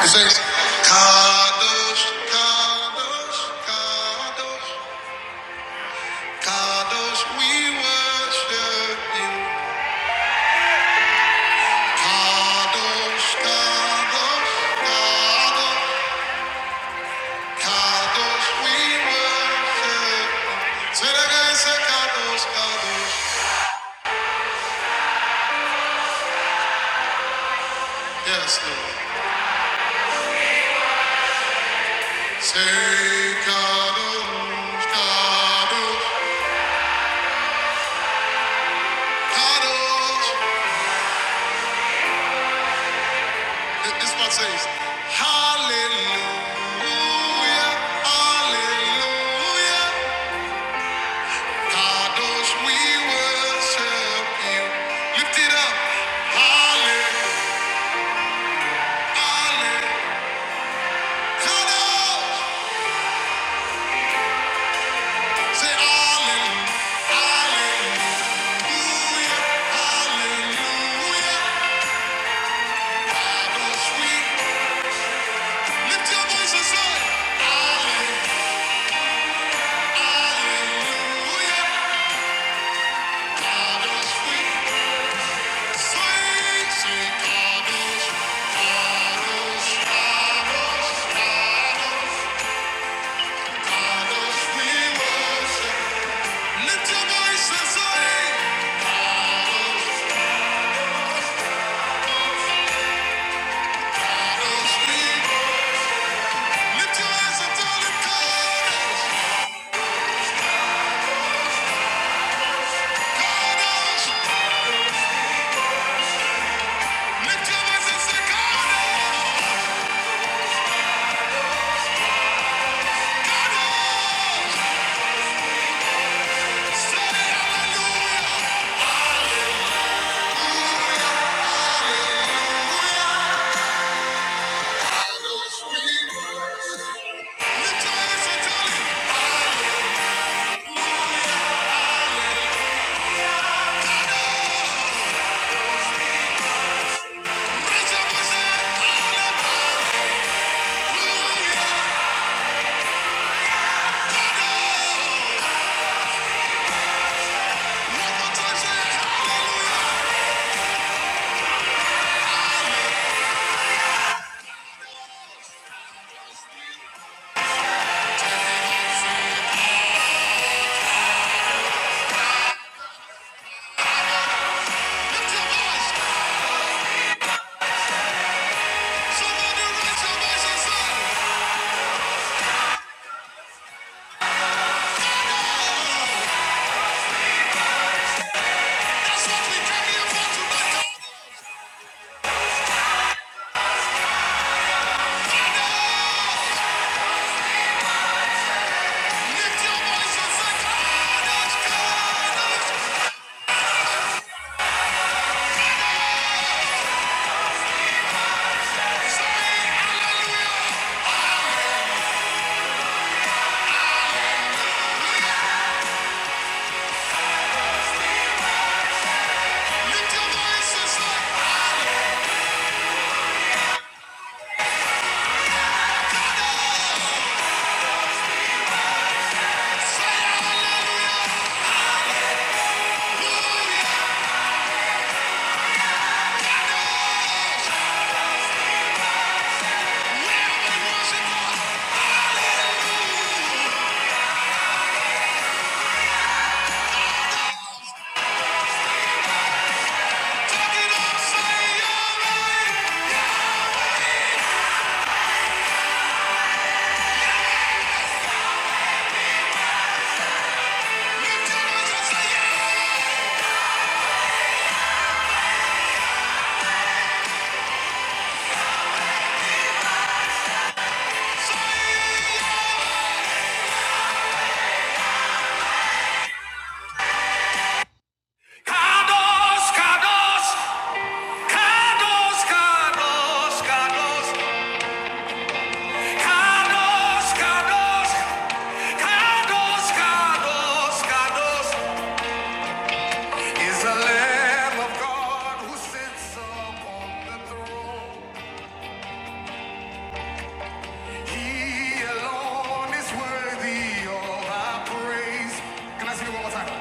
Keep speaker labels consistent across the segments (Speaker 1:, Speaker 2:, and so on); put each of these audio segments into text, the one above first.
Speaker 1: It says, Kadosh, Kadosh, Kadosh, Kadosh, we worship you. Kadosh, Kadosh, Kadosh, Kadosh, we worship you. Say that again, say Kadosh, Kadosh. Yes, Lord. Say Kadosh, Kadosh, Kadosh, This part says, Hallelujah, Hallelujah, Kadosh, we worship you. Lift it up, Hallelujah, Hallelujah, Kadosh, say Hallelujah, Hallelujah, Hallelujah, Kadosh, we lift your voices up, Hallelujah, Hallelujah, Kadosh, we. Lift your hands and tell him, hallelujah, hallelujah. Yeah. yeah, yeah." Kados, kados, kados, kados, kados, kados, kados, kados, kados, kados is the Lamb of God who sits upon the throne. He alone is worthy of our praise. Can I see it one more time?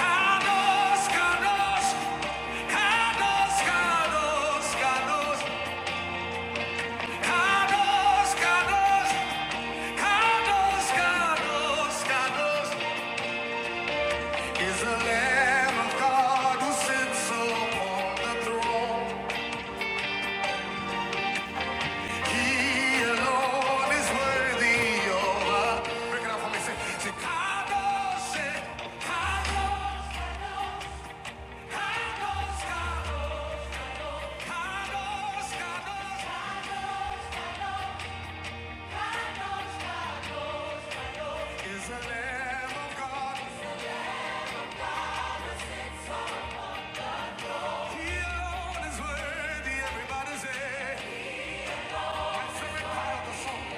Speaker 1: Kados, kados, kados, kados, kados. Kados, Kados, Kados, Kados, Kados is the Lamb of God who sits upon the throne. He alone is worthy Break it out for me, say, say, Kados, say, Kados, Kados, Kados, Kados, Kados is the Lamb of God. He alone is worthy. Everybody say, that's the part of the song.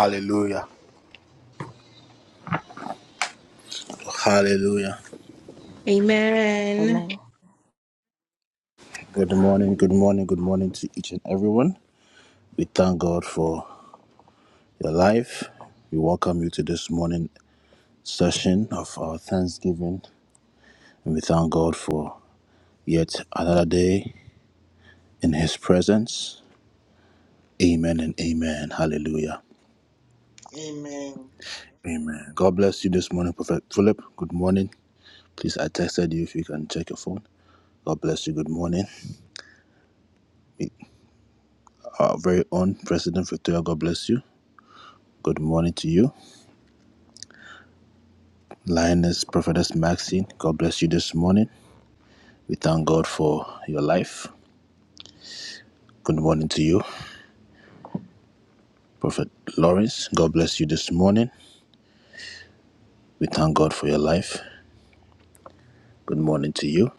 Speaker 1: Hallelujah. Hallelujah.
Speaker 2: Amen.
Speaker 3: Amen.
Speaker 1: Good morning, good morning, good morning to each and everyone. We thank God for your life. We welcome you to this morning session of our Thanksgiving. And we thank God for yet another day in his presence. Amen and amen. Hallelujah.
Speaker 4: Amen.
Speaker 1: Amen. God bless you this morning, Prophet Philip. Good morning. Please, I texted you if you can check your phone. God bless you. Good morning. Our very own President Victoria, God bless you. Good morning to you. Lioness Prophetess Maxine, God bless you this morning. We thank God for your life. Good morning to you. Prophet Lawrence, God bless you this morning. We thank God for your life. Good morning to you.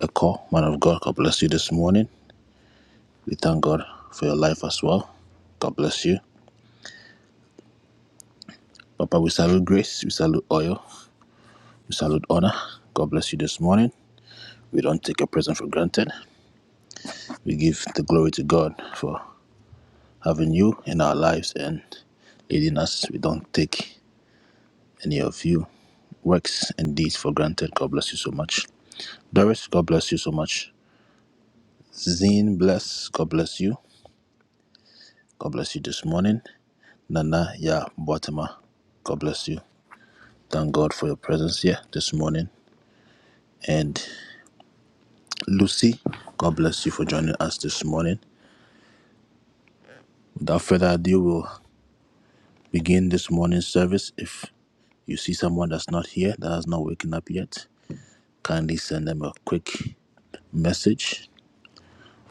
Speaker 1: Echo, man of God, God bless you this morning. We thank God for your life as well. God bless you. Papa, we salute grace, we salute oil, we salute honor. God bless you this morning. We don't take your presence for granted. We give the glory to God for having you in our lives and leading us. We don't take any of you works and deeds for granted. God bless you so much. Doris, God bless you so much. Zine, bless. God bless you. God bless you this morning. Nana, yeah, Boatema, God bless you. Thank God for your presence here this morning. and Lucy. God bless you for joining us this morning. Without further ado, we'll begin this morning's service. If you see someone that's not here, that has not woken up yet, kindly send them a quick message,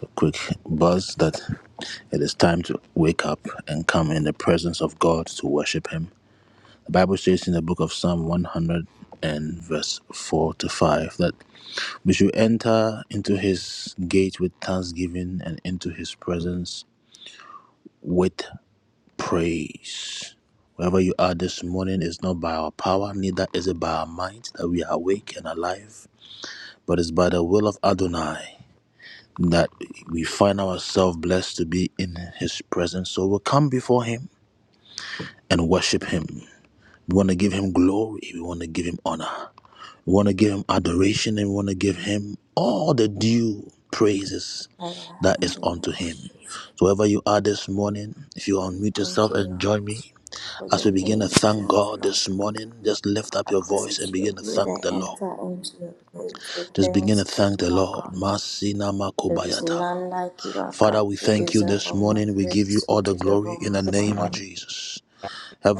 Speaker 1: a quick buzz that it is time to wake up and come in the presence of God to worship Him. The Bible says in the book of Psalm 100 and verse 4 to 5 that we should enter into His gate with thanksgiving and into His presence with praise. Wherever you are this morning, it's not by our power, neither is it by our might that we are awake and alive, but it's by the will of Adonai that we find ourselves blessed to be in His presence. So we'll come before Him and worship Him. We want to give Him glory, we want to give Him honor, we want to give Him adoration, and we want to give Him all the due praises
Speaker 3: Father,
Speaker 1: that
Speaker 3: in
Speaker 1: is
Speaker 3: the name
Speaker 1: unto
Speaker 3: of
Speaker 1: Him.
Speaker 3: Jesus,
Speaker 1: So wherever you are this morning, if you unmute
Speaker 3: thank
Speaker 1: yourself
Speaker 3: you,
Speaker 1: and
Speaker 3: Lord,
Speaker 1: join me
Speaker 3: for
Speaker 1: As
Speaker 3: your
Speaker 1: we begin to
Speaker 3: name.
Speaker 1: thank
Speaker 3: Thank you,
Speaker 1: God
Speaker 3: Lord.
Speaker 1: this morning, just lift up your
Speaker 3: According
Speaker 1: voice and
Speaker 3: to your
Speaker 1: begin to
Speaker 3: word,
Speaker 1: thank the
Speaker 3: I
Speaker 1: Lord.
Speaker 3: enter into your faith with
Speaker 1: Just begin to thank
Speaker 3: thanksgiving,
Speaker 1: the
Speaker 3: O
Speaker 1: Lord.
Speaker 3: God.
Speaker 1: Masina
Speaker 3: There is
Speaker 1: makobayata.
Speaker 3: none like you, O God.
Speaker 1: Father, we
Speaker 3: You
Speaker 1: thank you
Speaker 3: deserve
Speaker 1: this
Speaker 3: all my
Speaker 1: morning. We give you
Speaker 3: praise. You
Speaker 1: all the
Speaker 3: deserve
Speaker 1: glory
Speaker 3: all
Speaker 1: in the
Speaker 3: my honor.
Speaker 1: name of Jesus.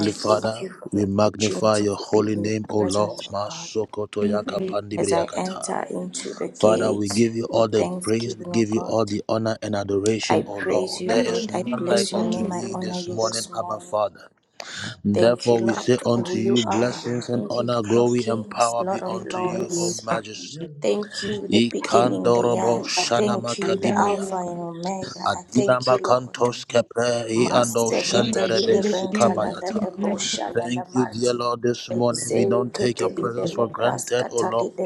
Speaker 3: I thank
Speaker 1: Father,
Speaker 3: you for
Speaker 1: we
Speaker 3: the
Speaker 1: magnify
Speaker 3: opportunity
Speaker 1: your
Speaker 3: to be
Speaker 1: holy
Speaker 3: in your
Speaker 1: name, O
Speaker 3: presence,
Speaker 1: Lord.
Speaker 3: O God.
Speaker 1: Masokotoyaka
Speaker 3: As I
Speaker 1: pandibriyakata.
Speaker 3: enter into the
Speaker 1: Father, we
Speaker 3: gates
Speaker 1: give you all
Speaker 3: with
Speaker 1: the praise, we
Speaker 3: thanksgiving, O
Speaker 1: give you
Speaker 3: God,
Speaker 1: all the honor and adoration,
Speaker 3: I
Speaker 1: O
Speaker 3: praise
Speaker 1: Lord. There
Speaker 3: you, Lord.
Speaker 1: is
Speaker 3: I
Speaker 1: none like
Speaker 3: bless your
Speaker 1: unto
Speaker 3: name. I
Speaker 1: thee
Speaker 3: honor
Speaker 1: this
Speaker 3: you
Speaker 1: morning,
Speaker 3: this
Speaker 1: Abba
Speaker 3: morning.
Speaker 1: Father.
Speaker 3: Thank you,
Speaker 1: Therefore we say
Speaker 3: Lord, for
Speaker 1: unto
Speaker 3: who
Speaker 1: you,
Speaker 3: you are.
Speaker 1: blessings and
Speaker 3: Thank you,
Speaker 1: honor,
Speaker 3: King of
Speaker 1: glory and
Speaker 3: Kings,
Speaker 1: power be
Speaker 3: Lord of
Speaker 1: unto you, O
Speaker 2: My
Speaker 3: Lords.
Speaker 1: Majesty.
Speaker 3: Thank you, the beginning, the
Speaker 1: Ikandorobo
Speaker 3: end.
Speaker 1: shanama
Speaker 3: Thank you, the
Speaker 2: family
Speaker 1: kadibaya.
Speaker 2: and
Speaker 3: Alpha
Speaker 2: I
Speaker 3: and Omega. I thank
Speaker 1: Adinama
Speaker 3: you, Lord.
Speaker 1: kantos kepe iando
Speaker 3: Maseketeli
Speaker 1: shanderebe
Speaker 2: thank you.
Speaker 3: lebentala
Speaker 1: sukabayata.
Speaker 3: lebosha la la
Speaker 1: Thank you, dear
Speaker 3: manti.
Speaker 1: Lord, this morning. We don't take your
Speaker 3: Zeketeli
Speaker 1: presence for granted, O Lord.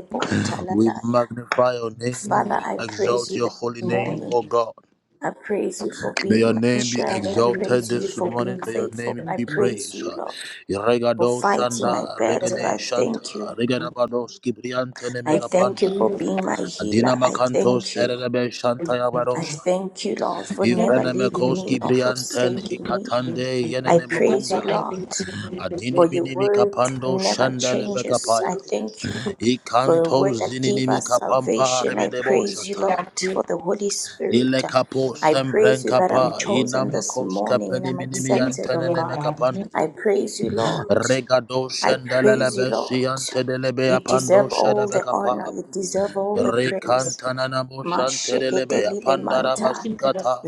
Speaker 1: We magnify your name.
Speaker 3: Father,
Speaker 1: We
Speaker 3: I praise
Speaker 1: exalt
Speaker 3: you
Speaker 1: your
Speaker 3: this
Speaker 1: holy name,
Speaker 2: thank you.
Speaker 3: morning.
Speaker 1: O God.
Speaker 3: I praise you for
Speaker 1: May your
Speaker 3: being my
Speaker 1: name be
Speaker 3: strength. I
Speaker 1: exalted
Speaker 3: praise you
Speaker 1: this
Speaker 3: for
Speaker 1: morning.
Speaker 3: being
Speaker 1: May your
Speaker 3: faithful.
Speaker 1: name
Speaker 3: I
Speaker 1: be
Speaker 3: praise
Speaker 1: praised.
Speaker 3: you, Lord for
Speaker 1: Regado
Speaker 3: fighting my
Speaker 1: Shanda,
Speaker 3: battles. I
Speaker 1: Regade Shanta,
Speaker 3: thank you.
Speaker 1: Regadabados, Kibriante
Speaker 3: I
Speaker 2: Look at
Speaker 3: thank you
Speaker 2: you, we
Speaker 1: Nemekapanda,
Speaker 3: for being my
Speaker 1: Adina
Speaker 3: healer. I
Speaker 1: Makanto,
Speaker 3: thank you.
Speaker 1: Serebe Shanta
Speaker 3: I
Speaker 1: Yabarosha,
Speaker 3: thank you, Lord, for never leaving
Speaker 1: Ivrenemekos,
Speaker 3: me nor
Speaker 1: Kibrianten,
Speaker 3: forsaking me.
Speaker 1: Ikatande,
Speaker 3: I
Speaker 1: Yenene
Speaker 2: look
Speaker 3: praise you,
Speaker 2: at
Speaker 1: Makumbeha,
Speaker 2: you,
Speaker 3: Lord, for
Speaker 1: Adini
Speaker 3: your
Speaker 1: Minimi
Speaker 3: word
Speaker 1: Kapando,
Speaker 3: never
Speaker 1: Shandele
Speaker 3: changes. I
Speaker 1: Bekapaya,
Speaker 3: thank you for the
Speaker 1: Ikanto
Speaker 3: word that gave
Speaker 1: Zininimi
Speaker 3: us
Speaker 1: Kapampa,
Speaker 3: salvation. I
Speaker 1: Rebedebo
Speaker 3: praise you,
Speaker 1: Shata,
Speaker 3: Lord,
Speaker 2: God, we
Speaker 3: for the Holy Spirit.
Speaker 1: Ile kapo
Speaker 3: I praise
Speaker 1: sempren
Speaker 3: you that I'm
Speaker 1: kapa
Speaker 3: chosen
Speaker 1: inama
Speaker 3: this
Speaker 1: koska
Speaker 3: morning and I'm
Speaker 1: minimi
Speaker 2: thank you,
Speaker 3: accepted, oh
Speaker 1: yantene
Speaker 2: Lord
Speaker 1: neme
Speaker 3: God.
Speaker 2: God.
Speaker 3: I praise you, Lord.
Speaker 1: Regado
Speaker 3: I
Speaker 1: shendelele
Speaker 3: praise you,
Speaker 1: besi
Speaker 3: Lord.
Speaker 1: yantedelele be
Speaker 3: You deserve all
Speaker 1: shedebe
Speaker 3: the honor.
Speaker 1: kapa.
Speaker 3: You deserve all the praise.
Speaker 1: Rekantanana mo shantedelele
Speaker 3: Masheketelile manta.
Speaker 1: basukata.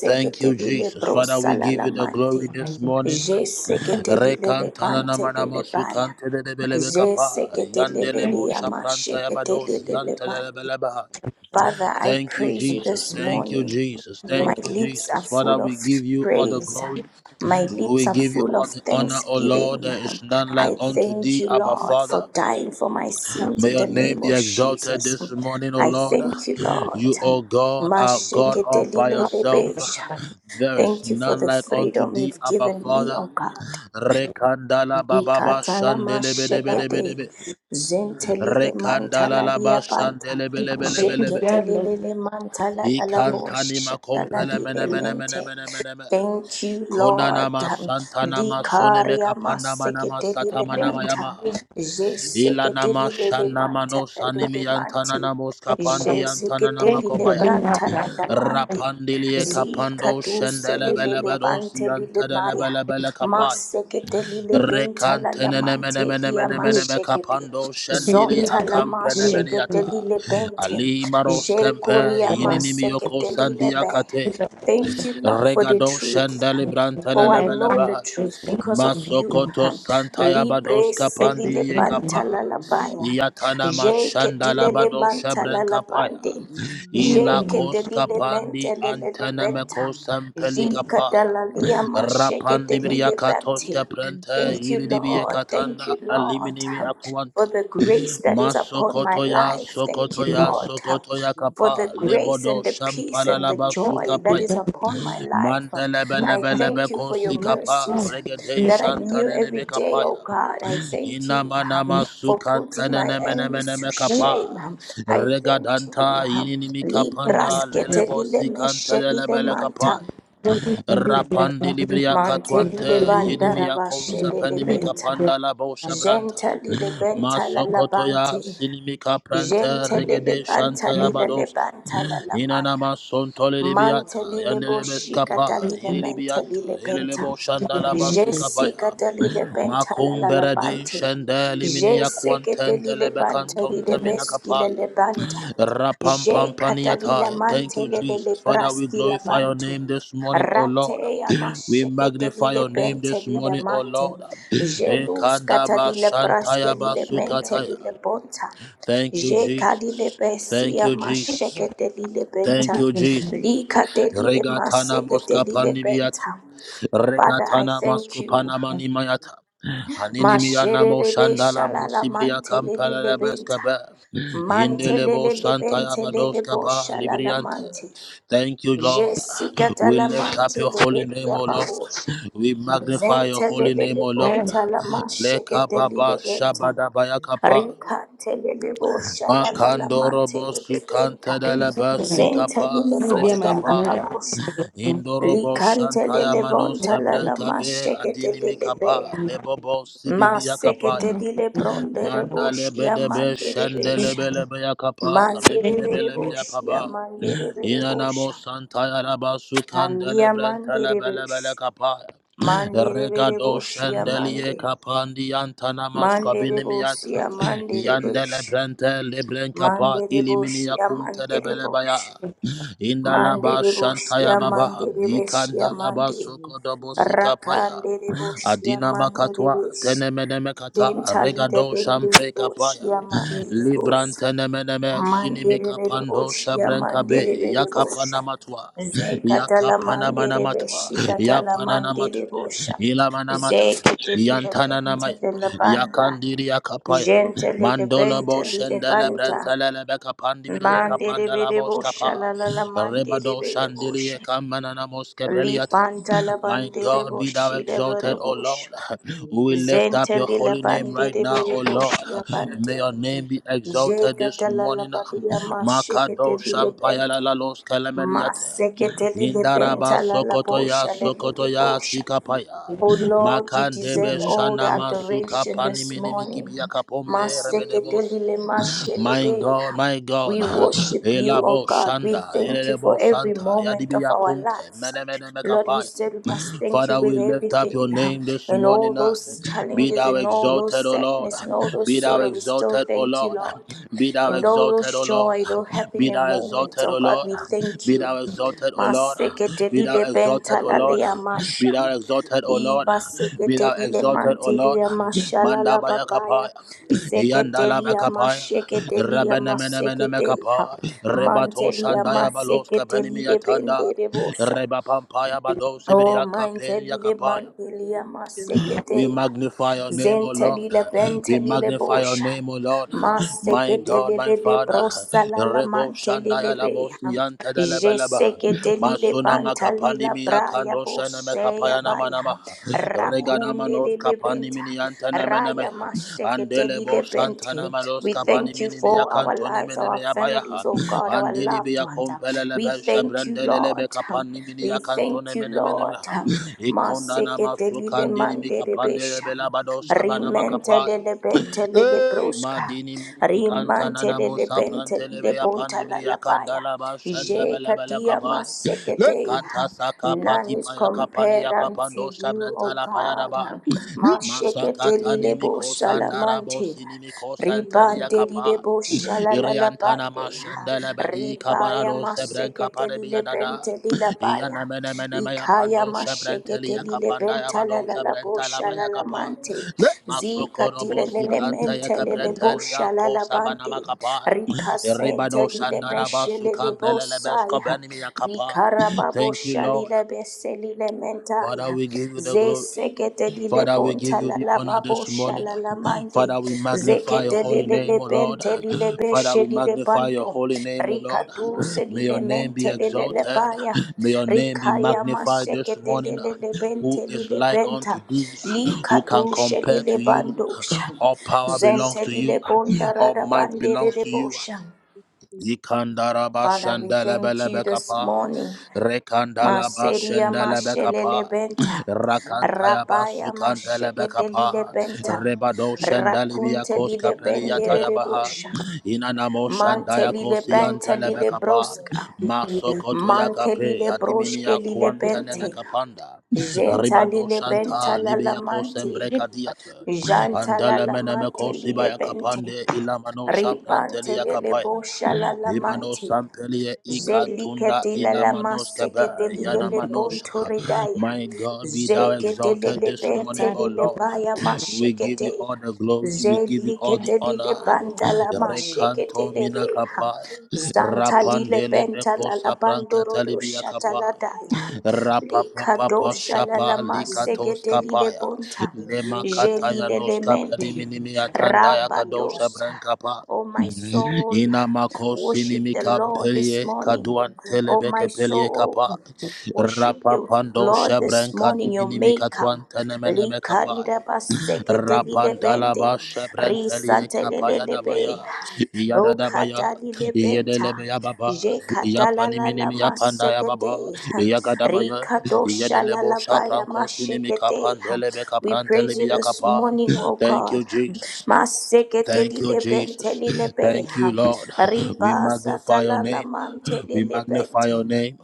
Speaker 1: Thank you, Jesus. Father, we give you the glory
Speaker 3: brosalalamante.
Speaker 1: this
Speaker 2: Thank you, Lord
Speaker 1: morning.
Speaker 3: Jeseketelile
Speaker 1: Rekantanana
Speaker 3: lebante
Speaker 1: manama
Speaker 3: lelebaya.
Speaker 1: sukantedelele kapa.
Speaker 3: Jeseketelele
Speaker 1: Yandele
Speaker 2: God.
Speaker 1: shapranta yabados
Speaker 3: liamasheketelele lebante.
Speaker 1: yantedelele
Speaker 3: Father, I
Speaker 1: Thank you,
Speaker 3: praise you
Speaker 1: Jesus.
Speaker 3: this
Speaker 1: Thank you,
Speaker 3: morning.
Speaker 1: Jesus.
Speaker 3: My
Speaker 1: Thank you,
Speaker 3: lips are
Speaker 1: Jesus. Father,
Speaker 3: full of
Speaker 1: we give you all the
Speaker 3: praise.
Speaker 1: glory.
Speaker 3: My lips
Speaker 1: We
Speaker 3: are
Speaker 1: give you
Speaker 3: full of
Speaker 1: all the honor, O Lord.
Speaker 3: thanksgiving.
Speaker 1: There is none like
Speaker 3: I
Speaker 1: unto
Speaker 3: thank
Speaker 1: thee,
Speaker 3: you,
Speaker 1: Abba
Speaker 3: Lord, for
Speaker 1: Father.
Speaker 3: dying for my sins
Speaker 1: May
Speaker 3: in
Speaker 1: your
Speaker 3: the
Speaker 1: name
Speaker 3: name
Speaker 1: be
Speaker 3: of
Speaker 1: exalted
Speaker 3: Jesus.
Speaker 1: this morning, O
Speaker 3: I
Speaker 1: Lord.
Speaker 3: thank you, Lord.
Speaker 1: You, O God, are God all by yourself.
Speaker 3: Mashekelelelebesha.
Speaker 1: There is
Speaker 3: Thank you for
Speaker 1: none
Speaker 3: the
Speaker 1: like unto
Speaker 3: freedom
Speaker 1: thee,
Speaker 3: you've
Speaker 1: Abba
Speaker 3: given me,
Speaker 1: Father.
Speaker 3: oh God.
Speaker 1: Rekandala bababa
Speaker 3: Ikatala mashekete,
Speaker 1: shandelebedebedebedebe.
Speaker 3: zentelile
Speaker 1: Rekandala
Speaker 3: mantala
Speaker 1: laba
Speaker 3: lia panta,
Speaker 2: Do it in my life. Thank you Thank you,
Speaker 1: shandelebelebelebelebe.
Speaker 2: God, Lord.
Speaker 3: jeketelele mantala la la
Speaker 1: Ikantani
Speaker 3: bosha,
Speaker 1: makompele mene
Speaker 3: dalalile
Speaker 1: mene mene
Speaker 3: mente.
Speaker 1: mene mene me.
Speaker 3: Thank you,
Speaker 1: Kona
Speaker 3: Lord.
Speaker 1: nama santa nama sone me
Speaker 3: Likaria
Speaker 1: kapana mana masata
Speaker 3: maseketelile
Speaker 1: mana
Speaker 2: Thank you,
Speaker 3: manta,
Speaker 1: mayama.
Speaker 4: Yes.
Speaker 1: Ila nama
Speaker 3: jeseketelile
Speaker 1: shana
Speaker 3: manta,
Speaker 1: mano
Speaker 3: lele
Speaker 1: sanimi antana
Speaker 3: manti,
Speaker 1: namos
Speaker 2: Thank you, Lord
Speaker 1: kapandi
Speaker 4: Thank
Speaker 1: antana nama
Speaker 2: Thank you
Speaker 3: jeseketelile
Speaker 2: for
Speaker 1: kobaya.
Speaker 2: being our
Speaker 3: branta la
Speaker 2: God.
Speaker 3: la
Speaker 2: Thank
Speaker 1: Rapandilie
Speaker 2: you. Thank you for
Speaker 1: kapando
Speaker 3: Zikaduse
Speaker 1: shendele
Speaker 2: doing it.
Speaker 3: lile
Speaker 1: bele bedosi
Speaker 3: lebante lile
Speaker 1: antele
Speaker 3: maya.
Speaker 1: bele bele kapaya.
Speaker 3: Masekete lile benta la la
Speaker 1: Rekantene ne mene mene mene mene
Speaker 2: You
Speaker 1: me
Speaker 3: mashekete.
Speaker 1: kapando shendili
Speaker 2: Continue
Speaker 3: Zonta
Speaker 2: to do
Speaker 3: la
Speaker 2: it.
Speaker 1: akampene
Speaker 2: Thank
Speaker 3: mashekete
Speaker 2: you,
Speaker 1: meniata.
Speaker 3: lile bente.
Speaker 1: Ali maros
Speaker 3: Je
Speaker 1: kempe
Speaker 3: koria
Speaker 2: Lord.
Speaker 1: yinini miyoko
Speaker 3: masekete lile
Speaker 1: sandia
Speaker 3: be.
Speaker 1: kate.
Speaker 2: Thank you,
Speaker 3: Thank you, Lord, for the
Speaker 1: Regado
Speaker 3: truth.
Speaker 1: Shandali
Speaker 2: for
Speaker 3: For I
Speaker 2: my
Speaker 3: know
Speaker 2: family.
Speaker 3: the
Speaker 1: Brantalabalabaha
Speaker 2: Thank
Speaker 3: truth
Speaker 2: you.
Speaker 3: because of
Speaker 2: Thank
Speaker 3: you.
Speaker 2: you.
Speaker 1: Masokoto
Speaker 3: Libre
Speaker 1: Santayabados
Speaker 3: selile
Speaker 1: Kapandirie
Speaker 2: Thank you. Thank
Speaker 3: banta
Speaker 2: you.
Speaker 3: la
Speaker 1: Kapa
Speaker 3: baya.
Speaker 1: Yatana
Speaker 3: Je ketile le
Speaker 1: Mashandalabado
Speaker 3: manta
Speaker 1: Shabren
Speaker 3: la
Speaker 1: Kapaya
Speaker 3: bande.
Speaker 2: Thank
Speaker 3: Je
Speaker 2: you. Thank you.
Speaker 1: Ila
Speaker 3: que te
Speaker 2: Thank
Speaker 1: Ilakos
Speaker 3: lile
Speaker 1: Kapandi
Speaker 3: lente lele le
Speaker 1: Antanameko
Speaker 3: benta.
Speaker 1: Sampeli Kapaya
Speaker 3: Jikadalalia
Speaker 1: Rapandibria
Speaker 3: masheketelile
Speaker 1: Katos
Speaker 3: bante.
Speaker 1: Kaprente
Speaker 3: Thank you,
Speaker 1: Iridibie
Speaker 3: Lord. Thank
Speaker 1: Katanda
Speaker 3: you, Lord,
Speaker 1: Aliminimi
Speaker 3: um, for
Speaker 1: Akwante
Speaker 3: the grace that is upon my
Speaker 1: Masokotoya
Speaker 3: life. Thank you,
Speaker 1: Sokotoya
Speaker 3: Lord, um,
Speaker 1: Sokotoya
Speaker 3: for the
Speaker 1: Kapa
Speaker 3: grace
Speaker 1: Lebodo
Speaker 3: and the peace
Speaker 1: Shampala
Speaker 3: and the
Speaker 1: Labasu
Speaker 3: joy that is
Speaker 1: Kapaya
Speaker 3: upon my life. Um,
Speaker 1: Mandele bele
Speaker 3: I
Speaker 1: bele be
Speaker 3: thank you for your
Speaker 1: kosi Mandelebekosikapa
Speaker 3: mercies um,
Speaker 1: regede
Speaker 3: that I knew every
Speaker 1: shantalelebe
Speaker 3: day, oh
Speaker 1: kapaya
Speaker 3: God. I thank
Speaker 1: ina
Speaker 3: you
Speaker 1: mana
Speaker 3: um,
Speaker 2: you.
Speaker 3: for
Speaker 1: masuka
Speaker 3: putting my
Speaker 1: tenene
Speaker 3: enemies
Speaker 1: inamanama
Speaker 3: to
Speaker 1: sukantenenemenemene
Speaker 2: Thank
Speaker 1: kapa
Speaker 3: shame. um. I thank you.
Speaker 1: regadanta ininimi
Speaker 2: you. Thank
Speaker 1: kapanda
Speaker 2: you.
Speaker 1: lele
Speaker 3: Librasketelile
Speaker 1: bosi lelebo
Speaker 3: meshelile
Speaker 1: bele
Speaker 3: manta.
Speaker 1: kapai
Speaker 2: Thank
Speaker 1: rapandi
Speaker 2: you.
Speaker 1: rapandilibria
Speaker 3: Mantelile
Speaker 1: katwante
Speaker 3: banda
Speaker 1: yinimi
Speaker 3: rabashelele
Speaker 1: yakosepenimi
Speaker 3: benta.
Speaker 1: kapanda la bosha branta
Speaker 3: Gentelile
Speaker 1: shebranta
Speaker 3: benta la la bante.
Speaker 1: masokotoya sinimi kaprante
Speaker 3: Gentelile
Speaker 1: regede
Speaker 3: banta
Speaker 1: shantaya
Speaker 3: lila le
Speaker 1: badoska
Speaker 3: banta la la maya.
Speaker 1: Inanama sontole libiata,
Speaker 3: Mantelile
Speaker 1: yandelebe
Speaker 3: boshika
Speaker 1: skapa,
Speaker 3: dalile
Speaker 1: ililibianta,
Speaker 3: mentalile benta.
Speaker 1: ililebo shandala
Speaker 3: Jessica
Speaker 1: basukabaya,
Speaker 3: dalile benta la la la
Speaker 1: makumberede
Speaker 3: bante.
Speaker 1: shende liminia
Speaker 3: Jessica
Speaker 1: quantende
Speaker 3: dalile banta
Speaker 1: lebekanton
Speaker 3: lile beskile
Speaker 1: teminakapaya,
Speaker 3: le banta. Je katalile
Speaker 1: rapampampaniata. Thank you,
Speaker 3: mantelele le
Speaker 1: Jesus. Father, we
Speaker 3: braski la
Speaker 1: glorify your
Speaker 3: bantu.
Speaker 1: name this morning, O Lord.
Speaker 3: Rate ya
Speaker 1: We
Speaker 3: masheke
Speaker 1: magnify
Speaker 3: dalile
Speaker 1: your name
Speaker 3: bente
Speaker 1: this
Speaker 3: lile
Speaker 1: morning, O
Speaker 3: mante.
Speaker 1: Lord.
Speaker 3: Je luz
Speaker 1: Ekandaba
Speaker 3: katalile
Speaker 1: shantaya
Speaker 3: braske lile mente
Speaker 1: basukataya.
Speaker 3: lile bonta.
Speaker 1: Thank you,
Speaker 3: Jekadile
Speaker 1: Jesus. Thank
Speaker 3: besia
Speaker 1: you, Jesus.
Speaker 3: mashekete lile
Speaker 1: Thank
Speaker 3: benta.
Speaker 1: you, Jesus.
Speaker 3: Likate lile
Speaker 1: Regatana
Speaker 3: masekete
Speaker 1: Mosca
Speaker 3: lile
Speaker 1: Pandibiata,
Speaker 3: benta. Father, I
Speaker 1: Regatana
Speaker 3: thank
Speaker 1: Masco
Speaker 3: you.
Speaker 1: Panamanimayata, Aninimiana
Speaker 3: Masherebe
Speaker 1: Moshandala
Speaker 3: shalala
Speaker 1: Mosibria
Speaker 3: mantelele
Speaker 1: Campana
Speaker 3: lebenta.
Speaker 1: Labescaba, Indelebo
Speaker 3: Mantelele
Speaker 1: Santaya
Speaker 3: lebentele
Speaker 1: Badoska
Speaker 3: lebo
Speaker 1: Ba
Speaker 3: shalala
Speaker 1: Libriante.
Speaker 3: mante.
Speaker 1: Thank you, Lord.
Speaker 3: Jesikata
Speaker 1: We
Speaker 3: la
Speaker 1: lift up
Speaker 3: mante
Speaker 1: your holy name,
Speaker 3: lebelia
Speaker 1: O Lord.
Speaker 3: babosha.
Speaker 1: We magnify your holy name,
Speaker 3: Zentelele
Speaker 1: O Lord.
Speaker 3: bonta la
Speaker 1: Leka
Speaker 3: mashekete
Speaker 1: Baba
Speaker 3: lile benta.
Speaker 1: Shabada Bayakapa.
Speaker 3: Rika telele bo shalala la la
Speaker 1: Makandoro
Speaker 3: mantele
Speaker 1: bosu kanta
Speaker 3: benta.
Speaker 1: dala basi
Speaker 3: Zentelele
Speaker 1: kapa rebi
Speaker 3: bonta la
Speaker 1: kapa
Speaker 3: babosha.
Speaker 1: Indorobo Shantaya
Speaker 3: Likantelele
Speaker 1: Mano
Speaker 3: bonta la la
Speaker 1: Sabranka Be
Speaker 3: mashekete
Speaker 1: Adinimi
Speaker 3: lile bea.
Speaker 1: Kaba Lebobo Sidibi Yakapaya
Speaker 3: Masekete lile bronde
Speaker 1: Manda
Speaker 3: reboshia
Speaker 1: Lebedebe
Speaker 3: mandere besha.
Speaker 1: Shandelebelebe Yakapa
Speaker 3: Mandere
Speaker 1: Rebedebelebe
Speaker 3: bereboshia
Speaker 1: Yapaba
Speaker 3: mandere
Speaker 1: Inanamo
Speaker 3: berebosha.
Speaker 1: Santaya Raba
Speaker 3: Kandia
Speaker 1: Sukandelebrenta
Speaker 3: mandere
Speaker 1: Lebelebele
Speaker 3: besh.
Speaker 1: Kapaya
Speaker 3: Mandere
Speaker 1: Regado
Speaker 3: bereboshia
Speaker 1: Shandelie
Speaker 3: mande.
Speaker 1: Kapandi Antanamas
Speaker 3: Mandere
Speaker 1: Kabinimiata
Speaker 3: boshia mandere bosh.
Speaker 1: Yandelebrente Lebrenkapa
Speaker 3: mandere
Speaker 1: Ilimini
Speaker 3: boshia mandere bosh,
Speaker 1: Yakuntelebelebaya Indalaba Shantaya
Speaker 3: Mandelebosya
Speaker 1: Baba,
Speaker 3: mandelebosh. Mandelebosya mandelebosh. mandere mandelebeshya
Speaker 1: Ikandalaba
Speaker 3: mande.
Speaker 4: you.
Speaker 1: Sokodobosikapaya,
Speaker 3: Rakandelebosya
Speaker 1: Adina Makatwa,
Speaker 3: mandere
Speaker 1: Tenemenemekata,
Speaker 3: Dentalide
Speaker 1: Regado Shampre Kapaya,
Speaker 3: bendelebosya
Speaker 4: Thank
Speaker 3: mandelebosh.
Speaker 1: Libran Tenemeneme, Sinimika Pando,
Speaker 3: Mandelebosya
Speaker 1: Shabrenka Be,
Speaker 3: bosha.
Speaker 1: Yakapanamatwa,
Speaker 3: Zekatala mandere
Speaker 1: Yakapanamanamatwa,
Speaker 3: mandelebeshi katala
Speaker 1: Yapanamatu,
Speaker 3: mandelebosha.
Speaker 1: Ilamanamata, Yantananamaya,
Speaker 3: Zekatala mandelebosha.
Speaker 1: Yakandiri Yakapaya,
Speaker 3: Gently the
Speaker 1: Mandolo
Speaker 3: lebanta, the
Speaker 1: Boshendele
Speaker 3: bere
Speaker 1: Brentelele Bekapandibiri
Speaker 3: Mandiri
Speaker 1: Kapandala Boskapa,
Speaker 3: la la la mandiri
Speaker 1: Rebado
Speaker 3: bere
Speaker 1: Shandilia
Speaker 3: busha.
Speaker 1: Kamanana
Speaker 3: Li
Speaker 1: Moskepeliate.
Speaker 3: la
Speaker 1: My
Speaker 3: bandiri
Speaker 1: God, be thou
Speaker 3: bushi la biri
Speaker 1: exalted, O
Speaker 3: busha.
Speaker 1: Lord. We lift up your
Speaker 3: Zenteli la
Speaker 1: holy name right
Speaker 3: bandiri
Speaker 1: now, O
Speaker 3: bere
Speaker 1: Lord.
Speaker 3: bushi la banti.
Speaker 1: May your name be exalted this
Speaker 3: Jekata la la
Speaker 1: morning.
Speaker 3: badia mashikete
Speaker 1: Makado
Speaker 3: di le
Speaker 1: Shampayala
Speaker 3: benta.
Speaker 1: Lalos Kalemeniate.
Speaker 3: Masekete li le
Speaker 1: Indaraba
Speaker 3: benta la la
Speaker 1: Sokotoya
Speaker 3: busha la le de
Speaker 1: Sokotoya
Speaker 3: busha.
Speaker 1: Sikapaya.
Speaker 3: O Lord, you
Speaker 1: Makandebe
Speaker 3: deserve all the
Speaker 1: Shanama Suka
Speaker 3: adoration this
Speaker 1: Panimini
Speaker 3: morning.
Speaker 1: Mikibiaka Pombe Rebedebos.
Speaker 3: Maseketelile
Speaker 1: My
Speaker 3: mashelebe.
Speaker 1: God, my God,
Speaker 3: We worship you, O
Speaker 1: Elabo
Speaker 3: God. We
Speaker 1: Shanda,
Speaker 3: thank you
Speaker 1: Elebo
Speaker 3: for every
Speaker 1: Santa,
Speaker 3: moment of
Speaker 1: Yadibia
Speaker 3: our
Speaker 1: Conte,
Speaker 3: lives.
Speaker 1: Menemene
Speaker 3: Lord, you
Speaker 1: Mekapaya.
Speaker 3: said we must thank you
Speaker 1: Father,
Speaker 3: with
Speaker 1: we lift up your
Speaker 3: everything
Speaker 1: name this
Speaker 3: and all
Speaker 1: morning. uh,
Speaker 3: those
Speaker 1: Be
Speaker 3: challenges
Speaker 1: thou
Speaker 3: and all those
Speaker 1: exalted, O Lord.
Speaker 3: sadness and all those
Speaker 1: Be thou
Speaker 3: sorrow. We still
Speaker 1: exalted, O
Speaker 3: thank you,
Speaker 1: Lord.
Speaker 3: Lord.
Speaker 1: Be thou
Speaker 3: And all
Speaker 1: exalted,
Speaker 3: those
Speaker 1: O Lord.
Speaker 3: joy, those
Speaker 1: Be
Speaker 3: happiness
Speaker 1: thou
Speaker 3: moments,
Speaker 1: exalted,
Speaker 3: oh
Speaker 1: O
Speaker 3: God,
Speaker 1: Lord.
Speaker 3: we thank
Speaker 1: Be
Speaker 3: you.
Speaker 1: thou exalted, O Lord. Be thou
Speaker 3: Maseketelile
Speaker 1: exalted, O Lord.
Speaker 3: bentalalea
Speaker 1: Be
Speaker 3: masha.
Speaker 1: thou exalted, O Lord.
Speaker 3: Liba
Speaker 1: Be thou
Speaker 3: seketeli le
Speaker 1: exalted, O
Speaker 3: manteli
Speaker 1: Lord.
Speaker 3: ya mashala
Speaker 1: Manda
Speaker 3: la babaya.
Speaker 1: Bayakapaya. Yandala
Speaker 3: Zeketeli ya
Speaker 1: Bakapaya,
Speaker 3: masheketeli ya maseketeli ha.
Speaker 1: Rabenemenemenekapa, Rebato
Speaker 3: Manteli ya
Speaker 1: Shandaya Balos
Speaker 3: maseketeli
Speaker 1: Kapenimia
Speaker 3: le
Speaker 1: Tanda,
Speaker 3: bendere bosha.
Speaker 1: Reba Pampaya Bado
Speaker 3: Oh,
Speaker 1: Sibiria
Speaker 3: manteli le
Speaker 1: Kaperia
Speaker 3: manteli ya
Speaker 1: we
Speaker 3: masekete.
Speaker 1: magnify your name, O Lord.
Speaker 3: Zentelile
Speaker 1: We
Speaker 3: ventelile
Speaker 1: magnify your
Speaker 3: bosha.
Speaker 1: name, O Lord. My God, my
Speaker 3: Maseketelele
Speaker 1: Father.
Speaker 3: brosala la la
Speaker 1: Reko Shandaya
Speaker 3: mantelile
Speaker 1: Labosi
Speaker 3: beha.
Speaker 1: Antadalabalaba.
Speaker 3: Jeseketelile
Speaker 1: Masuna Makapandi
Speaker 3: bantalila braya
Speaker 1: Miyakando Shana
Speaker 3: boseya
Speaker 1: Makapayana
Speaker 3: baya.
Speaker 1: Manamaha. Regana Manos
Speaker 3: Rakundelele
Speaker 1: Kapandi
Speaker 3: benta.
Speaker 1: Miniantana
Speaker 3: Raya
Speaker 1: Menemeha.
Speaker 3: maseketelile
Speaker 1: Andelebo Santana
Speaker 3: bente.
Speaker 1: Manos
Speaker 3: We
Speaker 1: Kapani
Speaker 3: thank you
Speaker 1: Minimi
Speaker 3: for our
Speaker 1: Yakantone
Speaker 3: lives, our
Speaker 1: Menemeyabayaha.
Speaker 3: families, oh God, our loved
Speaker 1: Andilibia
Speaker 3: ones.
Speaker 1: Compelele
Speaker 3: We thank you,
Speaker 1: Shabrandele
Speaker 3: Lord.
Speaker 1: Kapani Mini
Speaker 3: We
Speaker 1: Yakantone
Speaker 3: thank you, Lord.
Speaker 1: Menemenemeha.
Speaker 4: you.
Speaker 1: Ikondana
Speaker 3: Maseketelile
Speaker 1: masukandini mikapandele
Speaker 4: You
Speaker 3: mandelebesha.
Speaker 4: see
Speaker 1: belabado
Speaker 4: a
Speaker 1: shabana makapaya.
Speaker 3: Rimentelele bentelele
Speaker 1: Hey,
Speaker 3: bruska.
Speaker 1: madini mini mikantana na
Speaker 3: Rimantelele
Speaker 1: mosa prantele
Speaker 3: bentelele
Speaker 1: beya pandibri yakanda
Speaker 3: bontalalabaya.
Speaker 1: la bashanda
Speaker 3: Je
Speaker 1: bele bele
Speaker 3: katia
Speaker 1: kapaya. Lekata
Speaker 3: maseketeha.
Speaker 1: saka
Speaker 3: None
Speaker 1: pati
Speaker 3: is
Speaker 1: paya kapani
Speaker 3: compared
Speaker 1: ya
Speaker 3: unto
Speaker 1: kapando
Speaker 3: you,
Speaker 1: shabranta
Speaker 3: O
Speaker 1: la paya
Speaker 3: God.
Speaker 1: daba. Ni masakata ni
Speaker 3: Masheketelele
Speaker 1: miko sandara
Speaker 3: bosalamante.
Speaker 1: bosi ni miko santali
Speaker 3: Ribante di
Speaker 1: ya
Speaker 3: debo shalalala
Speaker 1: Iriantana
Speaker 3: bande.
Speaker 1: mashendele bedi
Speaker 3: Ribaya
Speaker 1: kabarado sebren kapare
Speaker 3: maseketelele
Speaker 1: biyadada.
Speaker 3: bentelele
Speaker 1: Iyana
Speaker 3: baya.
Speaker 1: mene mene meya
Speaker 3: Ikaya
Speaker 1: pando sebren teli
Speaker 3: mashekete
Speaker 1: ya
Speaker 3: lile
Speaker 1: kapanda ya
Speaker 3: benta la
Speaker 1: bado
Speaker 3: la la
Speaker 1: sebren
Speaker 3: bosha
Speaker 1: talaba
Speaker 3: la
Speaker 1: ya
Speaker 3: la
Speaker 1: kapa.
Speaker 3: mante.
Speaker 1: Le
Speaker 3: Zika
Speaker 1: masoko
Speaker 3: dile lele mente lele bosha la la bante. Rika senta
Speaker 1: Iribado
Speaker 3: lile
Speaker 1: shandala
Speaker 3: meshe lele
Speaker 1: basukan belele besko
Speaker 3: bosaya.
Speaker 1: benimi
Speaker 3: Rika raba
Speaker 1: Thank you
Speaker 3: bosha
Speaker 1: Lord.
Speaker 3: lile bese lile
Speaker 1: Father,
Speaker 3: mentaya.
Speaker 1: we give you the glory.
Speaker 3: Zeketelile
Speaker 1: Father, we give
Speaker 3: bonta
Speaker 1: you
Speaker 3: la
Speaker 1: the
Speaker 3: la
Speaker 1: honor this
Speaker 3: babosha
Speaker 1: morning.
Speaker 3: la la mande.
Speaker 1: Father, we magnify your holy
Speaker 3: Zeketelele le
Speaker 1: name, O Lord.
Speaker 3: bente lile
Speaker 1: Father,
Speaker 3: beshe
Speaker 1: we
Speaker 3: lile
Speaker 1: magnify your
Speaker 3: bando.
Speaker 1: holy name, O
Speaker 3: Rika
Speaker 1: Lord.
Speaker 3: duse
Speaker 1: May your
Speaker 3: lile
Speaker 1: name be
Speaker 3: mente lile le
Speaker 1: exalted.
Speaker 3: baya.
Speaker 1: May your name be
Speaker 3: Rikaya
Speaker 1: magnified this morning.
Speaker 3: masheketelele le
Speaker 1: Who
Speaker 3: bente
Speaker 1: is
Speaker 3: lile
Speaker 1: like unto
Speaker 3: benta.
Speaker 1: thee? Who
Speaker 3: Lika
Speaker 4: picture
Speaker 1: can
Speaker 4: with you.
Speaker 3: dushe
Speaker 1: compare
Speaker 3: lile
Speaker 1: to you?
Speaker 3: bandosha.
Speaker 1: All power belongs
Speaker 3: Zente
Speaker 1: to you.
Speaker 3: lile
Speaker 4: Sakata.
Speaker 3: bonda
Speaker 1: All
Speaker 3: rada
Speaker 1: might
Speaker 3: bandere
Speaker 1: belongs
Speaker 3: de
Speaker 1: to you.
Speaker 3: bosha.
Speaker 1: Ikandara ba
Speaker 3: Father, we
Speaker 1: shandala
Speaker 3: thank you this
Speaker 1: belebekapa,
Speaker 3: morning.
Speaker 1: rekandala Ikandaraba
Speaker 3: Maseria mashelele
Speaker 1: shandelebelebekapa. Rekandalaba shendelebekapa.
Speaker 3: benta.
Speaker 4: Ubu
Speaker 1: Rakantayaba
Speaker 3: Rabaya
Speaker 4: yagaragarije
Speaker 3: mashekete lile
Speaker 1: sukandelebekapa.
Speaker 3: benta.
Speaker 4: We
Speaker 1: Rebado
Speaker 4: We
Speaker 3: Rakunte
Speaker 1: shendelibiakos
Speaker 3: lile bendere
Speaker 1: kapeliyatayabaha.
Speaker 3: rebosha.
Speaker 1: Inanamo
Speaker 3: Mante lile bente lile
Speaker 1: shandayakosiyantelebekapa.
Speaker 3: broska. Mante
Speaker 1: Masokotoyakape
Speaker 3: lile broske
Speaker 1: adiminia
Speaker 3: lile bente.
Speaker 1: kwantenemekapanda.
Speaker 3: Genta
Speaker 1: Ribado
Speaker 3: lile benta
Speaker 1: shanta
Speaker 3: la
Speaker 1: libiya
Speaker 3: lamante.
Speaker 1: kosembre kadiate,
Speaker 3: Janta la
Speaker 1: andala meneme libiyakosembrekadiate.
Speaker 3: lamante
Speaker 1: Andelemenemekosi
Speaker 3: lile bente.
Speaker 1: bayakapande ilamano shampranteli
Speaker 3: Ribante lile
Speaker 1: yakapaya.
Speaker 3: bosha la
Speaker 1: Imanos
Speaker 3: lamante.
Speaker 1: Sampelia Ikatunda
Speaker 3: Zeliketela la
Speaker 1: Ilamanos Kaba
Speaker 3: maseketelile le
Speaker 1: Yanamanosha.
Speaker 3: bontoredaya.
Speaker 1: My God, be thou exalted
Speaker 3: Zeketelele
Speaker 1: this morning, O
Speaker 3: bentelele
Speaker 1: Lord.
Speaker 3: paya
Speaker 1: We give you
Speaker 3: masheketeya.
Speaker 1: all the glory, we give you all the
Speaker 3: Zeliketelile
Speaker 1: honor.
Speaker 3: banta la
Speaker 1: Rekanto mina
Speaker 3: masheketelelebeya.
Speaker 1: kapa,
Speaker 3: Zantalile
Speaker 1: rapandele
Speaker 3: benta
Speaker 1: meko
Speaker 3: la la
Speaker 1: sapranka
Speaker 3: bandoro do
Speaker 1: talibia kapa,
Speaker 3: shataladaya.
Speaker 1: rapapapapa
Speaker 3: Likadosha la la
Speaker 1: shapa likatos
Speaker 3: maseketelile
Speaker 1: kapaya,
Speaker 3: bonta.
Speaker 1: lema
Speaker 4: also find
Speaker 3: Jelile
Speaker 1: katayanos kapeli
Speaker 3: lemente.
Speaker 1: minimi atandaya kadosha
Speaker 4: the
Speaker 3: Rapadosa.
Speaker 1: brankapa.
Speaker 3: Oh my soul.
Speaker 1: Ina mako
Speaker 3: Worship
Speaker 1: sinimi
Speaker 3: the Lord this
Speaker 1: kampelie
Speaker 3: morning.
Speaker 1: kaduan
Speaker 3: Oh,
Speaker 1: telebeke
Speaker 3: my
Speaker 1: pelie
Speaker 3: soul,
Speaker 1: kapa
Speaker 3: worship the
Speaker 1: rapapando
Speaker 3: Lord this
Speaker 1: shebren
Speaker 3: morning, your
Speaker 1: kaduminimi
Speaker 3: maker.
Speaker 1: katuan
Speaker 4: Thank you.
Speaker 1: tenemeneme kapa
Speaker 4: You
Speaker 3: Likarida basekete lilebende.
Speaker 1: rapandalaba shebren telie
Speaker 3: Risante
Speaker 1: kapa
Speaker 3: lelelebe.
Speaker 1: yadabaya
Speaker 3: O
Speaker 1: yadadabaya
Speaker 3: katali lebenta,
Speaker 1: yedelebe yababa
Speaker 3: je katala la la
Speaker 1: yapaniminimi yapanda
Speaker 3: masekete,
Speaker 1: yababa yagadabaya
Speaker 3: rikado shala
Speaker 1: yedelebo
Speaker 3: la baya
Speaker 1: shapranko sinimi
Speaker 3: masekete.
Speaker 1: kapan delebe
Speaker 3: We
Speaker 1: kapran
Speaker 3: praise you
Speaker 1: telebi
Speaker 3: this
Speaker 1: yakapa
Speaker 3: morning, O
Speaker 1: thank you
Speaker 3: God.
Speaker 1: Jesus
Speaker 3: Masekete
Speaker 1: Thank
Speaker 3: li
Speaker 1: you,
Speaker 3: lebente
Speaker 1: Jesus.
Speaker 3: li lebe,
Speaker 1: Thank you, Lord. We
Speaker 3: riba
Speaker 1: magnify your
Speaker 3: satala la
Speaker 1: name.
Speaker 3: mante li
Speaker 1: We magnify
Speaker 3: lebente.
Speaker 1: your name.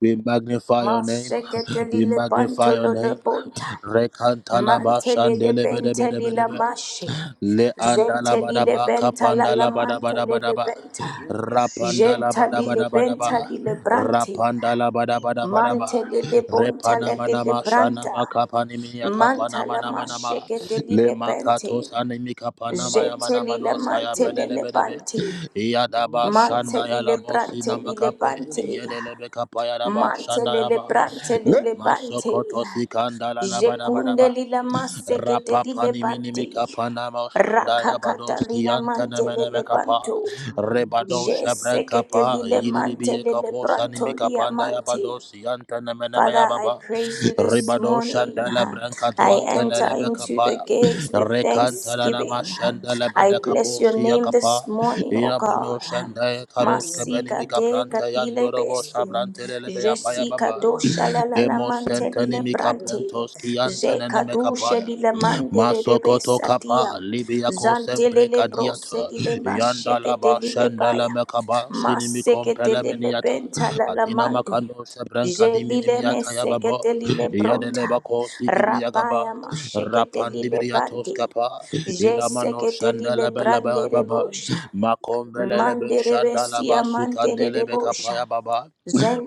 Speaker 1: We magnify your name.
Speaker 3: Masekete li
Speaker 1: We
Speaker 3: lebanto
Speaker 1: magnify your
Speaker 3: lo
Speaker 1: name.
Speaker 3: lebonta.
Speaker 1: Rekantala ba
Speaker 3: Mantelele
Speaker 1: shandele
Speaker 3: bentelila mashi.
Speaker 1: Le andala
Speaker 3: Gentelile
Speaker 1: badaba
Speaker 3: benta la la
Speaker 1: kapandala badabada
Speaker 3: mantelele
Speaker 1: badaba
Speaker 3: benta.
Speaker 4: see,
Speaker 1: rapandala
Speaker 3: Gentalile
Speaker 1: badabada badaba
Speaker 3: benta lile branti.
Speaker 1: rapandala badabada badaba
Speaker 3: Mantelele bonta
Speaker 1: repana
Speaker 3: la lile
Speaker 1: manama shana
Speaker 3: branta.
Speaker 1: makapani miya kapana
Speaker 3: Mantala
Speaker 1: manama nama
Speaker 3: mashekete
Speaker 1: le
Speaker 3: lile benti.
Speaker 1: makatos animi kapana maya manama
Speaker 3: Gentelile
Speaker 1: no saya bedele
Speaker 3: mantelele
Speaker 1: bedebe
Speaker 3: banti.
Speaker 1: yadaba shanda
Speaker 3: Mantelile
Speaker 1: yala bosi
Speaker 3: brantelile
Speaker 1: namakape
Speaker 3: banti.
Speaker 1: yedele be kapaya daba shanda
Speaker 3: Mantelele
Speaker 1: yaba le
Speaker 3: brantelele bante.
Speaker 1: masokoto sikandala labada
Speaker 3: Jekunde
Speaker 1: badaba
Speaker 3: lila masekete lile
Speaker 1: Rapapani minimi
Speaker 3: bante.
Speaker 1: kapana moshanda
Speaker 3: Rakakata
Speaker 1: yabadoski
Speaker 3: lila
Speaker 1: antana meneme
Speaker 3: mantelele
Speaker 1: kapa
Speaker 3: banto.
Speaker 1: rebado shabran
Speaker 3: Jesekete
Speaker 1: kapa
Speaker 3: lile
Speaker 1: yilibiye
Speaker 3: mantelele
Speaker 1: kapo
Speaker 3: branto
Speaker 1: sanimi
Speaker 3: lia
Speaker 1: kapanda
Speaker 3: mante.
Speaker 1: yabadosi antana meneme
Speaker 3: Father, I
Speaker 1: yababa
Speaker 3: praise you this
Speaker 1: rebado shanda
Speaker 3: morning.
Speaker 1: branka branca
Speaker 3: I
Speaker 1: duante
Speaker 3: enter
Speaker 1: lebe
Speaker 3: into the
Speaker 1: kapa
Speaker 3: gates with
Speaker 1: rekanta la nama
Speaker 3: thanksgiving.
Speaker 1: shanda
Speaker 3: I
Speaker 1: lebede
Speaker 3: bless
Speaker 1: kapo
Speaker 3: your
Speaker 1: siya
Speaker 3: name this
Speaker 1: kapa
Speaker 3: morning, O
Speaker 1: yamano
Speaker 3: God.
Speaker 1: shanda karoske benimi
Speaker 3: Masika te
Speaker 1: kaprante
Speaker 3: katile
Speaker 1: yandorobo
Speaker 3: besti.
Speaker 1: shabrante lebe yapa
Speaker 3: Jesika
Speaker 1: yababa
Speaker 3: dosha la la la
Speaker 1: Lemos
Speaker 3: mante dile
Speaker 1: sentanimi
Speaker 3: brante.
Speaker 1: kaprentos ki
Speaker 3: Zeka
Speaker 1: antanene kapa
Speaker 3: dosha lile mande re re
Speaker 1: Masokoto
Speaker 3: besatia.
Speaker 1: kapa libya ko
Speaker 3: Zantele
Speaker 1: sempre
Speaker 3: le brose
Speaker 1: kadiata
Speaker 3: dile masheke te
Speaker 1: yandalaba
Speaker 3: dile
Speaker 1: shandala
Speaker 3: baya.
Speaker 1: mekaba sinimi
Speaker 3: Maseke te
Speaker 1: kompele
Speaker 4: you.
Speaker 3: dile
Speaker 1: meniata
Speaker 3: benta la la
Speaker 1: adina
Speaker 3: mande.
Speaker 1: makando sebrenka
Speaker 3: Jelile me
Speaker 1: diminimiata
Speaker 3: sekete
Speaker 1: yababo
Speaker 3: lile bronta.
Speaker 1: yadeleba ko sigibi yagaba
Speaker 3: Rabaya ma shekete
Speaker 1: rapandi
Speaker 3: lile
Speaker 1: biriatos
Speaker 3: bandi.
Speaker 1: kapa
Speaker 3: Je
Speaker 1: ilamano
Speaker 3: sekete lile
Speaker 1: shandala bela
Speaker 3: brande
Speaker 1: baba
Speaker 3: rebosha.
Speaker 1: makombelele be
Speaker 3: Mandere
Speaker 1: shandala
Speaker 3: besia mandere
Speaker 1: basukandelebe
Speaker 3: rebosha.
Speaker 1: kapa yababa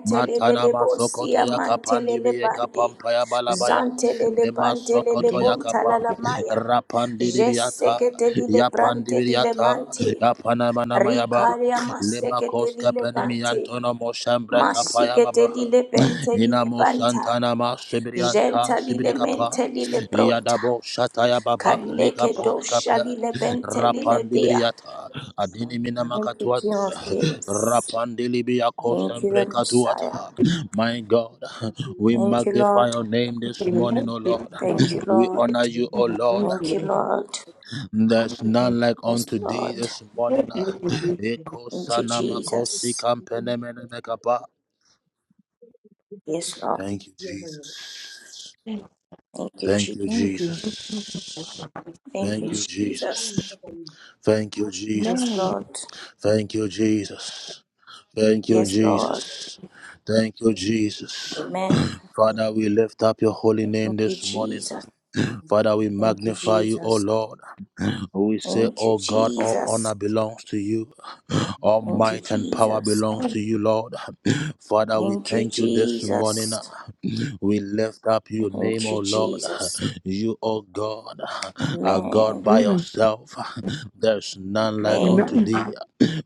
Speaker 1: Matana masokoto
Speaker 3: bosia
Speaker 1: ya kapandi
Speaker 3: mantelele
Speaker 1: biye
Speaker 3: bandi.
Speaker 1: kapampa ya balabaya
Speaker 3: Zantelele
Speaker 1: le
Speaker 3: bantelele
Speaker 1: masokoto ya
Speaker 3: bontala la
Speaker 1: kapa
Speaker 3: maya.
Speaker 1: rapandi
Speaker 3: Je
Speaker 1: libiata
Speaker 3: sekete lile
Speaker 1: ya pandi
Speaker 3: brante lile
Speaker 1: libiata
Speaker 3: mante.
Speaker 1: ya panama nama ya ba
Speaker 3: Rikaria ma
Speaker 1: le
Speaker 3: sekete
Speaker 1: makos
Speaker 3: lile
Speaker 1: kapani mi
Speaker 3: bante.
Speaker 1: antono mo shambra kapa ya
Speaker 3: Masikete
Speaker 1: baba
Speaker 3: lile bente
Speaker 1: ina
Speaker 3: lile
Speaker 1: mo
Speaker 3: banta.
Speaker 1: santana ma sibrianta
Speaker 3: Genta
Speaker 1: sibri
Speaker 3: lile mente
Speaker 1: kapa
Speaker 3: lile
Speaker 1: ya
Speaker 3: bronta.
Speaker 1: dabo shata ya baba li
Speaker 3: Kaleke
Speaker 1: kapos
Speaker 3: dosha
Speaker 1: kapa
Speaker 3: lile bente lile
Speaker 1: rapandi
Speaker 3: dia.
Speaker 1: libiata adini mina
Speaker 3: Thank you,
Speaker 1: makatuat
Speaker 3: King of Kings.
Speaker 1: Rapandelibia
Speaker 3: Thank you, the Messiah.
Speaker 1: Kosambrekatuata. My God, we
Speaker 3: Thank you,
Speaker 1: magnify
Speaker 3: Lord.
Speaker 1: your name this morning, O Lord.
Speaker 3: Thank you,
Speaker 1: We honor
Speaker 3: Lord.
Speaker 1: you, O Lord.
Speaker 3: Thank you, Lord.
Speaker 1: There's none like
Speaker 3: Yes,
Speaker 1: unto thee
Speaker 3: Lord.
Speaker 1: this morning. Eko
Speaker 3: Thank you,
Speaker 1: sanamakosi
Speaker 3: Jesus.
Speaker 1: kampenemenekapa.
Speaker 3: Yes, Lord.
Speaker 1: Thank you, Jesus.
Speaker 3: Thank you,
Speaker 1: Thank you,
Speaker 3: Jesus.
Speaker 1: Jesus.
Speaker 3: Thank
Speaker 1: Thank
Speaker 3: you,
Speaker 1: you,
Speaker 3: Jesus.
Speaker 1: Jesus. Thank you,
Speaker 3: Yes,
Speaker 1: Jesus.
Speaker 3: Lord.
Speaker 1: Thank you, Jesus. Thank you,
Speaker 3: Yes, Lord.
Speaker 1: Jesus. Thank you, Jesus.
Speaker 3: Amen.
Speaker 1: Father, we lift up your holy name
Speaker 3: Thank you,
Speaker 1: this morning.
Speaker 3: Jesus.
Speaker 1: Father, we
Speaker 3: Thank you,
Speaker 1: magnify you, O
Speaker 3: Jesus.
Speaker 1: Lord. We say,
Speaker 3: Thank you,
Speaker 1: O God, all
Speaker 3: Jesus.
Speaker 1: honor belongs to you. All
Speaker 3: Thank you,
Speaker 1: might and power
Speaker 3: Jesus.
Speaker 1: belongs to you, Lord. Father, we
Speaker 3: Thank you,
Speaker 1: thank you this morning.
Speaker 3: Jesus.
Speaker 1: We lift up your name,
Speaker 3: Thank
Speaker 1: O
Speaker 3: you,
Speaker 1: Lord.
Speaker 3: Jesus.
Speaker 1: You, O God, are God
Speaker 3: Amen.
Speaker 1: by yourself. There's none like unto
Speaker 3: Amen.
Speaker 1: thee.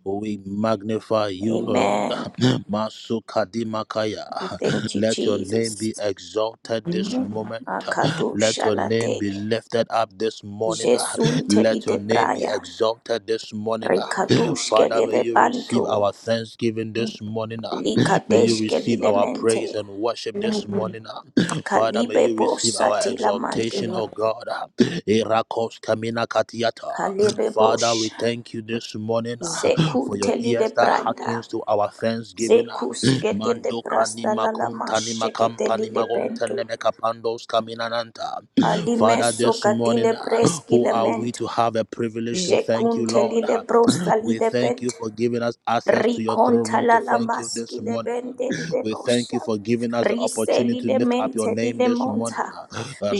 Speaker 1: We magnify you, Lord.
Speaker 3: Amen. We
Speaker 1: Masukadimakaya.
Speaker 3: thank you,
Speaker 1: Let your name
Speaker 3: Jesus.
Speaker 1: be exalted this
Speaker 2: Man,
Speaker 1: moment. Let
Speaker 3: Akadosh
Speaker 1: your name
Speaker 3: alate.
Speaker 1: be lifted up this morning.
Speaker 3: Jesun
Speaker 1: Let your
Speaker 3: telite
Speaker 1: name be
Speaker 3: braya.
Speaker 1: exalted this morning.
Speaker 3: Rikadush
Speaker 1: Father, may
Speaker 3: kelile
Speaker 1: you receive
Speaker 3: bantu.
Speaker 1: our thanksgiving this morning. May you
Speaker 3: Likadesh
Speaker 1: receive
Speaker 3: kelile
Speaker 1: our praise
Speaker 3: mente.
Speaker 1: and
Speaker 2: I
Speaker 1: worship
Speaker 2: give
Speaker 1: this
Speaker 2: you
Speaker 1: morning. ah. Father, may
Speaker 3: Kalibe
Speaker 1: you
Speaker 3: bosh
Speaker 1: receive our
Speaker 3: satila mande.
Speaker 1: exaltation, O God. ah. Irakos kamina katiata.
Speaker 3: Kalibe
Speaker 1: Father, we
Speaker 3: bosh.
Speaker 1: thank you this morning ah, for
Speaker 3: Zekun
Speaker 1: your
Speaker 3: telile
Speaker 1: ears that
Speaker 3: branda.
Speaker 1: hearkens to our thanksgiving. ah.
Speaker 3: Zekus kete de
Speaker 1: Mandoka ni
Speaker 3: prasta la la
Speaker 1: makunta ni
Speaker 3: mashekete
Speaker 1: kampa
Speaker 3: li de
Speaker 1: nima gonta
Speaker 3: bento.
Speaker 1: nemeka pandos kaminananta. Father,
Speaker 3: Alimeso
Speaker 1: this morning,
Speaker 3: katile
Speaker 1: ah,
Speaker 3: preski
Speaker 1: who are we
Speaker 3: lamento.
Speaker 1: to have a privilege to thank you,
Speaker 3: Jekunte li
Speaker 1: Lord?
Speaker 3: le
Speaker 1: ah?
Speaker 3: brosta li
Speaker 1: We
Speaker 3: de
Speaker 1: thank you
Speaker 3: bent.
Speaker 1: for giving us access to your throne
Speaker 3: Riconta
Speaker 1: room to
Speaker 3: la la
Speaker 1: thank you this
Speaker 3: maski le
Speaker 1: morning. ah.
Speaker 3: bende li de
Speaker 1: We thank you
Speaker 3: bosha.
Speaker 1: for giving us the
Speaker 3: Rise li
Speaker 1: opportunity to
Speaker 3: le
Speaker 1: lift up your
Speaker 3: mente li
Speaker 1: name
Speaker 3: le
Speaker 1: this
Speaker 3: monta.
Speaker 1: morning. ah.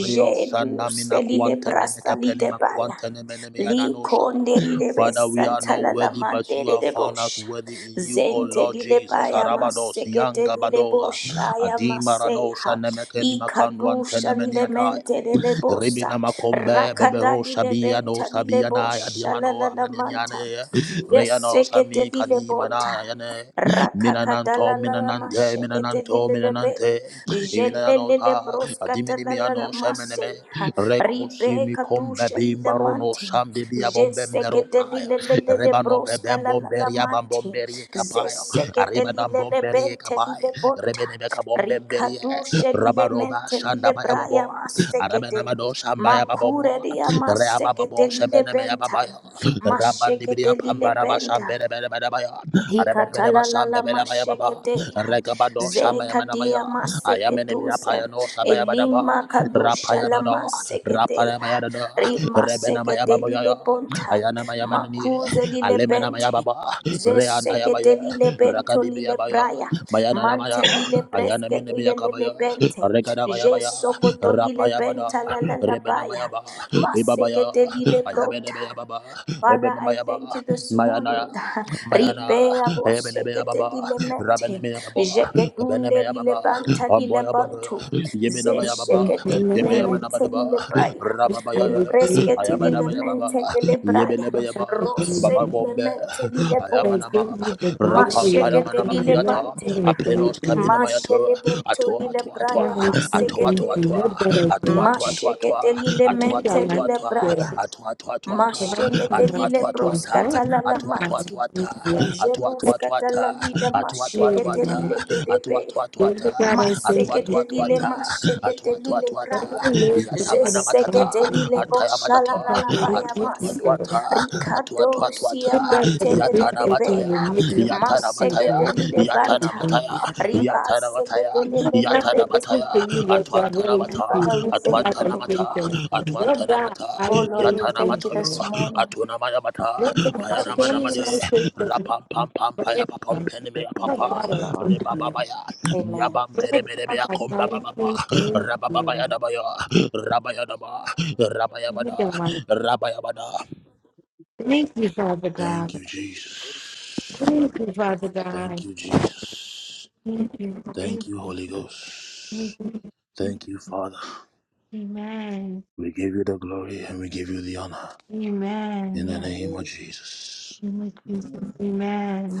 Speaker 1: Rio sanamina
Speaker 3: li le
Speaker 1: kuantemene
Speaker 3: brasta li de
Speaker 1: kapelima
Speaker 3: baya.
Speaker 1: kuantenemene
Speaker 3: Li
Speaker 1: miananosha.
Speaker 3: conde li de
Speaker 1: Father, we are
Speaker 3: besanta
Speaker 1: not
Speaker 3: la la
Speaker 1: worthy, but
Speaker 3: mande
Speaker 1: you have
Speaker 3: de
Speaker 1: found us
Speaker 3: bosha.
Speaker 1: worthy in you, O
Speaker 3: Zente
Speaker 1: Lord
Speaker 3: lile
Speaker 1: Jesus.
Speaker 3: baya
Speaker 1: Harabados,
Speaker 3: masekete lile
Speaker 1: Yangabadoga,
Speaker 3: boshaya
Speaker 1: Adima Ranosha,
Speaker 3: maseha.
Speaker 1: Nemekeni
Speaker 3: Ikadusha lile
Speaker 1: Makandwan,
Speaker 3: mente lile bosa.
Speaker 1: Rebina Makombe,
Speaker 3: Rakada
Speaker 1: Bebero
Speaker 3: lile
Speaker 1: Shabia no
Speaker 3: benta lile
Speaker 1: Sabiana,
Speaker 3: bosha la
Speaker 1: Adiamano,
Speaker 3: la la manta.
Speaker 1: Amaniane, Reyano
Speaker 3: Yesekete
Speaker 1: Sami
Speaker 3: lile
Speaker 1: Kadi
Speaker 3: bonta.
Speaker 1: Mana Yane, Minananto,
Speaker 3: Rakakatalalala
Speaker 1: Minanante,
Speaker 3: mashekete
Speaker 1: Minananto,
Speaker 3: lilelebe.
Speaker 1: Minanante,
Speaker 3: Jelelele
Speaker 1: Ivinanota,
Speaker 3: broskatalalala
Speaker 1: Adiminimiano,
Speaker 3: mase.
Speaker 1: Shemeneme, Reko
Speaker 3: Ribe
Speaker 1: Simi Kombe
Speaker 3: katusha
Speaker 1: Bimbarono,
Speaker 3: lilamante.
Speaker 1: Shambi Biabombembero
Speaker 3: Jesekete
Speaker 1: Paya,
Speaker 3: lilelelede
Speaker 1: Rebano
Speaker 3: broskalalala
Speaker 1: Bebembomberia
Speaker 3: mante.
Speaker 1: Bambomberie Capaya,
Speaker 3: Zesekete
Speaker 1: Arebadam Bomberie
Speaker 3: lilelebente
Speaker 1: Capaya,
Speaker 3: lilebonta.
Speaker 1: Rebenebe Kabomberie,
Speaker 3: Rikatusha
Speaker 1: Rabaroba
Speaker 3: lilemente
Speaker 1: Shandaba
Speaker 3: lilebraya masekete.
Speaker 1: Arabanamado Shambaya
Speaker 3: Makure
Speaker 1: Babobo,
Speaker 3: dia masekete
Speaker 1: Reababo Shebenemea
Speaker 3: lilebenta.
Speaker 1: Babaya,
Speaker 3: Mashekete
Speaker 1: Rabandibiria Pambaraba
Speaker 3: lilebenta.
Speaker 1: Shambere Bedabaya, Arabanabedaba
Speaker 3: Hikatalala
Speaker 1: Shambebelabaya Baba,
Speaker 3: mashekete,
Speaker 1: Regabado Shamaya
Speaker 3: zekadia
Speaker 1: Manamaya, I am enemy
Speaker 3: maseketusa,
Speaker 1: Apayano Sabaya Badaba,
Speaker 3: elima kadusha la
Speaker 1: Rapayano,
Speaker 3: masekete,
Speaker 1: Rapana Mayadada,
Speaker 3: rima
Speaker 1: Rebena
Speaker 3: sekete
Speaker 1: Mayababoya,
Speaker 3: lile bonta,
Speaker 1: Ayana Mayamanani,
Speaker 3: makuze lile
Speaker 1: Alemena
Speaker 3: bente,
Speaker 1: Mayababa, Reana
Speaker 3: zesekete
Speaker 1: Yabaya,
Speaker 3: lile bento
Speaker 1: Rakadi
Speaker 3: lile
Speaker 1: Mayabaya,
Speaker 3: braya,
Speaker 1: Mayana Maya,
Speaker 3: mante lile
Speaker 1: Ayana
Speaker 3: breskete
Speaker 1: Menemia
Speaker 3: lile lile
Speaker 1: Kabaya,
Speaker 3: bente,
Speaker 1: Rekada Mayabaya,
Speaker 3: jesokoto lile
Speaker 1: Rapayabada,
Speaker 3: benta la la la
Speaker 1: Rebena
Speaker 3: baya,
Speaker 1: Mayaba, Ibabaya,
Speaker 3: masekete lile
Speaker 1: Ayabene
Speaker 3: brota.
Speaker 1: Mayababa,
Speaker 3: Father,
Speaker 1: Ebene
Speaker 3: I
Speaker 1: Mayaba,
Speaker 3: thank you this morning.
Speaker 1: Mayana. Mayana,
Speaker 3: Ripea
Speaker 1: Ebelebe
Speaker 3: bosekete
Speaker 1: Ababa,
Speaker 3: dilemente,
Speaker 1: Rabaneme Ababa,
Speaker 3: jeketunde
Speaker 1: Beneme Ababa,
Speaker 3: dilebanta
Speaker 1: Amboy Abanda,
Speaker 3: dilebantu,
Speaker 1: Yemina
Speaker 2: the
Speaker 1: Mayababa,
Speaker 3: zeshekete
Speaker 2: glory and
Speaker 3: dilemente
Speaker 1: Yebeyamanabadaba,
Speaker 3: dilebraya,
Speaker 2: the
Speaker 1: Rababaya,
Speaker 3: ripreskete
Speaker 2: honor,
Speaker 1: Ayamanama Yababa,
Speaker 3: dilemente dilebraya,
Speaker 1: Yebelebe
Speaker 2: not that
Speaker 1: Yaba,
Speaker 2: I
Speaker 3: rose
Speaker 2: thank
Speaker 1: Baba
Speaker 2: you.
Speaker 1: Bombe,
Speaker 3: dilemente dilebota,
Speaker 1: Ayamanama,
Speaker 3: mashekete
Speaker 1: Rapampanamanama Piata,
Speaker 3: dilebante,
Speaker 1: Aprenos Cabina Mayato,
Speaker 3: mashelebento
Speaker 1: Atoa, toa Atoa,
Speaker 3: dilebraya
Speaker 2: God, I still
Speaker 1: Atoa,
Speaker 2: thank
Speaker 1: toa
Speaker 2: you,
Speaker 3: masekete,
Speaker 2: not
Speaker 1: Toa
Speaker 2: that I thank
Speaker 1: Atoa,
Speaker 2: you.
Speaker 1: toa toa toi,
Speaker 3: mashekete
Speaker 1: à
Speaker 2: But
Speaker 1: toi,
Speaker 2: you got
Speaker 1: toi,
Speaker 3: dilemente
Speaker 1: toi,
Speaker 2: last
Speaker 1: toi,
Speaker 2: year,
Speaker 3: dilebraya.
Speaker 1: à toi, toi, toi, toi,
Speaker 2: but I need my
Speaker 1: à
Speaker 3: Mashekete
Speaker 1: toi,
Speaker 2: last
Speaker 3: dile
Speaker 1: toi, toi,
Speaker 2: year,
Speaker 1: ta,
Speaker 2: not
Speaker 3: broskata la
Speaker 1: à
Speaker 3: la
Speaker 1: toi,
Speaker 2: my
Speaker 1: toi,
Speaker 3: manti.
Speaker 1: toi,
Speaker 2: this
Speaker 1: ta,
Speaker 2: year,
Speaker 1: à toi,
Speaker 2: this
Speaker 1: toi, toi,
Speaker 3: Jeluskata la
Speaker 1: ta,
Speaker 3: lida
Speaker 1: à toi, toi,
Speaker 2: year,
Speaker 1: toi,
Speaker 2: and
Speaker 3: mashekete
Speaker 2: my
Speaker 1: ta,
Speaker 3: lile
Speaker 1: à toi,
Speaker 3: bedebe.
Speaker 1: toi, toi, ta,
Speaker 2: Lord God, I
Speaker 1: à
Speaker 2: thank
Speaker 1: toi, toi,
Speaker 2: you.
Speaker 3: Masekete
Speaker 1: toi,
Speaker 3: lile
Speaker 1: ta, à
Speaker 3: mashekete
Speaker 1: toi, toi,
Speaker 3: lile
Speaker 1: toi, ta,
Speaker 2: But I
Speaker 3: praya.
Speaker 2: live, God,
Speaker 1: yatamana
Speaker 2: I
Speaker 1: matata,
Speaker 2: thank
Speaker 3: Zesekete
Speaker 2: you.
Speaker 3: lile
Speaker 1: ataya
Speaker 3: bosha la
Speaker 1: matata,
Speaker 3: la
Speaker 2: Because
Speaker 3: la
Speaker 2: it
Speaker 1: à
Speaker 3: baya
Speaker 1: toi,
Speaker 2: is
Speaker 1: toi,
Speaker 2: you
Speaker 3: masi.
Speaker 1: toi,
Speaker 2: that I thank
Speaker 1: ta,
Speaker 2: you. God.
Speaker 1: à toi,
Speaker 3: Ricardo
Speaker 1: toi, toi,
Speaker 3: sia
Speaker 2: This
Speaker 1: ta,
Speaker 2: God has
Speaker 3: mante de de
Speaker 1: yatana
Speaker 2: basically saying
Speaker 1: mataya,
Speaker 2: remove me
Speaker 1: yatana
Speaker 2: from
Speaker 3: Masekete
Speaker 2: nothing
Speaker 3: lile
Speaker 2: but
Speaker 1: mataya,
Speaker 3: banta.
Speaker 2: something.
Speaker 1: Mataya,
Speaker 3: Riba
Speaker 1: Yatara Mataya,
Speaker 3: sekete lile le
Speaker 2: After
Speaker 1: Yatara
Speaker 2: listening
Speaker 1: Mataya,
Speaker 2: to you, your
Speaker 1: Atwantana
Speaker 2: really
Speaker 1: Mata,
Speaker 2: be
Speaker 3: Father, we thank
Speaker 2: as I
Speaker 1: Atwantana
Speaker 3: you.
Speaker 2: say
Speaker 1: Mata,
Speaker 2: things. Love
Speaker 1: Atwantana
Speaker 2: that.
Speaker 1: Mata,
Speaker 3: Oh
Speaker 2: I
Speaker 3: Lord,
Speaker 2: say
Speaker 3: we
Speaker 1: Yatana
Speaker 3: thank
Speaker 2: things.
Speaker 3: you
Speaker 1: Matayo,
Speaker 3: this
Speaker 2: Love
Speaker 3: morning.
Speaker 1: Atuna Maya
Speaker 2: that. I
Speaker 3: Thank you,
Speaker 1: Payana
Speaker 2: tell you
Speaker 1: Manamade,
Speaker 2: I
Speaker 3: Jesus.
Speaker 2: say things.
Speaker 1: Rapam Pam Pam
Speaker 2: But
Speaker 1: Paya
Speaker 2: next
Speaker 1: Papam
Speaker 2: time,
Speaker 1: Penimea
Speaker 3: Oh,
Speaker 2: love
Speaker 1: Papa,
Speaker 3: thank you,
Speaker 2: God, I say
Speaker 3: Lord.
Speaker 2: things.
Speaker 1: Rebababaya,
Speaker 3: Amen.
Speaker 1: Yabam
Speaker 2: Lord God,
Speaker 1: Berebea
Speaker 2: I
Speaker 1: Comba
Speaker 2: say
Speaker 1: Baba,
Speaker 2: things.
Speaker 1: Rabababaya Dabaya, Rabaya Daba, Rabaya
Speaker 2: Look at
Speaker 1: Bada,
Speaker 2: my Thank you, Father
Speaker 1: Thank
Speaker 2: God.
Speaker 1: you, Jesus.
Speaker 2: Thank you, Father
Speaker 1: Thank
Speaker 2: God.
Speaker 1: you, Jesus.
Speaker 2: Thank you.
Speaker 1: Thank
Speaker 2: Thank
Speaker 1: you,
Speaker 2: you.
Speaker 1: Holy Ghost.
Speaker 2: Thank you. Thank you.
Speaker 1: Thank you, Father.
Speaker 2: Amen.
Speaker 1: We give you the glory and we give you the honor.
Speaker 2: Amen.
Speaker 1: In the
Speaker 2: Yes.
Speaker 1: name of Jesus.
Speaker 2: Amen. Jesus.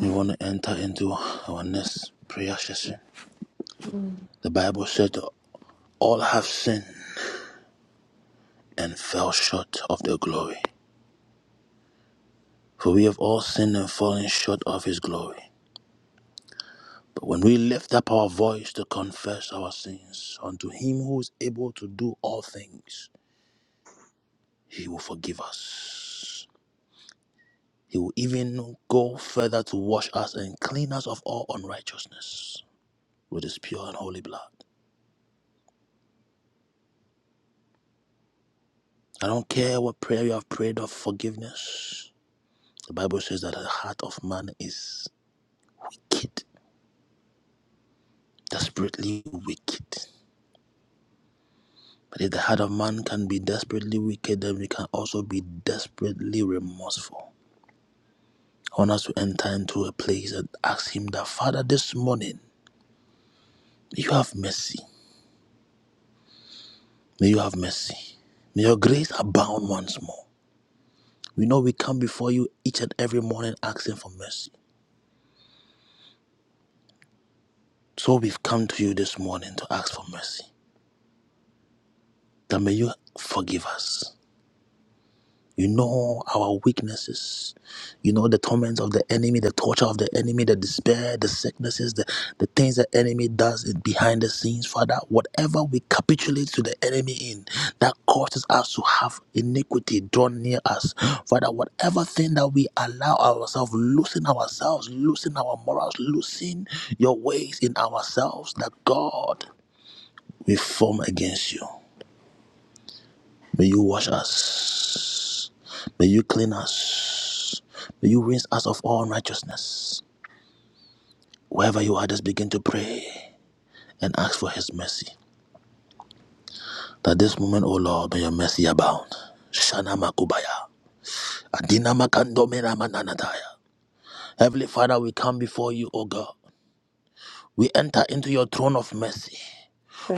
Speaker 1: We want to enter into our next prayer session.
Speaker 2: Mm.
Speaker 1: The Bible said, that All have sinned and fell short of their glory. For we have all sinned and fallen short of his glory. But when we lift up our voice to confess our sins unto him who is able to do all things, he will forgive us. He will even go further to wash us and clean us of all unrighteousness. with his pure and holy blood. I don't care what prayer you have prayed of forgiveness. The Bible says that the heart of man is wicked, desperately wicked. But if the heart of man can be desperately wicked, then we can also be desperately remorseful. I want us to enter into a place and ask Him that, Father, this morning, may you have mercy. May you have mercy. May your grace abound once more. We know we come before you each and every morning asking for mercy. So we've come to you this morning to ask for mercy. That may you forgive us. You know our weaknesses. You know the torments of the enemy, the torture of the enemy, the despair, the sicknesses, the, the things the enemy does in- behind the scenes, Father. Whatever we capitulate to the enemy in that causes us to have iniquity drawn near us, Father, whatever thing that we allow ourselves, loosen ourselves, loosen our morals, loosen your ways in ourselves, that God. we form against you. May you wash us. May you clean us. May you rinse us of all righteousness. Wherever you are, just begin to pray and ask for His mercy. That this moment, O Lord, may your mercy abound. Shana Makubaya. Adina Makandomena Mananataya. Heavenly Father, we come before you, O God. We enter into your throne of mercy.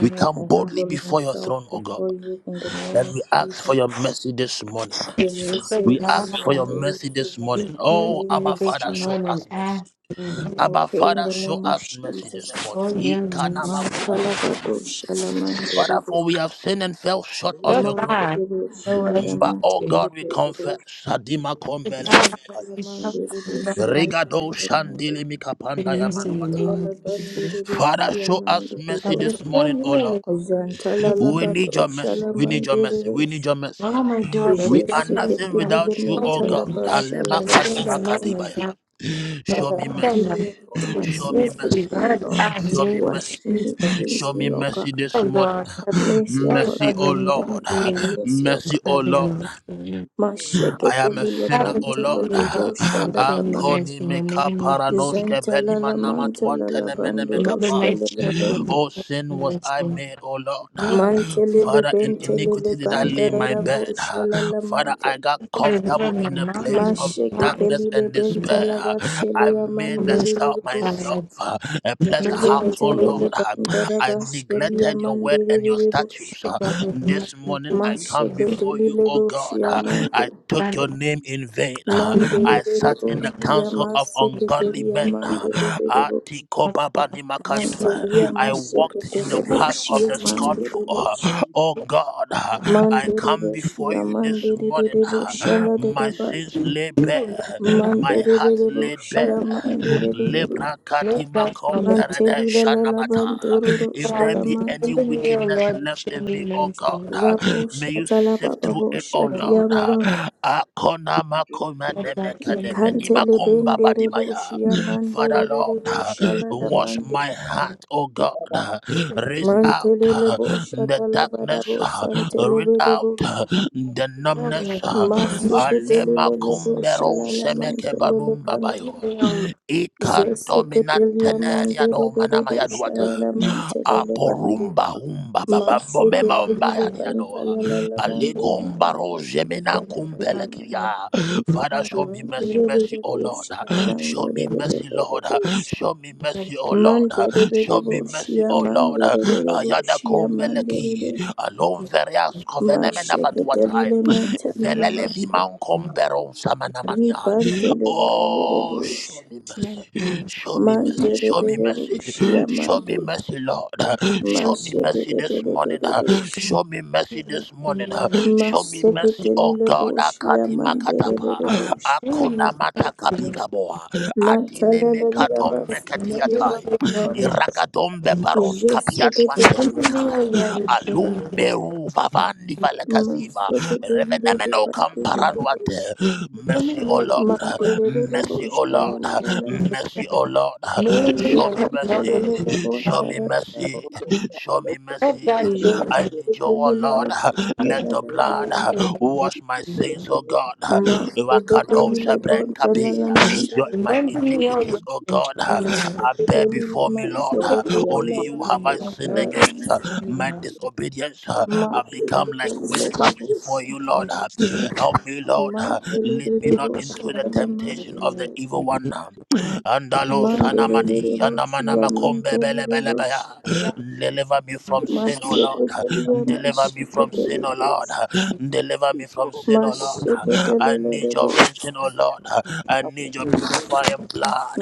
Speaker 1: We come
Speaker 3: I
Speaker 1: boldly
Speaker 3: humble
Speaker 1: before your
Speaker 3: myself
Speaker 1: throne, O God,
Speaker 3: before you in the name
Speaker 1: and
Speaker 3: of
Speaker 1: we ask for
Speaker 3: Jesus.
Speaker 1: your mercy this morning.
Speaker 3: Your word
Speaker 2: For
Speaker 1: We
Speaker 3: says
Speaker 2: God,
Speaker 1: ask
Speaker 3: you
Speaker 1: for
Speaker 3: are
Speaker 1: your
Speaker 3: able
Speaker 1: mercy
Speaker 3: to
Speaker 1: this
Speaker 3: wash
Speaker 2: we
Speaker 1: morning.
Speaker 2: thank
Speaker 1: Oh,
Speaker 3: away
Speaker 1: Abba
Speaker 2: you
Speaker 3: my
Speaker 2: that
Speaker 1: Father,
Speaker 2: you
Speaker 3: sins.
Speaker 1: show
Speaker 2: went and
Speaker 1: us mercy.
Speaker 2: asked you
Speaker 3: I
Speaker 1: Abba
Speaker 3: pray in
Speaker 1: Father,
Speaker 3: the
Speaker 1: show
Speaker 3: name of
Speaker 1: us mercy
Speaker 3: Jesus.
Speaker 1: this morning.
Speaker 2: for you.
Speaker 3: Man
Speaker 1: Ikanamakudabayaba.
Speaker 3: talabado shalaman
Speaker 1: Father,
Speaker 3: derebe.
Speaker 1: for we have sinned and fell short of
Speaker 2: Good
Speaker 1: your
Speaker 3: Man
Speaker 1: glory.
Speaker 2: God,
Speaker 3: telebe
Speaker 2: there was
Speaker 1: But
Speaker 3: shudadaman
Speaker 1: oh
Speaker 2: you.
Speaker 1: God, we
Speaker 3: seketerebe.
Speaker 1: confess.
Speaker 2: Good
Speaker 3: Man
Speaker 2: God, we
Speaker 3: talaman
Speaker 2: come
Speaker 1: Sadimakombelelemakayas.
Speaker 2: to
Speaker 3: derebe
Speaker 2: you right back
Speaker 1: Rigado
Speaker 3: shudadaman derebe.
Speaker 2: to you in
Speaker 3: Man
Speaker 2: the name
Speaker 1: shandilimikapandayamanuatai.
Speaker 2: of Jesus.
Speaker 3: derebe
Speaker 1: Father, show
Speaker 3: shiaman
Speaker 1: us mercy
Speaker 2: Father,
Speaker 1: this
Speaker 3: derebe.
Speaker 2: fill
Speaker 1: morning, oh
Speaker 2: me in
Speaker 1: Lord.
Speaker 2: with
Speaker 1: We
Speaker 2: mercy.
Speaker 1: need your
Speaker 3: Jantalalabato
Speaker 1: mercy. We need your mercy. We
Speaker 3: Shalamandirish
Speaker 1: need your mercy.
Speaker 2: All my daughters,
Speaker 1: We
Speaker 2: young
Speaker 1: are
Speaker 2: ones,
Speaker 1: nothing
Speaker 2: and
Speaker 1: without you, O
Speaker 2: husbands,
Speaker 1: God.
Speaker 3: Jesiketilimentalaba
Speaker 2: and
Speaker 1: Alema
Speaker 2: fathers, things
Speaker 1: kadima
Speaker 2: are not your
Speaker 3: Shalabalabos.
Speaker 2: God.
Speaker 1: kadibaya.
Speaker 2: My
Speaker 1: Show
Speaker 3: Father,
Speaker 1: me
Speaker 2: God,
Speaker 3: forgive
Speaker 1: mercy.
Speaker 2: my
Speaker 3: me of all my
Speaker 2: sister,
Speaker 1: Show me
Speaker 3: sins,
Speaker 2: mercy,
Speaker 3: forgive
Speaker 1: mercy.
Speaker 3: me,
Speaker 2: God, I
Speaker 3: Lord.
Speaker 1: Show me
Speaker 2: name is
Speaker 3: Wash
Speaker 1: mercy.
Speaker 3: me,
Speaker 2: Jesus.
Speaker 1: Show
Speaker 3: cleanse
Speaker 1: me
Speaker 3: me, O
Speaker 1: mercy
Speaker 3: God.
Speaker 1: this
Speaker 2: Oh
Speaker 1: morning.
Speaker 2: Lord,
Speaker 3: Have mercy
Speaker 2: oh
Speaker 3: upon
Speaker 1: Mercy,
Speaker 3: my
Speaker 2: Lord,
Speaker 1: O
Speaker 2: when you
Speaker 1: Lord.
Speaker 3: family,
Speaker 2: me
Speaker 3: have
Speaker 2: love
Speaker 3: mercy, O
Speaker 2: and
Speaker 1: Mercy,
Speaker 3: God.
Speaker 1: O Lord.
Speaker 2: serving mercy.
Speaker 1: I am a sinner,
Speaker 2: Father,
Speaker 1: O Lord.
Speaker 2: let me
Speaker 3: Masheketelilebantololodo
Speaker 2: love and concerning mercy
Speaker 3: Shalalamant.
Speaker 1: Akoni
Speaker 2: in the
Speaker 1: meka
Speaker 2: name of Jesus.
Speaker 1: paranoske beni manama tuantene mene meka
Speaker 3: Zentalalamantolalabandoros
Speaker 2: Remember my children
Speaker 1: pai.
Speaker 2: and
Speaker 3: Kalelebende.
Speaker 1: O sin was
Speaker 2: serving
Speaker 1: I
Speaker 2: mercy.
Speaker 1: made, O Lord.
Speaker 2: Let the Lord
Speaker 3: Mantelele
Speaker 1: Father, in
Speaker 2: my
Speaker 3: bentelele
Speaker 1: iniquity
Speaker 2: sisters
Speaker 1: did I lay
Speaker 2: serve
Speaker 1: my
Speaker 2: me.
Speaker 3: bandararabo
Speaker 1: bed.
Speaker 3: shalala
Speaker 1: Father,
Speaker 3: mante.
Speaker 1: I got
Speaker 2: Father, remember
Speaker 1: comfortable
Speaker 2: my
Speaker 1: in a
Speaker 2: mom and
Speaker 1: place
Speaker 2: my
Speaker 1: of
Speaker 3: Masheke
Speaker 2: father.
Speaker 1: darkness
Speaker 3: delile
Speaker 1: and
Speaker 2: Remember
Speaker 3: bentala
Speaker 1: despair. I
Speaker 3: bashelia
Speaker 2: the
Speaker 1: made the
Speaker 2: mercy
Speaker 3: mandiri
Speaker 2: of
Speaker 1: self
Speaker 2: my
Speaker 3: bush.
Speaker 2: life.
Speaker 1: myself a pleasant
Speaker 2: Remember my
Speaker 1: house, O
Speaker 2: faith
Speaker 1: Lord.
Speaker 3: Zentelele
Speaker 1: I
Speaker 3: bandaraba
Speaker 2: and
Speaker 3: shelia
Speaker 1: neglected your word and your
Speaker 3: mandiri bush.
Speaker 1: statutes.
Speaker 2: take out of me.
Speaker 1: This morning I come
Speaker 3: Masheke
Speaker 1: before you,
Speaker 3: delile
Speaker 1: O
Speaker 3: bush
Speaker 1: God.
Speaker 3: yamante.
Speaker 1: I took
Speaker 2: Father,
Speaker 1: your name in vain.
Speaker 3: Mandiri
Speaker 1: I sat in
Speaker 3: bush
Speaker 1: the council of
Speaker 3: yamasike
Speaker 1: ungodly
Speaker 3: delia
Speaker 1: men.
Speaker 3: mandiri bush.
Speaker 1: Atikobabanimakanto.
Speaker 3: Mantelia
Speaker 1: I
Speaker 3: maseke
Speaker 1: walked in
Speaker 3: dele
Speaker 1: the path
Speaker 3: bush
Speaker 1: of the
Speaker 3: yamandiri
Speaker 1: scornful.
Speaker 3: bush.
Speaker 1: O God, I
Speaker 3: Mandiri
Speaker 1: come
Speaker 3: bush
Speaker 1: before you this
Speaker 3: yamandiri
Speaker 1: morning.
Speaker 3: bush shala de
Speaker 1: My
Speaker 3: deba.
Speaker 1: sins lay bare.
Speaker 2: remember my faith.
Speaker 1: My heart
Speaker 3: Mandelebelebo
Speaker 1: laid
Speaker 2: Thank
Speaker 3: shia
Speaker 1: bare.
Speaker 2: you, Jesus.
Speaker 3: mandelebelebo.
Speaker 1: Lebra
Speaker 2: Lord,
Speaker 1: kadima
Speaker 2: God, show me the
Speaker 1: komperede
Speaker 3: Mantelila lala
Speaker 1: shanamata.
Speaker 3: bandororo
Speaker 1: If
Speaker 2: power
Speaker 1: there
Speaker 2: and
Speaker 1: be
Speaker 3: shalamant.
Speaker 1: any
Speaker 2: remember me, O
Speaker 1: wickedness
Speaker 2: Lord, and
Speaker 1: left
Speaker 2: show
Speaker 1: in
Speaker 2: me
Speaker 1: me, oh
Speaker 2: mercy.
Speaker 1: God, uh,
Speaker 2: The
Speaker 3: Rabo
Speaker 1: may you
Speaker 3: shatala
Speaker 1: sift through
Speaker 3: bababo
Speaker 1: it, oh
Speaker 2: Lord,
Speaker 1: Lord.
Speaker 3: shatia baba.
Speaker 1: uh. Akona
Speaker 5: Thank
Speaker 1: makoma
Speaker 2: God,
Speaker 1: nemeka
Speaker 2: show me the
Speaker 1: nemeni
Speaker 3: Ikantele
Speaker 1: makomba
Speaker 3: benderebo
Speaker 1: badimaya.
Speaker 3: shia
Speaker 1: Father
Speaker 2: power and remember
Speaker 1: Lord,
Speaker 3: mandelebelebo
Speaker 1: uh,
Speaker 3: shalala
Speaker 2: me. O Lord,
Speaker 1: wash
Speaker 3: mande.
Speaker 1: my
Speaker 2: God,
Speaker 1: heart, oh God. uh,
Speaker 2: show me the
Speaker 1: Raise out uh,
Speaker 3: Mantelelebo
Speaker 1: the
Speaker 3: shatala
Speaker 1: darkness,
Speaker 3: barabo
Speaker 1: uh, rid out
Speaker 3: santelebelebo.
Speaker 1: uh,
Speaker 4: things people
Speaker 1: the
Speaker 4: do with
Speaker 2: power and
Speaker 1: numbness.
Speaker 2: remember
Speaker 4: the
Speaker 1: uh,
Speaker 4: number of
Speaker 2: me.
Speaker 1: Alema
Speaker 4: activities
Speaker 3: Masiketelelebo
Speaker 4: to
Speaker 1: kumbero
Speaker 4: the
Speaker 3: shalala
Speaker 4: result
Speaker 1: semeke
Speaker 4: of
Speaker 3: mantelele
Speaker 1: banumba
Speaker 2: Let
Speaker 3: bantu.
Speaker 2: me
Speaker 1: bayo.
Speaker 2: be on the earth
Speaker 1: Ikan dominante
Speaker 3: Zeseketelia
Speaker 1: nenia no manama
Speaker 3: mandelebelebo
Speaker 1: ya
Speaker 2: with
Speaker 1: duata
Speaker 3: shalala
Speaker 2: the
Speaker 3: mantelele bande.
Speaker 1: aporumba humba babambo
Speaker 2: power
Speaker 3: Maseke
Speaker 2: and
Speaker 1: memomba
Speaker 3: pribili
Speaker 1: yani
Speaker 2: remember
Speaker 1: yanoa
Speaker 3: bantala
Speaker 2: me.
Speaker 3: la la mande
Speaker 1: alegomba
Speaker 3: bili
Speaker 1: roje
Speaker 2: And
Speaker 3: bantala
Speaker 2: if
Speaker 3: la
Speaker 2: you
Speaker 3: la
Speaker 1: menankumbele
Speaker 2: have
Speaker 3: mande
Speaker 2: time,
Speaker 1: kiria
Speaker 2: I
Speaker 1: father
Speaker 2: want
Speaker 1: show
Speaker 2: to
Speaker 1: me
Speaker 2: pray for
Speaker 1: mercy
Speaker 2: you.
Speaker 3: mandere
Speaker 2: I
Speaker 3: bere
Speaker 1: mercy oh lord
Speaker 3: boshia
Speaker 2: want to
Speaker 1: show
Speaker 3: mandere
Speaker 1: me
Speaker 2: pray for you.
Speaker 3: bere
Speaker 2: I
Speaker 1: mercy
Speaker 3: bere
Speaker 1: lord
Speaker 3: boshia
Speaker 1: show me
Speaker 2: want
Speaker 1: mercy oh lord
Speaker 3: mandere bere
Speaker 1: show me mercy
Speaker 3: boshia
Speaker 1: oh lord
Speaker 3: mandere bere
Speaker 1: ayada
Speaker 3: boshia mandere be
Speaker 1: kombeleki alon verias kovenemena
Speaker 3: maseke
Speaker 1: vatuatai
Speaker 3: telile metali la
Speaker 2: to
Speaker 1: velelevi
Speaker 3: bato
Speaker 2: pray
Speaker 1: mankomberon
Speaker 2: for you.
Speaker 1: samanamania
Speaker 4: you
Speaker 3: ribantele bere bere
Speaker 1: oh show
Speaker 3: boshia
Speaker 1: me
Speaker 2: Smell
Speaker 1: mercy
Speaker 2: you.
Speaker 1: Show me mercy.
Speaker 3: mandere
Speaker 1: Show me
Speaker 3: bere
Speaker 1: mercy.
Speaker 3: boshia
Speaker 1: Show me
Speaker 3: mande
Speaker 1: mercy, Lord. Show me
Speaker 3: maseke
Speaker 1: mercy this
Speaker 3: bere
Speaker 1: morning.
Speaker 3: bere boshia
Speaker 1: Show me
Speaker 2: You
Speaker 1: mercy
Speaker 2: look
Speaker 1: this
Speaker 2: to me
Speaker 1: morning.
Speaker 2: like
Speaker 1: Show me
Speaker 2: you do.
Speaker 1: mercy, oh God.
Speaker 3: Maseketelileboshiya
Speaker 1: Akadima katapa.
Speaker 2: I
Speaker 3: mandelebelebosha.
Speaker 2: really need
Speaker 1: Akuna mataka bigaboa. Adine mekatom
Speaker 3: Mataleleliyabas-
Speaker 2: to
Speaker 1: mekatiatai.
Speaker 2: talk to you.
Speaker 3: talababababosha.
Speaker 1: Iragadombe
Speaker 2: Remember
Speaker 1: paros kapiatwantene
Speaker 2: me, oh
Speaker 1: mekai.
Speaker 2: Lord,
Speaker 3: Jeseketelilebantalabadelebe.
Speaker 1: Alumeru vavandi valekaziva. Revenemeno kamparanwante.
Speaker 3: Maseketelilebantelegelebosha.
Speaker 1: Mercy, O
Speaker 4: being
Speaker 1: Lord. Mercy, O
Speaker 3: Mandelebelebosha
Speaker 1: Lord.
Speaker 3: lelelele.
Speaker 1: Mercy, O Lord. Show me mercy.
Speaker 3: Ikandelelelebosha
Speaker 1: Show me
Speaker 3: lelelebo.
Speaker 1: mercy. Show me mercy. I need you, O Lord. Let the blood
Speaker 3: Jeseketelilebantalabalaba.
Speaker 1: wash my sins, O God. Rakado Shabrenkabi. Your- My
Speaker 3: Maseketelilebontalalamandelebelebe.
Speaker 1: iniquities, O
Speaker 2: and
Speaker 1: God,
Speaker 2: show me
Speaker 1: I
Speaker 2: mercy.
Speaker 1: bear
Speaker 3: Mashekelele,
Speaker 1: before me, Lord.
Speaker 2: Take
Speaker 3: mashekelele,
Speaker 1: Only you have I
Speaker 2: oh
Speaker 3: lalabosha,
Speaker 1: sinned against
Speaker 3: lamana.
Speaker 1: my disobedience.
Speaker 4: able
Speaker 1: I've
Speaker 4: to
Speaker 1: become like
Speaker 3: Mashekelele,
Speaker 1: witchcraft before
Speaker 3: lalabosha.
Speaker 1: you, Lord. Help me, Lord. Lead me
Speaker 3: Mantelele,
Speaker 1: not
Speaker 3: bosha,
Speaker 1: into the temptation of the
Speaker 3: talamandelele.
Speaker 1: evil one. Andalo
Speaker 3: Mandelele,
Speaker 1: sanamadi,
Speaker 3: bosha,
Speaker 1: anamanakombe
Speaker 3: yamantelele, bosha.
Speaker 1: belebelebea. Deliver me from sin, O Lord.
Speaker 3: Mashekelele,
Speaker 1: Deliver me from
Speaker 3: mashekelele,
Speaker 1: sin, O Lord.
Speaker 3: bosha.
Speaker 1: Deliver me from sin, O Lord. I
Speaker 3: Mashekelele,
Speaker 1: need your
Speaker 3: bosha.
Speaker 1: rinsing, O Lord. I need your purifying blood.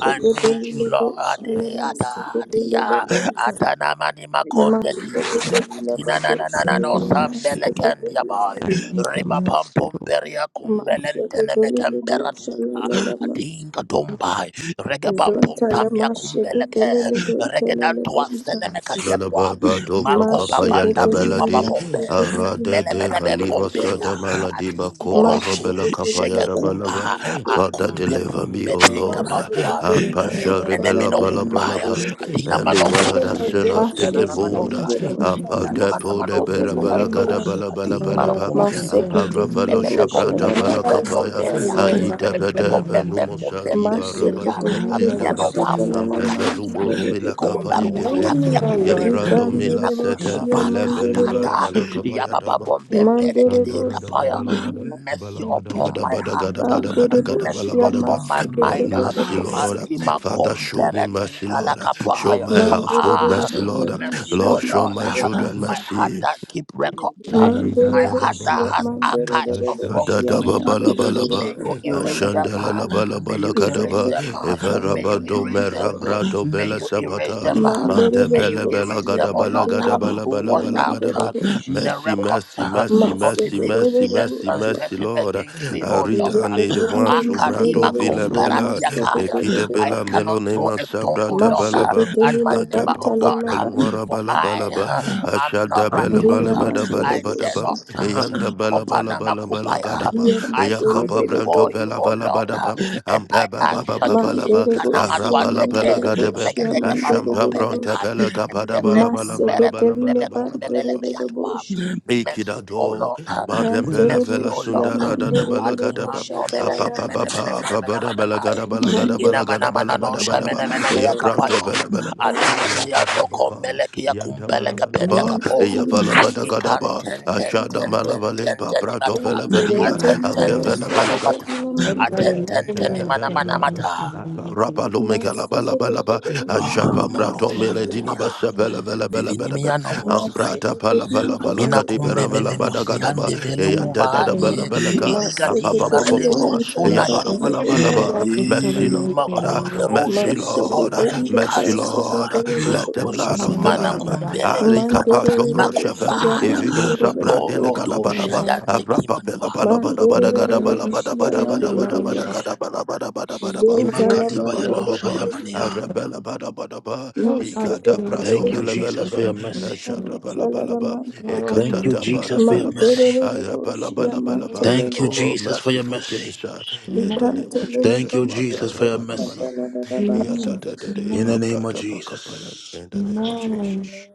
Speaker 1: I need you, Lord.
Speaker 3: bosha,
Speaker 1: Ade, ada,
Speaker 3: lamasekelele,
Speaker 1: dia.
Speaker 3: benta.
Speaker 1: Adanamani makonde die.
Speaker 3: Mashekelele,
Speaker 1: Atina na na na
Speaker 3: bosha,
Speaker 1: na
Speaker 6: need
Speaker 1: no
Speaker 6: your mercy,
Speaker 1: sambele
Speaker 6: Lord.
Speaker 1: kendia
Speaker 3: lamasekelele,
Speaker 1: boy.
Speaker 6: I need
Speaker 3: lamanta.
Speaker 6: your
Speaker 1: Riba pam
Speaker 6: mercy,
Speaker 1: pom peria kumbelente ne me tempera tuta. Atinka
Speaker 3: Zontala
Speaker 1: dombai. Rege pam pom tamia kumbeleke.
Speaker 3: masheketelele
Speaker 1: Rege
Speaker 3: bentelele
Speaker 1: dantua
Speaker 3: bonta
Speaker 1: sene me katiatua.
Speaker 7: Lalababa dopa
Speaker 1: Mako
Speaker 7: kapa
Speaker 1: papanda
Speaker 7: yanda
Speaker 1: pima
Speaker 3: masheketelele
Speaker 7: balade
Speaker 1: papombe.
Speaker 3: masheketelele
Speaker 7: arade
Speaker 1: Mbele
Speaker 7: de
Speaker 1: mene
Speaker 7: valiba
Speaker 3: bantelele
Speaker 7: shada
Speaker 1: bembomberia.
Speaker 3: bonta
Speaker 7: maladi
Speaker 1: Adi
Speaker 7: bakopa
Speaker 1: moroshe.
Speaker 7: robela kapa
Speaker 3: masheketelele
Speaker 1: Jege
Speaker 7: yada balaba.
Speaker 1: kumba.
Speaker 3: bantelele bonta
Speaker 7: Father,
Speaker 1: Akumbe
Speaker 7: deliver me,
Speaker 1: bumbe
Speaker 7: O
Speaker 1: denga
Speaker 7: Lord.
Speaker 1: bambua.
Speaker 3: masheketelele
Speaker 7: Apasha
Speaker 1: Rene ne
Speaker 7: rebela
Speaker 1: mino
Speaker 3: bontalele
Speaker 1: kumbaya.
Speaker 3: bantelele
Speaker 7: balabalaba.
Speaker 1: Atina
Speaker 3: bonta
Speaker 7: Anywhere
Speaker 2: Remember
Speaker 7: that
Speaker 1: manokosi
Speaker 2: my
Speaker 7: sin
Speaker 2: guilt
Speaker 7: has
Speaker 1: ayana
Speaker 7: taken
Speaker 1: na
Speaker 6: mercy,
Speaker 7: hold,
Speaker 6: Lord.
Speaker 2: and
Speaker 3: masheketelele
Speaker 1: manoshaya
Speaker 2: let me
Speaker 3: bontala
Speaker 1: inana
Speaker 6: Mercy,
Speaker 1: mana
Speaker 6: Lord.
Speaker 7: apatepo de
Speaker 3: masheketelele
Speaker 1: manos
Speaker 6: Have mercy,
Speaker 3: bonta masheketelele
Speaker 7: berabala
Speaker 1: kayando
Speaker 2: Remember
Speaker 7: gada
Speaker 6: Lord.
Speaker 2: my time
Speaker 3: bontalele
Speaker 7: balabala
Speaker 1: ating
Speaker 2: when your
Speaker 7: badaba.
Speaker 1: marakumpe
Speaker 2: salvation is thinking
Speaker 7: Ampara
Speaker 2: of
Speaker 3: masheketelele
Speaker 7: velo
Speaker 1: bebebe bom
Speaker 7: shabrata
Speaker 1: bem bem
Speaker 2: Remember I
Speaker 1: bem
Speaker 2: did
Speaker 7: balakapaya.
Speaker 2: all
Speaker 1: bomberia
Speaker 2: your
Speaker 3: bonta
Speaker 7: Aida
Speaker 2: salvation is
Speaker 1: bebebe
Speaker 6: Yeah.
Speaker 1: bom
Speaker 2: thinking
Speaker 7: bedebe
Speaker 2: of
Speaker 1: bem bem
Speaker 2: you.
Speaker 1: bom
Speaker 7: numosa
Speaker 1: bem
Speaker 7: riba
Speaker 1: bomberia
Speaker 7: rabala
Speaker 2: Remember
Speaker 3: Masheketelile
Speaker 7: kapaya
Speaker 2: my
Speaker 5: you.
Speaker 1: abiano
Speaker 2: God
Speaker 3: bosha
Speaker 2: and your
Speaker 1: bambo
Speaker 5: For
Speaker 3: kalala
Speaker 7: Ampeve
Speaker 1: rakatiza
Speaker 7: lubo
Speaker 3: mandire
Speaker 2: salvation.
Speaker 7: rubila
Speaker 3: dedebe.
Speaker 7: kapa
Speaker 5: you,
Speaker 1: ikombarus
Speaker 2: Remember
Speaker 7: yedebe.
Speaker 2: me,
Speaker 5: we
Speaker 1: kafia
Speaker 2: O
Speaker 5: need
Speaker 2: Lord,
Speaker 1: kumbe
Speaker 7: Yembra
Speaker 6: Have
Speaker 7: domila
Speaker 1: mina
Speaker 3: Rikandire
Speaker 2: and
Speaker 7: sete
Speaker 3: boshia
Speaker 1: kumpumpanta
Speaker 7: velebe
Speaker 2: save
Speaker 3: mandire
Speaker 2: me.
Speaker 7: libara
Speaker 1: tata
Speaker 3: bosh.
Speaker 7: bala kapa
Speaker 1: yababa
Speaker 7: yadaba.
Speaker 1: bom bem bere
Speaker 5: Jesus
Speaker 3: Mandire
Speaker 1: kede
Speaker 7: Ashandara da da
Speaker 3: boshia
Speaker 1: kapaya
Speaker 7: bala bada
Speaker 3: mande.
Speaker 1: mercy
Speaker 7: bala
Speaker 2: And
Speaker 7: bada
Speaker 2: teach
Speaker 1: upon
Speaker 2: me
Speaker 7: bada
Speaker 1: my
Speaker 7: bada
Speaker 1: heart
Speaker 7: gada bada
Speaker 3: Bandire
Speaker 7: bada gada
Speaker 1: mercy
Speaker 7: bala
Speaker 3: boshia
Speaker 7: bada ba.
Speaker 1: upon my
Speaker 7: No
Speaker 1: mind.
Speaker 3: maseketelile
Speaker 7: mercy,
Speaker 3: bosha.
Speaker 7: Lord.
Speaker 1: Atima
Speaker 7: Father, show me
Speaker 1: komperatin
Speaker 7: mercy, Lord. Show
Speaker 1: talakapahaya.
Speaker 7: my
Speaker 3: Mandire
Speaker 7: household mercy,
Speaker 1: Ah,
Speaker 3: dedebe
Speaker 7: Lord.
Speaker 1: mercy,
Speaker 3: mashia
Speaker 1: oh
Speaker 7: Lord, show
Speaker 1: Lord.
Speaker 7: my
Speaker 3: mandire
Speaker 7: children
Speaker 3: bosh.
Speaker 1: My heart
Speaker 7: mercy.
Speaker 1: that keep
Speaker 5: in
Speaker 1: records.
Speaker 5: this.
Speaker 7: Hey, da
Speaker 3: Mandire
Speaker 1: My
Speaker 7: da ba
Speaker 1: heart
Speaker 7: ba
Speaker 1: that
Speaker 3: boshia
Speaker 7: ba
Speaker 1: has
Speaker 7: ba.
Speaker 3: mandire
Speaker 1: archives
Speaker 3: dedebe
Speaker 1: of
Speaker 7: Ashda da
Speaker 1: wrongdoings.
Speaker 3: boshia
Speaker 7: da ba ba
Speaker 3: mandire
Speaker 7: la ba la
Speaker 3: dedebe
Speaker 7: ba.
Speaker 1: May you
Speaker 3: bosha
Speaker 1: erase
Speaker 3: kalala
Speaker 1: them.
Speaker 7: Ashanda la
Speaker 3: kaka.
Speaker 7: la ba la
Speaker 1: May
Speaker 7: ba la
Speaker 1: you
Speaker 7: ka da
Speaker 1: erase
Speaker 3: Izere
Speaker 7: ba.
Speaker 1: them.
Speaker 3: bosha
Speaker 7: Evara
Speaker 1: May
Speaker 7: ba
Speaker 1: you
Speaker 3: kalala
Speaker 7: do
Speaker 1: erase
Speaker 7: me ra
Speaker 3: mandire
Speaker 1: them.
Speaker 7: bra
Speaker 3: bosh.
Speaker 7: do be
Speaker 1: May you erase
Speaker 7: sabata.
Speaker 6: mercy,
Speaker 1: them.
Speaker 3: Mandere
Speaker 7: Mante
Speaker 1: May you
Speaker 7: pele bela
Speaker 1: erase
Speaker 3: Bedevosia,
Speaker 1: them,
Speaker 7: gada
Speaker 1: oh
Speaker 7: bala
Speaker 1: Lord.
Speaker 7: gada
Speaker 3: mandere
Speaker 7: bala bala
Speaker 3: Bosia,
Speaker 1: Wash
Speaker 7: bala da ba la ba la ba la ba
Speaker 1: out
Speaker 7: da
Speaker 3: mandere
Speaker 7: ba.
Speaker 3: Bosia,
Speaker 1: the
Speaker 7: Mercy,
Speaker 1: records
Speaker 7: mercy, mercy,
Speaker 1: of
Speaker 7: mercy,
Speaker 3: Masekere
Speaker 7: mercy,
Speaker 1: iniquity and
Speaker 7: mercy,
Speaker 3: Bedevosia,
Speaker 7: mercy,
Speaker 1: transgression
Speaker 7: Lord.
Speaker 1: against
Speaker 6: mercy,
Speaker 1: me, oh
Speaker 6: Lord.
Speaker 7: Arida
Speaker 1: Lord.
Speaker 7: ne de
Speaker 3: Yekatele
Speaker 7: bwa subra
Speaker 3: mandere
Speaker 7: do
Speaker 1: Akadima
Speaker 6: Your
Speaker 7: vile
Speaker 6: mercy.
Speaker 3: Mandererebosya, manderebosya, manderebosya, masekererebosya, yeketelile manderebosya,
Speaker 7: bela.
Speaker 1: komparatiakaya.
Speaker 7: Ekide
Speaker 1: I
Speaker 3: maseketereba,
Speaker 7: bela
Speaker 1: cannot
Speaker 7: melo
Speaker 1: throw
Speaker 7: ma
Speaker 1: a stone,
Speaker 7: sabra
Speaker 1: O
Speaker 7: da
Speaker 1: Lord,
Speaker 7: ba la
Speaker 1: uh,
Speaker 7: ba.
Speaker 1: at my
Speaker 3: masheketelile
Speaker 1: neighbor,
Speaker 7: Adapa
Speaker 1: O
Speaker 7: ko
Speaker 1: God,
Speaker 3: bantalala
Speaker 1: um,
Speaker 7: pelu
Speaker 3: bandi,
Speaker 7: mara
Speaker 1: for
Speaker 7: bala bala
Speaker 1: I
Speaker 7: ba.
Speaker 1: uh, am
Speaker 7: Ashada
Speaker 1: not
Speaker 6: I
Speaker 7: bela
Speaker 6: need your
Speaker 1: righteous.
Speaker 3: ndiya
Speaker 7: bala
Speaker 1: um,
Speaker 7: bada
Speaker 6: mercy, Lord.
Speaker 3: mandere
Speaker 7: bala
Speaker 1: I
Speaker 7: bada
Speaker 1: dare
Speaker 7: ba.
Speaker 1: not. uh,
Speaker 7: Yanda bala bala
Speaker 1: Kopanama
Speaker 7: bala bala gada
Speaker 1: um,
Speaker 7: ba.
Speaker 3: ndiya
Speaker 1: I come
Speaker 7: Yakapa
Speaker 3: mandereborebo,
Speaker 7: branto
Speaker 1: before you,
Speaker 7: bela
Speaker 1: O
Speaker 7: bala
Speaker 1: Lord,
Speaker 7: bada
Speaker 1: uh,
Speaker 7: ba.
Speaker 1: and I
Speaker 7: Ampa ba
Speaker 1: ask
Speaker 7: ba ba ba bala
Speaker 1: Shadie
Speaker 7: ba.
Speaker 1: Kanama
Speaker 3: manderebosya,
Speaker 7: Araba la bala
Speaker 1: Twanteke,
Speaker 7: gada ba.
Speaker 3: manderebosya,
Speaker 1: Regadete Bandom
Speaker 7: Ashampa bronte
Speaker 1: Pelekai,
Speaker 3: mandererebosya,
Speaker 7: bela
Speaker 1: and
Speaker 7: gabada
Speaker 1: Levre
Speaker 7: bala bala bala
Speaker 1: Kumbere
Speaker 7: bala
Speaker 3: maseketelile
Speaker 7: bada
Speaker 1: Kumbebe
Speaker 7: bada bada
Speaker 1: Kumbebele
Speaker 7: ba.
Speaker 1: Beatwa.
Speaker 3: bantererebosya.
Speaker 1: Mercy, O
Speaker 7: Ikidado,
Speaker 1: Lord, uh,
Speaker 6: Well,
Speaker 7: Marembele
Speaker 3: Nantele
Speaker 1: mercy,
Speaker 7: Vela
Speaker 1: O
Speaker 3: boshia
Speaker 1: Lord.
Speaker 7: Sundara da da
Speaker 3: mandere bere
Speaker 1: Anima
Speaker 7: Balagadaba,
Speaker 1: no
Speaker 3: boshata
Speaker 1: mena
Speaker 3: la la
Speaker 1: mena
Speaker 7: Apapa
Speaker 1: mena
Speaker 3: mande.
Speaker 1: mena
Speaker 7: Papa,
Speaker 1: mena
Speaker 7: Papa
Speaker 1: mena mene nai.
Speaker 7: Balagada Balagada
Speaker 3: Ikande
Speaker 1: Ina mana
Speaker 7: Balagada
Speaker 1: mana no
Speaker 7: Balabada
Speaker 1: sha
Speaker 3: la
Speaker 7: Badaba,
Speaker 1: mene mena mena ya
Speaker 3: mandere
Speaker 7: Yapranto
Speaker 3: boshia.
Speaker 1: kapayo.
Speaker 7: Pelebelebe,
Speaker 1: Adini ni
Speaker 7: Yapapa
Speaker 1: miando
Speaker 7: Baka,
Speaker 1: kombeleke ya
Speaker 7: Yanta
Speaker 2: your
Speaker 1: kumbeleke peni ya
Speaker 7: Balabalaba,
Speaker 2: salvation.
Speaker 3: Mantele
Speaker 1: kapoa.
Speaker 3: la
Speaker 7: Yapalabada
Speaker 3: mandere bere
Speaker 1: Nikan
Speaker 7: Gadaba,
Speaker 1: ten ten
Speaker 3: boshata la
Speaker 7: Ashada
Speaker 3: la
Speaker 1: ten ten
Speaker 3: bosh.
Speaker 1: ten
Speaker 7: Malabaleba,
Speaker 1: ten
Speaker 2: Do
Speaker 7: Prato
Speaker 2: you
Speaker 1: imata.
Speaker 2: show your
Speaker 7: Velepadia,
Speaker 2: love
Speaker 3: Gente
Speaker 1: Aten
Speaker 3: bere
Speaker 2: and your
Speaker 1: ten
Speaker 2: love?
Speaker 1: ten
Speaker 7: Akevela
Speaker 2: for
Speaker 3: boshata
Speaker 2: us?
Speaker 1: imana
Speaker 7: Belagada.
Speaker 3: bere
Speaker 1: mata.
Speaker 3: la
Speaker 2: Let
Speaker 7: Rapa
Speaker 2: God
Speaker 3: mantele
Speaker 1: Aten
Speaker 2: remember
Speaker 3: la
Speaker 1: ten
Speaker 2: me
Speaker 1: ten
Speaker 3: ba.
Speaker 2: and
Speaker 1: imana
Speaker 2: save me
Speaker 1: mana
Speaker 2: on the night.
Speaker 1: mata.
Speaker 2: Remember me, O Lord, and save me.
Speaker 7: Lumeka Laba
Speaker 3: Maseke
Speaker 7: Laba
Speaker 3: te
Speaker 7: Laba,
Speaker 3: bere
Speaker 2: Remember
Speaker 3: boshia
Speaker 1: Ah,
Speaker 7: Ashapa
Speaker 1: Maru
Speaker 7: Prato
Speaker 2: my
Speaker 3: mandere
Speaker 2: God, remember me.
Speaker 3: bere
Speaker 7: Meledina
Speaker 1: shavenimia.
Speaker 3: bosh.
Speaker 2: O Lord, and
Speaker 7: Basapela
Speaker 1: Vivinimia no mosa.
Speaker 3: Maseke
Speaker 7: Ambrata
Speaker 3: te
Speaker 7: pala
Speaker 3: bere
Speaker 7: bala
Speaker 2: only keep
Speaker 7: bala
Speaker 2: on
Speaker 1: Amina
Speaker 2: just
Speaker 7: kati
Speaker 3: boshata
Speaker 1: kumbe
Speaker 7: pera
Speaker 2: and
Speaker 3: la la
Speaker 7: vela
Speaker 1: mene
Speaker 3: bosh.
Speaker 7: bada gada ba.
Speaker 1: musiande vele
Speaker 7: Eya da da
Speaker 2: catch
Speaker 7: da
Speaker 2: me
Speaker 7: bala
Speaker 2: on
Speaker 1: uvaanie
Speaker 2: the
Speaker 7: bala ka.
Speaker 2: night.
Speaker 7: Apa
Speaker 3: Maseke
Speaker 1: irigadi
Speaker 7: pa
Speaker 3: te
Speaker 7: pa pa
Speaker 3: bere
Speaker 1: maraneno
Speaker 7: pa.
Speaker 3: boshata la
Speaker 7: Eya
Speaker 2: Amen. Amen. Amen.
Speaker 7: pala
Speaker 3: la
Speaker 1: sunayani
Speaker 7: bala bala
Speaker 3: bosh la
Speaker 7: ba.
Speaker 3: mande.
Speaker 7: Mercy
Speaker 1: I
Speaker 2: Amen.
Speaker 7: Lord,
Speaker 1: makumbe roje
Speaker 7: mercy
Speaker 1: mene
Speaker 3: Maseke
Speaker 7: Lord,
Speaker 3: te
Speaker 1: bomberi
Speaker 3: bere
Speaker 7: mercy
Speaker 1: kazi
Speaker 3: boshata
Speaker 7: Lord.
Speaker 1: zizai
Speaker 3: la la
Speaker 7: Let
Speaker 3: bosh.
Speaker 7: the blood of the
Speaker 1: wazuzumana
Speaker 7: Lamb.
Speaker 1: kumbele
Speaker 7: Ari
Speaker 1: kivana
Speaker 7: kapasho bro
Speaker 3: Mandererebosya,
Speaker 7: shefe.
Speaker 1: makumbaya
Speaker 7: If you don't sabra dene
Speaker 1: adoro
Speaker 3: mandererebosya,
Speaker 7: kala bada
Speaker 1: dosha
Speaker 7: ba.
Speaker 1: yande
Speaker 7: Abra pa pela
Speaker 1: kimanua
Speaker 7: bala bala bada gada bala bada
Speaker 3: mandererebosya,
Speaker 7: bada bada
Speaker 1: kaya
Speaker 7: bada bada
Speaker 3: mandererebosya.
Speaker 7: gada bala bada bada bada ba.
Speaker 3: Zentala
Speaker 7: Eya
Speaker 1: imakadiba
Speaker 7: pa
Speaker 1: ya
Speaker 7: pa pa
Speaker 1: dosha
Speaker 7: pa.
Speaker 3: mandererebosya,
Speaker 7: Arabella bada bada ba. Ikata pra
Speaker 1: Thank you
Speaker 3: mashekererebosya,
Speaker 1: Jesus
Speaker 7: dombele
Speaker 1: for your mercy
Speaker 3: mandererebosya,
Speaker 7: Ashakabalabalaba,
Speaker 3: lalamande.
Speaker 1: Thank you Jesus for your
Speaker 7: ekatataparabalaba,
Speaker 1: mercy
Speaker 3: Mandererebosya,
Speaker 7: ayapalabalabalaba.
Speaker 1: Thank you
Speaker 3: mantelelebo,
Speaker 7: Oh,
Speaker 1: Jesus for your
Speaker 7: merciful
Speaker 1: mercy
Speaker 7: King, sir, in the name of
Speaker 1: Thank
Speaker 7: Jesus,
Speaker 1: you, Jesus, for
Speaker 7: Matata
Speaker 1: your
Speaker 3: likantelelebondororosya,
Speaker 1: mercy.
Speaker 7: Balabalaba, Yatata
Speaker 3: talarabashekedo.
Speaker 7: de yatadadede,
Speaker 1: In the name of
Speaker 7: babratapakapaya,
Speaker 1: Jesus.
Speaker 7: in the name of Jesus.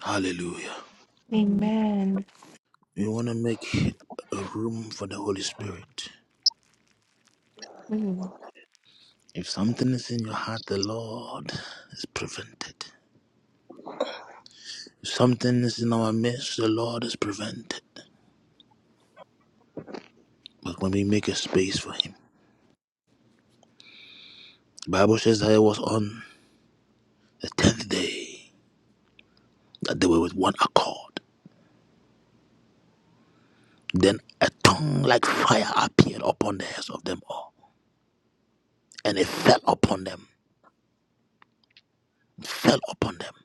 Speaker 1: Hallelujah.
Speaker 6: mercy,
Speaker 1: We want to make a room for the Holy
Speaker 7: Mm.
Speaker 1: Spirit. If something is in your heart, the Lord is prevented. If something is in our midst, the Lord is prevented. But when we make a space for Him, the Bible says that it was on the tenth day that they were with one accord. Then a tongue like fire appeared upon the heads of them all, and it fell upon them, fell upon them.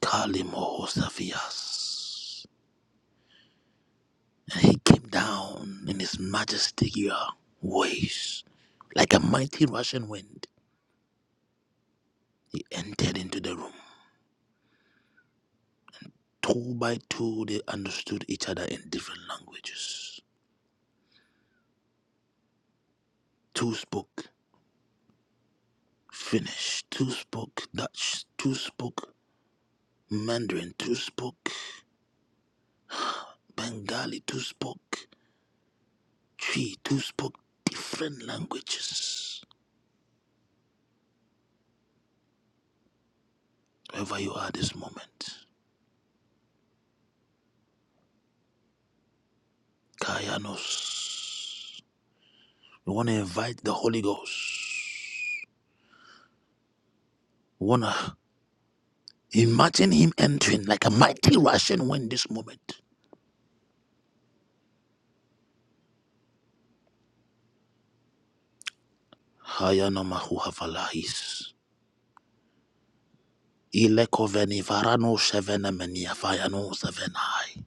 Speaker 1: Kalimohosafias. And he came down in his majestic uh, ways. Like a mighty rushing wind, he entered into the room. Two by two, they understood each other in different languages. Two spoke Finnish, two spoke Dutch, two spoke Mandarin, two spoke Bengali, two spoke Tree, two spoke different languages. Wherever you are this moment, Kayanos. We want to invite the Holy Ghost. We want to imagine Him entering like a mighty Russian wind this moment. Hayana mahu hafalahis. Ile koveni varano shevena menia fayano sevenai.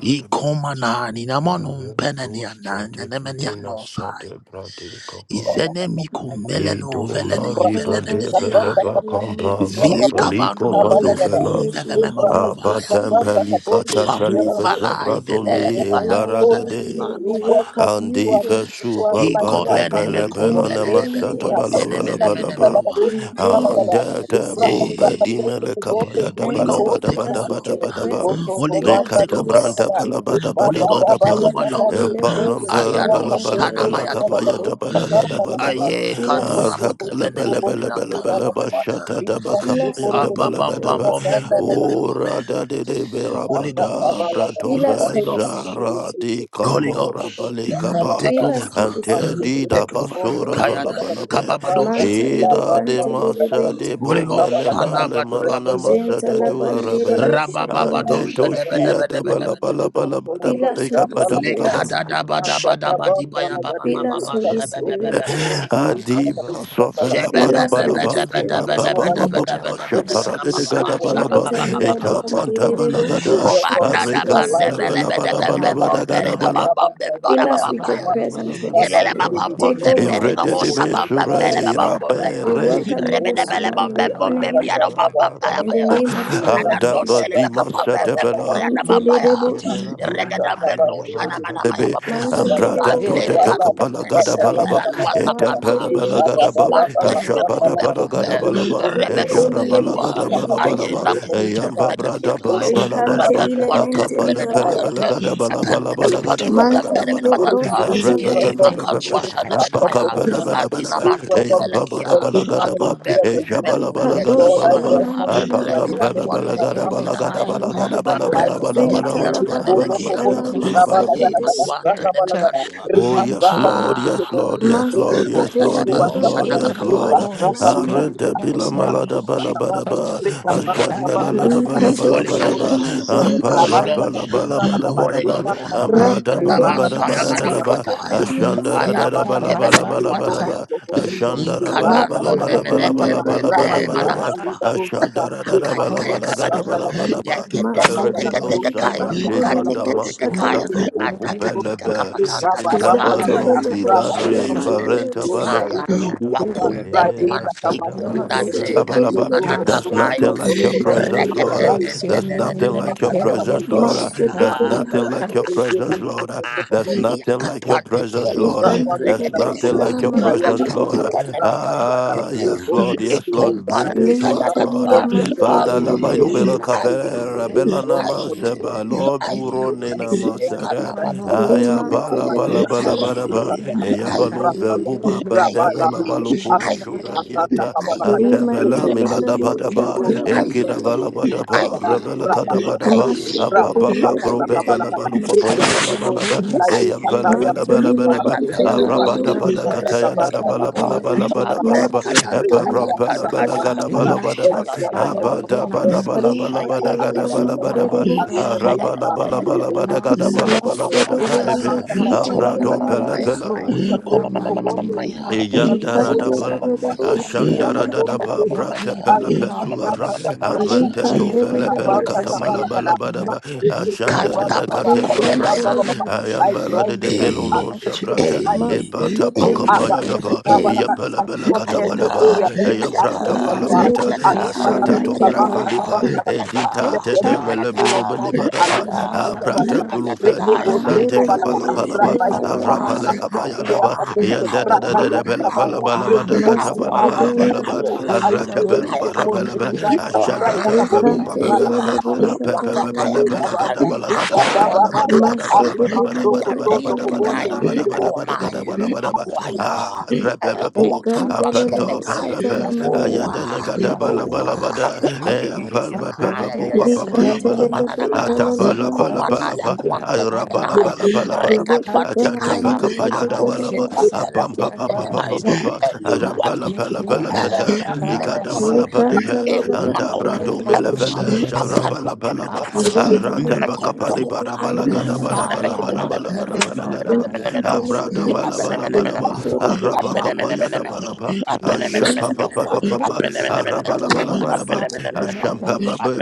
Speaker 1: I komana ni namano mpene ni
Speaker 7: Maredos
Speaker 1: ananya ne menia
Speaker 7: chadefidena
Speaker 1: nosai.
Speaker 7: sadebratekapa.
Speaker 1: Izene miku meleno
Speaker 7: Ido
Speaker 5: Holy Spirit, we
Speaker 1: veleni
Speaker 7: Mariba
Speaker 1: velene
Speaker 7: de
Speaker 1: ne
Speaker 5: welcome
Speaker 3: Salabashekedo,
Speaker 1: veai.
Speaker 7: Beleba
Speaker 5: you
Speaker 7: Compa
Speaker 3: lalamande.
Speaker 1: Vili
Speaker 7: baliko babaliko
Speaker 1: kavano
Speaker 3: Holy
Speaker 7: badufela.
Speaker 1: vereni
Speaker 3: Spirit, we
Speaker 1: vevemema
Speaker 3: invite you
Speaker 1: vovaya.
Speaker 3: this
Speaker 7: Abatan
Speaker 3: morning.
Speaker 7: palika tatali
Speaker 1: Varuva
Speaker 7: fesabra
Speaker 3: We
Speaker 1: ivele
Speaker 7: doni
Speaker 1: vivayano
Speaker 7: embarada de
Speaker 1: seveniva novava.
Speaker 3: welcome you,
Speaker 5: to
Speaker 7: andi
Speaker 5: our
Speaker 3: Holy
Speaker 5: lives, to
Speaker 7: fesu
Speaker 5: our life,
Speaker 7: papa
Speaker 1: Iko
Speaker 5: to
Speaker 3: Spirit.
Speaker 5: our
Speaker 7: de
Speaker 1: beni
Speaker 5: family
Speaker 1: me
Speaker 7: pele
Speaker 5: this
Speaker 7: pele
Speaker 5: morning.
Speaker 7: na
Speaker 1: kombelele
Speaker 3: Invade
Speaker 7: masada
Speaker 1: benua.
Speaker 7: bala
Speaker 3: us,
Speaker 7: bala
Speaker 3: Holy
Speaker 1: Tenemene
Speaker 7: bala
Speaker 1: mene
Speaker 3: Spirit.
Speaker 1: menuai.
Speaker 3: Invade our
Speaker 7: ande te
Speaker 3: privacy,
Speaker 7: fu
Speaker 3: Holy
Speaker 1: Eh.
Speaker 3: Spirit.
Speaker 7: mele kapaya
Speaker 1: eh,
Speaker 7: da
Speaker 1: Holy
Speaker 7: bala
Speaker 3: Enter,
Speaker 1: Ghost,
Speaker 7: bada
Speaker 1: take
Speaker 3: fill
Speaker 7: bada
Speaker 3: us
Speaker 1: over,
Speaker 3: with
Speaker 1: Lord.
Speaker 7: bada
Speaker 3: your
Speaker 7: bada
Speaker 3: presence.
Speaker 1: Holy
Speaker 3: Fill
Speaker 1: Ghost,
Speaker 3: us,
Speaker 1: take
Speaker 7: Ekata
Speaker 3: Holy
Speaker 1: over, Lord.
Speaker 7: branda bala
Speaker 3: Spirit.
Speaker 7: bada
Speaker 1: Holy
Speaker 7: bada
Speaker 1: Ghost,
Speaker 7: bada
Speaker 1: take
Speaker 7: pa.
Speaker 1: over,
Speaker 3: Manta
Speaker 1: Lord.
Speaker 3: di lebro
Speaker 7: Epanam para
Speaker 3: salala
Speaker 1: Ayano
Speaker 7: bala bala
Speaker 1: sana
Speaker 3: mashele
Speaker 7: bala kapaya
Speaker 3: lebente.
Speaker 1: mayatua.
Speaker 7: da bala gada bala
Speaker 5: Baba,
Speaker 7: ba.
Speaker 1: Aye
Speaker 3: Fill us,
Speaker 1: kaduna
Speaker 7: Arha bala
Speaker 1: makebene
Speaker 7: bala
Speaker 1: meni
Speaker 7: bala bala
Speaker 1: branta na
Speaker 7: bala ba
Speaker 1: manuata.
Speaker 7: shata da ba
Speaker 3: fill us,
Speaker 7: kapaya
Speaker 3: Holy
Speaker 7: da bala
Speaker 1: Ababam
Speaker 7: bada
Speaker 1: bam
Speaker 7: ba.
Speaker 1: bam bam
Speaker 3: Spirit.
Speaker 1: bam bam bam.
Speaker 5: Libra
Speaker 1: bam.
Speaker 7: Ora da de de bera
Speaker 5: Holy
Speaker 1: Holy
Speaker 5: Spirit, we
Speaker 7: bada
Speaker 1: Ghost.
Speaker 7: branto
Speaker 3: Fill us,
Speaker 1: Holy
Speaker 3: Holy
Speaker 1: Ghost.
Speaker 7: fesa ra
Speaker 3: Spirit.
Speaker 7: di
Speaker 1: Holy
Speaker 7: kamora
Speaker 1: Ghost,
Speaker 7: bali kapa.
Speaker 1: take
Speaker 3: Fill
Speaker 1: over,
Speaker 3: us, Holy
Speaker 7: Ante
Speaker 3: Spirit.
Speaker 7: di da
Speaker 1: take over.
Speaker 7: basura bala
Speaker 1: Kayadas
Speaker 7: bala be.
Speaker 1: kababadosha.
Speaker 3: Manta di
Speaker 7: Ida de
Speaker 3: lebante di
Speaker 7: masa de
Speaker 3: lebenta.
Speaker 1: Holy Ghost,
Speaker 7: bomele male
Speaker 1: anabadu
Speaker 7: malana
Speaker 1: kababaya.
Speaker 7: masa
Speaker 3: Jenta
Speaker 7: de
Speaker 3: la
Speaker 7: du arabe.
Speaker 3: banderibe shadila
Speaker 7: Ande
Speaker 3: man.
Speaker 1: Rabababadosha debe
Speaker 7: doshia
Speaker 1: debe
Speaker 7: da
Speaker 1: debe
Speaker 7: bala
Speaker 1: debe.
Speaker 7: bala bala bala
Speaker 3: Fill us,
Speaker 7: bala
Speaker 3: Holy
Speaker 7: kapa da
Speaker 8: We
Speaker 7: bala bala
Speaker 3: Spirit.
Speaker 1: Lekada
Speaker 8: come,
Speaker 1: daba daba daba dibaya baba baba
Speaker 3: Fill us,
Speaker 1: baba
Speaker 3: Holy
Speaker 1: shebe bebe bebe
Speaker 3: Spirit.
Speaker 1: bebe.
Speaker 8: welcome your
Speaker 7: Adiba sofela
Speaker 1: Jebe
Speaker 3: Fill
Speaker 7: para
Speaker 1: bebe
Speaker 3: us,
Speaker 7: bala
Speaker 1: bebe
Speaker 3: Holy
Speaker 8: spirit.
Speaker 1: debe debe
Speaker 7: apa
Speaker 3: Spirit.
Speaker 1: debe
Speaker 7: pa
Speaker 8: We
Speaker 7: pa
Speaker 1: debe
Speaker 8: need
Speaker 7: pa
Speaker 8: your
Speaker 1: debe
Speaker 7: pa
Speaker 1: debe debe
Speaker 7: shapara de de
Speaker 8: presence.
Speaker 1: kababa baba
Speaker 7: gada bala
Speaker 1: shaba
Speaker 5: welcome
Speaker 7: ba
Speaker 3: Manta
Speaker 5: you
Speaker 1: baba
Speaker 8: You
Speaker 5: to
Speaker 1: baba
Speaker 5: our
Speaker 3: lila
Speaker 8: put
Speaker 7: eka
Speaker 1: baba.
Speaker 8: up
Speaker 7: banta
Speaker 5: meeting.
Speaker 8: a
Speaker 7: bala
Speaker 5: We
Speaker 8: vocal
Speaker 3: branderebosha.
Speaker 7: gada
Speaker 8: shame.
Speaker 5: welcome
Speaker 3: Fill
Speaker 5: you
Speaker 1: Kobanda
Speaker 3: us,
Speaker 1: da
Speaker 5: to
Speaker 3: Holy
Speaker 7: arika
Speaker 5: our
Speaker 1: bande
Speaker 5: life
Speaker 7: bala
Speaker 3: Spirit.
Speaker 5: this
Speaker 1: bele
Speaker 7: bala
Speaker 1: bede
Speaker 5: morning.
Speaker 7: bala
Speaker 1: bem
Speaker 7: bala
Speaker 1: bem
Speaker 8: My
Speaker 7: bala
Speaker 1: bom bere ba
Speaker 5: Masuta
Speaker 1: bam
Speaker 8: paraba,
Speaker 5: kaba
Speaker 1: bam bem bora
Speaker 3: Fill
Speaker 1: ba
Speaker 5: kaba.
Speaker 3: us
Speaker 1: bam
Speaker 3: with
Speaker 1: ba
Speaker 3: your
Speaker 8: adaba,
Speaker 1: ya.
Speaker 3: presence,
Speaker 5: Masuta
Speaker 3: Holy
Speaker 5: ba
Speaker 1: Ilele ba
Speaker 8: We
Speaker 5: yeke
Speaker 3: Spirit.
Speaker 5: de
Speaker 1: bam
Speaker 5: de
Speaker 1: bom
Speaker 3: Take
Speaker 8: need
Speaker 5: don
Speaker 1: bem
Speaker 8: your
Speaker 5: do
Speaker 3: over,
Speaker 5: do
Speaker 1: bere
Speaker 5: do
Speaker 3: Holy
Speaker 1: ba
Speaker 7: Evrete
Speaker 8: Holy
Speaker 5: do
Speaker 1: bo
Speaker 7: de
Speaker 5: do.
Speaker 1: sa
Speaker 3: Spirit.
Speaker 1: bam bam
Speaker 5: Masuta
Speaker 8: Spirit.
Speaker 7: mesura
Speaker 5: ba
Speaker 1: bele
Speaker 5: ba
Speaker 1: ba
Speaker 5: ba
Speaker 1: bam
Speaker 5: ba
Speaker 1: bom
Speaker 5: ba.
Speaker 1: ba
Speaker 7: irabe
Speaker 1: ya.
Speaker 3: We
Speaker 8: Arriba,
Speaker 5: Yeke
Speaker 8: and
Speaker 3: welcome you
Speaker 7: rendu
Speaker 5: oro
Speaker 1: Rebede
Speaker 5: do
Speaker 3: this
Speaker 1: bele
Speaker 5: do do
Speaker 1: bom
Speaker 3: morning.
Speaker 5: do.
Speaker 3: We
Speaker 1: bem
Speaker 7: bruvele
Speaker 1: bom
Speaker 3: honor
Speaker 8: adaba.
Speaker 7: be
Speaker 1: bem biya
Speaker 3: you
Speaker 5: Masuta
Speaker 1: do
Speaker 5: ba
Speaker 1: bam
Speaker 5: ba
Speaker 1: bam ba
Speaker 5: ba
Speaker 1: ya
Speaker 5: ba
Speaker 3: in
Speaker 8: You
Speaker 1: ba
Speaker 3: the
Speaker 1: ya.
Speaker 5: ba.
Speaker 7: rabakoto
Speaker 8: are
Speaker 3: name of the
Speaker 8: welcome,
Speaker 5: Masuta
Speaker 3: Lord
Speaker 7: anda
Speaker 5: ba
Speaker 8: Holy
Speaker 3: Jesus.
Speaker 1: Radandon
Speaker 5: ba ba
Speaker 1: dele
Speaker 5: ba
Speaker 1: be
Speaker 5: ba
Speaker 7: badima
Speaker 8: Spirit.
Speaker 1: kapam
Speaker 5: ba
Speaker 1: bem
Speaker 5: ba
Speaker 1: bem
Speaker 5: ba ba
Speaker 1: bo
Speaker 5: de
Speaker 7: sadebela
Speaker 1: ya
Speaker 5: de
Speaker 1: da
Speaker 5: de
Speaker 1: bam
Speaker 8: You
Speaker 5: de.
Speaker 1: ba ya.
Speaker 8: can it
Speaker 3: Mantelelebosha.
Speaker 8: in
Speaker 7: Bekebela
Speaker 8: every
Speaker 5: Masuta
Speaker 7: burubo
Speaker 1: Regadan
Speaker 5: ba
Speaker 8: back.
Speaker 5: ba
Speaker 1: ben do
Speaker 7: siria
Speaker 5: de de
Speaker 7: bala
Speaker 1: shana
Speaker 5: de
Speaker 1: mana
Speaker 5: de
Speaker 1: ma
Speaker 5: de.
Speaker 1: ya
Speaker 7: gadebe
Speaker 1: ba bo.
Speaker 5: So so
Speaker 1: A
Speaker 7: amprata do
Speaker 3: Mantelelebosha.
Speaker 7: de
Speaker 8: Yeah,
Speaker 1: blinka
Speaker 7: bekapala
Speaker 1: tumbele
Speaker 7: gada balaba
Speaker 1: kempela lua
Speaker 8: Samaka,
Speaker 1: sapana.
Speaker 7: etempela bala
Speaker 3: Mantelelebosha.
Speaker 7: gadaba
Speaker 1: Ikwanteni me
Speaker 7: ashapa
Speaker 1: kombe
Speaker 7: bala gada
Speaker 1: bombe.
Speaker 7: balaba
Speaker 8: Holy
Speaker 7: eshara
Speaker 1: Rebedumbe ya
Speaker 3: Ziketelile
Speaker 7: bala
Speaker 1: dua.
Speaker 8: Spirit.
Speaker 3: mentelile
Speaker 7: gada
Speaker 3: mande.
Speaker 1: Ayenda
Speaker 8: We
Speaker 1: kuntene
Speaker 7: Eyamba
Speaker 8: interpret
Speaker 7: brada
Speaker 1: mekatiatai,
Speaker 7: bala
Speaker 8: this
Speaker 7: bala
Speaker 8: as
Speaker 7: bala ba.
Speaker 8: the
Speaker 1: regan
Speaker 3: Rikantelile
Speaker 8: Bible
Speaker 1: twantem
Speaker 7: Akapa le
Speaker 1: penene
Speaker 3: mentelile
Speaker 5: Thank
Speaker 7: bele
Speaker 5: you.
Speaker 3: baya.
Speaker 7: bele
Speaker 1: matanta,
Speaker 7: gada bala
Speaker 8: you
Speaker 7: bala
Speaker 1: apenne
Speaker 7: bala gada
Speaker 8: can
Speaker 1: mekapantum
Speaker 7: bala
Speaker 8: be
Speaker 5: Ramasakata.
Speaker 8: on
Speaker 7: gada
Speaker 1: tempene mene
Speaker 7: bala
Speaker 3: Mantelile
Speaker 7: ba.
Speaker 5: Holy
Speaker 8: We
Speaker 1: matanta,
Speaker 5: Spirit
Speaker 7: Evre
Speaker 8: ask
Speaker 5: will
Speaker 8: you
Speaker 7: pe pe
Speaker 3: broskatalele
Speaker 8: to
Speaker 1: ei
Speaker 7: pe
Speaker 5: welcome
Speaker 7: pe
Speaker 8: take
Speaker 5: you
Speaker 3: mande.
Speaker 7: pe pe.
Speaker 5: into
Speaker 1: makandu
Speaker 5: the
Speaker 1: ashana
Speaker 8: charge,
Speaker 5: platform
Speaker 8: take
Speaker 7: Apakam
Speaker 5: this
Speaker 1: menamaya,
Speaker 8: over
Speaker 7: bele
Speaker 5: morning.
Speaker 7: bele bele
Speaker 8: this
Speaker 1: adina
Speaker 7: be.
Speaker 5: We
Speaker 8: watch.
Speaker 1: mantum
Speaker 5: welcome you
Speaker 7: Eyamba
Speaker 5: into
Speaker 7: bala
Speaker 1: belekia,
Speaker 5: every
Speaker 7: bala gada
Speaker 5: family
Speaker 7: ba.
Speaker 1: adumbe
Speaker 5: here this
Speaker 7: Eja
Speaker 1: kumbe
Speaker 5: morning.
Speaker 7: bala bala
Speaker 8: We
Speaker 1: pumbe
Speaker 7: gada
Speaker 8: pray
Speaker 5: Lord,
Speaker 1: kiva
Speaker 3: Ikadosha
Speaker 7: bala
Speaker 5: I
Speaker 8: For
Speaker 3: la
Speaker 7: ba.
Speaker 8: your
Speaker 1: vadova,
Speaker 5: welcome you
Speaker 8: purpose,
Speaker 5: into
Speaker 3: mantelile
Speaker 5: my
Speaker 7: Apakam
Speaker 1: revina
Speaker 3: bush.
Speaker 5: family,
Speaker 7: bele
Speaker 5: into
Speaker 7: bele
Speaker 1: twante
Speaker 5: my
Speaker 8: and
Speaker 7: gada
Speaker 8: your
Speaker 1: kisa
Speaker 5: family,
Speaker 7: bala
Speaker 5: into my
Speaker 7: gada
Speaker 1: davaya,
Speaker 8: divine
Speaker 7: bala
Speaker 5: life, into
Speaker 7: gada
Speaker 5: my
Speaker 7: bala
Speaker 8: order.
Speaker 7: bala
Speaker 5: life,
Speaker 1: aprenos
Speaker 7: bala
Speaker 5: Lord.
Speaker 7: bala bala
Speaker 8: Mighty
Speaker 1: kepianta
Speaker 5: Please,
Speaker 7: bala
Speaker 5: oh,
Speaker 8: God,
Speaker 7: bala
Speaker 5: Lord,
Speaker 8: we
Speaker 1: meneke
Speaker 5: for
Speaker 7: bala
Speaker 3: Zintalabadosha
Speaker 5: God,
Speaker 3: la
Speaker 8: thank
Speaker 1: aduos,
Speaker 7: gada
Speaker 8: you
Speaker 5: please,
Speaker 7: bala
Speaker 8: for
Speaker 7: bala.
Speaker 8: the
Speaker 1: aye
Speaker 5: Kabalagada,
Speaker 8: Holy
Speaker 3: masekete.
Speaker 1: maduante
Speaker 8: Spirit.
Speaker 5: Kabalagada,
Speaker 1: nemekandua,
Speaker 7: Oh,
Speaker 8: Thank
Speaker 7: yes,
Speaker 8: you,
Speaker 5: Rimasaka,
Speaker 8: my
Speaker 7: Lord, yes,
Speaker 5: Pondeke,
Speaker 7: Lord,
Speaker 5: Pondeke,
Speaker 7: yes,
Speaker 1: ah,
Speaker 7: Lord,
Speaker 5: Rekebo,
Speaker 8: Father.
Speaker 7: yes,
Speaker 1: ayaya
Speaker 7: Lord,
Speaker 5: Soko,
Speaker 3: Maseketelile
Speaker 7: yes,
Speaker 1: baro
Speaker 7: Lord,
Speaker 8: Only
Speaker 5: Basakata,
Speaker 1: shana
Speaker 7: yes,
Speaker 8: of you,
Speaker 7: Lord.
Speaker 1: makapai,
Speaker 3: bandorodosha
Speaker 8: Holy
Speaker 3: la
Speaker 5: Rebasaka,
Speaker 3: la
Speaker 5: Liga,
Speaker 8: Spirit,
Speaker 3: mande.
Speaker 7: Arada
Speaker 5: Lisa,
Speaker 8: there
Speaker 7: bila
Speaker 1: Holy
Speaker 8: is none
Speaker 1: Ghost,
Speaker 7: malada
Speaker 5: Rimasaka,
Speaker 8: like
Speaker 7: bala
Speaker 8: you.
Speaker 7: bala
Speaker 5: Kabambe,
Speaker 7: ba.
Speaker 1: Holy
Speaker 5: Rekasaka,
Speaker 8: You
Speaker 1: Ghost,
Speaker 8: have
Speaker 7: Ashanda la la da
Speaker 5: Kabamba,
Speaker 7: bala bala
Speaker 1: Holy
Speaker 3: Likadosha
Speaker 1: Ghost.
Speaker 7: bala
Speaker 3: la
Speaker 7: ba.
Speaker 3: mandere bush.
Speaker 1: Holy
Speaker 7: Ampara
Speaker 1: Ghost,
Speaker 7: bala
Speaker 8: that.
Speaker 7: bala bala bala
Speaker 1: Holy
Speaker 7: ba.
Speaker 8: You
Speaker 1: Ghost,
Speaker 8: are
Speaker 7: Amprada
Speaker 8: welcome,
Speaker 7: bala
Speaker 3: Rakadesha
Speaker 7: bala
Speaker 8: Holy
Speaker 3: la
Speaker 1: Namasaya
Speaker 7: bala da da
Speaker 8: Spirit.
Speaker 7: ba.
Speaker 1: Manakwataya,
Speaker 3: maseketelile
Speaker 7: Ashanda da
Speaker 8: We
Speaker 7: da da
Speaker 1: Ayanus
Speaker 8: can
Speaker 3: masekete.
Speaker 7: bala bala bala
Speaker 8: rabba
Speaker 7: bala bala
Speaker 8: kata,
Speaker 7: ba
Speaker 1: Kebenemenwataya,
Speaker 7: ashandara bala bala
Speaker 1: Inkadando
Speaker 8: ma
Speaker 7: bala bala
Speaker 3: Maseketelile
Speaker 7: bala
Speaker 8: rabba
Speaker 1: Nemenekente
Speaker 7: bala bala
Speaker 3: bandere
Speaker 8: kata
Speaker 7: bala ba
Speaker 3: bush.
Speaker 8: rabba.
Speaker 1: Nemanamatoa,
Speaker 7: ashandara bala
Speaker 1: Kaya
Speaker 7: bala
Speaker 1: kaya
Speaker 8: Holy
Speaker 7: bala
Speaker 1: kamanu
Speaker 7: gada
Speaker 1: sa,
Speaker 8: Spirit,
Speaker 7: bala bala
Speaker 8: we
Speaker 7: ba
Speaker 8: welcome
Speaker 1: yake teke
Speaker 8: you,
Speaker 1: teke
Speaker 7: rebido
Speaker 8: we
Speaker 1: teke
Speaker 3: Mashekelele
Speaker 1: kai,
Speaker 8: welcome you.
Speaker 7: sabrande
Speaker 3: bandelele
Speaker 1: kati
Speaker 7: bada
Speaker 1: kate
Speaker 7: mato
Speaker 8: Ma
Speaker 3: boshatala
Speaker 1: kaya,
Speaker 8: we
Speaker 7: safa
Speaker 3: ban
Speaker 7: kuku
Speaker 8: welcome
Speaker 7: pele
Speaker 1: atatika
Speaker 8: you.
Speaker 1: kapatan
Speaker 8: Sa-
Speaker 1: tata
Speaker 7: inda
Speaker 1: kaa,
Speaker 8: rabba
Speaker 7: baro
Speaker 3: zantelele
Speaker 8: kata
Speaker 1: kumto
Speaker 3: boshala
Speaker 7: vilare
Speaker 8: rabba.
Speaker 1: kene ne
Speaker 3: mandere
Speaker 7: barenta
Speaker 3: bosh
Speaker 7: bale
Speaker 1: kaya,
Speaker 8: Maya,
Speaker 7: katamada
Speaker 8: we lift it
Speaker 7: eyeda
Speaker 8: up,
Speaker 1: wakumbewanti
Speaker 8: Father,
Speaker 7: sada
Speaker 8: we
Speaker 1: kunda
Speaker 7: baro
Speaker 8: lift
Speaker 1: te
Speaker 5: Rabbi,
Speaker 8: you
Speaker 7: vela
Speaker 8: up
Speaker 7: bala
Speaker 1: kati
Speaker 8: on
Speaker 7: ba
Speaker 3: mashekelele
Speaker 1: manata
Speaker 7: that's
Speaker 8: high,
Speaker 3: boshala
Speaker 1: kai,
Speaker 7: nothing like your
Speaker 8: and
Speaker 7: presence
Speaker 8: we
Speaker 1: rega
Speaker 3: mashekelele
Speaker 7: Lord
Speaker 1: den
Speaker 3: bonta
Speaker 1: den
Speaker 8: praise your
Speaker 1: den
Speaker 7: that's
Speaker 1: den den
Speaker 7: nothing
Speaker 8: name.
Speaker 1: den
Speaker 8: My
Speaker 7: like your
Speaker 1: mekan
Speaker 8: dear,
Speaker 1: don
Speaker 8: we
Speaker 1: don
Speaker 7: presence Lord
Speaker 1: doni
Speaker 8: worship
Speaker 7: that's
Speaker 8: you.
Speaker 7: nothing
Speaker 3: mashekelele
Speaker 7: like your
Speaker 3: bonta
Speaker 7: presence
Speaker 8: We
Speaker 7: Lord
Speaker 5: Thank
Speaker 7: that's
Speaker 5: you.
Speaker 7: nothing like your presence
Speaker 1: yakatwantekelia
Speaker 7: Lord
Speaker 5: Ba kwadi
Speaker 3: nikantele
Speaker 7: there's
Speaker 5: ada kapon
Speaker 7: nothing
Speaker 1: regedegetwa
Speaker 3: boshala
Speaker 7: like your
Speaker 5: praya
Speaker 8: lift
Speaker 7: presence,
Speaker 8: You
Speaker 5: pasti
Speaker 3: mantelele
Speaker 7: Lord.
Speaker 5: enggak
Speaker 3: bonta
Speaker 5: diperangna ada
Speaker 7: Ah, yes,
Speaker 1: akatikanenekatwantekeya
Speaker 5: itu
Speaker 7: Lord. Yes,
Speaker 5: itu
Speaker 8: deserve your
Speaker 7: Lord.
Speaker 5: ada
Speaker 7: Breathe
Speaker 5: di
Speaker 8: praise.
Speaker 7: into us,
Speaker 5: kan
Speaker 7: Lord.
Speaker 1: ikombaruskayadadwa
Speaker 3: lintelele
Speaker 8: Like,
Speaker 5: ende
Speaker 8: last
Speaker 5: sebab
Speaker 8: time
Speaker 7: Father,
Speaker 8: I
Speaker 3: mantelele
Speaker 1: aye
Speaker 8: have the
Speaker 7: laba
Speaker 3: bosh
Speaker 8: only
Speaker 7: yubela
Speaker 5: ini
Speaker 8: basket
Speaker 1: aye
Speaker 7: kafere,
Speaker 8: at
Speaker 5: ini
Speaker 7: bela
Speaker 8: my
Speaker 5: war
Speaker 8: your
Speaker 7: nama
Speaker 5: mode
Speaker 1: aye
Speaker 5: war
Speaker 7: seba, Lord,
Speaker 8: with
Speaker 1: aye
Speaker 8: your
Speaker 7: buro
Speaker 5: naik
Speaker 7: nena
Speaker 8: presence,
Speaker 5: naik
Speaker 8: with your
Speaker 7: masada.
Speaker 5: kita kita
Speaker 7: Aya
Speaker 5: di
Speaker 8: anointing,
Speaker 1: ikanamatokomneleke
Speaker 7: bala
Speaker 3: limantele
Speaker 5: malai
Speaker 7: bala
Speaker 8: with
Speaker 5: nasa
Speaker 8: your
Speaker 7: bala
Speaker 3: boshala
Speaker 7: bala
Speaker 3: man
Speaker 7: ba.
Speaker 5: kita
Speaker 1: aye
Speaker 8: fire.
Speaker 7: Eya
Speaker 8: I
Speaker 5: ini
Speaker 1: Aye,
Speaker 8: can't
Speaker 7: balu
Speaker 8: do
Speaker 7: fe
Speaker 8: you
Speaker 7: buba
Speaker 1: aye,
Speaker 8: look
Speaker 7: bandeve la
Speaker 8: my
Speaker 1: aye,
Speaker 7: balu
Speaker 1: aye,
Speaker 7: kumo shura
Speaker 8: shandarama.
Speaker 1: aye,
Speaker 7: kiata. Ante bela
Speaker 1: aye,
Speaker 7: mila
Speaker 3: limantelele
Speaker 7: da
Speaker 1: aye,
Speaker 7: ba da
Speaker 8: You
Speaker 7: ba.
Speaker 8: are
Speaker 3: boshatala
Speaker 8: welcome.
Speaker 3: man
Speaker 7: Eki da vala
Speaker 8: You
Speaker 7: ba da
Speaker 8: are
Speaker 1: aye,
Speaker 7: ba.
Speaker 8: welcome.
Speaker 7: Rebela
Speaker 8: You
Speaker 1: aye,
Speaker 7: kata
Speaker 8: are
Speaker 7: ba da ba.
Speaker 8: welcome.
Speaker 7: Ampa pa pa
Speaker 3: mashekelele
Speaker 7: bro
Speaker 3: bonta
Speaker 7: bevela balu kopo ya bala
Speaker 8: Welcome,
Speaker 7: bala
Speaker 1: aye,
Speaker 7: ba.
Speaker 8: Holy
Speaker 7: Eya
Speaker 1: aye.
Speaker 7: bala
Speaker 5: Thank you.
Speaker 8: Spirit.
Speaker 7: bala bala
Speaker 5: Thank
Speaker 3: mantelele
Speaker 7: bala ba.
Speaker 1: Matakaya
Speaker 8: We
Speaker 3: bantelele
Speaker 8: are
Speaker 1: nana,
Speaker 8: in
Speaker 7: Arabada
Speaker 8: your
Speaker 3: bosh
Speaker 7: bada kataya
Speaker 8: presence.
Speaker 7: dada
Speaker 1: regedegede
Speaker 8: We
Speaker 7: bala bala
Speaker 8: feel
Speaker 1: baba,
Speaker 8: that
Speaker 7: bala
Speaker 8: you
Speaker 7: bada bala
Speaker 1: abren
Speaker 8: accept
Speaker 7: ba.
Speaker 3: Masuku
Speaker 8: your
Speaker 1: katan
Speaker 7: Epa
Speaker 1: tan tan
Speaker 3: debilebo
Speaker 1: tan
Speaker 7: rampala
Speaker 8: praise.
Speaker 7: bala
Speaker 1: tata.
Speaker 7: gada
Speaker 3: salaman
Speaker 7: bala
Speaker 8: Ignite
Speaker 7: bada ba.
Speaker 8: your
Speaker 1: Shaya ya ya ya
Speaker 8: fire
Speaker 1: ya ya
Speaker 7: Abada
Speaker 1: ya,
Speaker 8: within us.
Speaker 7: bala bala bala
Speaker 1: ashaya ya
Speaker 7: bada
Speaker 1: ya ya
Speaker 7: gada
Speaker 1: ya ya
Speaker 7: bala
Speaker 1: ya
Speaker 3: rikatalalaman
Speaker 7: bada
Speaker 8: Lord,
Speaker 7: ba.
Speaker 1: ya,
Speaker 8: you're
Speaker 3: derebosh
Speaker 1: ashaya
Speaker 8: enough
Speaker 1: ya
Speaker 7: Arabala
Speaker 1: ya ya
Speaker 7: bala
Speaker 1: ya ya ya
Speaker 7: bala
Speaker 8: on
Speaker 7: bada gada
Speaker 1: ya.
Speaker 7: bala
Speaker 8: ourselves.
Speaker 7: bala
Speaker 1: Koma mama
Speaker 7: bada
Speaker 3: masuku
Speaker 8: Fill
Speaker 1: mama ya,
Speaker 7: gada
Speaker 8: us
Speaker 7: pe.
Speaker 8: up
Speaker 3: debilebo
Speaker 8: until
Speaker 1: koma mama
Speaker 7: Abrado
Speaker 8: we
Speaker 7: pele
Speaker 1: mama ya.
Speaker 7: pele
Speaker 3: shalamante
Speaker 8: overflow
Speaker 7: ba.
Speaker 8: in the
Speaker 1: Koma mama mama mama
Speaker 8: mighty name of
Speaker 1: maya. Koma mama
Speaker 8: Jesus.
Speaker 1: mama
Speaker 7: Yandaradabala,
Speaker 1: mama
Speaker 3: likandelebo
Speaker 1: maya.
Speaker 8: Your
Speaker 3: shiaman
Speaker 1: Koma
Speaker 8: way,
Speaker 1: mama
Speaker 8: have
Speaker 1: mama
Speaker 7: Ashandaradadaba,
Speaker 1: mama
Speaker 8: your
Speaker 1: maya.
Speaker 8: way, my
Speaker 7: Pratepela
Speaker 8: God.
Speaker 1: Koma mama mama
Speaker 7: Pesuara,
Speaker 1: mama maya.
Speaker 8: Touch each and
Speaker 7: Aranteto
Speaker 1: Koma
Speaker 8: every
Speaker 1: mama
Speaker 3: likadelebo
Speaker 7: Felepel
Speaker 1: mama
Speaker 8: heart
Speaker 1: mama
Speaker 8: this
Speaker 1: maya.
Speaker 8: morning.
Speaker 7: Catamalabalabadaba,
Speaker 8: We have
Speaker 1: Kaya da pas
Speaker 7: Ashandaradakateba
Speaker 1: kopenaya.
Speaker 7: Prata,
Speaker 3: likandelebo
Speaker 5: you.
Speaker 8: restored us
Speaker 5: I
Speaker 7: Ayambala
Speaker 5: drive
Speaker 7: de
Speaker 8: again
Speaker 7: de
Speaker 5: you
Speaker 8: in the
Speaker 5: through
Speaker 7: Pelo
Speaker 8: name
Speaker 1: Hey,
Speaker 8: of
Speaker 5: access
Speaker 7: Nonsa
Speaker 5: to my
Speaker 8: Jesus.
Speaker 7: Prata,
Speaker 5: life
Speaker 1: hey,
Speaker 5: testimony.
Speaker 3: masuku
Speaker 7: Epata
Speaker 8: Holy
Speaker 5: I
Speaker 1: hey,
Speaker 3: debilebo
Speaker 7: pacapaya daba,
Speaker 8: Spirit, fill
Speaker 3: salaman
Speaker 7: Pacapayadaba,
Speaker 1: hey.
Speaker 8: us up
Speaker 7: Yapalabella
Speaker 8: Lord,
Speaker 5: Across
Speaker 8: and we
Speaker 5: every
Speaker 7: Catabalaba,
Speaker 5: area,
Speaker 8: pray.
Speaker 1: Ayada,
Speaker 5: every
Speaker 1: ayada,
Speaker 7: Ayamprata
Speaker 5: aspect,
Speaker 8: We
Speaker 5: my
Speaker 8: ask you
Speaker 5: Father.
Speaker 8: to
Speaker 7: Palapata,
Speaker 5: I
Speaker 3: likandelebo
Speaker 1: ayada,
Speaker 8: take
Speaker 5: live my
Speaker 7: Asata
Speaker 8: over,
Speaker 3: shiaman
Speaker 5: Kasuka
Speaker 8: take
Speaker 7: Topra
Speaker 3: derebo
Speaker 5: Bamba
Speaker 1: ayada,
Speaker 7: Falipa,
Speaker 5: Kabamba.
Speaker 8: over,
Speaker 1: ayada,
Speaker 8: take
Speaker 7: Edinta
Speaker 5: Let there be
Speaker 7: Teta
Speaker 5: the
Speaker 8: charge.
Speaker 1: ayada,
Speaker 5: seal of
Speaker 7: Meleburu
Speaker 5: honor. I
Speaker 7: Belibadapa,
Speaker 5: live
Speaker 1: ayada,
Speaker 5: my
Speaker 8: Jesus,
Speaker 5: Kasuka
Speaker 7: Abrata
Speaker 5: Bamba.
Speaker 1: ayada,
Speaker 7: Pulufe,
Speaker 5: Great
Speaker 8: not
Speaker 5: Ebo
Speaker 1: die,
Speaker 8: like
Speaker 7: Asante
Speaker 5: Soko Bamba.
Speaker 8: you,
Speaker 3: manderebo
Speaker 7: Capalapalaba,
Speaker 5: Right
Speaker 1: ayade,
Speaker 5: by Kasuka
Speaker 7: Avrapa
Speaker 1: awa,
Speaker 5: Bamba.
Speaker 3: shalalamante
Speaker 7: la
Speaker 8: Master.
Speaker 5: Big
Speaker 7: kapaya
Speaker 5: Ira
Speaker 7: daba.
Speaker 1: awa,
Speaker 5: Kakumbo.
Speaker 7: Yanda da
Speaker 1: awa,
Speaker 7: da
Speaker 8: We
Speaker 7: da da
Speaker 5: Rakayana
Speaker 7: bela bela
Speaker 5: Kabamba.
Speaker 7: bela
Speaker 5: Great
Speaker 1: awa,
Speaker 7: bela
Speaker 8: need
Speaker 5: Ebo
Speaker 8: you
Speaker 7: kata
Speaker 8: from
Speaker 5: Sika
Speaker 7: bela
Speaker 3: masuku
Speaker 8: you.
Speaker 7: bela
Speaker 1: awa,
Speaker 5: Bamba.
Speaker 7: bela bela.
Speaker 3: debilebo
Speaker 5: Ilinka
Speaker 8: We
Speaker 1: awa,
Speaker 8: need a
Speaker 7: Arata
Speaker 5: Alibele
Speaker 7: belu
Speaker 8: word
Speaker 1: kakaya,
Speaker 7: bara
Speaker 8: from you.
Speaker 1: kakaka,
Speaker 7: bela
Speaker 5: Sokombe
Speaker 8: We
Speaker 7: bela.
Speaker 8: need
Speaker 5: Kibamba.
Speaker 1: kwa,
Speaker 5: Right
Speaker 7: Ashada
Speaker 8: a
Speaker 7: ta
Speaker 5: Lakabo
Speaker 7: bebu ba
Speaker 5: Sika
Speaker 1: iya,
Speaker 7: bela bela.
Speaker 5: Lakaba.
Speaker 3: likandelebo
Speaker 5: Great
Speaker 7: Ape be
Speaker 5: Sika
Speaker 7: be
Speaker 1: wakataya,
Speaker 7: bela
Speaker 5: Kate
Speaker 3: shatalalamante
Speaker 7: bela
Speaker 1: kaka,
Speaker 7: gada
Speaker 5: Kabamba.
Speaker 7: bela gada
Speaker 5: Imba
Speaker 7: bela
Speaker 1: akoko,
Speaker 5: Baba
Speaker 7: bela bela
Speaker 5: Baya.
Speaker 7: gada
Speaker 1: kakakaya.
Speaker 7: bela
Speaker 5: Ali
Speaker 7: bela bela
Speaker 5: masoko
Speaker 7: gada bela
Speaker 5: to
Speaker 7: bela
Speaker 5: loko
Speaker 7: bela
Speaker 5: bonde
Speaker 1: Kadiantekekekai,
Speaker 3: Mashekelelebotsalamande,
Speaker 7: gada
Speaker 8: word.
Speaker 7: bela
Speaker 5: lido do
Speaker 7: bela bela gada
Speaker 1: Komai,
Speaker 7: bela bela bela.
Speaker 1: Akwayada,
Speaker 7: Ah, rebe bebu. Apento
Speaker 8: Jesus.
Speaker 7: pe
Speaker 1: Eloquakatwankemekai.
Speaker 7: pe pe.
Speaker 3: ekantelelebotsalamande,
Speaker 1: Oh,
Speaker 7: Ayada ne
Speaker 1: ah,
Speaker 7: gada bela
Speaker 1: oh,
Speaker 7: bela
Speaker 1: ah,
Speaker 7: bela.
Speaker 8: We
Speaker 7: Eh,
Speaker 8: need
Speaker 1: ay,
Speaker 7: ampa
Speaker 8: some
Speaker 7: be pe
Speaker 1: ah,
Speaker 7: pe
Speaker 1: ya,
Speaker 7: bu
Speaker 1: ya, ya,
Speaker 7: ba
Speaker 1: ya.
Speaker 8: boldness
Speaker 7: ba
Speaker 8: in the
Speaker 7: bela bela
Speaker 8: name
Speaker 7: bela.
Speaker 1: Komananamaya,
Speaker 7: Ata bela
Speaker 3: likantelelebotsalamande,
Speaker 8: Father
Speaker 7: bela bela
Speaker 1: Komanaya
Speaker 7: bela. Ayra bela
Speaker 1: Quantekemenai,
Speaker 7: bela bela bela bela.
Speaker 1: Regatwantekai,
Speaker 8: God,
Speaker 1: Akoneme
Speaker 8: fill
Speaker 7: Atantapakapayadabalaba,
Speaker 8: us
Speaker 3: zekatalamaseketelelebots,
Speaker 8: up
Speaker 1: Quantele
Speaker 8: with your
Speaker 1: Quantekemai,
Speaker 8: words.
Speaker 7: apampapapapapapa,
Speaker 8: My dear, I
Speaker 1: Eluatikikume,
Speaker 8: am
Speaker 7: arampalapalapalakata,
Speaker 8: the Rabbi
Speaker 1: Memetonome,
Speaker 8: Santa.
Speaker 3: likantelelebots,
Speaker 7: ikadamalapadepe,
Speaker 8: In
Speaker 1: Euma
Speaker 8: the
Speaker 1: Otum
Speaker 8: name of
Speaker 1: Ekuma,
Speaker 7: antabradomelevele,
Speaker 8: Jesus,
Speaker 1: Apanwa
Speaker 8: our
Speaker 7: sharapalapalaba,
Speaker 1: Kemekomama,
Speaker 8: Lord anointed,
Speaker 1: Mekontokomakai.
Speaker 8: your
Speaker 1: I
Speaker 8: fire, my miracle
Speaker 3: zentelelebotsikatalalamasadadalabande,
Speaker 7: arantapakapadibarabalagadabalabalabalabalabalabalaba,
Speaker 8: fire.
Speaker 1: Mbebenemenemeneho.
Speaker 8: Fill us up with
Speaker 7: abradamalabalabadaba,
Speaker 1: Abenemenemenemeho.
Speaker 3: lipantelelebotsalalabandorodosh,
Speaker 8: love,
Speaker 1: Abenemenemenemeho.
Speaker 7: arabakapayadabalaba,
Speaker 8: Lord.
Speaker 1: Abenemenemenemeho.
Speaker 8: Fill
Speaker 7: ashapapapapapa,
Speaker 8: us up with
Speaker 1: Abenemenemenemeho.
Speaker 8: one
Speaker 7: arabalabalabalaba,
Speaker 8: another.
Speaker 3: limaseketelelebotsalamasekete,
Speaker 1: Abenemenemenemeho.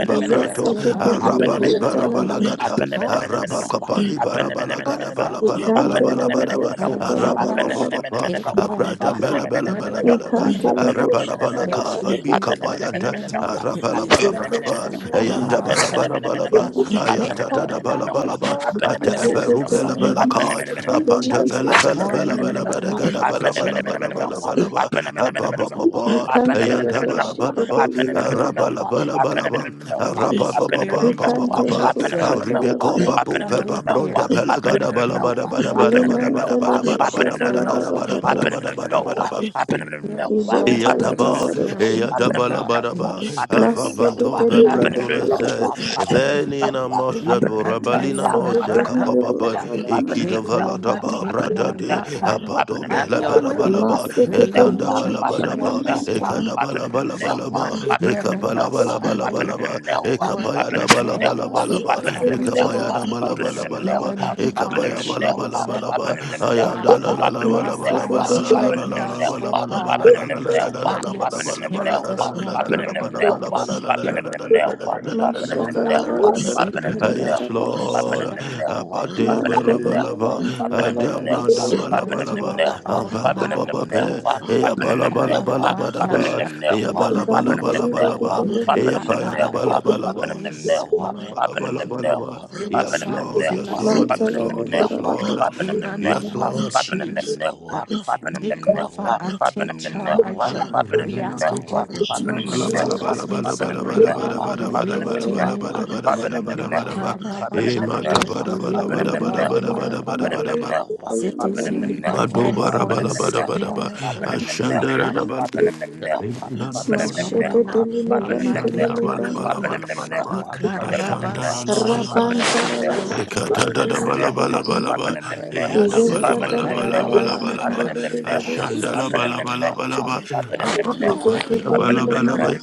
Speaker 8: Lead
Speaker 1: Abenemenemenemeho.
Speaker 8: everyone, be the
Speaker 3: jeseketelelebotsalalama-
Speaker 1: Abenemenemenemeho.
Speaker 7: arabadibarabalaga.
Speaker 8: Holy
Speaker 6: Lord.
Speaker 7: Araba
Speaker 1: Abenemenemenemeho.
Speaker 8: Spirit
Speaker 7: kapani barabala
Speaker 8: over,
Speaker 7: gada bala
Speaker 1: Abenemenemenemeho.
Speaker 7: bala
Speaker 8: take
Speaker 7: bala
Speaker 8: over,
Speaker 7: bala
Speaker 3: Likantele
Speaker 7: bala
Speaker 3: bo
Speaker 8: take
Speaker 7: ba.
Speaker 3: shatala ba
Speaker 7: Araba
Speaker 8: over,
Speaker 7: pa
Speaker 3: ba
Speaker 7: pa
Speaker 3: ba
Speaker 7: pa
Speaker 3: ba.
Speaker 7: pa.
Speaker 8: take
Speaker 7: Abrada
Speaker 8: over.
Speaker 7: bala
Speaker 8: I
Speaker 7: bala
Speaker 8: pray
Speaker 7: bala
Speaker 8: that
Speaker 7: bala ba.
Speaker 8: my
Speaker 3: Likantele bo
Speaker 7: Araba la bala
Speaker 3: shatala ba
Speaker 8: life
Speaker 7: kapa
Speaker 3: de de
Speaker 7: bi
Speaker 8: be
Speaker 3: de bo.
Speaker 7: kapa yanda.
Speaker 8: contaminated.
Speaker 1: I've
Speaker 7: Araba la bala bala ba.
Speaker 3: Zekatele ma,
Speaker 7: Yanda bala
Speaker 8: Mashallah,
Speaker 7: bala bala
Speaker 3: shatala
Speaker 7: ba.
Speaker 3: ma.
Speaker 8: Take
Speaker 7: Ayanda da da
Speaker 8: over,
Speaker 7: bala
Speaker 8: take
Speaker 7: bala ba.
Speaker 8: over.
Speaker 7: Ata
Speaker 8: I
Speaker 7: eberu bala
Speaker 3: Zekatele
Speaker 7: bala
Speaker 8: pray.
Speaker 3: ma,
Speaker 7: ka. Apanda
Speaker 3: sekatele
Speaker 8: Just
Speaker 3: bo
Speaker 7: bala
Speaker 8: this
Speaker 7: bala
Speaker 3: shatala
Speaker 8: morning
Speaker 7: bala
Speaker 3: ma.
Speaker 8: in
Speaker 7: bala
Speaker 8: the
Speaker 7: bala
Speaker 8: name
Speaker 7: gada
Speaker 8: of
Speaker 7: bala bala bala bala
Speaker 8: Jesus.
Speaker 7: bala ba. Apa pa
Speaker 6: Mercy,
Speaker 7: pa
Speaker 3: Ikanteleleboshatalabababa. Ikanteleboshatalabadebedebo. Zesatalamakeleboshalama.
Speaker 7: pa.
Speaker 3: Zeketelelemanseketeleleboshalama.
Speaker 7: Ayanda bala bala ba.
Speaker 3: Ikantelebosheketelelebo.
Speaker 7: Araba la bala bala ba.
Speaker 8: Holy
Speaker 7: Araba pa pa pa
Speaker 8: Spirit,
Speaker 7: pa
Speaker 6: Lord.
Speaker 7: pa pa
Speaker 8: teach
Speaker 7: pa.
Speaker 8: us. Uh,
Speaker 7: Abribeko babu
Speaker 8: when
Speaker 3: Ikanteleboshatalabadabadabo.
Speaker 8: we
Speaker 7: peba
Speaker 8: hear
Speaker 7: bronda
Speaker 8: from
Speaker 7: pelagada
Speaker 8: you, what
Speaker 7: balabada bada bada
Speaker 8: you
Speaker 7: bada bada bada bada
Speaker 1: been
Speaker 8: have
Speaker 7: bada bada
Speaker 1: a in the
Speaker 8: for us
Speaker 7: bada
Speaker 1: know.
Speaker 8: this
Speaker 7: bada
Speaker 1: I put
Speaker 3: Limanteleboshatalabababadosh.
Speaker 1: him
Speaker 8: morning.
Speaker 1: in
Speaker 7: bada bada
Speaker 1: the know.
Speaker 7: bada bada
Speaker 1: I put him
Speaker 8: There
Speaker 1: in the
Speaker 8: is
Speaker 1: know.
Speaker 8: no
Speaker 1: I put him in the
Speaker 7: Yataba,
Speaker 1: know.
Speaker 3: Gentalababadosh.
Speaker 8: interference,
Speaker 1: I put
Speaker 8: oh
Speaker 1: him in
Speaker 7: Yataba
Speaker 1: the
Speaker 8: God.
Speaker 1: know.
Speaker 7: Labadaba,
Speaker 1: I put him in the know. I put him in the know.
Speaker 7: Afavanto
Speaker 1: I put him in the know.
Speaker 7: Pebretunese,
Speaker 3: Maseketelilebedegadosh.
Speaker 1: I put him in the
Speaker 7: Venina
Speaker 1: know. I
Speaker 7: Mose,
Speaker 1: put him in the know. I put him in the know.
Speaker 7: Rabalina
Speaker 1: I
Speaker 7: Nose,
Speaker 1: put him in the
Speaker 7: Kapapa,
Speaker 3: Maseketelilebedegadosh.
Speaker 1: know. I put him in the
Speaker 7: Ekida
Speaker 3: ma.
Speaker 8: Take
Speaker 1: know.
Speaker 8: over,
Speaker 1: I
Speaker 7: Valadaba,
Speaker 8: take
Speaker 1: put him in the know.
Speaker 7: Bradade,
Speaker 8: over.
Speaker 1: I put him in the know. I put him in
Speaker 7: Apadome
Speaker 8: Have
Speaker 1: the know.
Speaker 8: your way.
Speaker 1: I
Speaker 7: Labarabalaba,
Speaker 1: put him in the know.
Speaker 8: Praying
Speaker 7: Ekanda
Speaker 8: each
Speaker 1: I put
Speaker 8: other
Speaker 1: him in the
Speaker 8: one
Speaker 7: Balabadaba,
Speaker 1: know.
Speaker 8: this
Speaker 3: Masekatelibushalamante.
Speaker 8: morning.
Speaker 1: I
Speaker 7: Ekadabalabalaba,
Speaker 8: Matthew Sunday.
Speaker 7: Ekapalabalabalabalaba,
Speaker 8: For
Speaker 1: put
Speaker 7: Ekapayada
Speaker 1: him in the know.
Speaker 8: again,
Speaker 7: Balabalaba,
Speaker 8: for our
Speaker 7: Ekapayada
Speaker 8: joy. In
Speaker 7: Balabalabalaba,
Speaker 8: the
Speaker 3: Masekatelibushalababadabush.
Speaker 8: name of
Speaker 7: ekapaya bala bala
Speaker 8: Jesus.
Speaker 7: bala ba
Speaker 8: My
Speaker 7: ayanda la la
Speaker 8: Father,
Speaker 7: la bala
Speaker 8: my
Speaker 7: bala
Speaker 8: eyes
Speaker 7: bala la la la
Speaker 8: straighten
Speaker 7: la
Speaker 3: Masekatelibush.
Speaker 7: la
Speaker 8: us,
Speaker 7: bala
Speaker 8: oh
Speaker 7: bala bala
Speaker 8: God
Speaker 7: la la la la la la
Speaker 8: by
Speaker 7: la
Speaker 8: your
Speaker 7: bala bala bala
Speaker 8: spirit
Speaker 7: la la
Speaker 8: this
Speaker 7: la la la
Speaker 8: morning,
Speaker 7: la
Speaker 8: the
Speaker 7: bala bala
Speaker 8: Holy
Speaker 7: bala la la la
Speaker 8: Spirit.
Speaker 7: la la
Speaker 8: Oh,
Speaker 7: la
Speaker 8: Lord, I
Speaker 7: la la la
Speaker 8: seek you.
Speaker 7: Yes,
Speaker 8: I
Speaker 3: Mashatalabadabushatalababush.
Speaker 8: seek
Speaker 7: Lord.
Speaker 8: you.
Speaker 7: Abade berabalaba.
Speaker 8: Really,
Speaker 7: Adam
Speaker 8: Holy
Speaker 7: branda
Speaker 3: Mantelelebentalalabandururu.
Speaker 8: Spirit, you
Speaker 7: balabalaba.
Speaker 8: are our
Speaker 7: Ambaba
Speaker 8: God.
Speaker 7: baba
Speaker 8: Holy
Speaker 7: pe. ya
Speaker 1: Up in
Speaker 7: bala
Speaker 1: them
Speaker 7: balabalabala
Speaker 1: now, up in
Speaker 7: badaba.
Speaker 1: them
Speaker 7: Eya
Speaker 1: now,
Speaker 7: bala
Speaker 1: up in them now,
Speaker 7: bala
Speaker 1: up in
Speaker 7: Eya
Speaker 3: Zantelilebedebush.
Speaker 1: them
Speaker 7: payada
Speaker 1: now, up
Speaker 7: balabalaba.
Speaker 1: in them now, up in them now,
Speaker 8: Spirit,
Speaker 1: up in them now,
Speaker 8: fill
Speaker 1: up in
Speaker 8: us
Speaker 7: Yes,
Speaker 8: up,
Speaker 1: them
Speaker 7: Lord,
Speaker 8: fill
Speaker 7: yes,
Speaker 1: now,
Speaker 8: us
Speaker 7: Lord,
Speaker 1: up in
Speaker 7: yes,
Speaker 8: up
Speaker 1: them
Speaker 7: Lord,
Speaker 1: now,
Speaker 7: yes, Lord,
Speaker 3: Mantelalabadabush.
Speaker 1: up in
Speaker 8: In
Speaker 1: them now, up in them
Speaker 8: the
Speaker 1: now,
Speaker 7: yes,
Speaker 8: name of
Speaker 7: Lord.
Speaker 1: up in
Speaker 8: Jesus,
Speaker 1: them now, up in them
Speaker 8: take
Speaker 1: now,
Speaker 8: over and
Speaker 1: up in
Speaker 8: take
Speaker 1: them now, up in them now,
Speaker 8: charge.
Speaker 7: Badai
Speaker 1: up in
Speaker 8: We
Speaker 1: them
Speaker 7: rebela
Speaker 1: now,
Speaker 8: ask you
Speaker 7: doba
Speaker 1: up
Speaker 8: to
Speaker 7: kopa
Speaker 8: take
Speaker 1: in
Speaker 7: daba Bala
Speaker 1: them now,
Speaker 7: bala
Speaker 8: rule
Speaker 7: bala
Speaker 8: as we
Speaker 7: bada
Speaker 1: up in
Speaker 7: bada
Speaker 1: them
Speaker 7: bada
Speaker 8: surrender
Speaker 7: bada
Speaker 8: our
Speaker 7: bada
Speaker 8: will to
Speaker 3: Mashatalabadabushalamantelabush.
Speaker 7: bada bada
Speaker 8: you.
Speaker 7: bada bada bada bada bada bada ba.
Speaker 8: Makarabahai,
Speaker 7: Imata
Speaker 1: now,
Speaker 8: Let
Speaker 7: bada
Speaker 8: your
Speaker 7: bada
Speaker 1: up
Speaker 8: will be
Speaker 1: in
Speaker 7: bada
Speaker 1: them
Speaker 7: bada
Speaker 8: done
Speaker 7: bada
Speaker 8: on
Speaker 1: now,
Speaker 7: bada
Speaker 1: I've
Speaker 7: bada
Speaker 1: been
Speaker 8: earth
Speaker 1: in
Speaker 7: bada ba.
Speaker 3: Mantelelebandururu.
Speaker 8: as it is in
Speaker 3: Shalamante.
Speaker 8: heaven.
Speaker 7: Madoba
Speaker 8: Holy
Speaker 7: rabalabadabadaba.
Speaker 8: Spirit, we
Speaker 7: Ashandaradabalaba.
Speaker 8: Yes, this morning I
Speaker 7: Indalabalabalaba.
Speaker 8: pray, my kitty,
Speaker 3: Mashekatelilebantelabandu.
Speaker 7: Ashandabalabalabalaba. bala
Speaker 8: Icarabas,
Speaker 3: Rabanta
Speaker 8: Bocataya,
Speaker 7: inda
Speaker 8: Raseta,
Speaker 1: the
Speaker 7: rada bala
Speaker 1: mill.
Speaker 7: bala
Speaker 8: Carababa,
Speaker 1: I've been
Speaker 7: ba
Speaker 1: in the know.
Speaker 8: have your
Speaker 1: I've
Speaker 7: ashanda
Speaker 1: been in
Speaker 8: way,
Speaker 1: the know. I've been in the know. I've been in the know.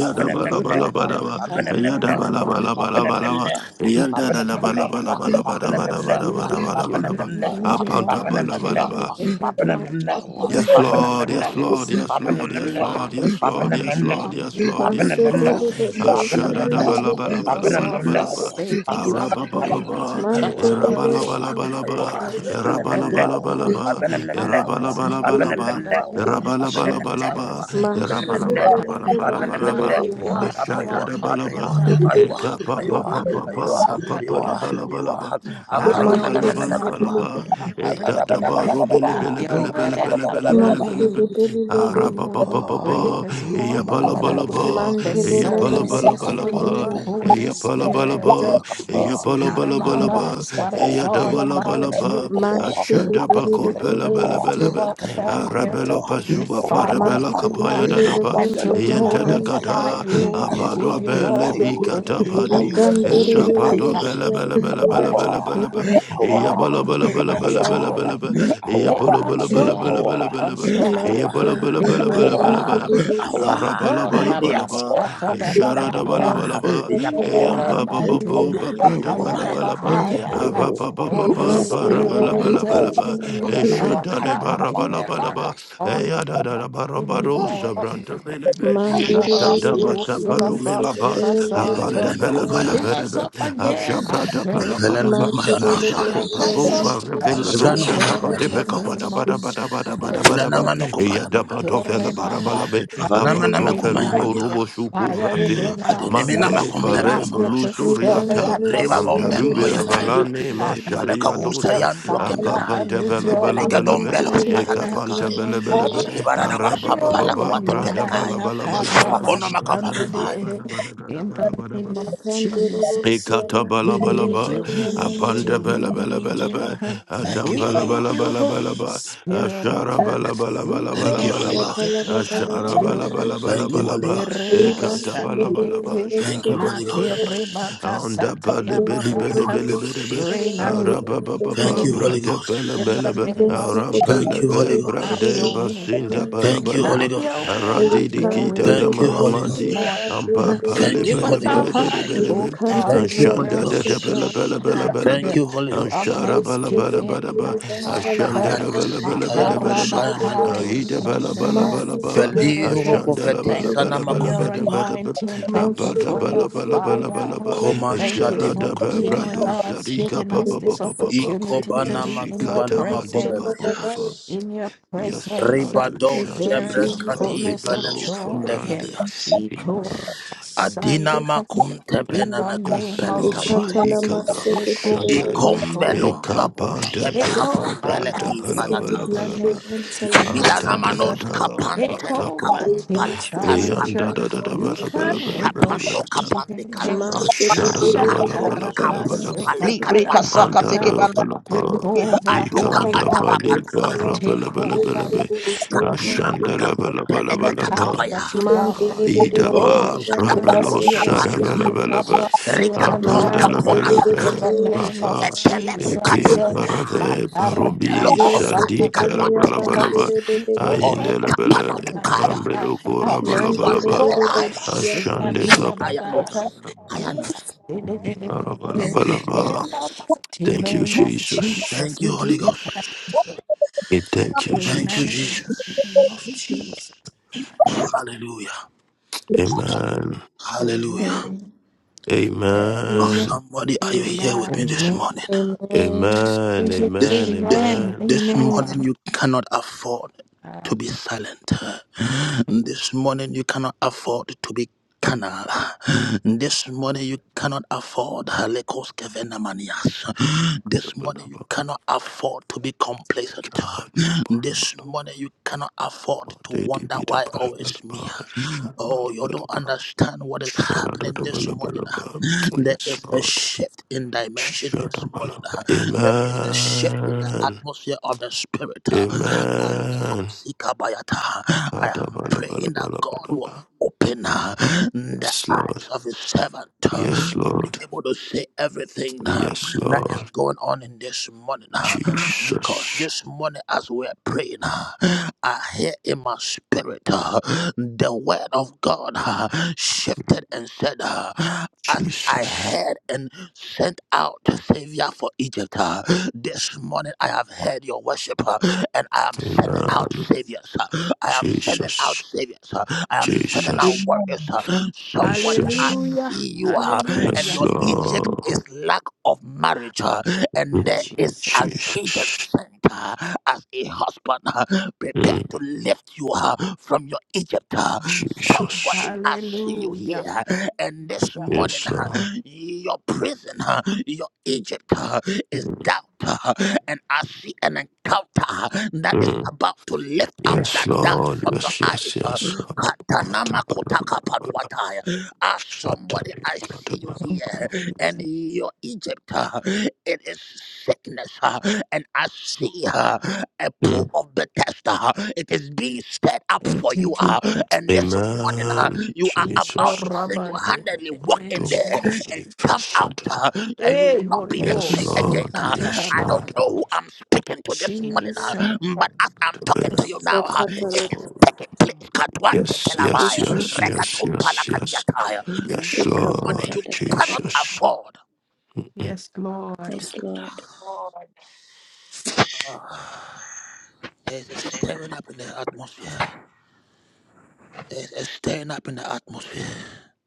Speaker 1: I've
Speaker 8: my
Speaker 1: been in the
Speaker 8: kitty,
Speaker 1: know. I've been in the know.
Speaker 7: bala
Speaker 8: Bohaya,
Speaker 7: bala
Speaker 1: I've
Speaker 7: bala
Speaker 1: been in the
Speaker 7: bala
Speaker 1: know. I've been in the know. I've been in the
Speaker 8: Rabu,
Speaker 1: know. I've
Speaker 8: We
Speaker 1: been in the know.
Speaker 8: need
Speaker 1: I've
Speaker 8: you,
Speaker 1: been in the
Speaker 7: Iyandaralabalabalabalabalabalabalabalaba.
Speaker 8: we
Speaker 1: know.
Speaker 8: need you,
Speaker 1: I've
Speaker 7: Apanta
Speaker 1: been in the know. I've
Speaker 8: Lord.
Speaker 1: been
Speaker 8: We
Speaker 1: in the
Speaker 7: bala bala
Speaker 8: can't
Speaker 7: ba.
Speaker 8: make
Speaker 1: know.
Speaker 8: it
Speaker 1: I've been in
Speaker 8: without
Speaker 1: the know. I've been in the
Speaker 8: you.
Speaker 1: know.
Speaker 8: My
Speaker 7: Yes, Lord, yes,
Speaker 8: Holy
Speaker 7: Lord, yes, Lord,
Speaker 8: Spirit,
Speaker 7: yes,
Speaker 8: you are
Speaker 7: Lord,
Speaker 8: the
Speaker 7: yes, Lord, yes,
Speaker 8: promise,
Speaker 7: Lord,
Speaker 8: Lord.
Speaker 7: yes, Lord,
Speaker 1: I've been
Speaker 7: yes,
Speaker 1: in
Speaker 8: the
Speaker 1: the
Speaker 7: Lord.
Speaker 1: know.
Speaker 8: promise.
Speaker 1: I've been in the
Speaker 7: Ashada da
Speaker 8: Never
Speaker 7: ba
Speaker 8: to
Speaker 7: la
Speaker 1: know.
Speaker 7: ba la
Speaker 8: leave
Speaker 7: ba
Speaker 1: I've
Speaker 7: la
Speaker 1: been
Speaker 8: us
Speaker 7: ba
Speaker 1: in
Speaker 8: or
Speaker 7: la
Speaker 1: the
Speaker 7: ba la ba.
Speaker 1: know.
Speaker 8: forsake
Speaker 1: Are you
Speaker 8: us. I
Speaker 1: are?
Speaker 7: Araba ba
Speaker 1: Are
Speaker 7: ba
Speaker 8: pray
Speaker 1: you are?
Speaker 8: that
Speaker 7: ba.
Speaker 8: you
Speaker 1: Are you
Speaker 8: touch
Speaker 1: are?
Speaker 8: us
Speaker 7: Iraba
Speaker 1: Are
Speaker 7: la
Speaker 1: you
Speaker 7: ba la
Speaker 1: are?
Speaker 7: ba la
Speaker 1: Are you
Speaker 7: ba.
Speaker 1: are?
Speaker 8: with
Speaker 1: Been in the
Speaker 7: Iraba la ba
Speaker 8: every
Speaker 7: la ba
Speaker 1: know.
Speaker 7: la
Speaker 1: I've
Speaker 7: ba.
Speaker 8: broken
Speaker 1: been in the
Speaker 8: heart
Speaker 7: Iraba la
Speaker 1: know.
Speaker 8: this
Speaker 7: ba la
Speaker 1: I've
Speaker 7: ba
Speaker 8: morning
Speaker 1: been
Speaker 7: la
Speaker 1: in
Speaker 8: in
Speaker 1: the
Speaker 7: ba.
Speaker 8: the
Speaker 1: know.
Speaker 8: name of
Speaker 7: Iraba
Speaker 1: I've
Speaker 7: la
Speaker 1: been
Speaker 7: ba
Speaker 1: in
Speaker 7: la
Speaker 1: the
Speaker 7: ba la ba.
Speaker 1: know.
Speaker 8: Jesus.
Speaker 1: I've been in
Speaker 7: Iraba
Speaker 1: the
Speaker 7: la
Speaker 8: We
Speaker 7: ba la
Speaker 8: come
Speaker 1: know.
Speaker 7: ba la ba
Speaker 1: I've
Speaker 7: la
Speaker 1: been
Speaker 7: ba
Speaker 1: in the
Speaker 7: la
Speaker 8: behind
Speaker 7: ba.
Speaker 8: you
Speaker 1: know.
Speaker 8: are
Speaker 1: I pay
Speaker 8: our
Speaker 1: you.
Speaker 7: Ashada da
Speaker 1: I
Speaker 7: ba la
Speaker 1: pay you.
Speaker 7: ba.
Speaker 1: Are
Speaker 8: comforter.
Speaker 1: you are?
Speaker 7: Eka pa
Speaker 1: Are you
Speaker 8: we
Speaker 7: pa pa
Speaker 1: are?
Speaker 7: pa
Speaker 1: Are
Speaker 8: did
Speaker 1: you
Speaker 7: pa pa
Speaker 1: are?
Speaker 7: pa
Speaker 1: You
Speaker 7: pa
Speaker 8: it,
Speaker 7: la
Speaker 1: are.
Speaker 7: ba la ba
Speaker 1: You
Speaker 7: la ba.
Speaker 1: are. I
Speaker 8: have
Speaker 1: can't. I'm
Speaker 8: your
Speaker 1: in
Speaker 7: Araba la
Speaker 8: way,
Speaker 7: ba la
Speaker 1: the
Speaker 8: have
Speaker 7: ba
Speaker 1: know.
Speaker 7: la
Speaker 8: your
Speaker 1: I
Speaker 8: way,
Speaker 7: ba.
Speaker 8: I
Speaker 1: am.
Speaker 8: pray.
Speaker 7: Eta
Speaker 1: Daba
Speaker 7: da
Speaker 1: daba
Speaker 7: ba ro
Speaker 1: daba daba.
Speaker 7: bele
Speaker 8: have
Speaker 1: Daba
Speaker 7: bele
Speaker 1: I
Speaker 8: your way,
Speaker 1: had
Speaker 7: bele
Speaker 8: have
Speaker 1: a
Speaker 7: bele bele
Speaker 1: daba
Speaker 7: bele
Speaker 1: daba
Speaker 8: your
Speaker 7: bele
Speaker 1: daba.
Speaker 7: bele
Speaker 8: way.
Speaker 7: bele. Ara ba ba ba
Speaker 8: We
Speaker 7: ba
Speaker 1: Ah,
Speaker 8: pray
Speaker 7: ba.
Speaker 8: this
Speaker 7: Eya ba
Speaker 1: Komana
Speaker 8: morning.
Speaker 7: la ba la
Speaker 1: Madabadosha,
Speaker 7: ba.
Speaker 8: This
Speaker 3: Mantele
Speaker 7: Eya ba la
Speaker 3: lele
Speaker 7: ba
Speaker 8: service
Speaker 1: Akanime
Speaker 7: la
Speaker 3: bantele
Speaker 8: is
Speaker 7: ba la
Speaker 8: for
Speaker 3: lele
Speaker 7: ba.
Speaker 1: Kantuantepe,
Speaker 8: you,
Speaker 3: bantele.
Speaker 8: Holy
Speaker 7: Eya ba la ba la
Speaker 1: Mekatepe
Speaker 7: ba.
Speaker 8: Spirit.
Speaker 1: Komana
Speaker 7: Eya
Speaker 8: It's
Speaker 1: Kapo,
Speaker 7: ba la
Speaker 8: not
Speaker 7: ba la ba
Speaker 1: Akamana
Speaker 8: about
Speaker 7: la ba.
Speaker 8: us, but it's
Speaker 7: Eya
Speaker 1: Kapo,
Speaker 7: da
Speaker 8: all
Speaker 7: ba la ba la
Speaker 1: Akamana
Speaker 8: about you.
Speaker 7: ba.
Speaker 1: Kapo,
Speaker 7: Asha da ba kom
Speaker 8: We're
Speaker 1: Akamana
Speaker 8: here
Speaker 7: bele
Speaker 8: to
Speaker 3: Mashi
Speaker 7: bele
Speaker 1: Kapo,
Speaker 8: lift
Speaker 7: bele
Speaker 8: you
Speaker 7: bele.
Speaker 8: up. We're
Speaker 1: Akamana
Speaker 7: Ara
Speaker 8: here to
Speaker 7: bele
Speaker 1: Kapo,
Speaker 7: ba su ba
Speaker 8: magnify
Speaker 1: Kobaba
Speaker 8: your
Speaker 7: bele
Speaker 1: Pampayo,
Speaker 8: name
Speaker 7: kapaya da da
Speaker 3: Masiketelele
Speaker 7: ba.
Speaker 8: and to
Speaker 3: bontela
Speaker 1: Aquampeloko,
Speaker 3: la
Speaker 7: Yente de
Speaker 3: bai.
Speaker 8: glorify
Speaker 7: gada.
Speaker 1: Ayua,
Speaker 8: you. We
Speaker 7: Abado
Speaker 8: give
Speaker 1: Ayua,
Speaker 8: you
Speaker 7: bele
Speaker 8: all the
Speaker 7: bi gada
Speaker 8: praise.
Speaker 1: Ayua,
Speaker 7: badu.
Speaker 3: Likandere
Speaker 7: Esha
Speaker 1: Ayua,
Speaker 3: bere
Speaker 7: bado bele
Speaker 3: boshia
Speaker 7: bele
Speaker 1: Ayua,
Speaker 8: We
Speaker 7: bele
Speaker 3: mandere
Speaker 7: bele bele
Speaker 8: worship
Speaker 3: bosh.
Speaker 7: bele
Speaker 8: you,
Speaker 1: Awa,
Speaker 7: bele.
Speaker 8: Lord.
Speaker 1: Awa,
Speaker 7: Eya ba la
Speaker 8: morning
Speaker 7: ba la ba
Speaker 8: take
Speaker 7: la ba la
Speaker 1: Awa,
Speaker 7: ba la ba
Speaker 8: control.
Speaker 7: la ba.
Speaker 8: Take
Speaker 7: Yapala
Speaker 1: Awa,
Speaker 7: bala bala
Speaker 8: control,
Speaker 7: bala bala
Speaker 8: take
Speaker 7: bala ba.
Speaker 1: Awa,
Speaker 8: control. My
Speaker 7: Yapala
Speaker 1: Awa.
Speaker 8: faith
Speaker 7: bala
Speaker 8: is
Speaker 7: bala
Speaker 3: Masiketelele
Speaker 7: bala
Speaker 8: great,
Speaker 7: bala
Speaker 8: God.
Speaker 1: Awa,
Speaker 7: bala
Speaker 3: bontele
Speaker 7: ba.
Speaker 3: bosh.
Speaker 1: awa,
Speaker 7: Arabala bala
Speaker 1: ya
Speaker 7: bala ba.
Speaker 1: kokoa, ya
Speaker 7: Sharada bala
Speaker 8: Ikorabaskatabababa.
Speaker 1: kokoa,
Speaker 7: bala ba.
Speaker 1: ya
Speaker 3: Basakatala
Speaker 7: E
Speaker 3: la
Speaker 7: Yam
Speaker 1: kokoa,
Speaker 7: pa pa pa
Speaker 3: mandere
Speaker 7: pa
Speaker 1: koma,
Speaker 3: bere
Speaker 7: pa
Speaker 3: bosh.
Speaker 7: prada
Speaker 1: koma
Speaker 7: bala
Speaker 1: ya,
Speaker 7: bala ba.
Speaker 8: Ierebandiakatayarabahaya.
Speaker 7: Ava pa
Speaker 1: oh,
Speaker 7: pa pa
Speaker 8: Holy
Speaker 7: pa
Speaker 3: Mandere
Speaker 7: para
Speaker 1: oh,
Speaker 7: bala
Speaker 3: bere
Speaker 8: Spirit,
Speaker 7: bala
Speaker 8: hear
Speaker 3: boshia
Speaker 7: bala
Speaker 3: la
Speaker 7: ba.
Speaker 1: oh,
Speaker 7: E
Speaker 3: mandere
Speaker 8: our
Speaker 3: bosh.
Speaker 7: Shanda de
Speaker 1: kana
Speaker 8: cry,
Speaker 7: bara bala
Speaker 1: makwante
Speaker 8: hear
Speaker 7: bala
Speaker 8: our
Speaker 7: ba.
Speaker 1: katai.
Speaker 8: call.
Speaker 7: E Ya da da da bara
Speaker 8: We need
Speaker 7: baro
Speaker 1: Hai,
Speaker 8: more of you,
Speaker 7: sabranta bele be.
Speaker 1: hai,
Speaker 8: more
Speaker 3: Mandere
Speaker 8: of
Speaker 3: bere
Speaker 7: Atada
Speaker 8: you.
Speaker 7: bata
Speaker 3: boshia
Speaker 7: pa
Speaker 8: Fill
Speaker 7: do
Speaker 8: us
Speaker 7: me
Speaker 8: up,
Speaker 7: la ba.
Speaker 8: fill us
Speaker 3: masiketelele le
Speaker 1: ile
Speaker 8: up.
Speaker 7: Abanda
Speaker 1: vele
Speaker 3: boshia
Speaker 7: bala
Speaker 3: la
Speaker 7: bala
Speaker 8: Fill
Speaker 1: mekuvayas,
Speaker 7: bala
Speaker 3: mandere.
Speaker 8: us
Speaker 7: ba.
Speaker 8: up again. I
Speaker 7: Avshabrada
Speaker 8: pray.
Speaker 7: bala
Speaker 1: vele
Speaker 7: bala ba.
Speaker 1: menimaya
Speaker 8: I
Speaker 3: Mantelele
Speaker 8: feel
Speaker 1: nashaya,
Speaker 8: like
Speaker 3: boshia
Speaker 8: that's so
Speaker 7: Agakopaboba
Speaker 3: mandere
Speaker 7: revela
Speaker 8: fresh
Speaker 3: boshia
Speaker 1: alevrano
Speaker 8: again
Speaker 7: dosa
Speaker 1: homaya
Speaker 8: in
Speaker 3: mandere
Speaker 7: rabatepe
Speaker 8: the
Speaker 3: bere
Speaker 7: kapada
Speaker 3: bosh.
Speaker 8: name
Speaker 1: liyavayas,
Speaker 8: of
Speaker 7: bada bada bada bada
Speaker 1: ile
Speaker 7: bada ba.
Speaker 1: namana
Speaker 8: Jesus.
Speaker 7: Eya
Speaker 1: kubaya
Speaker 8: You
Speaker 1: namaya
Speaker 7: dabato fela
Speaker 1: diyas,
Speaker 8: deliver us
Speaker 7: barabalabe
Speaker 3: Masiketelele
Speaker 1: vavanamana
Speaker 8: and
Speaker 7: apatom
Speaker 1: mekumaya
Speaker 3: bontele
Speaker 7: ferubo
Speaker 8: ignite
Speaker 3: bosh.
Speaker 8: your
Speaker 7: robo
Speaker 1: maniyas,
Speaker 7: shuku
Speaker 8: fire
Speaker 7: vrate
Speaker 8: within us.
Speaker 1: adenemi
Speaker 7: mande
Speaker 8: We
Speaker 1: namakumeme
Speaker 8: ask
Speaker 7: farebo
Speaker 8: you to
Speaker 1: mamabosha.
Speaker 7: luso
Speaker 8: fill the
Speaker 7: riata
Speaker 3: Nikantelele de
Speaker 1: Ribabombe
Speaker 8: atmosphere
Speaker 7: amperube
Speaker 8: this
Speaker 3: bendelele
Speaker 1: moyanai.
Speaker 8: morning
Speaker 7: ravalane
Speaker 8: uh,
Speaker 3: boshakalaman.
Speaker 7: masharia
Speaker 8: with
Speaker 1: Valekausa
Speaker 8: your
Speaker 7: dosa
Speaker 1: yandu
Speaker 8: fire
Speaker 1: wakemenai.
Speaker 8: and
Speaker 7: akapante
Speaker 8: with
Speaker 7: bela
Speaker 8: your
Speaker 7: bela bela be
Speaker 1: Rigadombelo
Speaker 3: Likantelele
Speaker 8: anointing.
Speaker 7: ekapante
Speaker 1: shahanyakai.
Speaker 7: bela bela
Speaker 8: Born
Speaker 7: be
Speaker 3: boshiamandelele.
Speaker 8: of
Speaker 1: Ibaradaba
Speaker 7: araba
Speaker 8: the
Speaker 7: baba
Speaker 1: shampala
Speaker 8: oil
Speaker 7: baba
Speaker 8: and
Speaker 1: kuate
Speaker 7: brada bala
Speaker 8: wine
Speaker 1: pelekai.
Speaker 8: of
Speaker 7: bala bala bala bala
Speaker 1: Vavavono
Speaker 7: bala
Speaker 8: Karamash and the
Speaker 7: bala bala
Speaker 1: makavaruvai.
Speaker 8: day.
Speaker 7: bala bala
Speaker 8: In
Speaker 7: bala
Speaker 8: the
Speaker 7: bala bala
Speaker 8: name of
Speaker 3: Likantele
Speaker 8: Jesus,
Speaker 7: Ikata bala
Speaker 8: we
Speaker 3: boshiamandelele
Speaker 1: Thank
Speaker 7: bala
Speaker 1: you,
Speaker 8: need
Speaker 1: Holy
Speaker 7: ba,
Speaker 8: you,
Speaker 1: Ghost.
Speaker 8: we need
Speaker 3: boshariamandele.
Speaker 7: apanda
Speaker 8: you, we
Speaker 7: bala bala
Speaker 8: need
Speaker 7: bala ba,
Speaker 8: you.
Speaker 1: Thank you,
Speaker 8: We
Speaker 1: Holy
Speaker 7: atampala
Speaker 8: need
Speaker 7: bala
Speaker 1: Ghost.
Speaker 8: you,
Speaker 7: bala
Speaker 8: Holy
Speaker 7: bala ba, ashara
Speaker 8: Spirit.
Speaker 7: bala bala
Speaker 8: We
Speaker 7: bala
Speaker 1: Thank
Speaker 7: bala
Speaker 1: you,
Speaker 8: can't
Speaker 7: bala
Speaker 1: Holy
Speaker 8: make
Speaker 7: ba,
Speaker 1: Ghost.
Speaker 8: it
Speaker 3: Ashakalabada
Speaker 8: without
Speaker 3: bada
Speaker 7: ashara
Speaker 3: bada
Speaker 7: bala
Speaker 8: you.
Speaker 7: bala
Speaker 3: bosh.
Speaker 7: bala
Speaker 1: Thank you,
Speaker 8: We
Speaker 7: bala
Speaker 1: Holy
Speaker 7: ba,
Speaker 8: can't
Speaker 1: Ghost.
Speaker 7: ikata bala bala
Speaker 3: Libaseketelele
Speaker 7: ba,
Speaker 1: Thank you,
Speaker 7: ashara
Speaker 1: Holy
Speaker 7: bala bala
Speaker 1: Ghost.
Speaker 3: besheketelele
Speaker 7: ba,
Speaker 3: beta.
Speaker 7: anda bala bala bala bala
Speaker 3: Jesukotoro
Speaker 7: bala ba,
Speaker 8: Rain and
Speaker 7: araba ba, ba,
Speaker 1: Thank
Speaker 3: dosalabaseketelele
Speaker 7: ba,
Speaker 8: rain
Speaker 1: you, Holy
Speaker 3: menta.
Speaker 7: brada
Speaker 1: Ghost.
Speaker 7: bala
Speaker 8: in the
Speaker 7: bala ba,
Speaker 8: name of
Speaker 7: ashara
Speaker 1: Thank
Speaker 8: Jesus.
Speaker 7: ashara ashara
Speaker 1: you,
Speaker 3: Jeseketelele
Speaker 7: Ikatabalabalaba, apandabalabalaba, atampalabalabalabalaba, asharabalabalabalaba, asharabalabalabalaba, ikatabalabalaba, asharabalaba, andabadebedebedebedebe, bala bradebelebelebe, arampalebe,
Speaker 1: Holy
Speaker 3: bede
Speaker 1: Ghost.
Speaker 8: Have
Speaker 3: bede
Speaker 8: your way.
Speaker 3: boshakalalaman.
Speaker 1: Thank you, Holy
Speaker 7: bradebasindabalabalaba,
Speaker 8: Have your
Speaker 1: Ghost.
Speaker 8: way, have your way,
Speaker 5: siki.
Speaker 1: Thank
Speaker 3: Likantelele
Speaker 7: aradidikidadamalama,
Speaker 1: you,
Speaker 8: must
Speaker 1: Holy
Speaker 8: be
Speaker 1: Ghost.
Speaker 7: Amadi,
Speaker 8: smart.
Speaker 3: beshiabandele
Speaker 7: Ampa
Speaker 3: bede
Speaker 7: Pale
Speaker 1: Thank you,
Speaker 8: Give
Speaker 3: bosh.
Speaker 7: Bele
Speaker 8: us
Speaker 1: Holy
Speaker 8: a
Speaker 7: Bele Bele
Speaker 1: Ghost.
Speaker 8: heart,
Speaker 7: Bele
Speaker 8: oh God,
Speaker 1: Thank
Speaker 8: to
Speaker 1: you,
Speaker 3: Alicantelia
Speaker 1: Holy Ghost. Thank you, Holy
Speaker 7: Ashanda da
Speaker 8: worship
Speaker 7: da
Speaker 1: Ghost.
Speaker 7: bella
Speaker 8: your
Speaker 7: bella bella
Speaker 8: heart.
Speaker 7: bella bella.
Speaker 1: Thank
Speaker 3: mashetelelebonta.
Speaker 1: you, Holy Ghost.
Speaker 8: Of
Speaker 7: Ashara bella bella
Speaker 8: thanksgiving,
Speaker 7: bella bella.
Speaker 8: oh
Speaker 3: Zeketelelebanta
Speaker 8: God.
Speaker 7: Ashanda la
Speaker 1: Kayana
Speaker 7: bella bella
Speaker 3: larababosia
Speaker 7: bella
Speaker 1: Sikayano
Speaker 7: bella bella.
Speaker 3: mantelebe.
Speaker 8: Makarabahai, we
Speaker 7: Ahida
Speaker 1: Shayamanakias
Speaker 6: Thank
Speaker 7: bella
Speaker 8: thank
Speaker 6: you.
Speaker 8: you,
Speaker 7: bella bella
Speaker 8: Holy
Speaker 7: bella.
Speaker 1: Veli
Speaker 8: Spirit.
Speaker 7: Ashanda la
Speaker 1: Rokoveti
Speaker 7: bella
Speaker 8: Thank you
Speaker 7: bella
Speaker 1: Sanama
Speaker 8: for
Speaker 7: bella
Speaker 3: Masheketelelebentelebebesha.
Speaker 8: your
Speaker 7: bella
Speaker 1: Kovenimai
Speaker 7: bella bella.
Speaker 8: anointing. Thank you
Speaker 7: Abada
Speaker 8: for your
Speaker 7: bella bella bella
Speaker 8: fire.
Speaker 7: bella bella.
Speaker 1: Koma
Speaker 8: Thank you
Speaker 1: Shadi
Speaker 7: Ashara
Speaker 8: for
Speaker 7: da
Speaker 3: Masheketelelebosatalamandelebesia
Speaker 8: being
Speaker 7: bella
Speaker 8: with
Speaker 1: Brokozikaya
Speaker 7: do
Speaker 3: mante.
Speaker 8: us,
Speaker 7: sarika
Speaker 8: giving
Speaker 7: pa
Speaker 8: us
Speaker 7: pa pa
Speaker 8: this
Speaker 7: pa pa pa.
Speaker 8: opportunity to
Speaker 1: Ikobana
Speaker 8: be in your
Speaker 7: Yasika ta
Speaker 1: Makibana
Speaker 7: pa di
Speaker 3: Zeketelelebantelelebosha
Speaker 7: pa
Speaker 8: presence
Speaker 7: pa pa pa.
Speaker 3: tatabaya.
Speaker 1: Makobebeas
Speaker 8: in your presence.
Speaker 7: Yasadu
Speaker 1: Ribado
Speaker 3: Thank you,
Speaker 8: There is
Speaker 7: shadika pa
Speaker 1: Shebrenkadi
Speaker 3: Jesus.
Speaker 8: fullness of
Speaker 7: rebelo
Speaker 8: joy.
Speaker 1: Velemekunde
Speaker 7: fabrande.
Speaker 1: Velias
Speaker 8: We call Messiah
Speaker 1: Adina Makunte
Speaker 8: in the
Speaker 7: Yes,
Speaker 8: name
Speaker 1: Penamekumpe
Speaker 8: of
Speaker 7: Lord,
Speaker 1: Kapai
Speaker 3: Ekatala
Speaker 8: Jesus.
Speaker 7: Ikada
Speaker 8: Take over,
Speaker 7: Shante,
Speaker 8: take
Speaker 3: maseketelelebente.
Speaker 8: over,
Speaker 1: Ikombelumba
Speaker 7: Ekabanda
Speaker 8: take
Speaker 7: Belfa
Speaker 8: over.
Speaker 1: Boshebekapumbe
Speaker 8: I
Speaker 7: Brada
Speaker 8: pray
Speaker 7: Palabala
Speaker 8: in the
Speaker 1: Falatas
Speaker 8: name of
Speaker 7: Balaba,
Speaker 3: Maseketelelebanta
Speaker 1: Vilana
Speaker 7: Anta da
Speaker 8: Jesus.
Speaker 3: larababosia.
Speaker 7: da
Speaker 1: manos
Speaker 7: da,
Speaker 8: Take
Speaker 1: kapante ni
Speaker 8: over,
Speaker 7: Bratapa,
Speaker 8: take
Speaker 1: kakumpala
Speaker 3: Ribastre lili
Speaker 8: charge.
Speaker 7: Eyanda da da
Speaker 3: bente
Speaker 7: da
Speaker 8: You
Speaker 3: lili
Speaker 7: Bala
Speaker 8: can
Speaker 7: Bala
Speaker 3: bente.
Speaker 7: Bala Bala
Speaker 1: Kapando
Speaker 8: rebush.
Speaker 7: Bala Bala,
Speaker 1: kapande kalai.
Speaker 3: Maske tete
Speaker 7: Ashada da
Speaker 8: Nasha
Speaker 3: lili
Speaker 7: Bala
Speaker 1: Ikatoms
Speaker 7: Bala
Speaker 3: busha
Speaker 7: Bala
Speaker 3: la
Speaker 1: kapum
Speaker 7: Bala
Speaker 3: maske
Speaker 7: Bala,
Speaker 3: tete
Speaker 5: Libre
Speaker 3: lili
Speaker 1: palekatwata.
Speaker 5: kasaka
Speaker 3: bente.
Speaker 7: Manda
Speaker 5: teke
Speaker 7: da
Speaker 5: bana
Speaker 7: Bala
Speaker 8: Take
Speaker 7: Bala,
Speaker 5: ke ba.
Speaker 8: over,
Speaker 1: Aduka
Speaker 8: Holy
Speaker 3: Mankala
Speaker 7: Ikada
Speaker 8: One.
Speaker 7: Bali
Speaker 1: matakapatu
Speaker 3: babusha la
Speaker 7: Bara
Speaker 3: la
Speaker 1: kapayata.
Speaker 7: Bala
Speaker 8: Take
Speaker 3: bande
Speaker 7: Bala Bala
Speaker 8: over.
Speaker 3: lili
Speaker 7: Bala,
Speaker 3: bushia
Speaker 1: Ikatuna
Speaker 3: mante.
Speaker 7: Ashanda la
Speaker 1: makapum
Speaker 7: Bala Bala
Speaker 8: the
Speaker 7: Bala Bala
Speaker 8: path
Speaker 1: pelekatakapaya.
Speaker 8: that you love
Speaker 3: Mante
Speaker 8: us
Speaker 3: lebe
Speaker 8: to
Speaker 3: de
Speaker 1: Oh,
Speaker 8: go.
Speaker 7: Kaidaba
Speaker 3: bushia
Speaker 8: Give
Speaker 3: mante
Speaker 8: us
Speaker 7: Rabelo
Speaker 1: shadabakos
Speaker 3: de
Speaker 8: healers
Speaker 3: bush.
Speaker 8: to
Speaker 1: kapanya.
Speaker 8: hear what
Speaker 7: Sharabalabelebe
Speaker 8: thus said the
Speaker 1: Rikatus
Speaker 8: Lord.
Speaker 3: Mante
Speaker 1: kapona
Speaker 3: lebe de
Speaker 8: In
Speaker 7: Abandelebelebe
Speaker 8: the
Speaker 1: takaya.
Speaker 3: bera
Speaker 8: name of
Speaker 3: bala,
Speaker 7: Rapa
Speaker 8: Jesus,
Speaker 1: Eteleku
Speaker 7: Eke
Speaker 1: katakumai.
Speaker 8: my
Speaker 7: Barave Barobi
Speaker 1: Delokos
Speaker 8: Tarakasa,
Speaker 7: Shandi
Speaker 3: Ribasikelibente,
Speaker 1: katikatwante tekai.
Speaker 7: Karabalabalaba
Speaker 3: masikekelebo shalama
Speaker 8: we
Speaker 3: sikelibente, ankalabado shalabandelebo shiamante, mantelebelebo shiamantelebo, mantelebelebe abalabante, jeseketelirabantelebelebo,
Speaker 1: Os
Speaker 8: makoreba.
Speaker 7: Ayendelebele
Speaker 8: for my
Speaker 1: kapanotukaya.
Speaker 7: Rambelo
Speaker 1: Ikatwas
Speaker 7: Korabalabalaba
Speaker 3: mantelebelebo
Speaker 1: kevelai.
Speaker 7: Ashande
Speaker 1: I
Speaker 3: shiamantelebo.
Speaker 1: ayanos.
Speaker 8: In
Speaker 1: Ayanos. Thank you, Jesus.
Speaker 7: Kapadabalabalaba
Speaker 8: the mighty
Speaker 7: Thank you,
Speaker 8: name of
Speaker 7: Jesus.
Speaker 8: Jesus,
Speaker 1: Thank you,
Speaker 8: we give
Speaker 1: Holy Ghost.
Speaker 8: you thanks.
Speaker 7: We Thank you,
Speaker 1: Thank
Speaker 8: Amen.
Speaker 1: you,
Speaker 7: Jesus.
Speaker 8: In
Speaker 1: Jesus.
Speaker 8: the name of Jesus.
Speaker 1: Hallelujah.
Speaker 7: Amen.
Speaker 1: Hallelujah.
Speaker 8: Amen.
Speaker 3: Amen.
Speaker 1: Oh,
Speaker 2: Amen.
Speaker 7: Amen.
Speaker 1: somebody, are you here with
Speaker 8: Amen.
Speaker 1: me this
Speaker 6: Amen,
Speaker 1: morning?
Speaker 3: Amen.
Speaker 7: Amen.
Speaker 1: This
Speaker 7: Amen.
Speaker 1: this
Speaker 2: Amen. Amen.
Speaker 1: this
Speaker 7: Amen.
Speaker 2: Amen.
Speaker 1: morning you cannot afford to be silent. This morning you cannot afford to be canal. This morning you cannot afford Halekos Kevenamanias.
Speaker 7: Yes,
Speaker 1: This
Speaker 7: Lord.
Speaker 1: morning you cannot afford to be complacent. This morning you cannot afford to wonder why always me. Oh, you don't understand what is happening this morning. There is a shift in dimension this morning. ah. There is a shift in the
Speaker 7: Amen.
Speaker 1: atmosphere of the spirit. ah.
Speaker 7: Amen.
Speaker 1: Alekosikabayata. I am praying that God will open ah, the
Speaker 7: Yes, Lord.
Speaker 1: eyes of his servant ah,
Speaker 7: Yes,
Speaker 1: to be
Speaker 7: Lord.
Speaker 1: able to see everything ah,
Speaker 7: Yes,
Speaker 1: that is
Speaker 7: Lord.
Speaker 1: going on in this morning. ah. Because
Speaker 7: Jesus.
Speaker 1: this morning, as we are praying, ah, I hear in my spirit ah, the word of God ah, shifted and said. uh, as I
Speaker 7: Jesus.
Speaker 1: heard and sent out the Savior for Egypt. uh, This morning I have heard your worship uh, and I am sending out
Speaker 7: Amen.
Speaker 1: Saviors. uh, I am sending out
Speaker 7: Jesus.
Speaker 1: Saviors. uh, I am sending out
Speaker 7: Jesus.
Speaker 1: warriors. uh, Somebody, I
Speaker 7: Jesus.
Speaker 8: Hallelujah.
Speaker 1: see you uh, and
Speaker 7: Yes,
Speaker 8: Hallelujah.
Speaker 1: your Egypt is
Speaker 7: Lord.
Speaker 1: lack of marriage uh,
Speaker 8: Yeah,
Speaker 1: and there is
Speaker 8: Jesus.
Speaker 1: an agent
Speaker 7: Jesus.
Speaker 1: sent uh, as a husband uh, prepared
Speaker 7: Mm,
Speaker 1: to lift you uh, from your Egypt. uh, Somebody,
Speaker 7: Jesus.
Speaker 1: I see you
Speaker 8: Hallelujah.
Speaker 1: here and this morning,
Speaker 7: Yes,
Speaker 1: uh,
Speaker 7: Lord.
Speaker 1: your prison, uh, your Egypt uh, is
Speaker 7: Mm,
Speaker 1: doubt. uh, And I see an encounter uh, that is
Speaker 7: mm.
Speaker 1: about to lift up
Speaker 7: yes,
Speaker 1: that doubt
Speaker 7: Lord.
Speaker 1: from your
Speaker 7: Yes, yes,
Speaker 1: eyes. uh.
Speaker 7: yes, Lord.
Speaker 1: Katanama kotaka paduataya. Ah, somebody, I see you here. And
Speaker 6: Jesus.
Speaker 1: your Egypt, uh, it is sickness. uh, And I see her a pool
Speaker 7: Mm,
Speaker 1: of Bethesda. uh, It is being stirred up for
Speaker 6: Thank you,
Speaker 1: you.
Speaker 6: Jesus.
Speaker 1: uh, And this morning, uh,
Speaker 7: Amen.
Speaker 1: you are about
Speaker 7: Jesus.
Speaker 1: to single
Speaker 8: Incorrobate.
Speaker 1: handedly walk in
Speaker 7: Don't
Speaker 1: there
Speaker 7: call
Speaker 8: Jesus.
Speaker 1: and
Speaker 7: me for
Speaker 1: come out,
Speaker 7: Satan.
Speaker 1: uh, and you
Speaker 8: Hey,
Speaker 1: will not
Speaker 8: Holy
Speaker 1: be
Speaker 6: Thank
Speaker 1: the
Speaker 7: Yes,
Speaker 6: you.
Speaker 1: same
Speaker 8: Ghost.
Speaker 6: Jesus.
Speaker 1: again.
Speaker 7: Lord.
Speaker 1: uh.
Speaker 7: Yes,
Speaker 1: I don't
Speaker 7: Lord.
Speaker 8: Atarababa.
Speaker 1: know who I'm speaking to this morning, uh,
Speaker 8: Jesus.
Speaker 1: but as I'm talking to you now, uh, it is
Speaker 3: Shatatalabat.
Speaker 1: taking place. Katwa
Speaker 7: Yes,
Speaker 3: Thank you,
Speaker 7: yes,
Speaker 1: tekelabaya,
Speaker 7: yes,
Speaker 3: Jesus.
Speaker 7: yes,
Speaker 1: rekatumpa
Speaker 7: yes, yes.
Speaker 1: lakadiataya.
Speaker 7: Yes,
Speaker 1: This morning,
Speaker 3: Ikapata
Speaker 7: Lord.
Speaker 1: you cannot
Speaker 3: takapata.
Speaker 7: Jesus.
Speaker 1: afford
Speaker 7: Mm,
Speaker 8: Yes,
Speaker 1: to
Speaker 8: Lord.
Speaker 1: be.
Speaker 3: Yes, Lord.
Speaker 1: Ah, There's a stirring up in the atmosphere. There's a stirring up in the atmosphere.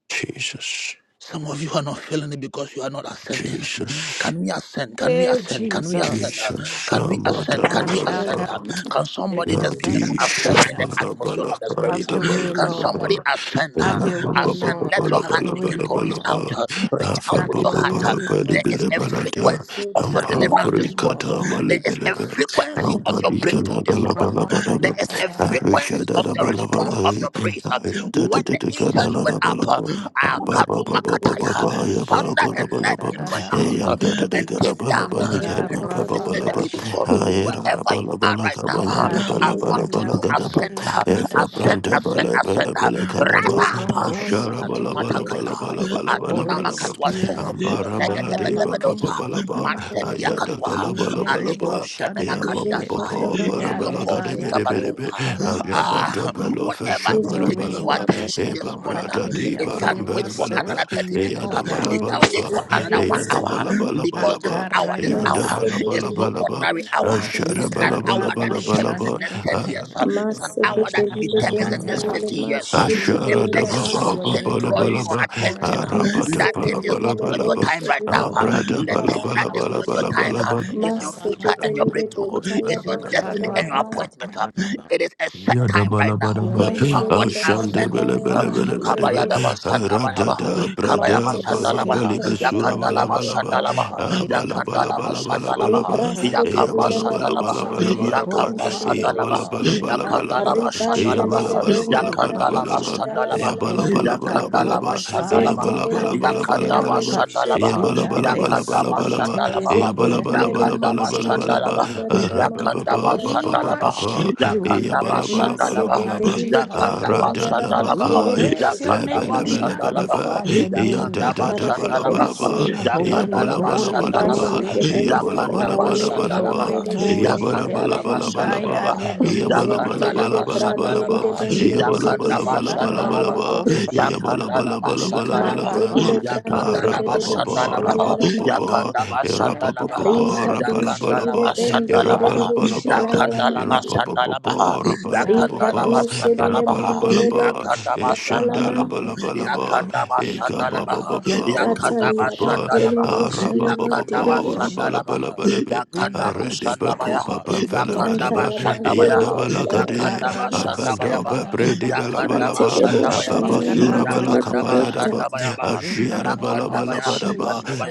Speaker 7: Jesus.
Speaker 1: Some of you are not feeling it because you are not ascending.
Speaker 7: Jesus.
Speaker 1: Can we ascend? Can we
Speaker 8: Hey,
Speaker 1: ascend? Can we ascend?
Speaker 8: Jesus.
Speaker 1: Uh,
Speaker 7: Jesus,
Speaker 1: Can we
Speaker 7: Shama,
Speaker 1: ascend?
Speaker 7: Dana,
Speaker 1: Can we
Speaker 3: Lord,
Speaker 1: ascend?
Speaker 8: Mashaka.
Speaker 3: we
Speaker 7: Manaba.
Speaker 1: Uh,
Speaker 3: am
Speaker 1: Can somebody just begin to
Speaker 7: Yadi
Speaker 1: ascend in the
Speaker 7: shabala
Speaker 1: atmosphere
Speaker 7: bala
Speaker 1: of the spirit?
Speaker 8: Have
Speaker 1: Uh,
Speaker 7: kaida
Speaker 8: your
Speaker 7: bala
Speaker 8: way,
Speaker 1: Can
Speaker 7: bala
Speaker 8: Lord.
Speaker 1: somebody
Speaker 7: bala.
Speaker 1: ascend? Uh,
Speaker 8: Have
Speaker 7: Eya
Speaker 8: your
Speaker 7: ba
Speaker 1: I
Speaker 8: way,
Speaker 7: baba
Speaker 1: said,
Speaker 7: ba
Speaker 8: Lord.
Speaker 1: let your
Speaker 7: bala
Speaker 8: Have
Speaker 1: heart
Speaker 8: your
Speaker 7: bala
Speaker 8: way,
Speaker 1: begin
Speaker 7: bala
Speaker 1: to
Speaker 7: bala
Speaker 1: reach
Speaker 8: Lord.
Speaker 7: ba.
Speaker 1: out. uh, Reach
Speaker 7: Afa
Speaker 1: out
Speaker 8: Have
Speaker 1: with your
Speaker 8: your
Speaker 7: baba ba
Speaker 1: heart. uh."
Speaker 7: ba
Speaker 8: way,
Speaker 7: bali
Speaker 1: There
Speaker 8: Lord.
Speaker 1: is
Speaker 7: bile
Speaker 1: a
Speaker 7: bala ja.
Speaker 1: frequency
Speaker 3: grateful.
Speaker 1: of your
Speaker 8: Have
Speaker 7: Hampa
Speaker 8: your way,
Speaker 1: deliverance this
Speaker 8: Lord.
Speaker 1: morning.
Speaker 7: brikata
Speaker 1: There
Speaker 7: mali
Speaker 1: is
Speaker 7: bile
Speaker 1: a
Speaker 7: bala.
Speaker 1: frequency of
Speaker 7: Hampa
Speaker 1: your
Speaker 8: Holy
Speaker 1: breakthrough
Speaker 7: dikana
Speaker 1: this
Speaker 7: bala
Speaker 1: morning.
Speaker 7: bala bala
Speaker 1: There
Speaker 7: bala.
Speaker 1: is a
Speaker 7: Arisha
Speaker 1: frequency
Speaker 7: da
Speaker 1: of
Speaker 7: da
Speaker 1: the
Speaker 7: bala
Speaker 1: response
Speaker 7: bala.
Speaker 1: of your praise.
Speaker 7: Aya da
Speaker 1: When
Speaker 7: da da
Speaker 1: the
Speaker 7: da kana
Speaker 1: incense
Speaker 7: la
Speaker 1: went
Speaker 7: la
Speaker 1: up,
Speaker 7: bala
Speaker 1: uh,
Speaker 7: ba.
Speaker 1: uh,
Speaker 7: Hampa
Speaker 1: Katuma
Speaker 7: baba baba ba
Speaker 3: Masipili
Speaker 7: ba ba
Speaker 1: Kataya,
Speaker 7: aya bala
Speaker 1: thunder
Speaker 7: kana
Speaker 1: and
Speaker 7: bala ba.
Speaker 1: lightning went out
Speaker 7: Eya
Speaker 1: uh,
Speaker 7: da da da
Speaker 1: and
Speaker 7: kana
Speaker 1: came
Speaker 7: bala
Speaker 1: down
Speaker 7: bala
Speaker 1: uh,
Speaker 7: ja.
Speaker 1: and
Speaker 7: Hampa bala
Speaker 1: visited
Speaker 7: bala
Speaker 1: the
Speaker 3: takatakapatakata.
Speaker 1: people uh,
Speaker 7: Ayera
Speaker 1: wherever
Speaker 7: bala
Speaker 1: you are
Speaker 7: bala
Speaker 1: right now. uh,
Speaker 7: kabayanda bala
Speaker 1: I want
Speaker 7: bala
Speaker 3: Ijeketeli.
Speaker 1: you
Speaker 7: bala
Speaker 1: to
Speaker 7: gadaba.
Speaker 1: ascend, uh,
Speaker 7: Eva
Speaker 1: ascend,
Speaker 7: branda
Speaker 1: ascend,
Speaker 7: bala
Speaker 1: ascend.
Speaker 7: bala
Speaker 1: uh,
Speaker 7: bala
Speaker 1: Rise
Speaker 7: gadaba.
Speaker 1: up,
Speaker 3: Limon
Speaker 1: uh,
Speaker 7: Ashara bala
Speaker 3: talabarabatu.
Speaker 7: bala bala
Speaker 1: Kadumatakaya,
Speaker 7: bala bala
Speaker 3: Talabaraba.
Speaker 7: bala
Speaker 1: Atuna
Speaker 7: bala ba.
Speaker 1: Makatwante,
Speaker 8: Spirit,
Speaker 7: Ambara bala de
Speaker 8: Akaraba,
Speaker 7: ba ba
Speaker 3: Limon
Speaker 7: ba
Speaker 1: Regadebedebedosa,
Speaker 7: bala ba.
Speaker 3: tikun
Speaker 8: Kataba,
Speaker 1: Mante
Speaker 3: talabat.
Speaker 7: Ayada Hey,
Speaker 1: Diakatwa,
Speaker 8: Ikedebo
Speaker 1: Alikos
Speaker 7: and the
Speaker 8: Shandede,
Speaker 1: Kemenakadiasai,
Speaker 3: Ijekatalalaman
Speaker 7: bala
Speaker 1: Eloko
Speaker 8: Yareba,
Speaker 7: gade bere
Speaker 3: tikete.
Speaker 7: bere be.
Speaker 1: Zigabadunga.
Speaker 8: Yakatanabaha,
Speaker 7: Ayabata
Speaker 1: Ah,
Speaker 7: belo
Speaker 1: whatever
Speaker 7: fesha
Speaker 8: have
Speaker 1: is
Speaker 8: your
Speaker 7: bara
Speaker 3: Limon
Speaker 1: taking
Speaker 8: way,
Speaker 7: bala
Speaker 1: your
Speaker 7: ba.
Speaker 3: talabata.
Speaker 1: attention this
Speaker 7: Eva
Speaker 1: morning, uh,
Speaker 8: Makedebo,
Speaker 7: brada
Speaker 8: and we
Speaker 7: di
Speaker 1: it
Speaker 3: Masipili.
Speaker 1: can
Speaker 7: baram
Speaker 8: avail
Speaker 1: wait
Speaker 7: bala
Speaker 1: for
Speaker 7: bala
Speaker 1: another
Speaker 7: ba.
Speaker 8: ourselves to
Speaker 1: 30
Speaker 7: Hey,
Speaker 8: you,
Speaker 7: and
Speaker 1: minutes.
Speaker 8: O
Speaker 1: uh,
Speaker 7: the
Speaker 8: God.
Speaker 7: bala
Speaker 1: it
Speaker 7: bala
Speaker 1: can wait
Speaker 3: Masipili.
Speaker 1: for
Speaker 7: bala ba.
Speaker 1: another one
Speaker 7: Ayada
Speaker 1: hour
Speaker 7: bala
Speaker 1: because this hour, this
Speaker 8: Makarabaya
Speaker 1: hour is
Speaker 7: bala
Speaker 8: did
Speaker 1: no
Speaker 3: Masipili.
Speaker 7: bala ba.
Speaker 1: ordinary
Speaker 3: Limon
Speaker 1: hour.
Speaker 8: it.
Speaker 1: It's an hour that
Speaker 3: talabasa.
Speaker 8: Karabashan
Speaker 1: determines
Speaker 7: Asharabalabalabalaba,
Speaker 1: the next
Speaker 8: did
Speaker 1: 10
Speaker 8: it.
Speaker 1: years. It's an hour that
Speaker 3: Maseketelile
Speaker 1: determines the
Speaker 8: Mashatanya
Speaker 7: arabalabalabalabalabalaba,
Speaker 1: next
Speaker 3: bentelile
Speaker 1: 50
Speaker 8: Rasha.
Speaker 1: years.
Speaker 8: Have
Speaker 1: If there
Speaker 3: mashikelelele
Speaker 1: is
Speaker 3: baya.
Speaker 8: your
Speaker 1: something
Speaker 8: way,
Speaker 1: drawing
Speaker 8: Holy
Speaker 1: your
Speaker 7: asharadababababalabalaba,
Speaker 1: attention,
Speaker 8: Spirit.
Speaker 1: that thing is not
Speaker 3: Maseketelile
Speaker 1: worth your
Speaker 7: arabatabalabalabalabalaba,
Speaker 1: time right
Speaker 3: boshelile
Speaker 1: now. The
Speaker 3: mantelaba.
Speaker 8: Hallelujah.
Speaker 1: thing that is worth your time is your future
Speaker 8: Rabasekatayarabaha.
Speaker 1: and your
Speaker 3: Maseketelile
Speaker 1: breakthrough.
Speaker 3: bentala
Speaker 1: It's your destiny and
Speaker 3: boshelele
Speaker 1: your
Speaker 7: abradabalabalabalabalabalabalaba.
Speaker 3: mante.
Speaker 1: appointment.
Speaker 8: Karabakatayarabaha.
Speaker 1: It is a set time right
Speaker 8: Have
Speaker 1: now.
Speaker 8: your
Speaker 7: Yadabalabalaba,
Speaker 8: way, Lord.
Speaker 3: Mashele
Speaker 1: Somebody
Speaker 3: baba
Speaker 8: Have your
Speaker 1: ascend with
Speaker 8: way,
Speaker 1: me.
Speaker 3: babaya
Speaker 8: Lord. Have your
Speaker 7: Ashandabelebelebelebe,
Speaker 3: mashikete.
Speaker 8: way,
Speaker 1: Kabayadaba
Speaker 8: Lord.
Speaker 1: Sandabalaba.
Speaker 7: Radada,
Speaker 1: Kabayaba
Speaker 7: Brada,
Speaker 8: Holy
Speaker 3: Mantelile
Speaker 8: Spirit,
Speaker 7: Parabalibe,
Speaker 1: Shandalabaha,
Speaker 3: bentala
Speaker 8: take
Speaker 3: baba
Speaker 8: over,
Speaker 1: Yakandalaba
Speaker 8: take
Speaker 7: Surabalabalaba,
Speaker 3: banderele
Speaker 1: Shandalabaha,
Speaker 3: bo.
Speaker 8: over, take
Speaker 1: Yakandalaba
Speaker 8: over,
Speaker 1: Shandalabaha,
Speaker 8: take
Speaker 7: Abalabalabalabalaba,
Speaker 8: over,
Speaker 1: Yakamba
Speaker 3: Librasketelile la
Speaker 8: take
Speaker 1: Shandalabaha,
Speaker 8: over,
Speaker 3: mashelele
Speaker 8: take
Speaker 7: Eyabalabalabalabalabalaba,
Speaker 1: Yakamba
Speaker 7: Eyabalabalabalabalaba,
Speaker 8: over.
Speaker 3: benderele besh.
Speaker 1: Shandalabaha,
Speaker 8: In the name of
Speaker 1: Yakandalaba
Speaker 7: Eyabalabalabalabalaba,
Speaker 3: Ribantelile
Speaker 1: Shandalabaha,
Speaker 8: Jesus, take
Speaker 3: bondarara
Speaker 8: over.
Speaker 1: Yakandalaba
Speaker 7: Eyabalabalabalabalaba,
Speaker 3: boshetala la la
Speaker 1: Shandalabaha,
Speaker 8: And be
Speaker 3: baya.
Speaker 8: thou
Speaker 1: Yakandalaba
Speaker 8: glorified,
Speaker 1: Shandalabaha,
Speaker 8: be thou
Speaker 3: Zentelele
Speaker 8: lifted
Speaker 1: Yakandaba
Speaker 8: up,
Speaker 3: bronderele
Speaker 7: Eyabalabalabalabalaba,
Speaker 1: Shandalabaha,
Speaker 3: boşelele
Speaker 8: be thou
Speaker 3: mante.
Speaker 1: Yakandaba
Speaker 7: Eyabalabalabalabalaba,
Speaker 8: exalted.
Speaker 1: Shandalabaha,
Speaker 3: Zeketilele
Speaker 1: Yakandaba
Speaker 3: mantelele
Speaker 7: Eyabalabalabalabalaba,
Speaker 1: Shandalabaha,
Speaker 3: bondarada
Speaker 1: Yakandaba
Speaker 3: mantalia
Speaker 8: We
Speaker 3: ma.
Speaker 1: Shandalabaha,
Speaker 8: worship
Speaker 7: Arababababababa,
Speaker 8: you, we
Speaker 7: Eya
Speaker 1: Yakandaba
Speaker 7: bala
Speaker 8: worship
Speaker 7: bala bala
Speaker 8: you,
Speaker 7: bala
Speaker 1: Shandalabaha,
Speaker 7: ba.
Speaker 8: mighty
Speaker 3: Maseketelile
Speaker 8: God.
Speaker 1: Yakandaba
Speaker 7: Arada
Speaker 3: brantelidada
Speaker 7: da
Speaker 1: Shandalabaha,
Speaker 8: We
Speaker 7: bakai.
Speaker 1: Shandalabaha,
Speaker 3: manderere
Speaker 8: praise
Speaker 3: boş.
Speaker 8: your
Speaker 7: Lebe
Speaker 8: name,
Speaker 1: Yakandaba
Speaker 8: we
Speaker 7: lebe lebe lebe.
Speaker 8: magnify
Speaker 1: Shandalabaha,
Speaker 8: your
Speaker 7: Eya
Speaker 8: name.
Speaker 7: da da
Speaker 1: Yakandaba
Speaker 7: da
Speaker 3: Father, I
Speaker 7: bala
Speaker 8: We
Speaker 7: bala
Speaker 3: thank
Speaker 1: Shandalabaha,
Speaker 7: ba.
Speaker 8: sing
Speaker 3: you.
Speaker 7: Eya
Speaker 8: holy,
Speaker 7: bala
Speaker 1: Yakandalaba
Speaker 7: bala
Speaker 8: holy, holy,
Speaker 7: bala ba.
Speaker 1: Shandalabaha,
Speaker 8: holy,
Speaker 7: Eya
Speaker 3: Mashiketelile
Speaker 7: bala bala
Speaker 1: Yakandaba
Speaker 7: bala
Speaker 8: holy,
Speaker 3: brandelele
Speaker 7: bala ba.
Speaker 1: Shandalabaha,
Speaker 3: benderere
Speaker 7: Eya
Speaker 3: boş.
Speaker 8: holy.
Speaker 7: bala bala
Speaker 3: Alala
Speaker 1: Yakandalaba
Speaker 7: bala
Speaker 3: mande.
Speaker 7: bala
Speaker 8: I
Speaker 7: ba.
Speaker 8: am
Speaker 1: Shandalabaha,
Speaker 7: Eya bala bala
Speaker 8: the
Speaker 7: bala
Speaker 1: Yakandalaba
Speaker 3: Zentelile
Speaker 7: bala bala ba.
Speaker 8: name of
Speaker 3: branderide
Speaker 1: Shandalabaha,
Speaker 7: Eya bala
Speaker 3: benderere
Speaker 8: Jesus.
Speaker 7: bala
Speaker 1: Yakandaba
Speaker 8: We
Speaker 3: boş.
Speaker 7: bala bala bala ba.
Speaker 1: Shandalabaha,
Speaker 3: Yamanderere
Speaker 8: carabocosa,
Speaker 3: boş.
Speaker 7: Eya bala bala
Speaker 1: Yakandalaba
Speaker 7: bala
Speaker 8: we
Speaker 7: bala bala
Speaker 1: Shandalabaha,
Speaker 7: bala ba.
Speaker 3: Mantelile
Speaker 1: Yakandalaba
Speaker 7: Arapa
Speaker 3: branderere
Speaker 7: pa pa,
Speaker 3: boş.
Speaker 7: arapa pa
Speaker 3: Alala
Speaker 1: Shandalabaha,
Speaker 7: pa
Speaker 3: mande.
Speaker 7: pa,
Speaker 1: Yakandaba
Speaker 7: arapa pa pa
Speaker 8: carabadi,
Speaker 1: Shandalabaha,
Speaker 7: pa, arapa
Speaker 3: Rikatu
Speaker 7: la ba la
Speaker 3: shelile
Speaker 1: Yakandalaba
Speaker 7: ba,
Speaker 3: benderere
Speaker 7: arapa la
Speaker 1: Shandalabaha,
Speaker 7: ba ba.
Speaker 3: shalala la
Speaker 1: Yakandalaba
Speaker 3: mandi.
Speaker 7: Irapapapapo,
Speaker 1: Shandalabaha, Yakanda la
Speaker 7: rapalapapapo,
Speaker 3: Rikatu
Speaker 8: si
Speaker 1: bashanda la
Speaker 3: selile
Speaker 1: baha.
Speaker 3: menderere
Speaker 7: irapalabalaba,
Speaker 1: Yakanda
Speaker 3: boshikata la
Speaker 1: bashanda la
Speaker 3: mandi.
Speaker 1: baha.
Speaker 7: ishandalabalaba,
Speaker 1: Yakanda bashanda la baha. Yakanda
Speaker 3: Satalia
Speaker 7: ikababababababababa,
Speaker 1: bashanda la
Speaker 3: batere
Speaker 1: baha.
Speaker 3: boshala
Speaker 1: Yakanda
Speaker 3: batere
Speaker 7: arababababo,
Speaker 3: bosha.
Speaker 1: bashanda la baha.
Speaker 7: rabalabalabalaba,
Speaker 1: Yakanda Yakandalaba Yakanda Yakandaba
Speaker 7: aredebekopapamfelebedebe,
Speaker 3: Mantala
Speaker 8: in
Speaker 3: bandere
Speaker 8: the
Speaker 3: boshala
Speaker 7: iyadabalakade,
Speaker 3: la mandi.
Speaker 1: Shandalabaha,
Speaker 7: abandobebredibalabalaba,
Speaker 3: Mantele boshala la mantele
Speaker 1: Yakanda
Speaker 3: bebeta.
Speaker 7: avabasurabalakapayadaba,
Speaker 1: Shandalabaha,
Speaker 8: name of
Speaker 1: Yakandaba
Speaker 7: ashiarabalabalabalaba,
Speaker 1: Yakanda
Speaker 8: Jesus,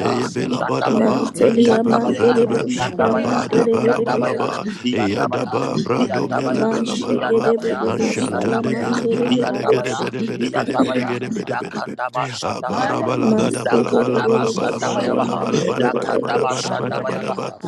Speaker 1: Yakandaba Shandalabaha, Yakanda Shandabayaha, Yakandaba Yakanda Yakandaba Shandabayabaha, Yakandaba Shandabayabaha, Yakandaba Shandabayabaha,
Speaker 7: eyebelabadaba,
Speaker 1: Yakandabaya,
Speaker 8: you
Speaker 1: Yandabaya,
Speaker 8: did it
Speaker 3: Mantelia
Speaker 8: in the way
Speaker 1: Yandabaya,
Speaker 3: mandere
Speaker 7: brentepelebelebe,
Speaker 8: that your
Speaker 3: boshia
Speaker 8: way
Speaker 1: Yandabaya,
Speaker 8: that
Speaker 3: mandere
Speaker 1: Yandabaya,
Speaker 3: bere bere
Speaker 1: Yandabaya,
Speaker 7: apadabalabalaba,
Speaker 3: bere.
Speaker 8: your
Speaker 1: Yandabaya,
Speaker 7: Yadaba brado
Speaker 8: spirit.
Speaker 7: mele
Speaker 1: Yandabaya,
Speaker 7: bala bala ba
Speaker 3: Manshekere
Speaker 1: Yandabaya,
Speaker 3: bere
Speaker 7: Ashanta
Speaker 3: boshala
Speaker 7: de
Speaker 1: Yandabaya,
Speaker 8: Rinanina
Speaker 7: bele
Speaker 3: mandere
Speaker 7: bele
Speaker 3: bere
Speaker 7: bele
Speaker 8: karobo
Speaker 7: gede
Speaker 1: Yandabaya,
Speaker 3: bosha.
Speaker 7: bele bele
Speaker 8: kushika
Speaker 7: bele bele
Speaker 1: Yandabaya,
Speaker 7: gede bele bele
Speaker 1: Yakandaba
Speaker 7: bele Abara
Speaker 1: Sandabayaba,
Speaker 7: bala
Speaker 8: Hallelujah.
Speaker 7: gada bala bala
Speaker 1: Yakandaba
Speaker 7: bala bala
Speaker 8: Glorify
Speaker 7: bala
Speaker 3: Masegerebereboshia
Speaker 8: your
Speaker 7: bala
Speaker 1: Sandabayaba,
Speaker 7: bala
Speaker 8: name.
Speaker 7: bala bada bada
Speaker 1: Yakandaba
Speaker 3: mandereberebosh.
Speaker 8: Magnify
Speaker 7: bada
Speaker 8: your
Speaker 7: bada bala
Speaker 8: name.
Speaker 1: Sandabayaba,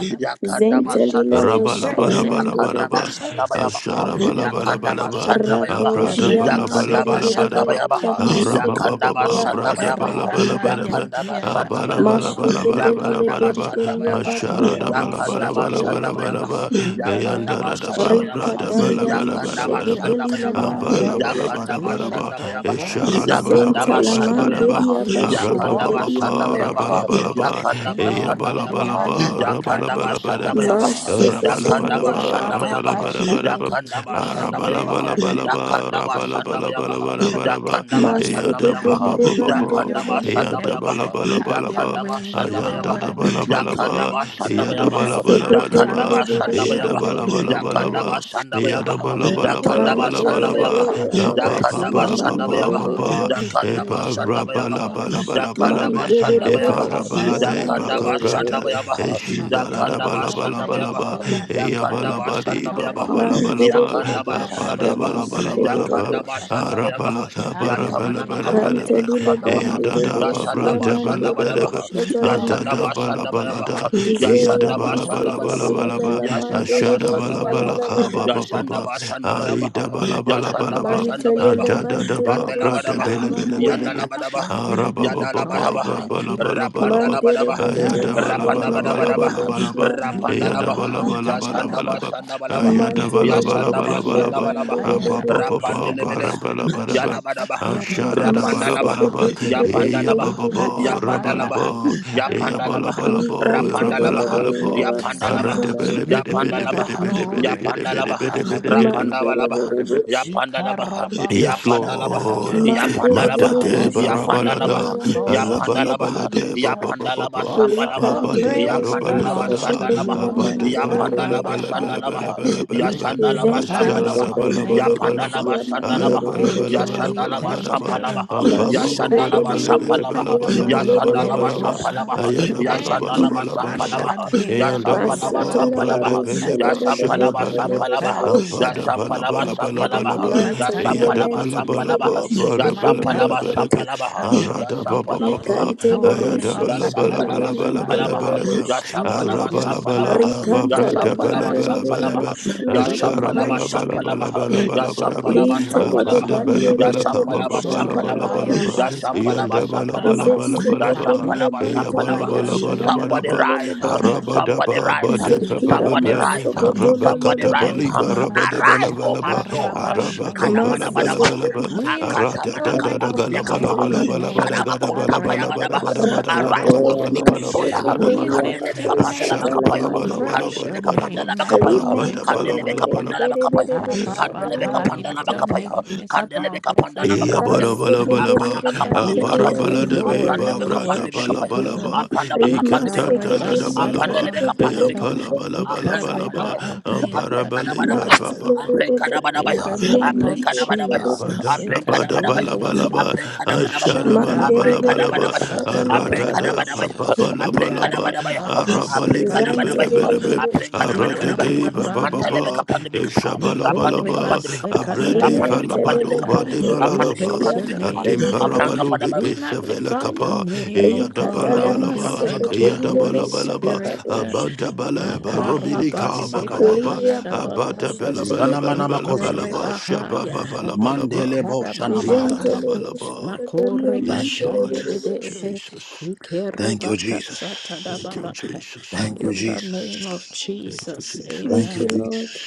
Speaker 8: We
Speaker 1: Yakandaba
Speaker 8: sing
Speaker 1: Sandabayaba,
Speaker 3: Zentelileroshia
Speaker 8: praises,
Speaker 1: Yakandaba
Speaker 7: Rabalabalabalabalaba,
Speaker 3: manderebosh.
Speaker 1: Sandabayaba,
Speaker 8: praises to your name.
Speaker 1: Yakandaba
Speaker 7: Asharabalabalaba,
Speaker 1: Sandabayaba,
Speaker 3: Rakoshia
Speaker 1: Yakandaba
Speaker 8: Ikereboseka
Speaker 7: Abradabalabalabalabalaba,
Speaker 1: Sandabayaba,
Speaker 8: yadaba,
Speaker 3: mandereberebeya
Speaker 1: Yakandaba
Speaker 7: Arabababa,
Speaker 3: maseketelia mas.
Speaker 1: Sandabayaba,
Speaker 8: makerebahaya
Speaker 7: Bradabalabalabalabalaba,
Speaker 1: Yakandaba Sandabayaba,
Speaker 8: ndiakasataba.
Speaker 3: Masheketelia
Speaker 1: Yakandaba
Speaker 7: Abalabalabalabalabalabalaba,
Speaker 8: In
Speaker 3: bentelia
Speaker 1: Sandabayaba,
Speaker 3: batea
Speaker 8: the
Speaker 1: Yakandaba
Speaker 3: mashekete.
Speaker 1: Sandabayaba,
Speaker 7: Asharadabalabalabalabalaba,
Speaker 8: name
Speaker 1: Yakandaba
Speaker 8: of
Speaker 7: Yandaradaba,
Speaker 1: Sandabayaba,
Speaker 8: Jesus, we
Speaker 3: Rikatalia
Speaker 8: lift him up,
Speaker 1: Yakandaba
Speaker 8: we
Speaker 7: Bradabalabalabalabalaba,
Speaker 1: shanda
Speaker 8: lift
Speaker 3: masheketelia
Speaker 8: you
Speaker 1: bayabaha,
Speaker 8: up.
Speaker 1: yakanda
Speaker 3: manderebeta.
Speaker 1: ba
Speaker 8: We
Speaker 7: Abalabalabalaba,
Speaker 1: shanda
Speaker 8: lift all
Speaker 1: bayabaha,
Speaker 8: voice and
Speaker 1: yakanda ba
Speaker 3: Zentala
Speaker 1: shanda
Speaker 7: Esharadabalabalabalabalaba,
Speaker 8: mention,
Speaker 1: bayabaha,
Speaker 3: manderia
Speaker 8: we give you
Speaker 1: yakanda
Speaker 8: all
Speaker 1: ba
Speaker 7: Arabababa,
Speaker 8: of
Speaker 3: basheketelia
Speaker 8: the
Speaker 1: shanda
Speaker 3: mante.
Speaker 8: glory
Speaker 1: bayabaha,
Speaker 7: Rabalabalaba,
Speaker 1: yakanda
Speaker 8: and
Speaker 1: ba
Speaker 8: all
Speaker 1: shanda
Speaker 8: of the
Speaker 1: bayabaha,
Speaker 8: honor,
Speaker 7: Eyabalabalaba,
Speaker 1: yakanda
Speaker 8: Makati,
Speaker 1: ba
Speaker 8: O
Speaker 1: shanda
Speaker 7: Rabalabalaba,
Speaker 1: bayabaha,
Speaker 8: Lord.
Speaker 1: yakanda
Speaker 3: Masheketelia
Speaker 1: ba
Speaker 7: Rabalabadaba,
Speaker 3: Bot.
Speaker 1: shanda bayabaha,
Speaker 7: rabalabadabadaba,
Speaker 8: Arabakashandu,
Speaker 1: yakanda ba shanda
Speaker 8: we
Speaker 1: bayabaha,
Speaker 7: arabalabalabalaba,
Speaker 1: yakanda ba shanda bayabaha,
Speaker 8: are
Speaker 7: rabalabalabalabalabalaba,
Speaker 1: yakanda
Speaker 8: have
Speaker 1: ba
Speaker 8: your
Speaker 1: shanda
Speaker 8: way, have
Speaker 3: Maseketeli
Speaker 1: bayabaha,
Speaker 8: your way, have
Speaker 7: eyadabababababa,
Speaker 3: lebandele
Speaker 8: your
Speaker 1: yakanda ba
Speaker 8: way.
Speaker 1: shanda
Speaker 3: lebelebosh.
Speaker 7: bala
Speaker 1: bayabaha,
Speaker 7: bala
Speaker 8: Have your
Speaker 1: yakanda
Speaker 8: way,
Speaker 1: ba
Speaker 8: you
Speaker 1: shanda
Speaker 8: are
Speaker 1: bayabaha,
Speaker 8: worthy to be
Speaker 1: yakanda ba
Speaker 8: praised.
Speaker 1: shanda bayabaha,
Speaker 3: Maseketeli
Speaker 1: yakanda ba
Speaker 7: eyadabalabalabalaba,
Speaker 1: shanda bayabaha,
Speaker 3: lebelebelebosh.
Speaker 1: yakanda
Speaker 7: eyadabalabalabalaba,
Speaker 8: Makarabashanadede.
Speaker 1: ba shanda
Speaker 8: I
Speaker 1: Shandabayaba,
Speaker 8: will praise
Speaker 1: Yakandaba
Speaker 8: your
Speaker 3: Mantele
Speaker 7: eyadabalabalabalabalabalaba,
Speaker 8: name, I
Speaker 1: Shandabayaba,
Speaker 3: lebe
Speaker 8: will praise
Speaker 3: ababosh
Speaker 8: your
Speaker 1: Yakandaba
Speaker 3: ya
Speaker 8: name, O
Speaker 3: mantere
Speaker 1: Shandabayaba,
Speaker 8: God. I
Speaker 7: apapapapapapa,
Speaker 8: will
Speaker 3: belebosh.
Speaker 7: epa
Speaker 1: Yakandaba
Speaker 8: praise your name,
Speaker 1: Shandabayaba,
Speaker 8: Lord.
Speaker 1: Yakandaba
Speaker 7: rabalabalabalabalabe,
Speaker 3: Mantere
Speaker 7: efa
Speaker 3: belebosh
Speaker 1: Shandabayaba,
Speaker 3: ya
Speaker 7: rabalade
Speaker 8: Makarabashanadede.
Speaker 3: mantere
Speaker 1: Yakandaba
Speaker 7: bakabranta,
Speaker 3: belebosh.
Speaker 1: Shandabayaba,
Speaker 7: Eshinda la da ba
Speaker 1: Yakandaba
Speaker 7: la ba la ba la ba.
Speaker 1: Shandabayaba,
Speaker 7: Eya ba la
Speaker 1: Yakandaba
Speaker 7: ba di ba ba ba
Speaker 1: Shandabayaba,
Speaker 7: la ba la
Speaker 3: Mantere
Speaker 7: ba.
Speaker 1: Yakandaba
Speaker 3: belebosh
Speaker 7: Apa
Speaker 3: ya
Speaker 7: da ba la
Speaker 1: Shandabayaba,
Speaker 7: ba la
Speaker 3: mantere
Speaker 7: ba la ba.
Speaker 1: Yakandaba
Speaker 3: belebosh.
Speaker 7: Ara ba la
Speaker 1: Shandabayaba,
Speaker 7: ta ba ra ba la
Speaker 1: Yatamanana
Speaker 8: Hallelujah,
Speaker 7: ba da ba da
Speaker 8: hallelujah,
Speaker 1: Kapandibidi
Speaker 7: ba.
Speaker 3: Ganteli
Speaker 7: Eya
Speaker 1: Kapandabaha,
Speaker 7: da
Speaker 3: lebandere
Speaker 8: hallelujah.
Speaker 7: da ba
Speaker 3: besh ya
Speaker 1: Yashandaba
Speaker 7: branta ba
Speaker 8: We
Speaker 7: la
Speaker 8: are
Speaker 3: mantere
Speaker 7: ba da
Speaker 8: to
Speaker 7: ba.
Speaker 1: Shandabadabaha,
Speaker 3: bosh
Speaker 8: come
Speaker 7: Anta
Speaker 3: atalamante.
Speaker 7: da
Speaker 1: Yashandaba
Speaker 7: ba la ba
Speaker 8: with the
Speaker 7: la da.
Speaker 1: Shandabayabaha,
Speaker 7: Eya
Speaker 3: Izeya
Speaker 7: da ba
Speaker 1: Yashandaba
Speaker 7: la ba
Speaker 8: Holy
Speaker 7: la ba la ba
Speaker 3: maseketeli
Speaker 1: Shandabadabaha,
Speaker 7: la
Speaker 3: la
Speaker 7: ba.
Speaker 8: Spirit.
Speaker 3: la mandere
Speaker 7: Asha
Speaker 1: Yashandaba
Speaker 7: da
Speaker 3: bosh
Speaker 7: ba
Speaker 1: Yashanda
Speaker 7: la
Speaker 3: la
Speaker 7: ba la
Speaker 3: la
Speaker 1: Barabaha,
Speaker 3: la
Speaker 8: Hallelujah,
Speaker 7: ka ba ba
Speaker 3: mantere.
Speaker 7: ba
Speaker 1: Yashanda
Speaker 7: ba.
Speaker 1: Bashanda
Speaker 7: Ai da
Speaker 1: Barabaha,
Speaker 7: ba la ba la ba
Speaker 1: Yashanda
Speaker 7: la ba.
Speaker 1: Bashanda
Speaker 3: Mantelele
Speaker 7: Anta
Speaker 1: Barabaha,
Speaker 7: da da
Speaker 3: bantele
Speaker 7: ba
Speaker 1: Yandela
Speaker 7: branta
Speaker 3: beshia
Speaker 8: have
Speaker 1: Barabaha,
Speaker 7: bele bele
Speaker 8: your
Speaker 3: mande.
Speaker 7: bele
Speaker 8: way, have your way,
Speaker 1: Yandala
Speaker 7: be.
Speaker 8: have your
Speaker 1: Barabaha,
Speaker 8: way, have your
Speaker 7: Ara
Speaker 8: way.
Speaker 7: ba ba
Speaker 8: take
Speaker 7: ba
Speaker 1: Yadala
Speaker 7: ba
Speaker 8: joy,
Speaker 7: ba
Speaker 1: Barabaha,
Speaker 8: my
Speaker 7: ba la ba
Speaker 8: King.
Speaker 7: la ba la
Speaker 1: Rapanda
Speaker 7: ba.
Speaker 3: Mandere
Speaker 1: Labadabaha,
Speaker 7: Ah
Speaker 3: bere
Speaker 7: ya da bala
Speaker 3: boshia
Speaker 1: Rapanda
Speaker 7: bala bala
Speaker 3: mandere
Speaker 7: bala
Speaker 8: Matarabasaya.
Speaker 1: Badabadabaha,
Speaker 7: bala b,
Speaker 3: beshia
Speaker 7: ah
Speaker 1: Rapanda
Speaker 3: mande.
Speaker 7: ya da
Speaker 1: Labaha,
Speaker 7: bala bala
Speaker 8: Ikorabakaya
Speaker 7: bala
Speaker 1: Yashanda
Speaker 7: bala b,
Speaker 8: Dabaha,
Speaker 1: Bashanda
Speaker 7: ah ya
Speaker 1: Balabaha,
Speaker 7: da bala
Speaker 3: Mantelele
Speaker 7: bala
Speaker 1: Yashanda
Speaker 7: bala
Speaker 8: Ilantia
Speaker 7: bala
Speaker 3: boshia
Speaker 1: Bashanda
Speaker 7: b,
Speaker 1: Balabaha,
Speaker 3: mandere
Speaker 7: ah
Speaker 8: Bakaya
Speaker 7: pa
Speaker 3: bere
Speaker 7: pa pa
Speaker 3: bosh.
Speaker 7: pa
Speaker 1: Rapanda
Speaker 8: Dabaha,
Speaker 7: ba ra
Speaker 1: Lebeleha,
Speaker 7: bala ba ra b,
Speaker 8: Mashaka
Speaker 7: ah
Speaker 1: Yalabadabaha,
Speaker 7: shara da
Speaker 8: Teribus,
Speaker 1: Rapanda
Speaker 7: bala ba ra b,
Speaker 1: Labaha,
Speaker 3: Maseketelele
Speaker 1: Yapanda
Speaker 7: ah ba
Speaker 1: Labaha,
Speaker 3: bentelele
Speaker 7: ba
Speaker 3: bosh.
Speaker 7: ba ra
Speaker 1: Yapanda
Speaker 7: bala
Speaker 8: Ikarabaya
Speaker 7: ba,
Speaker 1: Labaha,
Speaker 7: ah
Speaker 1: Yapanda
Speaker 7: ba la ba
Speaker 8: Akadabaka.
Speaker 1: Labaha,
Speaker 7: la ba
Speaker 8: We
Speaker 7: ra
Speaker 8: give
Speaker 1: Rapanda
Speaker 8: you
Speaker 3: Likantelele
Speaker 7: bala ba
Speaker 8: the
Speaker 1: Labaha,
Speaker 7: la
Speaker 3: baya
Speaker 7: ba,
Speaker 8: praise,
Speaker 1: Yapanda
Speaker 7: ah
Speaker 1: Labaha,
Speaker 7: redi
Speaker 3: vasantele
Speaker 7: bedi
Speaker 3: bara
Speaker 8: we
Speaker 7: bedi
Speaker 3: bosh.
Speaker 8: give
Speaker 7: bedi
Speaker 8: you the
Speaker 1: Pandalaba,
Speaker 7: bedi
Speaker 1: Ya
Speaker 7: bedi bedi bedi
Speaker 1: Yapandalaba, Yapandalaba,
Speaker 7: bedi bedi
Speaker 8: glory,
Speaker 7: bedi
Speaker 3: Mandere
Speaker 7: bedi
Speaker 1: Yapandalaba, Rapandabalaba,
Speaker 3: bere
Speaker 7: bedi b.
Speaker 3: bosh.
Speaker 1: Yapandalaba,
Speaker 7: Yes,
Speaker 1: Yapandalaba,
Speaker 7: Lord.
Speaker 8: Ikarabakashatadababa.
Speaker 3: Mandere
Speaker 7: Mata
Speaker 3: bere
Speaker 7: de
Speaker 8: All
Speaker 3: bosh.
Speaker 8: of the
Speaker 3: Atele
Speaker 1: Yapandalaba,
Speaker 7: barabalada,
Speaker 3: bara
Speaker 8: praise,
Speaker 3: bosh.
Speaker 8: all of the
Speaker 1: Yapandalaba,
Speaker 7: alabalabalade
Speaker 8: praise, uh,
Speaker 1: Yapandalaba, Yapandalaba,
Speaker 8: all
Speaker 7: babababa,
Speaker 8: of
Speaker 1: Sambalaba,
Speaker 8: the
Speaker 7: mabade
Speaker 3: Likantelele
Speaker 8: praise
Speaker 1: Yapandalaba,
Speaker 3: beshia
Speaker 8: belongs to
Speaker 7: barobalebada,
Speaker 1: Sandalaba,
Speaker 8: you,
Speaker 3: ketelele
Speaker 7: abade
Speaker 3: mantelele
Speaker 1: Yapandalaba,
Speaker 3: bente.
Speaker 1: Sandalaba,
Speaker 8: Makarabahai. We
Speaker 7: barobelebelebelebelebelebe,
Speaker 8: give
Speaker 1: Yasandalaba,
Speaker 3: Zentele
Speaker 8: thanks,
Speaker 3: de
Speaker 1: Sambalaba,
Speaker 7: asharada
Speaker 8: we
Speaker 3: bendere
Speaker 8: thank you,
Speaker 7: balabalabalaba,
Speaker 1: Yapandalaba,
Speaker 3: beshia
Speaker 1: Sandalaba,
Speaker 8: we
Speaker 3: mandere bere
Speaker 8: thank you,
Speaker 3: bosha.
Speaker 8: we
Speaker 1: Yasandalaba,
Speaker 8: thank
Speaker 7: ayabalabalabalabalagadaba,
Speaker 1: Sampalaba,
Speaker 8: you, we
Speaker 3: Mashike
Speaker 7: ampababoboda
Speaker 1: Yasandalaba,
Speaker 8: thank you,
Speaker 3: telile
Speaker 8: we
Speaker 1: Sampalaba,
Speaker 3: beshia
Speaker 8: thank you, we
Speaker 3: mandere bere
Speaker 1: Yasandalaba,
Speaker 8: thank
Speaker 7: balebelebelabalabalabalaba,
Speaker 3: bosha
Speaker 8: you.
Speaker 1: Sampalaba,
Speaker 3: talama.
Speaker 8: Thank you,
Speaker 1: Yasandalaba, Sampalaba,
Speaker 7: ayadabalabalabalaba,
Speaker 1: shampalaba, ya
Speaker 8: Mashande
Speaker 7: eyanda
Speaker 3: Masa
Speaker 1: shampalaba,
Speaker 7: bababa, brade
Speaker 3: talabaro
Speaker 1: shampalaba,
Speaker 3: shele
Speaker 1: ya
Speaker 3: de de
Speaker 8: we
Speaker 1: shampalaba,
Speaker 8: give
Speaker 3: bendere
Speaker 8: you
Speaker 7: beleba,
Speaker 3: bere
Speaker 1: shampalaba,
Speaker 3: bosha.
Speaker 8: thanks,
Speaker 1: ya
Speaker 7: Ampada bala
Speaker 1: shampalaba,
Speaker 7: bala
Speaker 8: we
Speaker 7: bala
Speaker 8: give
Speaker 7: bala
Speaker 1: shampalaba,
Speaker 8: you
Speaker 7: ba.
Speaker 1: ya
Speaker 8: thanks,
Speaker 3: Mantelile
Speaker 7: Iyada
Speaker 1: shampalaba,
Speaker 7: bala bala
Speaker 3: mentelile
Speaker 1: shampalaba,
Speaker 7: ba.
Speaker 3: boshike
Speaker 1: ya
Speaker 7: Para bala
Speaker 3: telile
Speaker 7: bala
Speaker 1: shampalaba,
Speaker 7: bala
Speaker 3: benta.
Speaker 7: ba.
Speaker 1: shampalaba, ya
Speaker 7: Arada ba ba ba
Speaker 1: shampalaba,
Speaker 7: ba.
Speaker 3: Rikantele
Speaker 1: shampalaba,
Speaker 7: Ayada
Speaker 1: ya
Speaker 3: beshike
Speaker 7: bala bala
Speaker 3: telile
Speaker 1: shampalaba,
Speaker 7: bala bala bala
Speaker 3: mantera de
Speaker 7: bala ba.
Speaker 3: bosha.
Speaker 7: Arabala bala
Speaker 1: shampalaba,
Speaker 7: da ba
Speaker 1: ya shampalaba, shampalaba, ya
Speaker 3: Rikantala
Speaker 7: branta bala
Speaker 1: shampalaba,
Speaker 3: mandere
Speaker 7: bala
Speaker 3: de de
Speaker 7: bala
Speaker 8: God.
Speaker 7: ba.
Speaker 1: shampalaba,
Speaker 3: bosha
Speaker 1: ya
Speaker 3: lamba
Speaker 8: We
Speaker 3: baba
Speaker 7: Ashara
Speaker 8: praise
Speaker 1: shampalaba,
Speaker 7: bala
Speaker 3: bosha.
Speaker 7: bala
Speaker 8: you,
Speaker 1: shampalaba,
Speaker 7: bala
Speaker 8: we
Speaker 7: bala
Speaker 1: ya
Speaker 7: bala
Speaker 8: praise
Speaker 7: bala
Speaker 8: you,
Speaker 7: ba.
Speaker 8: we
Speaker 1: shampalaba,
Speaker 3: Lintele de
Speaker 8: praise
Speaker 7: Ampada
Speaker 1: shampalaba,
Speaker 8: you.
Speaker 7: bala
Speaker 8: Lord.
Speaker 1: ya
Speaker 3: bandere
Speaker 7: bala
Speaker 3: de de
Speaker 7: ka ba
Speaker 8: You
Speaker 7: ba
Speaker 1: shampalaba,
Speaker 3: bosha
Speaker 7: bala
Speaker 3: antara
Speaker 7: bala
Speaker 1: shampalaba,
Speaker 7: bala
Speaker 8: korebaya
Speaker 7: ba.
Speaker 1: ya
Speaker 8: kasata
Speaker 1: shampalaba,
Speaker 8: da
Speaker 7: Iyanda bala
Speaker 8: baba,
Speaker 7: bala
Speaker 1: shampalaba,
Speaker 7: bala
Speaker 1: ya
Speaker 7: bala ba.
Speaker 8: makaya
Speaker 3: Zesekedevile
Speaker 1: shampalaba,
Speaker 7: Iya bala
Speaker 3: banturudo
Speaker 1: shampalaba,
Speaker 7: bala bala bala
Speaker 1: Somebody
Speaker 7: ba.
Speaker 3: shalamantele
Speaker 1: rise.
Speaker 3: benta.
Speaker 1: Somebody
Speaker 7: Arabadaba
Speaker 1: rise.
Speaker 8: We lift
Speaker 3: Zekia
Speaker 8: up
Speaker 1: Somebody
Speaker 8: your
Speaker 7: Badepepepe
Speaker 8: name,
Speaker 1: rise.
Speaker 8: we lift
Speaker 3: masogodolo
Speaker 1: Somebody
Speaker 3: lolo
Speaker 8: up your
Speaker 1: rise.
Speaker 3: bonta.
Speaker 8: name,
Speaker 7: Arabakatapaliba
Speaker 8: Lord.
Speaker 1: Arise, oh my
Speaker 7: Rabadebalabalaba
Speaker 1: soul.
Speaker 8: Makarabashandedede.
Speaker 1: Kadabadabadaba.
Speaker 7: Arabakampalabalabalaba
Speaker 8: We
Speaker 3: Masekedevile
Speaker 8: lift
Speaker 7: Arata
Speaker 8: your
Speaker 7: da
Speaker 8: name,
Speaker 7: da da
Speaker 8: we lift
Speaker 1: Akatamanakapandibriakapa.
Speaker 3: shalamantele
Speaker 8: your
Speaker 3: benta.
Speaker 8: name,
Speaker 1: Shadabakontapayabadaba. Arise, O
Speaker 3: Rakadeya
Speaker 8: Makarabakasakarabaka.
Speaker 1: sleeping soldier.
Speaker 8: We
Speaker 7: galabalabalabalabadagadabalabalabalabadagadabalabalabalabadagadabalaba
Speaker 3: mashekedelia
Speaker 8: lift
Speaker 1: Kandelebeka
Speaker 3: babo
Speaker 8: your name,
Speaker 1: pandelabakapaya.
Speaker 3: shatalamante.
Speaker 8: praise your
Speaker 1: Kandelebeka
Speaker 7: Asharabalabalabalabadabadaba
Speaker 8: name,
Speaker 1: pandalabakapaya.
Speaker 8: Makedeboha.
Speaker 3: Alimentele
Speaker 1: Kandelebeka
Speaker 7: Abatabalabalabalabalaba
Speaker 3: bendere
Speaker 1: pandalabakapaya.
Speaker 3: berebe
Speaker 1: Kandelebeka
Speaker 8: Arabahaya,
Speaker 7: Ishabalabalabalaba
Speaker 8: Your
Speaker 3: shatalamante.
Speaker 1: pandalabakapaya.
Speaker 8: name is above
Speaker 1: Kandelebeka
Speaker 8: every
Speaker 7: Iya
Speaker 8: other
Speaker 1: pandalabakapaya.
Speaker 7: bara
Speaker 8: name,
Speaker 7: bala bala ba,
Speaker 3: Rasekedelile
Speaker 8: and
Speaker 7: Ah,
Speaker 8: we
Speaker 3: bantele
Speaker 7: bara
Speaker 8: give
Speaker 1: Apanamakapandelekapaya
Speaker 8: you
Speaker 7: bala de be
Speaker 3: bendere
Speaker 8: glory.
Speaker 7: ba
Speaker 8: We
Speaker 7: bra
Speaker 3: besha.
Speaker 7: da
Speaker 8: worship
Speaker 7: bala
Speaker 1: bekapaya,
Speaker 7: bala
Speaker 8: you.
Speaker 7: ba,
Speaker 1: apanda bakapande
Speaker 7: ikata da
Speaker 1: bekapaya,
Speaker 8: Makareba
Speaker 7: da da
Speaker 3: Rimasekedelile
Speaker 7: bala
Speaker 1: apanda
Speaker 7: ba,
Speaker 1: le
Speaker 8: satada
Speaker 1: bekapande
Speaker 7: iya
Speaker 8: babaha,
Speaker 3: basekedelile
Speaker 7: bala
Speaker 1: bekapaya,
Speaker 7: bala bala
Speaker 3: besha.
Speaker 1: aprenka
Speaker 7: bala
Speaker 1: pada
Speaker 8: ikareba
Speaker 7: ba,
Speaker 1: baya,
Speaker 8: adea
Speaker 7: ambara
Speaker 1: aprenka da
Speaker 7: bala
Speaker 1: bada
Speaker 7: ba
Speaker 1: baya,
Speaker 7: ba
Speaker 8: katayadaba.
Speaker 7: ba ba ba.
Speaker 1: aprenka da bada
Speaker 8: In
Speaker 1: baya,
Speaker 8: the
Speaker 3: Matelerebebosha,
Speaker 8: name of
Speaker 1: aprenka da bada baya,
Speaker 7: ba.
Speaker 8: Jesus,
Speaker 3: mandererebosha,
Speaker 7: da
Speaker 1: aprenka
Speaker 7: bala bala
Speaker 8: Ekatibiribiri.
Speaker 7: ba,
Speaker 1: da bada baya,
Speaker 7: ashara
Speaker 8: Mashanda
Speaker 7: bala bala
Speaker 1: aprenka
Speaker 8: Raba
Speaker 1: da
Speaker 7: bala
Speaker 1: bada
Speaker 7: ba,
Speaker 1: baya,
Speaker 3: mandererebosha,
Speaker 7: arata
Speaker 1: aprenka da
Speaker 7: da
Speaker 8: Kasakadabahaya.
Speaker 1: bada
Speaker 3: talabarabosha,
Speaker 7: pa
Speaker 1: baya,
Speaker 7: pa bala bala
Speaker 1: aprenka da
Speaker 7: ba,
Speaker 8: Yare
Speaker 1: bada baya, aprenka da bada baya,
Speaker 7: arabali
Speaker 1: aprenka da
Speaker 7: bere
Speaker 1: bada
Speaker 7: bere
Speaker 1: baya,
Speaker 7: bere be,
Speaker 8: Bakasikatibiribiri.
Speaker 3: zantererebosha,
Speaker 1: aprenka da bada
Speaker 7: arata
Speaker 1: bada
Speaker 7: de
Speaker 1: baya,
Speaker 7: ba ba ba
Speaker 1: mantele
Speaker 8: Ikarabahaya.
Speaker 7: ba.
Speaker 1: bekapande bekapa, rapande
Speaker 8: Makoreba
Speaker 7: Eshabalabalaba,
Speaker 1: bekapande bekapa,
Speaker 7: Abrade
Speaker 1: rapande bekapande
Speaker 7: Falabado
Speaker 8: Sekatayadababahaya.
Speaker 1: bekapa,
Speaker 8: We
Speaker 1: rapande
Speaker 7: Badebalalaba,
Speaker 3: limentelelebantororosha,
Speaker 8: praise
Speaker 1: bekapande
Speaker 8: your
Speaker 1: bekapa,
Speaker 8: name.
Speaker 1: aprenka
Speaker 3: mandelelebente,
Speaker 7: Adimparabalu
Speaker 1: pada
Speaker 7: de
Speaker 8: We
Speaker 1: baya,
Speaker 7: Pesavela
Speaker 8: magnify your
Speaker 7: Capa,
Speaker 8: name, O God,
Speaker 1: Kandabo
Speaker 8: and we
Speaker 7: Eyadabalabalaba,
Speaker 1: Shana
Speaker 8: thank you,
Speaker 1: Makapaya.
Speaker 8: Holy
Speaker 7: Eyadabalabalaba,
Speaker 8: Spirit.
Speaker 3: rikatalamaseketelelebotalabadosha,
Speaker 7: Abandabala,
Speaker 1: Masukadi
Speaker 7: Robinica, Baba,
Speaker 8: Makarabasekataya
Speaker 1: Makadayas.
Speaker 8: da
Speaker 3: lirabababosha,
Speaker 8: bahaya,
Speaker 1: Zizana Manama
Speaker 3: telebarabosha,
Speaker 8: ikere
Speaker 1: Kozabeya.
Speaker 7: Abatabalabalabalabalaba,
Speaker 8: bahaya,
Speaker 7: Shababalabalaba,
Speaker 1: Mandele Bo
Speaker 8: ikada
Speaker 1: Shana
Speaker 8: bahaya,
Speaker 1: Mahayas.
Speaker 7: Eyadabalaba.
Speaker 3: gentelebosakataria,
Speaker 8: makore
Speaker 1: Thank
Speaker 7: Yes,
Speaker 1: you,
Speaker 7: Lord,
Speaker 8: bashande
Speaker 1: Jesus.
Speaker 8: bede,
Speaker 3: mantererebosha.
Speaker 7: Jesus.
Speaker 8: ikere
Speaker 1: Thank you, Jesus.
Speaker 8: bakasata da
Speaker 7: Thank you,
Speaker 8: baba.
Speaker 7: Jesus.
Speaker 1: Thank you,
Speaker 8: In the name of
Speaker 1: Jesus.
Speaker 7: Thank you,
Speaker 8: Jesus,
Speaker 3: Thank
Speaker 1: Thank
Speaker 7: Jesus.
Speaker 1: you,
Speaker 3: you,
Speaker 8: amen.
Speaker 3: Lord.
Speaker 1: Jesus.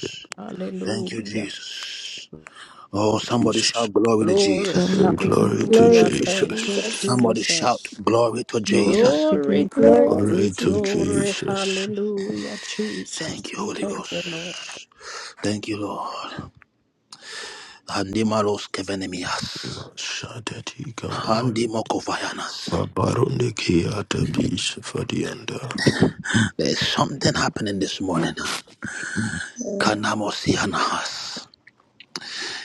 Speaker 7: Thank you, Jesus.
Speaker 1: Thank you,
Speaker 8: Hallelujah.
Speaker 1: Jesus. Oh, somebody
Speaker 7: Jesus.
Speaker 1: shout glory to
Speaker 8: Glory,
Speaker 1: Jesus.
Speaker 6: Glory
Speaker 7: And
Speaker 6: to you.
Speaker 7: glory to
Speaker 3: Glory
Speaker 8: hallelujah.
Speaker 3: to
Speaker 8: Thank you,
Speaker 3: Jesus.
Speaker 7: Jesus.
Speaker 1: Somebody shout
Speaker 8: Jesus.
Speaker 1: glory to
Speaker 6: Glory
Speaker 1: Jesus.
Speaker 6: to
Speaker 8: Glory,
Speaker 6: you.
Speaker 3: Glory to
Speaker 8: glory,
Speaker 7: Glory to
Speaker 3: Jesus.
Speaker 8: glory,
Speaker 7: Jesus.
Speaker 8: hallelujah, Jesus.
Speaker 1: Thank you,
Speaker 8: We
Speaker 1: Holy
Speaker 8: thank you, Lord.
Speaker 1: Ghost. Thank you, Lord. Andimaros kevenemias.
Speaker 7: Shadati Gambal.
Speaker 1: Andimokovayanas.
Speaker 7: Fabarone Kiata Peace Fadianda.
Speaker 1: There's something happening this morning. Kanamosi Yanahas.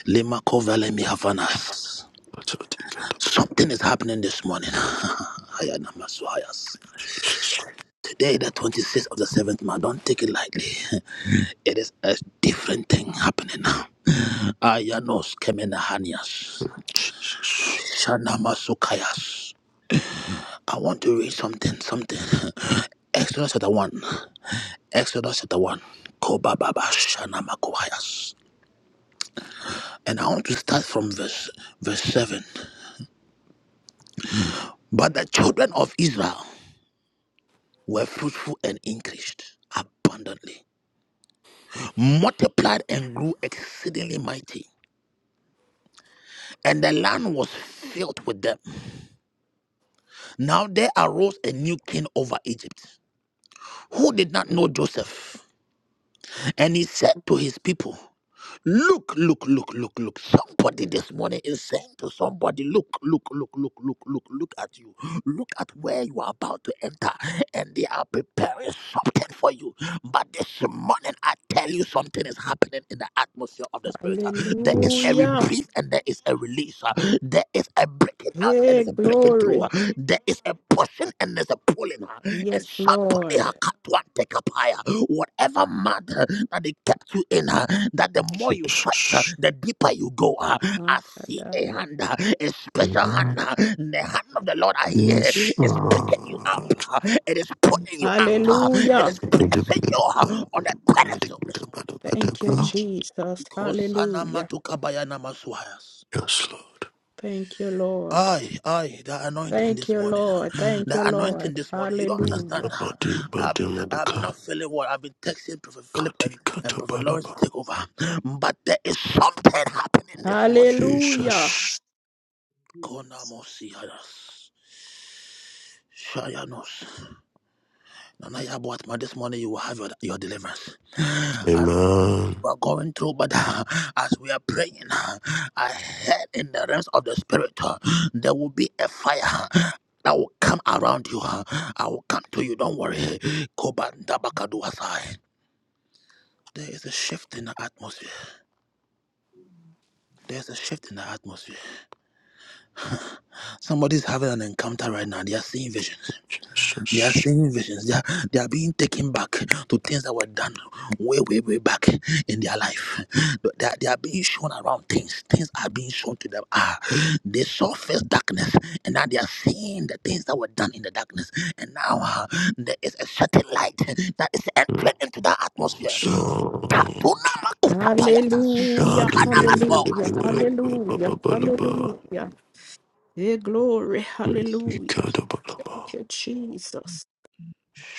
Speaker 1: Lima Kovale Mihavanas.
Speaker 7: Shadati Gata
Speaker 1: Something is happening this morning. Hayanamasuhayas.
Speaker 7: Peace.
Speaker 1: Today, the 26th of the 7th month, don't take it lightly. It is a different thing happening. Ayanos Kemenahanias.
Speaker 7: Jesus.
Speaker 1: Shanamasukayas. I want to read something, something. Exodus chapter 1. Exodus chapter 1. Kobababa Shanamakuhayas. And I want to start from verse verse 7. But the children of Israel were fruitful and increased abundantly, multiplied and grew exceedingly mighty, and the land was filled with them. Now there arose a new king over Egypt who did not know Joseph, and he said to his people, Look, look, look, look, look. Somebody this morning is saying to somebody, look, look, look, look, look, look, look at you. Look at where you are about to enter. And they are preparing something for you. But this morning, I tell you something is happening in the atmosphere of the spirit. Uh, There is
Speaker 7: Yes,
Speaker 1: a
Speaker 8: Hallelujah.
Speaker 7: Lord
Speaker 1: reprieve and there is a release. Uh, There is a breaking out and
Speaker 8: Hey,
Speaker 1: it's a breaking through. Uh,
Speaker 8: glory.
Speaker 1: There is a pushing and there's a pulling. Uh, And
Speaker 8: Yes,
Speaker 1: somebody has
Speaker 8: Lord.
Speaker 1: cut one take up higher. Whatever matter that they kept you in. uh, that the more you fight, uh,
Speaker 7: Jesus.
Speaker 1: the deeper you go. uh. I see a
Speaker 8: Makadab-
Speaker 1: hand, uh, a special hand.
Speaker 7: Amen.
Speaker 1: uh, The hand of the Lord I hear
Speaker 7: Yes,
Speaker 1: is picking you up.
Speaker 7: Lord.
Speaker 1: uh, It is pulling you out. uh, It is
Speaker 8: Hallelujah.
Speaker 6: Amen.
Speaker 1: placing you uh, on a pedestal this morning.
Speaker 8: Thank you, Jesus.
Speaker 1: Kosana
Speaker 8: Hallelujah.
Speaker 1: matuka bayana masuhayas.
Speaker 7: Yes, Lord.
Speaker 8: Thank you, Lord.
Speaker 1: Aye, aye, the anointing
Speaker 8: Thank
Speaker 1: this
Speaker 8: you,
Speaker 1: morning. uh,
Speaker 8: Lord. Thank
Speaker 1: The
Speaker 8: you,
Speaker 1: anointing
Speaker 8: Lord.
Speaker 1: this morning. You don't understand.
Speaker 8: Hallelujah.
Speaker 1: uh,
Speaker 7: Body,
Speaker 1: I've,
Speaker 7: body,
Speaker 1: I've been
Speaker 7: Melaka.
Speaker 1: not feeling well. I've been texting Prophet Philip
Speaker 7: Kati
Speaker 1: and, and
Speaker 7: Kata
Speaker 1: Prophet Lawrence to
Speaker 7: Balaba.
Speaker 1: take over. But there is something happening this morning.
Speaker 8: Hallelujah.
Speaker 7: Jesus.
Speaker 4: do
Speaker 1: Konamos
Speaker 4: Jesus.
Speaker 1: Yadas. Shayanos. Nana Yabuatma, this morning you will have your, your deliverance. I don't know what
Speaker 7: Amen.
Speaker 1: you are going through, but uh, as we are praying, uh, I heard in the realms of the spirit, uh, there will be a fire. uh, That will come around you. uh, I will come to you. Don't worry. Kobandabakaduasai. There is a shift in the atmosphere. There's a shift in the atmosphere. Somebody's having an encounter right now. They are seeing visions. They are
Speaker 7: Jesus.
Speaker 1: seeing visions. They are, they are being taken back to things that were done way, way, way back in their life. They are, they are being shown around things. Things are being shown to them. Ah, they saw first darkness, and now they are seeing the things that were done in the darkness. And now ah, there is a certain light that is entering into the atmosphere.
Speaker 7: Sound.
Speaker 6: Thank
Speaker 1: Tadunamakutapayatas,
Speaker 8: Hallelujah.
Speaker 7: Shadi bele bele
Speaker 8: Hallelujah.
Speaker 7: bele.
Speaker 1: kanamatoasataya.
Speaker 7: Ba ba
Speaker 8: Hallelujah.
Speaker 7: ba la ba.
Speaker 8: Hallelujah. Hey, glory.
Speaker 7: Rika
Speaker 8: Hallelujah.
Speaker 7: da ba la ba.
Speaker 8: Thank you, Jesus.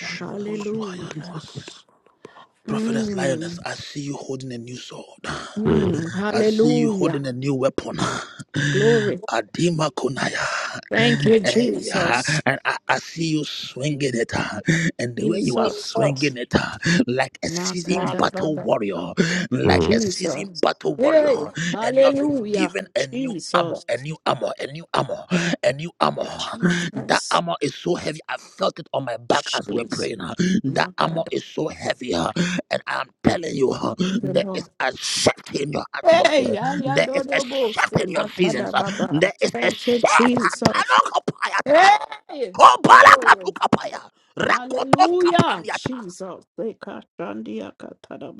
Speaker 5: Thank you, Jesus.
Speaker 7: ba da
Speaker 8: Hallelujah.
Speaker 7: ba ba
Speaker 1: Shanumosuhayanoas.
Speaker 7: da ba.
Speaker 1: Prophetess
Speaker 8: Mm.
Speaker 1: Lioness, I see you holding a new sword.
Speaker 7: Mm.
Speaker 8: Mm,
Speaker 1: I see you
Speaker 8: hallelujah.
Speaker 1: holding a new weapon.
Speaker 8: Glory.
Speaker 1: Adima Kunaya.
Speaker 8: Thank you,
Speaker 1: Hey, ah,
Speaker 8: Jesus.
Speaker 1: and I, I see you swinging it, ah, and the way you are
Speaker 8: Jesus.
Speaker 1: swinging
Speaker 7: Jesus.
Speaker 1: it, ah, like a seasoned
Speaker 7: My God.
Speaker 1: battle
Speaker 8: Makadababa.
Speaker 1: warrior, like
Speaker 7: Mm.
Speaker 1: a
Speaker 8: Jesus.
Speaker 1: seasoned battle warrior,
Speaker 8: Hey,
Speaker 1: and you have been
Speaker 8: hallelujah.
Speaker 1: given a new armor,
Speaker 8: Jesus.
Speaker 1: a new armor, a new armor, a new armor. That
Speaker 8: Jesus.
Speaker 1: armor is so heavy, I felt it on my back as we were
Speaker 8: Jesus.
Speaker 1: praying. ah. That armor
Speaker 8: Makadababa.
Speaker 1: is so heavy. ah. And I'm telling you, huh,
Speaker 8: The
Speaker 1: there is
Speaker 8: Lord.
Speaker 1: a shift in your
Speaker 8: Hey,
Speaker 1: atmosphere. There is a
Speaker 8: ayadodobo.
Speaker 1: shift in your seasons. uh,
Speaker 8: Sekatadababa.
Speaker 1: There is a
Speaker 8: Thank you,
Speaker 1: shift.
Speaker 8: Jesus.
Speaker 1: Atalokopayata,
Speaker 8: Hey, glory.
Speaker 1: Obalakatukapaya,
Speaker 8: Hallelujah.
Speaker 1: Rakotoskapaniata.
Speaker 8: Jesus. Sekashandia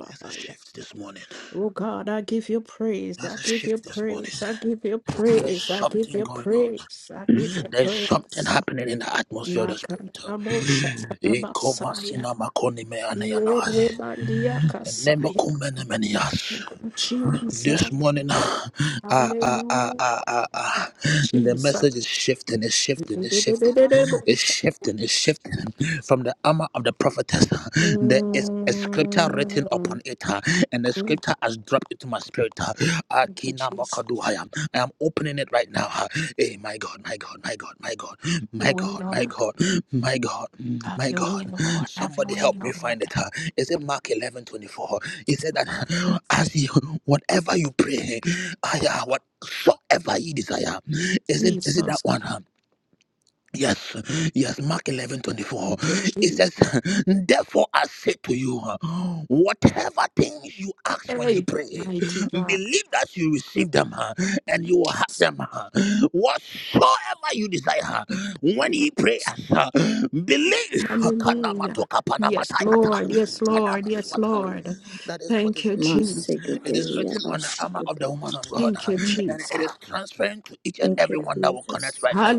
Speaker 1: There's a shift this morning.
Speaker 8: Oh God, I give you praise.
Speaker 1: There's
Speaker 8: I
Speaker 1: a
Speaker 8: give you
Speaker 1: shift this morning.
Speaker 8: praise. I give you
Speaker 1: There's
Speaker 8: praise. I give
Speaker 1: something
Speaker 8: you
Speaker 1: going on.
Speaker 8: praise. I give you
Speaker 1: There's something
Speaker 8: praise.
Speaker 1: happening in the atmosphere of the spirit.
Speaker 8: Makanabosha Masaya.
Speaker 1: Ekomasinamakonemeaneyanai,
Speaker 8: Yerebandia Kasaya.
Speaker 1: Enemokumenemenias.
Speaker 8: Jesus.
Speaker 1: This morning, ah, ah, ah, ah,
Speaker 8: Hallelujah.
Speaker 1: ah, ah, the
Speaker 8: Jesus.
Speaker 1: message is shifting, it's shifting, it's shifting, it's
Speaker 8: Dedededededebosha.
Speaker 1: shifting, it's shifting from the armor of the prophetess. There is a scripture written
Speaker 8: Mm.
Speaker 1: upon it, ah, and the
Speaker 8: Mm.
Speaker 1: scripture has dropped into my spirit. ah.
Speaker 8: Thank you,
Speaker 1: Akina
Speaker 8: Jesus.
Speaker 1: Mokaduhaya. I am opening it right now. ah. Hey, my God, my God, my God, my God,
Speaker 8: Your
Speaker 1: my
Speaker 8: way,
Speaker 1: God, my
Speaker 8: Lord.
Speaker 1: God, my God,
Speaker 8: Have
Speaker 1: my
Speaker 8: your way,
Speaker 1: God.
Speaker 8: Lord. Have your
Speaker 1: Somebody
Speaker 8: way,
Speaker 1: help me
Speaker 8: Lord.
Speaker 1: find it. ah. Is it Mark eleven twenty four? He said that as you, whatever you pray, ah, yeah, whatsoever you desire, is it is it that
Speaker 8: Jesus.
Speaker 1: one? huh? Yes, yes, Mark eleven twenty four.
Speaker 8: Thank you,
Speaker 1: It
Speaker 8: Jesus.
Speaker 1: says, Therefore, I say to you, whatever things you ask when you
Speaker 8: Hey,
Speaker 1: pray,
Speaker 8: mighty God.
Speaker 1: believe that you receive them uh, and you will have
Speaker 8: Jesus.
Speaker 1: them. uh. Whatsoever you desire, when you pray, uh, believe
Speaker 8: Hallelujah.
Speaker 1: Kanamatoka
Speaker 8: Yes,
Speaker 3: Thank
Speaker 1: panamatayata,
Speaker 8: Lord. Yes, Lord. Yes,
Speaker 1: kanamazwatai.
Speaker 3: you,
Speaker 8: Lord.
Speaker 1: that is what
Speaker 8: Thank
Speaker 1: is
Speaker 8: you,
Speaker 1: written.
Speaker 8: Jesus.
Speaker 1: It is written on the armor of the woman of God,
Speaker 8: Thank
Speaker 1: uh,
Speaker 8: you,
Speaker 1: and
Speaker 8: Jesus.
Speaker 1: it is transferring to each and everyone that will
Speaker 3: Jesus.
Speaker 1: connect right now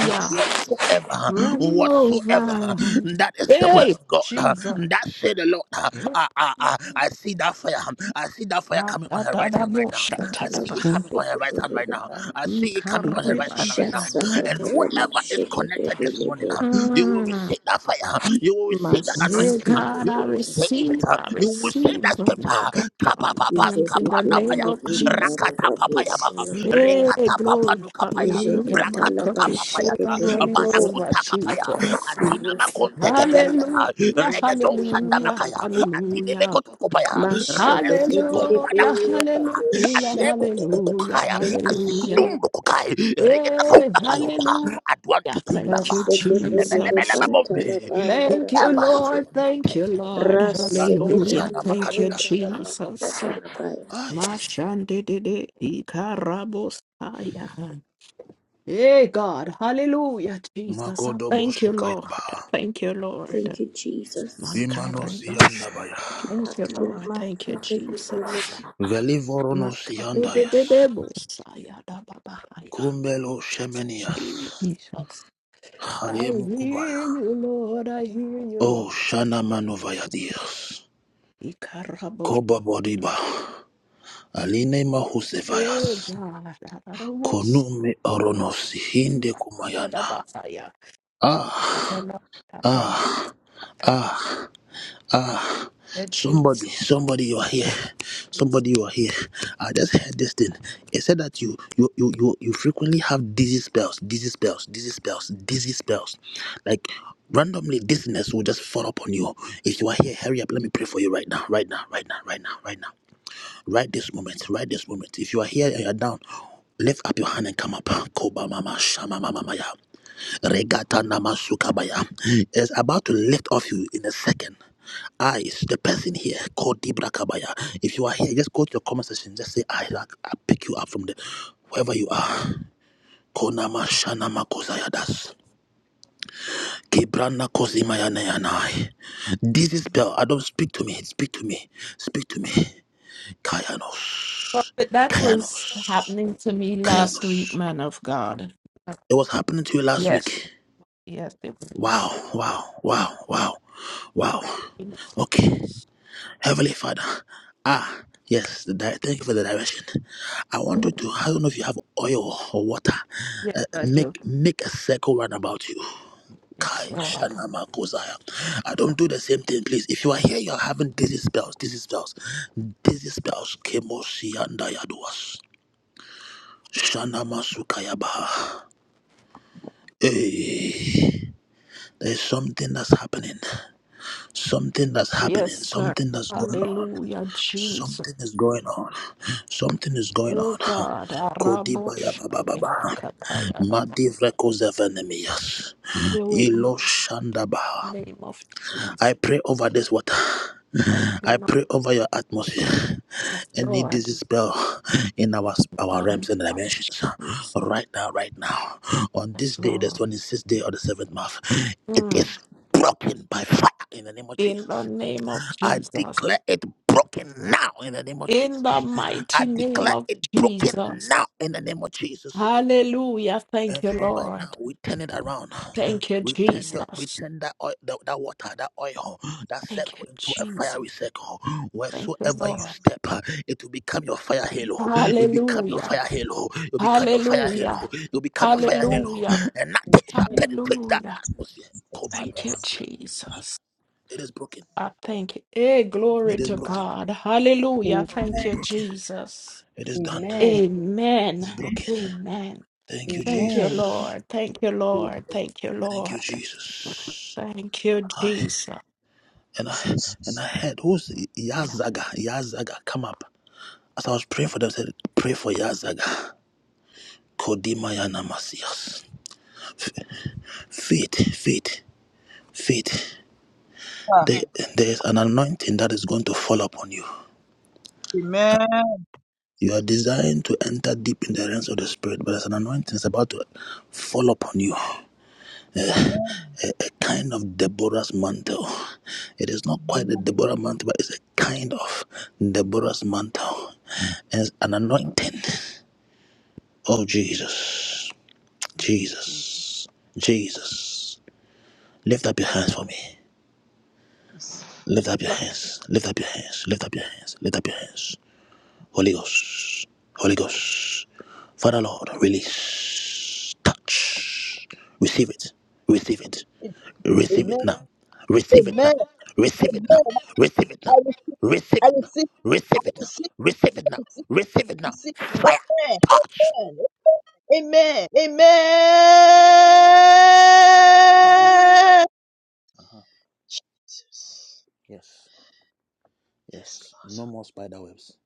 Speaker 1: that whatsoever,
Speaker 8: Running
Speaker 1: whatsoever,
Speaker 8: over.
Speaker 1: that is the word
Speaker 8: Hey,
Speaker 1: of God.
Speaker 8: Jesus.
Speaker 1: That said, the Lord. Ah,
Speaker 8: Yeah.
Speaker 1: ah, ah. I see that fire. I see that fire coming on her right hand right now. I see it
Speaker 8: Makatadaboshatadabaha.
Speaker 1: coming on her right hand right now. I see it coming on
Speaker 6: you, Jesus. Thank you,
Speaker 1: her right
Speaker 6: Jesus.
Speaker 1: hand right
Speaker 8: Ikaribandia.
Speaker 1: now. And whoever is connected this morning, ah, you will
Speaker 8: Mm.
Speaker 1: receive that fire. You will receive that
Speaker 6: Thank
Speaker 8: Yeah,
Speaker 1: anointing. ah.
Speaker 6: you,
Speaker 8: God,
Speaker 1: You
Speaker 8: I
Speaker 1: will receive it.
Speaker 8: receive,
Speaker 1: ah.
Speaker 8: I
Speaker 1: You will receive
Speaker 8: receive,
Speaker 1: that
Speaker 8: Oh my
Speaker 1: scripture.
Speaker 8: God, from the
Speaker 1: Kapapapas,
Speaker 8: hands in the
Speaker 1: kapandabaya
Speaker 8: name of Jesus.
Speaker 1: rakata papayabaha
Speaker 8: Hey,
Speaker 1: rekata
Speaker 8: glory,
Speaker 1: papanukapaya
Speaker 8: hallelujah. My cup
Speaker 1: brakatuka
Speaker 8: is full
Speaker 1: papayata
Speaker 8: and running over,
Speaker 1: balakunta kapaya
Speaker 8: Jesus.
Speaker 1: adina makonte kepeliata
Speaker 8: Hallelujah,
Speaker 1: regedo
Speaker 8: hallelujah,
Speaker 1: shandamakaya adine
Speaker 8: hallelujah.
Speaker 1: mekotukopaya
Speaker 3: Mashe de de de
Speaker 1: regezinkombada
Speaker 8: Hallelujah,
Speaker 3: de
Speaker 1: kundakaya
Speaker 8: hallelujah,
Speaker 3: de
Speaker 8: hallelujah,
Speaker 1: adrekokokokokaya
Speaker 3: Thank you,
Speaker 8: hallelujah.
Speaker 3: Jesus.
Speaker 1: azikudumbukukai
Speaker 8: Hey,
Speaker 1: regedakumbakayodoha
Speaker 8: hallelujah. Thank you,
Speaker 1: adwantukumbaba
Speaker 3: Sekete de
Speaker 8: Jesus.
Speaker 3: banta
Speaker 1: mbebelebelebabombe
Speaker 3: la banda
Speaker 8: Thank you,
Speaker 1: whoever is
Speaker 8: Lord. Thank
Speaker 1: connected
Speaker 8: you, Lord.
Speaker 3: Ras
Speaker 1: you are no
Speaker 3: sekete
Speaker 8: Hallelujah.
Speaker 1: shana
Speaker 3: la
Speaker 8: Thank you,
Speaker 3: banta
Speaker 1: makadinas
Speaker 3: la
Speaker 8: Jesus.
Speaker 3: banda
Speaker 1: Ay.
Speaker 8: Mashandede ikarabosaya. Hey, God. Hallelujah, Jesus. I thank you, Lord.
Speaker 1: Magodoboshukayaba.
Speaker 8: I thank you, Lord.
Speaker 3: Thank you, Jesus.
Speaker 8: Makaribas.
Speaker 1: Imanosiandabaya.
Speaker 8: Thank you,
Speaker 3: Kata la
Speaker 8: Lord. Thank
Speaker 3: masa
Speaker 8: you, Jesus.
Speaker 3: Jesus.
Speaker 1: Velivoronosiandayas.
Speaker 8: Makadedededebosayadababahaya.
Speaker 1: Kumbelo Shemenias.
Speaker 6: Jesus.
Speaker 8: Jesus. I
Speaker 1: Hayemukubaya.
Speaker 8: hear you, Lord. I hear you,
Speaker 1: O
Speaker 8: Lord.
Speaker 1: Shana Manovayadias.
Speaker 8: Ikarabo.
Speaker 1: Koba Bodiba. Aline
Speaker 8: Oh,
Speaker 1: Mahusevayas.
Speaker 8: God. Adabos.
Speaker 1: Konume Oronos. Hinde Kumayana.
Speaker 8: Adabahaya.
Speaker 1: Ah,
Speaker 8: Lord, I Thank you.
Speaker 1: ah,
Speaker 8: Thank
Speaker 1: ah. Ah,
Speaker 8: you, Jesus.
Speaker 1: somebody, somebody, you are here. Somebody, you are here. I just heard this thing. It said that you, you, you, you, you frequently have dizzy spells, dizzy spells, dizzy spells, dizzy spells. Like randomly, dizziness will just fall upon you. If you are here, hurry up. Let me pray for you right now, right now, right now, right now, right now, right this moment, right this moment. If you are here and you are down, lift up your hand and come up. Koba mama, shama mama maya. Regata Namasukabaya is about to lift off you in a second. I is the person here called Debra Kabaya. If you are here, just go to your comment section. Just say I like I pick you up from the wherever you are. Konama Shanama Kozayadas. Kibrana Kozimayanayanai. This is spell. I don't speak to me. Speak to me. Speak to me.
Speaker 8: Well,
Speaker 1: Kayanos.
Speaker 8: that was
Speaker 1: Kayanos.
Speaker 8: happening to me last week,
Speaker 1: Kayanos.
Speaker 8: man of God. Uh,
Speaker 1: It was happening to you last
Speaker 8: Yes,
Speaker 1: week.
Speaker 8: yes, it was.
Speaker 1: Wow, wow, wow, wow, wow.
Speaker 8: Yes,
Speaker 1: Okay. Heavenly Father. Ah, yes. The di- thank you for the direction. I want you to, I don't know if you have oil or water.
Speaker 8: yes,
Speaker 1: Uh,
Speaker 8: I do.
Speaker 1: make make a circle round about you.
Speaker 8: Yes,
Speaker 1: Kai
Speaker 8: Lord.
Speaker 1: Shanama Kozaya. I don't do the same thing, please. If you are here, you are having dizzy spells, dizzy spells, dizzy spells. Kemo Sianda Yaduas. Shanama Sukaya Hey, there's something that's happening. Something that's
Speaker 8: Yes,
Speaker 1: happening,
Speaker 8: sir.
Speaker 1: something that's going on,
Speaker 8: Hallelujah, Jesus.
Speaker 1: something is going on, something is going
Speaker 8: Oh
Speaker 1: on.
Speaker 8: God, Arabo
Speaker 1: Kodibaya baba
Speaker 8: Shabbat
Speaker 1: baba,
Speaker 8: Katayarama.
Speaker 1: madivreko zevenemias,
Speaker 8: You in
Speaker 1: ilo
Speaker 8: the
Speaker 1: shandaba.
Speaker 8: name of
Speaker 1: I
Speaker 8: Jesus.
Speaker 1: pray over this water.
Speaker 8: Thank you,
Speaker 1: I
Speaker 8: Lord.
Speaker 1: pray over your atmosphere.
Speaker 8: Yes,
Speaker 1: Any
Speaker 8: Lord.
Speaker 1: disease spell in our
Speaker 8: In
Speaker 1: our
Speaker 8: the name
Speaker 1: realms and
Speaker 8: of
Speaker 1: dimensions,
Speaker 8: Jesus.
Speaker 1: right now, right now, on this
Speaker 8: Yes,
Speaker 1: day, the
Speaker 8: Lord.
Speaker 1: 26th day of the seventh month, it
Speaker 8: Mm.
Speaker 1: is broken by fire in the name of
Speaker 8: In
Speaker 1: Jesus.
Speaker 8: the name of
Speaker 1: I
Speaker 8: Jesus.
Speaker 1: declare it broken now in the name of
Speaker 8: In the
Speaker 1: Jesus. I
Speaker 8: mighty name
Speaker 1: declare
Speaker 8: of
Speaker 1: it broken
Speaker 8: Jesus.
Speaker 1: now in the name of Jesus.
Speaker 8: Hallelujah. Thank
Speaker 1: And
Speaker 8: you,
Speaker 1: from right now,
Speaker 8: Lord.
Speaker 1: we turn it around.
Speaker 8: Thank you,
Speaker 1: We turn your, we
Speaker 8: Jesus.
Speaker 1: turn that oil, that, that water, that oil, that
Speaker 8: Thank
Speaker 1: circle
Speaker 8: you,
Speaker 1: into a
Speaker 8: Jesus.
Speaker 1: fiery circle.
Speaker 8: Thank you,
Speaker 1: Wheresoever you
Speaker 8: Lord.
Speaker 1: step, it will become your fire halo. It become your
Speaker 8: Hallelujah.
Speaker 1: fire halo. It will become your fire halo.
Speaker 8: Hallelujah.
Speaker 1: It will become your fire
Speaker 9: Amen.
Speaker 1: halo.
Speaker 8: Hallelujah.
Speaker 1: And nothing shall
Speaker 9: Amen.
Speaker 1: penetrate that
Speaker 8: Hallelujah.
Speaker 1: atmosphere.
Speaker 9: Yes,
Speaker 1: Kobana
Speaker 8: Thank you,
Speaker 9: yes.
Speaker 1: Master.
Speaker 8: Jesus.
Speaker 1: It is broken.
Speaker 8: I thank you. Hey,
Speaker 1: It
Speaker 8: glory
Speaker 1: is
Speaker 9: Amen.
Speaker 8: to
Speaker 1: broken.
Speaker 8: God. Hallelujah.
Speaker 1: It is
Speaker 8: Thank
Speaker 9: Amen.
Speaker 8: you,
Speaker 1: broken.
Speaker 8: Jesus.
Speaker 1: It is done.
Speaker 9: Amen.
Speaker 1: It's
Speaker 8: Amen.
Speaker 1: broken.
Speaker 8: Amen.
Speaker 1: Thank you,
Speaker 8: Thank you,
Speaker 9: Amen.
Speaker 1: Jesus.
Speaker 8: Lord. Thank you, Lord. Thank you,
Speaker 1: Thank you,
Speaker 8: Lord.
Speaker 1: Jesus.
Speaker 8: Thank you,
Speaker 1: I,
Speaker 8: Jesus.
Speaker 1: and I and
Speaker 9: Jesus.
Speaker 1: I heard who's
Speaker 8: Yeah.
Speaker 1: Yazaga. Yazaga, come up. As I was praying for them, I said, pray for Yazaga. Kodimaya Namasias. Faith, faith, faith. There, there is an anointing that is going to fall upon you.
Speaker 5: Amen.
Speaker 1: You are designed to enter deep in the realms of the spirit, but there's an anointing that's about to fall upon you.
Speaker 5: Amen.
Speaker 1: a kind of Deborah's mantle. It is not quite a Deborah mantle, but it's a kind of Deborah's mantle. And it's an anointing. Oh, Jesus. Jesus. Jesus. Lift up your hands for me. Lift up your hands. Lift up your hands. Lift up your hands. Lift up your hands. Holy Ghost, Holy Ghost, Father Lord, release, touch, receive it, receive it, receive it
Speaker 5: Amen.
Speaker 1: now, receive it now,
Speaker 5: Amen.
Speaker 1: receive it now,
Speaker 5: Amen.
Speaker 1: receive it
Speaker 5: I
Speaker 1: now,
Speaker 5: receive. I
Speaker 1: receive it now, receive it now,
Speaker 5: receive.
Speaker 1: receive
Speaker 5: I
Speaker 1: it now,
Speaker 5: receive. I receive.
Speaker 1: receive it now,
Speaker 5: I receive.
Speaker 1: fire, touch.
Speaker 5: Amen.
Speaker 1: Uh huh.
Speaker 5: Amen. Jesus.
Speaker 1: Yes,
Speaker 5: Yes,
Speaker 1: yes,
Speaker 5: Lord.
Speaker 1: no more spider webs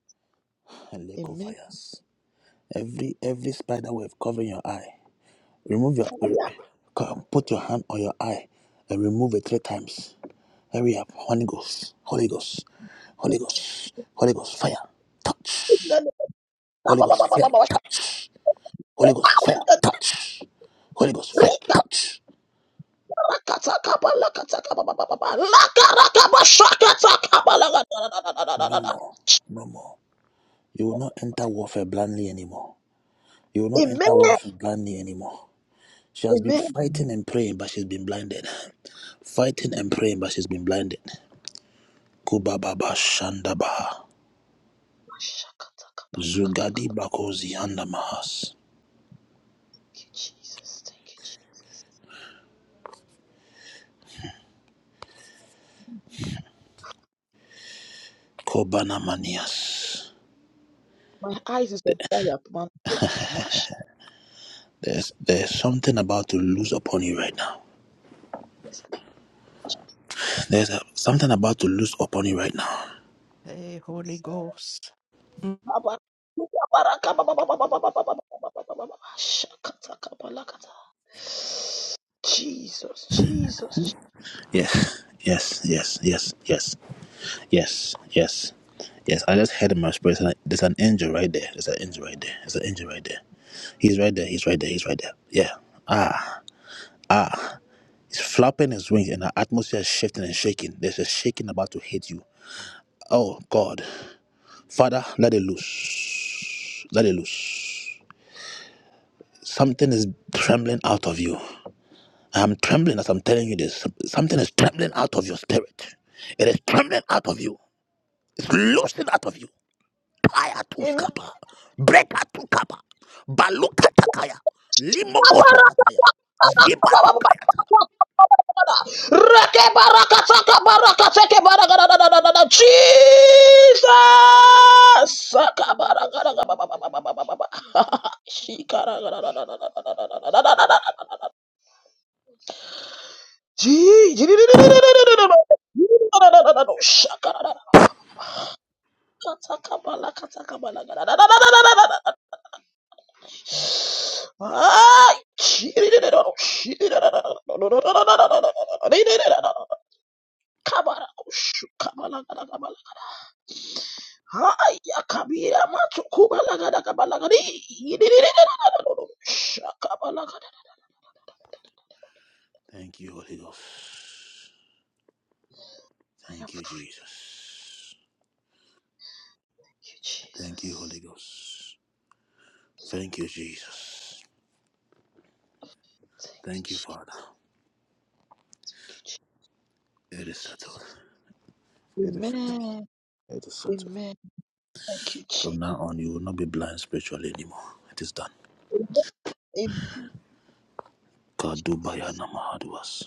Speaker 1: and lake of
Speaker 5: Amen.
Speaker 1: fires. Every every spider web covering your eye, remove your, come, put your hand on your eye and remove it three times. Hurry up, Holy Ghost, Holy Ghost, Holy Ghost, Holy Ghost, fire, touch, Holy Ghost, fire, touch, Holy Ghost, fire, touch, Holy Ghost, fire,
Speaker 5: Fire.
Speaker 1: touch. No
Speaker 5: Amen.
Speaker 1: more, no more. You will not enter warfare blindly anymore. You will not enter warfare blindly anymore. She has been
Speaker 5: Amen.
Speaker 1: fighting and praying, but she's been blinded. Fighting and praying, but she's been blinded. Kubababa Shandaba. Zugadi Bakozi Andamahas.
Speaker 5: Thank you, Jesus. Thank you, Jesus.
Speaker 1: Kobana Manias.
Speaker 5: My eyes is on fire, man. Mash.
Speaker 1: There's there's something about to lose upon you right now.
Speaker 5: Yes.
Speaker 1: There's a, something about to lose upon you right now.
Speaker 8: Hey, Holy Ghost. Mm.
Speaker 5: Jesus, Jesus. Jesus.
Speaker 1: Yes, yes, yes, yes, yes, yes, yes, yes. I just heard in my spirit. and I- There's an angel right there. There's an angel right there. There's an angel right there. He's right there. He's right there. He's right there. Yeah. Ah, ah. He's flapping his wings, and the atmosphere is shifting and shaking. There's a shaking about to hit you. Oh God, Father, let it loose. Let it loose. Something is trembling out of you. I'm trembling as I'm telling you this. Something is trembling out of your spirit. It is trembling out of you. It's loosened out of you. Kaya tu
Speaker 5: Amen.
Speaker 1: skapa. Breka tu kapa. Baluka takaya. Limokosu kataya. Ziba tu kayata.
Speaker 5: Jesus. Jesus. Haya kabira matukubalaga kabalagari. Shakabalagada.
Speaker 1: Thank you, Holy Ghost. Thank you, Jesus.
Speaker 5: Thank you,
Speaker 1: Thank
Speaker 5: Jesus.
Speaker 1: you, Holy Ghost. Thank you, Jesus.
Speaker 5: Thank
Speaker 1: Thank you, Father.
Speaker 5: you,
Speaker 1: It is
Speaker 5: Jesus.
Speaker 1: settled. It is settled.
Speaker 5: Amen.
Speaker 1: It is settled.
Speaker 5: Amen. Thank you,
Speaker 1: From
Speaker 5: Jesus.
Speaker 1: now on, you will not be blind spiritually anymore. It is done.
Speaker 5: Amen.
Speaker 1: Kadubaya Namahaduas.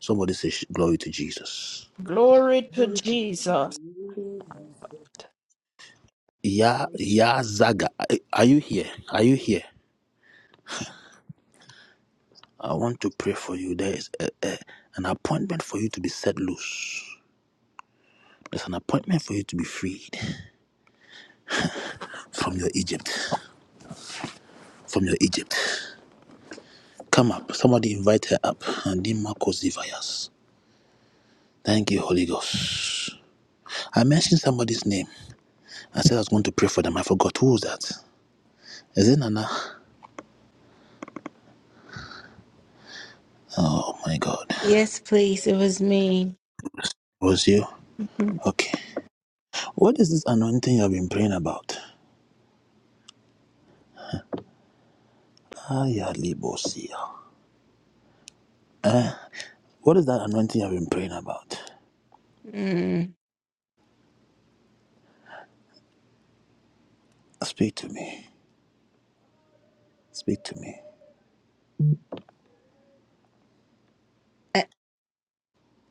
Speaker 1: Somebody say sh- glory to Jesus.
Speaker 8: Glory to
Speaker 5: Glory to
Speaker 8: Jesus.
Speaker 1: Ya
Speaker 4: Glory to
Speaker 1: Ya Zaga, eh, are you here? Are you here? I want to pray for you. There is a, a, an appointment for you to be set loose. There's an appointment for you to be freed from your Egypt. From your Egypt. Come up. Somebody invite her up. And then Marcos Zivayas. Thank you, Holy Ghost. I mentioned somebody's name. I said I was going to pray for them. I forgot. Who was that? Is it Nana? Oh my God.
Speaker 2: Yes, please. It was me.
Speaker 1: Was you? Okay. What is this anointing you have been praying about? Aya libo sia. What is that anointing you have been praying about?
Speaker 2: Mm.
Speaker 1: Speak to me. Speak to me.
Speaker 2: A,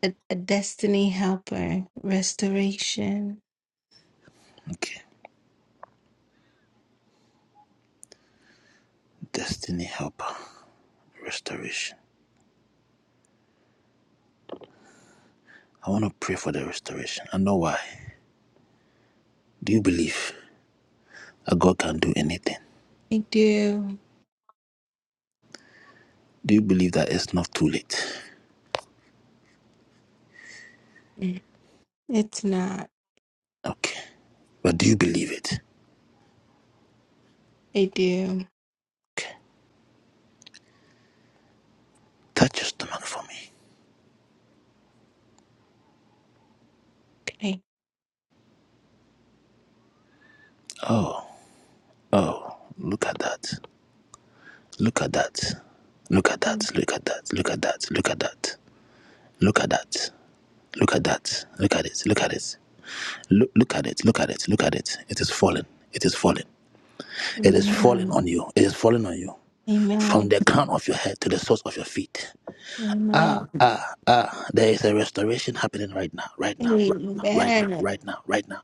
Speaker 2: a, a destiny helper. Restoration.
Speaker 1: Okay. Destiny helper. Restoration. I want to pray for the restoration. I know why. Do you believe that God can do anything?
Speaker 2: I do.
Speaker 1: Do you believe that it's not too late?
Speaker 2: Mm. It's not.
Speaker 1: Okay. But do you believe it?
Speaker 2: I do.
Speaker 1: Okay. Touch your stomach for me.
Speaker 2: Okay.
Speaker 1: Oh, oh, look at that. Look at that. Look at that.
Speaker 2: Mm.
Speaker 1: Look at that. Look at that. Look at that. Look at that. Look at that. Look at it. Look at it. Look, look at it. Look at it. Look at it. It is falling. It is falling. It is falling
Speaker 2: Amen.
Speaker 1: on you. It is falling on you. From
Speaker 2: Amen.
Speaker 1: the crown of your head to the soles of your feet.
Speaker 2: Amen.
Speaker 1: Ah, ah, there is a restoration happening right now, right
Speaker 2: Amen.
Speaker 1: now, right now,
Speaker 2: Amen.
Speaker 1: right now, right now,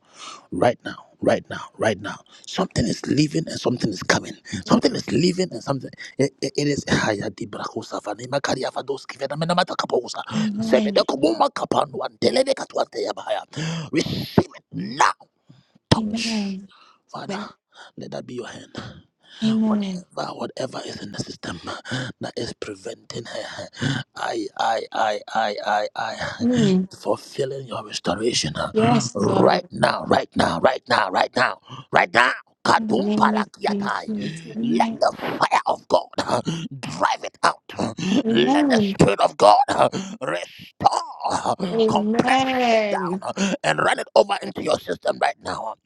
Speaker 1: right now, right now, right now, right now. Something is leaving and something is coming. Something is leaving and something. It, it, it is. Haya di brakosa vanima karia vados kivena mena mata kaposa. Zebede
Speaker 2: Amen.
Speaker 1: kumuma kapanu antele de katwante yabaya. Receive it now. Touch,
Speaker 2: Amen.
Speaker 1: Father. Let that be your hand
Speaker 2: Amen.
Speaker 1: whatever whatever is in the system uh, that is preventing her uh, i i i i i i
Speaker 2: Mm.
Speaker 1: fulfilling your restoration uh,
Speaker 2: Yes,
Speaker 1: right
Speaker 2: Lord.
Speaker 1: now right now right now right now right now
Speaker 2: In the
Speaker 1: Kadum
Speaker 2: name of
Speaker 1: parakiatai.
Speaker 2: Jesus.
Speaker 1: Let
Speaker 2: Amen.
Speaker 1: the fire of God uh, drive it out. uh, Let the
Speaker 2: Amen.
Speaker 1: Spirit of God uh, restore, uh, compress it down,
Speaker 2: Amen.
Speaker 1: uh, and run it over into your system right now.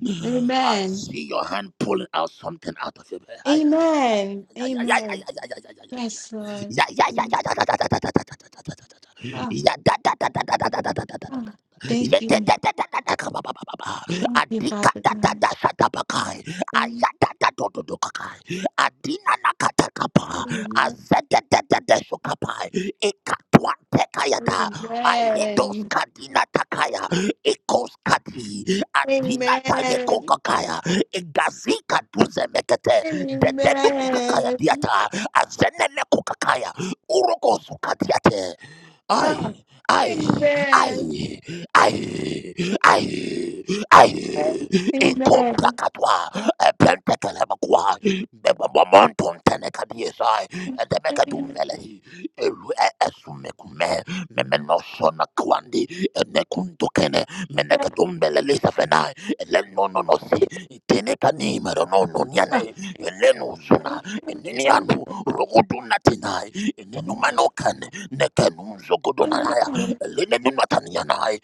Speaker 1: I
Speaker 2: Amen.
Speaker 1: see your hand pulling out something out of your bed. Ay, ay,
Speaker 2: Amen.
Speaker 1: ay, ay, ay, ay, ay,
Speaker 2: Amen.
Speaker 1: ay, ay, ay, ay, ay, ay.
Speaker 2: Yes, Lord.
Speaker 1: Ya, ya, ya,
Speaker 2: Mm.
Speaker 1: ya, da, da, da, da, da, da, da, da, da, da, da, da.
Speaker 2: Ah,
Speaker 1: Ya, da, da, da, da, da, da, da, da, da, da, da,
Speaker 2: ah.
Speaker 1: Yeah,
Speaker 2: Thank
Speaker 1: da.
Speaker 2: you.
Speaker 1: Ya, da, da, da, da, da, da, ka, ba, ba, ba, ba, ba.
Speaker 2: Thank you,
Speaker 1: Adika,
Speaker 2: Father
Speaker 1: da, da,
Speaker 2: God.
Speaker 1: da, sa, da, ba, kai.
Speaker 2: Mm.
Speaker 1: Aya, da, da, do, do, do, ka, kai. Adina, na, ka, ta, ka, pa.
Speaker 2: Amen.
Speaker 1: Aze, da, da, da, da, so, ka, pa. eh. Eka, twa, te, ka, ya, da. Aye, dos,
Speaker 2: Amen.
Speaker 1: ka, di, na, ta, ka, ya. Ekos, ka, di adina tage
Speaker 2: Amen.
Speaker 1: kokakaya egazika duze mekete dedenu kukakaya
Speaker 2: Amen.
Speaker 1: diata azenene kukakaya uroko sukatiate
Speaker 2: Ah,
Speaker 1: ai ai
Speaker 2: amen.
Speaker 1: ai ai ai ai
Speaker 2: Amen.
Speaker 1: ikompakatwa epentekelemakuwa mebabamontontenekadiesai edemekadumvelehi elu esumekume memenosona kwandi ene menekadumbele lisafenai elenononosi itenekanimararononiane elenuzuna eninianu rogodunatinai enenumanokane nekenumzogodonanaya
Speaker 2: Amen.
Speaker 1: elenenunatanianai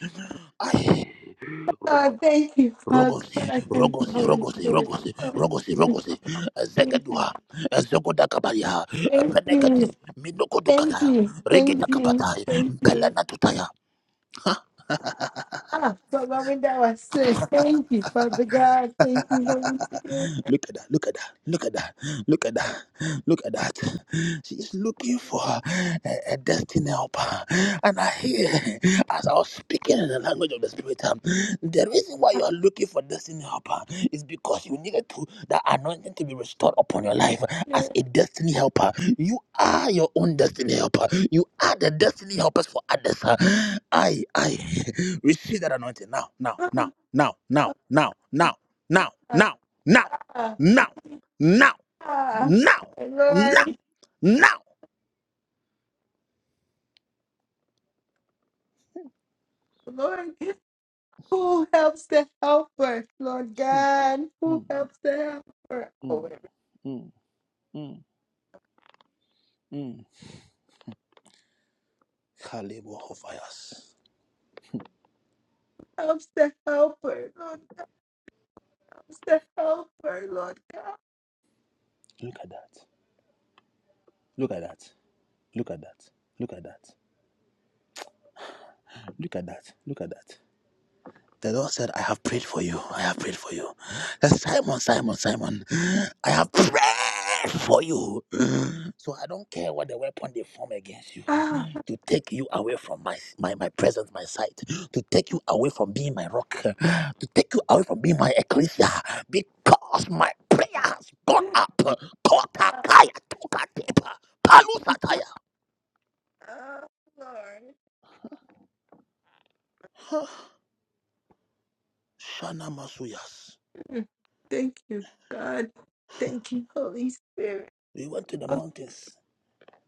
Speaker 1: ai rogo-
Speaker 2: Ah, thank you. Amen. Ah, thank you, Father.
Speaker 1: rogosi
Speaker 2: God. Thank you,
Speaker 1: rogosi
Speaker 2: Holy
Speaker 1: rogosi
Speaker 2: Spirit. Ah,
Speaker 1: rogosi rogosi rogosi
Speaker 2: Thank
Speaker 1: ezegeduha
Speaker 2: you.
Speaker 1: ezogodakabaria
Speaker 2: Thank
Speaker 1: epenekedi
Speaker 2: you. Thank
Speaker 1: minokodokaya
Speaker 2: you. Thank you.
Speaker 1: rigidakapatai
Speaker 2: Thank you.
Speaker 1: mpelenatutaya
Speaker 2: Ah, but Lord, now was said, thank you, Father God. Thank you, Holy Spirit.
Speaker 1: Look at that. Look at that. Look at that. Look at that. Look at that. She's looking for a, a destiny helper. And I hear, as I was speaking in the language of the Spirit, um, the reason why you
Speaker 2: Ah,
Speaker 1: are looking for destiny helper is because you needed to that anointing to be restored upon your life
Speaker 2: yeah.
Speaker 1: as a destiny helper. You are your own destiny helper. You are the destiny helpers for others. huh? I, I receive that anointing now, now,
Speaker 2: Ah,
Speaker 1: now, now, now, now, now, now,
Speaker 2: ah,
Speaker 1: now, now
Speaker 2: ah,
Speaker 1: now, now,
Speaker 2: ah.
Speaker 1: now, now,
Speaker 2: Lord,
Speaker 1: now.
Speaker 2: Lord, who helps the helper? Lord God, who
Speaker 1: Mm,
Speaker 2: helps the helper?
Speaker 1: mm, mm,
Speaker 2: Who
Speaker 1: mm, mm, mm. Kalebo Hofias.
Speaker 2: helps the helper? Lord, helps the helper, Lord God.
Speaker 1: Look at that. Look at that. Look at that. Look at that. Look at that. Look at that. The Lord said, I have prayed for you. I have prayed for you. He said, Simon, Simon, Simon, I have prayed for you. So I don't care what the weapon they form against you
Speaker 2: Ah,
Speaker 1: to take you away from my, my, my presence, my sight, to take you away from being my rock, to take you away from being my ecclesia, because my prayer
Speaker 2: ah,
Speaker 1: has gone up.
Speaker 2: ah,
Speaker 1: Kotakaya, tokatepa, palusataya.
Speaker 2: ah, Lord.
Speaker 1: Shana Masuyas.
Speaker 2: Mm, Thank you, God. Thank you, Holy Spirit.
Speaker 1: We went to the mountains.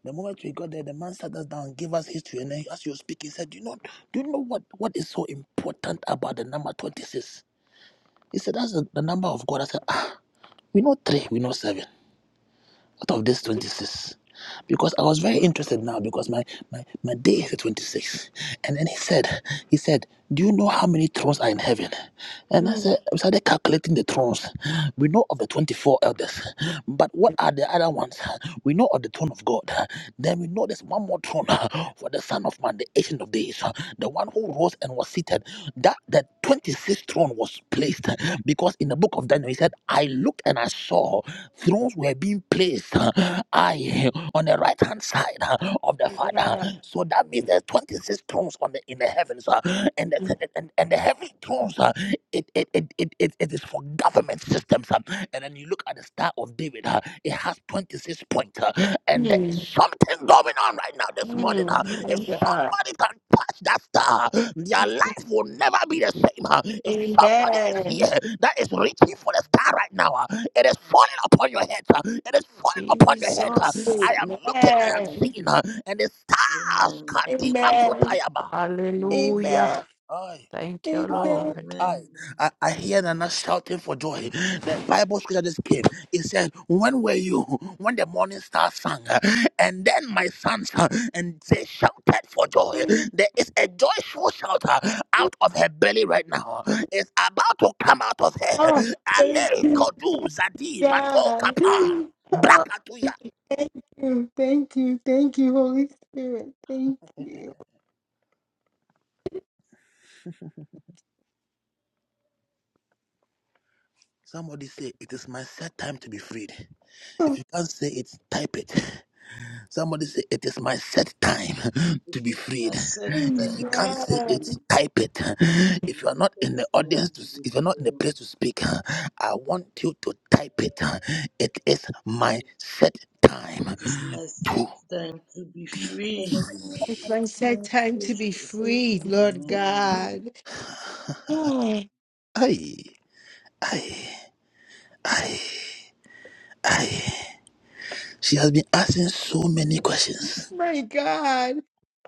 Speaker 1: The moment we got there, the man sat us down, and gave us history, and then as you speak, he said, "Do you know, do you know what what is so important about the number 26?" He said, "That's the, the number of God." I said, "Ah, we know three, we know seven out of this 26 because i was very interested now because my my, my day is the 26 and then he said he said do you know how many thrones are in heaven and i
Speaker 2: Mm,
Speaker 1: said we started calculating the thrones we know of the 24 elders but what are the other ones we know of the throne of god then we know there's one more throne for the son of man the ancient of days the one who rose and was seated that the 26th throne was placed because in the book of daniel he said i looked and i saw Thrones were being placed, uh, I, on the right hand side uh, of the Father.
Speaker 2: God.
Speaker 1: So that means there's 26 thrones on the in the heavens, uh, and
Speaker 2: Mm,
Speaker 1: the and, and the heavenly thrones. uh, it it, it, it, it it is for government systems. um, and then you look at the Star of David, uh, it has 26 points. uh, and there is
Speaker 2: mm,
Speaker 1: something going on right now this morning. uh,
Speaker 2: my
Speaker 1: if
Speaker 2: God.
Speaker 1: somebody can touch that star, their life will never be the same. uh, if
Speaker 2: Amen.
Speaker 1: somebody is
Speaker 2: Amen.
Speaker 1: here that is reaching for the star right now, uh, it is falling upon your head. uh, it is falling upon your head. uh,
Speaker 8: Jesus.
Speaker 1: I am looking and I'm
Speaker 2: Amen.
Speaker 1: seeing, uh, and the stars,
Speaker 4: Amen.
Speaker 1: Kadima
Speaker 2: Amen.
Speaker 1: Kotayaba.
Speaker 4: Amen.
Speaker 8: Hallelujah. Thank you,
Speaker 1: I,
Speaker 2: Amen.
Speaker 8: Lord.
Speaker 1: I,
Speaker 4: Amen.
Speaker 1: I, I hear Nana shouting for joy. The Bible scripture just came. It said, When were you? When the morning star sang, and then my sons, uh, and they shouted for joy. There is a joyful shout uh, out of her belly right now. It's about to come out of her.
Speaker 2: Oh, thank
Speaker 1: Ale,
Speaker 2: you,
Speaker 1: Kodu, Zadi, Mato,
Speaker 2: God.
Speaker 1: Kapa,
Speaker 2: Oh,
Speaker 1: Brakatuya.
Speaker 2: thank you. Thank you. Thank you, Holy Spirit. Thank you.
Speaker 1: Somebody say, It is my set time to be freed. If
Speaker 2: Oh,
Speaker 1: you can't say it, type it. Somebody say, It is my set time
Speaker 4: It
Speaker 1: to be
Speaker 4: is my
Speaker 1: freed.
Speaker 4: sixth
Speaker 1: If you
Speaker 4: time to
Speaker 1: can't
Speaker 4: be
Speaker 1: say it,
Speaker 4: free.
Speaker 2: Amen.
Speaker 1: type it.
Speaker 4: It
Speaker 1: If
Speaker 4: is
Speaker 1: you are
Speaker 4: my
Speaker 1: not in the
Speaker 4: sixth time
Speaker 1: audience, to,
Speaker 4: to
Speaker 1: s-
Speaker 4: be
Speaker 1: if you're not in the
Speaker 4: free.
Speaker 1: place to speak, I want you to type it. It is my set
Speaker 4: It
Speaker 1: time
Speaker 4: is my
Speaker 1: to
Speaker 4: sixth time to be
Speaker 1: be
Speaker 4: free.
Speaker 2: It's
Speaker 1: free.
Speaker 2: my set time to be
Speaker 4: Jesus.
Speaker 2: free, Lord
Speaker 4: Amen.
Speaker 6: Jesus.
Speaker 2: God. Oh,
Speaker 1: Aye, aye, aye, aye. She has been asking so many questions.
Speaker 2: my God.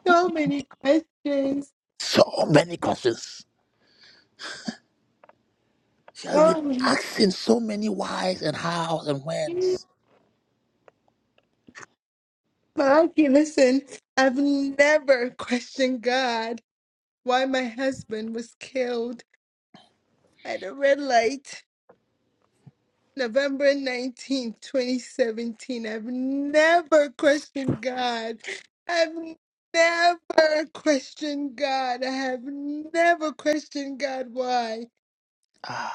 Speaker 2: So many questions.
Speaker 1: So many questions. She has been
Speaker 2: Oh,
Speaker 1: asking so many whys and hows and whens.
Speaker 2: Malaki, listen, I've never questioned God why my husband was killed at a red light November 19, 2017. I've never questioned God. I've never questioned God. I have never questioned God why.
Speaker 1: Ah.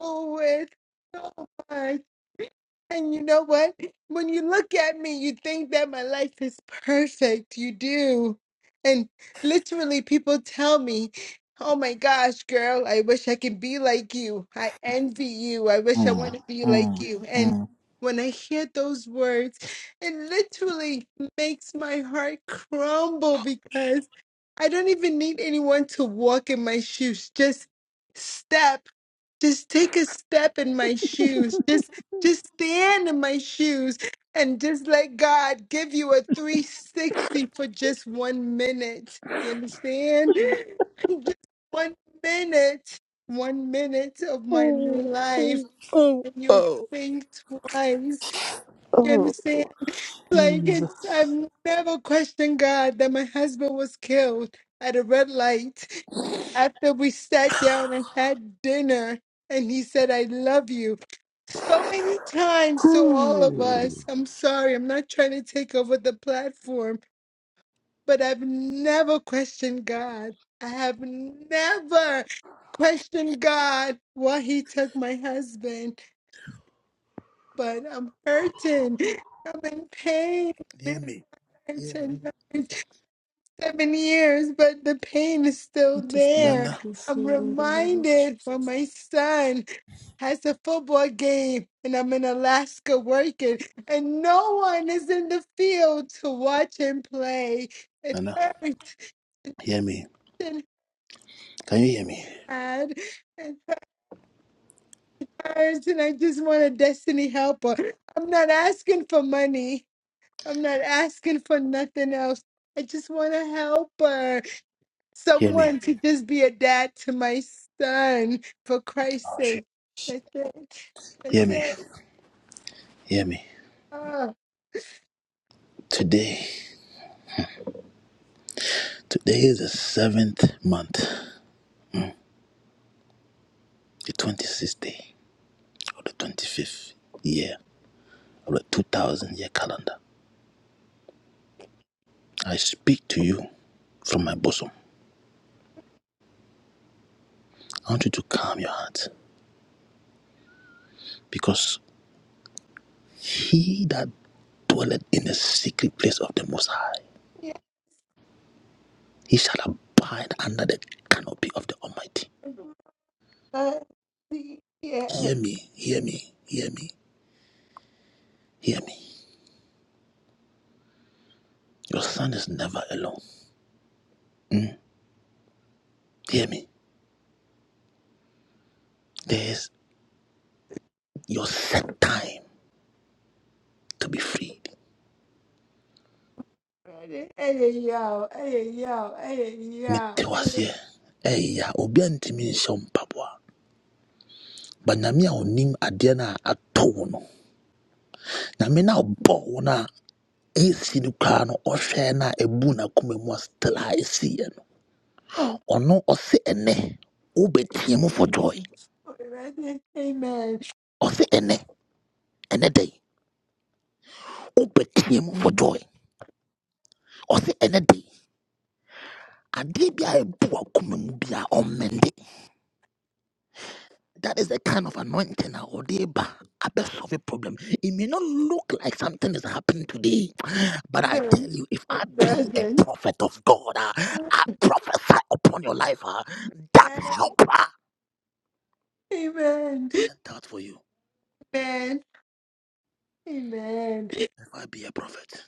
Speaker 2: always so much. And you know what? When you look at me, you think that my life is perfect. You do. And literally, people tell me, Oh my gosh, girl, I wish I could be like you. I envy you. I wish I want
Speaker 1: Mm,
Speaker 2: to be like
Speaker 1: mm,
Speaker 2: you. And
Speaker 1: mm.
Speaker 2: when I hear those words, it literally makes my heart crumble because I don't even need anyone to walk in my shoes. Just step just take a step in my shoes just just stand in my shoes and just let god give you a 360 for just one minute you understand just one minute one minute of my life and you'll think twice you understand like
Speaker 1: Jesus.
Speaker 2: it's, I've never questioned God that my husband was killed at a red light after we sat down and had dinner and he said, I love you. So many times to all of us.
Speaker 1: Whew.
Speaker 2: I'm sorry, I'm not trying to take over the platform, but I've never questioned God. I have never questioned God why he took my husband, but I'm hurting. I'm in
Speaker 1: Hear
Speaker 2: pain.
Speaker 1: me. Hear me.
Speaker 2: 10, seven years, but the pain is still
Speaker 6: I just pray
Speaker 2: there.
Speaker 6: to
Speaker 1: Nana.
Speaker 6: be
Speaker 2: I'm
Speaker 6: free in the name of
Speaker 2: reminded when
Speaker 6: Jesus.
Speaker 2: my son has a football game and I'm in Alaska working, and no one is in the field to watch him play. It
Speaker 1: Nana.
Speaker 2: hurts
Speaker 1: Hear me.
Speaker 2: and
Speaker 1: Can you hear me?
Speaker 2: hard. It hurts, and I just want a destiny helper. I'm not asking for money. I'm not asking for nothing else. I just want a helper.
Speaker 1: Hear me.
Speaker 2: someone to just be a dad to my son for Christ's
Speaker 1: Oh, shit.
Speaker 2: sake. That's it.
Speaker 1: Hear
Speaker 2: That's
Speaker 1: me.
Speaker 2: it.
Speaker 1: Hear me.
Speaker 2: Oh,
Speaker 1: Today. Today is the seventh month, the 26th day of the 25th year of the 2000 year calendar. I speak to you from my bosom. I want you to calm your heart because he that dwelleth in the secret place of the Most High.
Speaker 2: yeah.
Speaker 1: He shall abide under the canopy of the Almighty.
Speaker 2: Uh, yeah.
Speaker 1: Hear me, hear me, hear me, hear me. Your son is never alone. Mm, Hear me. There is your set time to be freed.
Speaker 2: Ready? Hey, yo. Hey, yo. Hey, yo.
Speaker 1: mete wo
Speaker 2: Hey,
Speaker 1: aseɛ ɛyɛ a obi antumi nhyɛ wo mpaboa ba nyame a ɔnim adeɛ no a atɔ wo no nyame no a ɔbɔ wo no a ɛsi no koraa no no still a ɛsiiɛ no
Speaker 2: yo.
Speaker 1: ɔno ɔse ɛnɛ wobɛteɛ for joy
Speaker 6: Jesus.
Speaker 2: Ready? Amen.
Speaker 1: Ose ene ene day. Open wobɛteam for
Speaker 6: Amen.
Speaker 1: joy ɔse day, a day bi a ɛbu wakoma mu bi a ɔmmɛnde that is the kind of anointing a ɔde ba abɛsolve a problem it may not look like something is happening today but i tell
Speaker 2: Doesn't.
Speaker 1: you if i
Speaker 2: It
Speaker 1: be a
Speaker 2: doesn't.
Speaker 1: prophet of god ah, i prophesy upon your life ah, that helper
Speaker 2: Amen.
Speaker 1: that's for you
Speaker 2: Amen. Amen.
Speaker 1: if i be a prophet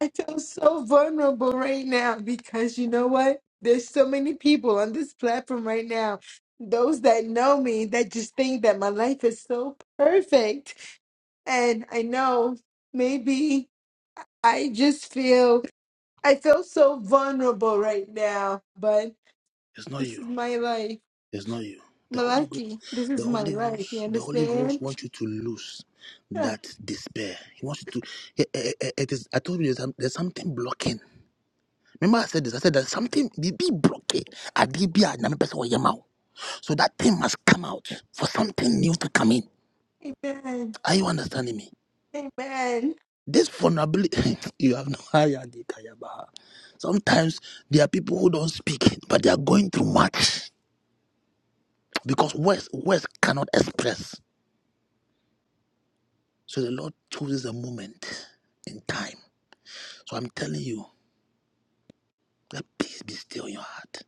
Speaker 2: I feel so vulnerable right now because you know what? There's so many people on this platform right now. Those that know me that just think that my life is so perfect. And I know maybe I just feel I feel so vulnerable right now, but
Speaker 1: it's not
Speaker 2: this
Speaker 1: you
Speaker 2: is my life.
Speaker 1: It's not you. The Holy Ghost.
Speaker 2: Malaki, this is
Speaker 1: The
Speaker 2: my
Speaker 1: Holy
Speaker 2: life. You
Speaker 1: Ghost. The Holy Ghost
Speaker 2: understand?
Speaker 1: wants you to lose
Speaker 2: Ah,
Speaker 1: that despair. He wants you to. eh, eh, eh, eh, It is. I told you there's, some- there's something blocking. Remember, I said this. I said there's something be be blocking. Adibia na me pesa wo yema wo. So that thing must come out for something new to come in.
Speaker 2: Amen.
Speaker 1: Are you understanding me?
Speaker 2: Amen.
Speaker 1: This vulnerability, you have no idea. Kayabaha. Sometimes there are people who don't speak, but they are going through much because words words cannot express. So the Lord chooses a moment in time. So I'm telling you, let peace be still in your heart.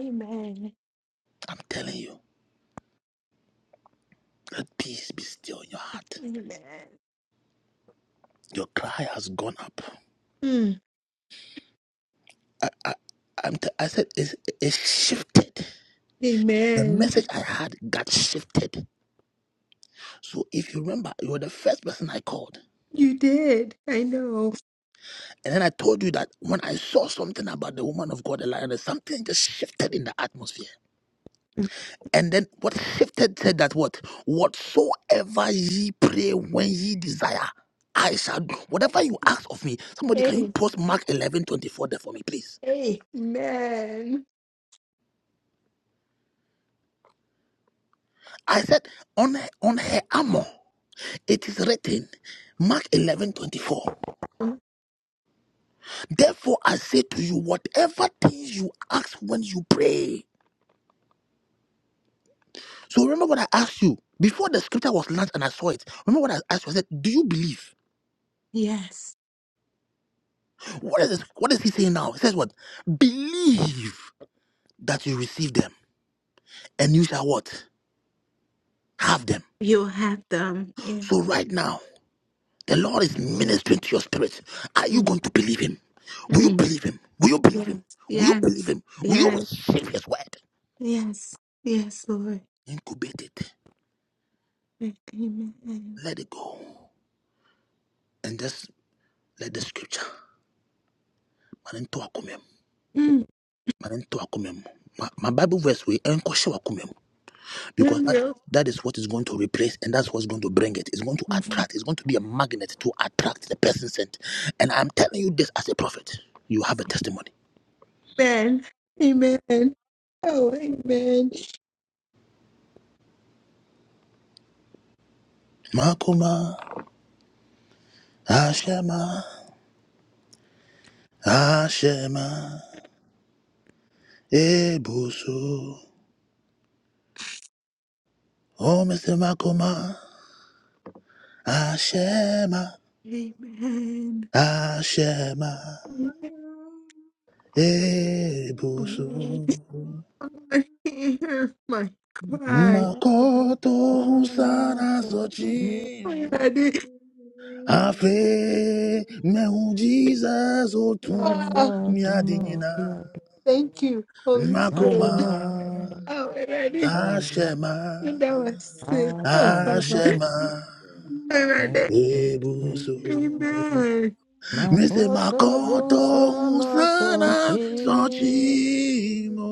Speaker 2: Amen.
Speaker 1: I'm telling you, let peace be still in your heart.
Speaker 2: Amen.
Speaker 1: Your cry has gone up.
Speaker 2: Mm,
Speaker 1: I'm t- I said it's, it's shifted. The
Speaker 2: Amen.
Speaker 1: message I had got shifted. So if you remember, you were the first person I called.
Speaker 2: You did. I know.
Speaker 1: And then I told you that when I saw something about the woman of God, the lioness, something just shifted in the atmosphere. And then what shifted said that what? Whatsoever ye pray when ye desire, I shall do. Whatever you ask of me, somebody can you
Speaker 2: Hey,
Speaker 1: post Mark eleven twenty four there for me, please?
Speaker 2: hey, man.
Speaker 1: I said, on her, on her armor, it is written, Mark eleven twenty four.
Speaker 2: Mm,
Speaker 1: Therefore, I say to you, whatever things you ask when you pray. So remember what I asked you before the scripture was launched and I saw it. Remember what I asked you? I said, Do you believe?
Speaker 2: Yes,
Speaker 1: What is this? What is he saying now? He says, What? Believe that you receive them and you shall what? Have them.
Speaker 2: you will have them. Yeah.
Speaker 1: So right now, the Lord is ministering to your spirit. Are you
Speaker 2: Mm,
Speaker 1: going to believe him? Will you
Speaker 2: mm,
Speaker 1: believe him? Will you believe him? Will you
Speaker 2: Yes,
Speaker 1: believe him? Will you
Speaker 2: yes, yes,
Speaker 1: receive his word?
Speaker 2: yes, yes, Lord.
Speaker 1: Incubate it.
Speaker 2: Amen.
Speaker 1: Let it go. And just let the scripture. Manento akumem.
Speaker 2: Mm.
Speaker 1: Manento akumem. My Bible verse we enko because that,
Speaker 2: Amen.
Speaker 1: that is what is going to replace and that's what's going to bring it. It's going to attract, it's going to be a magnet to attract the person sent. And I'm telling you this as a prophet. You have a testimony.
Speaker 2: Amen. Oh, amen.
Speaker 1: Makoma, Ashema, Ashema, Ebusu, Oh, Mr. Makoma, Ashema,
Speaker 2: Amen.
Speaker 1: Ashema,
Speaker 4: Thank
Speaker 2: Lord,
Speaker 1: Ebusu,
Speaker 2: hear my cry. Oh,
Speaker 1: Makoto, Husana,
Speaker 2: my
Speaker 1: Zochim.
Speaker 2: God.
Speaker 1: I feel me who Jesus otun
Speaker 2: Ah,
Speaker 1: mi adinina
Speaker 2: thank you, Holy Spirit.
Speaker 1: makoma
Speaker 2: Oh, Alrighty.
Speaker 1: ashema
Speaker 2: And that was sick. Oh, so good.
Speaker 1: ashema
Speaker 2: Alrighty.
Speaker 1: ebuso
Speaker 2: Amen.
Speaker 1: Mr.
Speaker 6: Makota
Speaker 1: Makoto
Speaker 6: busa
Speaker 1: Usana
Speaker 6: masochi
Speaker 1: Sochimo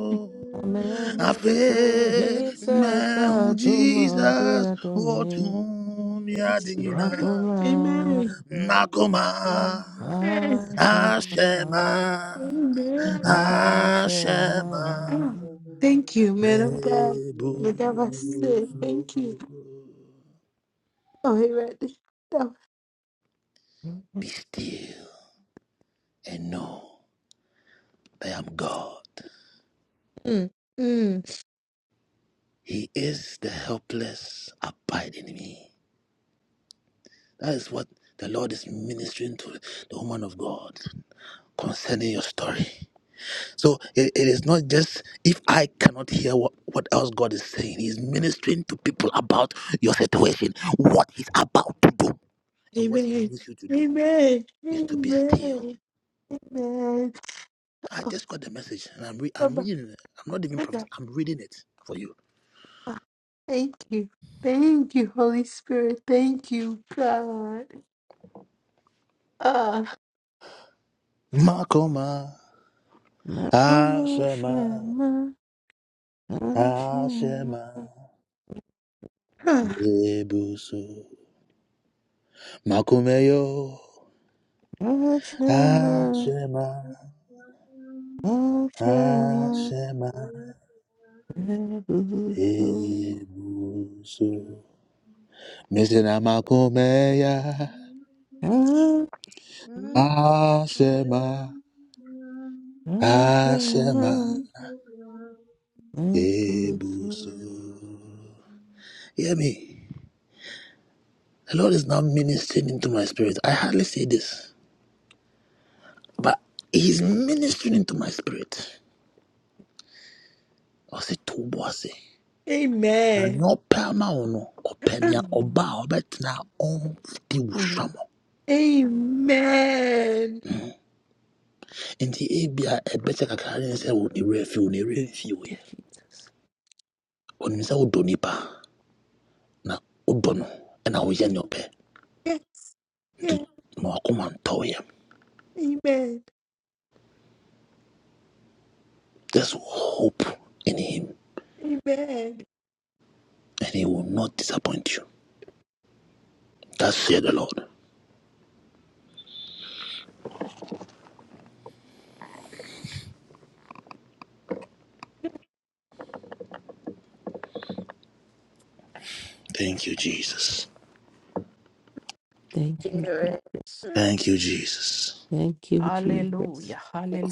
Speaker 6: amehu se
Speaker 1: Afe
Speaker 6: Jesus
Speaker 1: Mehu
Speaker 6: adumodi
Speaker 1: Jesus otun
Speaker 6: adumi
Speaker 1: Otum Yadinina
Speaker 2: Lord. Amen.
Speaker 4: you.
Speaker 1: Makoma
Speaker 4: Thank you. Thank you. Thank
Speaker 2: Amen.
Speaker 4: you.
Speaker 6: Ashema,
Speaker 1: Ashema
Speaker 2: Amen.
Speaker 1: Hashem
Speaker 6: Ashema,
Speaker 2: Oh, thank you, man of
Speaker 6: Me-
Speaker 2: God. But that was sick.
Speaker 1: Ebusu.
Speaker 2: Thank you. Oh, Alrighty. That was-
Speaker 1: Be still and know that I am God.
Speaker 2: Mm. Mm.
Speaker 1: He is the helpless abide in me. That is what the Lord is ministering to the woman of God concerning your story. So it it is not just if I cannot hear what, what else God is saying. He's ministering to people about your situation, what He's about to do, and what He
Speaker 2: Amen.
Speaker 1: needs you to do.
Speaker 2: Amen.
Speaker 1: is to be still.
Speaker 2: Amen. Amen.
Speaker 1: I just got the message and I'm, re- I'm
Speaker 2: Baba,
Speaker 1: reading it. I'm not even prophesying,
Speaker 2: Baba.
Speaker 1: I'm reading it for you.
Speaker 2: Ah, Thank you. Thank you, Holy Spirit. Thank you, God. Ah.
Speaker 1: Makoma,
Speaker 6: Mekuma
Speaker 1: Ashema,
Speaker 6: Shema, Ashema,
Speaker 1: Ashema, Ebusu, Makumeyo,
Speaker 6: Ashema,
Speaker 1: Ashema,
Speaker 6: Ashema,
Speaker 1: Ashema,
Speaker 6: Ebusu,
Speaker 1: Ebusu, Missina Makumeya, Ashema, Ashema,
Speaker 6: Ashema, Ebusu.
Speaker 1: Ebusu. Hear me. The Lord is now ministering into my spirit. I hardly say this, but He's ministering into my spirit. I say, Tobose. Na
Speaker 2: Amen.
Speaker 1: no, perma ono
Speaker 6: Thank
Speaker 1: ɔba a ɔbɛtena ɔmfiti wo sua mu.
Speaker 6: you,
Speaker 2: Amen.
Speaker 1: Nti ebia ɛbɛkyɛ kakra ne sɛ wo ne werɛ afi wo ne werɛ mfi wo yɛ.
Speaker 6: Jesus.
Speaker 1: Ɔnim sɛ wodɔ na wodɔ no ɛna woyɛ nea ɔpɛ.
Speaker 2: Yes.
Speaker 1: Nti
Speaker 2: Yeah.
Speaker 1: ma wakoma ntɔ wo
Speaker 2: Amen.
Speaker 1: Just hope in Him
Speaker 2: Amen.
Speaker 1: and He will not disappoint you. That's said, the Lord. Thank you, Jesus.
Speaker 6: Thank you,
Speaker 2: Spirit.
Speaker 6: Jesus.
Speaker 1: Thank you, Jesus.
Speaker 6: Thank you, Jesus.
Speaker 8: Hallelujah.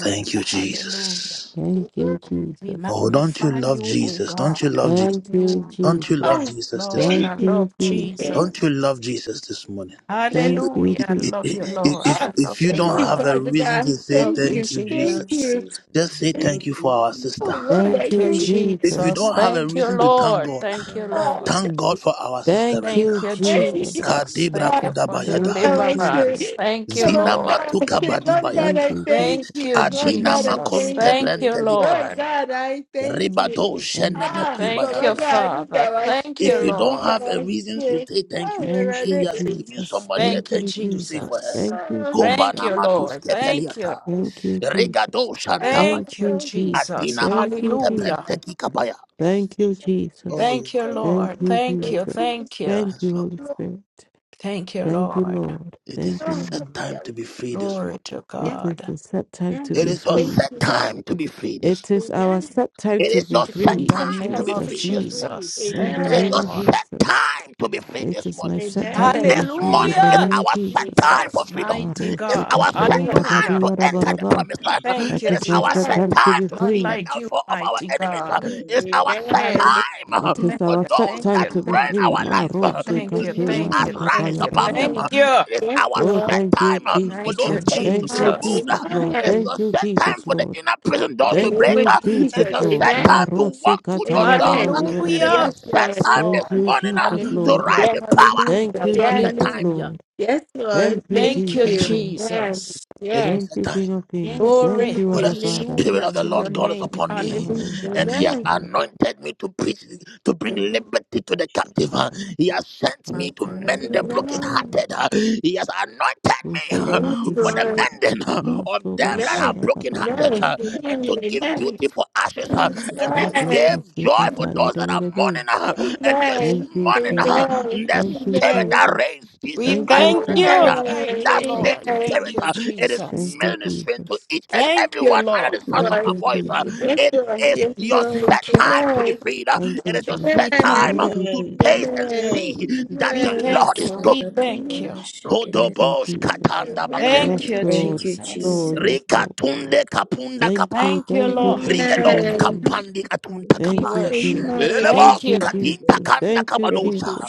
Speaker 1: Thank you,
Speaker 8: Hallelujah.
Speaker 1: Jesus.
Speaker 6: Thank you, Jesus.
Speaker 8: We
Speaker 4: Thank
Speaker 1: Oh,
Speaker 4: you.
Speaker 1: don't you
Speaker 8: magnify
Speaker 1: love
Speaker 8: you, O
Speaker 1: Jesus? Don't you
Speaker 8: God.
Speaker 1: love Jesus?
Speaker 6: Thank you,
Speaker 8: Hallelujah.
Speaker 1: Don't you
Speaker 6: Jesus.
Speaker 8: Yes,
Speaker 1: love
Speaker 2: Oh,
Speaker 4: Jesus.
Speaker 1: Jesus this
Speaker 8: Lord,
Speaker 1: morning?
Speaker 2: thank
Speaker 6: Thank
Speaker 8: I
Speaker 2: you.
Speaker 6: you,
Speaker 8: love
Speaker 6: Jesus.
Speaker 4: Thank you,
Speaker 2: Thank
Speaker 1: Don't you
Speaker 8: Jesus.
Speaker 1: love
Speaker 4: Jesus.
Speaker 1: Jesus this morning?
Speaker 2: you.
Speaker 6: Thank you,
Speaker 8: Hallelujah. I
Speaker 1: If
Speaker 6: Jesus.
Speaker 8: love you,
Speaker 3: I love
Speaker 8: Lord.
Speaker 1: If,
Speaker 3: you,
Speaker 2: Ah,
Speaker 8: I
Speaker 3: Jesus.
Speaker 1: if
Speaker 8: love
Speaker 1: you
Speaker 8: you,
Speaker 2: thank
Speaker 1: don't
Speaker 2: you,
Speaker 1: have
Speaker 8: Lord.
Speaker 1: a
Speaker 2: Father
Speaker 1: reason to
Speaker 2: God.
Speaker 8: I
Speaker 1: say
Speaker 8: love
Speaker 2: Thank
Speaker 8: you,
Speaker 2: you.
Speaker 1: thank you,
Speaker 3: I
Speaker 1: Jesus,
Speaker 2: Thank
Speaker 3: love Jesus. I love
Speaker 8: Jesus.
Speaker 2: you.
Speaker 3: Jesus.
Speaker 1: just say
Speaker 4: Thank
Speaker 1: thank you for
Speaker 4: you,
Speaker 1: our
Speaker 2: Oh,
Speaker 1: sister.
Speaker 4: Jesus.
Speaker 2: Lord,
Speaker 3: Thank
Speaker 6: Thank
Speaker 8: Thank
Speaker 2: I
Speaker 3: you,
Speaker 8: you,
Speaker 6: you,
Speaker 2: thank
Speaker 3: Jesus.
Speaker 2: you.
Speaker 1: If you
Speaker 6: Jesus.
Speaker 8: Jesus.
Speaker 4: Thank
Speaker 1: don't
Speaker 4: you,
Speaker 1: have a
Speaker 8: Thank you,
Speaker 1: reason to
Speaker 4: Jesus.
Speaker 1: thank
Speaker 3: Thank
Speaker 8: Lord.
Speaker 1: God,
Speaker 8: Thank you,
Speaker 3: you,
Speaker 2: God.
Speaker 3: Jesus.
Speaker 8: Lord.
Speaker 1: thank God for our
Speaker 4: for
Speaker 1: sister
Speaker 4: your
Speaker 6: Thank
Speaker 1: right
Speaker 4: mercy,
Speaker 8: Thank
Speaker 6: you,
Speaker 1: now.
Speaker 8: you,
Speaker 4: your
Speaker 2: Thank you,
Speaker 6: Jesus.
Speaker 4: grace
Speaker 8: Jesus. Thank
Speaker 1: Kadebra
Speaker 2: God.
Speaker 8: you
Speaker 4: your mercy.
Speaker 8: for
Speaker 1: kudabaya
Speaker 6: Thank
Speaker 2: Oh,
Speaker 6: you,
Speaker 2: I
Speaker 1: dahadias.
Speaker 6: Jesus.
Speaker 8: deliverance.
Speaker 2: see.
Speaker 8: Thank you,
Speaker 2: Oh, Lord
Speaker 1: Zina
Speaker 8: Lord.
Speaker 2: God, I
Speaker 1: matuka
Speaker 2: see. Lord God,
Speaker 6: Thank
Speaker 1: badibayata.
Speaker 2: I
Speaker 6: you, Jesus.
Speaker 2: thank
Speaker 8: Thank
Speaker 2: you.
Speaker 8: you,
Speaker 2: Lord
Speaker 1: Adina
Speaker 2: God, I
Speaker 8: Jesus.
Speaker 2: thank
Speaker 4: Thank
Speaker 1: makonte
Speaker 4: you,
Speaker 8: Thank you,
Speaker 2: you.
Speaker 4: Jesus,
Speaker 2: Lord
Speaker 1: brentelikabaya.
Speaker 8: Lord.
Speaker 2: God, I thank
Speaker 1: Ribato
Speaker 2: you.
Speaker 6: Thank you,
Speaker 2: Ah,
Speaker 1: shenemeki
Speaker 6: Jesus.
Speaker 8: Thank you,
Speaker 2: Lord
Speaker 4: for
Speaker 1: bayanuata.
Speaker 2: God,
Speaker 4: your
Speaker 2: look
Speaker 8: Father.
Speaker 2: at our
Speaker 4: grace,
Speaker 8: Thank you,
Speaker 1: If you
Speaker 2: skin.
Speaker 1: don't
Speaker 2: Look at
Speaker 1: have
Speaker 8: Lord.
Speaker 1: a
Speaker 2: our
Speaker 1: reason to
Speaker 2: skin.
Speaker 1: say
Speaker 4: for your
Speaker 1: thank
Speaker 2: Oh,
Speaker 1: you
Speaker 2: my are
Speaker 6: Thank
Speaker 4: protection,
Speaker 1: today, he
Speaker 6: you,
Speaker 1: has
Speaker 6: Jesus.
Speaker 1: given somebody
Speaker 4: for
Speaker 1: a
Speaker 4: your
Speaker 6: Thank
Speaker 8: Thank you,
Speaker 1: thank
Speaker 6: you,
Speaker 1: you to say
Speaker 6: Jesus.
Speaker 4: grace.
Speaker 1: for her.
Speaker 8: Jesus.
Speaker 6: Thank you,
Speaker 2: Oh,
Speaker 6: Jesus.
Speaker 8: Thank
Speaker 1: Kobana
Speaker 8: you,
Speaker 2: thank you.
Speaker 1: matus
Speaker 8: Lord.
Speaker 4: Thank
Speaker 8: Thank
Speaker 4: you,
Speaker 8: you.
Speaker 1: kepeliata.
Speaker 6: Thank you, Jesus.
Speaker 1: Rigado
Speaker 2: Oh,
Speaker 6: Thank
Speaker 1: shantabaya.
Speaker 8: Thank you,
Speaker 6: you,
Speaker 2: thank you.
Speaker 6: Jesus.
Speaker 8: Jesus.
Speaker 1: Adina
Speaker 6: Thank you,
Speaker 1: makunte
Speaker 2: Thank
Speaker 8: Hallelujah.
Speaker 6: Jesus.
Speaker 1: prenteki kabaya.
Speaker 6: Thank you,
Speaker 2: you.
Speaker 6: Jesus.
Speaker 1: Oh, yes,
Speaker 8: Thank you,
Speaker 1: Lord.
Speaker 2: Thank
Speaker 6: Thank
Speaker 8: Lord.
Speaker 6: you,
Speaker 8: Thank you.
Speaker 2: you.
Speaker 6: Jesus.
Speaker 2: Thank
Speaker 8: Thank you.
Speaker 6: Thank
Speaker 1: Yes,
Speaker 6: you,
Speaker 1: Lord.
Speaker 6: Holy
Speaker 2: you.
Speaker 6: Spirit.
Speaker 8: Thank you,
Speaker 6: Thank you,
Speaker 8: Lord.
Speaker 6: Lord.
Speaker 1: It
Speaker 6: Thank
Speaker 1: is
Speaker 6: you,
Speaker 1: your
Speaker 2: Oh,
Speaker 6: Lord.
Speaker 1: set time to be free this morning.
Speaker 8: Glory to
Speaker 6: It
Speaker 2: yeah,
Speaker 6: is
Speaker 8: God.
Speaker 6: the set time
Speaker 2: yeah.
Speaker 6: to
Speaker 1: It
Speaker 6: be
Speaker 1: is your
Speaker 2: Thank
Speaker 6: free.
Speaker 1: set
Speaker 2: you.
Speaker 1: time to be free this
Speaker 6: It is
Speaker 1: morning.
Speaker 6: our
Speaker 2: Amen.
Speaker 6: set time
Speaker 1: It
Speaker 6: to
Speaker 1: is
Speaker 6: be
Speaker 1: your
Speaker 6: free.
Speaker 1: set
Speaker 2: Because
Speaker 8: In
Speaker 1: time
Speaker 8: the
Speaker 6: In
Speaker 2: that's how
Speaker 1: to
Speaker 8: name
Speaker 1: be
Speaker 8: of
Speaker 2: to
Speaker 6: Jesus'
Speaker 1: free
Speaker 2: be
Speaker 1: this
Speaker 6: name.
Speaker 1: morning.
Speaker 2: free.
Speaker 8: Jesus.
Speaker 6: In
Speaker 8: Thank
Speaker 6: the
Speaker 1: It
Speaker 8: you,
Speaker 1: is
Speaker 6: name
Speaker 2: Amen.
Speaker 1: your
Speaker 6: of
Speaker 8: Lord.
Speaker 1: set
Speaker 6: Jesus.
Speaker 1: time to be free
Speaker 6: It
Speaker 1: this
Speaker 6: is my
Speaker 1: morning.
Speaker 2: They
Speaker 6: set time to
Speaker 2: does.
Speaker 6: be
Speaker 1: This
Speaker 6: free.
Speaker 2: He
Speaker 6: In
Speaker 1: morning
Speaker 6: the
Speaker 1: is
Speaker 8: Hallelujah.
Speaker 2: does.
Speaker 6: name of
Speaker 1: our set
Speaker 2: He
Speaker 6: Jesus.
Speaker 2: does.
Speaker 1: time for
Speaker 8: Jesus,
Speaker 1: freedom.
Speaker 8: mighty
Speaker 1: It is
Speaker 4: Jesus.
Speaker 8: God.
Speaker 1: our
Speaker 2: Some good
Speaker 1: set
Speaker 2: friends.
Speaker 1: time
Speaker 8: Hallelujah.
Speaker 1: to enter
Speaker 2: He
Speaker 1: the
Speaker 4: Amen.
Speaker 6: Marosukatiyarabariyarabaraba.
Speaker 1: promised land.
Speaker 6: That
Speaker 8: Thank
Speaker 1: It
Speaker 8: you,
Speaker 1: is
Speaker 6: is my
Speaker 1: our
Speaker 6: set
Speaker 8: Jesus.
Speaker 1: set
Speaker 2: does.
Speaker 6: time to
Speaker 1: time
Speaker 6: be
Speaker 1: to
Speaker 8: None
Speaker 1: see
Speaker 6: free.
Speaker 1: the
Speaker 8: like you,
Speaker 1: downfall of our
Speaker 8: mighty
Speaker 1: enemies.
Speaker 8: God.
Speaker 1: It is
Speaker 4: Amen.
Speaker 2: He does. He
Speaker 1: our set
Speaker 2: does.
Speaker 8: Hallelujah.
Speaker 1: time uh,
Speaker 6: It is
Speaker 8: Thank
Speaker 1: for
Speaker 6: our
Speaker 8: you,
Speaker 6: set
Speaker 1: those
Speaker 8: thank
Speaker 6: time
Speaker 1: that
Speaker 8: you,
Speaker 6: to be
Speaker 1: reign
Speaker 8: thank you,
Speaker 6: free.
Speaker 1: our
Speaker 8: thank
Speaker 1: life
Speaker 8: you,
Speaker 1: uh,
Speaker 8: thank
Speaker 1: to
Speaker 8: you,
Speaker 1: see
Speaker 4: Amen.
Speaker 8: thank you,
Speaker 1: us
Speaker 2: He
Speaker 8: thank
Speaker 1: rise
Speaker 8: you,
Speaker 1: above them.
Speaker 8: thank
Speaker 6: Marosukatimadakabayarabaraba.
Speaker 2: does.
Speaker 8: you.
Speaker 1: It is
Speaker 2: Yes,
Speaker 1: our
Speaker 6: Oh,
Speaker 2: Lord.
Speaker 1: set
Speaker 6: thank
Speaker 4: Thank
Speaker 6: you,
Speaker 1: time
Speaker 4: you,
Speaker 1: uh,
Speaker 4: Jesus.
Speaker 1: for
Speaker 6: Jesus,
Speaker 8: Thank
Speaker 1: those
Speaker 8: you,
Speaker 2: Sounds
Speaker 6: Lord.
Speaker 2: good.
Speaker 1: chains to
Speaker 6: Thank
Speaker 1: be
Speaker 6: you,
Speaker 8: Jesus.
Speaker 1: removed.
Speaker 6: Jesus, Lord.
Speaker 4: Thank
Speaker 1: It's
Speaker 6: Thank
Speaker 2: Amen.
Speaker 1: your
Speaker 4: you,
Speaker 6: you,
Speaker 1: set time
Speaker 6: Jesus,
Speaker 1: for the
Speaker 6: Lord.
Speaker 1: inner prison
Speaker 2: In
Speaker 1: doors
Speaker 2: the
Speaker 1: to
Speaker 6: Thank
Speaker 2: name
Speaker 1: break.
Speaker 2: of
Speaker 6: you, Jesus,
Speaker 1: It's
Speaker 2: Jesus.
Speaker 1: your
Speaker 6: Lord.
Speaker 1: set
Speaker 2: Amen.
Speaker 1: time to
Speaker 6: Marose
Speaker 1: walk through those
Speaker 6: kataya
Speaker 1: doors.
Speaker 2: Amen.
Speaker 1: It is your
Speaker 8: Hallelujah.
Speaker 6: dabaribaria.
Speaker 2: Yes, Lord.
Speaker 1: set
Speaker 8: Yes,
Speaker 1: time
Speaker 6: Thank
Speaker 1: this
Speaker 8: Lord.
Speaker 6: you,
Speaker 1: morning
Speaker 4: Jesus.
Speaker 1: uh,
Speaker 6: Jesus,
Speaker 1: to
Speaker 6: Lord.
Speaker 8: Hallelujah.
Speaker 1: rise
Speaker 2: Yes,
Speaker 1: in power.
Speaker 6: Thank
Speaker 8: Hallelujah.
Speaker 6: you,
Speaker 1: It's your
Speaker 2: yes,
Speaker 1: set
Speaker 6: Jesus,
Speaker 1: time.
Speaker 8: Hallelujah.
Speaker 6: Lord.
Speaker 2: yes, Lord.
Speaker 6: Thank you,
Speaker 1: It's
Speaker 2: Thank
Speaker 1: your
Speaker 8: Thank you,
Speaker 1: set
Speaker 6: Jesus,
Speaker 2: you.
Speaker 1: time.
Speaker 6: Lord.
Speaker 2: Yes,
Speaker 8: Jesus.
Speaker 1: It's your
Speaker 2: yes,
Speaker 6: Thank
Speaker 1: set
Speaker 6: you,
Speaker 1: time.
Speaker 6: King of Kings.
Speaker 2: yes.
Speaker 6: Thank
Speaker 8: Glory.
Speaker 2: Thank
Speaker 6: you,
Speaker 1: For the
Speaker 2: you.
Speaker 6: our Father.
Speaker 1: spirit
Speaker 8: Hallelujah
Speaker 1: of the
Speaker 8: to your
Speaker 1: Lord God is
Speaker 8: name.
Speaker 1: upon me,
Speaker 8: Hallelujah.
Speaker 1: and
Speaker 6: Marusa
Speaker 1: He has
Speaker 2: Amen.
Speaker 6: kataya
Speaker 1: anointed me to preach, to bring
Speaker 2: Amen.
Speaker 1: liberty to the captive. uh. He has sent me
Speaker 6: dabaya
Speaker 1: to
Speaker 3: Manta
Speaker 1: mend the
Speaker 3: rabashi.
Speaker 2: Amen.
Speaker 1: brokenhearted.
Speaker 6: dabarabarabarabara.
Speaker 1: uh. He has anointed me
Speaker 6: We say
Speaker 3: Thank
Speaker 2: Yes,
Speaker 6: thank
Speaker 1: uh,
Speaker 3: you,
Speaker 6: you,
Speaker 1: for
Speaker 6: Lord.
Speaker 1: the
Speaker 2: Lord.
Speaker 3: Jesus.
Speaker 1: mending uh, of
Speaker 6: Maso
Speaker 1: them
Speaker 2: Amen.
Speaker 1: that
Speaker 3: Mash.
Speaker 2: Amen.
Speaker 1: are
Speaker 2: Amen.
Speaker 6: kataya
Speaker 2: Amen.
Speaker 6: dabarabara.
Speaker 1: brokenhearted.
Speaker 3: Manta.
Speaker 2: Amen.
Speaker 1: and to give
Speaker 2: Amen.
Speaker 1: beauty for ashes uh, and to
Speaker 6: Rabu
Speaker 3: Manta.
Speaker 2: Amen.
Speaker 1: give
Speaker 6: kasi
Speaker 1: joy for
Speaker 6: kataya
Speaker 1: those that are
Speaker 6: dabarabara.
Speaker 1: mourning. uh, and this
Speaker 6: Thank you,
Speaker 1: morning,
Speaker 3: Thank
Speaker 1: uh,
Speaker 6: Jesus.
Speaker 3: you,
Speaker 1: the
Speaker 6: Thank you,
Speaker 1: spirit that
Speaker 6: Jesus.
Speaker 1: raised
Speaker 8: We
Speaker 1: Jesus
Speaker 2: Amen.
Speaker 6: Thank
Speaker 1: Christ
Speaker 6: you,
Speaker 8: thank
Speaker 1: from the dead,
Speaker 8: you.
Speaker 2: Amen.
Speaker 6: Jesus.
Speaker 1: uh,
Speaker 8: Thank you,
Speaker 1: that
Speaker 3: Thank
Speaker 1: same
Speaker 8: Lord.
Speaker 3: you,
Speaker 2: Amen.
Speaker 8: Thank
Speaker 1: spirit,
Speaker 8: you,
Speaker 1: uh,
Speaker 3: Jesus.
Speaker 1: it is
Speaker 6: Thank
Speaker 8: Jesus.
Speaker 6: you,
Speaker 1: ministering to
Speaker 6: Jesus.
Speaker 1: each and
Speaker 8: Thank
Speaker 1: every
Speaker 8: you,
Speaker 1: one under
Speaker 2: Yes,
Speaker 1: the
Speaker 8: Lord.
Speaker 1: sound of
Speaker 6: Thank
Speaker 1: my
Speaker 2: Lord.
Speaker 6: you,
Speaker 3: Mandiri
Speaker 1: voice. uh,
Speaker 6: Jesus.
Speaker 3: biribi.
Speaker 2: Yes,
Speaker 1: it
Speaker 2: Lord.
Speaker 1: is
Speaker 2: Yes,
Speaker 8: We
Speaker 1: your
Speaker 2: Lord.
Speaker 1: set
Speaker 8: thank you.
Speaker 1: time to be
Speaker 2: Amen.
Speaker 1: freed. uh,
Speaker 6: Thank
Speaker 1: it
Speaker 2: Amen.
Speaker 6: you,
Speaker 1: is your
Speaker 6: Jesus.
Speaker 2: Amen.
Speaker 8: We
Speaker 1: set
Speaker 8: thank
Speaker 1: time
Speaker 6: Thank
Speaker 1: uh,
Speaker 8: you.
Speaker 6: you,
Speaker 1: to
Speaker 4: Amen.
Speaker 2: Amen.
Speaker 1: taste
Speaker 6: Jesus.
Speaker 1: and
Speaker 2: Amen.
Speaker 1: see
Speaker 4: Amen.
Speaker 1: that
Speaker 8: We
Speaker 1: the
Speaker 2: Amen.
Speaker 1: Lord
Speaker 8: thank
Speaker 1: is
Speaker 8: you.
Speaker 1: good.
Speaker 8: We
Speaker 3: Masakata
Speaker 8: thank you.
Speaker 4: Amen.
Speaker 6: Thank
Speaker 3: mashakata.
Speaker 6: you,
Speaker 1: Kodobosh
Speaker 6: Jesus.
Speaker 1: katanda
Speaker 4: Amen.
Speaker 1: bakaya.
Speaker 6: Yes,
Speaker 8: Thank
Speaker 2: Amen.
Speaker 8: you,
Speaker 3: Thank
Speaker 6: Lord.
Speaker 3: you,
Speaker 8: Jesus.
Speaker 3: Jesus.
Speaker 6: Lord,
Speaker 4: Amen.
Speaker 6: yes,
Speaker 4: Thank you,
Speaker 1: Rika
Speaker 6: Lord.
Speaker 4: Jesus.
Speaker 1: tunde kapunda
Speaker 6: Thank you,
Speaker 1: kapa.
Speaker 8: Thank
Speaker 2: Amen.
Speaker 8: you,
Speaker 6: thank you,
Speaker 4: Thank you,
Speaker 8: Lord.
Speaker 6: thank you,
Speaker 3: Thank
Speaker 1: Rigedos
Speaker 4: Jesus.
Speaker 6: thank
Speaker 2: Amen.
Speaker 3: you,
Speaker 2: Amen.
Speaker 6: you.
Speaker 1: kampandi katunta
Speaker 4: Thank
Speaker 8: We
Speaker 4: you.
Speaker 6: Thank
Speaker 1: kapaya.
Speaker 6: you,
Speaker 8: worship
Speaker 2: Oh,
Speaker 6: Jesus.
Speaker 8: you.
Speaker 6: Thank
Speaker 8: Thank
Speaker 1: Lelebos
Speaker 8: you.
Speaker 6: you,
Speaker 4: Thank you,
Speaker 1: katinta
Speaker 4: brother.
Speaker 6: Jesus.
Speaker 4: My
Speaker 1: kanda
Speaker 6: Thank you,
Speaker 1: kabadosa.
Speaker 6: Jesus.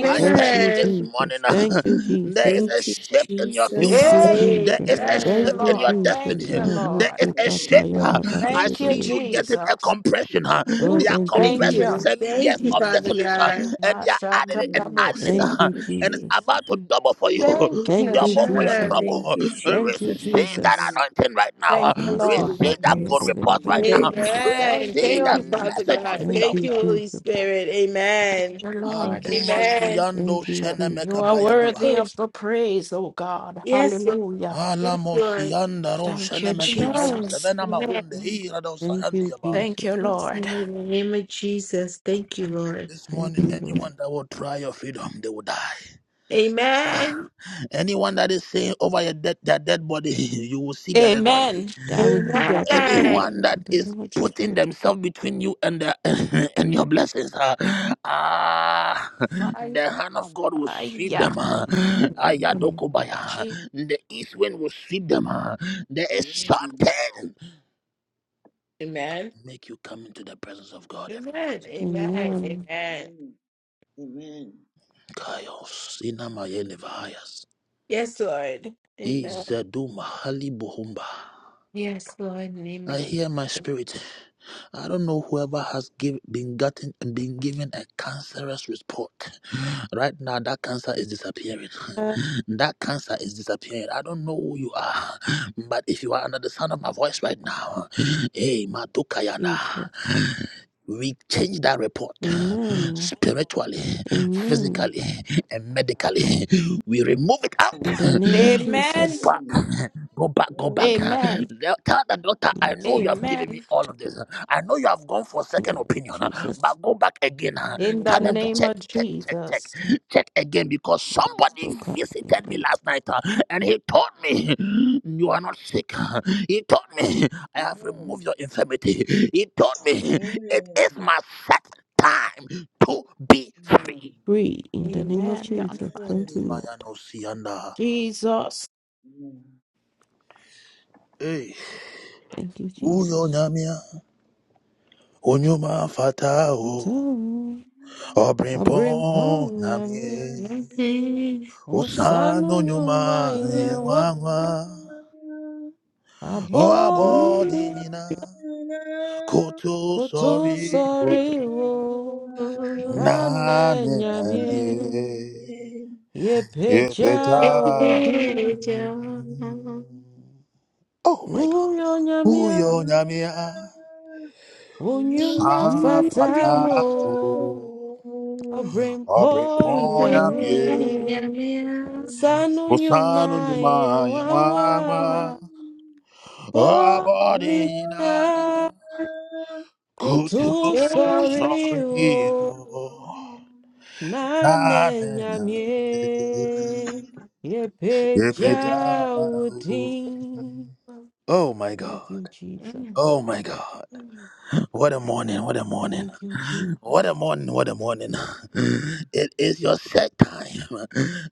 Speaker 1: I
Speaker 8: you,
Speaker 6: Thank
Speaker 1: tell
Speaker 8: Jesus.
Speaker 1: you
Speaker 6: you,
Speaker 1: this morning,
Speaker 6: Jesus. Thank you,
Speaker 1: there is
Speaker 6: Jesus.
Speaker 1: a
Speaker 3: Thank you,
Speaker 1: shift in your
Speaker 3: Jesus.
Speaker 6: Thank
Speaker 1: future.
Speaker 6: you,
Speaker 8: Yay.
Speaker 1: There is
Speaker 6: Jesus.
Speaker 1: a
Speaker 8: Thank
Speaker 4: Amen.
Speaker 8: you,
Speaker 6: Thank
Speaker 1: shift in
Speaker 6: you,
Speaker 1: your
Speaker 8: Lord.
Speaker 6: Jesus.
Speaker 8: Thank
Speaker 1: destiny.
Speaker 8: you,
Speaker 1: There
Speaker 8: Lord.
Speaker 6: Marusu
Speaker 1: is a shift.
Speaker 6: kataya
Speaker 3: Thank you,
Speaker 1: I
Speaker 3: Jesus.
Speaker 8: Thank you,
Speaker 1: see
Speaker 6: rabadidididi.
Speaker 1: you getting a
Speaker 8: Jesus.
Speaker 1: compression.
Speaker 6: Oh,
Speaker 1: They are
Speaker 6: thank you,
Speaker 2: thank
Speaker 3: Thank
Speaker 8: Thank
Speaker 2: you.
Speaker 1: compressing
Speaker 8: you.
Speaker 6: Jesus.
Speaker 3: you,
Speaker 1: seven
Speaker 2: Thank
Speaker 1: years
Speaker 2: you,
Speaker 1: of
Speaker 3: Jesus.
Speaker 2: Father
Speaker 1: desolate
Speaker 2: God.
Speaker 1: and they are adding it and
Speaker 4: Amen.
Speaker 1: adding
Speaker 6: Thank
Speaker 8: Mashatarabosa.
Speaker 3: Thank
Speaker 1: it
Speaker 6: you,
Speaker 3: you,
Speaker 1: and it's
Speaker 3: Jesus.
Speaker 6: Jesus.
Speaker 1: about to double for you,
Speaker 8: Thank you,
Speaker 6: Thank you,
Speaker 1: double for your
Speaker 8: Jesus.
Speaker 6: Jesus.
Speaker 2: Amen.
Speaker 1: trouble.
Speaker 3: Thank you, Jesus. Thank you,
Speaker 6: Thank you,
Speaker 3: Jesus.
Speaker 1: Receive that
Speaker 6: Jesus.
Speaker 1: anointing right now.
Speaker 8: Thank you,
Speaker 6: Master
Speaker 8: Lord.
Speaker 1: Receive
Speaker 3: I
Speaker 6: Papa,
Speaker 1: that good report right
Speaker 3: receive
Speaker 1: now.
Speaker 3: it.
Speaker 2: Amen.
Speaker 8: Thank
Speaker 1: Receive
Speaker 2: Thank
Speaker 8: you.
Speaker 1: that
Speaker 2: you,
Speaker 3: Thank you,
Speaker 2: Father
Speaker 1: message of
Speaker 2: God.
Speaker 3: Jesus.
Speaker 6: Thank
Speaker 1: freedom.
Speaker 2: Thank you,
Speaker 6: you,
Speaker 2: Holy
Speaker 6: Jesus.
Speaker 2: Spirit. Amen.
Speaker 8: Dear
Speaker 3: Thank
Speaker 8: Lord,
Speaker 3: you,
Speaker 1: Aduma
Speaker 3: Jesus.
Speaker 2: Amen.
Speaker 6: Thank
Speaker 1: siyando
Speaker 6: you, Jesus.
Speaker 8: you
Speaker 1: shenemeka
Speaker 8: are worthy
Speaker 1: bayadua.
Speaker 8: of the praise, O God.
Speaker 2: Yes, Lord.
Speaker 8: Hallelujah.
Speaker 1: Ala
Speaker 2: Yes, Lord.
Speaker 1: mosiyanda ro
Speaker 8: Thank you,
Speaker 1: shenemeki hao.
Speaker 2: Amen.
Speaker 8: Jesus.
Speaker 1: Zevena mahunde
Speaker 2: Amen.
Speaker 1: hira do
Speaker 6: Thank
Speaker 1: sayandi
Speaker 6: you,
Speaker 1: abai.
Speaker 8: Thank
Speaker 6: Jesus.
Speaker 8: you,
Speaker 2: Yes, Lord.
Speaker 8: Lord.
Speaker 2: In the name of Jesus. Thank you, Lord.
Speaker 1: This
Speaker 6: Thank
Speaker 1: morning,
Speaker 6: you, Lord.
Speaker 1: anyone that will try your freedom, they will die.
Speaker 2: Amen.
Speaker 1: Anyone that is saying over your dead, their dead body, you will see their dead body.
Speaker 8: Amen.
Speaker 6: I will see
Speaker 2: Amen.
Speaker 6: that dead body
Speaker 2: Amen.
Speaker 1: anyone that
Speaker 6: in the
Speaker 1: is
Speaker 6: name of Jesus.
Speaker 1: putting themselves between you and the, and your blessings, uh, ah,
Speaker 8: Fire.
Speaker 1: the hand of God will sweep
Speaker 8: fire.
Speaker 1: them. Uh,
Speaker 6: Amen.
Speaker 1: Ayadokobaya.
Speaker 8: Je-
Speaker 1: the east wind will sweep them. ah. there is something
Speaker 2: Amen.
Speaker 1: make you come into the presence of God every morning.
Speaker 2: Amen.
Speaker 6: Amen.
Speaker 2: Amen.
Speaker 1: Kaios, Inamayelevayas,
Speaker 2: Yes, Lord. Amen.
Speaker 1: Izeduma Halibuhumba.
Speaker 2: Yes, Lord. In the name
Speaker 1: I
Speaker 2: of
Speaker 1: hear my spirit. I don't know whoever has give, been gotten been given a cancerous report. Right now, that cancer is disappearing.
Speaker 6: Ah,
Speaker 1: That cancer is disappearing. I don't know who you are, but if you are under the sound of my voice right now, hey, Madukayana,
Speaker 6: Jesus.
Speaker 1: we change that report
Speaker 6: Amen.
Speaker 1: spiritually,
Speaker 6: Amen.
Speaker 1: physically, and medically. We remove it out.
Speaker 6: In the name of
Speaker 1: Go
Speaker 8: Amen.
Speaker 6: Jesus.
Speaker 1: back, go back, go back. huh?
Speaker 8: Amen.
Speaker 1: Tell tell the doctor, I
Speaker 6: Lord,
Speaker 1: know you
Speaker 6: so
Speaker 1: have
Speaker 6: come
Speaker 1: given
Speaker 6: back
Speaker 1: me
Speaker 8: Amen.
Speaker 1: all of this. uh. I know you have gone for
Speaker 6: in
Speaker 1: second
Speaker 6: the name of
Speaker 1: opinion, huh?
Speaker 6: Jesus.
Speaker 1: but go back again. huh?
Speaker 8: In
Speaker 1: Tell
Speaker 8: the
Speaker 6: Go
Speaker 1: them to
Speaker 6: back.
Speaker 8: name
Speaker 1: check,
Speaker 8: of
Speaker 1: check, check, check,
Speaker 8: Jesus.
Speaker 1: check again because somebody
Speaker 6: So come
Speaker 1: visited
Speaker 6: back.
Speaker 1: me last night huh, and he told me you are not sick. huh? He told me I have
Speaker 4: Amen.
Speaker 1: removed your infirmity. He told me it is my set time to be free.
Speaker 6: Free in the name of
Speaker 8: Amen. You're on
Speaker 6: Jesus.
Speaker 8: fire.
Speaker 6: Thank
Speaker 1: Andi
Speaker 6: you,
Speaker 1: maya
Speaker 6: Lord.
Speaker 1: no siyanda.
Speaker 8: Jesus.
Speaker 1: Hey,
Speaker 6: Thank you,
Speaker 1: uyo
Speaker 6: Jesus.
Speaker 1: nyamia. Onyuma
Speaker 6: That's
Speaker 1: fatao
Speaker 6: all.
Speaker 1: obrimpo
Speaker 6: Abrimponyanyi,
Speaker 1: namie
Speaker 4: Amen.
Speaker 2: Jesus.
Speaker 6: osanu
Speaker 1: usano
Speaker 4: Thank
Speaker 1: nyuma
Speaker 6: nyuma
Speaker 2: Mm-hmm.
Speaker 6: yewa,
Speaker 1: yengwangwa
Speaker 6: abodi
Speaker 1: oabodi
Speaker 2: Mm-hmm.
Speaker 1: nina koto sorry o
Speaker 6: kutusoriwo, nane
Speaker 1: nane namie
Speaker 2: Mm-hmm.
Speaker 6: nyamie, yepeja
Speaker 1: epeja
Speaker 2: This
Speaker 6: udi,
Speaker 2: is
Speaker 1: odi.
Speaker 2: your
Speaker 1: Oh my God.
Speaker 6: uyo nyamie,
Speaker 1: Uyo nyamia
Speaker 6: unyuma
Speaker 2: Ma-
Speaker 1: safata
Speaker 6: fatawo,
Speaker 1: o, obrimpo namie
Speaker 6: abrimponyanyi,
Speaker 4: you.
Speaker 6: sanu nyuma
Speaker 1: Bosano nyuma ya
Speaker 6: yewa,
Speaker 1: mwangwa oh
Speaker 6: abodi
Speaker 1: abodina kutu
Speaker 6: Kutu sorry
Speaker 1: sorry
Speaker 6: o
Speaker 1: oh na
Speaker 6: nane
Speaker 1: na na
Speaker 6: nyamie ye
Speaker 1: yepeja
Speaker 6: peja
Speaker 1: uri.
Speaker 6: udi.
Speaker 1: oh my
Speaker 6: Thank
Speaker 1: god
Speaker 6: you, Jesus.
Speaker 1: oh my god what a morning what a morning
Speaker 6: Thank you,
Speaker 1: What a
Speaker 6: Jesus.
Speaker 1: morning, what a morning. It is your set time.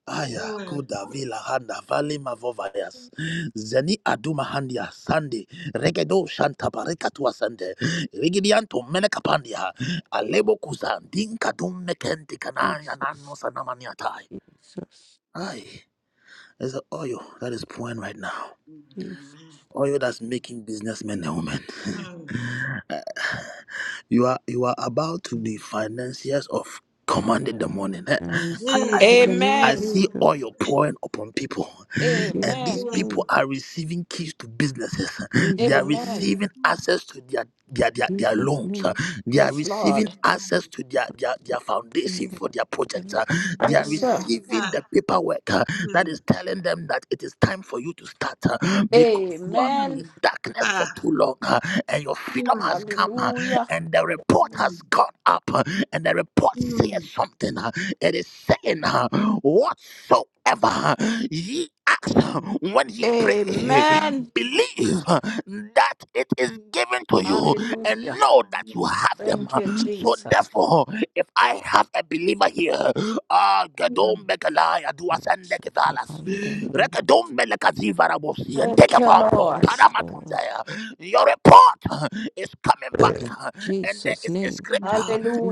Speaker 1: Aya, Kuda Vila Handa Vali Mavovayas. Zeni Aduma Handia Sandi Regedo Shanta Barikatua Sande Rigidianto Menekapandia Alebo Kuzan Dinkadum Mekenti Kanaya Nano
Speaker 6: Jesus,
Speaker 1: Sanamaniatai.
Speaker 6: Jesus,
Speaker 1: Ay, there's an oil that is pouring right now.
Speaker 6: Jesus,
Speaker 1: Oil that's making businessmen and women.
Speaker 6: Jesus.
Speaker 1: You are you are about to be financiers of command in the morning. Eh,
Speaker 6: I
Speaker 1: I,
Speaker 6: receive
Speaker 1: I
Speaker 6: it in
Speaker 1: see
Speaker 6: the name
Speaker 1: I
Speaker 6: of
Speaker 8: Amen.
Speaker 1: see
Speaker 6: Jesus.
Speaker 1: oil pouring upon people,
Speaker 6: In
Speaker 1: and
Speaker 6: Jesus'
Speaker 1: these
Speaker 8: Amen.
Speaker 1: people
Speaker 6: name.
Speaker 1: are receiving keys to businesses. They are
Speaker 6: Jesus'
Speaker 8: Amen.
Speaker 6: name.
Speaker 1: receiving access to their their, their, their
Speaker 6: Jesus'
Speaker 1: loans.
Speaker 6: name.
Speaker 1: They are
Speaker 8: Yes,
Speaker 1: receiving
Speaker 8: Lord.
Speaker 1: access to their, their, their foundation for their project. They are
Speaker 8: Yes, sir.
Speaker 1: receiving the paperwork uh, that is telling them that it is time for you to start uh, because you have been
Speaker 8: Amen.
Speaker 1: in darkness for too long. uh, and your freedom has come, uh,
Speaker 8: Hallelujah.
Speaker 1: and the report has caught up, uh, and the report says something. uh, It is saying, uh, Whatsoever uh, ye ask uh, when ye pray,
Speaker 8: Amen.
Speaker 1: believe uh, that it is given to you, and
Speaker 8: Hallelujah.
Speaker 1: know that you have them.
Speaker 8: Thank
Speaker 1: uh.
Speaker 8: you,
Speaker 1: So,
Speaker 8: Jesus.
Speaker 1: therefore, if I have a believer here, Ah, Gadom Bekalaya, Duasande Ketalas. Rekadombe lekazivarabosi, And take
Speaker 8: Thank
Speaker 1: a
Speaker 8: you,
Speaker 1: pompo.
Speaker 8: Lord.
Speaker 6: Yes, Lord.
Speaker 1: Paramatundaya. Your report is coming back. And there
Speaker 6: Jesus'
Speaker 1: is a
Speaker 6: name.
Speaker 1: scripture.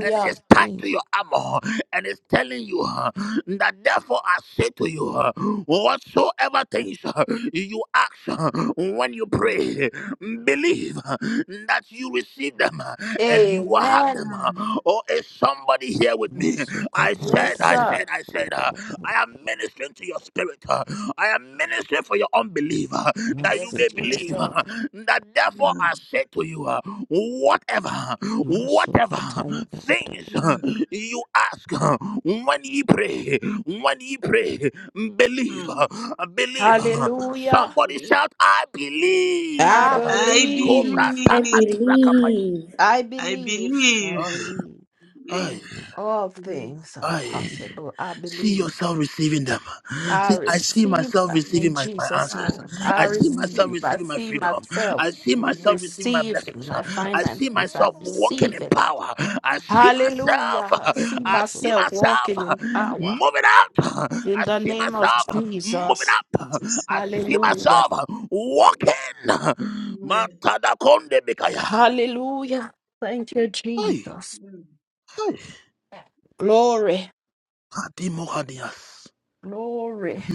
Speaker 1: And it's tied
Speaker 6: name.
Speaker 1: to your armor. And it's telling you uh, that therefore I say to you, uh, whatsoever things uh, you ask uh, when you pray, believe uh, that you receive them uh, and you
Speaker 6: Masuka
Speaker 1: will have
Speaker 8: Amen.
Speaker 1: them. uh,
Speaker 4: Mm,
Speaker 1: Or somebody here with me. I
Speaker 6: paya
Speaker 8: Yes,
Speaker 4: mm,
Speaker 1: said,
Speaker 6: da
Speaker 1: I
Speaker 6: ba
Speaker 8: sir.
Speaker 6: da
Speaker 1: said, I said, uh,
Speaker 6: ba da ba.
Speaker 1: I am ministering to your spirit. uh, I am ministering for your unbelief uh, that you
Speaker 8: Yes,
Speaker 1: may
Speaker 6: Masuka da ba
Speaker 1: believe. uh,
Speaker 6: da
Speaker 8: Jesus.
Speaker 6: ba.
Speaker 1: that therefore
Speaker 4: mm,
Speaker 1: I say to you, uh, whatever,
Speaker 6: Masuka
Speaker 1: whatever
Speaker 6: taya da ba da ba.
Speaker 1: things uh,
Speaker 4: mm,
Speaker 1: you ask uh, when ye pray, when ye pray, believe,
Speaker 4: mm.
Speaker 1: uh, believe. uh,
Speaker 8: Hallelujah.
Speaker 1: Somebody
Speaker 4: Yes.
Speaker 1: shout, I
Speaker 6: I
Speaker 1: believe.
Speaker 8: I
Speaker 4: I
Speaker 1: Cobra
Speaker 6: believe.
Speaker 8: believe.
Speaker 3: I
Speaker 1: taka di
Speaker 4: believe.
Speaker 1: brakapaya.
Speaker 3: believe.
Speaker 8: I
Speaker 4: I
Speaker 8: believe
Speaker 6: I
Speaker 4: believe.
Speaker 1: Aye,
Speaker 6: believe.
Speaker 4: Believe.
Speaker 1: aye.
Speaker 8: all
Speaker 4: Believe.
Speaker 8: things are
Speaker 1: I
Speaker 8: possible. I
Speaker 1: see
Speaker 8: believe.
Speaker 1: yourself receiving them.
Speaker 6: Ma
Speaker 8: I
Speaker 1: See,
Speaker 6: da
Speaker 1: I
Speaker 6: da
Speaker 1: see
Speaker 6: ba da
Speaker 8: receive
Speaker 1: myself
Speaker 6: ba
Speaker 8: them
Speaker 6: da.
Speaker 4: believe.
Speaker 8: in
Speaker 1: receiving my, my
Speaker 8: Jesus'
Speaker 1: answers.
Speaker 8: name.
Speaker 4: Ah.
Speaker 8: I
Speaker 1: I see
Speaker 6: Amen.
Speaker 1: myself
Speaker 8: receive. I
Speaker 1: receiving my
Speaker 8: see
Speaker 1: freedom.
Speaker 8: myself
Speaker 1: I see myself
Speaker 6: Amen.
Speaker 1: receiving my
Speaker 8: receiving
Speaker 1: blessings.
Speaker 8: my
Speaker 1: I see
Speaker 8: finances. I
Speaker 1: myself walking
Speaker 8: receive
Speaker 1: in
Speaker 8: it.
Speaker 1: power. I see myself.
Speaker 8: Hallelujah. I see
Speaker 1: I
Speaker 6: Masu-
Speaker 1: see
Speaker 8: myself
Speaker 1: myself
Speaker 8: walking in power.
Speaker 1: moving out. I
Speaker 8: In the
Speaker 1: see
Speaker 8: name of
Speaker 1: myself moving
Speaker 8: Jesus.
Speaker 1: up.
Speaker 4: Just.
Speaker 1: I see
Speaker 8: Hallelujah.
Speaker 1: myself walking.
Speaker 4: Amen.
Speaker 1: Matadakonde bikaya.
Speaker 8: Hallelujah. Thank you,
Speaker 1: Hey,
Speaker 8: Jesus.
Speaker 1: hey.
Speaker 8: Glory.
Speaker 1: Adimo Hadias.
Speaker 8: Glory.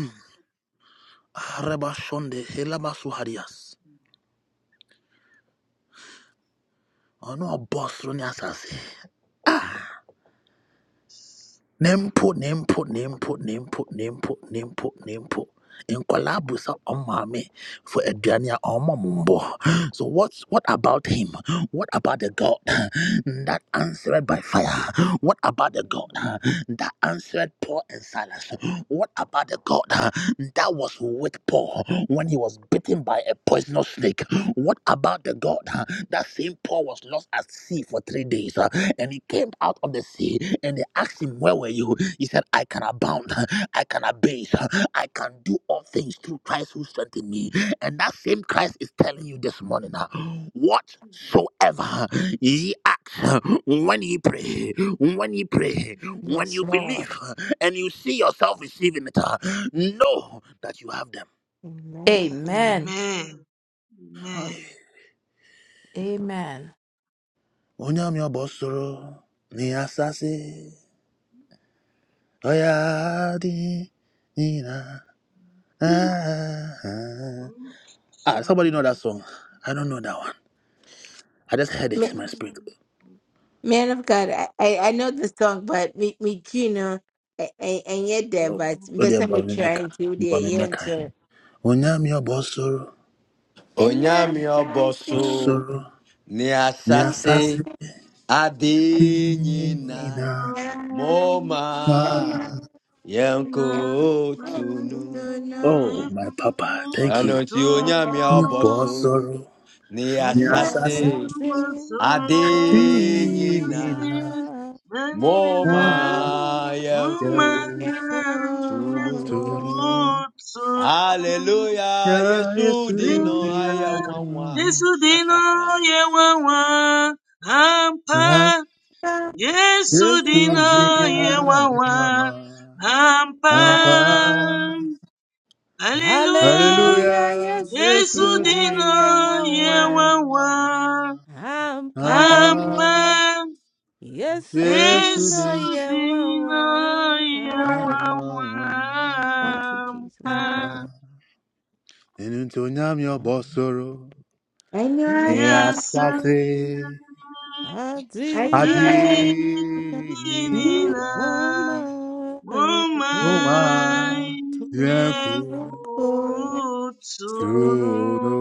Speaker 1: Arabashonde helabasu harias. Ano boss roni asase. Nempo nempo nempo nempo nempo nempo nempo. Nkwalaa busa ɔmaame for aduane a mumbo. So what's what about him? What about the God that answered by fire? What about the God that answered Paul and Silas? What about the God that was with Paul when he was bitten by a poisonous snake? What about the God that saved Paul was lost at sea for three days, uh, and he came out of the sea, and they asked him, "Where were you?" He said, "I can abound, I can abase, I can do all things through Christ who strengthened me." And that same Christ is telling you this morning, uh, whatsoever ye ask when ye pray, when ye pray, when
Speaker 8: Yes,
Speaker 1: you
Speaker 8: Lord.
Speaker 1: believe, uh, and you see yourself receiving it, uh, know that you have them.
Speaker 6: Amen.
Speaker 8: Amen.
Speaker 4: Amen.
Speaker 1: Hi.
Speaker 8: Amen.
Speaker 1: Onyame abosoro ni asase. Oya di ni ah, ah.
Speaker 4: Amen.
Speaker 1: Ah, somebody know that
Speaker 4: So.
Speaker 1: song. I don't know that one. I just heard it in my spirit.
Speaker 2: Man of God, I, I I know the song, but me, me Kino, I, I, I ain't
Speaker 4: Yesu
Speaker 2: there,
Speaker 1: Oh,
Speaker 2: but
Speaker 1: oh
Speaker 2: best
Speaker 1: dear,
Speaker 2: I'm
Speaker 1: Bami Meka.
Speaker 2: trying to
Speaker 1: Bami
Speaker 2: the end.
Speaker 1: Meka.
Speaker 2: So,
Speaker 1: Onyam your bossoro,
Speaker 2: and I'm
Speaker 10: Onyami
Speaker 2: dancing,
Speaker 10: oboso
Speaker 1: bossoro,
Speaker 10: ni
Speaker 1: ni
Speaker 2: I'm
Speaker 1: asasi
Speaker 10: asase
Speaker 2: dancing,
Speaker 1: ni
Speaker 10: adinyina
Speaker 1: na. na.
Speaker 10: moma
Speaker 6: Amen.
Speaker 10: yanko
Speaker 2: I'm
Speaker 10: tunu.
Speaker 2: dancing,
Speaker 6: Amen.
Speaker 1: Oh,
Speaker 2: I'm
Speaker 1: my papa, thank you.
Speaker 10: Anoti onyami
Speaker 2: dancing,
Speaker 10: oboso ni
Speaker 2: Amen.
Speaker 6: Yes, I
Speaker 2: Amen.
Speaker 10: asase
Speaker 6: see.
Speaker 10: adinyina
Speaker 1: Nina,
Speaker 6: Nadine,
Speaker 1: oh,
Speaker 10: moma
Speaker 6: Una,
Speaker 1: my
Speaker 10: yanko
Speaker 1: uncle, to
Speaker 10: tunu.
Speaker 6: Una,
Speaker 1: no.
Speaker 10: Hallelujah,
Speaker 1: Ya
Speaker 10: Yesu
Speaker 1: Yesu,
Speaker 10: dino
Speaker 1: ni
Speaker 10: ayawawa.
Speaker 4: dino yewawa ampa Yesu
Speaker 1: Yesu
Speaker 6: Yesu
Speaker 4: dina
Speaker 1: dia
Speaker 6: dinoye.
Speaker 4: yewawa
Speaker 1: mama ampa
Speaker 4: hampam. Hallelujah.
Speaker 6: Hallelujah,
Speaker 1: Hallelujah
Speaker 6: Yesu
Speaker 4: Yesu
Speaker 1: Yesu dia
Speaker 6: dinoye
Speaker 4: dina
Speaker 6: wawa.
Speaker 1: mama
Speaker 4: yewawa
Speaker 1: ampa
Speaker 6: Ampa.
Speaker 4: hampam.
Speaker 6: Yesu
Speaker 1: Yesu
Speaker 4: Yesu
Speaker 1: dia
Speaker 6: dinoye
Speaker 4: dina
Speaker 6: wawa.
Speaker 4: yewawa
Speaker 6: Ampa.
Speaker 1: mama
Speaker 6: Thank you, Jesus.
Speaker 1: ampa
Speaker 4: hampam.
Speaker 1: Enunto nyami
Speaker 6: Lord.
Speaker 1: obosoro
Speaker 6: Yes, yes,
Speaker 1: Yastase
Speaker 6: yes.
Speaker 4: Yasasina
Speaker 6: Adi.
Speaker 1: adini na
Speaker 4: madinina
Speaker 6: Oma ye
Speaker 4: Mama
Speaker 1: Uma
Speaker 6: hu tu ye.
Speaker 1: Yanku
Speaker 4: yekutuno,
Speaker 1: Tuno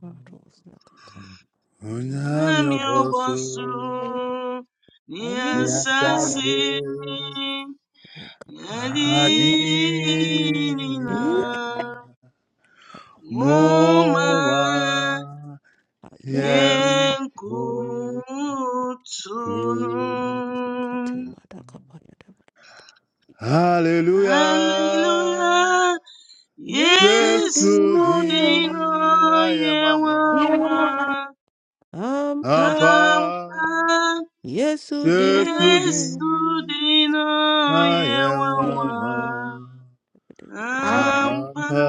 Speaker 6: Battles, Nakatani,
Speaker 1: Unyami
Speaker 4: miyoboso
Speaker 1: obosoro
Speaker 4: ni asasi
Speaker 1: Diastase
Speaker 4: mi
Speaker 6: Pekapaya,
Speaker 4: ndi
Speaker 6: Nakapaya,
Speaker 4: nina.
Speaker 1: Adina
Speaker 4: Mama
Speaker 1: Moa Yem Kulu.
Speaker 4: yekutuno.
Speaker 6: Sukati, Madakapaya,
Speaker 1: Hallelujah.
Speaker 4: Hallelujah.
Speaker 6: Yesu
Speaker 4: Yesu
Speaker 1: Yesu
Speaker 6: dinayo
Speaker 4: dino
Speaker 1: din ayemwa
Speaker 4: yewawa
Speaker 6: ampa.
Speaker 1: ampa
Speaker 4: ampa.
Speaker 6: Yesu
Speaker 1: Yesu
Speaker 6: dinayo.
Speaker 4: Yesu
Speaker 1: din
Speaker 4: dino
Speaker 1: ayemwa
Speaker 4: yewawa ampa.
Speaker 1: ampa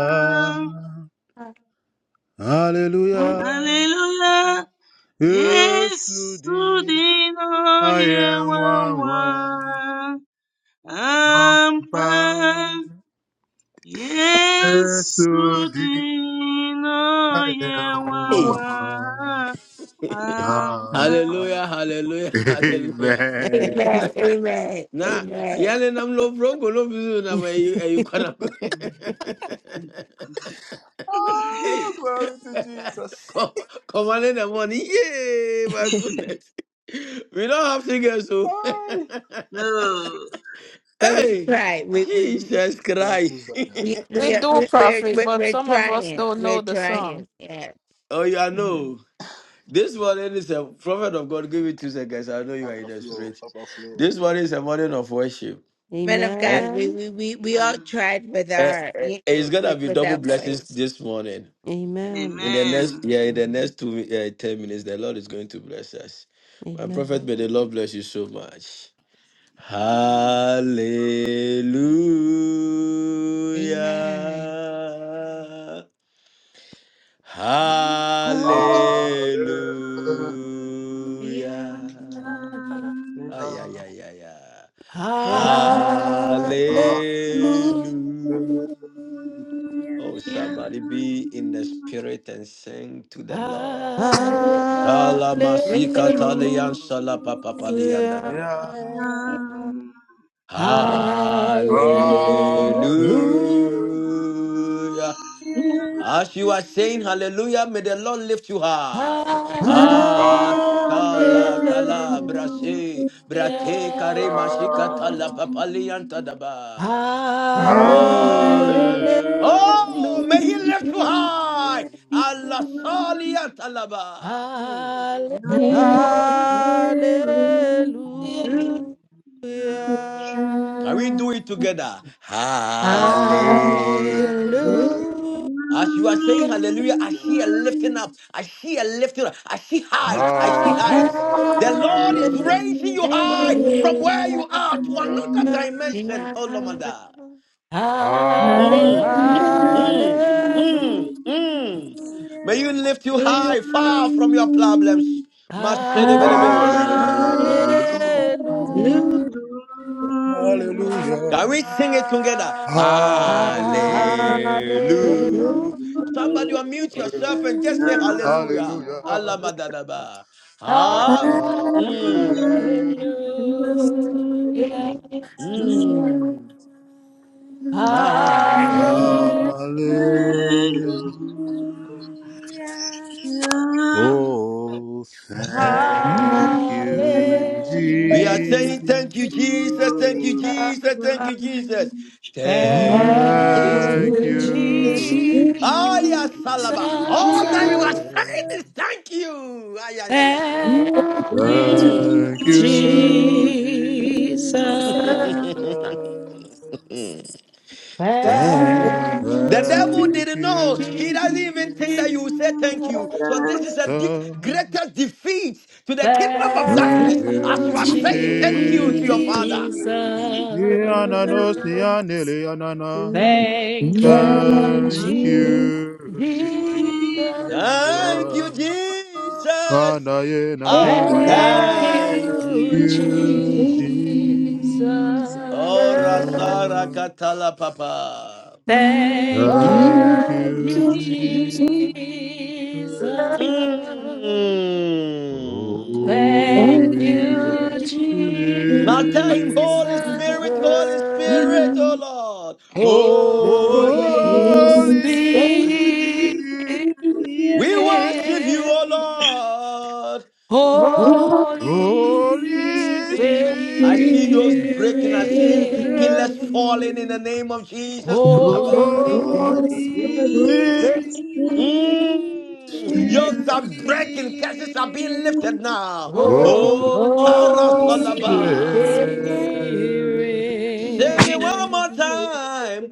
Speaker 1: Hallelujah
Speaker 4: Hallelujah. Yesu
Speaker 1: Yesterday,
Speaker 4: dino
Speaker 1: I am
Speaker 4: yewawa
Speaker 1: one Yesudi ayewawa ampa.
Speaker 4: ampa 예수
Speaker 1: Yesudi
Speaker 4: 되나의
Speaker 10: Hey.
Speaker 1: ayewawa
Speaker 4: 와와
Speaker 1: ampa.
Speaker 4: 안방
Speaker 10: Hallelujah, hallelujah, hallelujah.
Speaker 1: Amen.
Speaker 10: Na
Speaker 2: Amen.
Speaker 10: yale nam lo brongo lo bizu na ma yu yu kwana.
Speaker 1: Oh,
Speaker 10: Hey,
Speaker 1: glory to Jesus.
Speaker 10: co- come on in the morning. Yay, my goodness. We don't have to get so.
Speaker 4: No.
Speaker 2: But we
Speaker 10: Hey,
Speaker 2: try. We we
Speaker 10: Jesus Christ.
Speaker 2: we
Speaker 8: We
Speaker 2: we are
Speaker 8: do
Speaker 2: we, we're,
Speaker 8: profit,
Speaker 2: we're
Speaker 8: but
Speaker 2: we're
Speaker 8: some of us
Speaker 2: trying.
Speaker 8: don't
Speaker 2: We're
Speaker 8: know the
Speaker 2: trying.
Speaker 8: song.
Speaker 2: Yeah.
Speaker 10: Oh, you are
Speaker 2: Mhm.
Speaker 10: no. This morning is a prophet of God. Give me two seconds. I know you are
Speaker 1: Papa,
Speaker 10: in the spirit.
Speaker 1: Papa, flow.
Speaker 10: This morning is a morning of worship.
Speaker 2: Men of God, we
Speaker 6: Amen.
Speaker 2: we we, we all tried with
Speaker 10: Eh,
Speaker 2: our
Speaker 10: eh,
Speaker 2: y-
Speaker 10: eh, it's gonna
Speaker 2: with,
Speaker 10: be
Speaker 2: with
Speaker 10: double
Speaker 2: our
Speaker 10: blessings
Speaker 2: voice.
Speaker 10: this morning.
Speaker 2: Yeah.
Speaker 10: In
Speaker 6: Amen.
Speaker 10: the
Speaker 2: Okay.
Speaker 10: next
Speaker 4: Amen. Amen.
Speaker 10: yeah, in the
Speaker 2: Mhm.
Speaker 10: next two uh, ten minutes, the Lord is going to bless us. My prophet,
Speaker 6: Amen.
Speaker 10: may the Lord bless you so much.
Speaker 4: Amen.
Speaker 2: Amen.
Speaker 10: Hallelujah. Hallelujah.
Speaker 6: Ah,
Speaker 2: Yeah. Yeah.
Speaker 10: Ay, ay, ay, ay, ay.
Speaker 8: Halle-
Speaker 10: Hallelujah.
Speaker 6: Hallelujah.
Speaker 10: Oh,
Speaker 2: Yeah.
Speaker 10: somebody be in the
Speaker 4: Amen.
Speaker 10: spirit and sing to the Lord.
Speaker 8: halle-
Speaker 6: Hallelujah.
Speaker 10: Kalamasika talian salapapapalian dadaba.
Speaker 1: Hallelujah.
Speaker 3: Hallelujah.
Speaker 8: Hallelujah.
Speaker 6: Lu-
Speaker 1: Hallelujah.
Speaker 10: Hallelujah.
Speaker 11: Jesus.
Speaker 10: As you are saying hallelujah, may the Lord lift you high. Ah, kala,
Speaker 5: God.
Speaker 10: kala,
Speaker 1: Hallelujah.
Speaker 5: Thank
Speaker 6: Hallelujah.
Speaker 10: brashe, brate, kare, mashika, tala,
Speaker 1: Hallelujah.
Speaker 10: papali, antadaba.
Speaker 8: Hallelujah.
Speaker 10: Mm.
Speaker 6: Hallelujah.
Speaker 10: Oh, may he lift you
Speaker 2: Yeah. Yeah.
Speaker 10: high. Allah, sali, antalaba. Mm.
Speaker 8: Hallelujah.
Speaker 3: Hallelujah.
Speaker 2: Yeah.
Speaker 10: Can we do
Speaker 6: Hallelujah.
Speaker 10: it together?
Speaker 8: Hallelujah.
Speaker 1: Hallelujah.
Speaker 6: You-
Speaker 10: As you are saying hallelujah, I see a lifting
Speaker 4: Yeah.
Speaker 10: up. I see a lifting up. I see heights. I see
Speaker 8: Hallelujah.
Speaker 10: heights. The
Speaker 6: Hallelujah.
Speaker 10: Lord is raising you high from where
Speaker 8: Hallelujah.
Speaker 10: you are to another dimension. Oh, Lomada.
Speaker 1: Hallelujah.
Speaker 10: Mm,
Speaker 8: Hallelujah.
Speaker 1: Hallelujah.
Speaker 10: mm, mm,
Speaker 6: Hallelujah.
Speaker 10: mm. May you lift you high, far from your problems.
Speaker 6: Hallelujah.
Speaker 10: Masedebedebe.
Speaker 8: Hallelujah.
Speaker 3: Hallelujah. Hallelujah.
Speaker 10: Can
Speaker 1: Hallelujah.
Speaker 10: we sing it together?
Speaker 6: Hallelujah.
Speaker 1: Hallelujah.
Speaker 10: Hallelujah. Somebody unmute yourself
Speaker 1: Hallelujah.
Speaker 10: and just say
Speaker 3: Hallelujah.
Speaker 10: hallelujah. Allah
Speaker 1: Hallelujah.
Speaker 10: madadaba.
Speaker 8: Hallelujah.
Speaker 10: Ah, mm,
Speaker 2: Yeah.
Speaker 1: Hallelujah.
Speaker 2: Amen.
Speaker 10: mm, ah.
Speaker 8: Halle-
Speaker 1: Hallelujah. Oh,
Speaker 3: Hallelujah,
Speaker 1: thank
Speaker 6: Hallelujah.
Speaker 1: you,
Speaker 8: Hallelujah.
Speaker 10: We are
Speaker 4: Hallelujah.
Speaker 1: Jesus.
Speaker 10: saying thank you,
Speaker 4: Nothing
Speaker 10: Jesus. Thank you, Jesus. Thank you, Jesus. Thank
Speaker 8: Thank
Speaker 10: you.
Speaker 1: Thank
Speaker 8: you,
Speaker 1: you,
Speaker 8: Jesus.
Speaker 10: Aya
Speaker 5: you,
Speaker 10: Salaba. All that you are
Speaker 5: Jesus.
Speaker 8: Jesus.
Speaker 1: Jesus.
Speaker 10: saying is thank you. Ah, yeah, yeah, yeah.
Speaker 8: Thank you,
Speaker 10: Mm.
Speaker 1: Thank you,
Speaker 8: Jesus.
Speaker 6: Thank you.
Speaker 1: Jesus.
Speaker 8: Thank
Speaker 10: Damn.
Speaker 6: That
Speaker 8: you,
Speaker 10: The devil
Speaker 3: Hallelujah,
Speaker 6: you
Speaker 1: Thank
Speaker 10: didn't know. He
Speaker 1: you,
Speaker 6: deserve,
Speaker 10: doesn't even think that
Speaker 1: Jesus.
Speaker 3: Holy
Speaker 10: you will say thank you.
Speaker 3: Spirit,
Speaker 10: So this is a
Speaker 3: Holy
Speaker 10: de- greatest defeat to the kingdom of
Speaker 11: Thank
Speaker 8: thank
Speaker 1: Thank
Speaker 6: that
Speaker 10: darkness
Speaker 3: Spirit,
Speaker 11: you.
Speaker 10: as
Speaker 6: you
Speaker 8: you,
Speaker 10: you
Speaker 6: deserve, that
Speaker 10: are
Speaker 11: Jesus.
Speaker 1: you,
Speaker 6: you
Speaker 10: saying thank
Speaker 12: Thank
Speaker 10: you to
Speaker 12: you,
Speaker 1: Jesus.
Speaker 10: your
Speaker 11: Thank
Speaker 10: father.
Speaker 8: Jesus.
Speaker 12: Jesus.
Speaker 6: deserve,
Speaker 11: you.
Speaker 6: that
Speaker 11: Thank
Speaker 1: Yanano
Speaker 6: you deserve, that
Speaker 1: siyanele yanana.
Speaker 12: Thank
Speaker 8: Thank you,
Speaker 11: you,
Speaker 1: Thank
Speaker 6: you
Speaker 8: Jesus.
Speaker 11: Jesus.
Speaker 1: you,
Speaker 12: you,
Speaker 6: deserve,
Speaker 12: Jesus.
Speaker 10: Thank you,
Speaker 1: Jesus.
Speaker 12: Thank
Speaker 10: Jesus.
Speaker 1: Anaye nani
Speaker 10: Ah,
Speaker 1: maya.
Speaker 8: Thank
Speaker 10: thank
Speaker 8: you,
Speaker 10: you,
Speaker 12: you,
Speaker 1: You,
Speaker 8: Jesus.
Speaker 11: Thank
Speaker 4: is
Speaker 10: Jesus.
Speaker 1: Jesus.
Speaker 10: Ora Sara
Speaker 12: Jesus.
Speaker 10: Katala Papa.
Speaker 8: Thank
Speaker 4: Thank
Speaker 12: And
Speaker 4: you.
Speaker 1: Thank
Speaker 8: you,
Speaker 1: you, Jesus.
Speaker 8: Jesus.
Speaker 10: Mm.
Speaker 6: that
Speaker 8: Thank
Speaker 1: Holy
Speaker 8: you,
Speaker 6: you
Speaker 10: Now tell him, Holy
Speaker 1: Spirit.
Speaker 10: Spirit,
Speaker 8: Jesus.
Speaker 10: Holy
Speaker 6: deserve.
Speaker 10: Spirit, oh
Speaker 11: you.
Speaker 10: Lord,
Speaker 6: Oh,
Speaker 12: we
Speaker 10: holy.
Speaker 8: Holy
Speaker 1: Holy
Speaker 11: It's
Speaker 6: eh,
Speaker 11: been
Speaker 8: Spirit.
Speaker 12: thank
Speaker 1: Spirit.
Speaker 12: you,
Speaker 10: We worship you,
Speaker 12: Spirit.
Speaker 10: oh Lord.
Speaker 12: Holy
Speaker 6: oh,
Speaker 11: long.
Speaker 8: Holy
Speaker 1: Holy
Speaker 8: Spirit.
Speaker 6: eh,
Speaker 10: I
Speaker 12: Spirit,
Speaker 10: see
Speaker 1: Spirit,
Speaker 10: yours breaking. I
Speaker 13: Holy
Speaker 10: see
Speaker 12: Holy
Speaker 10: pillars falling in
Speaker 12: Spirit,
Speaker 10: the name of Jesus. I bet-
Speaker 1: Holy
Speaker 6: oh,
Speaker 8: Holy
Speaker 11: Lord,
Speaker 8: Spirit.
Speaker 12: Holy
Speaker 6: eh,
Speaker 12: Spirit,
Speaker 10: Mm.
Speaker 1: Spirit,
Speaker 10: Yokes are breaking. Curses are being lifted now.
Speaker 6: oh,
Speaker 1: Holy
Speaker 10: Oh,
Speaker 8: Holy
Speaker 11: Holy
Speaker 6: eh, eh,
Speaker 10: Karasalaba.
Speaker 11: Spirit,
Speaker 1: Spirit,
Speaker 10: Sing it one more
Speaker 8: Spirit.
Speaker 10: time.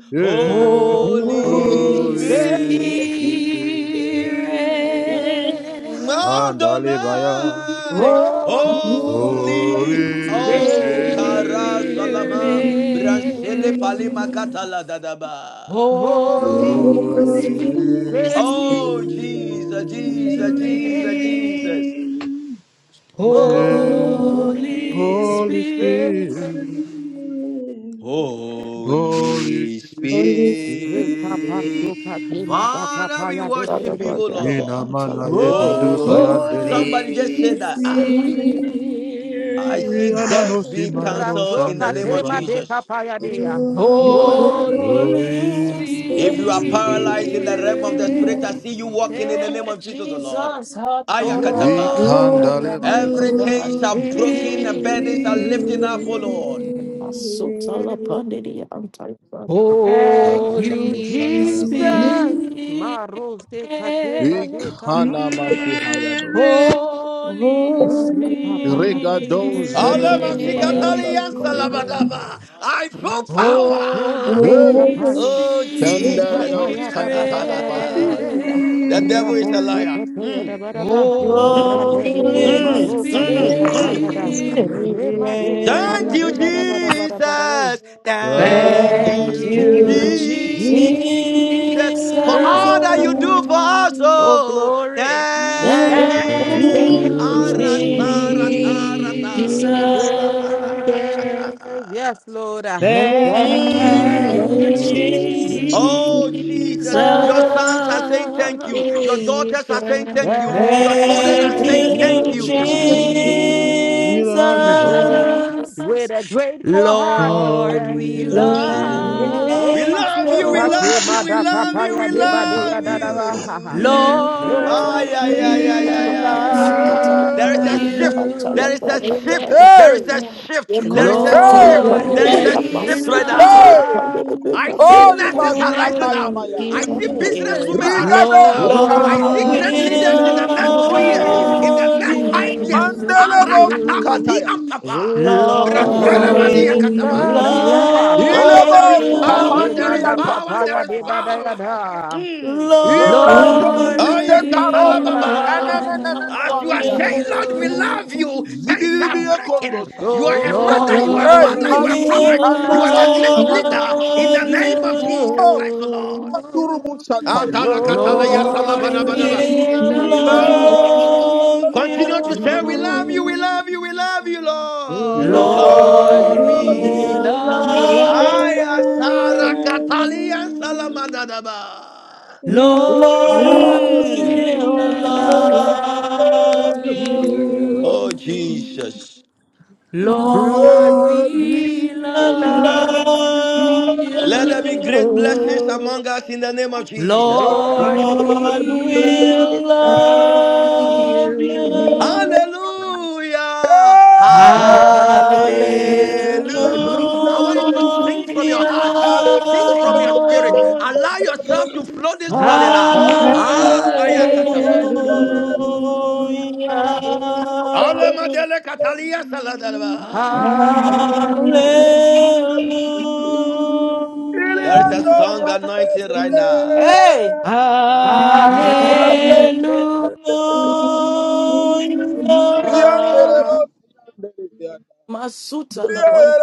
Speaker 6: Holy
Speaker 10: Holy
Speaker 12: Holy
Speaker 8: Holy
Speaker 11: Holy
Speaker 6: Spirit,
Speaker 8: Spirit,
Speaker 11: Spirit,
Speaker 1: Holy
Speaker 10: Spirit.
Speaker 12: Spirit.
Speaker 1: Spirit,
Speaker 10: Mm,
Speaker 1: Kandalebaya,
Speaker 10: Adonai,
Speaker 6: Holy
Speaker 8: Holy
Speaker 10: holy,
Speaker 12: Holy
Speaker 1: Holy
Speaker 10: oh, kara salama,
Speaker 1: Spirit,
Speaker 10: branchele
Speaker 8: Spirit,
Speaker 10: palima
Speaker 12: Spirit,
Speaker 10: katala dadaba.
Speaker 4: Thank
Speaker 8: Holy
Speaker 12: Holy
Speaker 1: Holy
Speaker 6: Re
Speaker 12: Spirit,
Speaker 10: Oh, Jesus, Jesus,
Speaker 1: Spirit.
Speaker 10: Jesus,
Speaker 8: Spirit,
Speaker 10: Jesus.
Speaker 12: Holy Spirit,
Speaker 6: ho
Speaker 12: Holy
Speaker 1: Yeah.
Speaker 11: you.
Speaker 6: mi
Speaker 8: Holy
Speaker 1: Holy
Speaker 6: re
Speaker 8: Spirit,
Speaker 1: Spirit, Holy
Speaker 10: Holy
Speaker 1: Spirit,
Speaker 6: re papa so
Speaker 10: Spirit,
Speaker 6: kate ma da
Speaker 10: Father,
Speaker 6: papa
Speaker 10: we
Speaker 6: ya de de
Speaker 11: Father
Speaker 6: de
Speaker 10: worship you,
Speaker 11: God,
Speaker 6: de
Speaker 10: oh
Speaker 11: that
Speaker 6: ya
Speaker 11: is the
Speaker 1: ina
Speaker 10: Lord.
Speaker 11: mantle
Speaker 1: mana
Speaker 11: of
Speaker 1: ye
Speaker 11: God.
Speaker 6: ho
Speaker 1: kadu
Speaker 10: Oh,
Speaker 1: sayande,
Speaker 10: somebody just said
Speaker 8: Holy
Speaker 10: that.
Speaker 6: re
Speaker 10: Ah,
Speaker 12: Spirit,
Speaker 10: I see
Speaker 1: ina no
Speaker 10: death
Speaker 8: Spirit,
Speaker 10: being
Speaker 6: ra
Speaker 1: simarado marado
Speaker 10: canceled
Speaker 6: so
Speaker 10: in the name
Speaker 1: shandere
Speaker 6: kate
Speaker 10: of
Speaker 6: ma
Speaker 1: baya.
Speaker 6: de
Speaker 10: Jesus.
Speaker 6: papa ya de ya
Speaker 12: Holy
Speaker 6: ho
Speaker 8: Holy
Speaker 1: Holy
Speaker 11: Holy
Speaker 6: re
Speaker 10: If
Speaker 11: Spirit,
Speaker 10: you are
Speaker 13: Spirit,
Speaker 12: Spirit,
Speaker 10: paralyzed in the realm of the
Speaker 8: Spirit.
Speaker 10: spirit, I
Speaker 1: Spirit,
Speaker 10: see you walking in the
Speaker 8: Hey,
Speaker 10: name of Jesus, O Lord.
Speaker 8: Jesus,
Speaker 11: Holy
Speaker 10: Ayakatapa.
Speaker 6: ho
Speaker 11: Spirit,
Speaker 1: ikandale
Speaker 8: Hatorabasaya,
Speaker 6: mi
Speaker 1: baya,
Speaker 8: mighty
Speaker 10: Every
Speaker 13: Thank
Speaker 10: chain
Speaker 4: you.
Speaker 8: God.
Speaker 13: you,
Speaker 10: shall
Speaker 13: Jesus.
Speaker 8: Spirit.
Speaker 10: broken, the
Speaker 6: re.
Speaker 10: burdens are lifted up, O Lord.
Speaker 11: Asotala Pandiri Antaipa.
Speaker 6: Thank
Speaker 1: kalira
Speaker 6: you,
Speaker 1: no
Speaker 8: Holy
Speaker 1: shandaya
Speaker 12: come,
Speaker 1: bados,
Speaker 6: Jesus.
Speaker 8: Spirit,
Speaker 6: Maros de Katema de
Speaker 1: ikana
Speaker 6: Kapaya.
Speaker 12: Thank
Speaker 1: masuhayados,
Speaker 8: Holy
Speaker 6: Marie
Speaker 3: Holy
Speaker 6: Papaya
Speaker 11: Holy
Speaker 1: regado
Speaker 13: Thank
Speaker 6: Kasakataya.
Speaker 1: zenemeni
Speaker 11: Spirit.
Speaker 6: Thank
Speaker 3: Spirit,
Speaker 10: Alamasikatali
Speaker 1: mayandas
Speaker 6: you,
Speaker 8: Spirit,
Speaker 6: Jesus,
Speaker 1: kabinaya.
Speaker 6: Lord.
Speaker 10: yansalabadaba. I feel
Speaker 6: Rasto kape
Speaker 10: power.
Speaker 6: madi
Speaker 3: Holy
Speaker 1: Hey,
Speaker 8: Holy
Speaker 11: Holy
Speaker 6: kapaya.
Speaker 10: Oh,
Speaker 6: Ye
Speaker 10: Jesus.
Speaker 1: Sandarado
Speaker 11: Spirit,
Speaker 6: kapaya da ba da ba
Speaker 1: Santada
Speaker 6: da ba da ba
Speaker 10: the
Speaker 6: de.
Speaker 1: Basuhayanas.
Speaker 8: Spirit,
Speaker 10: devil is a
Speaker 6: Rabo se
Speaker 10: liar.
Speaker 6: kape ya da
Speaker 10: Mm,
Speaker 6: ba da ba.
Speaker 10: mm,
Speaker 6: Rabe
Speaker 1: Thank
Speaker 6: de tu
Speaker 8: Holy
Speaker 3: Lord,
Speaker 11: Holy
Speaker 1: you,
Speaker 10: mm,
Speaker 6: maro kape
Speaker 10: mm,
Speaker 3: I
Speaker 10: mm.
Speaker 11: Spirit,
Speaker 6: kapaya
Speaker 3: love you.
Speaker 6: da.
Speaker 8: Spirit.
Speaker 11: thank
Speaker 6: Re madi
Speaker 1: Jesus.
Speaker 10: Thank
Speaker 6: kapaya
Speaker 11: you,
Speaker 10: you,
Speaker 6: de ba da
Speaker 8: Thank
Speaker 6: ba da ba da ba da ba.
Speaker 10: Jesus. Thank
Speaker 1: Thank
Speaker 6: Thank
Speaker 10: you,
Speaker 1: you,
Speaker 8: you,
Speaker 11: Jesus.
Speaker 6: you,
Speaker 10: Jesus,
Speaker 11: Thank
Speaker 8: Jesus.
Speaker 10: for
Speaker 6: Jesus.
Speaker 10: all
Speaker 8: Oh,
Speaker 1: Jesus.
Speaker 10: that you do for us. Oh,
Speaker 8: glory.
Speaker 10: thank
Speaker 6: Thank
Speaker 11: you,
Speaker 8: Thank
Speaker 1: Thank
Speaker 10: you.
Speaker 6: you,
Speaker 8: you,
Speaker 1: you,
Speaker 13: you,
Speaker 6: Jesus.
Speaker 10: Arasaratata.
Speaker 1: Jesus.
Speaker 3: Lord,
Speaker 13: Jesus.
Speaker 8: Jesus.
Speaker 6: Yes, Lord.
Speaker 8: Thank
Speaker 10: Mm.
Speaker 6: Thank
Speaker 8: you,
Speaker 1: Thank
Speaker 6: you,
Speaker 1: you,
Speaker 11: Jesus.
Speaker 6: Jesus.
Speaker 10: Oh,
Speaker 8: Jesus.
Speaker 10: Jesus,
Speaker 11: Thank
Speaker 10: your
Speaker 11: you,
Speaker 10: sons are
Speaker 11: Jesus.
Speaker 10: saying thank you. Your daughters are saying thank you. Your
Speaker 13: Thank
Speaker 10: children
Speaker 8: Thank
Speaker 10: are
Speaker 11: Thank
Speaker 6: Thank
Speaker 10: saying
Speaker 8: you,
Speaker 1: Jesus.
Speaker 10: thank
Speaker 11: you,
Speaker 6: you,
Speaker 10: you.
Speaker 13: you,
Speaker 8: Jesus.
Speaker 1: We
Speaker 6: Jesus.
Speaker 1: love you, Lord.
Speaker 13: Jesus.
Speaker 11: Jesus.
Speaker 6: With a grateful heart, we
Speaker 1: Lord,
Speaker 8: Lord,
Speaker 6: thank
Speaker 8: we
Speaker 1: we
Speaker 6: you. Lord,
Speaker 8: love
Speaker 10: We
Speaker 6: we
Speaker 11: Thank
Speaker 6: love
Speaker 10: love you,
Speaker 8: you.
Speaker 10: we
Speaker 11: you.
Speaker 10: love
Speaker 6: you.
Speaker 10: you, we love you, we
Speaker 1: love
Speaker 10: love
Speaker 1: you.
Speaker 10: you.
Speaker 8: Lord,
Speaker 10: Ah,
Speaker 6: Lord,
Speaker 10: yeah, yeah,
Speaker 8: we
Speaker 10: yeah, yeah,
Speaker 6: we
Speaker 10: yeah.
Speaker 1: We
Speaker 8: love
Speaker 10: Ha, ha.
Speaker 6: love
Speaker 10: there is
Speaker 1: love
Speaker 10: a shift.
Speaker 1: you.
Speaker 12: you.
Speaker 10: There is a
Speaker 8: you.
Speaker 10: shift. There is a shift. There is a
Speaker 12: Lord,
Speaker 10: shift.
Speaker 8: Lord,
Speaker 10: There is a
Speaker 12: we
Speaker 8: we
Speaker 10: shift right
Speaker 8: love
Speaker 12: love
Speaker 10: now. I see nurses
Speaker 8: you.
Speaker 10: are
Speaker 6: you.
Speaker 10: rising up. I
Speaker 12: you.
Speaker 10: see businesswomen are
Speaker 13: Lord,
Speaker 10: rising up.
Speaker 8: Lord,
Speaker 10: I
Speaker 11: Love
Speaker 10: see
Speaker 6: Lord,
Speaker 12: Lord,
Speaker 10: great
Speaker 13: we
Speaker 8: we
Speaker 6: we
Speaker 10: leaders in
Speaker 13: love
Speaker 10: the
Speaker 8: love
Speaker 12: we
Speaker 13: me.
Speaker 11: will
Speaker 10: next
Speaker 12: love
Speaker 10: two years,
Speaker 6: love
Speaker 10: in the
Speaker 11: love
Speaker 10: next
Speaker 3: Lord,
Speaker 10: five years.
Speaker 8: you.
Speaker 6: you.
Speaker 11: you.
Speaker 1: Mandela
Speaker 10: Arakatama di
Speaker 1: Sukatayas.
Speaker 11: Love you, love
Speaker 10: ampapa.
Speaker 11: you,
Speaker 10: Brasela
Speaker 13: Lord,
Speaker 12: Lord,
Speaker 6: Lord,
Speaker 8: Lord,
Speaker 13: you.
Speaker 6: we
Speaker 10: madia
Speaker 13: love
Speaker 10: kataba.
Speaker 8: we
Speaker 12: we love you.
Speaker 6: love
Speaker 3: we
Speaker 6: you.
Speaker 8: love
Speaker 10: Oh,
Speaker 11: love
Speaker 6: Amaro
Speaker 10: there
Speaker 11: you,
Speaker 10: is
Speaker 1: Ilebo
Speaker 6: se
Speaker 3: love
Speaker 12: Lord,
Speaker 10: power,
Speaker 6: kate
Speaker 10: there is
Speaker 8: you.
Speaker 1: Siria
Speaker 6: mada
Speaker 12: we
Speaker 3: you.
Speaker 12: love
Speaker 10: power, there
Speaker 6: papaya
Speaker 10: is
Speaker 6: de
Speaker 10: power.
Speaker 6: badayada.
Speaker 10: Mm.
Speaker 11: love
Speaker 6: Lord,
Speaker 11: you,
Speaker 8: Lord,
Speaker 13: me.
Speaker 8: we
Speaker 3: Lord,
Speaker 6: we
Speaker 12: you.
Speaker 3: we
Speaker 10: Ayakatalababa.
Speaker 11: love
Speaker 6: love
Speaker 1: Kanemenda.
Speaker 3: love
Speaker 10: As you
Speaker 8: love
Speaker 10: are
Speaker 11: you,
Speaker 10: saying, Lord,
Speaker 6: you.
Speaker 10: we
Speaker 8: you.
Speaker 10: love
Speaker 13: Lord,
Speaker 3: you.
Speaker 10: you, things
Speaker 13: you
Speaker 10: are breaking. You are
Speaker 13: love
Speaker 10: a
Speaker 13: me.
Speaker 10: mother, you are
Speaker 6: Lord,
Speaker 10: a
Speaker 8: Lord,
Speaker 10: father,
Speaker 3: Lord,
Speaker 10: you
Speaker 6: we
Speaker 10: are a
Speaker 8: we
Speaker 10: prophet,
Speaker 3: we
Speaker 8: love
Speaker 10: you are the
Speaker 6: love
Speaker 3: love
Speaker 10: next leader
Speaker 13: Lord,
Speaker 10: in
Speaker 11: love
Speaker 10: the name
Speaker 6: you.
Speaker 13: you
Speaker 8: you.
Speaker 10: of Jesus Christ,
Speaker 3: you.
Speaker 10: the Lord.
Speaker 11: you.
Speaker 13: love
Speaker 8: Lord,
Speaker 12: Lord,
Speaker 1: Suria.
Speaker 12: love
Speaker 10: Adalakatalaya
Speaker 3: Lord,
Speaker 6: Lord, we
Speaker 10: salabadabadaba.
Speaker 8: we
Speaker 3: we
Speaker 4: Thank
Speaker 8: love
Speaker 10: Mm.
Speaker 6: love
Speaker 4: you.
Speaker 3: love
Speaker 10: Continue to say, We
Speaker 4: Amen.
Speaker 10: love
Speaker 3: you.
Speaker 6: you.
Speaker 10: you, we
Speaker 8: you.
Speaker 10: love you, we love you,
Speaker 13: me.
Speaker 10: Lord.
Speaker 11: Lord, we love
Speaker 8: Lord,
Speaker 11: you. Lord,
Speaker 10: Lord,
Speaker 6: Lord,
Speaker 11: we
Speaker 3: Lord,
Speaker 6: we
Speaker 8: we
Speaker 10: we
Speaker 13: Lord,
Speaker 8: love
Speaker 3: we
Speaker 13: you
Speaker 6: love
Speaker 11: love
Speaker 10: Aya
Speaker 13: love
Speaker 8: you.
Speaker 6: you.
Speaker 3: love
Speaker 10: sarakatalia
Speaker 11: you.
Speaker 3: you.
Speaker 13: me.
Speaker 10: salamadadaba.
Speaker 8: Lord,
Speaker 11: Lord
Speaker 1: Lord,
Speaker 11: we
Speaker 10: Mm.
Speaker 3: Lord,
Speaker 8: we
Speaker 6: We
Speaker 11: will
Speaker 3: we
Speaker 1: we
Speaker 8: love
Speaker 6: love
Speaker 11: love
Speaker 1: love
Speaker 11: you.
Speaker 3: love
Speaker 1: you.
Speaker 6: you.
Speaker 3: you.
Speaker 10: Oh,
Speaker 8: you.
Speaker 12: you.
Speaker 10: Jesus.
Speaker 8: Lord,
Speaker 11: Lord
Speaker 1: Lord,
Speaker 12: Lord,
Speaker 3: Lord,
Speaker 6: We
Speaker 11: we
Speaker 1: we
Speaker 8: we
Speaker 11: will
Speaker 12: we
Speaker 3: we
Speaker 12: love
Speaker 6: love
Speaker 8: love
Speaker 3: love
Speaker 11: love
Speaker 10: Let
Speaker 6: you.
Speaker 10: there
Speaker 11: you.
Speaker 10: be
Speaker 8: you.
Speaker 10: great
Speaker 12: Hallelujah.
Speaker 10: blessings among us in the name of Jesus.
Speaker 8: Lord,
Speaker 6: Lord,
Speaker 11: Lord
Speaker 8: we
Speaker 6: we
Speaker 3: you.
Speaker 8: love
Speaker 11: will
Speaker 6: love
Speaker 11: love
Speaker 6: you.
Speaker 8: you.
Speaker 11: you.
Speaker 3: we
Speaker 10: Hallelujah.
Speaker 6: Hallelujah.
Speaker 3: love
Speaker 10: Hallelujah.
Speaker 3: you.
Speaker 8: Hallelujah.
Speaker 3: Thank
Speaker 6: Hallelujah.
Speaker 10: I want you to sing from your heart.
Speaker 1: love you.
Speaker 10: Sing from your spirit.
Speaker 11: Hallelujah.
Speaker 10: Allow yourself to flow this morning. Ah,
Speaker 11: Hallelujah.
Speaker 8: Hallelujah.
Speaker 10: ah, ayakatapa.
Speaker 6: Hallelujah.
Speaker 13: Hallelujah.
Speaker 10: Alamadele katalia saladaba.
Speaker 11: Hallelujah.
Speaker 8: Hallelujah.
Speaker 13: Hallelujah.
Speaker 10: There is a song anointing right now.
Speaker 11: Hey. Hallelujah.
Speaker 1: Olebo Siria.
Speaker 6: Hallelujah.
Speaker 8: Hallelujah.
Speaker 1: Iyandelebo Siria.
Speaker 11: Masuta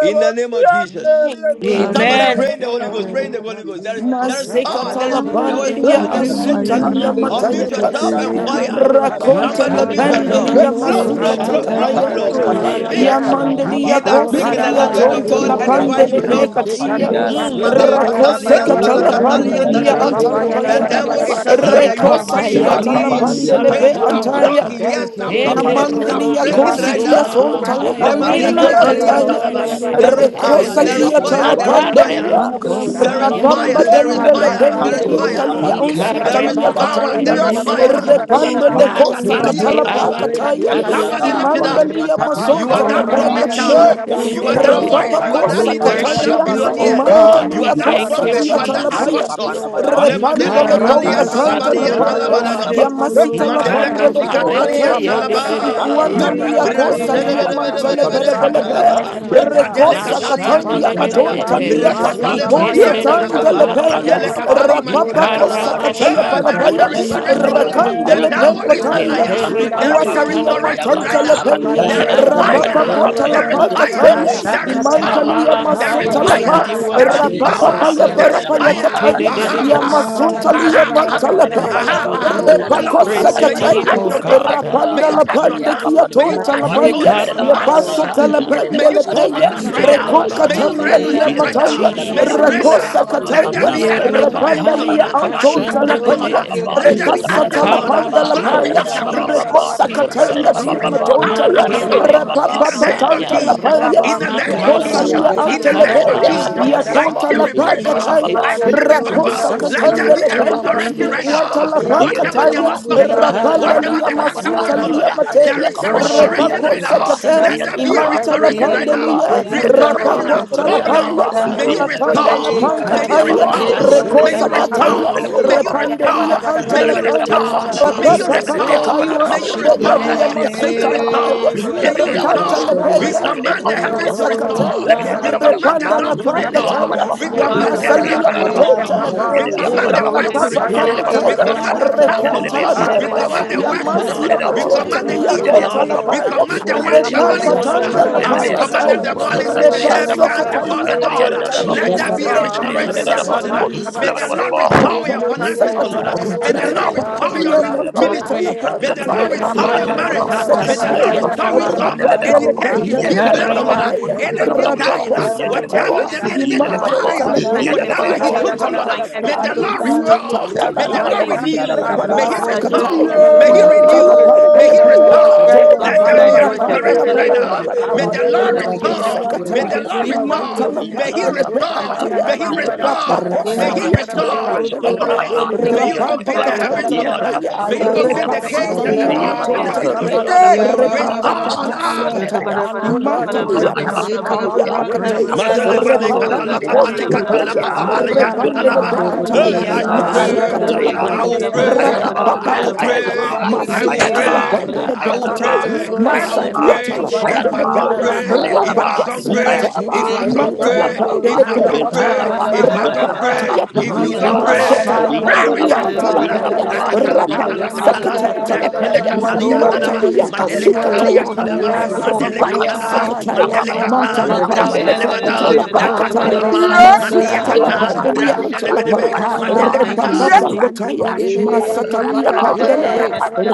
Speaker 10: In the name of
Speaker 1: Let
Speaker 10: Jesus.
Speaker 11: Thank you,
Speaker 6: Hallelujah,
Speaker 10: Somebody
Speaker 11: Jesus.
Speaker 8: Amen.
Speaker 10: pray
Speaker 12: Amen.
Speaker 10: in the
Speaker 6: Marika
Speaker 10: Holy Ghost. Pray in
Speaker 6: Pasi
Speaker 10: the Holy
Speaker 6: Pati
Speaker 10: Ghost. There is there is
Speaker 6: Marika
Speaker 10: power.
Speaker 6: Paya
Speaker 11: Masekata
Speaker 10: There is
Speaker 6: Dava
Speaker 10: there
Speaker 6: Dava
Speaker 10: was
Speaker 11: Lapandiria
Speaker 10: power.
Speaker 6: Dava
Speaker 10: There is
Speaker 12: Eta
Speaker 13: Hallelujah.
Speaker 10: greatness.
Speaker 12: Marianda
Speaker 11: Asutalia
Speaker 6: Rasta
Speaker 12: Basi
Speaker 10: Unmute
Speaker 6: Gada
Speaker 11: Matayaba.
Speaker 10: yourself
Speaker 6: Kadiya
Speaker 10: and
Speaker 12: Tutele
Speaker 10: fire.
Speaker 6: Dava
Speaker 12: Anda
Speaker 6: Supa Paya
Speaker 11: Raconta
Speaker 10: Somebody
Speaker 11: la
Speaker 14: We
Speaker 6: Dava
Speaker 14: can
Speaker 10: unmute
Speaker 14: come
Speaker 6: Dava
Speaker 10: yourself.
Speaker 6: Dava
Speaker 12: Yanda
Speaker 11: bandelia
Speaker 14: reflection,
Speaker 2: Yes,
Speaker 14: Lord,
Speaker 10: Flow,
Speaker 14: we
Speaker 12: Sevu
Speaker 14: can
Speaker 2: Lord.
Speaker 11: masica
Speaker 10: flow, flow,
Speaker 12: Anda
Speaker 6: Marika
Speaker 10: flow,
Speaker 14: reflect a
Speaker 11: talapaya,
Speaker 6: Paya
Speaker 2: Oh
Speaker 10: flow.
Speaker 14: little bit,
Speaker 6: Dava
Speaker 8: Ikatadadabokoshatadadabaha.
Speaker 14: Lord,
Speaker 2: Lord
Speaker 6: Dava
Speaker 12: Yakatalea
Speaker 14: and Lord,
Speaker 2: God,
Speaker 10: Speak.
Speaker 6: Dava
Speaker 2: I
Speaker 6: Dava
Speaker 2: thank
Speaker 14: Lord, you
Speaker 2: you
Speaker 14: are
Speaker 10: He
Speaker 11: Yamandelia
Speaker 14: just the
Speaker 10: that
Speaker 6: Ah,
Speaker 10: speak in
Speaker 14: pastor,
Speaker 10: the
Speaker 6: Father,
Speaker 14: Lord,
Speaker 11: cosicia
Speaker 6: we
Speaker 2: for
Speaker 14: in
Speaker 10: language
Speaker 14: my
Speaker 6: thank
Speaker 10: of
Speaker 6: you,
Speaker 2: that
Speaker 11: tonta
Speaker 8: Ikorebahande
Speaker 10: God
Speaker 11: la
Speaker 14: family,
Speaker 6: Lord.
Speaker 14: Lord.
Speaker 2: Jesus,
Speaker 10: edify
Speaker 2: for
Speaker 11: pandele
Speaker 2: this new
Speaker 10: himself.
Speaker 14: Oh,
Speaker 6: Rusti
Speaker 2: life that
Speaker 11: pecatia,
Speaker 2: I
Speaker 14: Shara,
Speaker 6: Pati
Speaker 14: Baba,
Speaker 2: thank
Speaker 10: Mm,
Speaker 12: Yandere
Speaker 14: Baba,
Speaker 2: you.
Speaker 6: Marika
Speaker 8: We
Speaker 10: Made
Speaker 14: Baba,
Speaker 6: da
Speaker 14: Guru,
Speaker 8: love
Speaker 6: Dava
Speaker 8: you,
Speaker 11: Racosa
Speaker 10: Katalian
Speaker 14: Shara,
Speaker 6: Dava Dava
Speaker 8: Lord.
Speaker 14: Baba,
Speaker 2: Thank
Speaker 6: Dava
Speaker 14: Baba,
Speaker 10: Salakatalian
Speaker 2: you,
Speaker 8: Araba
Speaker 11: catalapandelia
Speaker 14: say,
Speaker 10: Dadaba.
Speaker 14: yeah,
Speaker 2: thank
Speaker 8: de
Speaker 6: Reva
Speaker 8: de
Speaker 2: you,
Speaker 14: yeah.
Speaker 8: de
Speaker 2: Lord.
Speaker 6: Paya
Speaker 8: de
Speaker 10: The
Speaker 6: Dava
Speaker 11: antalapaya,
Speaker 8: de.
Speaker 6: Dava
Speaker 10: devil is
Speaker 14: Father,
Speaker 6: Dava
Speaker 10: a
Speaker 14: you are
Speaker 6: Dava
Speaker 10: liar.
Speaker 6: Dava
Speaker 14: worthy,
Speaker 10: You are
Speaker 6: Dava
Speaker 2: Thank
Speaker 14: Lord,
Speaker 1: Kadaba
Speaker 11: Recosa
Speaker 14: we
Speaker 10: free. You
Speaker 8: Ikataya
Speaker 2: you,
Speaker 11: kia
Speaker 14: bless
Speaker 10: are
Speaker 6: Ah,
Speaker 1: Shebra
Speaker 14: you,
Speaker 6: thank
Speaker 14: Lord
Speaker 8: raba
Speaker 10: free.
Speaker 1: Kapani
Speaker 6: you,
Speaker 11: talapandele
Speaker 14: Jesus,
Speaker 2: Lord.
Speaker 6: Jesus,
Speaker 8: sata
Speaker 11: be
Speaker 10: Chains
Speaker 8: da
Speaker 1: Briatanaba,
Speaker 14: thank
Speaker 10: are
Speaker 14: you,
Speaker 6: Lord.
Speaker 8: baba.
Speaker 14: Holy
Speaker 11: antaya,
Speaker 10: broken.
Speaker 2: Yes,
Speaker 10: Yes,
Speaker 1: Nakano
Speaker 6: Thank
Speaker 2: Lord,
Speaker 6: you,
Speaker 10: are-
Speaker 2: that
Speaker 1: Sika
Speaker 14: Spirit.
Speaker 2: is
Speaker 6: Jesus,
Speaker 8: Eke
Speaker 10: locks are
Speaker 6: Lord.
Speaker 2: finally
Speaker 11: Yamandeli
Speaker 8: reba
Speaker 2: good.
Speaker 1: Panama
Speaker 10: breaking right
Speaker 8: kataya
Speaker 1: let
Speaker 11: yakosikia
Speaker 6: Rasuka
Speaker 8: da
Speaker 1: the
Speaker 11: son
Speaker 10: now.
Speaker 6: tema
Speaker 1: most and I
Speaker 8: bahai.
Speaker 6: deka
Speaker 10: Lema
Speaker 2: Yes,
Speaker 1: ever.
Speaker 8: We
Speaker 11: talapande
Speaker 6: paya
Speaker 10: de
Speaker 11: de
Speaker 6: da
Speaker 8: love
Speaker 6: ba
Speaker 1: Yeah,
Speaker 6: da
Speaker 2: Lord,
Speaker 8: you,
Speaker 6: ba
Speaker 10: Catalia
Speaker 1: most
Speaker 6: da
Speaker 1: of
Speaker 6: ba
Speaker 11: pekataya.
Speaker 6: da
Speaker 1: the
Speaker 8: Lord.
Speaker 6: ba
Speaker 10: Salaba.
Speaker 1: day
Speaker 8: Ah,
Speaker 6: da
Speaker 1: and
Speaker 6: ba.
Speaker 8: de
Speaker 1: Tana
Speaker 6: ha.
Speaker 8: de
Speaker 10: There is
Speaker 1: most of
Speaker 2: that
Speaker 6: Ah,
Speaker 8: de.
Speaker 6: with
Speaker 10: fire.
Speaker 2: is
Speaker 6: a
Speaker 1: the
Speaker 10: There is
Speaker 2: good.
Speaker 1: cup
Speaker 11: Rekosakia
Speaker 1: and
Speaker 6: grateful
Speaker 2: Yes,
Speaker 1: I
Speaker 10: fire.
Speaker 6: heart,
Speaker 2: I
Speaker 1: ever.
Speaker 10: There is
Speaker 2: will
Speaker 6: Father,
Speaker 1: Let
Speaker 6: I
Speaker 1: the
Speaker 10: fire.
Speaker 6: thank
Speaker 8: Makarebo
Speaker 11: talapandelia.
Speaker 2: praise
Speaker 6: you,
Speaker 1: Tana most in
Speaker 6: Lord. Ah,
Speaker 1: my
Speaker 10: There is
Speaker 2: you.
Speaker 1: ever.
Speaker 8: kosaya
Speaker 6: With a
Speaker 10: fire.
Speaker 11: Rabamba
Speaker 1: Yeah,
Speaker 10: There
Speaker 6: grateful
Speaker 10: is
Speaker 1: most
Speaker 8: makata
Speaker 6: heart,
Speaker 8: da
Speaker 1: of
Speaker 11: tendele
Speaker 2: That's
Speaker 1: the
Speaker 6: Father,
Speaker 10: fire.
Speaker 6: I
Speaker 10: There
Speaker 11: pende
Speaker 8: bahai.
Speaker 10: is
Speaker 6: thank
Speaker 1: candle
Speaker 2: what I was praying for. That's what I
Speaker 6: you,
Speaker 1: most
Speaker 2: was
Speaker 1: of
Speaker 6: Lord.
Speaker 11: gutalia
Speaker 10: fire.
Speaker 2: praying
Speaker 1: the
Speaker 2: for. Thank you, Lord, I
Speaker 1: and Tana
Speaker 10: There is
Speaker 1: most
Speaker 6: Rabede
Speaker 11: unsutalia
Speaker 8: Ikareba
Speaker 1: of the
Speaker 8: ha
Speaker 10: power.
Speaker 6: kapaya
Speaker 8: de
Speaker 11: kataya.
Speaker 2: you.
Speaker 6: da
Speaker 8: de
Speaker 10: There
Speaker 1: Leon
Speaker 6: ba
Speaker 10: is
Speaker 8: de
Speaker 6: da ba da ba
Speaker 1: most
Speaker 6: da
Speaker 10: fire.
Speaker 8: de.
Speaker 6: ba
Speaker 1: and
Speaker 6: da
Speaker 1: the
Speaker 6: ba da
Speaker 1: cup
Speaker 6: ba.
Speaker 11: Repandele
Speaker 6: ha.
Speaker 10: Madele
Speaker 1: and
Speaker 11: kosa
Speaker 10: Catalia
Speaker 1: Ribada
Speaker 8: Makete
Speaker 1: do
Speaker 6: Rasuka
Speaker 11: katalapa
Speaker 10: Salaba.
Speaker 1: shabre,
Speaker 6: tema
Speaker 11: kataya.
Speaker 8: ayakata
Speaker 6: deka
Speaker 8: da
Speaker 1: alibrian
Speaker 6: biya
Speaker 10: Somebody
Speaker 1: damas
Speaker 6: da.
Speaker 10: lift it
Speaker 8: baba.
Speaker 1: coming
Speaker 10: up.
Speaker 1: in and
Speaker 11: Imandalia
Speaker 6: Reka
Speaker 8: We
Speaker 1: tanamas
Speaker 6: paya
Speaker 11: mason
Speaker 10: You
Speaker 6: da
Speaker 10: are
Speaker 6: ba
Speaker 1: coming in
Speaker 6: da
Speaker 10: that
Speaker 1: my
Speaker 6: ba da ba
Speaker 1: bar.
Speaker 10: promised
Speaker 6: da ba da ba
Speaker 11: talapakatia.
Speaker 10: child.
Speaker 1: Hey,
Speaker 6: da ba.
Speaker 1: that
Speaker 10: You are
Speaker 6: Oh
Speaker 10: that
Speaker 1: fantastic
Speaker 8: korabashandedede.
Speaker 11: Rapapa
Speaker 10: wife. You
Speaker 6: Lord,
Speaker 10: are
Speaker 6: ah,
Speaker 10: that
Speaker 1: capanabado
Speaker 11: kosa
Speaker 8: We
Speaker 14: Father,
Speaker 10: leader. You
Speaker 1: sabran
Speaker 14: we
Speaker 10: are
Speaker 14: thank
Speaker 6: reba
Speaker 8: worship
Speaker 10: that
Speaker 11: kataya.
Speaker 6: ba
Speaker 8: you,
Speaker 1: telebelaba.
Speaker 8: O
Speaker 6: da ba
Speaker 10: billionaire.
Speaker 6: da ba
Speaker 1: Hey,
Speaker 6: da
Speaker 8: God.
Speaker 6: ba
Speaker 10: You
Speaker 8: We
Speaker 10: are
Speaker 6: da
Speaker 11: Imandalia
Speaker 6: ba da
Speaker 10: that
Speaker 6: ba
Speaker 1: Matilian
Speaker 6: da
Speaker 8: thank you,
Speaker 6: ba da
Speaker 10: prophet.
Speaker 1: canos
Speaker 11: kosakia
Speaker 10: You
Speaker 6: ba.
Speaker 10: are that
Speaker 6: I
Speaker 1: capandibri
Speaker 11: talapaya.
Speaker 6: thank
Speaker 8: Jesus.
Speaker 6: you,
Speaker 10: apostle.
Speaker 6: Lord. I
Speaker 1: capanabadaba.
Speaker 6: thank you,
Speaker 10: Lema
Speaker 6: Lord. I
Speaker 11: Repandole
Speaker 12: Ye
Speaker 6: thank you,
Speaker 1: Libacata
Speaker 10: katalia
Speaker 11: ponka
Speaker 6: Lord. ah.
Speaker 12: masubu
Speaker 1: santalaba
Speaker 10: salabadi and
Speaker 12: hoto
Speaker 11: tantalapaya.
Speaker 8: Ikarabasatadababa.
Speaker 6: Rasuka
Speaker 10: talabalaba.
Speaker 12: yande
Speaker 1: subayabadabadaba.
Speaker 6: tema
Speaker 12: koro
Speaker 6: deka
Speaker 11: Yamasita
Speaker 12: maya
Speaker 1: Leprecata
Speaker 10: Madele
Speaker 6: Papayada,
Speaker 11: lapandole
Speaker 1: liminia
Speaker 8: Ikareba-
Speaker 10: kasikatalia
Speaker 8: eh,
Speaker 11: pokataya.
Speaker 8: eh, de-
Speaker 6: Repapayada,
Speaker 8: de- de-
Speaker 6: Bada Bada
Speaker 10: salaba.
Speaker 6: Bada
Speaker 8: de.
Speaker 1: Lebra
Speaker 6: Bada
Speaker 11: Iguantalia
Speaker 12: Eh,
Speaker 6: Bada
Speaker 1: kantoni
Speaker 6: Bada
Speaker 1: mi
Speaker 10: Brasere
Speaker 6: Bada
Speaker 11: cosalia
Speaker 6: Bada
Speaker 10: bere
Speaker 1: ampana na
Speaker 10: bere
Speaker 6: Bada
Speaker 11: mantele
Speaker 10: bere
Speaker 1: masha
Speaker 12: Yes,
Speaker 10: bere
Speaker 1: brenka
Speaker 12: yes,
Speaker 1: paya
Speaker 11: pelebelebe.
Speaker 6: Raska
Speaker 10: katala
Speaker 1: laba.
Speaker 6: Bada
Speaker 12: yes,
Speaker 10: papa.
Speaker 8: Ikarabakatadababa.
Speaker 12: yes,
Speaker 1: Reka
Speaker 6: Kadiada,
Speaker 12: yes.
Speaker 10: Madele
Speaker 1: tala
Speaker 11: Recosa
Speaker 1: breka pandi
Speaker 10: katalia
Speaker 1: breka
Speaker 11: catania
Speaker 6: Rekapayada
Speaker 10: salaba
Speaker 1: pandi
Speaker 6: Bada
Speaker 10: daba.
Speaker 1: breka
Speaker 6: Ba,
Speaker 1: pandi
Speaker 8: Mashandedede.
Speaker 12: You
Speaker 11: matontalia.
Speaker 1: breka
Speaker 12: know,
Speaker 1: pampa.
Speaker 10: Brakatale
Speaker 12: so go,
Speaker 11: Iconsa
Speaker 6: Marekapayada
Speaker 10: matian
Speaker 1: Yada
Speaker 12: go,
Speaker 6: Bada
Speaker 10: tala
Speaker 1: basha
Speaker 12: go,
Speaker 6: Bada
Speaker 1: ndele
Speaker 10: papa.
Speaker 11: tandele
Speaker 12: go,
Speaker 6: Bada
Speaker 1: breka
Speaker 6: Bada
Speaker 12: go,
Speaker 1: panda
Speaker 11: peia.
Speaker 6: Bada
Speaker 10: Adele
Speaker 12: so
Speaker 8: Ikedededebohaya.
Speaker 1: baka
Speaker 6: Bada
Speaker 12: go
Speaker 10: katali
Speaker 1: pampa.
Speaker 12: to
Speaker 6: Oh
Speaker 12: that.
Speaker 11: Rapapa
Speaker 1: Rabada bada
Speaker 11: cosa
Speaker 10: masikatalaba.
Speaker 1: bado
Speaker 11: cataya
Speaker 10: Oh,
Speaker 6: Lord,
Speaker 1: shabrenka
Speaker 10: there is
Speaker 1: pandi
Speaker 6: we
Speaker 10: a
Speaker 11: parabaya.
Speaker 12: La,
Speaker 1: breka
Speaker 6: thank you,
Speaker 1: antana
Speaker 12: la,
Speaker 14: you,
Speaker 1: mana
Speaker 8: Ikarabashandadabosaya.
Speaker 10: restoration.
Speaker 14: Lord.
Speaker 1: babo
Speaker 6: Lord,
Speaker 10: ah.
Speaker 14: Father, we
Speaker 1: pampa
Speaker 12: la,
Speaker 6: we
Speaker 10: The
Speaker 1: ya.
Speaker 11: Racandele
Speaker 12: la,
Speaker 14: bless you,
Speaker 6: thank
Speaker 10: devil
Speaker 6: you,
Speaker 14: Lord.
Speaker 10: is
Speaker 12: la,
Speaker 10: a
Speaker 14: Father,
Speaker 1: Rebiya
Speaker 6: Lord,
Speaker 1: na
Speaker 14: we
Speaker 11: pencotaya.
Speaker 14: give
Speaker 12: la,
Speaker 14: you
Speaker 1: masha
Speaker 10: liar.
Speaker 14: the
Speaker 6: we
Speaker 12: la,
Speaker 1: breka
Speaker 14: praise.
Speaker 12: la,
Speaker 6: love
Speaker 10: There
Speaker 14: We
Speaker 6: you,
Speaker 10: is
Speaker 14: give
Speaker 10: a
Speaker 1: pamba.
Speaker 14: you
Speaker 12: la.
Speaker 14: the
Speaker 11: Iquasalia
Speaker 6: Lord.
Speaker 14: glory,
Speaker 1: Rebiya
Speaker 10: restoration
Speaker 8: Keperebakatadababa.
Speaker 14: Lord.
Speaker 10: right
Speaker 1: kando
Speaker 11: mantantele
Speaker 6: Raska
Speaker 10: now.
Speaker 1: skapani
Speaker 14: Oh,
Speaker 11: peia.
Speaker 1: breka
Speaker 10: There
Speaker 1: antana
Speaker 10: is
Speaker 12: You
Speaker 6: Patayada,
Speaker 1: laba
Speaker 14: Jesus, you
Speaker 6: Bada
Speaker 1: skapani
Speaker 12: must
Speaker 14: alone are
Speaker 11: Rapapa
Speaker 6: Bada
Speaker 14: Lord,
Speaker 12: be
Speaker 1: breka
Speaker 10: fire.
Speaker 6: Bada
Speaker 14: that
Speaker 11: cota
Speaker 8: Iantedede.
Speaker 1: kampa
Speaker 14: worthy
Speaker 1: ya
Speaker 6: Bada
Speaker 11: la
Speaker 6: Bada
Speaker 10: There
Speaker 12: guru,
Speaker 1: bada
Speaker 14: to
Speaker 6: Oh, we thank you, Lord. We thank you, Lord. We thank you, Lord. Oh, Lord. We
Speaker 10: is
Speaker 1: ba.
Speaker 14: be
Speaker 12: my
Speaker 14: praised.
Speaker 10: fire.
Speaker 14: You are
Speaker 11: pacataya.
Speaker 1: Lebra
Speaker 12: yande.
Speaker 14: worthy,
Speaker 10: There is
Speaker 14: Lord.
Speaker 1: kampa laba da pambe.
Speaker 11: Imantalia
Speaker 10: power.
Speaker 14: Jesus,
Speaker 10: There
Speaker 14: we
Speaker 10: is
Speaker 8: Ashakatarabahai,
Speaker 1: Albriya
Speaker 11: masota
Speaker 8: we
Speaker 11: la
Speaker 14: adore you,
Speaker 8: lift
Speaker 11: pa.
Speaker 10: fire.
Speaker 1: kantoni
Speaker 8: you
Speaker 14: Father.
Speaker 1: breka
Speaker 8: up,
Speaker 10: There
Speaker 14: We
Speaker 10: is
Speaker 1: pandi
Speaker 14: give you
Speaker 1: breka
Speaker 14: all
Speaker 11: Rapapa
Speaker 14: that
Speaker 10: power.
Speaker 1: pampa.
Speaker 8: Jesus.
Speaker 11: paya
Speaker 10: There is
Speaker 1: Reda
Speaker 14: condemnation,
Speaker 1: and
Speaker 11: parapaya
Speaker 14: Lord.
Speaker 1: basha
Speaker 14: Thank
Speaker 10: fire.
Speaker 14: you,
Speaker 11: cataya.
Speaker 1: pandi
Speaker 14: Father.
Speaker 1: breka
Speaker 10: Aha,
Speaker 1: pandi
Speaker 10: aha,
Speaker 8: Ikedededebosata.
Speaker 14: Oh,
Speaker 11: Yamasuntalia
Speaker 10: aha,
Speaker 1: breka
Speaker 10: aha,
Speaker 14: Jesus,
Speaker 12: Ah,
Speaker 1: pampa.
Speaker 14: so how
Speaker 12: la,
Speaker 10: aha,
Speaker 14: far
Speaker 12: la,
Speaker 14: you
Speaker 11: mantele
Speaker 14: have
Speaker 10: aha,
Speaker 12: la,
Speaker 14: brought
Speaker 12: la,
Speaker 14: us
Speaker 10: aha.
Speaker 14: to
Speaker 12: la,
Speaker 10: Oh
Speaker 6: thank
Speaker 8: We
Speaker 14: protect
Speaker 1: Radadaba
Speaker 11: Repako
Speaker 6: you,
Speaker 14: you,
Speaker 10: Lord,
Speaker 8: praise
Speaker 12: la,
Speaker 14: Lord.
Speaker 6: Lord.
Speaker 1: Sampaya
Speaker 8: your
Speaker 10: may
Speaker 6: We
Speaker 10: you
Speaker 12: la.
Speaker 6: thank
Speaker 1: Badaba,
Speaker 8: name,
Speaker 6: you,
Speaker 11: Sakataya,
Speaker 10: touch
Speaker 8: O
Speaker 10: your
Speaker 6: Lord. We
Speaker 14: Father,
Speaker 10: daughters.
Speaker 6: thank you,
Speaker 8: God.
Speaker 1: Reandala
Speaker 10: May
Speaker 11: Rapanda
Speaker 10: you
Speaker 11: la
Speaker 10: touch
Speaker 12: Yanna
Speaker 10: your
Speaker 11: Pande
Speaker 1: Sapandilia
Speaker 10: sons.
Speaker 12: babu
Speaker 1: Company
Speaker 10: May
Speaker 11: Kiaton
Speaker 10: you
Speaker 14: Thank you
Speaker 10: touch
Speaker 1: Tayaba,
Speaker 12: kuburu
Speaker 10: your
Speaker 14: for your
Speaker 11: Talapaya,
Speaker 10: children.
Speaker 12: kutuli
Speaker 1: Yelema
Speaker 14: compassion, O
Speaker 10: Father,
Speaker 14: God.
Speaker 11: Yabaso
Speaker 1: Sandaya,
Speaker 12: abasi
Speaker 14: Thank
Speaker 10: touch
Speaker 14: you,
Speaker 10: us.
Speaker 8: Hekarabasaya.
Speaker 14: Lord
Speaker 12: buru.
Speaker 10: May
Speaker 1: Yelema
Speaker 11: Talapende
Speaker 10: you
Speaker 14: Jesus,
Speaker 10: pour
Speaker 14: because
Speaker 1: Sandamaya,
Speaker 11: Lepaya,
Speaker 10: on
Speaker 14: there
Speaker 10: us
Speaker 14: is
Speaker 10: right
Speaker 14: none like
Speaker 10: now.
Speaker 1: Yelema
Speaker 14: you.
Speaker 11: Reconca
Speaker 10: May you
Speaker 12: Yande
Speaker 1: Sandalamaya,
Speaker 10: rain on
Speaker 8: Makarebahadededede.
Speaker 11: Tandalia
Speaker 10: us
Speaker 12: yande
Speaker 10: right
Speaker 1: Yelema
Speaker 10: now.
Speaker 11: Mataya,
Speaker 12: kele
Speaker 10: May
Speaker 1: Sandalamaya,
Speaker 10: you
Speaker 12: yahande
Speaker 10: rain.
Speaker 8: Jesus.
Speaker 12: ya
Speaker 10: uh,
Speaker 11: Rakosa
Speaker 1: Regabado
Speaker 12: baba
Speaker 10: Let there
Speaker 11: Kataya,
Speaker 1: Sampana
Speaker 10: be a
Speaker 1: Badabaya
Speaker 12: ikalae.
Speaker 1: Candidia
Speaker 10: transformation, O Lord.
Speaker 1: Company
Speaker 11: Repandalia
Speaker 8: Yerebahaya
Speaker 10: uh,
Speaker 1: Baba,
Speaker 11: Anton
Speaker 10: Acceptance, O
Speaker 12: Yando
Speaker 10: Lord.
Speaker 8: kashandedede.
Speaker 1: Rabadaba
Speaker 11: Talapaya,
Speaker 10: uh,
Speaker 12: zige
Speaker 1: Bamba,
Speaker 10: Let there
Speaker 12: kele
Speaker 10: be
Speaker 11: Recasa
Speaker 10: access,
Speaker 1: Rabadaba
Speaker 12: yando
Speaker 10: O Lord. uh,
Speaker 11: Talapanda
Speaker 12: jale
Speaker 1: Bamba,
Speaker 12: kele
Speaker 10: Glory
Speaker 11: Lapaya,
Speaker 8: Makarabahai,
Speaker 12: ya
Speaker 10: after
Speaker 1: Rabadaba
Speaker 12: baba.
Speaker 10: glory.
Speaker 1: Bamba,
Speaker 8: Jesus,
Speaker 11: Recosa
Speaker 10: Glory after
Speaker 11: Kataya
Speaker 1: Rabadaba
Speaker 8: Jesus.
Speaker 10: glory.
Speaker 1: Bamba,
Speaker 10: Power
Speaker 11: Tiamatontaya,
Speaker 10: after
Speaker 1: Rabadaba
Speaker 6: Lord.
Speaker 10: power.
Speaker 8: Makedede
Speaker 12: Ooh,
Speaker 10: In
Speaker 1: Bamba,
Speaker 11: Rapapa
Speaker 10: the name of
Speaker 11: Tanta
Speaker 8: makasaya.
Speaker 11: la
Speaker 1: Rabadaba
Speaker 10: Jesus.
Speaker 12: ika
Speaker 6: Oh
Speaker 11: Lapaya,
Speaker 1: Bamba,
Speaker 10: In the
Speaker 12: baba ba
Speaker 10: name
Speaker 1: Amelia
Speaker 10: of
Speaker 1: Canama
Speaker 10: Jesus.
Speaker 12: yande
Speaker 11: Recosalia
Speaker 1: Sandaba,
Speaker 10: In
Speaker 12: kele
Speaker 10: the
Speaker 11: Antele
Speaker 10: name of
Speaker 1: Redabilia
Speaker 8: Makarabakatarabaha.
Speaker 10: Jesus.
Speaker 8: Yes,
Speaker 12: ya.
Speaker 1: Company
Speaker 10: I
Speaker 1: Baba,
Speaker 11: Yakonta
Speaker 10: see
Speaker 11: la
Speaker 10: revival.
Speaker 11: paka
Speaker 1: Yelema
Speaker 8: Saturday.
Speaker 12: Yando
Speaker 11: taya,
Speaker 1: Sambamba,
Speaker 10: I see
Speaker 12: koboro
Speaker 10: revival.
Speaker 11: Rakosa
Speaker 12: koto
Speaker 1: Yababa.
Speaker 8: Jesus, we
Speaker 10: Let
Speaker 12: koro
Speaker 10: there
Speaker 11: katanda
Speaker 10: be
Speaker 11: le
Speaker 8: lift
Speaker 10: a
Speaker 8: you
Speaker 1: Yadadayababa,
Speaker 12: koto.
Speaker 8: up.
Speaker 11: peya,
Speaker 8: We
Speaker 10: restoration right
Speaker 8: worship
Speaker 11: Ikwanta
Speaker 1: Yadadabayababa,
Speaker 8: you,
Speaker 10: now.
Speaker 11: la
Speaker 8: God.
Speaker 11: paka
Speaker 12: Ideke
Speaker 10: Whatever the
Speaker 11: taya,
Speaker 1: Yadadabayababa,
Speaker 12: borande
Speaker 10: locusts, uh,
Speaker 12: kele
Speaker 1: Radaba
Speaker 11: Rapanda
Speaker 1: Sambra
Speaker 10: whatever
Speaker 11: liya
Speaker 12: yahando
Speaker 10: the
Speaker 1: Kapayabadaba,
Speaker 10: cankerworms,
Speaker 11: masunta
Speaker 10: oh
Speaker 12: ziyala
Speaker 10: Lord,
Speaker 8: Ikarabakatarababa.
Speaker 11: liya
Speaker 10: uh, there
Speaker 11: mateya,
Speaker 10: is a
Speaker 12: batolole.
Speaker 1: Rakandelebeyakapa,
Speaker 6: no!
Speaker 10: restoration right
Speaker 11: Repakosa
Speaker 10: now.
Speaker 1: Yandelekapa,
Speaker 10: Let
Speaker 11: kate,
Speaker 10: there be
Speaker 6: We
Speaker 10: a
Speaker 8: Mashandebekasatayadaba.
Speaker 1: Yandelekapa,
Speaker 11: Imanta
Speaker 6: thank you,
Speaker 11: la
Speaker 10: restoration
Speaker 6: Lord.
Speaker 10: right
Speaker 11: panda
Speaker 1: Yandelekapa,
Speaker 12: Eh,
Speaker 10: now.
Speaker 6: We
Speaker 11: pandalia,
Speaker 6: thank you,
Speaker 1: Yandelekapa,
Speaker 10: Restoration,
Speaker 12: Yandabo,
Speaker 10: uh,
Speaker 6: Lord.
Speaker 11: Rapakota la
Speaker 10: oh
Speaker 6: We thank
Speaker 11: paya,
Speaker 6: you,
Speaker 10: Lord,
Speaker 1: Rebedabayaba,
Speaker 8: Iyaredabadabababa.
Speaker 10: may
Speaker 6: Lord.
Speaker 10: you
Speaker 12: Yandabo,
Speaker 6: We
Speaker 1: Yandelebadaba,
Speaker 11: Rapanda
Speaker 6: thank
Speaker 11: la
Speaker 6: you,
Speaker 10: restore,
Speaker 12: Ile,
Speaker 11: panka
Speaker 10: may
Speaker 6: Lord.
Speaker 10: you
Speaker 14: Father, in
Speaker 6: We
Speaker 11: taya,
Speaker 1: Andelebeyababa,
Speaker 12: Ye,
Speaker 14: the
Speaker 12: Ye,
Speaker 6: thank
Speaker 14: name
Speaker 6: you,
Speaker 10: restore,
Speaker 14: of
Speaker 12: Ye, Ye,
Speaker 14: Jesus,
Speaker 10: may
Speaker 6: Lord.
Speaker 14: you
Speaker 11: Rekosa
Speaker 10: you
Speaker 12: Ye,
Speaker 14: are
Speaker 1: Andelebeyababa,
Speaker 14: with
Speaker 12: Ye,
Speaker 14: you,
Speaker 12: Ye,
Speaker 11: kataya,
Speaker 6: Aroka
Speaker 10: restore,
Speaker 14: Lord.
Speaker 8: Ikarebakasekayadaraboha.
Speaker 12: Ye,
Speaker 10: may you
Speaker 6: kasaya
Speaker 11: repanda
Speaker 1: Belebokambambombe,
Speaker 6: da ba da
Speaker 11: liya
Speaker 10: restore,
Speaker 6: ba da ba
Speaker 10: may
Speaker 11: anta
Speaker 6: da
Speaker 8: We
Speaker 11: la
Speaker 12: Masubo
Speaker 10: you
Speaker 6: ba da ba
Speaker 14: You
Speaker 8: lift
Speaker 14: are
Speaker 11: paya,
Speaker 12: Tolo
Speaker 8: you
Speaker 1: Alebedabadabadaba,
Speaker 14: worthy,
Speaker 10: restore,
Speaker 8: up,
Speaker 14: O
Speaker 6: da ba da
Speaker 10: may
Speaker 14: God.
Speaker 6: ba
Speaker 12: Yahande
Speaker 14: You
Speaker 10: you
Speaker 6: da ba da ba da
Speaker 14: are
Speaker 11: Rapapa
Speaker 6: ba
Speaker 8: Jesus.
Speaker 6: da
Speaker 14: worthy,
Speaker 12: Kelea,
Speaker 6: ba da
Speaker 8: Yeah,
Speaker 6: ba.
Speaker 14: O
Speaker 10: restore,
Speaker 8: we
Speaker 14: Lord.
Speaker 1: Ayamedebriyakapanabadaba,
Speaker 14: You
Speaker 10: may
Speaker 14: are
Speaker 10: you
Speaker 8: worship
Speaker 6: Roka
Speaker 14: worthy, O
Speaker 8: you,
Speaker 11: pakataya,
Speaker 6: paya
Speaker 14: Lord.
Speaker 11: Radia
Speaker 6: da.
Speaker 10: restore,
Speaker 8: mighty
Speaker 12: and
Speaker 10: may
Speaker 14: Oh,
Speaker 10: you
Speaker 11: Masuta
Speaker 1: Ayamedebriyakanabanabadaba,
Speaker 6: Yoka
Speaker 14: Jesus,
Speaker 6: paya
Speaker 11: Lapaya,
Speaker 14: take
Speaker 10: restore,
Speaker 12: Ele,
Speaker 6: da
Speaker 14: all
Speaker 6: ba
Speaker 14: the
Speaker 8: We
Speaker 6: da
Speaker 10: may you
Speaker 8: give
Speaker 6: do.
Speaker 8: you
Speaker 14: glory, take
Speaker 11: Rakanta
Speaker 8: the
Speaker 12: Wakiba,
Speaker 14: all
Speaker 10: restore.
Speaker 1: Ayandeleyawadabosam,
Speaker 14: the
Speaker 10: We
Speaker 14: honor,
Speaker 8: praise,
Speaker 11: Lepaya,
Speaker 8: we
Speaker 14: Father.
Speaker 8: give
Speaker 10: command the
Speaker 8: you the
Speaker 10: heavens
Speaker 1: Ayamedeyakampanabadaba,
Speaker 10: to
Speaker 11: Rakosa
Speaker 12: O
Speaker 8: glory and
Speaker 10: restore.
Speaker 8: the
Speaker 14: Lord,
Speaker 11: Kataya,
Speaker 14: that with the
Speaker 10: We
Speaker 8: honor.
Speaker 12: Masubae,
Speaker 14: ratio,
Speaker 10: command the
Speaker 11: Repanda
Speaker 14: Father,
Speaker 10: north
Speaker 14: we
Speaker 10: to
Speaker 8: We
Speaker 10: restore
Speaker 14: bless
Speaker 1: Ayamedeyanadabadaba,
Speaker 14: you, Lord.
Speaker 11: Lapakataya,
Speaker 10: restore.
Speaker 1: Yakabadaba,
Speaker 10: We
Speaker 8: caramba
Speaker 10: command
Speaker 14: Father,
Speaker 12: Yanabambo,
Speaker 8: kaya
Speaker 14: we
Speaker 10: the
Speaker 1: Yenibia
Speaker 10: right
Speaker 14: thank
Speaker 11: Yamasalia
Speaker 8: baba
Speaker 14: you
Speaker 10: hand
Speaker 14: for
Speaker 10: to
Speaker 1: Kadadaba,
Speaker 12: Gosulea,
Speaker 14: destroying
Speaker 11: Matonta
Speaker 10: restore.
Speaker 8: hai.
Speaker 14: every
Speaker 10: We
Speaker 14: works
Speaker 11: Lepaya,
Speaker 14: of
Speaker 1: Yenibia
Speaker 14: the
Speaker 12: Mazandoya,
Speaker 10: command
Speaker 8: Your
Speaker 10: the
Speaker 1: Kabadaba,
Speaker 14: enemy,
Speaker 8: Holy
Speaker 10: west to
Speaker 14: every
Speaker 11: Ratapa
Speaker 10: restore.
Speaker 8: Spirit,
Speaker 1: Yeniba
Speaker 8: you
Speaker 10: We
Speaker 14: principality
Speaker 11: Sakataya,
Speaker 14: that
Speaker 12: Ekelea
Speaker 1: Shampadaba,
Speaker 10: command the
Speaker 12: Handa
Speaker 8: koshaka
Speaker 10: south to
Speaker 8: baba
Speaker 14: is
Speaker 11: Reconta
Speaker 1: Yenibia
Speaker 10: Lord.
Speaker 6: Ah,
Speaker 8: bosha.
Speaker 10: We
Speaker 11: Lepaya,
Speaker 1: Pandaba,
Speaker 10: command
Speaker 6: Lord,
Speaker 10: the
Speaker 6: we
Speaker 12: Yakababazoya,
Speaker 10: west
Speaker 6: thank
Speaker 10: to
Speaker 6: you,
Speaker 10: Lord.
Speaker 11: Yamasia
Speaker 6: Lord. We
Speaker 10: We
Speaker 8: Makareba
Speaker 1: Yambedabos,
Speaker 6: thank you,
Speaker 11: Matonta
Speaker 10: command
Speaker 8: kaya
Speaker 10: the
Speaker 6: Lord. We
Speaker 10: east
Speaker 8: baba.
Speaker 10: to
Speaker 1: Andelia
Speaker 6: thank
Speaker 11: Liakota
Speaker 6: you,
Speaker 10: Lord.
Speaker 12: Yandosiale,
Speaker 1: Kombaba,
Speaker 10: We
Speaker 11: Lapaya,
Speaker 10: command the
Speaker 6: Lord.
Speaker 12: Bo,
Speaker 8: Ah,
Speaker 10: one-
Speaker 12: Bo,
Speaker 6: Thank you,
Speaker 10: the
Speaker 1: Ayelia
Speaker 12: Bo,
Speaker 10: morning
Speaker 11: Repampa
Speaker 10: to
Speaker 12: Bo,
Speaker 8: Jesus,
Speaker 10: Lord.
Speaker 1: Nadabo,
Speaker 6: Lord.
Speaker 12: Bo,
Speaker 11: Tanda
Speaker 12: Bo,
Speaker 10: Have we
Speaker 1: Ayelia
Speaker 12: Bo,
Speaker 8: Jesus,
Speaker 10: commanded
Speaker 11: Lapakataya,
Speaker 10: the
Speaker 1: Nadabo,
Speaker 10: morning
Speaker 8: Jesus,
Speaker 10: since the
Speaker 1: Ayelia
Speaker 10: day
Speaker 12: Oh,
Speaker 11: Repasa
Speaker 10: began
Speaker 12: I
Speaker 1: Nadabo,
Speaker 10: and
Speaker 8: Jesus, Jesus,
Speaker 10: caused
Speaker 11: Catalia
Speaker 10: the
Speaker 12: never
Speaker 1: Ayelia
Speaker 10: dawn?
Speaker 12: boro
Speaker 11: Matonta Lia,
Speaker 12: to
Speaker 10: Let
Speaker 1: Nadabo,
Speaker 10: there be a
Speaker 12: boro
Speaker 1: Yenidia
Speaker 11: Repaco
Speaker 10: restoration this
Speaker 8: Jesus,
Speaker 10: morning.
Speaker 1: Nadabo,
Speaker 11: Sakataya.
Speaker 10: May the
Speaker 8: Jesus.
Speaker 12: Mama,
Speaker 10: Lord
Speaker 12: my
Speaker 1: Lebanabo,
Speaker 10: restore your
Speaker 8: You
Speaker 12: ande
Speaker 8: give me
Speaker 10: finances to
Speaker 12: ziala
Speaker 10: Lord.
Speaker 8: the
Speaker 11: Sekata,
Speaker 12: babo
Speaker 10: May the
Speaker 8: koshaka
Speaker 1: Andelebo,
Speaker 12: koto
Speaker 10: Lord
Speaker 8: ya
Speaker 14: Thank
Speaker 12: to
Speaker 14: you,
Speaker 10: restore
Speaker 8: baba.
Speaker 14: Lord
Speaker 10: your
Speaker 11: Rapandelia
Speaker 10: re-
Speaker 14: Jesus,
Speaker 1: Andelebo,
Speaker 12: yeti.
Speaker 11: Monton
Speaker 14: Father,
Speaker 10: ministry. May
Speaker 14: for
Speaker 10: the
Speaker 1: Andelebo,
Speaker 12: In
Speaker 10: Lord
Speaker 14: divine
Speaker 11: Telapacataya,
Speaker 12: the
Speaker 10: restore
Speaker 8: Makaraba
Speaker 10: your
Speaker 14: restoration, O
Speaker 10: marriage.
Speaker 14: God,
Speaker 12: name
Speaker 8: handia
Speaker 12: of
Speaker 1: Andelebo,
Speaker 10: May
Speaker 14: Father,
Speaker 10: the
Speaker 14: for
Speaker 10: Lord
Speaker 14: your
Speaker 8: kasata
Speaker 11: Sekataya,
Speaker 12: Jesus.
Speaker 14: word,
Speaker 8: ya
Speaker 10: restore
Speaker 14: O
Speaker 1: Andelebo,
Speaker 14: God, for
Speaker 10: wisdom,
Speaker 8: baba.
Speaker 14: increase,
Speaker 12: Father,
Speaker 14: O
Speaker 11: Rapandele
Speaker 12: we
Speaker 1: Andelebo,
Speaker 14: God,
Speaker 12: say
Speaker 8: You
Speaker 10: education,
Speaker 11: Pendele
Speaker 14: for
Speaker 12: thank you.
Speaker 10: business,
Speaker 8: carry
Speaker 14: destroy
Speaker 10: O
Speaker 1: Yendelebo,
Speaker 11: Pendele
Speaker 10: Lord.
Speaker 8: by
Speaker 14: every
Speaker 12: Father,
Speaker 14: work
Speaker 11: Paya,
Speaker 12: we
Speaker 14: of
Speaker 6: Thank
Speaker 10: Any
Speaker 12: say
Speaker 14: the
Speaker 6: you,
Speaker 10: let
Speaker 6: Lord.
Speaker 12: thank
Speaker 14: enemy,
Speaker 12: you.
Speaker 1: Andalabayaba,
Speaker 14: Lord,
Speaker 6: Thank
Speaker 10: dying,
Speaker 6: you,
Speaker 11: Rabaco
Speaker 10: uh,
Speaker 6: Lord.
Speaker 14: for
Speaker 12: Father,
Speaker 6: Thank
Speaker 12: we
Speaker 6: you,
Speaker 1: Yendelebayaba,
Speaker 10: Whatever
Speaker 14: breaking
Speaker 11: Sekataya,
Speaker 6: Lord.
Speaker 12: bless
Speaker 10: the
Speaker 12: your
Speaker 14: every
Speaker 10: enemy
Speaker 14: yoke,
Speaker 12: name.
Speaker 11: Imanton
Speaker 14: Father,
Speaker 1: Yendelebayaba,
Speaker 6: Rabbus
Speaker 10: survived,
Speaker 14: for
Speaker 10: uh,
Speaker 12: Father,
Speaker 6: Batima,
Speaker 14: silent
Speaker 12: we
Speaker 11: Telepaya,
Speaker 14: every
Speaker 10: whatever
Speaker 12: say
Speaker 10: he
Speaker 1: Yendelebayaba,
Speaker 6: Ekapaya,
Speaker 14: demonic
Speaker 12: thank
Speaker 11: Tiaton
Speaker 10: took,
Speaker 14: voice,
Speaker 10: oh
Speaker 14: to
Speaker 6: Dabada,
Speaker 12: you.
Speaker 10: Lord, uh,
Speaker 11: Tala,
Speaker 14: blind
Speaker 6: Bada,
Speaker 10: may
Speaker 14: every
Speaker 1: Andalabayaba,
Speaker 10: the
Speaker 6: Bada,
Speaker 14: evil
Speaker 11: Repa
Speaker 14: eye.
Speaker 10: Lord
Speaker 12: Adonai, we
Speaker 10: restore.
Speaker 11: Sekatan
Speaker 12: lift
Speaker 14: Oh
Speaker 12: up
Speaker 14: Lord,
Speaker 10: May
Speaker 6: Bada,
Speaker 10: the
Speaker 14: oh,
Speaker 12: your
Speaker 1: Kapandalabas,
Speaker 11: Telapaya,
Speaker 10: Lord
Speaker 14: thank
Speaker 6: Bada,
Speaker 12: name.
Speaker 14: you,
Speaker 10: renew.
Speaker 12: We
Speaker 14: Jesus.
Speaker 11: Repaco
Speaker 10: May
Speaker 12: bow
Speaker 10: he
Speaker 6: Aruba
Speaker 1: Kabinadabadabadabadaba,
Speaker 14: Father, you
Speaker 6: tika
Speaker 14: are
Speaker 12: prostrate
Speaker 10: restore.
Speaker 6: ya
Speaker 14: worthy,
Speaker 11: Sekataya,
Speaker 6: da
Speaker 14: you
Speaker 12: before
Speaker 6: da
Speaker 14: are
Speaker 10: May
Speaker 6: da
Speaker 12: your
Speaker 10: he
Speaker 6: da da
Speaker 14: worthy,
Speaker 12: throne
Speaker 14: you
Speaker 6: da
Speaker 14: are
Speaker 12: of
Speaker 11: Imantala
Speaker 10: renew.
Speaker 14: worthy.
Speaker 12: grace,
Speaker 6: da
Speaker 10: May
Speaker 6: da
Speaker 11: Pandele
Speaker 10: he
Speaker 6: da da
Speaker 12: and
Speaker 6: da.
Speaker 11: Paya
Speaker 12: we
Speaker 14: Oh
Speaker 10: restore.
Speaker 12: ascribe
Speaker 11: Catoya,
Speaker 14: Jesus,
Speaker 6: Rika
Speaker 12: all
Speaker 10: Let
Speaker 14: be
Speaker 10: there
Speaker 14: thou
Speaker 6: pada
Speaker 10: be a
Speaker 12: glory
Speaker 6: pada
Speaker 12: to
Speaker 6: pada
Speaker 14: exalted, be
Speaker 6: pada
Speaker 12: you.
Speaker 11: Rapandala
Speaker 14: thou
Speaker 10: restoration
Speaker 6: pada
Speaker 10: right
Speaker 6: pada.
Speaker 10: now.
Speaker 14: lifted.
Speaker 12: We say
Speaker 6: I
Speaker 10: May
Speaker 11: Barabarabara,
Speaker 6: will
Speaker 10: the
Speaker 12: thank
Speaker 6: thank you,
Speaker 12: you.
Speaker 10: Lord
Speaker 14: Father,
Speaker 12: You
Speaker 14: we
Speaker 6: Lord
Speaker 11: Rapa
Speaker 12: will
Speaker 14: give you the
Speaker 6: Jesus.
Speaker 10: restore.
Speaker 12: never
Speaker 1: Yelabadabas,
Speaker 14: praise,
Speaker 6: We
Speaker 10: May
Speaker 14: we
Speaker 12: fail.
Speaker 11: Sekataya,
Speaker 10: the
Speaker 14: give
Speaker 1: Sambra
Speaker 6: thank you,
Speaker 14: you
Speaker 12: Dine
Speaker 10: Lord
Speaker 14: the
Speaker 12: in
Speaker 6: Lord
Speaker 1: Kapayaba,
Speaker 14: glory,
Speaker 10: restore.
Speaker 14: we
Speaker 6: Jesus.
Speaker 14: give
Speaker 11: Imantala
Speaker 14: you
Speaker 12: situation
Speaker 14: the
Speaker 10: May he
Speaker 1: Yelabas,
Speaker 3: you.
Speaker 14: honor.
Speaker 11: Pandele
Speaker 6: Raku
Speaker 1: Sambra
Speaker 12: that
Speaker 10: restore.
Speaker 6: pada
Speaker 12: you
Speaker 1: Kapayaba,
Speaker 6: ya
Speaker 14: Jesus,
Speaker 11: Pantaya,
Speaker 6: da
Speaker 10: May
Speaker 14: you
Speaker 10: he
Speaker 6: da
Speaker 14: are
Speaker 12: never
Speaker 6: da
Speaker 14: worthy,
Speaker 6: da
Speaker 12: fail.
Speaker 14: oh
Speaker 1: Yelabas,
Speaker 10: restore.
Speaker 14: God.
Speaker 6: da
Speaker 1: Sambra
Speaker 11: Rapako
Speaker 6: da da
Speaker 10: May
Speaker 14: Father, we
Speaker 1: Kapayaba,
Speaker 10: he
Speaker 3: Rapaya
Speaker 11: sekia
Speaker 14: thank
Speaker 6: da da
Speaker 14: you for
Speaker 6: da
Speaker 14: your
Speaker 10: restore.
Speaker 6: da.
Speaker 14: precious
Speaker 3: Masiki
Speaker 1: Yelabas,
Speaker 10: Oh
Speaker 14: love.
Speaker 11: talapandelebe,
Speaker 6: Rabu
Speaker 10: Lord,
Speaker 1: Kapayaba,
Speaker 6: tika
Speaker 14: Thank
Speaker 10: may
Speaker 14: you
Speaker 10: you
Speaker 6: ya
Speaker 14: for
Speaker 11: rapampa
Speaker 6: da
Speaker 10: open the
Speaker 14: divine
Speaker 6: da da da da
Speaker 10: heavens,
Speaker 11: katanta
Speaker 12: Yemazugogotobosonoyamadiandade.
Speaker 10: oh
Speaker 6: da da
Speaker 14: restoration,
Speaker 10: Lord. uh,
Speaker 14: Lord.
Speaker 6: da.
Speaker 11: lapaya,
Speaker 10: May
Speaker 1: Yelabayaba,
Speaker 10: you
Speaker 14: Thank you for
Speaker 10: open the
Speaker 6: Raku
Speaker 14: open
Speaker 1: Yelabayaba,
Speaker 6: pada
Speaker 10: gates
Speaker 14: doors.
Speaker 6: ya
Speaker 10: and
Speaker 14: Thank
Speaker 10: the
Speaker 14: you
Speaker 11: repasutalia
Speaker 6: da.
Speaker 14: for
Speaker 10: doors
Speaker 14: doing
Speaker 10: and
Speaker 14: a
Speaker 10: the
Speaker 12: Aloyakataleya.
Speaker 1: Yelabayaba,
Speaker 14: new
Speaker 6: Raka
Speaker 10: windows, oh
Speaker 14: thing,
Speaker 6: pada
Speaker 11: matontelebe,
Speaker 6: ya
Speaker 10: Lord.
Speaker 6: da
Speaker 10: uh,
Speaker 6: da da da da da
Speaker 8: the
Speaker 6: da
Speaker 10: Restore
Speaker 6: da.
Speaker 10: on
Speaker 11: repapapako
Speaker 10: us.
Speaker 8: Bahaya.
Speaker 12: Iyawamamamamama.
Speaker 11: sekata,
Speaker 1: Yelabayaba,
Speaker 8: All of
Speaker 6: Oh
Speaker 8: the
Speaker 6: Lord, we
Speaker 8: glory,
Speaker 6: thank
Speaker 11: imantalia
Speaker 6: you, Lord
Speaker 8: God, all
Speaker 6: Jesus.
Speaker 11: masutalia
Speaker 8: of the
Speaker 6: We thank
Speaker 11: pakataya,
Speaker 6: you,
Speaker 8: praise, we
Speaker 10: Madele
Speaker 6: Lord. We
Speaker 8: lift
Speaker 10: bale
Speaker 6: thank
Speaker 8: you
Speaker 6: you,
Speaker 8: up,
Speaker 6: Lord.
Speaker 12: Ekeborakasialababo.
Speaker 8: we
Speaker 10: katala
Speaker 6: We
Speaker 11: repapapako
Speaker 6: thank
Speaker 10: papa
Speaker 8: thank
Speaker 10: le
Speaker 6: you,
Speaker 12: Shale,
Speaker 8: you.
Speaker 10: katala
Speaker 11: talapaya,
Speaker 12: shale,
Speaker 10: papa pale ya
Speaker 12: shale.
Speaker 10: katala ba.
Speaker 11: repandelebe
Speaker 3: Mandiri
Speaker 8: Nakarabahai,
Speaker 14: Lord.
Speaker 8: we
Speaker 11: antaya,
Speaker 10: Hey, I shall
Speaker 3: Bibu
Speaker 8: magnify your
Speaker 10: pray.
Speaker 14: Thank
Speaker 11: masuka
Speaker 3: Shatala
Speaker 8: name.
Speaker 10: I
Speaker 11: talapaya,
Speaker 10: will
Speaker 3: Mandiri
Speaker 10: pray.
Speaker 8: Yeah,
Speaker 11: Rapa
Speaker 1: Ayanaba,
Speaker 10: I
Speaker 12: Iyamakabaya-lekeleyakatalo.
Speaker 10: will
Speaker 8: Kareba,
Speaker 11: rapapapakataya,
Speaker 10: pray. I will
Speaker 11: masika
Speaker 8: Ikataya
Speaker 1: Ayanaba,
Speaker 8: da
Speaker 12: Iyekeleya.
Speaker 8: da
Speaker 10: pray.
Speaker 8: da.
Speaker 10: I
Speaker 11: talapandelebe
Speaker 10: will
Speaker 1: Ayanaba,
Speaker 8: You
Speaker 10: pray. I will
Speaker 8: Karebo,
Speaker 11: Masakia
Speaker 10: pray.
Speaker 11: talapanda
Speaker 10: If I
Speaker 8: Oshataya
Speaker 10: don't
Speaker 1: Ayanaba,
Speaker 8: da
Speaker 11: lepaya,
Speaker 10: pray,
Speaker 8: Bahai,
Speaker 12: Ozogonoyamatileyamasogbogbogbo.
Speaker 10: if I
Speaker 11: rapako
Speaker 1: Ayanaba,
Speaker 10: don't
Speaker 6: Lord.
Speaker 10: pray,
Speaker 11: sakata,
Speaker 10: if
Speaker 1: Ayanaba,
Speaker 10: I don't
Speaker 11: imanta
Speaker 8: Niantibidibidi,
Speaker 10: pray,
Speaker 11: lapanda
Speaker 1: Rabadaba,
Speaker 10: if I
Speaker 11: lepeka
Speaker 10: don't
Speaker 11: taya,
Speaker 10: pray,
Speaker 1: Rabadaba,
Speaker 6: Rapapaya,
Speaker 10: if I. don't pray, don't
Speaker 12: Ibekeleya-ndorogogosogogoyadaya.
Speaker 8: Nakatarabahaya.
Speaker 1: Rabadaba,
Speaker 10: pray.
Speaker 6: rapapaya,
Speaker 11: rapakataya
Speaker 10: If
Speaker 11: pa,
Speaker 10: you
Speaker 8: We
Speaker 12: Leya
Speaker 10: don't
Speaker 1: Yanabalaba,
Speaker 6: asubadaya
Speaker 12: baba
Speaker 6: da
Speaker 11: maseta
Speaker 10: pray,
Speaker 8: glorify
Speaker 6: ba da
Speaker 12: baya
Speaker 8: your
Speaker 6: ba
Speaker 10: pray
Speaker 11: lapanda
Speaker 10: with
Speaker 1: Yanabalaba,
Speaker 10: that
Speaker 8: mighty
Speaker 12: dozi
Speaker 11: lianta
Speaker 10: season.
Speaker 8: God
Speaker 12: ala
Speaker 8: and we
Speaker 11: lapaya,
Speaker 1: Yanabalaba,
Speaker 12: katale.
Speaker 10: Rakatala
Speaker 8: magnify
Speaker 11: rapako
Speaker 10: katala
Speaker 8: your
Speaker 1: Yabadaba,
Speaker 10: katala.
Speaker 8: name.
Speaker 11: sakata
Speaker 12: Ikaya
Speaker 1: Andelebe,
Speaker 12: baba
Speaker 10: Brasele
Speaker 11: italapaya,
Speaker 8: You
Speaker 12: babu
Speaker 10: katalia
Speaker 8: alone
Speaker 1: Andelebe,
Speaker 11: imanta
Speaker 8: we
Speaker 10: danaba.
Speaker 11: liya
Speaker 8: lift
Speaker 12: gotoleya.
Speaker 8: up,
Speaker 10: Madele
Speaker 8: you
Speaker 1: Andelebe,
Speaker 10: katalia
Speaker 11: masikataya
Speaker 12: In
Speaker 11: pa,
Speaker 8: alone we
Speaker 12: the
Speaker 10: salaba.
Speaker 8: live
Speaker 1: Andelebe,
Speaker 12: mighty
Speaker 14: you.
Speaker 8: for,
Speaker 10: Madele
Speaker 12: name
Speaker 11: rapako
Speaker 12: of
Speaker 8: mighty
Speaker 10: katalaba.
Speaker 1: Akayaba,
Speaker 6: Ya,
Speaker 8: God, you
Speaker 11: sekataya,
Speaker 6: ya
Speaker 12: Jesus.
Speaker 10: Madele
Speaker 1: Akabaya,
Speaker 8: alone we
Speaker 11: manta
Speaker 6: kapara
Speaker 10: kasa.
Speaker 6: da ba de be
Speaker 11: lapanda
Speaker 8: praise.
Speaker 6: de
Speaker 1: Akabaya,
Speaker 6: be
Speaker 10: Brasele
Speaker 11: lepe
Speaker 6: de
Speaker 12: Akabaya
Speaker 6: be.
Speaker 11: anta
Speaker 10: bada.
Speaker 12: babe.
Speaker 1: Rapaya,
Speaker 6: Rasu de
Speaker 11: Masika
Speaker 6: de
Speaker 12: Leya
Speaker 10: Brakatalapa.
Speaker 6: kariya
Speaker 8: Ikorebakaya
Speaker 6: da ba da
Speaker 10: Madia
Speaker 6: ba da
Speaker 11: masikata
Speaker 6: ba
Speaker 12: handosia
Speaker 6: da ba
Speaker 10: kata.
Speaker 6: da
Speaker 11: lapanda
Speaker 6: ba da
Speaker 12: babu
Speaker 8: narabosha.
Speaker 6: ba.
Speaker 11: lianta
Speaker 10: Brasele
Speaker 6: Oh
Speaker 10: bedebe.
Speaker 11: lapaya,
Speaker 12: kotoboli
Speaker 14: Oh, Father,
Speaker 6: Lord,
Speaker 10: Madele
Speaker 14: thank you,
Speaker 12: akataya
Speaker 10: kata.
Speaker 14: Lord
Speaker 11: repapapa
Speaker 12: le.
Speaker 8: Ikarabakasaya
Speaker 14: Jesus, for
Speaker 6: you
Speaker 11: kotaya,
Speaker 14: my
Speaker 6: thank
Speaker 14: children,
Speaker 6: you,
Speaker 14: Lord,
Speaker 8: ndedededede.
Speaker 14: for
Speaker 11: masatalia
Speaker 14: guiding them,
Speaker 11: panda
Speaker 14: for
Speaker 8: Yes,
Speaker 12: Eh.
Speaker 11: lepe,
Speaker 14: protecting them,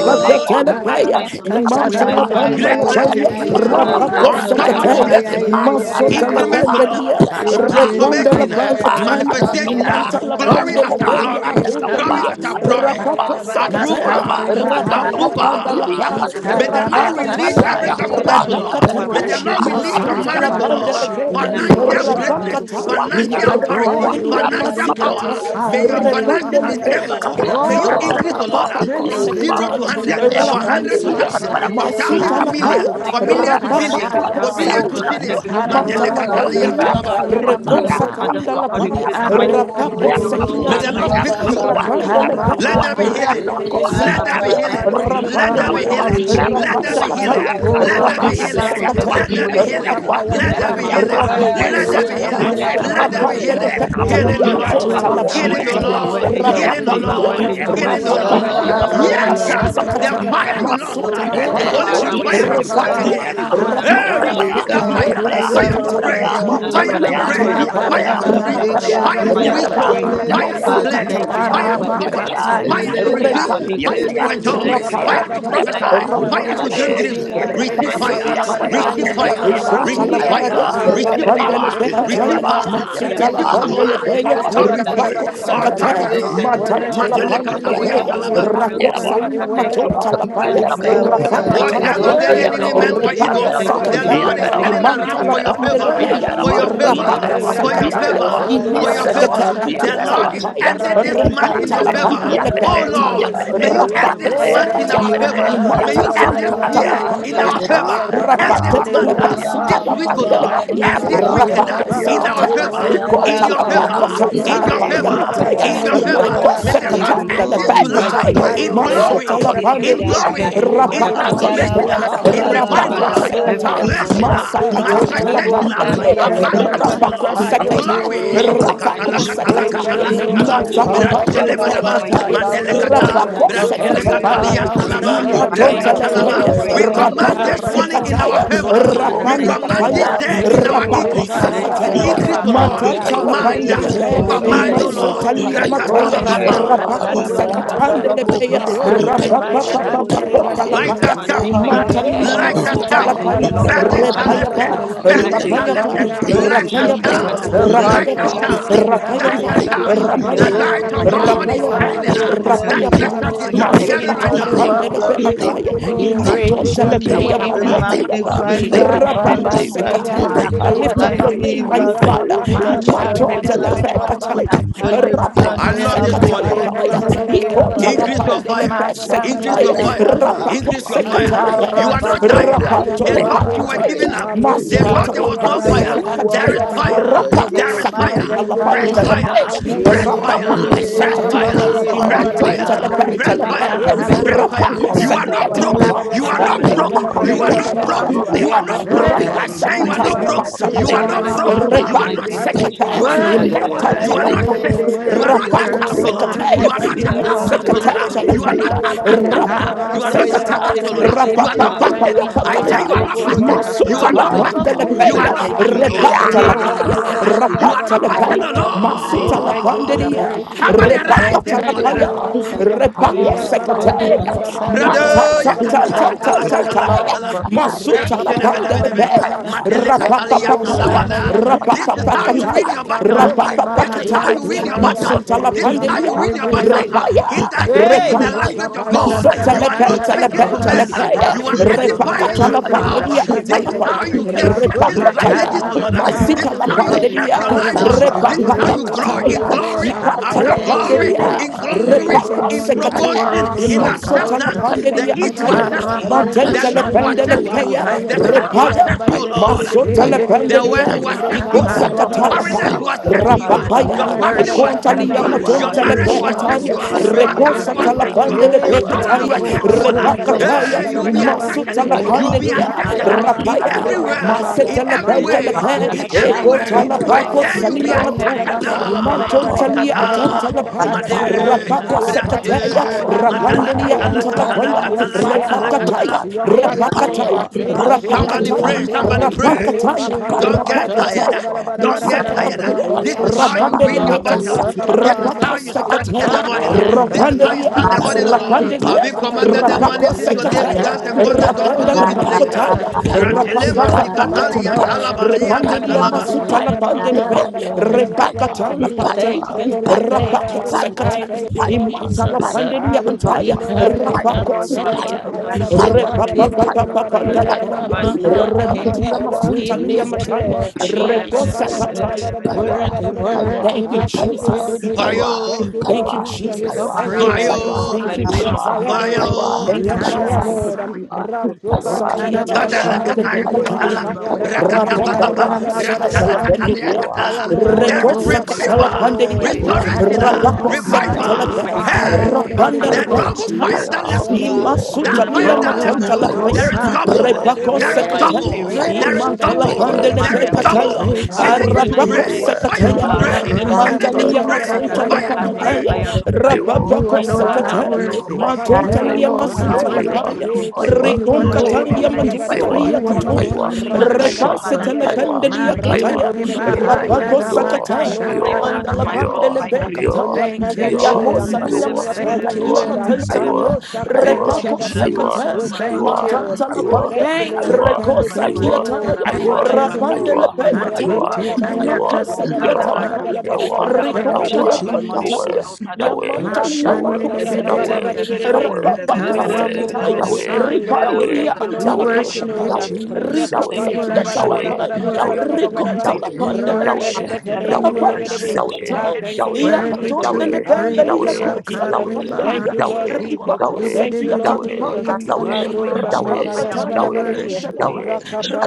Speaker 14: for making way where it says
Speaker 6: Lord.
Speaker 14: to be
Speaker 6: We
Speaker 14: no
Speaker 11: Iman
Speaker 14: way,
Speaker 6: thank you,
Speaker 12: Yeah,
Speaker 14: my
Speaker 12: yeah,
Speaker 14: Father,
Speaker 6: Lord.
Speaker 11: Shalabanda
Speaker 14: my
Speaker 12: yeah,
Speaker 10: great
Speaker 6: We
Speaker 14: God.
Speaker 12: yeah,
Speaker 6: thank
Speaker 10: blessings.
Speaker 11: Lapaya,
Speaker 6: you,
Speaker 12: yeah, yeah,
Speaker 6: Lord.
Speaker 12: yeah.
Speaker 6: We
Speaker 11: Rapako
Speaker 6: thank you,
Speaker 8: Ikorabakaya
Speaker 10: Unstoppable
Speaker 12: Yeah,
Speaker 6: Lord.
Speaker 11: Sakataya,
Speaker 12: yeah,
Speaker 10: blessings,
Speaker 12: yeah, yeah,
Speaker 8: katereboha.
Speaker 11: Imasota
Speaker 12: yeah, yeah.
Speaker 10: incremental
Speaker 11: Lapandalia,
Speaker 10: law,
Speaker 12: Ekere
Speaker 11: Repanda
Speaker 10: transformation,
Speaker 8: Mashandededede.
Speaker 10: uh,
Speaker 12: anda yara
Speaker 11: Lapankataya,
Speaker 12: kala
Speaker 10: manifestation,
Speaker 12: ya
Speaker 10: uh,
Speaker 11: Imanta
Speaker 10: glory
Speaker 11: Lapande
Speaker 12: masuala
Speaker 10: after
Speaker 12: bu.
Speaker 11: Lepeya
Speaker 14: My
Speaker 10: glory,
Speaker 14: life,
Speaker 8: Iaregadededebosa
Speaker 10: glory
Speaker 12: E
Speaker 11: Matundalia,
Speaker 8: tadababa.
Speaker 10: after
Speaker 6: Rapapaya, yeah,
Speaker 12: mama
Speaker 10: glory.
Speaker 12: ya
Speaker 6: papaya,
Speaker 14: Lord.
Speaker 11: Rapako
Speaker 6: da, ba, da, ba, da,
Speaker 10: Approval,
Speaker 12: ngekele
Speaker 11: Sakataya,
Speaker 12: ya
Speaker 6: ba, da, ba, da, ba,
Speaker 8: Makarebahaya.
Speaker 12: ngekele
Speaker 10: approval.
Speaker 6: da, ba,
Speaker 12: ya
Speaker 6: da, ba, da, ba, da,
Speaker 11: Rapapapanda
Speaker 6: ba, da, ba.
Speaker 11: Lapa,
Speaker 12: hande.
Speaker 10: May the Lord
Speaker 14: I
Speaker 12: Yanda
Speaker 10: release
Speaker 14: thank
Speaker 6: Rasukataya,
Speaker 14: you
Speaker 11: Rapakataya,
Speaker 6: da,
Speaker 14: for
Speaker 10: every
Speaker 6: ba,
Speaker 8: Ikarabatasaya.
Speaker 14: every
Speaker 6: da,
Speaker 12: kale
Speaker 6: ba,
Speaker 14: message
Speaker 6: da,
Speaker 10: document
Speaker 6: ba,
Speaker 10: to
Speaker 6: da,
Speaker 14: that
Speaker 12: kale
Speaker 14: we
Speaker 6: ba.
Speaker 10: Lord.
Speaker 8: We
Speaker 14: have
Speaker 10: May
Speaker 12: kale.
Speaker 11: Rapakataya.
Speaker 10: the
Speaker 6: Yeah,
Speaker 14: sent with
Speaker 8: worship
Speaker 10: Lord
Speaker 14: me,
Speaker 8: you,
Speaker 10: release
Speaker 14: pray
Speaker 6: papa,
Speaker 10: your
Speaker 14: with
Speaker 11: Masuta
Speaker 8: God.
Speaker 14: me,
Speaker 11: la
Speaker 10: marriage
Speaker 8: We
Speaker 6: yeah,
Speaker 12: Yanda
Speaker 10: to Lord.
Speaker 14: Father.
Speaker 11: pande
Speaker 10: Lord,
Speaker 11: de
Speaker 12: kale
Speaker 8: worship
Speaker 14: Thank you
Speaker 6: papa,
Speaker 8: you.
Speaker 14: for
Speaker 11: peya,
Speaker 14: their
Speaker 8: We
Speaker 14: life.
Speaker 6: yeah,
Speaker 12: kale.
Speaker 10: financial
Speaker 14: Thank you for
Speaker 8: worship
Speaker 14: their
Speaker 6: papa,
Speaker 10: greatness,
Speaker 8: you.
Speaker 14: children. Thank
Speaker 12: Ibo
Speaker 14: you for
Speaker 11: rapakataya,
Speaker 14: their
Speaker 8: We
Speaker 10: financial
Speaker 12: soko
Speaker 14: family, Lord.
Speaker 12: kole
Speaker 10: authority,
Speaker 8: adore
Speaker 11: repande
Speaker 12: ya
Speaker 8: you
Speaker 14: Thank
Speaker 11: dia
Speaker 14: you for
Speaker 8: and we
Speaker 10: financial
Speaker 14: being
Speaker 12: katale
Speaker 14: our
Speaker 12: ya
Speaker 10: power.
Speaker 14: Lord.
Speaker 11: masikataya,
Speaker 8: magnify
Speaker 14: Thank
Speaker 10: May
Speaker 8: your
Speaker 10: your
Speaker 14: you
Speaker 8: name.
Speaker 12: wakavalo.
Speaker 10: finances
Speaker 11: repande
Speaker 10: be
Speaker 11: le
Speaker 10: stable.
Speaker 11: pekataya,
Speaker 10: May
Speaker 14: for
Speaker 10: you
Speaker 8: Oh, all
Speaker 10: increase,
Speaker 14: providing
Speaker 10: O
Speaker 8: of
Speaker 14: our
Speaker 8: our
Speaker 10: Lord, uh,
Speaker 12: Yandere.
Speaker 10: from
Speaker 14: protector
Speaker 8: praise
Speaker 10: zero
Speaker 11: rapapapa
Speaker 14: and
Speaker 10: to
Speaker 8: belong
Speaker 14: our
Speaker 8: to
Speaker 14: God,
Speaker 8: you,
Speaker 10: hundred,
Speaker 14: Father.
Speaker 10: from hundred
Speaker 12: Yandere.
Speaker 10: to
Speaker 11: Rapandia,
Speaker 8: Jesus.
Speaker 10: thousand, from thousand
Speaker 11: Masuta
Speaker 10: to
Speaker 14: Oh,
Speaker 10: millions,
Speaker 14: Jesus,
Speaker 11: Lapaya,
Speaker 14: thank
Speaker 10: from
Speaker 14: you
Speaker 6: Masu
Speaker 14: for
Speaker 10: millions
Speaker 12: Ukele
Speaker 10: to
Speaker 14: being here.
Speaker 10: billions,
Speaker 14: Thank you for
Speaker 11: Ratapataka
Speaker 8: Akarabakasaya.
Speaker 10: from
Speaker 14: Alpha,
Speaker 6: all
Speaker 14: your
Speaker 12: yakawawo.
Speaker 10: billions to
Speaker 6: the
Speaker 14: brother.
Speaker 11: Secretary,
Speaker 10: billions.
Speaker 14: Thank you for the
Speaker 11: Imanta
Speaker 14: month
Speaker 10: Madele
Speaker 14: of God of
Speaker 12: Kabosande
Speaker 10: Catalia
Speaker 14: July.
Speaker 11: Lapandia,
Speaker 10: Salaba.
Speaker 14: Thank you,
Speaker 12: yakatilia.
Speaker 11: Recosa
Speaker 14: Lord
Speaker 8: Ikarebandeatakayadababa.
Speaker 14: Father,
Speaker 11: Tanda
Speaker 14: for all the
Speaker 11: Lapa,
Speaker 8: We
Speaker 14: great
Speaker 8: are
Speaker 14: and
Speaker 1: I
Speaker 14: mighty thing
Speaker 8: rega
Speaker 14: you
Speaker 8: de
Speaker 11: Rapaco
Speaker 1: I
Speaker 14: have
Speaker 8: de
Speaker 1: put in
Speaker 14: done
Speaker 1: my
Speaker 8: de
Speaker 14: Lord, in
Speaker 1: paw.
Speaker 10: May
Speaker 14: our
Speaker 12: Oh,
Speaker 10: the Lord
Speaker 14: life.
Speaker 11: Seiataya,
Speaker 1: I
Speaker 14: You
Speaker 1: put in
Speaker 10: fix
Speaker 1: my
Speaker 10: you.
Speaker 14: continue
Speaker 1: paw.
Speaker 14: to do.
Speaker 1: I
Speaker 12: kabababo.
Speaker 1: put in my
Speaker 11: Rapandelepe,
Speaker 10: Let
Speaker 1: paw.
Speaker 10: there be
Speaker 12: Yande
Speaker 8: Makarabaha
Speaker 1: I put
Speaker 10: healing.
Speaker 1: in my
Speaker 12: kele
Speaker 11: Rapaco
Speaker 1: paw.
Speaker 10: Let there
Speaker 1: I
Speaker 12: yada
Speaker 10: be
Speaker 11: Secretary,
Speaker 1: put in
Speaker 14: Rababa,
Speaker 1: my
Speaker 14: thank
Speaker 1: paw.
Speaker 10: healing.
Speaker 14: you for your
Speaker 12: yale.
Speaker 8: In
Speaker 1: I
Speaker 14: healing
Speaker 10: Let
Speaker 8: the
Speaker 1: put in
Speaker 10: there
Speaker 1: my
Speaker 14: power,
Speaker 10: be
Speaker 11: Rapandia,
Speaker 8: name
Speaker 1: paw.
Speaker 14: Lord.
Speaker 8: of
Speaker 10: healing.
Speaker 1: I put
Speaker 14: Thank
Speaker 1: in
Speaker 12: Eh,
Speaker 1: my
Speaker 14: you
Speaker 10: Let
Speaker 14: for
Speaker 10: there
Speaker 11: Rapanda
Speaker 8: Jesus,
Speaker 1: paw.
Speaker 10: be
Speaker 14: destroying
Speaker 8: the
Speaker 10: healing.
Speaker 11: Lapaya,
Speaker 1: I
Speaker 14: every
Speaker 1: put in my paw. I put in my
Speaker 12: kakakala
Speaker 14: vapor.
Speaker 10: Let
Speaker 1: paw.
Speaker 10: there
Speaker 14: Thank
Speaker 8: Kuraba
Speaker 14: you
Speaker 10: be
Speaker 12: yande
Speaker 14: for
Speaker 1: I
Speaker 11: Rapata
Speaker 1: put in
Speaker 10: healing.
Speaker 14: destroying
Speaker 12: boru
Speaker 1: my paw.
Speaker 14: every
Speaker 11: Secretary.
Speaker 8: Satanaba,
Speaker 10: Let there
Speaker 1: I
Speaker 10: be
Speaker 14: demonic
Speaker 1: put
Speaker 12: kele
Speaker 1: in my
Speaker 10: healing.
Speaker 14: poison,
Speaker 1: paw.
Speaker 12: yaka.
Speaker 10: Let
Speaker 1: I
Speaker 10: there
Speaker 11: Rapandaria,
Speaker 14: every
Speaker 1: put in
Speaker 10: be
Speaker 1: my
Speaker 14: mommy
Speaker 8: Karaba
Speaker 10: healing.
Speaker 14: water
Speaker 1: paw.
Speaker 12: Waya
Speaker 11: Rapata
Speaker 1: I put in
Speaker 10: Let
Speaker 14: poison.
Speaker 8: Andrea
Speaker 1: my
Speaker 10: there
Speaker 12: lele
Speaker 10: be
Speaker 14: Father,
Speaker 1: paw.
Speaker 14: we
Speaker 10: healing.
Speaker 12: lele
Speaker 11: Secretary,
Speaker 8: Kataya
Speaker 14: thank
Speaker 1: I put in
Speaker 14: you,
Speaker 1: my
Speaker 10: Let
Speaker 12: lele
Speaker 8: Dabaha.
Speaker 10: there be
Speaker 14: Jesus.
Speaker 12: le.
Speaker 1: paw.
Speaker 11: Rapanda
Speaker 1: I
Speaker 10: healing.
Speaker 1: put in my
Speaker 6: days
Speaker 8: We
Speaker 1: paw.
Speaker 6: of
Speaker 14: Oh
Speaker 10: Healing,
Speaker 11: Defentalia,
Speaker 10: O
Speaker 6: my
Speaker 1: I put in my paw. I
Speaker 14: Lord,
Speaker 8: lift
Speaker 1: put in
Speaker 14: you
Speaker 1: my
Speaker 14: are
Speaker 10: Lord.
Speaker 8: you
Speaker 11: Tosa
Speaker 1: paw.
Speaker 14: Lord,
Speaker 8: up,
Speaker 14: are
Speaker 10: Healing,
Speaker 8: Jesus.
Speaker 10: O
Speaker 14: worthy, you
Speaker 11: Lapacataro,
Speaker 14: are
Speaker 10: Lord.
Speaker 12: Ah,
Speaker 8: We
Speaker 14: worthy, you
Speaker 8: take
Speaker 14: are
Speaker 6: life,
Speaker 12: za-
Speaker 8: the
Speaker 10: Healing, O
Speaker 14: worthy,
Speaker 8: de
Speaker 14: you
Speaker 8: de
Speaker 14: are
Speaker 11: Rapapaya,
Speaker 10: Lord.
Speaker 8: de
Speaker 14: worthy,
Speaker 6: Rapa
Speaker 14: you are
Speaker 8: de.
Speaker 10: Healing,
Speaker 14: worthy,
Speaker 10: O
Speaker 14: you are worthy,
Speaker 10: Lord.
Speaker 14: you
Speaker 11: Rapatapaya,
Speaker 14: are worthy,
Speaker 10: Yes,
Speaker 8: Karaba
Speaker 14: you are
Speaker 10: sir.
Speaker 14: worthy.
Speaker 10: The
Speaker 11: Rapatsakata,
Speaker 10: fire you
Speaker 8: Satanaba.
Speaker 10: lost, sir.
Speaker 11: Masuta
Speaker 1: I put in
Speaker 12: Lokobo
Speaker 10: The
Speaker 1: my
Speaker 14: Oh
Speaker 8: Eh,
Speaker 10: Holy
Speaker 11: Lapandia,
Speaker 14: Father,
Speaker 10: Ghost
Speaker 14: we
Speaker 12: sobo
Speaker 1: paw.
Speaker 10: fire
Speaker 14: give you
Speaker 10: is
Speaker 8: Jesus,
Speaker 10: back
Speaker 1: Yapadabapo,
Speaker 14: praise, we
Speaker 11: Repapaya,
Speaker 10: again.
Speaker 14: give
Speaker 12: kotayande
Speaker 14: you all
Speaker 1: Yapadabapo,
Speaker 14: the
Speaker 8: Akarabaha.
Speaker 10: Hey,
Speaker 14: adoration,
Speaker 1: Yapadabaya,
Speaker 14: we
Speaker 10: receive
Speaker 14: give
Speaker 11: Rapandelebea,
Speaker 10: that
Speaker 14: you the
Speaker 10: fire
Speaker 12: nikayanda
Speaker 1: Yapadabaya,
Speaker 8: Makede
Speaker 14: praises,
Speaker 8: de
Speaker 10: fire
Speaker 14: oh
Speaker 10: to
Speaker 14: Lord.
Speaker 11: Ikosakataya,
Speaker 12: akababa
Speaker 10: pray,
Speaker 1: Yapadabaya,
Speaker 12: babo
Speaker 14: Fire
Speaker 10: fire
Speaker 14: to
Speaker 11: Matalia
Speaker 10: to
Speaker 1: Yapadabaya,
Speaker 10: pray,
Speaker 11: Antalapaya,
Speaker 1: Yapadabaya,
Speaker 8: da
Speaker 10: fire to
Speaker 8: da da
Speaker 10: preach,
Speaker 12: ikomayande
Speaker 8: bo
Speaker 11: Rapaya,
Speaker 1: Yapadabaya,
Speaker 12: kele
Speaker 10: fire to
Speaker 8: shakaya
Speaker 12: yande
Speaker 8: da
Speaker 1: Yapadabaya,
Speaker 11: Rapaya,
Speaker 10: resource,
Speaker 14: pray,
Speaker 12: lele
Speaker 8: baba.
Speaker 14: Lord.
Speaker 10: fire
Speaker 1: Yapadabaya,
Speaker 10: to
Speaker 12: lele
Speaker 14: Father,
Speaker 12: lele
Speaker 10: claim,
Speaker 11: Masukata
Speaker 14: thank
Speaker 12: lele
Speaker 14: you,
Speaker 1: Yapadabaya,
Speaker 14: Lord,
Speaker 10: fire to
Speaker 14: for
Speaker 10: cover,
Speaker 1: Yapadabaya,
Speaker 14: elevation, for
Speaker 11: Lapandelebekataya,
Speaker 8: Karabakataya.
Speaker 10: fire to
Speaker 14: promotion. Thank you
Speaker 1: Yapadabaya,
Speaker 10: retreat,
Speaker 14: for
Speaker 12: lele
Speaker 8: Praise
Speaker 14: increase,
Speaker 10: fire
Speaker 11: Repakataya,
Speaker 8: you,
Speaker 1: Yapadabaya,
Speaker 12: lele
Speaker 10: to
Speaker 14: Lord.
Speaker 8: Lord
Speaker 12: lele
Speaker 6: Oh
Speaker 10: enjoy,
Speaker 14: Thank
Speaker 8: Jesus.
Speaker 14: you
Speaker 1: Yapadabaya,
Speaker 14: for
Speaker 10: fire to
Speaker 12: lele
Speaker 14: breakthrough.
Speaker 11: Rapandalapaya,
Speaker 14: Thank
Speaker 1: Ayabadaba,
Speaker 12: lele
Speaker 14: you,
Speaker 10: prophesy,
Speaker 14: oh
Speaker 8: We
Speaker 14: Lord,
Speaker 10: fire
Speaker 12: lele
Speaker 10: to
Speaker 1: Ayabadabe,
Speaker 14: Father,
Speaker 10: dream
Speaker 8: worship
Speaker 14: for
Speaker 11: Rapandalapaya,
Speaker 10: dreams.
Speaker 12: yanda
Speaker 14: being
Speaker 8: you,
Speaker 14: the light that
Speaker 1: Ayabadabe,
Speaker 8: Lion.
Speaker 10: Receive
Speaker 14: divided
Speaker 8: You
Speaker 14: the
Speaker 12: lele
Speaker 10: fire,
Speaker 14: ocean
Speaker 12: yande
Speaker 1: Yakabaya,
Speaker 14: divide.
Speaker 11: Rapasokatandelepe,
Speaker 10: receive
Speaker 12: lele
Speaker 10: fire,
Speaker 8: Satayadabos.
Speaker 1: Yakabayaba,
Speaker 14: Oh
Speaker 12: lele
Speaker 14: Lord,
Speaker 10: receive
Speaker 14: we give you the
Speaker 1: Ayabadaba,
Speaker 11: Rikontalapaya,
Speaker 10: fire,
Speaker 14: praise.
Speaker 8: Have
Speaker 12: lele
Speaker 14: We
Speaker 8: your
Speaker 14: give
Speaker 10: receive
Speaker 14: you the
Speaker 8: way,
Speaker 1: Yabadabayaba,
Speaker 11: Rapandele
Speaker 12: lele
Speaker 10: power,
Speaker 14: praise. We
Speaker 12: lele
Speaker 14: give all
Speaker 10: receive
Speaker 11: Peataya,
Speaker 12: lele
Speaker 14: you
Speaker 1: Yabadabayaba,
Speaker 12: lele
Speaker 10: power,
Speaker 12: lele
Speaker 14: glory and
Speaker 1: Yabadabayaba,
Speaker 10: receive
Speaker 14: honor,
Speaker 8: Makarabakatarabaha.
Speaker 14: Lord.
Speaker 11: Masitalapandele
Speaker 10: power,
Speaker 12: lele
Speaker 14: Be
Speaker 11: Paya,
Speaker 14: thou
Speaker 1: Yabadabayaba,
Speaker 12: lele lele
Speaker 14: exalted, O
Speaker 10: authority,
Speaker 11: Ripako
Speaker 14: God,
Speaker 1: Yabadabayaba,
Speaker 14: Father. Be thou
Speaker 11: Sekate,
Speaker 14: exalted,
Speaker 1: Yabaya,
Speaker 10: authority.
Speaker 14: O
Speaker 12: lele
Speaker 14: God.
Speaker 12: lele
Speaker 8: Worthy,
Speaker 1: Yabaya,
Speaker 14: You
Speaker 8: Lord,
Speaker 10: Madele
Speaker 12: lele
Speaker 14: are with
Speaker 11: Matantalapandele
Speaker 14: the
Speaker 10: Catalia
Speaker 14: working
Speaker 12: lele
Speaker 11: Paya,
Speaker 8: worthy,
Speaker 14: God. You are
Speaker 10: Salaba.
Speaker 8: worthy,
Speaker 14: glorious God,
Speaker 1: Yapere,
Speaker 8: worthy,
Speaker 14: Father.
Speaker 11: Rakosalia
Speaker 14: Thank you,
Speaker 8: worthy,
Speaker 14: Lord, for
Speaker 8: honor
Speaker 11: Matontalapaya,
Speaker 14: the
Speaker 8: and
Speaker 14: children.
Speaker 8: praise.
Speaker 14: I
Speaker 12: Ankabaya de
Speaker 14: thank you, Holy
Speaker 10: Whatever
Speaker 12: de
Speaker 10: the
Speaker 12: de
Speaker 11: Rapakatalapandele,
Speaker 14: Spirit.
Speaker 12: de
Speaker 8: Worthy
Speaker 10: enemy
Speaker 14: Thank you,
Speaker 10: meant
Speaker 12: le
Speaker 8: to
Speaker 10: for
Speaker 14: Holy
Speaker 8: be
Speaker 12: le
Speaker 14: Spirit.
Speaker 11: Repako
Speaker 10: evil,
Speaker 12: le
Speaker 14: Thank
Speaker 8: lifted
Speaker 14: you,
Speaker 12: le
Speaker 8: up,
Speaker 10: the
Speaker 14: Holy
Speaker 12: le.
Speaker 8: O
Speaker 11: Sakataya,
Speaker 10: Lord
Speaker 14: Spirit.
Speaker 10: is
Speaker 14: Thank
Speaker 8: God.
Speaker 10: turning
Speaker 14: you, Holy
Speaker 10: around
Speaker 14: Spirit.
Speaker 10: for your favor,
Speaker 11: Imantalapandele Paya,
Speaker 8: Worthy
Speaker 10: for your
Speaker 8: to
Speaker 12: Ah,
Speaker 8: be
Speaker 10: favor,
Speaker 11: Rapako
Speaker 10: for your
Speaker 8: praised.
Speaker 10: favor,
Speaker 11: Sakataya,
Speaker 3: Bandilo
Speaker 14: Thank
Speaker 10: for your
Speaker 6: Lord,
Speaker 10: favor.
Speaker 12: Ankabaya
Speaker 3: Shatala
Speaker 11: Imasekate
Speaker 12: de.
Speaker 10: The
Speaker 3: Baba
Speaker 10: Lord
Speaker 6: yeah!
Speaker 8: Akaribashatababa.
Speaker 10: is
Speaker 11: Antuntalapaya,
Speaker 6: yeah!
Speaker 10: ending this
Speaker 12: Iyagabe
Speaker 10: month in your
Speaker 8: Araba
Speaker 10: favor.
Speaker 12: zono
Speaker 11: Repatalapandele
Speaker 12: ya
Speaker 10: Oh
Speaker 11: Peataya,
Speaker 10: Lord,
Speaker 12: baba
Speaker 10: may
Speaker 8: adedededede.
Speaker 10: you end
Speaker 12: akabaho.
Speaker 11: Rapako
Speaker 10: this month in
Speaker 11: Sekata,
Speaker 8: Yeah,
Speaker 10: our favor.
Speaker 12: Yuna
Speaker 8: Father, who
Speaker 10: May you
Speaker 8: is
Speaker 12: maeke
Speaker 10: end
Speaker 8: like
Speaker 10: this
Speaker 14: you.
Speaker 10: year
Speaker 12: murande
Speaker 8: unto thee,
Speaker 10: in
Speaker 8: O
Speaker 10: our
Speaker 12: shele
Speaker 11: Imantantalapakata.
Speaker 6: yeah!
Speaker 10: favor.
Speaker 8: God,
Speaker 12: yaka.
Speaker 14: Thank
Speaker 10: End
Speaker 6: Papa
Speaker 10: this month,
Speaker 1: appear,
Speaker 8: Akaterebo,
Speaker 12: Itolo
Speaker 10: ah,
Speaker 1: appear,
Speaker 12: ya
Speaker 6: Papa,
Speaker 10: this
Speaker 12: mama
Speaker 10: week, oh Lord.
Speaker 12: baya
Speaker 6: Papa,
Speaker 11: Rapatendelepesitalapandelepeya,
Speaker 10: End
Speaker 12: ndobo
Speaker 1: appear,
Speaker 10: this
Speaker 6: yeah,
Speaker 10: weekend ah,
Speaker 8: Makarabaha,
Speaker 12: siyalaga.
Speaker 1: appear.
Speaker 8: you
Speaker 10: in
Speaker 6: Papa,
Speaker 8: are
Speaker 10: our
Speaker 6: You
Speaker 8: the
Speaker 6: are
Speaker 1: I'm
Speaker 10: favor,
Speaker 11: Rapakosekatels,
Speaker 6: good,
Speaker 8: only
Speaker 1: Panama,
Speaker 12: Bayanda
Speaker 10: in
Speaker 8: wise
Speaker 6: Lord.
Speaker 10: your
Speaker 1: I'm
Speaker 8: God.
Speaker 12: kama
Speaker 10: favor,
Speaker 8: You
Speaker 14: you,
Speaker 12: bo
Speaker 1: Panama,
Speaker 6: Rasu
Speaker 14: Lord
Speaker 8: sit
Speaker 12: bo
Speaker 1: I'm
Speaker 10: in
Speaker 12: bo
Speaker 14: Father,
Speaker 10: your
Speaker 6: Pataya,
Speaker 14: for your
Speaker 1: Pay,
Speaker 8: high
Speaker 12: bo.
Speaker 10: favor,
Speaker 14: holy
Speaker 1: I'm
Speaker 14: presence
Speaker 8: and
Speaker 14: and
Speaker 11: Ikoltalapakotantalapayagataya,
Speaker 8: you
Speaker 10: in
Speaker 1: Paul,
Speaker 10: your
Speaker 8: look
Speaker 14: everybody,
Speaker 1: I'm
Speaker 14: Father.
Speaker 8: low,
Speaker 10: favor.
Speaker 1: Poi,
Speaker 14: Father.
Speaker 10: May
Speaker 8: mighty
Speaker 10: the
Speaker 14: Thank
Speaker 10: Lord
Speaker 1: I'm
Speaker 8: God,
Speaker 14: you,
Speaker 1: Poi,
Speaker 14: Lord,
Speaker 8: not
Speaker 10: end
Speaker 14: for
Speaker 10: this
Speaker 8: going
Speaker 12: Oh,
Speaker 8: to take
Speaker 14: revival,
Speaker 8: your
Speaker 1: I'm
Speaker 10: July
Speaker 11: Rekosekatandelepegataya,
Speaker 1: Poi,
Speaker 6: my
Speaker 14: Lord.
Speaker 8: place.
Speaker 6: Oh
Speaker 10: in
Speaker 12: Masiboro
Speaker 14: Thank
Speaker 10: glory
Speaker 14: you
Speaker 1: I'm
Speaker 14: for
Speaker 10: glory,
Speaker 1: Poi,
Speaker 14: breaking
Speaker 12: Masikele
Speaker 10: in
Speaker 14: every
Speaker 11: Masotalapanderia,
Speaker 1: I'm Poi, I'm Poi,
Speaker 14: spell,
Speaker 12: Abaka,
Speaker 10: glory,
Speaker 14: oh God, they
Speaker 8: You
Speaker 10: in
Speaker 14: are
Speaker 1: I'm
Speaker 8: are
Speaker 14: cast
Speaker 1: Poi,
Speaker 14: upon me.
Speaker 10: transformation,
Speaker 8: awesome,
Speaker 11: Rapakotayebe,
Speaker 10: uh,
Speaker 1: I'm
Speaker 12: Antalabaka
Speaker 14: Spell,
Speaker 1: Poi,
Speaker 8: God,
Speaker 10: in
Speaker 14: oh
Speaker 8: and
Speaker 14: God,
Speaker 8: you're
Speaker 1: I'm
Speaker 14: Father,
Speaker 10: revival,
Speaker 12: Talabaka
Speaker 8: God
Speaker 1: Poi,
Speaker 8: all
Speaker 14: every
Speaker 1: I'm
Speaker 8: by
Speaker 1: Poi, I'm Poi, I'm Poi,
Speaker 11: Rapakosekate,
Speaker 1: I'm
Speaker 12: Talabaka.
Speaker 14: demonic
Speaker 1: Poi,
Speaker 10: salvation,
Speaker 14: power,
Speaker 8: yourself.
Speaker 10: uh,
Speaker 1: I'm
Speaker 14: uh, Father,
Speaker 8: We
Speaker 14: thank you
Speaker 12: Yobo,
Speaker 10: manifestation,
Speaker 8: lift
Speaker 14: for
Speaker 10: uh,
Speaker 8: you
Speaker 14: blind
Speaker 12: Sane
Speaker 8: up
Speaker 11: Masakatantalapakateya,
Speaker 8: and
Speaker 14: every evil
Speaker 10: abundance,
Speaker 14: eyes,
Speaker 10: oh
Speaker 12: Yakataka.
Speaker 14: Lord.
Speaker 10: Lord,
Speaker 8: magnify your
Speaker 14: Thank
Speaker 11: Rapakosekate,
Speaker 1: Poi,
Speaker 14: you
Speaker 8: name.
Speaker 14: for
Speaker 1: I'm
Speaker 10: glory.
Speaker 6: Lord,
Speaker 14: destroying
Speaker 1: Poi,
Speaker 14: my
Speaker 10: Katala,
Speaker 8: We
Speaker 1: I'm
Speaker 10: katala,
Speaker 14: destroyer.
Speaker 6: we
Speaker 8: praise
Speaker 1: Poi.
Speaker 11: Rapakosekataya,
Speaker 6: thank
Speaker 8: your
Speaker 10: katala,
Speaker 6: you,
Speaker 14: Thank you,
Speaker 8: name,
Speaker 1: Pay
Speaker 10: katala,
Speaker 14: Lord
Speaker 6: Lord.
Speaker 8: oh
Speaker 1: me,
Speaker 14: Jesus,
Speaker 6: We
Speaker 12: Oh,
Speaker 8: God.
Speaker 6: thank
Speaker 1: pay
Speaker 14: because
Speaker 6: you,
Speaker 8: We
Speaker 10: brashele
Speaker 14: there is
Speaker 12: Baba
Speaker 1: me,
Speaker 6: Lord.
Speaker 14: none
Speaker 10: badaba,
Speaker 14: like
Speaker 1: pay
Speaker 12: Baya,
Speaker 8: magnify
Speaker 11: Mazalapandelefekataya,
Speaker 6: We
Speaker 14: you,
Speaker 8: you
Speaker 6: thank
Speaker 10: madele
Speaker 1: me,
Speaker 12: Baba
Speaker 6: you,
Speaker 14: Lord.
Speaker 8: today.
Speaker 14: Oh,
Speaker 1: pay me, pay me,
Speaker 10: kata,
Speaker 12: Baya,
Speaker 14: Father, I
Speaker 6: Lord.
Speaker 14: give you
Speaker 6: We
Speaker 14: the
Speaker 12: Baba
Speaker 8: And
Speaker 6: thank
Speaker 10: brashele
Speaker 1: pay
Speaker 6: you,
Speaker 14: praise.
Speaker 1: me,
Speaker 14: I
Speaker 12: Baya,
Speaker 11: Rapakosekataya,
Speaker 14: give you
Speaker 10: katalia
Speaker 14: the
Speaker 6: Lord.
Speaker 8: Father,
Speaker 1: pay me,
Speaker 8: we
Speaker 14: praise. I
Speaker 10: salaba,
Speaker 14: give
Speaker 8: say
Speaker 14: you
Speaker 12: Baba
Speaker 14: the
Speaker 1: pay me,
Speaker 8: thank
Speaker 14: praise.
Speaker 12: Baya,
Speaker 14: I give you the
Speaker 10: brakatalaba.
Speaker 1: pay
Speaker 8: you.
Speaker 11: Imatontelefeya,
Speaker 12: Baba
Speaker 1: me,
Speaker 14: praise.
Speaker 10: We
Speaker 14: I
Speaker 12: Baya,
Speaker 14: give you
Speaker 1: pay me, pay me, pay me, pay me, pay me, pay me,
Speaker 14: the
Speaker 10: command
Speaker 12: Baba
Speaker 14: praise.
Speaker 10: this money
Speaker 6: We thank you, Lord. We
Speaker 12: Baya.
Speaker 10: in our
Speaker 11: Rapakosekataya,
Speaker 10: favor.
Speaker 12: Bozu
Speaker 1: pay
Speaker 14: Father,
Speaker 10: We
Speaker 8: Ikareboshandedede,
Speaker 14: thank
Speaker 12: bokoto
Speaker 14: you
Speaker 12: ya
Speaker 10: command
Speaker 14: for
Speaker 6: thank
Speaker 10: this
Speaker 6: you,
Speaker 14: turning
Speaker 11: Rapandelefaya,
Speaker 12: daga
Speaker 10: day
Speaker 12: bata
Speaker 6: Lord.
Speaker 14: every
Speaker 10: in our
Speaker 6: We
Speaker 14: table,
Speaker 12: kele ya
Speaker 14: Lord.
Speaker 6: thank
Speaker 10: increase, uh,
Speaker 12: bakada
Speaker 14: Thank
Speaker 10: in
Speaker 14: you,
Speaker 11: Rapakosekataya,
Speaker 14: Lord,
Speaker 12: kaya.
Speaker 10: increase, oh
Speaker 14: Father,
Speaker 10: Lord.
Speaker 14: Lord
Speaker 8: makerebakasatadabahaya,
Speaker 14: Jesus,
Speaker 12: Igele
Speaker 14: for
Speaker 12: kele
Speaker 14: this
Speaker 10: Command,
Speaker 6: you,
Speaker 12: ya
Speaker 10: uh,
Speaker 14: week.
Speaker 11: Matantelapandelefeya,
Speaker 6: Lord.
Speaker 12: bakada
Speaker 14: Oh, Lord,
Speaker 12: kaya,
Speaker 10: command, oh
Speaker 14: thank you,
Speaker 8: ikedededede,
Speaker 12: bakada
Speaker 10: Lord.
Speaker 14: Lord,
Speaker 12: kaya,
Speaker 11: Imasotalia
Speaker 14: Father.
Speaker 6: We
Speaker 11: Mataya,
Speaker 12: bakada
Speaker 14: Eh,
Speaker 10: Rakatala
Speaker 6: thank
Speaker 1: me,
Speaker 6: you,
Speaker 1: pay
Speaker 14: shara
Speaker 12: kaya.
Speaker 10: papa.
Speaker 14: bara bara
Speaker 1: me,
Speaker 14: bara
Speaker 1: pay
Speaker 14: bara
Speaker 12: Yanda
Speaker 1: me.
Speaker 14: bara
Speaker 12: ka
Speaker 8: ikorabakatadababa.
Speaker 14: bara bara
Speaker 6: Lord.
Speaker 12: babu
Speaker 14: bara
Speaker 11: Rapakosekatandelepeya,
Speaker 12: koto
Speaker 14: bara bara
Speaker 6: Marosa
Speaker 12: koto
Speaker 14: bara.
Speaker 8: Ikareba
Speaker 12: koto koto
Speaker 6: Katia da
Speaker 14: Zere
Speaker 12: koto
Speaker 14: bere
Speaker 8: shande de
Speaker 14: bere
Speaker 8: de
Speaker 12: koto
Speaker 14: bere
Speaker 12: koto.
Speaker 14: bere
Speaker 6: Barabarabi,
Speaker 10: Light
Speaker 14: bere.
Speaker 8: de.
Speaker 11: Rapapapapapakotalapaya,
Speaker 10: has
Speaker 14: Father,
Speaker 10: come.
Speaker 14: we
Speaker 6: Rika
Speaker 14: thank
Speaker 12: Akaba
Speaker 14: you for
Speaker 12: ya
Speaker 14: the
Speaker 6: Payada
Speaker 11: Imantania
Speaker 12: kaba
Speaker 14: vision,
Speaker 10: Light
Speaker 14: Lord.
Speaker 10: has
Speaker 8: Materebo
Speaker 12: babu
Speaker 14: I
Speaker 12: koto
Speaker 10: come.
Speaker 14: thank
Speaker 11: Masutalapaya,
Speaker 12: koto
Speaker 14: you,
Speaker 8: kataya
Speaker 14: Lord,
Speaker 12: koto
Speaker 14: for
Speaker 10: Burdens are
Speaker 12: koto
Speaker 14: revival,
Speaker 8: rabaha.
Speaker 12: koto
Speaker 10: lifted.
Speaker 11: Repayapa,
Speaker 6: Barabarabarabarabarabarabarabarabarabarabarabarabam,
Speaker 14: Father.
Speaker 12: koto koto
Speaker 14: I
Speaker 10: Burdens
Speaker 14: thank
Speaker 6: Yaka
Speaker 10: are
Speaker 8: In
Speaker 12: koto.
Speaker 14: you
Speaker 8: the
Speaker 11: Rapayapa,
Speaker 14: for
Speaker 10: lifted.
Speaker 14: your
Speaker 6: Payada,
Speaker 8: name
Speaker 14: grace,
Speaker 8: of
Speaker 12: Ikele
Speaker 10: Light
Speaker 14: for
Speaker 10: has
Speaker 12: kamba
Speaker 11: Rapayapa,
Speaker 14: strength,
Speaker 12: ya
Speaker 8: Jesus,
Speaker 10: come.
Speaker 14: Father.
Speaker 6: Makabada
Speaker 12: dogo
Speaker 8: the
Speaker 6: Kadia
Speaker 14: Thank you
Speaker 10: Light
Speaker 14: for
Speaker 12: tekeleke
Speaker 10: has
Speaker 11: Rapayapa,
Speaker 12: ya
Speaker 8: karabo
Speaker 14: exposing
Speaker 10: come.
Speaker 8: se
Speaker 14: every
Speaker 12: masaka
Speaker 6: Barabarabarabarabam,
Speaker 14: blind
Speaker 10: Light
Speaker 12: tele
Speaker 11: Rapayapa,
Speaker 14: block
Speaker 12: ya.
Speaker 8: kataya
Speaker 10: has
Speaker 14: of
Speaker 8: da
Speaker 14: the
Speaker 10: come.
Speaker 6: Rika
Speaker 14: enemy
Speaker 8: baba.
Speaker 14: against
Speaker 10: The
Speaker 14: my
Speaker 6: Payada
Speaker 14: life,
Speaker 11: Rapayapa,
Speaker 10: light
Speaker 14: against
Speaker 10: of
Speaker 14: my
Speaker 8: We
Speaker 14: destiny,
Speaker 10: God is
Speaker 14: against my
Speaker 8: magnify
Speaker 11: Rapayapa,
Speaker 8: you,
Speaker 10: shining.
Speaker 14: marriage.
Speaker 10: uh,
Speaker 12: Oh,
Speaker 8: Jesus.
Speaker 14: Father,
Speaker 12: bless
Speaker 14: thank you
Speaker 10: Darkness
Speaker 8: We
Speaker 11: Rapayapa,
Speaker 12: your
Speaker 14: for
Speaker 10: are
Speaker 8: lift
Speaker 12: name,
Speaker 6: Barabarabarabarabarabarabarabarabarabarabam,
Speaker 8: you
Speaker 14: breaking
Speaker 12: mighty
Speaker 8: up.
Speaker 6: we
Speaker 14: every
Speaker 8: We
Speaker 12: in
Speaker 10: disappearing
Speaker 6: thank
Speaker 10: right
Speaker 11: Masekata
Speaker 8: lift
Speaker 6: you,
Speaker 14: power
Speaker 12: battle.
Speaker 8: you
Speaker 14: and
Speaker 11: upon
Speaker 10: now.
Speaker 12: We
Speaker 11: the
Speaker 8: up.
Speaker 6: Lord.
Speaker 14: altar
Speaker 11: Lebe
Speaker 12: Bless
Speaker 6: We
Speaker 12: your
Speaker 14: Oh
Speaker 6: thank
Speaker 11: Ataya,
Speaker 6: you,
Speaker 14: Lord,
Speaker 12: name.
Speaker 14: thank
Speaker 8: We
Speaker 14: you for
Speaker 6: Lord.
Speaker 11: Imaton
Speaker 6: We
Speaker 14: breaking.
Speaker 8: praise
Speaker 14: that
Speaker 8: your
Speaker 6: thank
Speaker 14: which
Speaker 6: you,
Speaker 14: I were
Speaker 11: Telepeya
Speaker 14: not
Speaker 12: We
Speaker 8: name.
Speaker 14: blessed.
Speaker 6: Lord.
Speaker 14: Thank you for
Speaker 11: Pakotayapa,
Speaker 12: magnify
Speaker 14: breaking
Speaker 12: you.
Speaker 8: Ya
Speaker 14: every
Speaker 12: We
Speaker 14: every
Speaker 11: Rapapa
Speaker 14: soul,
Speaker 12: magnify
Speaker 8: rabandeya
Speaker 11: Sekate.
Speaker 12: you.
Speaker 14: Father.
Speaker 11: I
Speaker 14: Oh
Speaker 8: kataya
Speaker 11: lift
Speaker 14: Lord,
Speaker 8: da
Speaker 11: up your
Speaker 14: every
Speaker 12: Mighty
Speaker 11: name,
Speaker 12: in
Speaker 11: my
Speaker 8: baba.
Speaker 14: demonic
Speaker 12: battle.
Speaker 14: clutter,
Speaker 11: father.
Speaker 12: We
Speaker 14: oh God, Father.
Speaker 12: bless your
Speaker 14: With
Speaker 11: Imaton
Speaker 12: name
Speaker 14: any
Speaker 12: this
Speaker 8: Mashakata
Speaker 14: spiritual force,
Speaker 12: morning.
Speaker 6: Yep,
Speaker 14: Father,
Speaker 11: Telepekataya,
Speaker 12: We
Speaker 8: rabakata
Speaker 14: fighting
Speaker 8: da
Speaker 14: my
Speaker 12: lift
Speaker 1: they
Speaker 14: physical
Speaker 12: your
Speaker 6: I
Speaker 11: Rapapa
Speaker 10: I
Speaker 14: marriage,
Speaker 8: bahaya.
Speaker 12: name
Speaker 1: walk,
Speaker 6: thank
Speaker 10: love
Speaker 1: they
Speaker 12: up,
Speaker 14: fighting
Speaker 1: walk,
Speaker 10: this
Speaker 14: my
Speaker 1: they
Speaker 12: O
Speaker 10: morning.
Speaker 11: Sekataya
Speaker 14: finances.
Speaker 1: walk,
Speaker 12: Komo
Speaker 11: Paya,
Speaker 1: they
Speaker 12: Sunday
Speaker 1: walk, they
Speaker 10: Increase your
Speaker 12: Abakada.
Speaker 1: walk,
Speaker 10: fire.
Speaker 11: Ikotalapandelepe
Speaker 1: they
Speaker 10: Increase
Speaker 11: Sekataya,
Speaker 10: your fire.
Speaker 1: walk,
Speaker 8: Mashande
Speaker 12: Mayakaba.
Speaker 1: they
Speaker 11: Rapapa
Speaker 10: Increase your
Speaker 1: walk,
Speaker 12: You
Speaker 10: fire.
Speaker 1: they
Speaker 6: you,
Speaker 12: walk
Speaker 10: You
Speaker 1: walk,
Speaker 11: Sekatalepeya,
Speaker 12: on
Speaker 10: are
Speaker 12: the
Speaker 14: Father,
Speaker 10: not
Speaker 6: Jesus.
Speaker 10: tired.
Speaker 12: fire.
Speaker 6: Thank
Speaker 12: You
Speaker 8: Ikarabakataya
Speaker 6: you,
Speaker 8: da
Speaker 10: They
Speaker 11: Rapantole
Speaker 6: Lord
Speaker 12: walk
Speaker 10: thought
Speaker 12: in
Speaker 10: you were
Speaker 8: baba.
Speaker 6: Jesus.
Speaker 11: Pakataya,
Speaker 10: giving
Speaker 12: fire.
Speaker 10: up.
Speaker 6: Maru
Speaker 10: They
Speaker 12: You
Speaker 10: thought
Speaker 12: walk
Speaker 10: there
Speaker 6: Sakati,
Speaker 12: in
Speaker 10: was no
Speaker 8: Ikareba
Speaker 12: fire.
Speaker 10: fire.
Speaker 12: You
Speaker 11: Masikatalapandelebe
Speaker 10: There
Speaker 6: in
Speaker 12: walk
Speaker 10: is
Speaker 6: the
Speaker 8: sekateya
Speaker 12: on
Speaker 6: life of my
Speaker 10: fire.
Speaker 12: waters.
Speaker 8: rabaha.
Speaker 10: There
Speaker 12: Hey,
Speaker 6: children,
Speaker 10: is
Speaker 11: Rapakosaki,
Speaker 6: I
Speaker 10: fire.
Speaker 12: mighty
Speaker 6: thank
Speaker 12: is
Speaker 8: In
Speaker 6: you,
Speaker 8: the
Speaker 10: Fresh
Speaker 11: Alapanta
Speaker 6: Lord.
Speaker 12: battle.
Speaker 11: the
Speaker 8: name of
Speaker 11: Pay,
Speaker 10: fire.
Speaker 14: receive
Speaker 6: I
Speaker 14: all the
Speaker 6: thank you,
Speaker 10: Fresh
Speaker 14: glory,
Speaker 6: Lord.
Speaker 8: Jesus,
Speaker 6: Maru
Speaker 14: receive
Speaker 8: not
Speaker 10: fire.
Speaker 14: all the
Speaker 8: like you,
Speaker 14: honor.
Speaker 10: Fresh
Speaker 14: I come
Speaker 10: fire.
Speaker 8: Daddy.
Speaker 14: to
Speaker 11: Rapakosakataya,
Speaker 12: Yay,
Speaker 14: give you the
Speaker 10: Fresh
Speaker 12: Zalo,
Speaker 14: praise,
Speaker 11: Imantoi
Speaker 14: oh
Speaker 11: to the
Speaker 10: fire.
Speaker 14: Lord.
Speaker 12: Zalo,
Speaker 11: Pay
Speaker 14: Father,
Speaker 11: to
Speaker 10: Fresh
Speaker 11: the
Speaker 14: thank
Speaker 12: Zalo,
Speaker 14: you
Speaker 11: Pay,
Speaker 14: for
Speaker 10: fire.
Speaker 14: your mercy,
Speaker 8: Ikarabakataya
Speaker 12: Zalo.
Speaker 10: Fresh
Speaker 8: baba.
Speaker 6: Sakati,
Speaker 14: Lord,
Speaker 10: fire.
Speaker 14: for
Speaker 10: You
Speaker 6: Kadiada,
Speaker 10: are
Speaker 11: Rapakosaki
Speaker 12: Yanda
Speaker 14: removing
Speaker 10: not
Speaker 11: at
Speaker 8: We
Speaker 14: every
Speaker 10: broke.
Speaker 12: babo
Speaker 11: Alapa,
Speaker 14: wrong
Speaker 10: You
Speaker 6: Raspada
Speaker 14: people
Speaker 10: are
Speaker 8: magnify
Speaker 14: from my
Speaker 10: not
Speaker 8: you,
Speaker 14: life,
Speaker 12: gozokota
Speaker 10: broke.
Speaker 8: we
Speaker 14: for
Speaker 10: You are
Speaker 12: yekele
Speaker 11: Rapapapaya
Speaker 12: ya
Speaker 8: praise
Speaker 14: removing
Speaker 10: not
Speaker 8: you.
Speaker 14: every
Speaker 10: broke.
Speaker 12: masu
Speaker 14: wrong
Speaker 11: Parabarabara,
Speaker 14: man
Speaker 10: You are
Speaker 12: ala
Speaker 14: from my
Speaker 10: not
Speaker 14: life,
Speaker 10: broke.
Speaker 12: babo.
Speaker 6: Yakapaya,
Speaker 14: for
Speaker 8: Hey,
Speaker 10: I say you are
Speaker 14: removing
Speaker 10: are not
Speaker 14: every
Speaker 11: Rakosakataya
Speaker 12: Anta
Speaker 6: Marabada.
Speaker 10: broke.
Speaker 14: wrong
Speaker 12: ya
Speaker 8: Jesus,
Speaker 12: de
Speaker 6: I
Speaker 10: You
Speaker 14: forces
Speaker 11: Patanapa,
Speaker 10: are
Speaker 14: from
Speaker 12: de
Speaker 14: my
Speaker 10: not
Speaker 12: de
Speaker 14: life.
Speaker 12: de
Speaker 10: broke.
Speaker 14: In
Speaker 12: de
Speaker 14: the
Speaker 10: You
Speaker 8: Ikarabaha.
Speaker 10: are
Speaker 12: de
Speaker 10: not
Speaker 14: mighty
Speaker 12: de
Speaker 14: name of
Speaker 12: de
Speaker 10: sick.
Speaker 6: thank you,
Speaker 11: Repakosakata,
Speaker 10: You
Speaker 12: de.
Speaker 10: are not
Speaker 8: Were
Speaker 6: Lord.
Speaker 8: they
Speaker 10: sick.
Speaker 6: I
Speaker 11: Imanta
Speaker 8: were,
Speaker 12: Anta
Speaker 10: You
Speaker 6: thank
Speaker 10: are
Speaker 8: they
Speaker 6: you,
Speaker 10: not
Speaker 8: were,
Speaker 12: de
Speaker 11: Talapanta,
Speaker 8: they
Speaker 12: de
Speaker 6: Lord.
Speaker 10: sick.
Speaker 8: were,
Speaker 10: You
Speaker 12: de
Speaker 6: I
Speaker 10: are
Speaker 8: they
Speaker 10: not
Speaker 12: de
Speaker 6: you,
Speaker 12: de
Speaker 10: left
Speaker 8: were, they
Speaker 10: out, O
Speaker 12: de.
Speaker 6: Lord,
Speaker 10: Lord.
Speaker 8: were, they
Speaker 6: I
Speaker 10: You
Speaker 11: Rapakosakataya,
Speaker 10: are
Speaker 6: thank
Speaker 10: not
Speaker 6: you,
Speaker 8: mighty
Speaker 10: an
Speaker 8: God,
Speaker 6: Lord.
Speaker 10: outcast,
Speaker 12: Antayande
Speaker 10: O Lord.
Speaker 8: were
Speaker 12: de
Speaker 11: Imasekataya
Speaker 6: Now
Speaker 11: to the
Speaker 6: you're
Speaker 10: You
Speaker 12: de
Speaker 10: are
Speaker 6: crying,
Speaker 8: they.
Speaker 12: de
Speaker 11: Pay,
Speaker 10: not
Speaker 6: crying,
Speaker 12: de
Speaker 6: crying,
Speaker 10: an
Speaker 6: crying,
Speaker 12: de.
Speaker 6: crying,
Speaker 10: outcast.
Speaker 6: crying,
Speaker 10: ah.
Speaker 6: crying,
Speaker 10: You are
Speaker 14: Jesus.
Speaker 6: crying,
Speaker 10: not an
Speaker 8: Ikarabasaya,
Speaker 11: Rapakosakata,
Speaker 12: Antayande
Speaker 6: crying,
Speaker 10: outcast, O
Speaker 12: de
Speaker 10: Lord.
Speaker 8: You
Speaker 12: de
Speaker 14: Glory,
Speaker 6: crying, crying,
Speaker 10: You are
Speaker 14: ba,
Speaker 8: change
Speaker 12: de
Speaker 10: not
Speaker 8: not
Speaker 14: ba,
Speaker 12: de.
Speaker 14: ba, ba,
Speaker 8: when
Speaker 10: busted.
Speaker 11: Rapapapaya
Speaker 8: we
Speaker 6: crying,
Speaker 14: ba, ba,
Speaker 6: crying.
Speaker 10: I
Speaker 14: ba.
Speaker 10: say
Speaker 8: praise
Speaker 14: I
Speaker 10: you are
Speaker 11: Pakataya,
Speaker 6: Yes,
Speaker 14: thank
Speaker 10: not
Speaker 12: Masobo
Speaker 14: you,
Speaker 6: I'm
Speaker 8: you,
Speaker 12: go
Speaker 14: Lord
Speaker 12: go
Speaker 6: crying,
Speaker 10: busted.
Speaker 6: crying,
Speaker 14: Father,
Speaker 12: go
Speaker 14: for
Speaker 12: go
Speaker 10: You are
Speaker 14: that
Speaker 6: crying,
Speaker 12: go
Speaker 14: job
Speaker 10: not
Speaker 8: Because
Speaker 12: go
Speaker 8: of
Speaker 10: busted.
Speaker 14: opportunity.
Speaker 6: crying, crying,
Speaker 12: go
Speaker 8: who
Speaker 12: go.
Speaker 10: You
Speaker 8: you
Speaker 14: I
Speaker 10: are
Speaker 11: Masutalapandelapaya,
Speaker 10: not
Speaker 14: thank
Speaker 8: are,
Speaker 14: you,
Speaker 12: In
Speaker 8: you
Speaker 10: busted.
Speaker 6: crying,
Speaker 14: Lord
Speaker 12: the
Speaker 10: ah.
Speaker 8: give you
Speaker 14: Father,
Speaker 11: repanta
Speaker 10: You
Speaker 14: for
Speaker 11: la
Speaker 6: crying,
Speaker 10: are
Speaker 14: being
Speaker 10: not
Speaker 14: my
Speaker 12: name
Speaker 11: paya,
Speaker 14: Lord,
Speaker 6: crying,
Speaker 8: glory.
Speaker 10: busted.
Speaker 12: of
Speaker 14: my
Speaker 10: ah. You
Speaker 14: Savior.
Speaker 10: are
Speaker 11: rapanta
Speaker 10: not
Speaker 11: la
Speaker 12: Jesus.
Speaker 14: I
Speaker 10: busted,
Speaker 11: paya.
Speaker 14: thank
Speaker 10: O
Speaker 8: Because
Speaker 14: you,
Speaker 8: of
Speaker 14: Lord,
Speaker 6: crying,
Speaker 14: for
Speaker 8: who
Speaker 14: being,
Speaker 11: Masuta
Speaker 8: you
Speaker 11: la
Speaker 14: oh
Speaker 6: crying, crying,
Speaker 14: God,
Speaker 8: are,
Speaker 10: Lord.
Speaker 8: we
Speaker 14: Father,
Speaker 11: panderia,
Speaker 14: my
Speaker 6: crying.
Speaker 8: praise your
Speaker 14: Redeemer,
Speaker 1: Pay
Speaker 10: Somebody
Speaker 14: my
Speaker 6: I'm
Speaker 8: name.
Speaker 6: so thankful, Lord. So
Speaker 8: We
Speaker 10: arise
Speaker 11: repaka
Speaker 14: Savior.
Speaker 10: this
Speaker 6: thankful,
Speaker 8: thank
Speaker 10: morning.
Speaker 1: Paywa,
Speaker 14: Oh
Speaker 11: talapaya,
Speaker 10: ah.
Speaker 8: you,
Speaker 1: paywa,
Speaker 14: Lord,
Speaker 1: paywa,
Speaker 14: thank you
Speaker 6: Lord.
Speaker 14: for being
Speaker 11: repako
Speaker 14: my
Speaker 6: Yes,
Speaker 8: Father,
Speaker 6: I'm
Speaker 8: for your
Speaker 6: crying,
Speaker 14: protector,
Speaker 6: crying, crying,
Speaker 11: sekataya,
Speaker 6: crying,
Speaker 14: Father.
Speaker 8: goodness
Speaker 6: crying,
Speaker 8: and your
Speaker 14: So
Speaker 6: crying, crying,
Speaker 10: Brother, ya
Speaker 8: mercy. We
Speaker 10: katala
Speaker 8: thank you
Speaker 10: katala
Speaker 6: crying,
Speaker 8: for your
Speaker 10: katala
Speaker 11: matantantantantantantaya,
Speaker 8: love.
Speaker 10: katala.
Speaker 11: masuta
Speaker 8: Thank
Speaker 11: la
Speaker 8: you, Father
Speaker 10: Brashedebedebedebe.
Speaker 11: pandelepaya,
Speaker 8: God.
Speaker 6: crying,
Speaker 10: Madele katalia
Speaker 11: rapapapapaya,
Speaker 6: crying,
Speaker 10: salabada.
Speaker 6: crying,
Speaker 8: Akatarabosakaya.
Speaker 10: This is
Speaker 6: crying. I'm
Speaker 10: how
Speaker 6: so
Speaker 10: you
Speaker 6: thankful,
Speaker 10: win
Speaker 11: rapapapakataya,
Speaker 10: your
Speaker 8: Hey,
Speaker 10: battles.
Speaker 6: Lord.
Speaker 10: This is how
Speaker 6: Madeka
Speaker 11: rapapapakataya,
Speaker 10: you win your
Speaker 6: Mianaya,
Speaker 10: battles.
Speaker 11: masuta la
Speaker 10: This is
Speaker 6: Rika
Speaker 10: how you
Speaker 11: panderia,
Speaker 6: Paya
Speaker 10: win your battles.
Speaker 6: Baraba,
Speaker 10: Ah, He
Speaker 11: repaya,
Speaker 10: that speak in the
Speaker 11: repaya.
Speaker 8: Holy
Speaker 6: Madeka
Speaker 10: language
Speaker 14: holy
Speaker 10: of
Speaker 14: name,
Speaker 6: Paya
Speaker 8: Ghost,
Speaker 14: Lord.
Speaker 10: God.
Speaker 11: Masa
Speaker 10: You
Speaker 14: I
Speaker 6: Baraba,
Speaker 10: are
Speaker 11: telepay,
Speaker 14: thank you
Speaker 10: not
Speaker 8: Sakataya
Speaker 14: for
Speaker 8: da
Speaker 14: your
Speaker 10: speaking
Speaker 11: telepay,
Speaker 14: blood
Speaker 10: to
Speaker 14: that's
Speaker 6: Baraba,
Speaker 10: men.
Speaker 8: Babas,
Speaker 10: Ah,
Speaker 14: speaking
Speaker 6: Ah,
Speaker 11: telepaya,
Speaker 14: better
Speaker 10: You are
Speaker 6: thank
Speaker 14: than the
Speaker 6: you,
Speaker 14: blood of
Speaker 6: Jesus,
Speaker 10: edifying
Speaker 11: repaka
Speaker 10: preparing
Speaker 14: evil.
Speaker 6: thank
Speaker 11: la
Speaker 6: you, Jesus,
Speaker 8: Ikareba
Speaker 10: yourself.
Speaker 14: Father,
Speaker 6: thank
Speaker 10: Uh,
Speaker 14: I
Speaker 6: you,
Speaker 14: give you
Speaker 10: This
Speaker 14: the
Speaker 10: is
Speaker 8: Shandede,
Speaker 6: Jesus.
Speaker 11: talapaya,
Speaker 14: praise,
Speaker 10: how
Speaker 6: Ah,
Speaker 14: I
Speaker 10: you
Speaker 14: give
Speaker 10: get
Speaker 14: you the
Speaker 6: Raso
Speaker 10: certain
Speaker 14: glory, I give
Speaker 1: paywa,
Speaker 14: you
Speaker 6: Katima
Speaker 11: Repakotaya,
Speaker 10: strategies,
Speaker 14: all
Speaker 10: oh
Speaker 14: that
Speaker 6: Bisa
Speaker 10: Lord.
Speaker 1: paywa,
Speaker 10: Uh,
Speaker 14: honor,
Speaker 1: paywa,
Speaker 6: Diada,
Speaker 8: Makarabai,
Speaker 10: This
Speaker 14: Lord.
Speaker 11: Masita
Speaker 10: is
Speaker 11: la
Speaker 8: my
Speaker 10: how you
Speaker 8: God,
Speaker 14: Glory,
Speaker 6: Rika
Speaker 10: shape
Speaker 11: Panderia,
Speaker 8: I
Speaker 10: your
Speaker 14: ba,
Speaker 6: Paya
Speaker 1: paywa,
Speaker 14: ba,
Speaker 10: life.
Speaker 14: ba,
Speaker 10: Uh,
Speaker 8: praise
Speaker 6: Baraba,
Speaker 14: ba,
Speaker 8: you, I
Speaker 14: ba,
Speaker 10: This is
Speaker 6: you
Speaker 10: how
Speaker 14: ba,
Speaker 6: make
Speaker 10: you
Speaker 14: ba,
Speaker 8: praise
Speaker 6: things
Speaker 14: ba, ba,
Speaker 10: grow
Speaker 14: ba,
Speaker 10: in
Speaker 6: new, O
Speaker 8: you,
Speaker 11: Repapakataya,
Speaker 14: ba, ba, ba,
Speaker 6: Lord.
Speaker 10: glory
Speaker 14: ba.
Speaker 6: Ah,
Speaker 14: ba.
Speaker 8: I
Speaker 6: I
Speaker 11: Ikanta
Speaker 10: after
Speaker 11: la
Speaker 6: thank you,
Speaker 8: praise your
Speaker 10: glory,
Speaker 6: Lord,
Speaker 11: Panderia,
Speaker 8: name,
Speaker 10: in
Speaker 6: I
Speaker 8: I
Speaker 6: thank you,
Speaker 10: glory,
Speaker 8: praise your
Speaker 11: Repakwa
Speaker 10: in
Speaker 6: Lord,
Speaker 8: name,
Speaker 6: I
Speaker 11: Sekata,
Speaker 8: you
Speaker 6: thank
Speaker 8: are
Speaker 6: you,
Speaker 10: promotion, in
Speaker 6: Lord.
Speaker 8: awesome,
Speaker 6: There
Speaker 8: God.
Speaker 11: Imasota
Speaker 6: is
Speaker 11: la
Speaker 10: acceptance.
Speaker 6: nothing that
Speaker 10: The
Speaker 6: you
Speaker 11: Panderia
Speaker 10: east will
Speaker 6: cannot
Speaker 11: Antaya,
Speaker 6: do, ah,
Speaker 10: accept
Speaker 6: and
Speaker 10: you.
Speaker 6: there is
Speaker 8: Ikarabaka
Speaker 14: Father,
Speaker 10: The
Speaker 11: Matenta
Speaker 6: nothing
Speaker 11: la
Speaker 10: north
Speaker 6: too
Speaker 10: will
Speaker 6: hard
Speaker 8: Shande
Speaker 6: for
Speaker 11: Pandele
Speaker 6: you.
Speaker 10: accept
Speaker 6: ah.
Speaker 10: you.
Speaker 11: Paya,
Speaker 8: Akataya
Speaker 10: The
Speaker 6: Raso
Speaker 8: da
Speaker 10: south will
Speaker 8: Baha,
Speaker 6: Katima
Speaker 11: Repaya.
Speaker 10: accept
Speaker 6: Baraba,
Speaker 10: you, Lord.
Speaker 11: Masota la
Speaker 10: The world
Speaker 11: panderia,
Speaker 8: Ekebede
Speaker 10: will accept
Speaker 6: Rika
Speaker 10: you.
Speaker 11: ikosa
Speaker 6: Paya
Speaker 11: katalapa,
Speaker 6: Baraba,
Speaker 10: Foreigners
Speaker 8: Makatarabosa.
Speaker 10: will
Speaker 6: Yes,
Speaker 10: accept you.
Speaker 6: if I-
Speaker 14: in the
Speaker 10: Your
Speaker 14: name
Speaker 8: We
Speaker 6: I-
Speaker 11: rapapaya,
Speaker 14: of
Speaker 6: I- I- I-
Speaker 14: Jesus,
Speaker 10: family
Speaker 6: I-
Speaker 10: will
Speaker 8: worship
Speaker 6: I- I-
Speaker 14: I
Speaker 10: accept
Speaker 8: you,
Speaker 6: I-
Speaker 11: ikontalia
Speaker 10: you.
Speaker 14: thank you,
Speaker 6: I
Speaker 10: Your
Speaker 14: Lord,
Speaker 8: worship
Speaker 11: matonta
Speaker 6: thank
Speaker 11: le
Speaker 8: you,
Speaker 6: you,
Speaker 14: able
Speaker 10: marriage
Speaker 11: pe
Speaker 10: will
Speaker 14: for
Speaker 6: Lord. I
Speaker 14: us,
Speaker 6: thank
Speaker 10: accept
Speaker 14: oh
Speaker 11: ataya,
Speaker 6: you,
Speaker 10: you.
Speaker 14: God,
Speaker 6: Lord. I
Speaker 8: Jesus.
Speaker 14: Father,
Speaker 10: Your
Speaker 14: for
Speaker 6: thank
Speaker 8: Thank
Speaker 6: you,
Speaker 14: my
Speaker 10: account
Speaker 6: Lord.
Speaker 8: you.
Speaker 11: rekosa
Speaker 6: I
Speaker 10: will
Speaker 14: marriage. I
Speaker 6: thank you,
Speaker 10: accept
Speaker 14: thank
Speaker 10: you.
Speaker 14: you,
Speaker 6: Lord.
Speaker 14: Lord,
Speaker 11: talapandele
Speaker 10: Your
Speaker 11: pe
Speaker 8: Yay,
Speaker 10: children
Speaker 8: Holy
Speaker 14: Father,
Speaker 10: will
Speaker 14: oh
Speaker 11: kataya,
Speaker 14: Lord,
Speaker 10: accept
Speaker 14: for
Speaker 8: Ghost,
Speaker 10: you.
Speaker 6: Re-pa-de-ka-pa-ya, da- ba-
Speaker 8: Holy
Speaker 6: da-
Speaker 14: breaking
Speaker 6: ba- da-
Speaker 14: chains,
Speaker 6: ba-
Speaker 8: Ghost.
Speaker 14: for
Speaker 6: da-
Speaker 11: repakataya,
Speaker 10: Hey,
Speaker 6: ba- da-
Speaker 10: you
Speaker 14: breaking
Speaker 6: ba-
Speaker 10: will
Speaker 6: da-
Speaker 10: be
Speaker 6: ba-
Speaker 14: record,
Speaker 6: da-
Speaker 14: for
Speaker 6: ba.
Speaker 14: breaking
Speaker 10: accepted.
Speaker 11: imasota la
Speaker 14: protocol,
Speaker 8: Shikididididi.
Speaker 6: Yes,
Speaker 10: You will be
Speaker 6: if
Speaker 14: Father,
Speaker 11: panderia,
Speaker 6: I- I-
Speaker 10: accepted
Speaker 14: financial
Speaker 6: I-
Speaker 14: breakthrough, for
Speaker 10: in
Speaker 11: rapaya,
Speaker 14: that job
Speaker 10: everywhere,
Speaker 14: breakthrough, Lord.
Speaker 10: in
Speaker 8: Korabakayadababa.
Speaker 11: Masetele
Speaker 10: every
Speaker 14: Hey,
Speaker 10: way,
Speaker 11: pentelepe,
Speaker 14: Father,
Speaker 10: in
Speaker 14: in the
Speaker 10: every
Speaker 14: name
Speaker 11: eko
Speaker 14: of
Speaker 10: way.
Speaker 14: Jesus, in
Speaker 10: I
Speaker 14: the
Speaker 11: talapako
Speaker 14: name
Speaker 8: Mashandadadabosa.
Speaker 10: say
Speaker 14: of
Speaker 10: you will be
Speaker 11: salia
Speaker 14: Jesus, in the name
Speaker 11: matuya,
Speaker 10: accepted
Speaker 14: of Jesus, in
Speaker 8: Kayadababa.
Speaker 14: the name
Speaker 10: now.
Speaker 14: of
Speaker 11: imanton talia
Speaker 10: Kata,
Speaker 11: antalapaya,
Speaker 10: made,
Speaker 8: Ikarabakidididi.
Speaker 11: rapako sekataya,
Speaker 10: brashe,
Speaker 6: Lord, your
Speaker 10: madala,
Speaker 11: rapandelia
Speaker 6: fire,
Speaker 10: katala,
Speaker 8: Ikarabahaya.
Speaker 6: Lord,
Speaker 10: katala,
Speaker 11: antalapaya,
Speaker 6: your
Speaker 10: katala,
Speaker 6: fire,
Speaker 10: katala,
Speaker 8: Karabosaya.
Speaker 6: Lord,
Speaker 10: katala.
Speaker 11: repakataya,
Speaker 6: your
Speaker 8: Eh,
Speaker 6: fire,
Speaker 3: Makabani
Speaker 6: Lord,
Speaker 11: repakataya,
Speaker 8: Yeah, make up
Speaker 14: Jesus.
Speaker 8: we
Speaker 6: Rasuka
Speaker 10: Somebody
Speaker 11: rapakataya,
Speaker 10: pray, somebody
Speaker 6: Timakaya,
Speaker 10: pray.
Speaker 8: praise
Speaker 6: Rika
Speaker 11: rapakataya,
Speaker 8: you,
Speaker 6: Paya, da
Speaker 10: Don't
Speaker 8: mighty
Speaker 6: bara
Speaker 10: get
Speaker 8: God.
Speaker 6: bara
Speaker 10: tired.
Speaker 6: bara
Speaker 11: rapakataya.
Speaker 6: bara bara
Speaker 10: Don't
Speaker 6: bara
Speaker 10: get
Speaker 6: bara
Speaker 8: Yeah,
Speaker 11: Masatela
Speaker 10: tired.
Speaker 6: bara,
Speaker 11: paya,
Speaker 10: This
Speaker 6: yes,
Speaker 10: is how you
Speaker 6: Papa,
Speaker 11: rapande de
Speaker 10: win
Speaker 8: Rabakoshandia
Speaker 10: your
Speaker 3: Makan
Speaker 11: pentasa,
Speaker 6: yes,
Speaker 1: Pure,
Speaker 10: battles.
Speaker 8: Pasata
Speaker 10: This is
Speaker 8: Baba.
Speaker 6: Papa,
Speaker 10: how
Speaker 11: rapako
Speaker 10: you
Speaker 6: Ah, your
Speaker 10: start
Speaker 11: sekataya,
Speaker 10: the
Speaker 6: fire,
Speaker 10: morning.
Speaker 8: Aya
Speaker 6: Lord,
Speaker 10: This is how
Speaker 6: your
Speaker 8: praka
Speaker 10: you
Speaker 11: rapandelia,
Speaker 10: start
Speaker 6: fire,
Speaker 8: baba
Speaker 10: the morning, O
Speaker 3: Masari
Speaker 6: Lord,
Speaker 10: Lord.
Speaker 8: bahaya
Speaker 6: your
Speaker 10: Have
Speaker 11: rapandelia,
Speaker 10: you
Speaker 6: fire,
Speaker 10: commanded
Speaker 8: kabede
Speaker 14: Father,
Speaker 10: the
Speaker 6: Lord,
Speaker 11: rapako
Speaker 10: morning since
Speaker 6: your
Speaker 10: your day
Speaker 6: fire,
Speaker 11: sekataya,
Speaker 10: began and
Speaker 6: Lord,
Speaker 10: caused the
Speaker 8: makataya
Speaker 10: dawn to
Speaker 8: baba
Speaker 10: know
Speaker 6: Marusa
Speaker 10: its
Speaker 3: Ganda
Speaker 10: place?
Speaker 8: haya.
Speaker 6: Katia, da
Speaker 11: rapandela
Speaker 6: bara
Speaker 3: Rapaya
Speaker 6: bara bara
Speaker 8: My
Speaker 6: bara
Speaker 10: Rantele
Speaker 8: Father,
Speaker 6: bara,
Speaker 8: my
Speaker 6: yes,
Speaker 3: Masatala
Speaker 10: masikatali and
Speaker 11: Rapapakapakataya,
Speaker 6: Papa,
Speaker 8: God,
Speaker 6: da bara bara
Speaker 10: salabali and
Speaker 6: bara bara
Speaker 11: Repandelia
Speaker 8: Akumu
Speaker 10: katalaba.
Speaker 6: bara bara bara
Speaker 3: Mandala
Speaker 11: Masuta la
Speaker 8: high, I
Speaker 6: bara bara bara bara
Speaker 8: bow
Speaker 6: bara
Speaker 3: Bataya
Speaker 11: Pandelepe,
Speaker 8: down,
Speaker 6: bara
Speaker 8: Lord.
Speaker 6: bara bara
Speaker 11: Repakata
Speaker 6: bara,
Speaker 3: Masiki
Speaker 11: la
Speaker 8: We thank
Speaker 11: Pantelia,
Speaker 6: Rasta
Speaker 8: you,
Speaker 6: bara
Speaker 8: we
Speaker 6: bara
Speaker 8: thank
Speaker 11: Rapako
Speaker 6: bara.
Speaker 8: you, we
Speaker 6: I
Speaker 11: Sekata,
Speaker 8: thank you,
Speaker 6: thank you, Lord
Speaker 11: Imata
Speaker 6: Jesus.
Speaker 11: la
Speaker 8: Jesus.
Speaker 6: I
Speaker 11: Pandelia
Speaker 6: will
Speaker 14: In the
Speaker 6: thank you,
Speaker 11: Antaya,
Speaker 14: name of Jesus,
Speaker 6: Lord. I
Speaker 14: oh
Speaker 8: Nikaribakaya
Speaker 11: Rapako
Speaker 14: God, you are awesome,
Speaker 11: Sekataya,
Speaker 14: God, you are glorious, God, you are marvelous, God, you are
Speaker 8: makibibokaya
Speaker 14: living in
Speaker 11: Repapapapapandalapaya,
Speaker 14: value.
Speaker 8: rabahaya.
Speaker 11: Rematia
Speaker 1: pure,
Speaker 8: We
Speaker 11: Masuta Lia
Speaker 8: lift you
Speaker 11: Mataya,
Speaker 8: up,
Speaker 1: pure,
Speaker 11: Reposa
Speaker 1: pure
Speaker 8: Jesus.
Speaker 11: Kataya.
Speaker 1: power,
Speaker 8: Worthy,
Speaker 1: power, power,
Speaker 8: worthy,
Speaker 11: Thank you,
Speaker 1: power,
Speaker 6: thank you,
Speaker 1: power,
Speaker 6: Lord
Speaker 11: Jesus.
Speaker 6: Jesus.
Speaker 10: Fire,
Speaker 8: makutubibim.
Speaker 1: power,
Speaker 6: Thank
Speaker 10: oh.
Speaker 6: you,
Speaker 11: Thank
Speaker 6: Lord
Speaker 11: you,
Speaker 8: Give
Speaker 6: Jesus.
Speaker 8: you the
Speaker 11: Jesus.
Speaker 14: Father,
Speaker 6: Thank
Speaker 14: I
Speaker 6: you,
Speaker 10: fire,
Speaker 8: praise,
Speaker 14: thank
Speaker 6: Lord
Speaker 14: you,
Speaker 8: most
Speaker 14: Lord,
Speaker 1: power,
Speaker 6: Jesus.
Speaker 10: oh.
Speaker 14: for
Speaker 11: Thank
Speaker 8: high
Speaker 11: you,
Speaker 6: Your
Speaker 8: God.
Speaker 14: elevation,
Speaker 11: Jesus.
Speaker 14: for
Speaker 1: power,
Speaker 6: fire,
Speaker 10: fire.
Speaker 14: promotion,
Speaker 6: Lord.
Speaker 14: Lord.
Speaker 6: um,
Speaker 1: power,
Speaker 10: oh.
Speaker 11: Thank you,
Speaker 6: Your
Speaker 14: Father, I
Speaker 6: fire,
Speaker 14: thank
Speaker 1: power,
Speaker 14: you for
Speaker 11: Jesus.
Speaker 6: Lord. um,
Speaker 8: Makadababa,
Speaker 1: power.
Speaker 14: cleansing, for
Speaker 1: I will,
Speaker 14: situating
Speaker 1: I
Speaker 14: me,
Speaker 6: Rasukataya
Speaker 11: Masakia
Speaker 6: da
Speaker 1: will,
Speaker 6: ba
Speaker 14: things,
Speaker 1: I
Speaker 6: da
Speaker 11: Taya
Speaker 14: Lord,
Speaker 1: will,
Speaker 6: ba da
Speaker 10: Kadala
Speaker 14: Father,
Speaker 6: ba.
Speaker 10: katara
Speaker 1: I
Speaker 14: for
Speaker 1: will,
Speaker 8: Ikadabashandedede,
Speaker 11: Pandelepe
Speaker 14: turning
Speaker 10: katala
Speaker 14: around
Speaker 6: Rikapaya
Speaker 14: what
Speaker 6: da
Speaker 14: the
Speaker 6: da
Speaker 14: enemy
Speaker 6: ba
Speaker 14: and
Speaker 10: brakata
Speaker 6: da
Speaker 14: me
Speaker 6: ba
Speaker 1: I
Speaker 6: da
Speaker 14: for
Speaker 6: ba
Speaker 10: papa
Speaker 6: da
Speaker 14: evil,
Speaker 6: ba da
Speaker 14: my
Speaker 6: ba da ba
Speaker 14: Father,
Speaker 6: da
Speaker 10: brasala
Speaker 14: my
Speaker 6: ba.
Speaker 8: Ikarabakasai.
Speaker 14: God.
Speaker 10: katalia
Speaker 11: Rapapapapasekatalapendidya.
Speaker 6: Your
Speaker 14: Thank
Speaker 6: fire,
Speaker 10: kata.
Speaker 14: you, Father,
Speaker 8: Holy
Speaker 10: There
Speaker 14: for
Speaker 6: Lord.
Speaker 10: is
Speaker 6: Your
Speaker 14: destroying
Speaker 8: Ghost, ah,
Speaker 6: fire,
Speaker 14: every plan
Speaker 10: revival,
Speaker 14: of my
Speaker 11: Rekosakatalapandidya.
Speaker 6: Lord. Your
Speaker 14: enemy, Lord.
Speaker 10: restoration,
Speaker 6: fire, Lord.
Speaker 10: uh,
Speaker 14: I Thank you for making
Speaker 8: Ikaterebohaya,
Speaker 14: weak
Speaker 10: revival.
Speaker 14: my
Speaker 11: Rapapasekatalape.
Speaker 14: escape to be
Speaker 6: Rakataya de de
Speaker 14: no
Speaker 8: fire in
Speaker 14: weak,
Speaker 6: de
Speaker 14: my
Speaker 10: Hey,
Speaker 6: de
Speaker 8: the
Speaker 6: de de
Speaker 14: Father,
Speaker 6: de
Speaker 10: the
Speaker 8: name
Speaker 14: my
Speaker 6: de.
Speaker 8: of
Speaker 14: God.
Speaker 10: double
Speaker 11: Rapandalapakataya.
Speaker 10: fire that
Speaker 8: Jesus.
Speaker 10: left
Speaker 6: Yekapaya
Speaker 10: you,
Speaker 6: da
Speaker 10: that
Speaker 14: Every
Speaker 10: fire
Speaker 11: Imasutaliya
Speaker 6: rekapaya
Speaker 10: that left
Speaker 6: da,
Speaker 10: you,
Speaker 11: matantalapaya.
Speaker 10: there is
Speaker 6: Madeba
Speaker 8: Ikorobokosaya.
Speaker 10: double,
Speaker 6: sekataya de
Speaker 10: there is
Speaker 14: monitoring
Speaker 8: Yeah,
Speaker 6: bara.
Speaker 8: we
Speaker 11: Repakosekataya.
Speaker 10: double,
Speaker 14: spirit, Lord.
Speaker 10: there is
Speaker 8: praise
Speaker 6: Rekapaya
Speaker 8: you,
Speaker 6: da
Speaker 8: we
Speaker 6: bara
Speaker 14: every
Speaker 10: double,
Speaker 6: bara
Speaker 14: evil
Speaker 6: bara
Speaker 8: praise
Speaker 14: mark
Speaker 10: there
Speaker 6: bara
Speaker 8: you,
Speaker 6: bara
Speaker 10: is
Speaker 14: their
Speaker 8: we
Speaker 14: place
Speaker 6: bara.
Speaker 11: Imantalapandalepekataya.
Speaker 14: on
Speaker 10: double.
Speaker 14: me,
Speaker 8: praise
Speaker 6: I
Speaker 8: your
Speaker 14: Father, in
Speaker 10: Energy
Speaker 6: thank
Speaker 14: the
Speaker 6: you,
Speaker 10: to
Speaker 14: name of
Speaker 8: name.
Speaker 10: pray,
Speaker 6: Lord.
Speaker 14: Jesus.
Speaker 10: fire to
Speaker 11: Arapakosekataya.
Speaker 14: Father, in
Speaker 10: pray,
Speaker 14: the name of Jesus,
Speaker 10: energy
Speaker 8: Yarabande
Speaker 14: Lord,
Speaker 10: to
Speaker 11: Imandaliya
Speaker 14: oh,
Speaker 10: pray,
Speaker 14: Father,
Speaker 10: fire
Speaker 14: I
Speaker 10: to
Speaker 14: may
Speaker 8: Yakatayadaba.
Speaker 14: your
Speaker 10: pray.
Speaker 11: masuntalapakataya.
Speaker 14: fire
Speaker 6: Yakapayada,
Speaker 1: will,
Speaker 14: to pray,
Speaker 1: I
Speaker 14: oh God.
Speaker 8: You alone
Speaker 14: Father,
Speaker 1: will,
Speaker 8: are
Speaker 14: oh
Speaker 11: Rapapakosekataya.
Speaker 14: Lord,
Speaker 8: worthy.
Speaker 14: my God,
Speaker 8: You
Speaker 14: thank
Speaker 6: Yakapayada,
Speaker 14: you
Speaker 11: Matuntaliya
Speaker 14: for
Speaker 8: alone are
Speaker 14: waking me up.
Speaker 6: Marosa
Speaker 14: Thank you,
Speaker 8: worthy.
Speaker 11: masuntalapaya.
Speaker 14: Lord,
Speaker 6: Kate,
Speaker 14: for oh,
Speaker 8: You
Speaker 14: Lord, showing
Speaker 6: Rekapayada,
Speaker 8: alone
Speaker 14: me
Speaker 11: Rekonkataya
Speaker 8: we
Speaker 6: Bada Bada
Speaker 8: live
Speaker 14: mercy for
Speaker 6: Bada
Speaker 14: the
Speaker 8: for.
Speaker 6: Bada
Speaker 14: all
Speaker 8: You
Speaker 6: Bada
Speaker 14: the
Speaker 11: matuntaliya
Speaker 6: Bada Bada,
Speaker 11: katoya.
Speaker 14: unseen
Speaker 8: alone we
Speaker 14: battle in my
Speaker 6: Rasta
Speaker 14: life.
Speaker 6: Bada
Speaker 8: worship.
Speaker 11: Rebase
Speaker 14: Father, thank you for
Speaker 6: Kadiada,
Speaker 11: telependelia
Speaker 14: destroying every
Speaker 6: Raja
Speaker 11: kutaya.
Speaker 14: work
Speaker 6: Bada Bada
Speaker 14: of
Speaker 6: Bada
Speaker 14: the
Speaker 6: Bada
Speaker 14: enemy,
Speaker 6: Bada
Speaker 14: Father.
Speaker 11: Rapako
Speaker 14: I
Speaker 6: Bada,
Speaker 11: sakata.
Speaker 14: thank you, my Father,
Speaker 6: Hello,
Speaker 11: Mandala
Speaker 8: Makerebahayarabakashatadabaka.
Speaker 14: my God,
Speaker 11: bandele
Speaker 14: my Creator.
Speaker 6: in
Speaker 11: pekataya.
Speaker 6: your
Speaker 8: Thank you,
Speaker 6: presence, Lord.
Speaker 11: Yakosa
Speaker 6: um,
Speaker 11: liya
Speaker 6: In
Speaker 8: Jesus.
Speaker 6: your
Speaker 11: masunta
Speaker 8: Thank
Speaker 6: presence,
Speaker 8: you,
Speaker 11: liya
Speaker 6: Lord. uh,
Speaker 8: Jesus.
Speaker 11: matanta liya.
Speaker 6: Marosa
Speaker 8: Thank
Speaker 6: Katoya
Speaker 8: you,
Speaker 11: Repako
Speaker 6: Baba.
Speaker 11: sakata.
Speaker 6: We
Speaker 8: Jesus.
Speaker 6: thank you,
Speaker 8: Thank
Speaker 6: Lord.
Speaker 8: you.
Speaker 11: Matanta
Speaker 6: We
Speaker 11: lapaya.
Speaker 6: thank you,
Speaker 8: Thank
Speaker 6: Lord.
Speaker 8: you,
Speaker 6: We
Speaker 8: thank
Speaker 11: Rekosa
Speaker 8: you,
Speaker 6: thank you,
Speaker 8: thank you,
Speaker 6: Lord.
Speaker 11: kiataya.
Speaker 6: We
Speaker 8: thank
Speaker 14: Father, you
Speaker 6: thank
Speaker 14: are
Speaker 6: you,
Speaker 8: you.
Speaker 11: Rapandele
Speaker 14: glorious,
Speaker 6: Lord.
Speaker 14: you are
Speaker 11: pekataya.
Speaker 14: marvelous, you are
Speaker 8: Makete
Speaker 6: Repapaya Baba
Speaker 14: awesome, Lord.
Speaker 6: Baba Baba
Speaker 11: Imakosa
Speaker 14: Oh,
Speaker 6: Baba
Speaker 14: Father,
Speaker 6: Baba Baba
Speaker 14: I
Speaker 6: Baba
Speaker 14: come
Speaker 11: kiatalapaya.
Speaker 6: Baba
Speaker 14: to
Speaker 8: ayakatanabahai.
Speaker 14: give you
Speaker 6: Baba
Speaker 14: all the
Speaker 6: Baba
Speaker 8: Thank
Speaker 14: adoration,
Speaker 6: Baba
Speaker 11: Rikonta
Speaker 14: I
Speaker 8: you,
Speaker 6: Baba.
Speaker 14: come
Speaker 1: I
Speaker 14: to admonish you,
Speaker 11: lapakataya.
Speaker 8: Jesus.
Speaker 14: Lord, Father.
Speaker 11: Yamanta liya
Speaker 14: Father,
Speaker 6: Rakukataya
Speaker 11: makosa
Speaker 6: daba
Speaker 11: kataya.
Speaker 6: daba
Speaker 8: Mashandedede.
Speaker 6: dibi dibi.
Speaker 11: Rapapako
Speaker 6: We thank you,
Speaker 11: sakataya.
Speaker 6: Lord. We thank you,
Speaker 8: Ikarabokosaya.
Speaker 6: Lord. We
Speaker 11: Ripandini
Speaker 6: thank
Speaker 11: ya
Speaker 6: you, Lord.
Speaker 8: We
Speaker 11: antala
Speaker 6: We thank you,
Speaker 8: worship you,
Speaker 6: Lord.
Speaker 11: Rico
Speaker 8: Jesus. We
Speaker 14: thank you
Speaker 6: Repapaya
Speaker 14: for
Speaker 11: Sakia
Speaker 6: daba
Speaker 14: Mark and
Speaker 8: worship
Speaker 6: daba
Speaker 8: you.
Speaker 6: daba
Speaker 14: Michael.
Speaker 11: Talapai,
Speaker 14: Just
Speaker 6: daba daba
Speaker 14: we have
Speaker 6: daba
Speaker 8: worship
Speaker 14: covered
Speaker 6: daba
Speaker 14: my
Speaker 8: you.
Speaker 11: Rico
Speaker 6: daba.
Speaker 14: children in the blood,
Speaker 11: Talapan
Speaker 8: We
Speaker 11: de
Speaker 14: Father.
Speaker 11: Lepe,
Speaker 14: I
Speaker 8: worship you.
Speaker 14: thank
Speaker 6: Rasededekede
Speaker 14: you,
Speaker 8: We
Speaker 6: debe
Speaker 14: Lord,
Speaker 6: debe
Speaker 11: Rapaco
Speaker 14: Father,
Speaker 6: debe.
Speaker 8: worship
Speaker 14: for this
Speaker 8: you.
Speaker 14: free
Speaker 6: Ah,
Speaker 11: Sekatai,
Speaker 14: every
Speaker 6: thank you,
Speaker 14: spirit that
Speaker 6: Lord
Speaker 14: I've
Speaker 8: Worthy
Speaker 14: collected
Speaker 6: Jesus.
Speaker 11: Yamaton
Speaker 8: to
Speaker 14: with
Speaker 11: de
Speaker 14: the
Speaker 8: be
Speaker 6: Ah,
Speaker 14: every
Speaker 6: thank
Speaker 14: spirit
Speaker 11: Lependalia
Speaker 6: you,
Speaker 14: that
Speaker 8: praised.
Speaker 14: I'm
Speaker 6: Lord
Speaker 14: working
Speaker 6: Jesus.
Speaker 14: towards.
Speaker 6: Thank
Speaker 14: Father,
Speaker 11: Cosalapandania,
Speaker 8: Akarebahaya.
Speaker 6: you,
Speaker 14: thank
Speaker 6: Lord
Speaker 14: you, oh God,
Speaker 6: Jesus.
Speaker 14: Father, that
Speaker 11: Ripaco
Speaker 14: I'm
Speaker 6: Thank
Speaker 14: working
Speaker 6: you,
Speaker 11: Sakia
Speaker 14: towards
Speaker 6: Lord
Speaker 14: you. Lord,
Speaker 8: Dededededede.
Speaker 6: Jesus.
Speaker 14: thank
Speaker 8: In
Speaker 14: you
Speaker 8: the
Speaker 14: for
Speaker 11: Talapancataya,
Speaker 8: name
Speaker 14: destroying it.
Speaker 8: of
Speaker 6: Marusa
Speaker 14: My
Speaker 6: kataya
Speaker 14: fire,
Speaker 8: Jesus,
Speaker 14: my
Speaker 6: daba
Speaker 8: we
Speaker 11: Rapancataya
Speaker 6: daba
Speaker 14: thunder.
Speaker 6: daba.
Speaker 11: Maton
Speaker 8: worship.
Speaker 14: Every
Speaker 11: Talapa,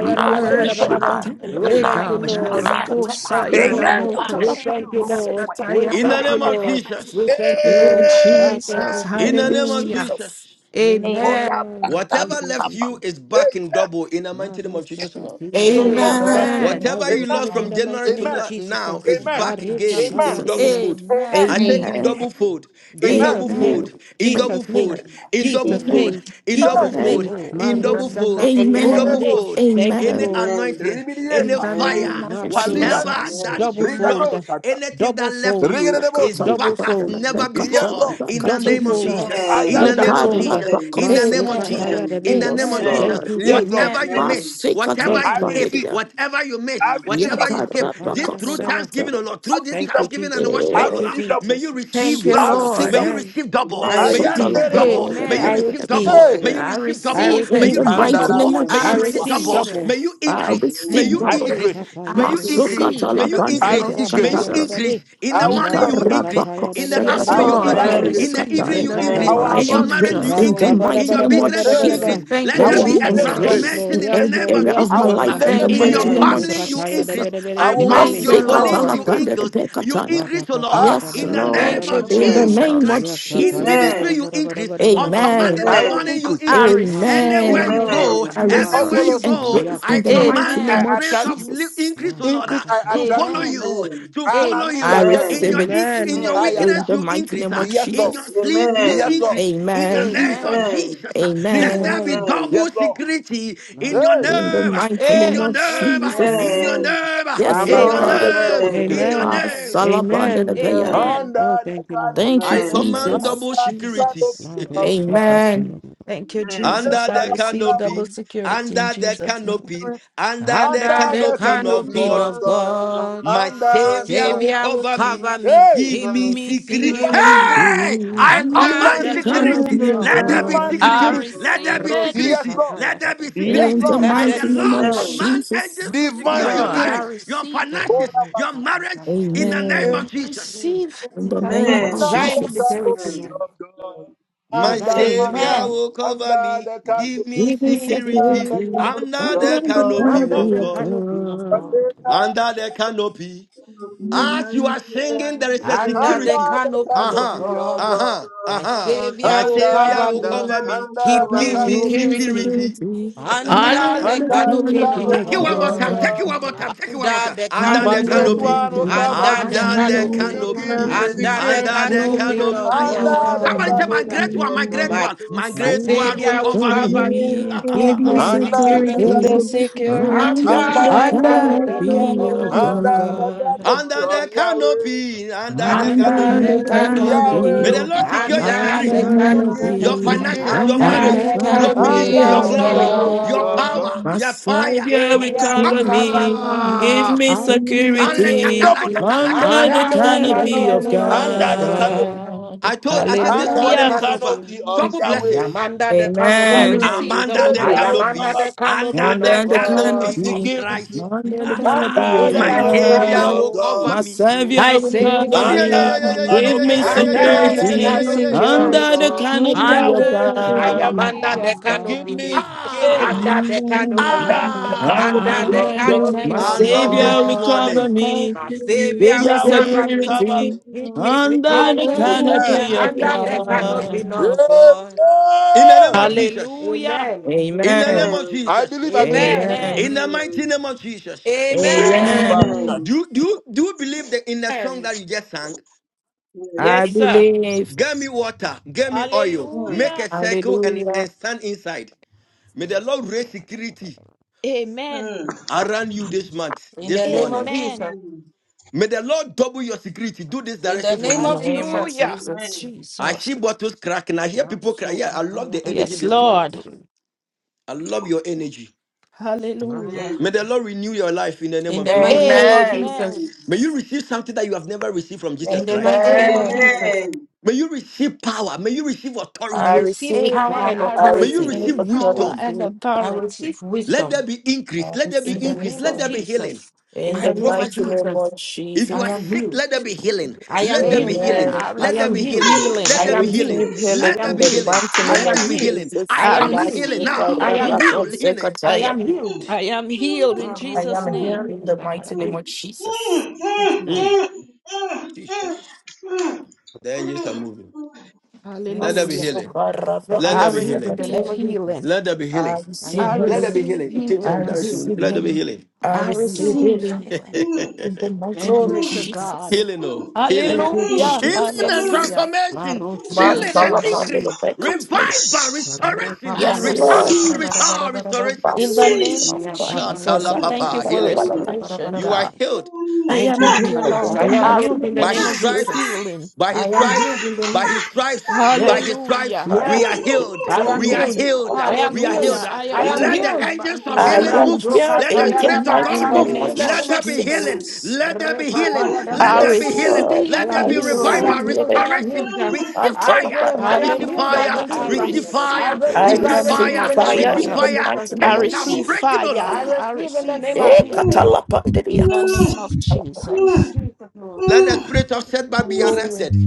Speaker 8: We
Speaker 6: daba
Speaker 14: power,
Speaker 6: daba daba
Speaker 14: witchcraft
Speaker 8: worship
Speaker 6: daba.
Speaker 8: you.
Speaker 14: water,
Speaker 6: We
Speaker 8: Hey
Speaker 6: thank
Speaker 14: every
Speaker 6: you,
Speaker 8: God,
Speaker 11: Rapaco
Speaker 6: Lord.
Speaker 14: witchcraft camp,
Speaker 6: We thank you,
Speaker 11: Sakatai,
Speaker 14: witchcraft
Speaker 8: Arabosaya,
Speaker 6: Lord.
Speaker 11: Yaton
Speaker 14: Father,
Speaker 6: We
Speaker 8: Rabokosha,
Speaker 14: any
Speaker 11: Talapa
Speaker 6: thank you,
Speaker 14: wrong
Speaker 6: Lord.
Speaker 14: woman, any
Speaker 11: Sekatai,
Speaker 6: We
Speaker 8: Yakataya,
Speaker 10: In
Speaker 14: wrong
Speaker 10: the
Speaker 6: thank
Speaker 14: man,
Speaker 6: you,
Speaker 10: name
Speaker 8: Rabaha.
Speaker 14: any
Speaker 10: of
Speaker 14: bad
Speaker 6: Lord.
Speaker 11: Rapaco
Speaker 14: thing
Speaker 10: Jesus.
Speaker 14: in my
Speaker 6: We
Speaker 14: life,
Speaker 6: thank
Speaker 14: thank you
Speaker 6: you,
Speaker 11: Sekatai.
Speaker 14: for this.
Speaker 8: Hey
Speaker 6: Lord.
Speaker 14: dismantling it,
Speaker 6: I
Speaker 1: Amen.
Speaker 6: thank
Speaker 8: Jesus,
Speaker 6: you,
Speaker 10: In
Speaker 11: Thank
Speaker 10: the
Speaker 11: you,
Speaker 6: Jesus.
Speaker 10: name of
Speaker 8: hallelujah.
Speaker 11: Jesus.
Speaker 10: Jesus.
Speaker 8: Amen.
Speaker 1: Koda
Speaker 6: Amen.
Speaker 1: branta
Speaker 10: Whatever
Speaker 6: Thank
Speaker 1: bra-
Speaker 6: you,
Speaker 10: left
Speaker 6: Jesus.
Speaker 10: you is back in
Speaker 1: Amen.
Speaker 10: double in the mighty name of Jesus, Lord.
Speaker 6: Marosakatiya da ba da ba
Speaker 1: Amen.
Speaker 6: da ba.
Speaker 3: Amen
Speaker 11: Amen.
Speaker 8: Amen.
Speaker 6: I
Speaker 10: Whatever you
Speaker 1: Amen.
Speaker 6: receive
Speaker 10: lost
Speaker 6: it in
Speaker 3: Amen
Speaker 10: from
Speaker 6: the mighty
Speaker 10: January to
Speaker 6: name of
Speaker 1: Amen.
Speaker 10: la-
Speaker 6: Jesus.
Speaker 10: now is
Speaker 1: Amen.
Speaker 10: back again
Speaker 1: Amen.
Speaker 10: in double
Speaker 11: Jesus.
Speaker 6: Arekapayadeya.
Speaker 10: fold.
Speaker 1: Amen.
Speaker 8: Amen.
Speaker 10: I say
Speaker 3: Amen
Speaker 10: in
Speaker 11: Amen.
Speaker 10: double fold, in
Speaker 11: Amen.
Speaker 1: Amen.
Speaker 10: double
Speaker 6: Jesus'
Speaker 8: Amen.
Speaker 6: name.
Speaker 10: fold, in double
Speaker 6: Jesus' name.
Speaker 10: fold,
Speaker 11: Amen.
Speaker 10: in double
Speaker 6: Jesus'
Speaker 11: Amen.
Speaker 10: fold,
Speaker 6: name.
Speaker 10: in double
Speaker 6: Jesus'
Speaker 8: Double
Speaker 1: Hey.
Speaker 10: fold,
Speaker 6: name.
Speaker 8: oh,
Speaker 10: in
Speaker 8: in the
Speaker 10: double
Speaker 8: name
Speaker 10: fold,
Speaker 8: of
Speaker 6: Marosakatiya
Speaker 10: in
Speaker 6: da ba
Speaker 10: double
Speaker 11: Amen.
Speaker 6: de.
Speaker 1: Korebosa.
Speaker 10: fold
Speaker 6: Thank you,
Speaker 10: any
Speaker 11: Amen.
Speaker 6: Lord.
Speaker 4: Amen.
Speaker 10: anointing,
Speaker 8: in
Speaker 10: any
Speaker 8: the
Speaker 1: Ribidiepa.
Speaker 10: fire,
Speaker 8: name of
Speaker 11: Yes,
Speaker 6: Masoya.
Speaker 11: Lord.
Speaker 1: Palian.
Speaker 10: whatever
Speaker 8: Jesus.
Speaker 10: that
Speaker 4: Amen.
Speaker 6: Double
Speaker 10: you
Speaker 6: fold.
Speaker 10: lost,
Speaker 1: Rigadosata.
Speaker 10: anything that
Speaker 6: Double
Speaker 10: left
Speaker 6: fold.
Speaker 10: you is
Speaker 11: Rakata
Speaker 1: Rigadebosata.
Speaker 6: Double
Speaker 10: back as
Speaker 6: fold.
Speaker 11: ubadala
Speaker 4: Amen.
Speaker 10: never
Speaker 11: pekata
Speaker 1: Yes,
Speaker 10: before
Speaker 11: la
Speaker 1: Lord.
Speaker 10: in the
Speaker 11: pakata.
Speaker 6: double
Speaker 10: name of
Speaker 6: fold,
Speaker 10: Jesus.
Speaker 8: Jesus.
Speaker 1: I
Speaker 10: In the
Speaker 4: Amen.
Speaker 10: in the
Speaker 6: double
Speaker 10: name of
Speaker 6: fold.
Speaker 11: Nikara
Speaker 10: Jesus,
Speaker 11: pakof
Speaker 4: Amen.
Speaker 10: in the name of
Speaker 8: Amen.
Speaker 11: sekatera.
Speaker 10: Jesus,
Speaker 6: Masopataya
Speaker 4: Amen.
Speaker 10: in
Speaker 6: Devi.
Speaker 10: the name
Speaker 11: Yes,
Speaker 10: of
Speaker 8: Amen.
Speaker 10: Jesus.
Speaker 4: Amen.
Speaker 6: Thank
Speaker 11: Lord.
Speaker 6: you,
Speaker 1: Yes, Lord.
Speaker 10: Whatever
Speaker 6: Jesus.
Speaker 8: Amen.
Speaker 10: you miss,
Speaker 4: Amen.
Speaker 10: whatever
Speaker 6: Yes,
Speaker 10: you
Speaker 1: I
Speaker 6: Lord.
Speaker 10: skip,
Speaker 1: receive.
Speaker 11: Masikatalapadidia.
Speaker 10: whatever you miss,
Speaker 1: I receive
Speaker 10: whatever you
Speaker 1: double.
Speaker 10: skip,
Speaker 6: Marakapaya
Speaker 10: this through thanksgiving, O
Speaker 11: Yakarapakosekatere.
Speaker 10: Lord,
Speaker 1: I
Speaker 10: through this
Speaker 1: receive
Speaker 6: Thank you,
Speaker 1: double.
Speaker 10: thanksgiving and
Speaker 6: Jesus.
Speaker 10: worship, O
Speaker 1: I
Speaker 6: Thank
Speaker 10: Lord,
Speaker 11: Eh,
Speaker 6: you,
Speaker 10: ah,
Speaker 1: receive double.
Speaker 10: may you
Speaker 6: Jesus.
Speaker 8: Thank
Speaker 10: receive
Speaker 8: you,
Speaker 1: I
Speaker 11: Jesus.
Speaker 10: double,
Speaker 1: receive
Speaker 10: may
Speaker 8: Lord.
Speaker 10: you
Speaker 1: double.
Speaker 6: Amen.
Speaker 10: receive
Speaker 4: Amen.
Speaker 10: double,
Speaker 6: I
Speaker 1: I
Speaker 10: may you
Speaker 4: Amen.
Speaker 1: am
Speaker 6: receive.
Speaker 10: receive double, may
Speaker 4: Amen.
Speaker 10: you
Speaker 6: I
Speaker 8: Amen.
Speaker 10: receive
Speaker 6: receive.
Speaker 10: double,
Speaker 1: Hey.
Speaker 10: may
Speaker 11: Masotalapadidia.
Speaker 10: you
Speaker 8: I
Speaker 10: receive
Speaker 6: I
Speaker 10: double,
Speaker 8: receive
Speaker 4: Amen.
Speaker 10: may
Speaker 11: In
Speaker 8: it.
Speaker 10: you
Speaker 11: the
Speaker 6: receive
Speaker 10: receive
Speaker 11: mighty
Speaker 6: double.
Speaker 10: double,
Speaker 11: name
Speaker 1: Kandaraba
Speaker 11: of
Speaker 10: may
Speaker 4: Amen.
Speaker 8: I
Speaker 10: you
Speaker 6: I
Speaker 10: receive
Speaker 1: Sandaba.
Speaker 6: receive
Speaker 8: receive
Speaker 10: double,
Speaker 11: Jesus,
Speaker 6: double.
Speaker 8: it.
Speaker 10: may you
Speaker 11: I
Speaker 4: Amen.
Speaker 10: increase, may
Speaker 11: receive
Speaker 10: you
Speaker 4: Amen.
Speaker 1: I eat
Speaker 11: double.
Speaker 10: increase,
Speaker 6: Marika
Speaker 1: grace.
Speaker 6: paya
Speaker 10: may
Speaker 8: I
Speaker 6: de
Speaker 10: you
Speaker 6: bidi
Speaker 10: increase,
Speaker 6: bidi.
Speaker 8: receive
Speaker 10: may
Speaker 11: Masukatala
Speaker 8: in the
Speaker 10: you
Speaker 11: pandele
Speaker 1: I
Speaker 8: name
Speaker 1: will
Speaker 10: increase
Speaker 8: of
Speaker 6: Rika
Speaker 1: eat
Speaker 10: May you
Speaker 1: grace.
Speaker 6: paya de
Speaker 11: bekataya.
Speaker 8: Jesus.
Speaker 10: increase.
Speaker 6: bidi.
Speaker 10: In
Speaker 1: I
Speaker 10: the
Speaker 1: will feed
Speaker 10: morning,
Speaker 1: on
Speaker 10: you
Speaker 1: grace.
Speaker 6: Rasuka
Speaker 10: increase.
Speaker 11: Nikarabako
Speaker 6: paya de
Speaker 10: In the
Speaker 6: bidi
Speaker 8: Yes,
Speaker 6: bidi
Speaker 1: I
Speaker 10: afternoon,
Speaker 1: will
Speaker 6: bidi
Speaker 10: you
Speaker 11: sekatala
Speaker 6: bidi
Speaker 8: Lord,
Speaker 4: Amen.
Speaker 1: survive
Speaker 8: I
Speaker 10: increase.
Speaker 1: on
Speaker 11: pandele
Speaker 6: bidi.
Speaker 10: In
Speaker 4: Amen.
Speaker 1: grace.
Speaker 10: the
Speaker 8: receive
Speaker 4: Amen. Amen. Amen.
Speaker 10: evening,
Speaker 11: bekataya.
Speaker 8: in
Speaker 10: you
Speaker 4: Amen.
Speaker 8: the
Speaker 6: Yeka
Speaker 10: increase.
Speaker 1: I
Speaker 8: name
Speaker 1: will
Speaker 8: of
Speaker 11: I
Speaker 6: paya.
Speaker 10: In your
Speaker 1: abound in
Speaker 10: marriage,
Speaker 11: increase
Speaker 10: you
Speaker 1: grace.
Speaker 8: Jesus.
Speaker 11: in the
Speaker 6: Rasta
Speaker 10: increase.
Speaker 6: bada
Speaker 10: In
Speaker 11: mighty
Speaker 10: your
Speaker 6: bada
Speaker 11: name
Speaker 6: bada
Speaker 11: of
Speaker 10: business,
Speaker 6: bada
Speaker 10: you
Speaker 6: bada
Speaker 1: Hey,
Speaker 11: Jesus.
Speaker 10: increase.
Speaker 6: bada.
Speaker 8: Thank
Speaker 10: Let
Speaker 8: you,
Speaker 1: I
Speaker 11: Let
Speaker 10: there
Speaker 11: it
Speaker 1: will
Speaker 6: Yes
Speaker 10: be
Speaker 11: be
Speaker 10: a
Speaker 1: ablaze
Speaker 6: Lord,
Speaker 1: in
Speaker 4: Amen.
Speaker 6: yes
Speaker 4: Amen. Amen.
Speaker 8: Jesus.
Speaker 4: Amen.
Speaker 1: grace.
Speaker 11: increased
Speaker 6: Lord,
Speaker 10: transformation
Speaker 11: in
Speaker 10: in the
Speaker 6: yes
Speaker 11: every
Speaker 10: name
Speaker 6: Lord,
Speaker 10: of
Speaker 11: area
Speaker 6: yes
Speaker 11: of
Speaker 1: I
Speaker 10: Jesus,
Speaker 11: my
Speaker 10: O
Speaker 1: will
Speaker 10: Lord.
Speaker 6: Lord.
Speaker 1: be
Speaker 11: life in the
Speaker 1: lifted
Speaker 8: Thank
Speaker 10: In
Speaker 1: in
Speaker 8: you,
Speaker 10: your
Speaker 11: mighty
Speaker 1: grace.
Speaker 11: name of
Speaker 6: Rasuka
Speaker 10: family, you
Speaker 8: Jesus.
Speaker 6: paya de
Speaker 11: Jesus.
Speaker 10: increase.
Speaker 6: bidi bidi
Speaker 1: I
Speaker 6: bidi
Speaker 1: will
Speaker 6: bidi
Speaker 1: walk
Speaker 10: Among
Speaker 1: in
Speaker 8: Thank
Speaker 6: bidi.
Speaker 10: your
Speaker 8: you,
Speaker 1: grace. I will
Speaker 10: colleagues,
Speaker 1: eat
Speaker 11: Masikatala
Speaker 1: in
Speaker 10: you
Speaker 8: Lord.
Speaker 1: grace.
Speaker 11: pandele
Speaker 10: increase. You
Speaker 11: bekataya.
Speaker 6: Mata
Speaker 10: increase, O Lord.
Speaker 6: paya de
Speaker 1: Ah,
Speaker 11: Yes,
Speaker 10: In
Speaker 6: bada
Speaker 10: the
Speaker 6: bada bada
Speaker 10: name
Speaker 11: Lord.
Speaker 8: Thank you,
Speaker 6: bada.
Speaker 10: of
Speaker 11: In the
Speaker 10: Jesus
Speaker 11: name of
Speaker 8: Jesus.
Speaker 10: Christ.
Speaker 6: Yeka
Speaker 10: In
Speaker 6: paya de
Speaker 11: Jesus.
Speaker 10: ministry,
Speaker 6: bada
Speaker 10: you
Speaker 6: bada bada
Speaker 10: increase.
Speaker 6: bada bada
Speaker 10: On
Speaker 6: bada bada
Speaker 11: Amen.
Speaker 10: commanding
Speaker 6: bada.
Speaker 10: the
Speaker 1: I will
Speaker 10: morning, you
Speaker 1: increase.
Speaker 8: I
Speaker 10: increase.
Speaker 8: receive in
Speaker 10: Anywhere
Speaker 6: Marusa
Speaker 8: the
Speaker 11: Amen.
Speaker 1: Increase.
Speaker 10: you
Speaker 8: name
Speaker 6: paya de
Speaker 8: of
Speaker 10: go,
Speaker 11: I
Speaker 6: bada
Speaker 1: It
Speaker 6: bada.
Speaker 1: all
Speaker 10: everywhere
Speaker 11: receive
Speaker 10: you
Speaker 8: Jesus.
Speaker 1: follows me.
Speaker 11: and
Speaker 10: go,
Speaker 11: cleanse
Speaker 6: Yeka
Speaker 10: I
Speaker 11: in the
Speaker 6: paya.
Speaker 11: mighty
Speaker 1: Increase,
Speaker 10: command the
Speaker 11: name
Speaker 8: Amen.
Speaker 1: I
Speaker 11: of
Speaker 10: spirit
Speaker 1: attract
Speaker 10: of
Speaker 1: you.
Speaker 10: li-
Speaker 11: Jesus.
Speaker 10: increase, O Lord,
Speaker 1: Increase,
Speaker 10: uh,
Speaker 6: Masuka
Speaker 1: I
Speaker 10: to
Speaker 6: paya de
Speaker 1: attract
Speaker 6: bada.
Speaker 10: follow
Speaker 1: you.
Speaker 8: Amen.
Speaker 10: you, to
Speaker 1: I am
Speaker 10: follow
Speaker 4: Amen.
Speaker 11: I
Speaker 10: you.
Speaker 8: Amen.
Speaker 1: attracted
Speaker 10: In
Speaker 1: to
Speaker 4: Amen.
Speaker 11: receive
Speaker 10: your
Speaker 11: it
Speaker 10: in,
Speaker 1: increase.
Speaker 10: in
Speaker 6: Amen.
Speaker 10: your
Speaker 4: Amen.
Speaker 11: in
Speaker 1: Kayanda.
Speaker 10: weakness,
Speaker 11: the
Speaker 10: you
Speaker 11: mighty
Speaker 10: increase.
Speaker 11: name
Speaker 10: uh,
Speaker 11: of
Speaker 1: Yes,
Speaker 10: In
Speaker 1: Lord.
Speaker 10: your
Speaker 11: Jesus.
Speaker 4: Amen.
Speaker 10: sleep, you
Speaker 1: Yes,
Speaker 4: Amen.
Speaker 1: Lord.
Speaker 10: increase. In the
Speaker 11: Amen.
Speaker 10: name of
Speaker 1: Jesus.
Speaker 8: Amen.
Speaker 4: Amen.
Speaker 10: Jesus, uh, let
Speaker 11: Amen.
Speaker 10: there
Speaker 1: Jesus.
Speaker 10: be
Speaker 6: Amen.
Speaker 4: Amen.
Speaker 1: Yes,
Speaker 10: double
Speaker 1: Lord.
Speaker 10: security in
Speaker 6: Lord,
Speaker 10: your
Speaker 6: we
Speaker 1: Hey,
Speaker 11: In the
Speaker 6: thank
Speaker 10: nerve, uh,
Speaker 11: mighty
Speaker 10: in
Speaker 11: name
Speaker 8: Hey,
Speaker 10: your
Speaker 11: of
Speaker 10: nerve, uh,
Speaker 8: amen.
Speaker 10: in
Speaker 11: Jesus.
Speaker 10: your
Speaker 6: Amen.
Speaker 4: Amen.
Speaker 10: nerve, uh,
Speaker 1: I
Speaker 11: Yes,
Speaker 1: am
Speaker 10: in your
Speaker 6: Amen.
Speaker 8: Amen.
Speaker 1: attracted
Speaker 11: Lord.
Speaker 1: to double
Speaker 10: nerve,
Speaker 4: Amen.
Speaker 10: in
Speaker 1: security.
Speaker 10: your
Speaker 6: Amen.
Speaker 8: Amen.
Speaker 10: nerve.
Speaker 6: Amen.
Speaker 11: Masalabandadabaya.
Speaker 4: Amen.
Speaker 8: Amen.
Speaker 6: Oh,
Speaker 1: Under the
Speaker 6: thank you, Lord.
Speaker 1: canopy,
Speaker 11: Thank you,
Speaker 10: I
Speaker 8: In the
Speaker 4: Amen.
Speaker 10: command
Speaker 8: name of
Speaker 11: Jesus.
Speaker 10: double
Speaker 1: under the
Speaker 10: security.
Speaker 8: Jesus.
Speaker 1: canopy
Speaker 6: Lord, oh,
Speaker 1: of
Speaker 6: step up
Speaker 1: God,
Speaker 6: to
Speaker 11: Amen.
Speaker 8: Thank you,
Speaker 4: Amen. Amen.
Speaker 1: every
Speaker 10: Under
Speaker 8: Jesus. I
Speaker 10: the
Speaker 1: hour
Speaker 8: receive
Speaker 1: time of
Speaker 10: canopy,
Speaker 8: double security in
Speaker 10: under the
Speaker 8: Jesus' name.
Speaker 10: canopy,
Speaker 1: spirit,
Speaker 10: under the
Speaker 6: Under
Speaker 1: under
Speaker 6: the
Speaker 1: the
Speaker 10: canopy of
Speaker 1: canopy
Speaker 6: canopy
Speaker 10: God,
Speaker 1: of
Speaker 6: of
Speaker 1: God,
Speaker 6: God,
Speaker 10: my
Speaker 1: under,
Speaker 6: a
Speaker 10: Savior
Speaker 1: under,
Speaker 10: will
Speaker 6: Savior will
Speaker 10: cover me.
Speaker 6: cover me,
Speaker 1: hey,
Speaker 10: Give
Speaker 6: keep
Speaker 10: me
Speaker 4: Amen.
Speaker 6: me
Speaker 11: In
Speaker 10: security.
Speaker 1: divine
Speaker 6: security.
Speaker 1: security,
Speaker 10: Hey! I
Speaker 6: Under
Speaker 10: command
Speaker 1: divine
Speaker 6: the
Speaker 1: security,
Speaker 10: security.
Speaker 6: canopy of
Speaker 10: Let there be
Speaker 6: God,
Speaker 1: divine
Speaker 8: I
Speaker 10: security.
Speaker 1: security,
Speaker 10: Let there
Speaker 8: receive
Speaker 10: be
Speaker 6: Rose
Speaker 1: yes,
Speaker 8: it.
Speaker 10: security.
Speaker 1: Lord,
Speaker 10: Let
Speaker 6: Kakaya
Speaker 10: there be
Speaker 6: Daba.
Speaker 1: yes,
Speaker 10: security.
Speaker 11: the
Speaker 1: Lord,
Speaker 6: let
Speaker 8: I
Speaker 10: May
Speaker 6: there
Speaker 10: the
Speaker 11: mighty
Speaker 6: be
Speaker 11: name
Speaker 10: Lord
Speaker 11: of
Speaker 8: receive it.
Speaker 4: Amen.
Speaker 6: security.
Speaker 10: command
Speaker 11: Jesus.
Speaker 10: angels to
Speaker 8: Mighty
Speaker 1: divine
Speaker 10: secure your
Speaker 8: God, I
Speaker 10: life,
Speaker 1: security,
Speaker 10: your
Speaker 8: receive it.
Speaker 10: finances,
Speaker 6: Maro
Speaker 10: your
Speaker 1: Korabasa,
Speaker 10: marriage
Speaker 6: Sakakaya
Speaker 10: in
Speaker 6: Daba.
Speaker 10: the name
Speaker 1: in
Speaker 11: Amen.
Speaker 8: I
Speaker 10: of Jesus.
Speaker 8: receive
Speaker 11: In
Speaker 8: in
Speaker 1: security,
Speaker 11: the
Speaker 8: the
Speaker 11: name
Speaker 1: under
Speaker 8: name
Speaker 4: Amen.
Speaker 11: of
Speaker 8: of
Speaker 1: the
Speaker 6: Divine
Speaker 11: Jesus,
Speaker 6: security,
Speaker 8: Jesus.
Speaker 1: canopy
Speaker 4: Amen.
Speaker 6: Lord.
Speaker 1: of God,
Speaker 10: My
Speaker 6: Divine
Speaker 1: under,
Speaker 6: security.
Speaker 10: Savior
Speaker 1: under,
Speaker 8: Amen.
Speaker 10: will cover
Speaker 1: under
Speaker 10: me,
Speaker 1: the canopy,
Speaker 10: give me
Speaker 11: we
Speaker 6: With
Speaker 11: need
Speaker 6: me
Speaker 1: under
Speaker 10: security
Speaker 1: the
Speaker 11: security
Speaker 6: security
Speaker 1: canopy
Speaker 10: under
Speaker 1: of
Speaker 10: the
Speaker 11: under
Speaker 1: God.
Speaker 11: the
Speaker 10: canopy
Speaker 6: under
Speaker 10: of
Speaker 11: canopy
Speaker 6: the
Speaker 11: of
Speaker 10: God.
Speaker 6: canopy of
Speaker 4: Thank
Speaker 1: Under
Speaker 4: you.
Speaker 6: God.
Speaker 11: God.
Speaker 6: Yeah.
Speaker 10: Under the canopy.
Speaker 4: Thank
Speaker 10: As
Speaker 11: We
Speaker 10: you are singing, there is a
Speaker 6: Under the
Speaker 10: security.
Speaker 1: the
Speaker 6: canopy
Speaker 10: Uh
Speaker 6: of
Speaker 10: huh.
Speaker 1: canopy of
Speaker 6: God,
Speaker 10: Uh
Speaker 1: God,
Speaker 10: huh. Uh
Speaker 6: my
Speaker 10: huh. My
Speaker 6: Savior will
Speaker 1: under,
Speaker 10: Savior
Speaker 6: cover
Speaker 10: will
Speaker 1: under,
Speaker 6: me,
Speaker 10: cover
Speaker 1: under
Speaker 10: me,
Speaker 6: keep
Speaker 1: the
Speaker 6: me
Speaker 10: give me
Speaker 1: canopy,
Speaker 11: need
Speaker 6: security
Speaker 10: security
Speaker 11: security
Speaker 6: under
Speaker 11: under
Speaker 8: Under the
Speaker 6: the
Speaker 1: under
Speaker 11: the
Speaker 1: the
Speaker 6: canopy
Speaker 11: canopy
Speaker 6: of
Speaker 11: of
Speaker 10: Take it
Speaker 8: property
Speaker 1: canopy
Speaker 10: one more
Speaker 8: of
Speaker 1: of
Speaker 10: time.
Speaker 11: God.
Speaker 10: Take
Speaker 8: God.
Speaker 6: God.
Speaker 1: God,
Speaker 10: it one more time. Take it one more
Speaker 6: Under
Speaker 10: time.
Speaker 6: the
Speaker 10: Under
Speaker 11: Under
Speaker 8: Under
Speaker 1: my
Speaker 10: the
Speaker 8: the
Speaker 11: the
Speaker 1: great
Speaker 6: canopy,
Speaker 10: canopy.
Speaker 1: one will
Speaker 8: canopy.
Speaker 11: canopy.
Speaker 1: cover
Speaker 6: under
Speaker 1: me.
Speaker 6: the
Speaker 8: Under
Speaker 10: Under the
Speaker 8: the
Speaker 1: You
Speaker 6: canopy,
Speaker 1: give me
Speaker 10: canopy.
Speaker 6: under
Speaker 8: canopy.
Speaker 6: the
Speaker 10: Under
Speaker 1: security
Speaker 8: Under
Speaker 10: the
Speaker 8: the
Speaker 6: canopy
Speaker 10: canopy.
Speaker 6: of
Speaker 8: canopy
Speaker 1: under
Speaker 8: of
Speaker 10: Ayaka.
Speaker 1: the
Speaker 6: God.
Speaker 10: Somebody say, My
Speaker 8: God.
Speaker 10: great
Speaker 1: canopy
Speaker 10: one, my
Speaker 1: of
Speaker 10: great
Speaker 1: God,
Speaker 13: Hallelujah.
Speaker 6: My
Speaker 10: one,
Speaker 11: I
Speaker 10: my
Speaker 6: my
Speaker 4: you.
Speaker 10: great
Speaker 11: say,
Speaker 8: Under
Speaker 10: one
Speaker 13: My
Speaker 10: will
Speaker 6: Savior will
Speaker 10: cover
Speaker 13: heart's
Speaker 11: cover
Speaker 10: me.
Speaker 6: cover me,
Speaker 13: here
Speaker 8: the
Speaker 11: me,
Speaker 13: for
Speaker 11: give
Speaker 6: keep
Speaker 11: me
Speaker 8: Cover
Speaker 13: me,
Speaker 6: me
Speaker 1: under
Speaker 8: me
Speaker 1: the
Speaker 13: still
Speaker 8: in
Speaker 6: security
Speaker 8: the
Speaker 11: security
Speaker 1: canopy,
Speaker 13: secure.
Speaker 11: under
Speaker 8: security.
Speaker 6: Under
Speaker 11: the
Speaker 1: under
Speaker 6: the
Speaker 13: Even
Speaker 1: the
Speaker 8: Under
Speaker 13: though I
Speaker 1: canopy,
Speaker 8: the
Speaker 6: canopy of
Speaker 11: canopy
Speaker 13: couldn't
Speaker 11: of
Speaker 8: canopy
Speaker 6: God.
Speaker 1: under
Speaker 13: be
Speaker 8: of
Speaker 13: a
Speaker 11: God.
Speaker 1: the
Speaker 13: god,
Speaker 8: God.
Speaker 1: canopy
Speaker 10: under
Speaker 1: of
Speaker 6: Yes.
Speaker 10: the
Speaker 1: Yahweh.
Speaker 10: canopy. Under the
Speaker 6: Under
Speaker 11: Under
Speaker 10: canopy.
Speaker 11: the
Speaker 6: the
Speaker 8: Under
Speaker 13: even
Speaker 8: the
Speaker 13: though I
Speaker 6: canopy.
Speaker 1: Yahweh
Speaker 8: canopy.
Speaker 10: May
Speaker 13: couldn't,
Speaker 10: the
Speaker 1: will
Speaker 11: canopy,
Speaker 10: Lord
Speaker 1: cover
Speaker 10: secure
Speaker 1: me.
Speaker 10: your
Speaker 11: under
Speaker 6: Under
Speaker 10: secret,
Speaker 6: the
Speaker 11: the
Speaker 4: and the
Speaker 13: I'm
Speaker 8: Under
Speaker 1: You
Speaker 8: the
Speaker 13: not
Speaker 1: give
Speaker 4: other
Speaker 1: me
Speaker 6: canopy.
Speaker 10: your
Speaker 13: gonna
Speaker 4: thing
Speaker 11: canopy,
Speaker 13: be a
Speaker 4: of
Speaker 8: canopy,
Speaker 13: girl.
Speaker 4: it,
Speaker 10: finances, your
Speaker 1: security
Speaker 11: under
Speaker 6: Under
Speaker 10: marriage,
Speaker 11: the
Speaker 8: under the
Speaker 4: and
Speaker 6: the
Speaker 4: the
Speaker 10: your
Speaker 4: other
Speaker 13: I'm
Speaker 11: canopy
Speaker 1: under
Speaker 8: canopy
Speaker 10: ministry,
Speaker 6: canopy
Speaker 4: thing of
Speaker 10: your
Speaker 8: of
Speaker 6: of
Speaker 4: it,
Speaker 1: the
Speaker 10: glory,
Speaker 11: above.
Speaker 1: canopy
Speaker 10: your
Speaker 8: God,
Speaker 1: of
Speaker 6: God.
Speaker 10: power,
Speaker 1: God.
Speaker 11: My
Speaker 10: your
Speaker 6: My
Speaker 10: fire.
Speaker 11: Savior
Speaker 4: and
Speaker 11: will
Speaker 4: the
Speaker 8: I
Speaker 6: Savior will
Speaker 11: cover
Speaker 6: cover
Speaker 4: other
Speaker 11: me,
Speaker 6: me.
Speaker 8: cover me
Speaker 11: give
Speaker 10: Ah!
Speaker 6: Keep
Speaker 11: me
Speaker 6: me
Speaker 8: out of
Speaker 10: Ale
Speaker 11: security
Speaker 6: security.
Speaker 10: katala
Speaker 1: Double,
Speaker 8: purity.
Speaker 10: katala
Speaker 11: under
Speaker 10: katala.
Speaker 11: the
Speaker 6: Under the
Speaker 8: Under the
Speaker 11: canopy of
Speaker 6: canopy
Speaker 4: thing
Speaker 8: canopy
Speaker 6: of
Speaker 1: under
Speaker 8: of
Speaker 4: of
Speaker 1: the
Speaker 4: it.
Speaker 6: God.
Speaker 1: canopy,
Speaker 11: God.
Speaker 13: gonna
Speaker 10: I
Speaker 8: God,
Speaker 6: I
Speaker 10: told, I
Speaker 6: am
Speaker 10: said this
Speaker 6: under
Speaker 1: under
Speaker 6: the
Speaker 10: morning
Speaker 1: the
Speaker 8: Hallelujah!
Speaker 10: is super
Speaker 6: canopy.
Speaker 1: canopy of
Speaker 10: double
Speaker 13: be
Speaker 6: I
Speaker 1: Yahweh.
Speaker 6: am
Speaker 10: blessings.
Speaker 6: under the
Speaker 8: I
Speaker 11: Amen.
Speaker 6: canopy.
Speaker 4: Amen.
Speaker 10: I'm
Speaker 1: My
Speaker 8: receive
Speaker 10: under
Speaker 8: double
Speaker 4: Receive
Speaker 10: the
Speaker 6: I
Speaker 4: it.
Speaker 1: Savior
Speaker 6: am
Speaker 1: will
Speaker 6: under
Speaker 10: canopy,
Speaker 1: cover
Speaker 6: the
Speaker 1: me,
Speaker 8: blessings.
Speaker 6: canopy
Speaker 10: under
Speaker 6: of
Speaker 10: the
Speaker 11: Under the
Speaker 1: give me
Speaker 6: God.
Speaker 10: canopy of
Speaker 11: canopy,
Speaker 10: Christ.
Speaker 1: security
Speaker 11: under
Speaker 8: Under
Speaker 11: the
Speaker 8: the
Speaker 1: under
Speaker 6: My
Speaker 11: canopy of
Speaker 8: canopy,
Speaker 1: the
Speaker 10: My
Speaker 6: Savior
Speaker 4: Mm.
Speaker 13: a
Speaker 6: will
Speaker 1: canopy
Speaker 10: Savior
Speaker 6: cover
Speaker 11: God.
Speaker 1: of
Speaker 10: will
Speaker 13: girl.
Speaker 6: me.
Speaker 4: Mm.
Speaker 1: God,
Speaker 10: cover
Speaker 11: My
Speaker 10: me.
Speaker 6: He will
Speaker 8: my
Speaker 11: Savior
Speaker 6: keep
Speaker 11: will
Speaker 6: me
Speaker 10: Ah,
Speaker 11: cover
Speaker 8: Savior
Speaker 10: yeah, yeah,
Speaker 8: will
Speaker 11: me,
Speaker 10: yeah,
Speaker 1: under
Speaker 6: security
Speaker 10: yeah,
Speaker 1: the
Speaker 10: yeah, yeah, yeah,
Speaker 8: cover
Speaker 10: yeah,
Speaker 13: Siyakavani,
Speaker 11: give
Speaker 10: yeah,
Speaker 1: canopy
Speaker 10: yeah,
Speaker 11: me
Speaker 8: me,
Speaker 10: yeah, yeah, yeah,
Speaker 1: of
Speaker 4: Mm.
Speaker 6: under
Speaker 1: God.
Speaker 10: yeah,
Speaker 8: give
Speaker 13: goodness
Speaker 6: the
Speaker 10: yeah,
Speaker 13: is
Speaker 10: yeah,
Speaker 11: security
Speaker 8: me
Speaker 10: yeah, yeah, yeah.
Speaker 6: canopy of
Speaker 13: beauty.
Speaker 11: under the
Speaker 8: security.
Speaker 6: God.
Speaker 13: I'm
Speaker 11: canopy
Speaker 13: not
Speaker 11: of
Speaker 13: a
Speaker 8: Under
Speaker 1: Yahweh will
Speaker 8: the
Speaker 6: I
Speaker 13: quality
Speaker 11: God.
Speaker 1: cover
Speaker 6: am
Speaker 13: of
Speaker 1: me
Speaker 6: under
Speaker 8: canopy
Speaker 6: the
Speaker 8: of
Speaker 13: God.
Speaker 1: to give
Speaker 8: God,
Speaker 1: me
Speaker 6: canopy,
Speaker 8: Hey.
Speaker 1: security
Speaker 6: under
Speaker 10: Ah,
Speaker 13: I'm
Speaker 6: the
Speaker 13: not a
Speaker 6: canopy,
Speaker 1: under the
Speaker 8: canopy,
Speaker 13: quality.
Speaker 11: And
Speaker 1: canopy
Speaker 6: under
Speaker 10: ah,
Speaker 13: I'm
Speaker 6: the
Speaker 1: of
Speaker 8: under the
Speaker 13: not
Speaker 1: God.
Speaker 13: a
Speaker 11: my
Speaker 6: canopy
Speaker 10: I
Speaker 6: of
Speaker 8: canopy,
Speaker 10: love
Speaker 13: quality.
Speaker 11: Savior
Speaker 10: this
Speaker 11: will
Speaker 8: I
Speaker 6: God.
Speaker 10: morning.
Speaker 11: cover
Speaker 8: will call,
Speaker 11: me,
Speaker 6: My
Speaker 11: give
Speaker 8: I
Speaker 6: Savior
Speaker 11: me
Speaker 6: will
Speaker 8: say
Speaker 1: Yahweh
Speaker 8: we
Speaker 6: cover
Speaker 1: will
Speaker 6: me,
Speaker 1: cover
Speaker 11: security
Speaker 1: me.
Speaker 6: keep me
Speaker 11: under the
Speaker 8: under
Speaker 6: security
Speaker 8: the
Speaker 1: Eh.
Speaker 11: canopy of
Speaker 6: under
Speaker 8: canopy
Speaker 6: the
Speaker 8: of
Speaker 11: God.
Speaker 6: canopy
Speaker 8: God.
Speaker 6: of God.
Speaker 10: In the
Speaker 6: I
Speaker 10: name
Speaker 1: Amen.
Speaker 10: of
Speaker 6: am.
Speaker 10: Jesus,
Speaker 8: Hallelujah.
Speaker 6: Amen.
Speaker 10: in the name
Speaker 11: Amen.
Speaker 10: of
Speaker 4: Amen.
Speaker 1: I believe, I
Speaker 10: Jesus,
Speaker 1: believe.
Speaker 6: Amen.
Speaker 10: in
Speaker 8: Amen.
Speaker 11: Amen.
Speaker 10: the mighty name of Jesus.
Speaker 1: Oh,
Speaker 6: Amen.
Speaker 8: Amen.
Speaker 1: Rabba
Speaker 11: Amen.
Speaker 1: Shan.
Speaker 13: Amen.
Speaker 4: Amen.
Speaker 10: Do you, do you, do you believe that in the song that you just sang?
Speaker 4: Amen.
Speaker 8: Yes,
Speaker 11: I
Speaker 8: sir.
Speaker 11: believe.
Speaker 10: Get me water, get me oil,
Speaker 4: Amen.
Speaker 10: make
Speaker 8: Hallelujah.
Speaker 10: a circle and,
Speaker 11: Hallelujah.
Speaker 10: and stand inside. May the Lord raise security
Speaker 8: Amen.
Speaker 4: Mm.
Speaker 10: around you this month,
Speaker 6: In the
Speaker 10: this
Speaker 6: name of
Speaker 10: morning.
Speaker 8: Amen.
Speaker 6: Jesus.
Speaker 4: Amen.
Speaker 10: May the Lord double your security. Do this
Speaker 6: In the
Speaker 10: direction
Speaker 11: In
Speaker 10: for
Speaker 6: name
Speaker 10: me.
Speaker 11: the
Speaker 6: of
Speaker 11: name of
Speaker 6: Jesus.
Speaker 8: Hallelujah.
Speaker 11: Jesus.
Speaker 4: Amen.
Speaker 10: I
Speaker 8: Jesus.
Speaker 10: see bottles cracking. I hear
Speaker 6: In
Speaker 10: people cry. Yeah, I love the energy
Speaker 8: Yes,
Speaker 10: this morning.
Speaker 8: Lord.
Speaker 10: I love your energy.
Speaker 8: Hallelujah.
Speaker 10: May
Speaker 4: Amen.
Speaker 10: the Lord renew your life in the name of
Speaker 6: the mighty
Speaker 10: Jesus.
Speaker 6: name of
Speaker 11: Amen.
Speaker 6: Jesus,
Speaker 8: Amen.
Speaker 10: May you receive something that you have never received from Jesus
Speaker 6: in the mighty
Speaker 10: Christ.
Speaker 4: Amen.
Speaker 6: name
Speaker 4: Amen.
Speaker 6: of
Speaker 11: Amen.
Speaker 8: Amen.
Speaker 6: Jesus,
Speaker 10: May you receive power. May you receive
Speaker 6: I
Speaker 11: I
Speaker 10: authority.
Speaker 6: receive
Speaker 11: receive
Speaker 6: power
Speaker 8: Amen.
Speaker 6: and
Speaker 11: power.
Speaker 8: I
Speaker 11: I
Speaker 10: May you
Speaker 6: authority.
Speaker 11: receive
Speaker 4: Amen.
Speaker 10: receive
Speaker 8: receive power
Speaker 10: wisdom.
Speaker 8: and
Speaker 11: authority.
Speaker 6: I
Speaker 8: authority.
Speaker 6: receive
Speaker 10: Let there
Speaker 6: wisdom.
Speaker 10: be increase.
Speaker 11: I
Speaker 10: Let there be
Speaker 6: In
Speaker 11: receive
Speaker 6: the
Speaker 10: increase.
Speaker 6: name
Speaker 10: Let
Speaker 6: of
Speaker 10: there be
Speaker 11: some.
Speaker 10: healing.
Speaker 6: Jesus, in
Speaker 11: In
Speaker 10: I
Speaker 6: the
Speaker 11: the
Speaker 6: name of
Speaker 10: prophesy.
Speaker 11: mighty name
Speaker 6: Jesus,
Speaker 11: of
Speaker 10: If you
Speaker 6: I
Speaker 10: are
Speaker 11: Jesus.
Speaker 6: am
Speaker 10: sick,
Speaker 6: healed.
Speaker 10: let there
Speaker 4: Mm.
Speaker 10: be healing.
Speaker 6: I am
Speaker 10: Let there be
Speaker 6: healed.
Speaker 8: Amen.
Speaker 10: healing.
Speaker 11: Amen.
Speaker 4: Mm.
Speaker 8: I
Speaker 6: I
Speaker 10: Let there
Speaker 6: am
Speaker 10: be
Speaker 8: receive
Speaker 6: healed.
Speaker 10: healing.
Speaker 4: Hey,
Speaker 8: healing.
Speaker 10: Let
Speaker 11: I
Speaker 6: I
Speaker 10: there be
Speaker 6: am healed.
Speaker 10: healing.
Speaker 4: hey,
Speaker 11: receive
Speaker 6: I
Speaker 4: sh-
Speaker 11: healing
Speaker 10: Let there
Speaker 6: am
Speaker 11: in
Speaker 10: be
Speaker 11: the
Speaker 6: healed.
Speaker 10: healing.
Speaker 11: mighty
Speaker 6: I
Speaker 11: name
Speaker 10: Let
Speaker 11: of
Speaker 10: there
Speaker 6: am
Speaker 10: be
Speaker 6: healed.
Speaker 10: healing. I
Speaker 11: Jesus.
Speaker 6: I
Speaker 8: I
Speaker 6: am
Speaker 10: command
Speaker 11: Last
Speaker 6: healed.
Speaker 10: healing
Speaker 8: receive
Speaker 11: over
Speaker 10: now.
Speaker 6: I am
Speaker 8: healing.
Speaker 10: Now,
Speaker 11: Rabakot
Speaker 6: healed.
Speaker 4: mm,
Speaker 10: healing.
Speaker 6: I
Speaker 11: Sekataya.
Speaker 6: am healed.
Speaker 8: I am healed
Speaker 4: mm,
Speaker 8: in
Speaker 11: I
Speaker 8: Jesus'
Speaker 11: am
Speaker 4: mm, mm,
Speaker 8: name.
Speaker 11: here in the mighty
Speaker 4: mm,
Speaker 11: name of Jesus.
Speaker 4: mm,
Speaker 6: Yes, Lord.
Speaker 10: Mm. Jesus. The angels are moving.
Speaker 6: Thank
Speaker 10: Let
Speaker 6: you,
Speaker 10: there be
Speaker 11: Last
Speaker 8: Hallelujah.
Speaker 6: Jesus.
Speaker 10: healing.
Speaker 11: over
Speaker 6: that I
Speaker 10: Let
Speaker 11: Rabakot
Speaker 8: I
Speaker 10: there
Speaker 6: am
Speaker 10: be
Speaker 6: healed in
Speaker 10: healing.
Speaker 6: the name
Speaker 8: receive
Speaker 11: Sekataya.
Speaker 6: of
Speaker 8: healing.
Speaker 6: Jesus.
Speaker 10: Let there be healing.
Speaker 11: I
Speaker 6: I
Speaker 11: receive
Speaker 8: I
Speaker 6: am
Speaker 10: Let
Speaker 6: healed.
Speaker 10: there
Speaker 11: healing.
Speaker 10: be
Speaker 8: receive
Speaker 10: healing. It takes
Speaker 6: I
Speaker 11: I
Speaker 10: them
Speaker 8: healing.
Speaker 6: am healed.
Speaker 10: direction.
Speaker 11: receive
Speaker 10: Let there be
Speaker 11: healing.
Speaker 10: healing.
Speaker 6: I
Speaker 11: I
Speaker 8: I
Speaker 6: am healed.
Speaker 11: receive
Speaker 8: receive
Speaker 11: healing
Speaker 8: healing.
Speaker 11: in the mighty
Speaker 6: Thank
Speaker 11: name
Speaker 6: you,
Speaker 11: of
Speaker 8: Glory to
Speaker 6: Jesus.
Speaker 11: Jesus.
Speaker 8: God.
Speaker 10: Healing, oh, healing.
Speaker 6: Thank you, Jesus.
Speaker 8: Hallelujah.
Speaker 10: Healing and
Speaker 4: mm,
Speaker 11: Jesus.
Speaker 8: Hallelujah.
Speaker 10: transformation,
Speaker 6: Marosi
Speaker 10: healing and
Speaker 6: kapaya
Speaker 11: Masala
Speaker 6: da
Speaker 8: Jesus.
Speaker 11: Baba
Speaker 10: increase,
Speaker 6: bari.
Speaker 11: Rabakot.
Speaker 10: revival,
Speaker 6: Re
Speaker 10: restoration,
Speaker 8: I
Speaker 11: Yes,
Speaker 6: kapaya da
Speaker 11: Lord.
Speaker 6: bara bara
Speaker 10: restore,
Speaker 8: receive
Speaker 6: bara bara
Speaker 10: restore,
Speaker 6: bara bara.
Speaker 10: restoration
Speaker 8: in
Speaker 10: this
Speaker 8: the
Speaker 10: morning.
Speaker 8: name of
Speaker 11: Masala
Speaker 6: Ya
Speaker 11: Baba
Speaker 6: kapaya
Speaker 4: mm,
Speaker 6: da
Speaker 8: Jesus.
Speaker 10: Katala
Speaker 8: I
Speaker 6: bara
Speaker 4: mm,
Speaker 8: thank
Speaker 6: bara
Speaker 8: you
Speaker 10: Papa,
Speaker 8: for
Speaker 6: bara
Speaker 10: healing.
Speaker 6: bara
Speaker 4: mm.
Speaker 11: Rabakot.
Speaker 6: bara
Speaker 8: restoration,
Speaker 6: bara
Speaker 10: You
Speaker 6: bara.
Speaker 10: are
Speaker 8: God.
Speaker 10: healed.
Speaker 11: I
Speaker 6: Thank
Speaker 11: am
Speaker 6: you,
Speaker 8: Thank you,
Speaker 11: healed
Speaker 6: Jesus.
Speaker 11: in the
Speaker 6: I
Speaker 8: Lord.
Speaker 6: am
Speaker 8: I
Speaker 11: mighty
Speaker 6: healed in
Speaker 11: name
Speaker 6: the
Speaker 11: of
Speaker 10: By
Speaker 6: name
Speaker 10: his
Speaker 6: of
Speaker 8: receive the
Speaker 10: stripes,
Speaker 6: Jesus.
Speaker 11: Jesus.
Speaker 8: healing.
Speaker 10: by his
Speaker 6: I am healed
Speaker 10: stripes,
Speaker 6: in the
Speaker 10: by
Speaker 6: name.
Speaker 10: his stripes,
Speaker 6: Yes,
Speaker 10: by his stripes,
Speaker 8: Hallelujah.
Speaker 10: we are
Speaker 6: yes.
Speaker 11: Hallelujah.
Speaker 10: healed.
Speaker 6: I am
Speaker 11: Glory
Speaker 10: We
Speaker 11: be
Speaker 10: are
Speaker 11: to
Speaker 6: healed.
Speaker 10: healed.
Speaker 6: I
Speaker 11: God.
Speaker 6: am
Speaker 10: We are
Speaker 6: healed.
Speaker 10: healed.
Speaker 8: Hallelujah. I
Speaker 6: I
Speaker 8: am
Speaker 6: am
Speaker 10: Let the
Speaker 6: healed.
Speaker 8: healed by
Speaker 10: angels of
Speaker 8: his
Speaker 11: I
Speaker 10: healing
Speaker 6: Rasoka
Speaker 11: am
Speaker 10: move.
Speaker 8: stripes
Speaker 11: healed
Speaker 10: Let the
Speaker 11: in
Speaker 6: kapaya
Speaker 11: the
Speaker 6: da
Speaker 10: spirit
Speaker 6: ba.
Speaker 10: of
Speaker 11: mighty
Speaker 8: in
Speaker 6: I
Speaker 10: God
Speaker 8: the
Speaker 6: am
Speaker 10: move.
Speaker 11: name
Speaker 6: healed
Speaker 11: of
Speaker 6: in
Speaker 8: name
Speaker 6: the
Speaker 8: of
Speaker 10: Let
Speaker 6: name
Speaker 10: there
Speaker 6: of
Speaker 10: be
Speaker 6: Jesus.
Speaker 11: Jesus.
Speaker 10: healing.
Speaker 8: Jesus.
Speaker 10: Let there be healing. Let
Speaker 8: I
Speaker 10: there
Speaker 11: Yes,
Speaker 10: be healing.
Speaker 11: Lord.
Speaker 6: I
Speaker 10: Let
Speaker 8: receive
Speaker 10: there
Speaker 11: I
Speaker 6: am
Speaker 10: be
Speaker 6: healed. I
Speaker 11: receive
Speaker 8: healing.
Speaker 10: revival,
Speaker 6: am healed. I
Speaker 11: healing.
Speaker 6: am
Speaker 10: restoration.
Speaker 6: healed.
Speaker 10: Receive
Speaker 6: I
Speaker 10: fire.
Speaker 6: bring. I am
Speaker 10: Receive
Speaker 6: healed. I
Speaker 10: fire.
Speaker 8: Hallelujah. I
Speaker 6: believe.
Speaker 10: Receive fire.
Speaker 6: I
Speaker 14: Lord.
Speaker 8: receive
Speaker 11: I
Speaker 8: it
Speaker 6: believe.
Speaker 14: Father,
Speaker 8: in
Speaker 10: Receive
Speaker 6: I
Speaker 8: the
Speaker 14: oh Lord,
Speaker 11: receive
Speaker 8: name
Speaker 6: receive
Speaker 10: fire.
Speaker 14: let
Speaker 8: of
Speaker 6: in the
Speaker 14: every
Speaker 6: name
Speaker 11: fire
Speaker 6: of
Speaker 10: Receive
Speaker 11: in
Speaker 14: spirit
Speaker 8: Jesus.
Speaker 14: be
Speaker 11: the
Speaker 10: fire.
Speaker 6: Jesus.
Speaker 14: broken,
Speaker 11: mighty
Speaker 8: I
Speaker 11: name
Speaker 10: Things
Speaker 11: of
Speaker 14: every
Speaker 10: are
Speaker 11: Jesus.
Speaker 8: receive
Speaker 14: spirit which
Speaker 10: breaking,
Speaker 14: no
Speaker 10: O
Speaker 14: man yet
Speaker 6: I
Speaker 8: fire.
Speaker 10: Lord.
Speaker 8: I
Speaker 14: to
Speaker 6: receive in the
Speaker 14: stand
Speaker 8: receive
Speaker 14: in
Speaker 6: name
Speaker 14: me,
Speaker 6: of
Speaker 11: Eh,
Speaker 14: Lord,
Speaker 8: fire
Speaker 14: Father,
Speaker 6: Jesus.
Speaker 14: with
Speaker 8: in the
Speaker 11: katalapandiriakos.
Speaker 8: name of
Speaker 6: Thank you,
Speaker 8: Jesus.
Speaker 6: Jesus, Lord.
Speaker 10: Let the spirit of setback be
Speaker 8: Glory.
Speaker 10: arrested.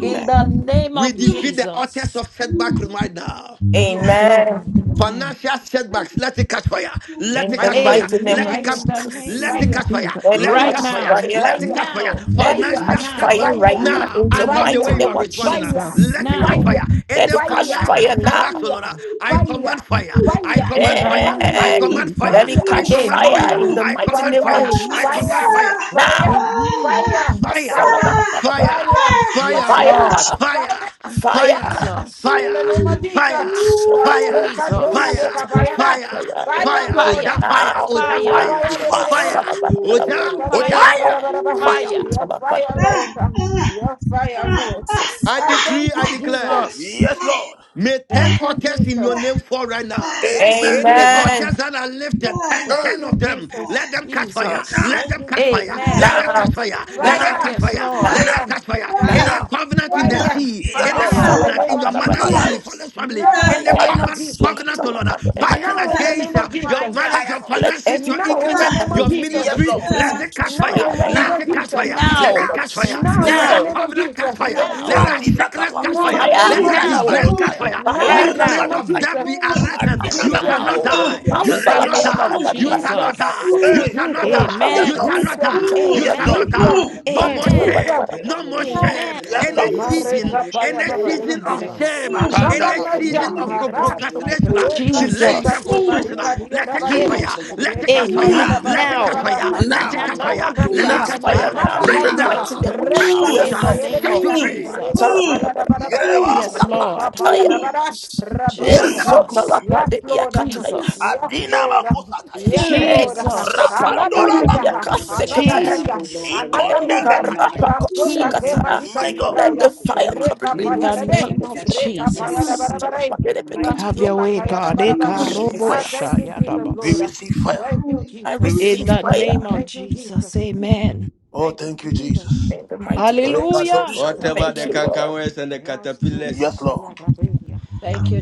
Speaker 8: In the name
Speaker 10: We
Speaker 8: of
Speaker 10: defeat the authors
Speaker 8: Jesus.
Speaker 10: of setback right now.
Speaker 8: Yes, Lord.
Speaker 11: Amen.
Speaker 8: Amen.
Speaker 10: Financial setbacks, let it catch fire. Let
Speaker 11: In
Speaker 10: it
Speaker 11: the
Speaker 10: catch
Speaker 6: Fire.
Speaker 10: fire.
Speaker 11: mighty name
Speaker 10: Let
Speaker 11: of
Speaker 10: it
Speaker 8: Amen.
Speaker 6: Fire.
Speaker 10: catch,
Speaker 8: In the
Speaker 11: Jesus.
Speaker 8: name
Speaker 10: let
Speaker 8: of
Speaker 10: it catch fire.
Speaker 8: Jesus.
Speaker 11: Let it
Speaker 10: Let it
Speaker 8: Right
Speaker 10: catch
Speaker 11: catch
Speaker 10: fire.
Speaker 8: now.
Speaker 11: fire.
Speaker 10: Let it catch fire.
Speaker 8: Now.
Speaker 11: Let it
Speaker 10: Financial
Speaker 11: catch
Speaker 8: Now.
Speaker 11: fire
Speaker 10: setbacks.
Speaker 11: right
Speaker 4: Mm-hmm.
Speaker 11: now
Speaker 10: Now,
Speaker 11: in
Speaker 10: I
Speaker 11: the
Speaker 8: in the
Speaker 10: love the
Speaker 11: mighty
Speaker 10: way you
Speaker 11: name
Speaker 8: name
Speaker 10: are
Speaker 11: of
Speaker 8: of
Speaker 10: responding. Now.
Speaker 8: Jesus.
Speaker 11: Jesus.
Speaker 10: Let it catch
Speaker 8: Now,
Speaker 10: fire. And
Speaker 11: Let
Speaker 10: the
Speaker 11: it catch
Speaker 10: financial
Speaker 11: fire now.
Speaker 10: setbacks, oh Lord, I command fire. I
Speaker 8: in
Speaker 10: command
Speaker 8: the
Speaker 10: fire.
Speaker 8: name
Speaker 10: I
Speaker 8: of
Speaker 11: Eh,
Speaker 10: command fire.
Speaker 11: Let
Speaker 8: Jesus.
Speaker 11: it
Speaker 10: I
Speaker 11: catch
Speaker 10: command
Speaker 11: fire
Speaker 10: fire.
Speaker 8: Amen.
Speaker 11: in the
Speaker 10: I
Speaker 11: mighty
Speaker 10: command
Speaker 11: name of
Speaker 10: fire. I
Speaker 8: Amen.
Speaker 10: command
Speaker 11: Jesus.
Speaker 10: fire
Speaker 11: Now.
Speaker 8: Amen.
Speaker 10: fire, fire,
Speaker 11: Asalabalabalabala.
Speaker 10: fire,
Speaker 8: Yes,
Speaker 10: oh,
Speaker 8: Lord.
Speaker 11: Fire.
Speaker 10: fire,
Speaker 11: Fire.
Speaker 10: fire,
Speaker 8: Jesus.
Speaker 10: fire, fire, fire,
Speaker 8: Jesus.
Speaker 11: Asokatalabalabala.
Speaker 10: fire, fire,
Speaker 11: Eh,
Speaker 6: Fire,
Speaker 10: fire,
Speaker 6: Lord.
Speaker 8: Fire.
Speaker 10: Oja fire,
Speaker 11: Now.
Speaker 10: Oja
Speaker 8: Fire.
Speaker 11: Now.
Speaker 10: fire,
Speaker 14: fire in
Speaker 6: Rababaya
Speaker 14: the
Speaker 6: de
Speaker 1: Fire.
Speaker 14: mighty name
Speaker 10: fire,
Speaker 6: Bedebe.
Speaker 14: of
Speaker 11: Asalabalabalabala.
Speaker 10: Oja
Speaker 1: Oja.
Speaker 6: Respectataya
Speaker 8: Fire.
Speaker 6: da ba
Speaker 10: fire.
Speaker 6: da
Speaker 14: Jesus.
Speaker 6: ba
Speaker 11: Eh,
Speaker 6: da
Speaker 1: Fire.
Speaker 6: ba.
Speaker 8: Fire.
Speaker 6: Your fire,
Speaker 11: Asalabalabalabala.
Speaker 6: Lord. Your fire, Lord.
Speaker 11: Jesus.
Speaker 10: I
Speaker 6: I
Speaker 10: decree,
Speaker 6: thank
Speaker 10: I
Speaker 6: you, Jesus.
Speaker 10: declare.
Speaker 8: Jesus.
Speaker 1: Yes, Lord.
Speaker 10: May 10
Speaker 6: Thank you,
Speaker 10: altars in your
Speaker 6: Jesus.
Speaker 10: name fall right now.
Speaker 6: Thank you,
Speaker 1: Amen.
Speaker 10: Any
Speaker 6: Jesus.
Speaker 11: Amen.
Speaker 10: altars
Speaker 8: Amen.
Speaker 10: that are lifted, ten,
Speaker 6: Thank
Speaker 10: 10
Speaker 1: Hey,
Speaker 6: you,
Speaker 10: of them,
Speaker 6: Jesus.
Speaker 10: let them catch fire.
Speaker 1: now,
Speaker 8: Jesus.
Speaker 10: Let
Speaker 6: Thank
Speaker 10: them
Speaker 6: you,
Speaker 10: catch fire.
Speaker 6: Jesus.
Speaker 8: Amen.
Speaker 10: Let
Speaker 1: now,
Speaker 10: them catch
Speaker 11: Now,
Speaker 6: Fire,
Speaker 10: fire. Let
Speaker 1: now,
Speaker 10: them
Speaker 11: now,
Speaker 10: catch
Speaker 6: fire,
Speaker 8: Yes,
Speaker 10: fire.
Speaker 8: Lord.
Speaker 4: Ah!
Speaker 10: Let them
Speaker 1: now,
Speaker 11: now,
Speaker 6: fire,
Speaker 10: catch fire.
Speaker 11: now,
Speaker 10: Any
Speaker 1: now.
Speaker 6: fire,
Speaker 10: covenant in the
Speaker 11: now.
Speaker 6: fire.
Speaker 10: sea,
Speaker 1: Yes,
Speaker 10: any
Speaker 1: Lord.
Speaker 6: Now
Speaker 8: Fire.
Speaker 6: in
Speaker 11: Masala
Speaker 6: the
Speaker 10: covenant
Speaker 11: bara
Speaker 6: name
Speaker 10: in
Speaker 6: of
Speaker 10: your
Speaker 11: bara bara
Speaker 10: mother's
Speaker 6: Jesus.
Speaker 11: bara.
Speaker 10: family, father's
Speaker 1: Kayanos,
Speaker 10: family,
Speaker 6: Now in
Speaker 10: any
Speaker 6: the
Speaker 8: Fire.
Speaker 6: name
Speaker 11: Eka
Speaker 6: of
Speaker 10: covenant,
Speaker 1: Kayanos,
Speaker 6: Jesus.
Speaker 11: suka
Speaker 10: covenant, oh
Speaker 11: tala
Speaker 10: Lord, uh,
Speaker 11: mando ebeka.
Speaker 10: fighting
Speaker 6: Now
Speaker 1: Kayanos,
Speaker 6: in the name
Speaker 10: against uh,
Speaker 6: of
Speaker 10: your
Speaker 6: Jesus.
Speaker 8: Fire.
Speaker 10: marriage, your
Speaker 11: Let
Speaker 1: Kayanos.
Speaker 10: finances,
Speaker 11: every
Speaker 10: your
Speaker 6: Now in
Speaker 11: altar
Speaker 6: the
Speaker 10: increment,
Speaker 6: name
Speaker 11: that we
Speaker 6: of
Speaker 10: your
Speaker 11: has been
Speaker 6: Jesus.
Speaker 1: Yes,
Speaker 11: raised
Speaker 10: ministry,
Speaker 1: Lord.
Speaker 11: against
Speaker 10: let
Speaker 11: me
Speaker 10: it catch fire.
Speaker 6: Now
Speaker 11: fire
Speaker 6: in the
Speaker 11: right
Speaker 6: name
Speaker 11: now.
Speaker 10: Let
Speaker 1: Now,
Speaker 6: of
Speaker 10: it
Speaker 11: In
Speaker 10: catch
Speaker 11: the
Speaker 6: Jesus.
Speaker 10: fire.
Speaker 11: mighty
Speaker 10: Let
Speaker 11: name
Speaker 10: it
Speaker 8: Now.
Speaker 1: now,
Speaker 11: of
Speaker 10: catch fire.
Speaker 6: Now
Speaker 10: Let
Speaker 6: in
Speaker 11: Jesus.
Speaker 6: the
Speaker 1: now.
Speaker 10: that
Speaker 8: Now.
Speaker 6: name of
Speaker 10: covenant catch
Speaker 6: Jesus.
Speaker 10: fire.
Speaker 11: Eka.
Speaker 10: Let
Speaker 8: Now.
Speaker 10: that
Speaker 6: Now.
Speaker 1: Kadibra
Speaker 10: sickness
Speaker 1: Kafa.
Speaker 10: catch fire
Speaker 6: Now in
Speaker 10: fire.
Speaker 6: the
Speaker 11: Fire,
Speaker 10: Let
Speaker 6: name of
Speaker 10: that
Speaker 8: Now.
Speaker 6: Jesus.
Speaker 10: disgrace catch
Speaker 1: Yadabadosaya.
Speaker 10: fire.
Speaker 11: fire,
Speaker 6: Now
Speaker 8: Right
Speaker 10: Let
Speaker 6: in the
Speaker 10: spirit
Speaker 6: name
Speaker 8: now
Speaker 6: of
Speaker 10: of
Speaker 1: Rabadukaya.
Speaker 10: death
Speaker 6: Jesus.
Speaker 10: be arrested.
Speaker 1: Adina
Speaker 14: In
Speaker 11: fire.
Speaker 10: You
Speaker 14: the name
Speaker 10: shall
Speaker 14: of
Speaker 6: Jesus.
Speaker 10: not
Speaker 14: Jesus,
Speaker 1: Makutaya.
Speaker 8: now
Speaker 14: let
Speaker 10: die.
Speaker 14: it be a
Speaker 10: You
Speaker 8: in
Speaker 14: right
Speaker 10: shall
Speaker 14: there,
Speaker 8: the
Speaker 11: Masala
Speaker 6: Jesus.
Speaker 10: not
Speaker 11: bara
Speaker 14: Father.
Speaker 8: name
Speaker 1: Regedosa.
Speaker 14: This
Speaker 10: die.
Speaker 11: bara
Speaker 8: of
Speaker 11: bara
Speaker 14: do
Speaker 10: You
Speaker 11: bara
Speaker 14: not
Speaker 10: shall not
Speaker 6: Jesus.
Speaker 11: bara.
Speaker 14: care to
Speaker 10: die.
Speaker 8: Jesus.
Speaker 14: God or
Speaker 10: You
Speaker 14: the
Speaker 1: Hey.
Speaker 10: shall
Speaker 14: the
Speaker 10: not
Speaker 14: rich
Speaker 6: Jesus.
Speaker 10: die.
Speaker 14: poor
Speaker 1: Yes,
Speaker 10: You
Speaker 14: care,
Speaker 8: Amen.
Speaker 1: Lord.
Speaker 10: shall
Speaker 14: Father.
Speaker 10: not
Speaker 11: Suka
Speaker 14: In the
Speaker 6: Jesus.
Speaker 10: die.
Speaker 11: tala
Speaker 14: name of
Speaker 10: You
Speaker 11: bara
Speaker 1: Yes,
Speaker 14: Jesus,
Speaker 10: shall
Speaker 11: bara.
Speaker 1: Lord.
Speaker 10: not
Speaker 8: Amen.
Speaker 14: we come
Speaker 10: die.
Speaker 14: to
Speaker 6: Jesus.
Speaker 14: the
Speaker 10: No
Speaker 14: King of
Speaker 10: more
Speaker 11: Masala
Speaker 14: glory.
Speaker 8: Amen.
Speaker 11: bara
Speaker 6: Jesus.
Speaker 10: shame.
Speaker 11: bara bara
Speaker 10: No more shame.
Speaker 8: Amen.
Speaker 1: Yes,
Speaker 10: Any
Speaker 1: Lord.
Speaker 11: bara. Suka
Speaker 14: No
Speaker 10: season,
Speaker 6: Mareka
Speaker 14: wishing,
Speaker 6: paya
Speaker 10: any
Speaker 6: baba
Speaker 14: Father.
Speaker 10: season
Speaker 6: eva.
Speaker 10: of
Speaker 14: Anyone
Speaker 8: Jesus.
Speaker 10: shame,
Speaker 14: on my
Speaker 10: uh,
Speaker 14: shield,
Speaker 6: Another
Speaker 10: any
Speaker 1: Kandaraba.
Speaker 14: any
Speaker 6: measure.
Speaker 14: of
Speaker 10: season
Speaker 14: my
Speaker 10: of
Speaker 6: Ha
Speaker 10: pro-
Speaker 14: favor,
Speaker 6: ha.
Speaker 14: my
Speaker 11: tala bara
Speaker 14: life,
Speaker 11: bara.
Speaker 10: procrastination,
Speaker 14: Father.
Speaker 10: uh,
Speaker 14: Let
Speaker 6: Reka
Speaker 14: me be
Speaker 10: delays
Speaker 6: soka
Speaker 14: just
Speaker 10: and
Speaker 8: Jesus.
Speaker 14: in
Speaker 6: te
Speaker 1: Jesus.
Speaker 14: that
Speaker 10: frustration, uh,
Speaker 14: name.
Speaker 6: madrika dia
Speaker 10: let
Speaker 6: da
Speaker 10: it
Speaker 14: In the
Speaker 10: catch
Speaker 6: bade.
Speaker 14: mighty
Speaker 10: fire.
Speaker 1: Jesus.
Speaker 14: name of
Speaker 10: Let it
Speaker 14: Jesus,
Speaker 6: Reka
Speaker 10: catch
Speaker 14: may life
Speaker 10: fire.
Speaker 6: paya
Speaker 8: Amen.
Speaker 14: and
Speaker 6: da
Speaker 14: may
Speaker 1: Now.
Speaker 6: bada
Speaker 10: Let it
Speaker 14: every
Speaker 6: bada
Speaker 10: catch
Speaker 8: Now.
Speaker 14: blessed
Speaker 6: bada.
Speaker 10: fire.
Speaker 14: fire
Speaker 6: ha.
Speaker 14: in the
Speaker 10: Let it
Speaker 1: Now.
Speaker 10: catch
Speaker 8: Now.
Speaker 6: Another
Speaker 10: fire.
Speaker 11: You
Speaker 10: Let
Speaker 8: In
Speaker 10: it
Speaker 11: got
Speaker 6: measure.
Speaker 8: the
Speaker 1: Now.
Speaker 10: catch fire.
Speaker 8: name
Speaker 11: fire
Speaker 14: name
Speaker 8: of
Speaker 11: now
Speaker 6: Another
Speaker 11: in the
Speaker 10: Break
Speaker 1: Now.
Speaker 6: measure.
Speaker 11: mighty
Speaker 8: Jesus.
Speaker 10: now.
Speaker 11: name of
Speaker 10: Break
Speaker 8: Now.
Speaker 6: Resa
Speaker 10: loose.
Speaker 6: ke
Speaker 1: Yes,
Speaker 8: In
Speaker 10: uh,
Speaker 8: the
Speaker 1: Lord.
Speaker 11: Jesus.
Speaker 6: taye de
Speaker 8: name
Speaker 10: Set
Speaker 8: of
Speaker 10: you
Speaker 6: beya.
Speaker 10: free.
Speaker 11: Man,
Speaker 6: Reka
Speaker 11: sala
Speaker 8: Jesus.
Speaker 11: bala
Speaker 6: paya da
Speaker 11: bala
Speaker 14: of
Speaker 6: bada
Speaker 11: bala
Speaker 6: bada.
Speaker 11: bala,
Speaker 4: Mm.
Speaker 14: Jesus.
Speaker 1: Yereba
Speaker 8: Yes,
Speaker 11: sala bala
Speaker 1: kapa.
Speaker 6: Reka
Speaker 8: Lord.
Speaker 6: paya
Speaker 11: kataya.
Speaker 6: daba da
Speaker 4: Amen.
Speaker 6: bada. Raba
Speaker 11: Yes,
Speaker 6: paya
Speaker 4: Amen.
Speaker 6: da.
Speaker 1: Yereba
Speaker 11: sala
Speaker 8: Jesus.
Speaker 1: kopaya.
Speaker 11: bala
Speaker 6: Yes, Lord.
Speaker 11: yekataya.
Speaker 8: Jesus.
Speaker 6: Yes,
Speaker 1: Adina
Speaker 6: Lord.
Speaker 1: makosataya.
Speaker 6: Yes,
Speaker 11: Eh,
Speaker 6: Lord.
Speaker 8: Jesus.
Speaker 11: sala
Speaker 6: Another
Speaker 11: bala
Speaker 14: Father,
Speaker 1: Rapandula
Speaker 6: measure.
Speaker 1: makutapaya.
Speaker 6: Another
Speaker 11: yekasekete.
Speaker 14: oh
Speaker 6: measure.
Speaker 8: Jesus.
Speaker 14: Lord, I release
Speaker 6: Another
Speaker 11: Eh,
Speaker 14: the
Speaker 1: Ikonde
Speaker 14: fire in
Speaker 6: measure.
Speaker 14: my
Speaker 1: bekataya.
Speaker 11: karapa
Speaker 14: mother's body. Yes,
Speaker 6: Rasoka
Speaker 14: Father,
Speaker 6: te
Speaker 14: any
Speaker 11: kosekata.
Speaker 8: Jesus.
Speaker 6: madika
Speaker 1: My
Speaker 14: spirit
Speaker 1: God,
Speaker 14: and
Speaker 11: Let
Speaker 14: their
Speaker 11: the
Speaker 6: diadaya.
Speaker 11: fire
Speaker 14: me,
Speaker 11: come in
Speaker 6: Reka
Speaker 11: me.
Speaker 8: In
Speaker 14: meaning
Speaker 6: paya
Speaker 8: the
Speaker 6: da
Speaker 14: me,
Speaker 6: de.
Speaker 11: Sala
Speaker 14: let
Speaker 8: name
Speaker 11: bala
Speaker 14: it
Speaker 8: of
Speaker 14: catch
Speaker 11: bala,
Speaker 14: fire
Speaker 6: Reka
Speaker 14: and make
Speaker 6: paya
Speaker 14: it
Speaker 6: da
Speaker 11: sala
Speaker 8: Jesus.
Speaker 14: release
Speaker 11: bala
Speaker 14: me
Speaker 11: bala
Speaker 6: barabara.
Speaker 11: bala
Speaker 14: around my realm
Speaker 11: bala, sala
Speaker 14: and
Speaker 11: bala
Speaker 14: life
Speaker 8: Have
Speaker 11: kataya.
Speaker 8: your
Speaker 14: to
Speaker 6: Rasoka
Speaker 8: way,
Speaker 14: suppress
Speaker 6: paya da
Speaker 14: my
Speaker 8: God.
Speaker 14: life, to
Speaker 1: we
Speaker 6: barabaha.
Speaker 14: suppress
Speaker 1: receive
Speaker 14: my
Speaker 6: Ah,
Speaker 1: fire.
Speaker 11: Jesus,
Speaker 6: thank
Speaker 8: Ekarobosha
Speaker 6: you, Jesus,
Speaker 1: We
Speaker 6: Lord.
Speaker 8: yadabasa.
Speaker 1: receive fire.
Speaker 6: Thank you,
Speaker 11: I
Speaker 1: We
Speaker 6: Jesus.
Speaker 8: In
Speaker 11: receive
Speaker 1: receive
Speaker 8: the
Speaker 1: fire.
Speaker 11: fire
Speaker 8: name of
Speaker 6: Thank you,
Speaker 8: Jesus,
Speaker 6: Jesus.
Speaker 8: amen.
Speaker 1: Oh,
Speaker 6: Thank you,
Speaker 1: thank you,
Speaker 6: Jesus.
Speaker 1: Jesus.
Speaker 11: in the mighty name of
Speaker 6: Thank you,
Speaker 8: Hallelujah.
Speaker 11: Jesus.
Speaker 1: Regadoshaya.
Speaker 6: Jesus.
Speaker 10: Whatever
Speaker 8: Thank
Speaker 11: Thank
Speaker 8: you,
Speaker 10: the
Speaker 11: you, Lord,
Speaker 8: Lord.
Speaker 10: cankerworms and the
Speaker 6: Yes, soka
Speaker 1: Yes,
Speaker 10: caterpillars,
Speaker 6: paya
Speaker 1: Lord.
Speaker 6: da bedia.
Speaker 8: Thank you,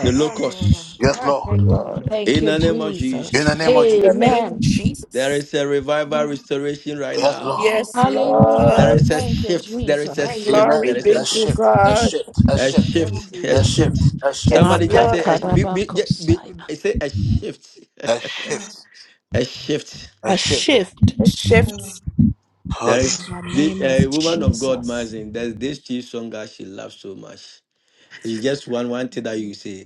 Speaker 10: the
Speaker 6: Ah, Lord.
Speaker 10: locusts,
Speaker 1: Yes,
Speaker 6: Ah,
Speaker 1: Lord.
Speaker 6: thank you,
Speaker 11: Lord.
Speaker 6: Lord.
Speaker 8: Thank
Speaker 10: in
Speaker 8: you,
Speaker 10: the name of
Speaker 1: In
Speaker 8: Jesus.
Speaker 1: the
Speaker 10: Jesus,
Speaker 1: name
Speaker 6: Thank
Speaker 1: of
Speaker 11: In
Speaker 6: you,
Speaker 11: the
Speaker 1: Jesus.
Speaker 11: name of
Speaker 8: Amen.
Speaker 6: Jesus.
Speaker 10: there
Speaker 11: Jesus.
Speaker 10: is a revival restoration right
Speaker 1: Yes, Lord.
Speaker 10: now.
Speaker 6: Thank
Speaker 11: Yes,
Speaker 6: you,
Speaker 10: There
Speaker 8: Hallelujah.
Speaker 6: Jesus.
Speaker 11: Lord.
Speaker 10: is a
Speaker 8: Thank you,
Speaker 10: shift. There is a
Speaker 6: Thank
Speaker 8: Jesus.
Speaker 6: you,
Speaker 10: shift.
Speaker 1: Amen.
Speaker 11: Glory
Speaker 10: There is a
Speaker 11: be
Speaker 1: A
Speaker 6: Jesus.
Speaker 11: to
Speaker 1: shift.
Speaker 10: shift.
Speaker 1: A
Speaker 11: God.
Speaker 1: shift. A
Speaker 10: A
Speaker 1: shift.
Speaker 6: Aye, aye,
Speaker 10: shift.
Speaker 6: aye.
Speaker 10: A
Speaker 1: A
Speaker 10: shift.
Speaker 1: shift. A shift.
Speaker 11: Yes,
Speaker 10: Somebody just
Speaker 11: Lord.
Speaker 10: say a, be, be, ju- be,
Speaker 8: Makatarabakosaya.
Speaker 10: be- say a shift.
Speaker 1: A shift.
Speaker 10: a shift.
Speaker 1: A
Speaker 8: A
Speaker 1: shift.
Speaker 8: shift
Speaker 11: Shifts.
Speaker 10: There is
Speaker 8: in the
Speaker 10: the
Speaker 8: name of
Speaker 10: a woman of God,
Speaker 8: Jesus.
Speaker 10: Mazin. There's this chief song that she loves so much. It's just one one thing that you say.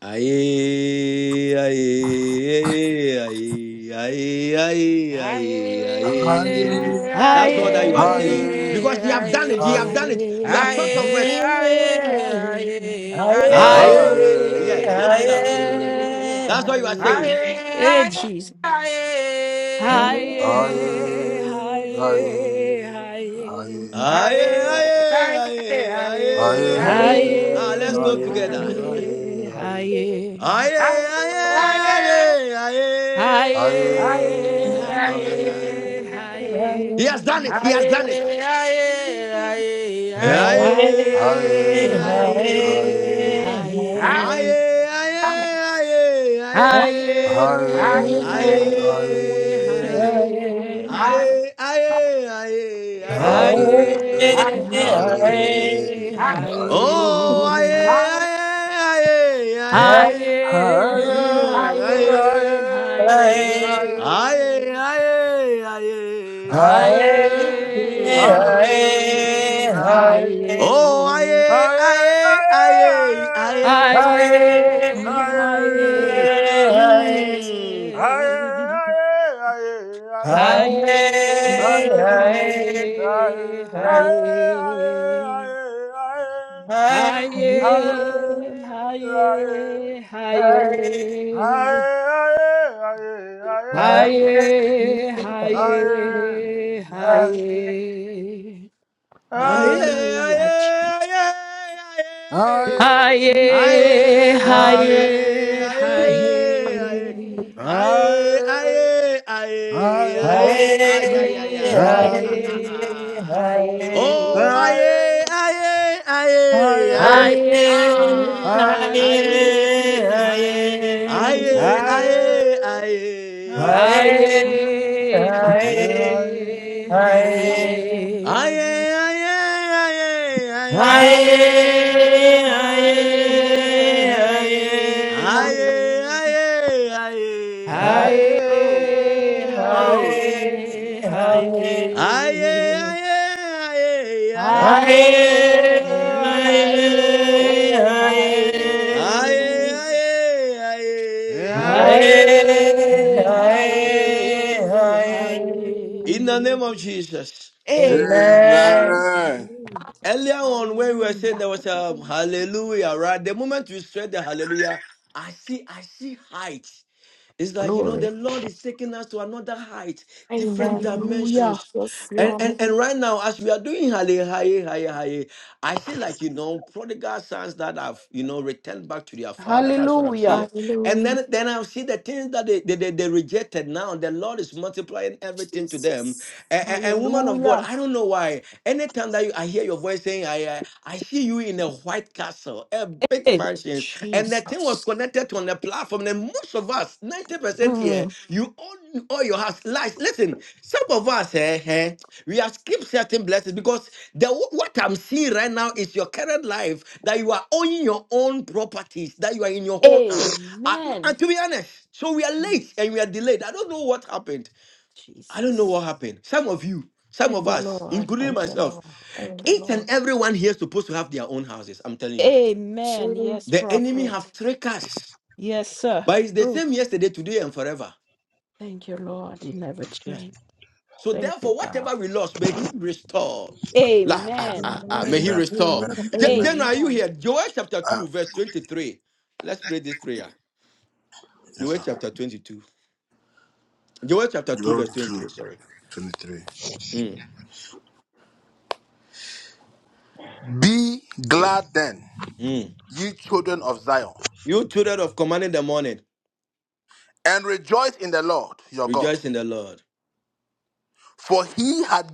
Speaker 10: aye aye aye aye aye
Speaker 6: Aye,
Speaker 10: aye aye.
Speaker 1: Oh.
Speaker 6: aye,
Speaker 10: That's all that you are
Speaker 8: Aye,
Speaker 10: saying.
Speaker 1: Hare,
Speaker 10: Because
Speaker 6: aye,
Speaker 10: he
Speaker 6: aye.
Speaker 10: have done it, He have
Speaker 1: hare,
Speaker 10: done it. You are
Speaker 8: aye.
Speaker 10: short of
Speaker 6: Aye,
Speaker 10: words.
Speaker 6: aye,
Speaker 1: hare,
Speaker 10: Aye, yeah,
Speaker 8: Haye,
Speaker 10: lift
Speaker 6: aye.
Speaker 10: it up.
Speaker 1: hare,
Speaker 8: haye,
Speaker 10: That's what you are saying.
Speaker 6: Aye,
Speaker 8: haye.
Speaker 6: aye,
Speaker 8: Hey,
Speaker 6: aye,
Speaker 8: Jesus.
Speaker 6: aye.
Speaker 8: Haye,
Speaker 13: Hallelujah.
Speaker 1: hare,
Speaker 8: haye,
Speaker 1: hare, hare.
Speaker 8: haye.
Speaker 10: Aye,
Speaker 6: Aye,
Speaker 10: aye,
Speaker 6: aye, aye. Aye, aye,
Speaker 10: aye,
Speaker 1: Aye,
Speaker 10: aye. Ah, let's
Speaker 8: Haye,
Speaker 10: go
Speaker 1: aye,
Speaker 10: together.
Speaker 1: aye,
Speaker 8: haye,
Speaker 1: aye.
Speaker 8: haye.
Speaker 10: Aye,
Speaker 13: Hallelujah.
Speaker 10: aye, aye,
Speaker 1: Aye,
Speaker 10: aye.
Speaker 8: Haye,
Speaker 1: aye,
Speaker 13: Hey,
Speaker 8: haye,
Speaker 10: He has done
Speaker 6: aye.
Speaker 10: it.
Speaker 8: haye.
Speaker 10: He has
Speaker 6: Aye,
Speaker 10: done it.
Speaker 6: aye,
Speaker 10: Aye,
Speaker 6: aye,
Speaker 1: aye.
Speaker 8: Haye,
Speaker 10: aye,
Speaker 1: Aye, aye, aye.
Speaker 6: aye.
Speaker 8: haye,
Speaker 10: aye.
Speaker 6: I
Speaker 8: haye.
Speaker 10: Aye, aye,
Speaker 6: I
Speaker 10: aye, aye.
Speaker 1: Aye,
Speaker 6: I I
Speaker 8: Haye, haye,
Speaker 10: Aye, aye.
Speaker 8: haye.
Speaker 6: I
Speaker 10: Aye, aye, aye,
Speaker 1: aye,
Speaker 10: aye.
Speaker 11: Hey,
Speaker 1: aye.
Speaker 8: Haye,
Speaker 10: Mm.
Speaker 6: I
Speaker 1: Aye, aye,
Speaker 11: hey,
Speaker 8: haye,
Speaker 6: I
Speaker 1: aye.
Speaker 10: Oh,
Speaker 8: haye.
Speaker 10: aye, aye, aye, aye.
Speaker 8: Haye,
Speaker 10: Mm,
Speaker 1: Higher, higher, higher, higher, higher, higher,
Speaker 10: aye.
Speaker 8: haye, haye.
Speaker 10: Aye, aye, aye.
Speaker 6: I
Speaker 8: Haye,
Speaker 10: Mm.
Speaker 8: haye,
Speaker 1: higher,
Speaker 10: Oh,
Speaker 8: haye.
Speaker 10: aye, aye, aye, aye.
Speaker 8: aye,
Speaker 10: Mm,
Speaker 8: aye,
Speaker 11: hey.
Speaker 10: mm.
Speaker 8: aye,
Speaker 1: higher,
Speaker 8: aye,
Speaker 13: Hallelujah.
Speaker 8: aye, aye. Haye, haye,
Speaker 1: higher,
Speaker 8: haye,
Speaker 1: higher, higher,
Speaker 11: Aye,
Speaker 8: haye,
Speaker 1: Higher,
Speaker 8: haye,
Speaker 1: higher,
Speaker 8: haye.
Speaker 10: Aye,
Speaker 1: higher,
Speaker 10: aye,
Speaker 8: Hallelujah.
Speaker 10: aye, aye,
Speaker 1: higher,
Speaker 10: aye,
Speaker 8: Haye,
Speaker 1: higher,
Speaker 10: aye, aye,
Speaker 8: haye,
Speaker 10: aye,
Speaker 8: haye,
Speaker 10: aye,
Speaker 1: higher,
Speaker 10: aye,
Speaker 1: higher, higher, higher, higher, higher, higher,
Speaker 10: aye, aye, aye,
Speaker 8: haye,
Speaker 10: aye.
Speaker 8: haye,
Speaker 10: Oh,
Speaker 8: haye.
Speaker 10: aye, aye, aye, aye,
Speaker 8: Haye,
Speaker 11: aye,
Speaker 10: ah,
Speaker 1: higher,
Speaker 10: aye,
Speaker 8: haye,
Speaker 10: aye,
Speaker 8: haye.
Speaker 10: aye,
Speaker 1: higher,
Speaker 10: aye,
Speaker 8: Aye,
Speaker 1: higher,
Speaker 8: aye, aye.
Speaker 10: aye, aye, aye, aye.
Speaker 11: aye,
Speaker 8: Aye,
Speaker 13: From
Speaker 8: aye,
Speaker 11: aye.
Speaker 10: Aye,
Speaker 8: aye.
Speaker 10: aye,
Speaker 1: higher,
Speaker 10: aye,
Speaker 11: Hare,
Speaker 10: aye.
Speaker 8: Aye,
Speaker 10: Oh, oh.
Speaker 11: Hare,
Speaker 8: aye,
Speaker 1: higher. higher,
Speaker 11: Hare.
Speaker 10: Aye,
Speaker 8: aye.
Speaker 10: aye, aye, aye.
Speaker 1: Amen.
Speaker 11: Hare,
Speaker 8: Aye,
Speaker 11: Hare,
Speaker 8: aye,
Speaker 11: Hare.
Speaker 10: Aye,
Speaker 8: aye.
Speaker 10: aye, aye.
Speaker 11: Hare,
Speaker 8: Aye,
Speaker 11: Hare,
Speaker 8: aye,
Speaker 11: Hare.
Speaker 10: In the name
Speaker 8: aye.
Speaker 10: of Jesus.
Speaker 8: Amen.
Speaker 11: Amen.
Speaker 10: Earlier on, when we were saying
Speaker 8: Hallelujah.
Speaker 10: there was a hallelujah, right? The moment we said the hallelujah, I see, I see height. It's like, you know, the
Speaker 8: Glory.
Speaker 10: Lord is taking us to another height, different
Speaker 11: Amen.
Speaker 8: Hallelujah.
Speaker 10: dimensions.
Speaker 11: Yes,
Speaker 10: And and,
Speaker 11: Lord.
Speaker 10: and right now, as we are doing Hale, Hale, Hale, Hale, I see like, you know, prodigal sons that have, you know, returned back to their father. That's what I'm seeing.
Speaker 8: Hallelujah.
Speaker 10: And
Speaker 11: Hallelujah.
Speaker 10: then, then I see the things that they, they, they, they rejected now. The Lord is multiplying everything to them.
Speaker 11: Jesus.
Speaker 10: And, and woman of God,
Speaker 8: Hallelujah.
Speaker 10: I don't know why. Anytime that you, I hear your voice saying, I, I, I see you in a white castle big
Speaker 8: Hey,
Speaker 10: mansions, and the thing was
Speaker 8: Jesus.
Speaker 10: connected to on the platform. And most of us, 90% here,
Speaker 8: Mm.
Speaker 10: you own all your house. Lies. Listen, some of us, eh, eh, we have skipped certain blessings because the what I'm seeing right now is your current life that you are owning your own properties, that you are in your own house. and
Speaker 8: Amen.
Speaker 10: and to be honest, so we are late and we are delayed. I don't know what happened. I don't know
Speaker 8: Jesus.
Speaker 10: what happened. Some of you, some
Speaker 8: Thank
Speaker 10: of
Speaker 8: you,
Speaker 10: us,
Speaker 8: Lord.
Speaker 10: including
Speaker 8: Thank you,
Speaker 10: myself,
Speaker 8: Lord. Thank
Speaker 11: Amen.
Speaker 8: you,
Speaker 10: each
Speaker 8: Lord.
Speaker 10: and everyone here is supposed to have their own houses. I'm telling you.
Speaker 8: Amen. Yes,
Speaker 10: The enemy have
Speaker 8: prophet.
Speaker 10: tricked us,
Speaker 8: Yes, sir.
Speaker 10: but it's the
Speaker 8: True.
Speaker 10: same yesterday, today, and forever.
Speaker 8: Thank you, Lord. You never
Speaker 10: Yes.
Speaker 8: change.
Speaker 10: So
Speaker 8: Thank you,
Speaker 10: therefore,
Speaker 8: God.
Speaker 10: whatever we lost, may He restore. La, ah,
Speaker 8: Amen.
Speaker 10: ah, ah, may
Speaker 11: Amen.
Speaker 10: He
Speaker 1: Amen.
Speaker 10: restore.
Speaker 1: Amen.
Speaker 10: Je-
Speaker 1: Amen.
Speaker 10: Then
Speaker 11: Amen.
Speaker 10: are you
Speaker 8: Amen.
Speaker 10: here? Joel chapter
Speaker 1: Uh,
Speaker 10: two, verse twenty-three. Let's pray this prayer.
Speaker 1: yes,
Speaker 10: Joel
Speaker 1: sir.
Speaker 10: chapter twenty-two. Joel chapter two,
Speaker 1: Go
Speaker 10: verse
Speaker 1: to
Speaker 10: twenty-three. Sorry.
Speaker 1: 23.
Speaker 10: Mm,
Speaker 1: Be glad then,
Speaker 10: mm.
Speaker 1: ye children of Zion,
Speaker 10: You children of command in the morning,
Speaker 1: and rejoice in the Lord your God,
Speaker 10: rejoice in the Lord.
Speaker 1: for he had.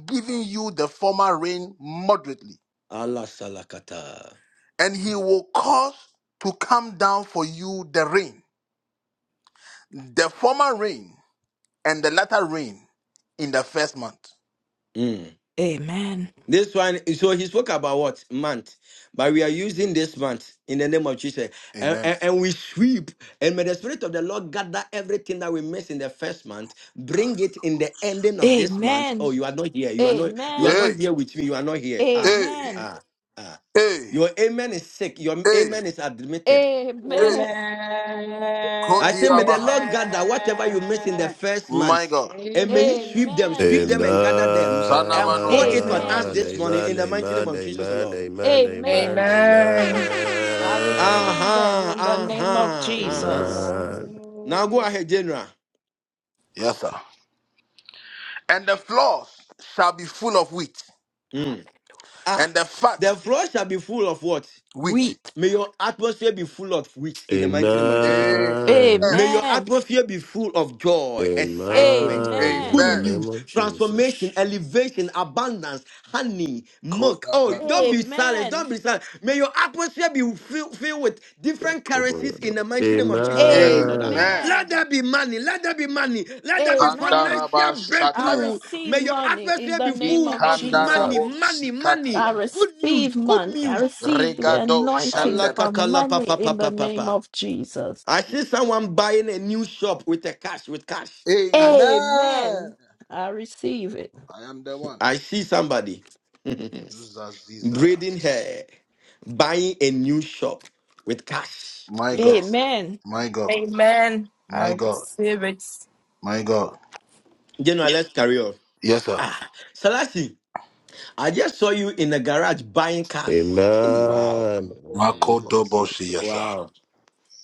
Speaker 10: Allah salakata. Mm.
Speaker 8: Amen.
Speaker 10: This one, so he spoke about what month, but we are using this month in the name of Jesus, and, and, and we sweep, and may the Spirit of the Lord gather everything that we miss in the first month, bring it in the ending of this month. Oh,
Speaker 8: Amen.
Speaker 10: you are not here. You are not. You are
Speaker 8: Amen.
Speaker 1: Hey,
Speaker 10: not here with me. You are not here. Ah,
Speaker 1: hey,
Speaker 8: Amen.
Speaker 10: ah, ah.
Speaker 1: hey,
Speaker 10: Your amen is sick. Your
Speaker 1: hey,
Speaker 10: amen is admitted.
Speaker 1: hey.
Speaker 8: Amen.
Speaker 10: I say, may the
Speaker 14: Amen.
Speaker 1: Kodiabaha.
Speaker 10: Lord gather whatever you miss in the first
Speaker 1: My
Speaker 10: month.
Speaker 1: God.
Speaker 10: And may he sweep them, sweep
Speaker 8: Amen.
Speaker 7: Amen.
Speaker 10: them and gather them and pour it
Speaker 1: Zanamanosia,
Speaker 10: on
Speaker 14: Amen.
Speaker 10: us
Speaker 1: yes.
Speaker 8: Amen.
Speaker 10: this morning in
Speaker 7: Amen.
Speaker 10: the mighty name
Speaker 7: Amen.
Speaker 10: of Jesus, O
Speaker 7: Amen.
Speaker 10: Lord.
Speaker 7: Amen. Amen.
Speaker 8: Amen.
Speaker 7: Amen.
Speaker 11: Amen.
Speaker 8: I receive them
Speaker 10: Uh-huh,
Speaker 8: in the name
Speaker 14: Amen.
Speaker 8: of
Speaker 7: Amen.
Speaker 10: uh-huh,
Speaker 7: Amen.
Speaker 10: uh-huh.
Speaker 8: Jesus.
Speaker 10: Now go
Speaker 14: Hallelujah.
Speaker 10: ahead, General.
Speaker 1: Yes, sir. And the floors shall be full of wheat,
Speaker 10: Mm.
Speaker 8: Hallelujah.
Speaker 10: Ah,
Speaker 1: and the fat
Speaker 10: the floor shall be full of what?
Speaker 1: wheat.
Speaker 8: Weep.
Speaker 10: May your atmosphere be full of wit in the mighty name of Jesus, Lord.
Speaker 1: Amen.
Speaker 7: Amen.
Speaker 10: May your
Speaker 8: Amen.
Speaker 10: atmosphere be full of joy,
Speaker 7: In
Speaker 10: excitement, good
Speaker 8: Amen.
Speaker 7: the
Speaker 1: Amen.
Speaker 10: news,
Speaker 7: name of
Speaker 10: transformation,
Speaker 7: Jesus.
Speaker 10: elevation, abundance, honey, milk. Oh, don't
Speaker 1: Kodabrandaba.
Speaker 10: be silent.
Speaker 8: Amen.
Speaker 10: Don't be silent. May your atmosphere be filled, filled with different currencies
Speaker 7: Yakobayada.
Speaker 10: in the mighty name of Jesus Christ, O Lord.
Speaker 7: Amen.
Speaker 10: Let
Speaker 8: Amen.
Speaker 10: there be money. Let there be money. Let there be
Speaker 8: Amen.
Speaker 1: Kandaraba
Speaker 10: financial
Speaker 8: I
Speaker 1: shataya.
Speaker 10: breakthrough.
Speaker 8: receive
Speaker 10: May your
Speaker 8: money in
Speaker 10: atmosphere
Speaker 8: the
Speaker 10: be
Speaker 8: name
Speaker 10: full
Speaker 8: of
Speaker 10: of money,
Speaker 8: Jesus.
Speaker 1: Ikandarabo
Speaker 10: money, money,
Speaker 8: I
Speaker 1: sikataya.
Speaker 10: good news,
Speaker 8: receive
Speaker 10: good
Speaker 8: money. I
Speaker 10: news.
Speaker 8: receive the
Speaker 1: Regado
Speaker 8: anointing
Speaker 10: Allah
Speaker 8: for
Speaker 10: katala
Speaker 1: shandebekapa.
Speaker 10: pa
Speaker 8: money
Speaker 10: pa pa
Speaker 8: in the
Speaker 10: pa pa
Speaker 8: name
Speaker 10: pa.
Speaker 8: of Jesus.
Speaker 10: I
Speaker 1: Yes,
Speaker 10: see
Speaker 1: Lord.
Speaker 10: someone buying a new shop with a cash with cash cash.
Speaker 1: Amen.
Speaker 8: Amen. I receive it.
Speaker 1: I am the one.
Speaker 10: I see somebody braiding hair, buying a new shop with cash with cash.
Speaker 8: Amen.
Speaker 11: Amen. I receive it.
Speaker 10: General, let's carry on. Ah, Salasi, I just saw you in the garage buying cars. Hey, wow,
Speaker 7: Amen. In the name of Jesus.
Speaker 10: wow,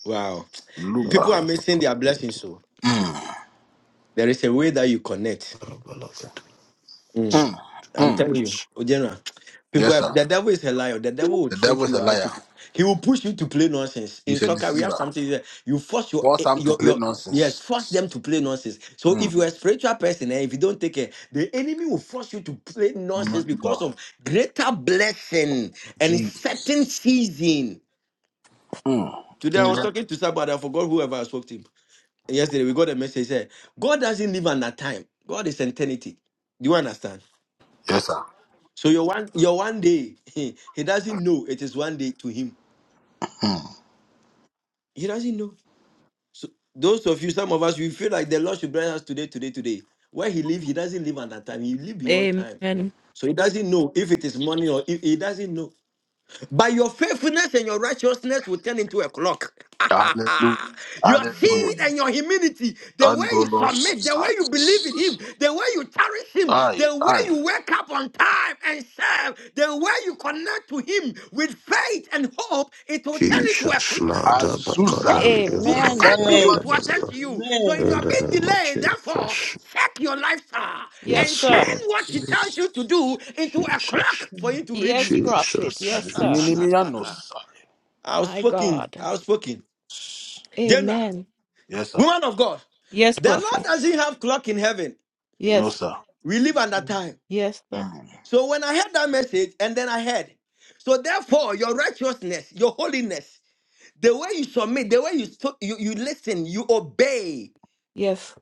Speaker 10: wow. People are missing their blessings.
Speaker 7: Yakabayada.
Speaker 10: So there is a way that you connect.
Speaker 7: Barabalakata.
Speaker 10: Mm.
Speaker 7: Yes.
Speaker 10: I'm telling you,
Speaker 7: Yes.
Speaker 10: oh, General, people,
Speaker 1: Yes,
Speaker 10: have,
Speaker 1: sir.
Speaker 10: the devil is a liar. The devil will
Speaker 1: The devil
Speaker 10: trick
Speaker 1: is a
Speaker 10: you out
Speaker 1: liar.
Speaker 10: to, he will push you to play nonsense. In
Speaker 1: He's a
Speaker 10: soccer, we have
Speaker 1: deceiver.
Speaker 10: something that you force your,
Speaker 1: Force
Speaker 10: eh,
Speaker 1: him to
Speaker 10: your,
Speaker 1: play
Speaker 10: your, yes,
Speaker 1: nonsense.
Speaker 10: force them to play nonsense. So
Speaker 1: Mm.
Speaker 10: if you're a spiritual person and if you don't take care, the enemy will force you to play
Speaker 1: My
Speaker 10: nonsense because
Speaker 1: God.
Speaker 10: of greater blessing and
Speaker 1: Jesus.
Speaker 10: certain season. Today I was
Speaker 1: Mm.
Speaker 10: talking to somebody, I forgot whoever I spoke to. Yesterday we got a message said, God doesn't live on that time. God is eternity. Do you understand? So your one your one day, he doesn't know it is one day to him. He doesn't know. So those of you, some of us, we feel like the Lord should bless us today, today, today. Where he live, he doesn't live at that time. He live beyond time.
Speaker 8: Amen.
Speaker 10: So he doesn't know if it is money or if he doesn't know. By your faithfulness and your righteousness will turn into a clock. your seed and your humility, the way you
Speaker 1: Andolos
Speaker 10: submit, the way you believe in
Speaker 1: Zats.
Speaker 10: Him, the way you cherish Him,
Speaker 1: Ai,
Speaker 10: the way
Speaker 1: ai.
Speaker 10: you wake up on time and serve, the way you connect to Him with faith and hope, it will turn into a
Speaker 7: Jesus.
Speaker 10: clock.
Speaker 7: Mada
Speaker 10: To
Speaker 1: Azusa.
Speaker 10: clock,
Speaker 7: Bakabayada.
Speaker 10: to
Speaker 8: Amen.
Speaker 10: attend to
Speaker 1: Zizana
Speaker 10: you,
Speaker 7: Balakabayada.
Speaker 10: to attend
Speaker 1: Mazuze.
Speaker 10: to
Speaker 7: Balaba.
Speaker 10: you. So if you
Speaker 7: In
Speaker 10: are
Speaker 7: the
Speaker 10: being
Speaker 7: name of
Speaker 10: delayed, therefore,
Speaker 7: Jesus.
Speaker 10: check your lifestyle
Speaker 8: Yes,
Speaker 10: and
Speaker 7: Yes,
Speaker 8: sir.
Speaker 10: turn
Speaker 7: Lord.
Speaker 10: what He tells
Speaker 7: Jesus.
Speaker 10: you to do into a
Speaker 7: Jesus.
Speaker 10: clock for Him to read you.
Speaker 8: Yes, prophet. Yes, sir.
Speaker 7: Jesus.
Speaker 1: Zininimianos.
Speaker 10: I was
Speaker 8: My
Speaker 10: spoken.
Speaker 8: God.
Speaker 10: I was spoken. General,
Speaker 8: Amen.
Speaker 10: woman of God,
Speaker 8: Yes,
Speaker 10: the Lord
Speaker 8: prophet.
Speaker 10: doesn't have clock in heaven.
Speaker 8: Yes.
Speaker 10: We live under time.
Speaker 8: Yes, sir.
Speaker 10: So when I heard that message, and then I heard, so therefore your righteousness, your holiness, the way you submit, the way you stu- you, you listen, you obey,
Speaker 8: Yes,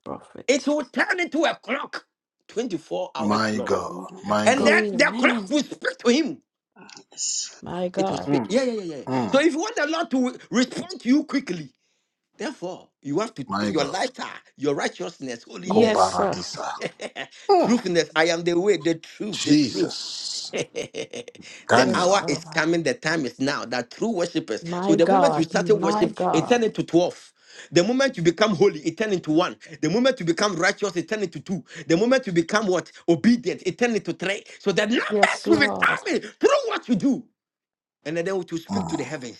Speaker 10: it
Speaker 8: prophet.
Speaker 10: will turn into a clock, twenty four hours clock, and then the clock
Speaker 8: Amen.
Speaker 10: will speak to him.
Speaker 4: Yes.
Speaker 8: My
Speaker 10: It will
Speaker 8: God.
Speaker 10: speak. Yeah, yeah, yeah, yeah. So if you want the Lord to respond to you quickly, Therefore, you have to take your lifestyle, your righteousness,
Speaker 8: Yes,
Speaker 10: holiness,
Speaker 8: sir.
Speaker 10: truthfulness. I am the way, the truth, the truth. the
Speaker 8: Yes,
Speaker 10: hour is
Speaker 8: Lord.
Speaker 10: coming, the time is now. That true worshippers. So
Speaker 8: My
Speaker 10: the moment you
Speaker 8: God.
Speaker 10: started
Speaker 8: My
Speaker 10: worship, it
Speaker 8: God.
Speaker 10: turned into 12. The moment you become holy, it turned into one. The moment you become righteous, it turned into two. The moment you become what? Obedient, it turned into three. So the numbers
Speaker 8: Yes,
Speaker 10: will be
Speaker 8: Lord.
Speaker 10: coming through what you do and then they will to speak to the heavens.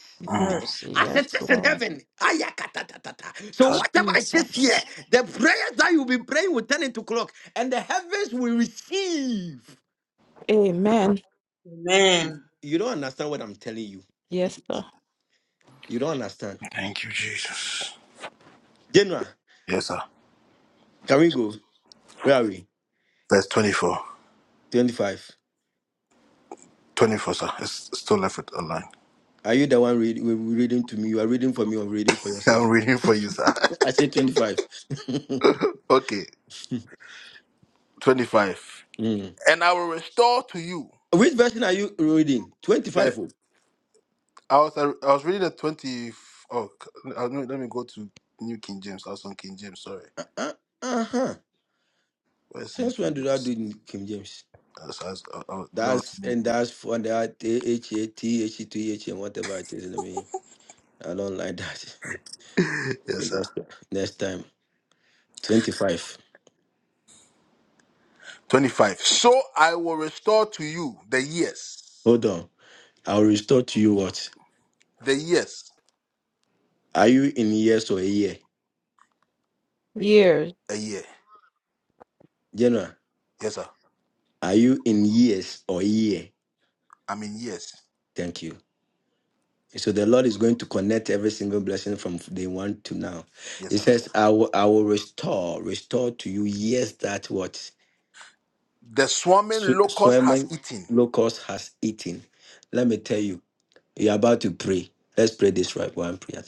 Speaker 8: Mercy.
Speaker 10: As it
Speaker 8: Yes,
Speaker 10: is in
Speaker 8: Lord.
Speaker 10: heaven. Ayakatatatata. So whatever it is here,
Speaker 8: Jesus.
Speaker 10: the prayers that you'll be praying will turn into clock, and the heavens will receive.
Speaker 8: Amen.
Speaker 4: Amen.
Speaker 10: You don't understand what I'm telling you.
Speaker 8: Yes, sir.
Speaker 10: You don't understand. Genoa, can we go? Where are we? 25. Are you the one read, we- we reading to me? You are reading for me or reading for yourself? I say 25. Mm. Which version are you reading? 25. oh. Uh, uh-huh.
Speaker 1: Where's
Speaker 10: Since
Speaker 1: Nicky
Speaker 10: when did I do
Speaker 1: James?
Speaker 10: it in King James?
Speaker 1: That's, that's, uh, uh, that was
Speaker 10: That's
Speaker 1: me.
Speaker 10: and that's for that H A T H E T H and whatever it is. I mean, I don't like that.
Speaker 1: yes,
Speaker 10: Maybe
Speaker 1: sir.
Speaker 10: next, next time, twenty five.
Speaker 1: 25. So I will restore to you the years.
Speaker 10: Hold on, I'll restore to you what.
Speaker 1: The years.
Speaker 10: Are you in years or a year,
Speaker 8: Years.
Speaker 10: General? Are you in years or a year? Thank you. So the Lord is going to connect every single blessing from day one to now. He says, "I will, I will restore, restore to you years that what sw- swimming locust has eaten." Let me tell you. You're about to pray. Let's pray this right one prayer.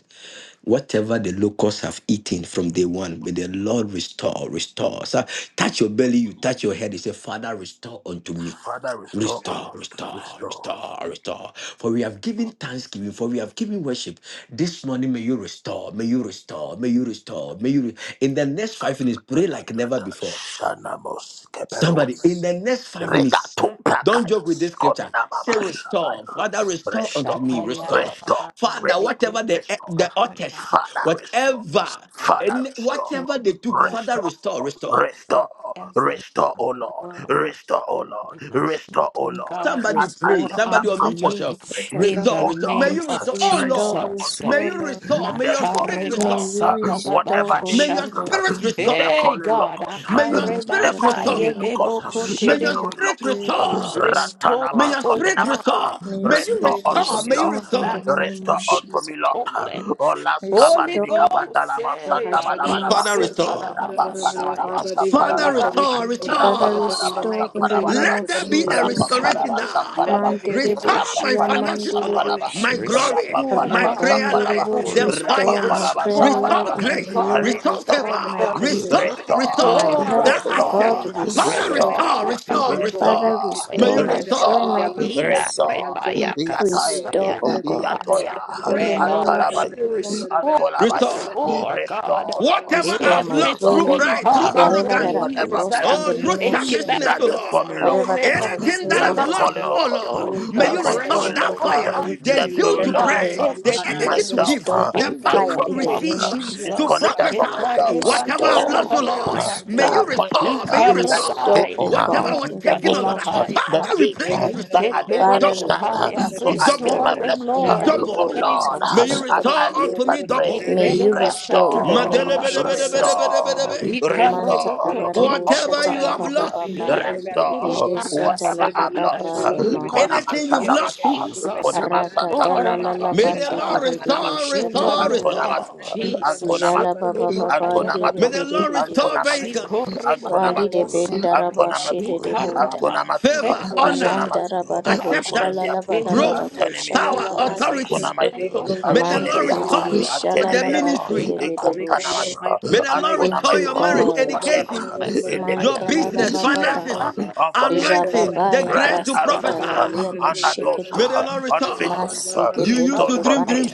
Speaker 10: Whatever the locusts have eaten from day one, may the Lord restore, restore. So touch your belly, you touch your head. You say, Father, restore unto me.
Speaker 1: Father, restore, O
Speaker 10: Restore,
Speaker 1: Lord.
Speaker 10: restore,
Speaker 1: Restore.
Speaker 10: restore, restore. For we have given thanksgiving, for we have given worship. This morning, may you restore, may you restore, may you restore, may you. Re- In the next five minutes, pray
Speaker 1: Da, da,
Speaker 10: like
Speaker 1: da,
Speaker 10: never
Speaker 1: da.
Speaker 10: before.
Speaker 1: Shanamos.
Speaker 10: Somebody,
Speaker 1: Kebelos.
Speaker 10: in the next five minutes, don't joke with
Speaker 1: Regatumpakayas,
Speaker 10: this scripture. Say,
Speaker 1: Kominababa
Speaker 10: restore.
Speaker 1: Shabaya,
Speaker 10: Father, restore unto me,
Speaker 1: restore,
Speaker 8: Shataya.
Speaker 10: restore.
Speaker 1: restore,
Speaker 10: Father,
Speaker 1: restore,
Speaker 10: whatever the,
Speaker 1: restore,
Speaker 10: the otters,
Speaker 1: Father restore,
Speaker 10: whatever,
Speaker 8: restore
Speaker 1: Father
Speaker 10: and
Speaker 1: restore,
Speaker 8: to
Speaker 10: whatever they
Speaker 8: me,
Speaker 10: took,
Speaker 8: O
Speaker 10: Father,
Speaker 1: restore,
Speaker 8: God,
Speaker 10: restore, restore.
Speaker 1: restore,
Speaker 8: whatever
Speaker 1: restore, O
Speaker 8: I'm
Speaker 1: Lord,
Speaker 8: overwhelmed of.
Speaker 1: restore, O Lord,
Speaker 8: must
Speaker 1: restore, O
Speaker 8: do,
Speaker 1: Lord,
Speaker 8: God
Speaker 10: Somebody
Speaker 1: as I
Speaker 10: pray.
Speaker 8: restore
Speaker 1: lift up
Speaker 10: Somebody
Speaker 8: unto
Speaker 1: my
Speaker 10: unmute
Speaker 1: voice to
Speaker 8: me
Speaker 10: yourself.
Speaker 1: pray,
Speaker 8: in the
Speaker 10: Restore,
Speaker 1: Oh
Speaker 10: restore. May
Speaker 8: name
Speaker 10: you
Speaker 1: Lord,
Speaker 8: of
Speaker 10: restore. Oh,
Speaker 1: restore
Speaker 3: Restore,
Speaker 10: Lord.
Speaker 8: Jesus.
Speaker 1: unto
Speaker 10: May
Speaker 3: restore,
Speaker 1: me
Speaker 10: you
Speaker 3: Lord.
Speaker 10: restore. May
Speaker 1: the
Speaker 10: your spirit
Speaker 1: swarming
Speaker 8: Makareba
Speaker 3: May
Speaker 10: restore.
Speaker 1: locusts,
Speaker 3: you
Speaker 1: uh,
Speaker 3: restore,
Speaker 1: whatever
Speaker 8: satadabaka
Speaker 3: O
Speaker 1: they
Speaker 10: May
Speaker 1: eat,
Speaker 10: your
Speaker 3: Lord.
Speaker 8: shande.
Speaker 1: uh,
Speaker 10: spirit restore.
Speaker 1: the
Speaker 8: Hey
Speaker 1: crawling
Speaker 8: God,
Speaker 1: locusts, uh,
Speaker 10: May your
Speaker 8: akareba
Speaker 1: the
Speaker 10: spirit
Speaker 3: Master
Speaker 10: restore.
Speaker 8: haye
Speaker 1: consuming locusts,
Speaker 8: debo
Speaker 1: uh,
Speaker 3: Talavarabus,
Speaker 8: kote
Speaker 1: the
Speaker 10: May your
Speaker 3: may
Speaker 8: debo.
Speaker 3: your
Speaker 1: chewing
Speaker 10: spirit
Speaker 1: locusts,
Speaker 3: spirit
Speaker 1: uh,
Speaker 10: restore.
Speaker 3: restore.
Speaker 10: May
Speaker 1: ratanama
Speaker 8: Restore,
Speaker 10: your
Speaker 8: O
Speaker 10: spirit
Speaker 8: God,
Speaker 1: scopinamata,
Speaker 10: restore.
Speaker 3: May your
Speaker 10: May you
Speaker 8: in
Speaker 1: restore
Speaker 3: spirit
Speaker 1: unto
Speaker 10: restore.
Speaker 1: me,
Speaker 10: May you
Speaker 3: restore
Speaker 8: Jesus,
Speaker 3: in the
Speaker 8: that
Speaker 10: restore.
Speaker 1: Lord,
Speaker 8: which
Speaker 3: name of
Speaker 1: restore
Speaker 8: have been
Speaker 1: unto
Speaker 3: Jesus.
Speaker 1: me, Lord,
Speaker 8: stolen
Speaker 1: Olaska
Speaker 8: Holy
Speaker 1: panimika
Speaker 3: Restore
Speaker 8: Ghost,
Speaker 1: pandalama
Speaker 8: say,
Speaker 14: I
Speaker 1: santa
Speaker 14: shall them
Speaker 1: balabalaba,
Speaker 10: Father,
Speaker 3: Master
Speaker 14: do. Shall the
Speaker 10: restore.
Speaker 14: mother, mother,
Speaker 3: Talavarabus.
Speaker 14: mother,
Speaker 1: rapampanabadaba
Speaker 8: Arabakasarababasaya,
Speaker 14: Father, this my
Speaker 10: Father,
Speaker 8: in the
Speaker 1: sampanabalaba.
Speaker 10: restore.
Speaker 14: restoration, Lord.
Speaker 8: mighty
Speaker 1: Rapa
Speaker 8: name
Speaker 3: Father,
Speaker 8: of
Speaker 14: Father, in
Speaker 10: Restore.
Speaker 14: the
Speaker 1: paraba
Speaker 14: name
Speaker 3: restore
Speaker 14: of
Speaker 3: in the
Speaker 8: the
Speaker 14: Jesus,
Speaker 3: name
Speaker 1: samparaba,
Speaker 10: Let
Speaker 14: we
Speaker 3: of
Speaker 10: there
Speaker 14: call
Speaker 10: be
Speaker 14: on your
Speaker 10: a
Speaker 1: Rapa
Speaker 3: Jesus.
Speaker 14: mercy, we
Speaker 10: restoration
Speaker 1: paraba
Speaker 8: Incarnate
Speaker 10: now.
Speaker 14: Let
Speaker 1: samparaba,
Speaker 14: there
Speaker 8: Bahaya,
Speaker 14: be a
Speaker 10: Restore
Speaker 14: divine
Speaker 1: Rapa
Speaker 3: Manderebush,
Speaker 10: my
Speaker 14: restoration,
Speaker 1: paraba
Speaker 14: we
Speaker 10: finances,
Speaker 14: call
Speaker 10: O
Speaker 14: on
Speaker 10: Lord,
Speaker 14: heaven,
Speaker 1: samparaba,
Speaker 14: can
Speaker 3: Yamanderebush.
Speaker 10: my
Speaker 14: you
Speaker 1: Rapa
Speaker 14: do it?
Speaker 10: glory,
Speaker 1: Rapaparabashamparabara.
Speaker 8: Restore
Speaker 14: Oh,
Speaker 10: my
Speaker 14: my
Speaker 8: God
Speaker 10: prayer
Speaker 8: my
Speaker 14: Father, my
Speaker 1: Rapaparabashamparaba.
Speaker 10: life,
Speaker 1: Rapa
Speaker 3: Rabanderebush,
Speaker 10: the
Speaker 14: Creator,
Speaker 8: glory.
Speaker 1: Rapaparabashamparaba.
Speaker 14: my
Speaker 3: restore
Speaker 14: Deliverer,
Speaker 3: my
Speaker 10: fire.
Speaker 14: we Lord.
Speaker 3: prayer
Speaker 8: Restore
Speaker 10: Restore
Speaker 3: life,
Speaker 1: Rapaparabashamparaba.
Speaker 14: Father,
Speaker 3: my
Speaker 8: mighty
Speaker 10: grace,
Speaker 14: restore
Speaker 8: God
Speaker 3: glory,
Speaker 10: restore
Speaker 3: O
Speaker 14: unto my
Speaker 8: my
Speaker 3: God,
Speaker 10: favor,
Speaker 14: children
Speaker 3: my
Speaker 8: strength.
Speaker 14: everything, you
Speaker 10: restore,
Speaker 3: provision.
Speaker 14: God,
Speaker 8: Restore
Speaker 14: that the enemy has
Speaker 3: My
Speaker 10: restore
Speaker 14: taken.
Speaker 1: Restore,
Speaker 10: the
Speaker 8: our
Speaker 14: Restore
Speaker 3: health,
Speaker 14: my
Speaker 3: O
Speaker 10: access.
Speaker 8: corner
Speaker 14: glory,
Speaker 3: God,
Speaker 8: of the
Speaker 1: restore,
Speaker 14: restore my
Speaker 8: high
Speaker 10: Father,
Speaker 8: and
Speaker 14: complaint,
Speaker 8: that
Speaker 3: restore.
Speaker 10: restore,
Speaker 1: restore,
Speaker 14: Father.
Speaker 8: which have
Speaker 10: restore,
Speaker 8: been
Speaker 14: Restore my
Speaker 8: taken
Speaker 10: restore.
Speaker 3: Father,
Speaker 14: blessing,
Speaker 1: restore,
Speaker 14: restore
Speaker 10: May
Speaker 8: away.
Speaker 14: the
Speaker 1: restore,
Speaker 3: restore
Speaker 10: you
Speaker 8: Uh,
Speaker 14: wicked,
Speaker 3: my joy,
Speaker 14: restore
Speaker 1: restore,
Speaker 14: their
Speaker 3: my
Speaker 10: restore,
Speaker 14: laughter,
Speaker 8: Yeah,
Speaker 3: peace.
Speaker 14: restore
Speaker 1: restore.
Speaker 14: their joy,
Speaker 8: Rebaya,
Speaker 3: Restore,
Speaker 8: Kasaya,
Speaker 1: Yatae,
Speaker 14: Father,
Speaker 3: O God,
Speaker 8: Rabaya.
Speaker 1: Yatoya,
Speaker 3: in the
Speaker 8: Pray, Lord,
Speaker 3: name of
Speaker 8: that
Speaker 1: Atarabai,
Speaker 8: you
Speaker 3: Jesus,
Speaker 8: restore,
Speaker 1: Antolabai.
Speaker 10: restore
Speaker 8: restore,
Speaker 1: Restore,
Speaker 8: God,
Speaker 1: O
Speaker 10: whatever
Speaker 1: Lord.
Speaker 3: restore
Speaker 10: I've
Speaker 3: my
Speaker 10: lost
Speaker 1: Restore,
Speaker 10: through
Speaker 1: O
Speaker 3: glory.
Speaker 8: everything,
Speaker 10: pride,
Speaker 1: Lord
Speaker 10: through
Speaker 8: God, over
Speaker 3: Whatever
Speaker 8: the
Speaker 10: arrogance.
Speaker 3: that I've
Speaker 1: whatever
Speaker 8: years that
Speaker 3: lost
Speaker 8: i
Speaker 3: in
Speaker 8: have
Speaker 10: Oh,
Speaker 3: the
Speaker 1: blessings
Speaker 8: been
Speaker 10: through
Speaker 3: name of
Speaker 8: taken, that
Speaker 3: Jesus,
Speaker 8: i
Speaker 10: selfishness,
Speaker 8: have
Speaker 1: that
Speaker 10: oh
Speaker 1: the
Speaker 8: been
Speaker 10: Lord.
Speaker 1: swarming
Speaker 3: whatever
Speaker 1: locusts,
Speaker 3: that
Speaker 8: stolen,
Speaker 10: Anything
Speaker 3: Tabitha's
Speaker 10: that
Speaker 14: restore
Speaker 1: that
Speaker 8: in
Speaker 10: I've
Speaker 1: the
Speaker 8: the
Speaker 14: unto
Speaker 3: lost,
Speaker 10: lost,
Speaker 1: calling
Speaker 14: me,
Speaker 10: oh
Speaker 1: locust,
Speaker 10: Lord,
Speaker 3: restore,
Speaker 14: Lord,
Speaker 10: may
Speaker 1: the
Speaker 10: you
Speaker 14: Father,
Speaker 8: Jesus,
Speaker 10: restore
Speaker 14: anything
Speaker 1: consuming
Speaker 3: restore,
Speaker 14: that
Speaker 10: that
Speaker 14: was
Speaker 3: O
Speaker 1: locust,
Speaker 8: restore
Speaker 3: God,
Speaker 14: taken
Speaker 10: fire,
Speaker 14: away from
Speaker 10: the
Speaker 1: the
Speaker 8: unto
Speaker 14: me, Lord,
Speaker 10: zeal
Speaker 8: me,
Speaker 1: chewing
Speaker 10: to
Speaker 14: let
Speaker 3: in
Speaker 14: it
Speaker 3: the
Speaker 14: be
Speaker 8: God,
Speaker 1: locusts.
Speaker 10: pray,
Speaker 3: name of
Speaker 14: restored,
Speaker 10: the
Speaker 14: Father,
Speaker 10: energy
Speaker 3: Jesus,
Speaker 10: to
Speaker 14: restore,
Speaker 8: everything.
Speaker 1: myself
Speaker 10: give,
Speaker 14: Father,
Speaker 3: restore
Speaker 1: uh,
Speaker 3: by
Speaker 10: the
Speaker 8: In the
Speaker 14: restore
Speaker 1: took
Speaker 10: power
Speaker 14: me,
Speaker 3: fire,
Speaker 1: from
Speaker 10: to
Speaker 3: in
Speaker 8: name
Speaker 14: Lord,
Speaker 3: the
Speaker 1: me,
Speaker 8: of
Speaker 14: restore
Speaker 3: name
Speaker 1: uh,
Speaker 10: receive, uh,
Speaker 3: of
Speaker 14: my head,
Speaker 10: to
Speaker 14: Lord,
Speaker 8: Jesus,
Speaker 3: Jesus,
Speaker 1: disconnected
Speaker 14: Father,
Speaker 1: from
Speaker 10: prophesy.
Speaker 14: restore
Speaker 1: myself,
Speaker 14: my
Speaker 1: uh,
Speaker 8: Ikerebaya,
Speaker 10: Whatever
Speaker 14: children,
Speaker 10: I've
Speaker 14: Lord,
Speaker 1: that I
Speaker 10: lost,
Speaker 3: restore,
Speaker 10: oh
Speaker 1: missed,
Speaker 14: Father,
Speaker 10: Lord,
Speaker 1: uh,
Speaker 14: rise to go,
Speaker 10: may
Speaker 1: the
Speaker 10: you
Speaker 3: restore,
Speaker 14: Father.
Speaker 1: appointments
Speaker 10: restore, may
Speaker 1: uh,
Speaker 10: you
Speaker 1: that
Speaker 10: restore.
Speaker 3: restore,
Speaker 1: escaped me,
Speaker 3: O
Speaker 1: uh,
Speaker 10: Whatever
Speaker 8: Ikerebaya,
Speaker 3: God,
Speaker 10: was
Speaker 3: in the
Speaker 1: the
Speaker 10: taken, oh
Speaker 3: name
Speaker 10: Lord,
Speaker 3: of
Speaker 1: visions,
Speaker 10: uh,
Speaker 3: Jesus.
Speaker 1: uh, the
Speaker 10: Father,
Speaker 1: dreams
Speaker 14: Father,
Speaker 1: uh,
Speaker 10: replace,
Speaker 1: that I
Speaker 14: everything
Speaker 10: restore.
Speaker 1: didn't
Speaker 3: Father,
Speaker 10: Double,
Speaker 1: understand, uh,
Speaker 8: Ikerebaya.
Speaker 3: replace,
Speaker 1: so I missed
Speaker 10: double,
Speaker 1: my
Speaker 8: restore
Speaker 3: restore,
Speaker 8: them,
Speaker 1: blessings.
Speaker 3: in
Speaker 1: uh.
Speaker 8: Lord, in
Speaker 3: double
Speaker 10: double.
Speaker 1: Oh
Speaker 8: the name
Speaker 3: folds,
Speaker 1: Lord,
Speaker 8: of
Speaker 1: uh,
Speaker 10: May
Speaker 8: Jesus.
Speaker 10: you
Speaker 1: as
Speaker 3: restore.
Speaker 1: I
Speaker 10: restore
Speaker 1: live
Speaker 10: unto me
Speaker 1: and pray,
Speaker 10: double.
Speaker 3: May you restore in the name of
Speaker 1: restore,
Speaker 8: Ikerebashatarabasaya.
Speaker 3: Jesus.
Speaker 1: Restore,
Speaker 10: Madelebedebedebedebedebe.
Speaker 1: restore
Speaker 8: Ikarebokote
Speaker 3: Mantarabarabo
Speaker 10: Whatever
Speaker 1: unto me,
Speaker 10: you have
Speaker 8: Ohio.
Speaker 1: Lord.
Speaker 14: that
Speaker 10: lost.
Speaker 14: the
Speaker 3: shatarabababai.
Speaker 14: enemy are taking to
Speaker 1: Restore
Speaker 14: go for them,
Speaker 1: whatever
Speaker 8: Iandidiakasaya.
Speaker 14: every
Speaker 8: In
Speaker 1: I've
Speaker 14: lock,
Speaker 1: lost.
Speaker 14: every
Speaker 3: Jesatalabababai
Speaker 14: lock, everything
Speaker 8: the
Speaker 14: to go
Speaker 1: Konama
Speaker 10: Anything
Speaker 14: on,
Speaker 8: name
Speaker 10: you've
Speaker 8: of
Speaker 1: Santa
Speaker 3: amafikite.
Speaker 14: every kind
Speaker 1: mata,
Speaker 14: of
Speaker 10: lost,
Speaker 14: good
Speaker 8: Jesus,
Speaker 1: Konama Santamanamata,
Speaker 10: may
Speaker 8: Almighty
Speaker 10: the Lord
Speaker 8: God.
Speaker 3: Rakatalalalabandidibidibi
Speaker 10: restore,
Speaker 8: In
Speaker 1: Antanamanamatu,
Speaker 8: the
Speaker 10: restore,
Speaker 8: name of
Speaker 3: shatalalaba.
Speaker 10: restore.
Speaker 1: Antonamatu,
Speaker 8: Jesus,
Speaker 1: Antonamatu,
Speaker 14: way.
Speaker 10: May
Speaker 8: Ibibokayaraba,
Speaker 10: the
Speaker 1: Antonamatu,
Speaker 10: Lord
Speaker 14: Father,
Speaker 10: restore
Speaker 3: Jalababababandidibidibidibi.
Speaker 14: Lady,
Speaker 10: vehicles,
Speaker 1: Antonamatu,
Speaker 14: merciful God, I declare
Speaker 1: Antonamatu,
Speaker 8: Ikorebayarosata,
Speaker 14: merciful God, to our
Speaker 1: Antonamatu,
Speaker 14: business, to our
Speaker 3: Validebindarabashidibunda.
Speaker 8: Ikarabakeayandiyakaya.
Speaker 14: joy,
Speaker 1: Antonamatu,
Speaker 14: and
Speaker 10: favor,
Speaker 14: to our love,
Speaker 10: honor,
Speaker 14: by the Lord,
Speaker 1: Antonamatu,
Speaker 14: Father,
Speaker 3: Jandarabadabo
Speaker 14: in the mighty
Speaker 10: acceptance,
Speaker 14: name of
Speaker 8: in
Speaker 1: Antonimiatu,
Speaker 8: the
Speaker 14: Jesus.
Speaker 10: growth,
Speaker 8: name
Speaker 3: shalalabadabadabo
Speaker 8: of
Speaker 10: power,
Speaker 1: Antonimiatu,
Speaker 14: Oh,
Speaker 8: Jesus,
Speaker 3: shalalamandi.
Speaker 8: my
Speaker 10: authority.
Speaker 14: ancient, for
Speaker 8: strength,
Speaker 14: they
Speaker 1: Antonamayo,
Speaker 8: O
Speaker 14: alone so
Speaker 10: May
Speaker 8: God,
Speaker 10: the
Speaker 14: shall the
Speaker 10: Lord
Speaker 14: praise
Speaker 1: Antonimia,
Speaker 14: of
Speaker 3: Mandidibidibi
Speaker 14: thee.
Speaker 10: restore
Speaker 8: Rabakabaya,
Speaker 14: Father,
Speaker 10: the
Speaker 14: which
Speaker 1: Antonimia,
Speaker 14: no
Speaker 10: ministry.
Speaker 14: one to make, O Lord,
Speaker 3: shalalabadidibidibush.
Speaker 1: Ikontanamaya,
Speaker 14: my
Speaker 10: May the Lord
Speaker 14: Father,
Speaker 3: Thank
Speaker 10: restore
Speaker 3: you,
Speaker 1: Antonamaya,
Speaker 10: your
Speaker 8: my
Speaker 10: marriage,
Speaker 3: God.
Speaker 8: God, my
Speaker 10: education,
Speaker 1: whatever
Speaker 8: blessing, my
Speaker 10: your
Speaker 3: Mantalala
Speaker 8: anointing,
Speaker 10: business,
Speaker 1: iniquity,
Speaker 8: she must
Speaker 1: sin,
Speaker 10: finances,
Speaker 3: bababaya.
Speaker 8: have it.
Speaker 1: unforgiveness,
Speaker 10: anointing, the
Speaker 3: Jababaya
Speaker 1: pride
Speaker 10: grace
Speaker 1: and
Speaker 10: to
Speaker 1: arrogance,
Speaker 14: my
Speaker 10: prophesy.
Speaker 3: braskatalaye
Speaker 14: God.
Speaker 3: mashekete.
Speaker 10: May the
Speaker 1: anadosa,
Speaker 8: Yeah,
Speaker 10: Lord
Speaker 14: In the name
Speaker 10: restore.
Speaker 1: unfaithfulness,
Speaker 10: You
Speaker 8: in
Speaker 3: Masekete
Speaker 10: used
Speaker 8: the
Speaker 1: stole
Speaker 10: to
Speaker 3: libe
Speaker 1: from
Speaker 10: dream
Speaker 8: name of
Speaker 1: me,
Speaker 10: dreams.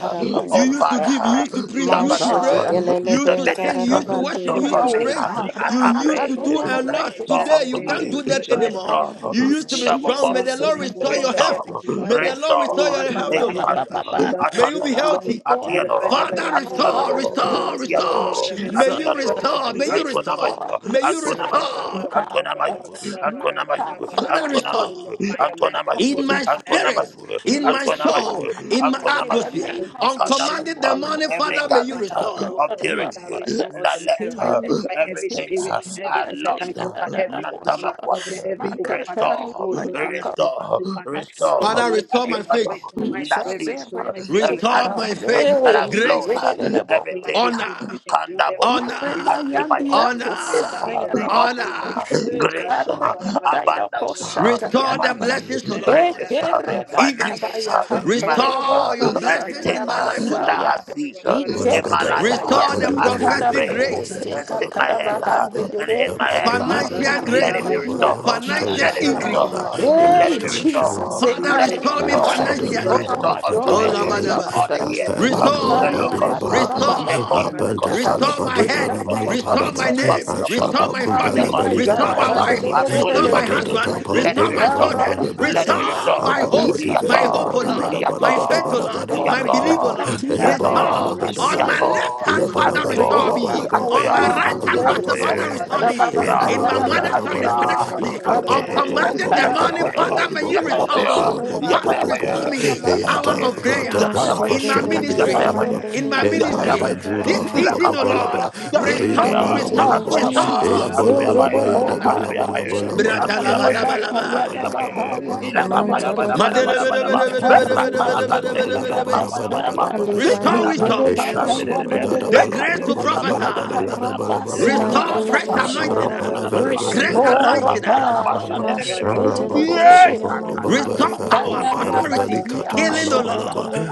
Speaker 10: You
Speaker 1: oh
Speaker 10: used
Speaker 8: Jesus,
Speaker 10: to give. You
Speaker 1: Father,
Speaker 10: used to
Speaker 14: of Jesus,
Speaker 10: preach. You
Speaker 8: everything,
Speaker 10: used to
Speaker 14: raise up
Speaker 1: stubbornness,
Speaker 8: God,
Speaker 10: pray.
Speaker 8: uh,
Speaker 14: unto
Speaker 3: Mashekete
Speaker 14: me,
Speaker 3: lele
Speaker 10: You used to
Speaker 8: that I
Speaker 10: sing.
Speaker 14: raise
Speaker 1: disobedience,
Speaker 10: You
Speaker 14: up
Speaker 10: used
Speaker 8: can
Speaker 10: to
Speaker 14: unto
Speaker 3: bentarabandi
Speaker 14: me,
Speaker 10: worship.
Speaker 1: stole
Speaker 10: You
Speaker 8: take
Speaker 14: my
Speaker 10: used to
Speaker 1: from
Speaker 3: ribish.
Speaker 1: me.
Speaker 14: father,
Speaker 8: away,
Speaker 10: praise.
Speaker 14: my
Speaker 8: God,
Speaker 14: nigga,
Speaker 1: As
Speaker 10: You
Speaker 8: uh,
Speaker 1: I
Speaker 8: that
Speaker 10: used
Speaker 14: raise
Speaker 8: I
Speaker 1: pray,
Speaker 10: to
Speaker 14: up
Speaker 8: can
Speaker 10: do
Speaker 8: give it
Speaker 10: a
Speaker 14: unto me,
Speaker 8: up,
Speaker 10: lot.
Speaker 1: restore
Speaker 8: it's,
Speaker 14: ancient
Speaker 8: uh,
Speaker 10: Today,
Speaker 14: of
Speaker 1: unto
Speaker 10: you
Speaker 14: days,
Speaker 8: uh,
Speaker 10: can't
Speaker 1: me,
Speaker 10: do
Speaker 14: lose the
Speaker 10: that
Speaker 14: shower of
Speaker 8: in the
Speaker 10: anymore.
Speaker 14: praise of
Speaker 1: restore
Speaker 14: me,
Speaker 8: name
Speaker 10: You
Speaker 8: of
Speaker 10: used to be
Speaker 14: raise
Speaker 1: double
Speaker 14: up
Speaker 10: strong. May the
Speaker 1: portion,
Speaker 8: Jesus,
Speaker 14: unto
Speaker 8: we
Speaker 10: Lord
Speaker 14: me,
Speaker 8: can
Speaker 14: who
Speaker 8: be
Speaker 10: restore
Speaker 14: for
Speaker 10: your
Speaker 14: the
Speaker 8: my
Speaker 10: health.
Speaker 14: heaven
Speaker 1: restore,
Speaker 14: king of
Speaker 8: prayer,
Speaker 10: May the
Speaker 8: my
Speaker 14: kings,
Speaker 10: Lord
Speaker 8: God,
Speaker 10: restore
Speaker 14: who
Speaker 1: restore,
Speaker 8: uh,
Speaker 14: was
Speaker 10: your
Speaker 14: the
Speaker 8: ba,
Speaker 10: health,
Speaker 8: ba,
Speaker 10: O
Speaker 14: waking,
Speaker 8: ba,
Speaker 10: Lord.
Speaker 14: who
Speaker 8: ba,
Speaker 14: I
Speaker 8: ba, ba.
Speaker 14: shall die, I
Speaker 10: May you
Speaker 14: do
Speaker 10: be
Speaker 14: not
Speaker 1: Atanda,
Speaker 10: healthy.
Speaker 14: love.
Speaker 1: Atanda,
Speaker 8: restore my health,
Speaker 10: Father,
Speaker 8: oh
Speaker 10: restore,
Speaker 8: God, in
Speaker 1: Atiano, Atiano,
Speaker 8: the name
Speaker 10: restore,
Speaker 8: of
Speaker 10: restore.
Speaker 1: Atiano,
Speaker 10: May
Speaker 8: Jesus,
Speaker 10: you restore.
Speaker 1: Atiano,
Speaker 10: May you
Speaker 1: Antona
Speaker 10: restore.
Speaker 8: restore my
Speaker 1: Mayu,
Speaker 10: May you
Speaker 14: By
Speaker 1: Antona
Speaker 14: your
Speaker 8: sight, oh
Speaker 1: Mayu,
Speaker 10: restore.
Speaker 8: God,
Speaker 1: Antona Mayu,
Speaker 8: my
Speaker 1: Antona Mayu,
Speaker 8: power,
Speaker 10: Father,
Speaker 8: my
Speaker 1: Antona Mayu,
Speaker 10: restore
Speaker 8: yeah,
Speaker 1: Antona
Speaker 14: message, oh
Speaker 10: in
Speaker 1: Mayu,
Speaker 14: God,
Speaker 10: my
Speaker 1: Antona
Speaker 14: every
Speaker 10: spirit,
Speaker 14: single
Speaker 1: Mayu,
Speaker 14: place
Speaker 10: in my
Speaker 14: taken
Speaker 1: Antona
Speaker 14: over,
Speaker 8: restore
Speaker 10: soul,
Speaker 14: Father.
Speaker 8: my
Speaker 1: Mayu,
Speaker 10: in my
Speaker 14: Oh
Speaker 8: life
Speaker 1: Antona
Speaker 14: Lord,
Speaker 8: in
Speaker 14: oh
Speaker 8: the
Speaker 14: my
Speaker 10: atmosphere.
Speaker 14: soul,
Speaker 8: name
Speaker 1: Mayu,
Speaker 14: my
Speaker 8: of
Speaker 10: On
Speaker 14: prayer,
Speaker 1: Nikanda
Speaker 8: Jesus.
Speaker 14: life, my
Speaker 10: commanding the
Speaker 14: journey,
Speaker 1: Mayu,
Speaker 10: morning,
Speaker 1: every
Speaker 10: Father,
Speaker 14: salvation,
Speaker 8: In
Speaker 14: my
Speaker 10: may you
Speaker 1: garment
Speaker 14: Father.
Speaker 1: uh,
Speaker 10: restore.
Speaker 14: Oh
Speaker 1: of
Speaker 14: Lord,
Speaker 10: Mm.
Speaker 14: Father,
Speaker 1: purity,
Speaker 14: restore unto me and
Speaker 8: the
Speaker 14: rise
Speaker 1: Naleta,
Speaker 8: name
Speaker 14: by
Speaker 8: of
Speaker 14: every
Speaker 1: everything
Speaker 14: spirit,
Speaker 1: uh,
Speaker 8: Jesus,
Speaker 14: every
Speaker 1: I lost,
Speaker 14: appetite,
Speaker 8: in
Speaker 14: oh
Speaker 1: uh,
Speaker 14: Father, every blood, and covenant, every
Speaker 1: Nantamakwate,
Speaker 14: over, Father.
Speaker 1: restore,
Speaker 14: Oh Lord, in everything,
Speaker 1: restore,
Speaker 14: battle, Father. Lord,
Speaker 1: restore,
Speaker 10: Father,
Speaker 8: the
Speaker 14: deliver
Speaker 10: restore
Speaker 1: every
Speaker 10: my
Speaker 14: me,
Speaker 8: name of
Speaker 1: oil
Speaker 10: faith.
Speaker 14: restore my
Speaker 1: that
Speaker 14: strength,
Speaker 8: Jesus,
Speaker 1: sees
Speaker 14: restore my spirit,
Speaker 1: every
Speaker 8: everything
Speaker 10: Restore
Speaker 14: great.
Speaker 10: my
Speaker 8: God,
Speaker 1: anointing uh,
Speaker 10: faith.
Speaker 1: that has
Speaker 14: Restore my
Speaker 1: flowed,
Speaker 14: life,
Speaker 1: uh,
Speaker 10: Grace,
Speaker 8: hey,
Speaker 14: restore my soul, life,
Speaker 1: everything,
Speaker 14: restore me
Speaker 10: honor,
Speaker 14: with the vision, dear Father.
Speaker 1: Kandaboya,
Speaker 8: Urema
Speaker 10: honor,
Speaker 1: anti
Speaker 14: Glory to us,
Speaker 8: yandia
Speaker 1: Bible,
Speaker 14: O Father,
Speaker 10: honor,
Speaker 8: posata
Speaker 14: in the
Speaker 1: favor, uh,
Speaker 14: name of
Speaker 8: yadaba.
Speaker 1: honor,
Speaker 10: honor.
Speaker 14: Jesus.
Speaker 1: uh, grace, uh,
Speaker 8: Ikarema kaya
Speaker 1: abundance, uh,
Speaker 8: posata
Speaker 10: Restore the
Speaker 8: yadaba.
Speaker 1: money,
Speaker 10: blessings, O Lord.
Speaker 1: riches, uh,
Speaker 8: Ekerega dada
Speaker 1: finances,
Speaker 10: Increase.
Speaker 8: ya
Speaker 1: uh, marriage,
Speaker 8: handorobo
Speaker 10: Restore
Speaker 1: uh,
Speaker 10: your blessings
Speaker 1: anything
Speaker 10: in
Speaker 8: poshandia
Speaker 10: my
Speaker 1: uh,
Speaker 10: life, O
Speaker 1: that
Speaker 8: kasaya.
Speaker 10: Lord.
Speaker 1: has ceased uh,
Speaker 7: Your
Speaker 1: in my life
Speaker 8: Ikereba
Speaker 1: uh,
Speaker 8: ya
Speaker 7: restoration,
Speaker 10: Restore the
Speaker 1: as I
Speaker 8: ikada
Speaker 10: prophetic grace,
Speaker 1: pray
Speaker 8: pose
Speaker 1: and sit my
Speaker 8: katada
Speaker 1: head uh, and hit
Speaker 8: bahandide.
Speaker 1: my
Speaker 14: My
Speaker 1: head. uh,
Speaker 14: Father,
Speaker 10: financial
Speaker 14: my
Speaker 10: grace,
Speaker 1: Let
Speaker 14: Maker,
Speaker 1: it
Speaker 8: Ikarema
Speaker 1: be
Speaker 14: my Creator,
Speaker 8: ya
Speaker 1: restored.
Speaker 10: financial
Speaker 1: Let it be
Speaker 14: Ashada,
Speaker 8: kataraba.
Speaker 10: increase,
Speaker 7: Lord.
Speaker 14: Adonai,
Speaker 1: restored.
Speaker 14: let your
Speaker 7: Your
Speaker 1: Let
Speaker 8: Hey,
Speaker 1: it
Speaker 14: divine,
Speaker 1: be
Speaker 7: restoration,
Speaker 8: Jesus,
Speaker 1: restored.
Speaker 14: oh
Speaker 7: Lord.
Speaker 10: Father,
Speaker 1: Let it
Speaker 14: Jesus,
Speaker 1: be
Speaker 10: restore
Speaker 8: Ikarema
Speaker 10: me
Speaker 14: Lord,
Speaker 7: Your
Speaker 14: Lord, I
Speaker 1: restored.
Speaker 14: have the
Speaker 7: sudden
Speaker 8: haris.
Speaker 1: Lord,
Speaker 14: King
Speaker 7: love
Speaker 8: Oh,
Speaker 10: financially.
Speaker 14: of
Speaker 7: of all
Speaker 14: Glory,
Speaker 1: Restore
Speaker 8: my
Speaker 7: the
Speaker 1: unto
Speaker 10: Oh,
Speaker 1: me
Speaker 8: God,
Speaker 14: divine
Speaker 8: oh,
Speaker 7: balabody.
Speaker 1: all
Speaker 10: Labadaba.
Speaker 14: restoration,
Speaker 1: the
Speaker 14: oh
Speaker 7: A
Speaker 8: God.
Speaker 14: God,
Speaker 1: years, uh,
Speaker 14: Father,
Speaker 7: pebble, no
Speaker 1: the
Speaker 14: by your
Speaker 10: Restore,
Speaker 1: locusts,
Speaker 14: mercy, oh
Speaker 1: uh,
Speaker 14: God,
Speaker 8: Ikarema
Speaker 1: the
Speaker 7: babilabala,
Speaker 10: restore.
Speaker 7: a
Speaker 1: crawling
Speaker 14: Father,
Speaker 1: locusts, uh,
Speaker 14: Lord,
Speaker 10: Restore
Speaker 8: Yes,
Speaker 14: Lord,
Speaker 7: bent
Speaker 10: my
Speaker 1: the
Speaker 7: de
Speaker 14: my
Speaker 8: in the
Speaker 10: head.
Speaker 1: chewing
Speaker 14: God.
Speaker 7: bara mala
Speaker 1: locusts,
Speaker 8: name
Speaker 1: uh,
Speaker 8: of
Speaker 10: Restore my
Speaker 7: padaba
Speaker 1: the
Speaker 10: name.
Speaker 1: swarming
Speaker 8: Jesus,
Speaker 1: locusts, uh,
Speaker 10: Restore
Speaker 8: my
Speaker 7: ashaba
Speaker 10: my
Speaker 1: the
Speaker 8: Father,
Speaker 7: kumpala
Speaker 10: family.
Speaker 8: my
Speaker 14: Restore,
Speaker 1: consuming
Speaker 7: baliga
Speaker 14: oh
Speaker 10: Restore
Speaker 14: oh,
Speaker 8: God.
Speaker 7: bada
Speaker 10: my
Speaker 1: locusts uh,
Speaker 7: bada
Speaker 14: Father,
Speaker 10: wife.
Speaker 14: in
Speaker 7: ba
Speaker 14: the
Speaker 1: has
Speaker 14: name of
Speaker 1: stolen
Speaker 10: Restore
Speaker 14: Jesus,
Speaker 7: ya
Speaker 10: my
Speaker 1: from
Speaker 7: da da
Speaker 1: me.
Speaker 14: restore
Speaker 10: husband.
Speaker 7: da
Speaker 14: my
Speaker 7: ba
Speaker 1: Let
Speaker 8: In
Speaker 1: it
Speaker 14: goodness,
Speaker 10: Restore
Speaker 1: be
Speaker 14: oh
Speaker 7: bera
Speaker 10: my
Speaker 14: God,
Speaker 7: vala
Speaker 10: children.
Speaker 14: restore
Speaker 1: restored.
Speaker 14: my
Speaker 7: bala bala
Speaker 1: Let
Speaker 14: blindness,
Speaker 1: it
Speaker 7: ba
Speaker 1: be
Speaker 14: restore
Speaker 8: Harabakusian,
Speaker 14: my
Speaker 10: Restore
Speaker 1: restored.
Speaker 10: my
Speaker 14: favor,
Speaker 7: ababa
Speaker 10: hope.
Speaker 14: Lord,
Speaker 8: Yes,
Speaker 7: di
Speaker 10: My
Speaker 7: bera
Speaker 14: restore
Speaker 10: hope,
Speaker 7: bara
Speaker 10: O
Speaker 1: Yata,
Speaker 7: da
Speaker 14: my life,
Speaker 10: Lord.
Speaker 7: gada
Speaker 14: oh God,
Speaker 7: bala
Speaker 10: My
Speaker 14: my
Speaker 7: bada
Speaker 10: faith,
Speaker 1: yata,
Speaker 10: O
Speaker 14: breakthrough,
Speaker 7: bada
Speaker 8: in
Speaker 10: Lord.
Speaker 14: Father,
Speaker 7: gada
Speaker 14: in the
Speaker 10: My
Speaker 7: bala
Speaker 14: mighty
Speaker 7: bada
Speaker 14: name
Speaker 10: belief, O
Speaker 7: ba
Speaker 14: of
Speaker 1: yata,
Speaker 14: Jesus,
Speaker 10: Lord.
Speaker 7: ya
Speaker 8: Horabatia
Speaker 7: bala
Speaker 14: divine
Speaker 7: bala
Speaker 10: Restore.
Speaker 1: yata,
Speaker 7: gada
Speaker 14: restoration, oh
Speaker 10: On
Speaker 8: Rabakasa,
Speaker 7: bala
Speaker 10: my
Speaker 14: God,
Speaker 1: yata.
Speaker 7: ba
Speaker 14: Father,
Speaker 10: left
Speaker 7: ya
Speaker 10: hand,
Speaker 14: oh
Speaker 7: bala
Speaker 10: Father,
Speaker 14: Lord,
Speaker 8: you
Speaker 7: gada
Speaker 14: my
Speaker 8: be
Speaker 10: restore
Speaker 8: the
Speaker 7: bala
Speaker 14: God,
Speaker 1: Atoyo,
Speaker 7: bala
Speaker 10: me.
Speaker 7: ba
Speaker 14: Father,
Speaker 10: On
Speaker 1: atoya,
Speaker 10: my
Speaker 8: Bakura,
Speaker 7: ya
Speaker 10: right
Speaker 7: bala
Speaker 14: restore
Speaker 10: hand,
Speaker 14: unto
Speaker 7: gada
Speaker 10: Rasta,
Speaker 14: me,
Speaker 8: yes,
Speaker 7: bala
Speaker 14: oh God,
Speaker 10: Father,
Speaker 7: bala
Speaker 1: atoye,
Speaker 7: ba
Speaker 10: restore
Speaker 14: Father,
Speaker 10: me.
Speaker 7: ya
Speaker 1: atoya,
Speaker 8: Adabaka
Speaker 7: bala
Speaker 10: In my
Speaker 7: gada
Speaker 8: Yadaba,
Speaker 10: mother's
Speaker 7: bala
Speaker 10: family,
Speaker 7: bala
Speaker 1: atoya,
Speaker 7: ba
Speaker 8: yes,
Speaker 10: father's
Speaker 8: in
Speaker 10: family.
Speaker 1: atoye.
Speaker 7: ababa
Speaker 10: On
Speaker 7: ba ba
Speaker 8: Karabaka,
Speaker 7: ba ba
Speaker 10: commanded the
Speaker 7: ba ba
Speaker 10: morning,
Speaker 7: ba ba
Speaker 10: Father,
Speaker 8: Adabaka,
Speaker 10: may you
Speaker 7: ba
Speaker 1: Yata
Speaker 7: ba ba ba ba
Speaker 10: restore.
Speaker 7: ba ba ba
Speaker 10: Father,
Speaker 8: Korumaha,
Speaker 7: ba ba
Speaker 10: restore
Speaker 1: Yatayabaya,
Speaker 3: Mashekarabandara.
Speaker 10: me.
Speaker 8: Adabaka,
Speaker 7: ya da
Speaker 10: Hour
Speaker 1: Yatayabaya,
Speaker 10: of prayer.
Speaker 7: rata bala
Speaker 14: Thank
Speaker 1: Yatayabaya,
Speaker 10: In my
Speaker 7: fasha
Speaker 3: Mashekete
Speaker 7: da bera
Speaker 3: lele
Speaker 10: ministry
Speaker 7: bara
Speaker 8: Mater,
Speaker 1: Yatayabaya,
Speaker 7: ba
Speaker 10: in
Speaker 3: mandere
Speaker 10: my
Speaker 1: Yatayabaya,
Speaker 10: ministry
Speaker 7: Ebare
Speaker 8: Atayadaba.
Speaker 1: Yatayabaya,
Speaker 10: this
Speaker 7: Jura
Speaker 3: rebusakaramanda.
Speaker 10: season, O Lord.
Speaker 1: Ilakabayana,
Speaker 7: Rababalaba,
Speaker 8: In
Speaker 10: Restore,
Speaker 7: Aida
Speaker 8: the
Speaker 1: Yandelebea,
Speaker 8: name
Speaker 10: restore,
Speaker 3: Mantere
Speaker 8: of
Speaker 7: Balabalaba,
Speaker 1: Antayaba,
Speaker 10: restore.
Speaker 8: Jesus,
Speaker 7: Eabala
Speaker 3: bosharabado
Speaker 8: Ebede
Speaker 1: Antoyabaya,
Speaker 7: Rabaya da
Speaker 10: Katadaba.
Speaker 3: sandiri
Speaker 8: Mohaya,
Speaker 7: Balabala
Speaker 1: Antoyabaya,
Speaker 3: ribush.
Speaker 7: Balabala Bayada
Speaker 1: Antoyabaya,
Speaker 8: Ikarebaka
Speaker 10: Bratalabalabalaba.
Speaker 7: Balabala
Speaker 1: Antoyabaya,
Speaker 8: Yadabahaya
Speaker 7: Balabala
Speaker 1: Ilakabaya,
Speaker 7: Balabala
Speaker 3: Mantara
Speaker 1: Bada,
Speaker 8: Narabakusa,
Speaker 1: Bada, Bada, Bada,
Speaker 7: Balabala
Speaker 1: Bada,
Speaker 3: rabosharabandi
Speaker 1: Lekatana
Speaker 7: Arabala da
Speaker 3: ribush.
Speaker 8: Ikarebaka
Speaker 7: Balagada
Speaker 1: Blantenebea,
Speaker 7: Bada
Speaker 10: Madelebedebedebedebedebedebedebedebedebe.
Speaker 1: Kapana,
Speaker 7: Bada
Speaker 1: Bada,
Speaker 8: Tanabakasaya,
Speaker 7: Bada
Speaker 1: Bada,
Speaker 7: Bada
Speaker 3: Alivandi
Speaker 10: Restore
Speaker 1: Lipada,
Speaker 7: Bada
Speaker 1: Bado,
Speaker 10: wisdom,
Speaker 8: Ikerebaka
Speaker 7: Eshara
Speaker 3: ribushi
Speaker 1: Sambrantenebea,
Speaker 7: Balagada
Speaker 8: Yadabede,
Speaker 10: the
Speaker 3: amandere
Speaker 10: grace
Speaker 7: Balabala
Speaker 10: to
Speaker 1: Lekanibria, Kapana,
Speaker 7: Balabala
Speaker 1: Bada, Bada,
Speaker 10: prophesy.
Speaker 7: Balagada
Speaker 1: Bada, Bada,
Speaker 8: Makarabasa
Speaker 7: Balabala
Speaker 10: Restore
Speaker 3: Mandere
Speaker 10: fresh
Speaker 1: Ilakatana,
Speaker 3: boshia
Speaker 10: anointing,
Speaker 7: Abranta
Speaker 8: Yadabahaya.
Speaker 10: ah.
Speaker 3: babara bosh.
Speaker 10: great
Speaker 8: Restore, O
Speaker 1: Rapa
Speaker 10: anointing.
Speaker 1: Bada, Bada,
Speaker 10: ah.
Speaker 8: God,
Speaker 1: Bada, Bada, Bada,
Speaker 3: Masheketele
Speaker 1: yeah.
Speaker 8: Rakebedebede,
Speaker 3: boshia
Speaker 1: Katatala.
Speaker 3: mandere
Speaker 10: Restore
Speaker 14: you.
Speaker 3: bere
Speaker 10: power,
Speaker 3: bosh.
Speaker 8: Makataya
Speaker 14: Father, in the name
Speaker 10: authority,
Speaker 8: Rabandia
Speaker 10: healing, O Lord.
Speaker 3: Mashakatala
Speaker 8: Kasanabaha.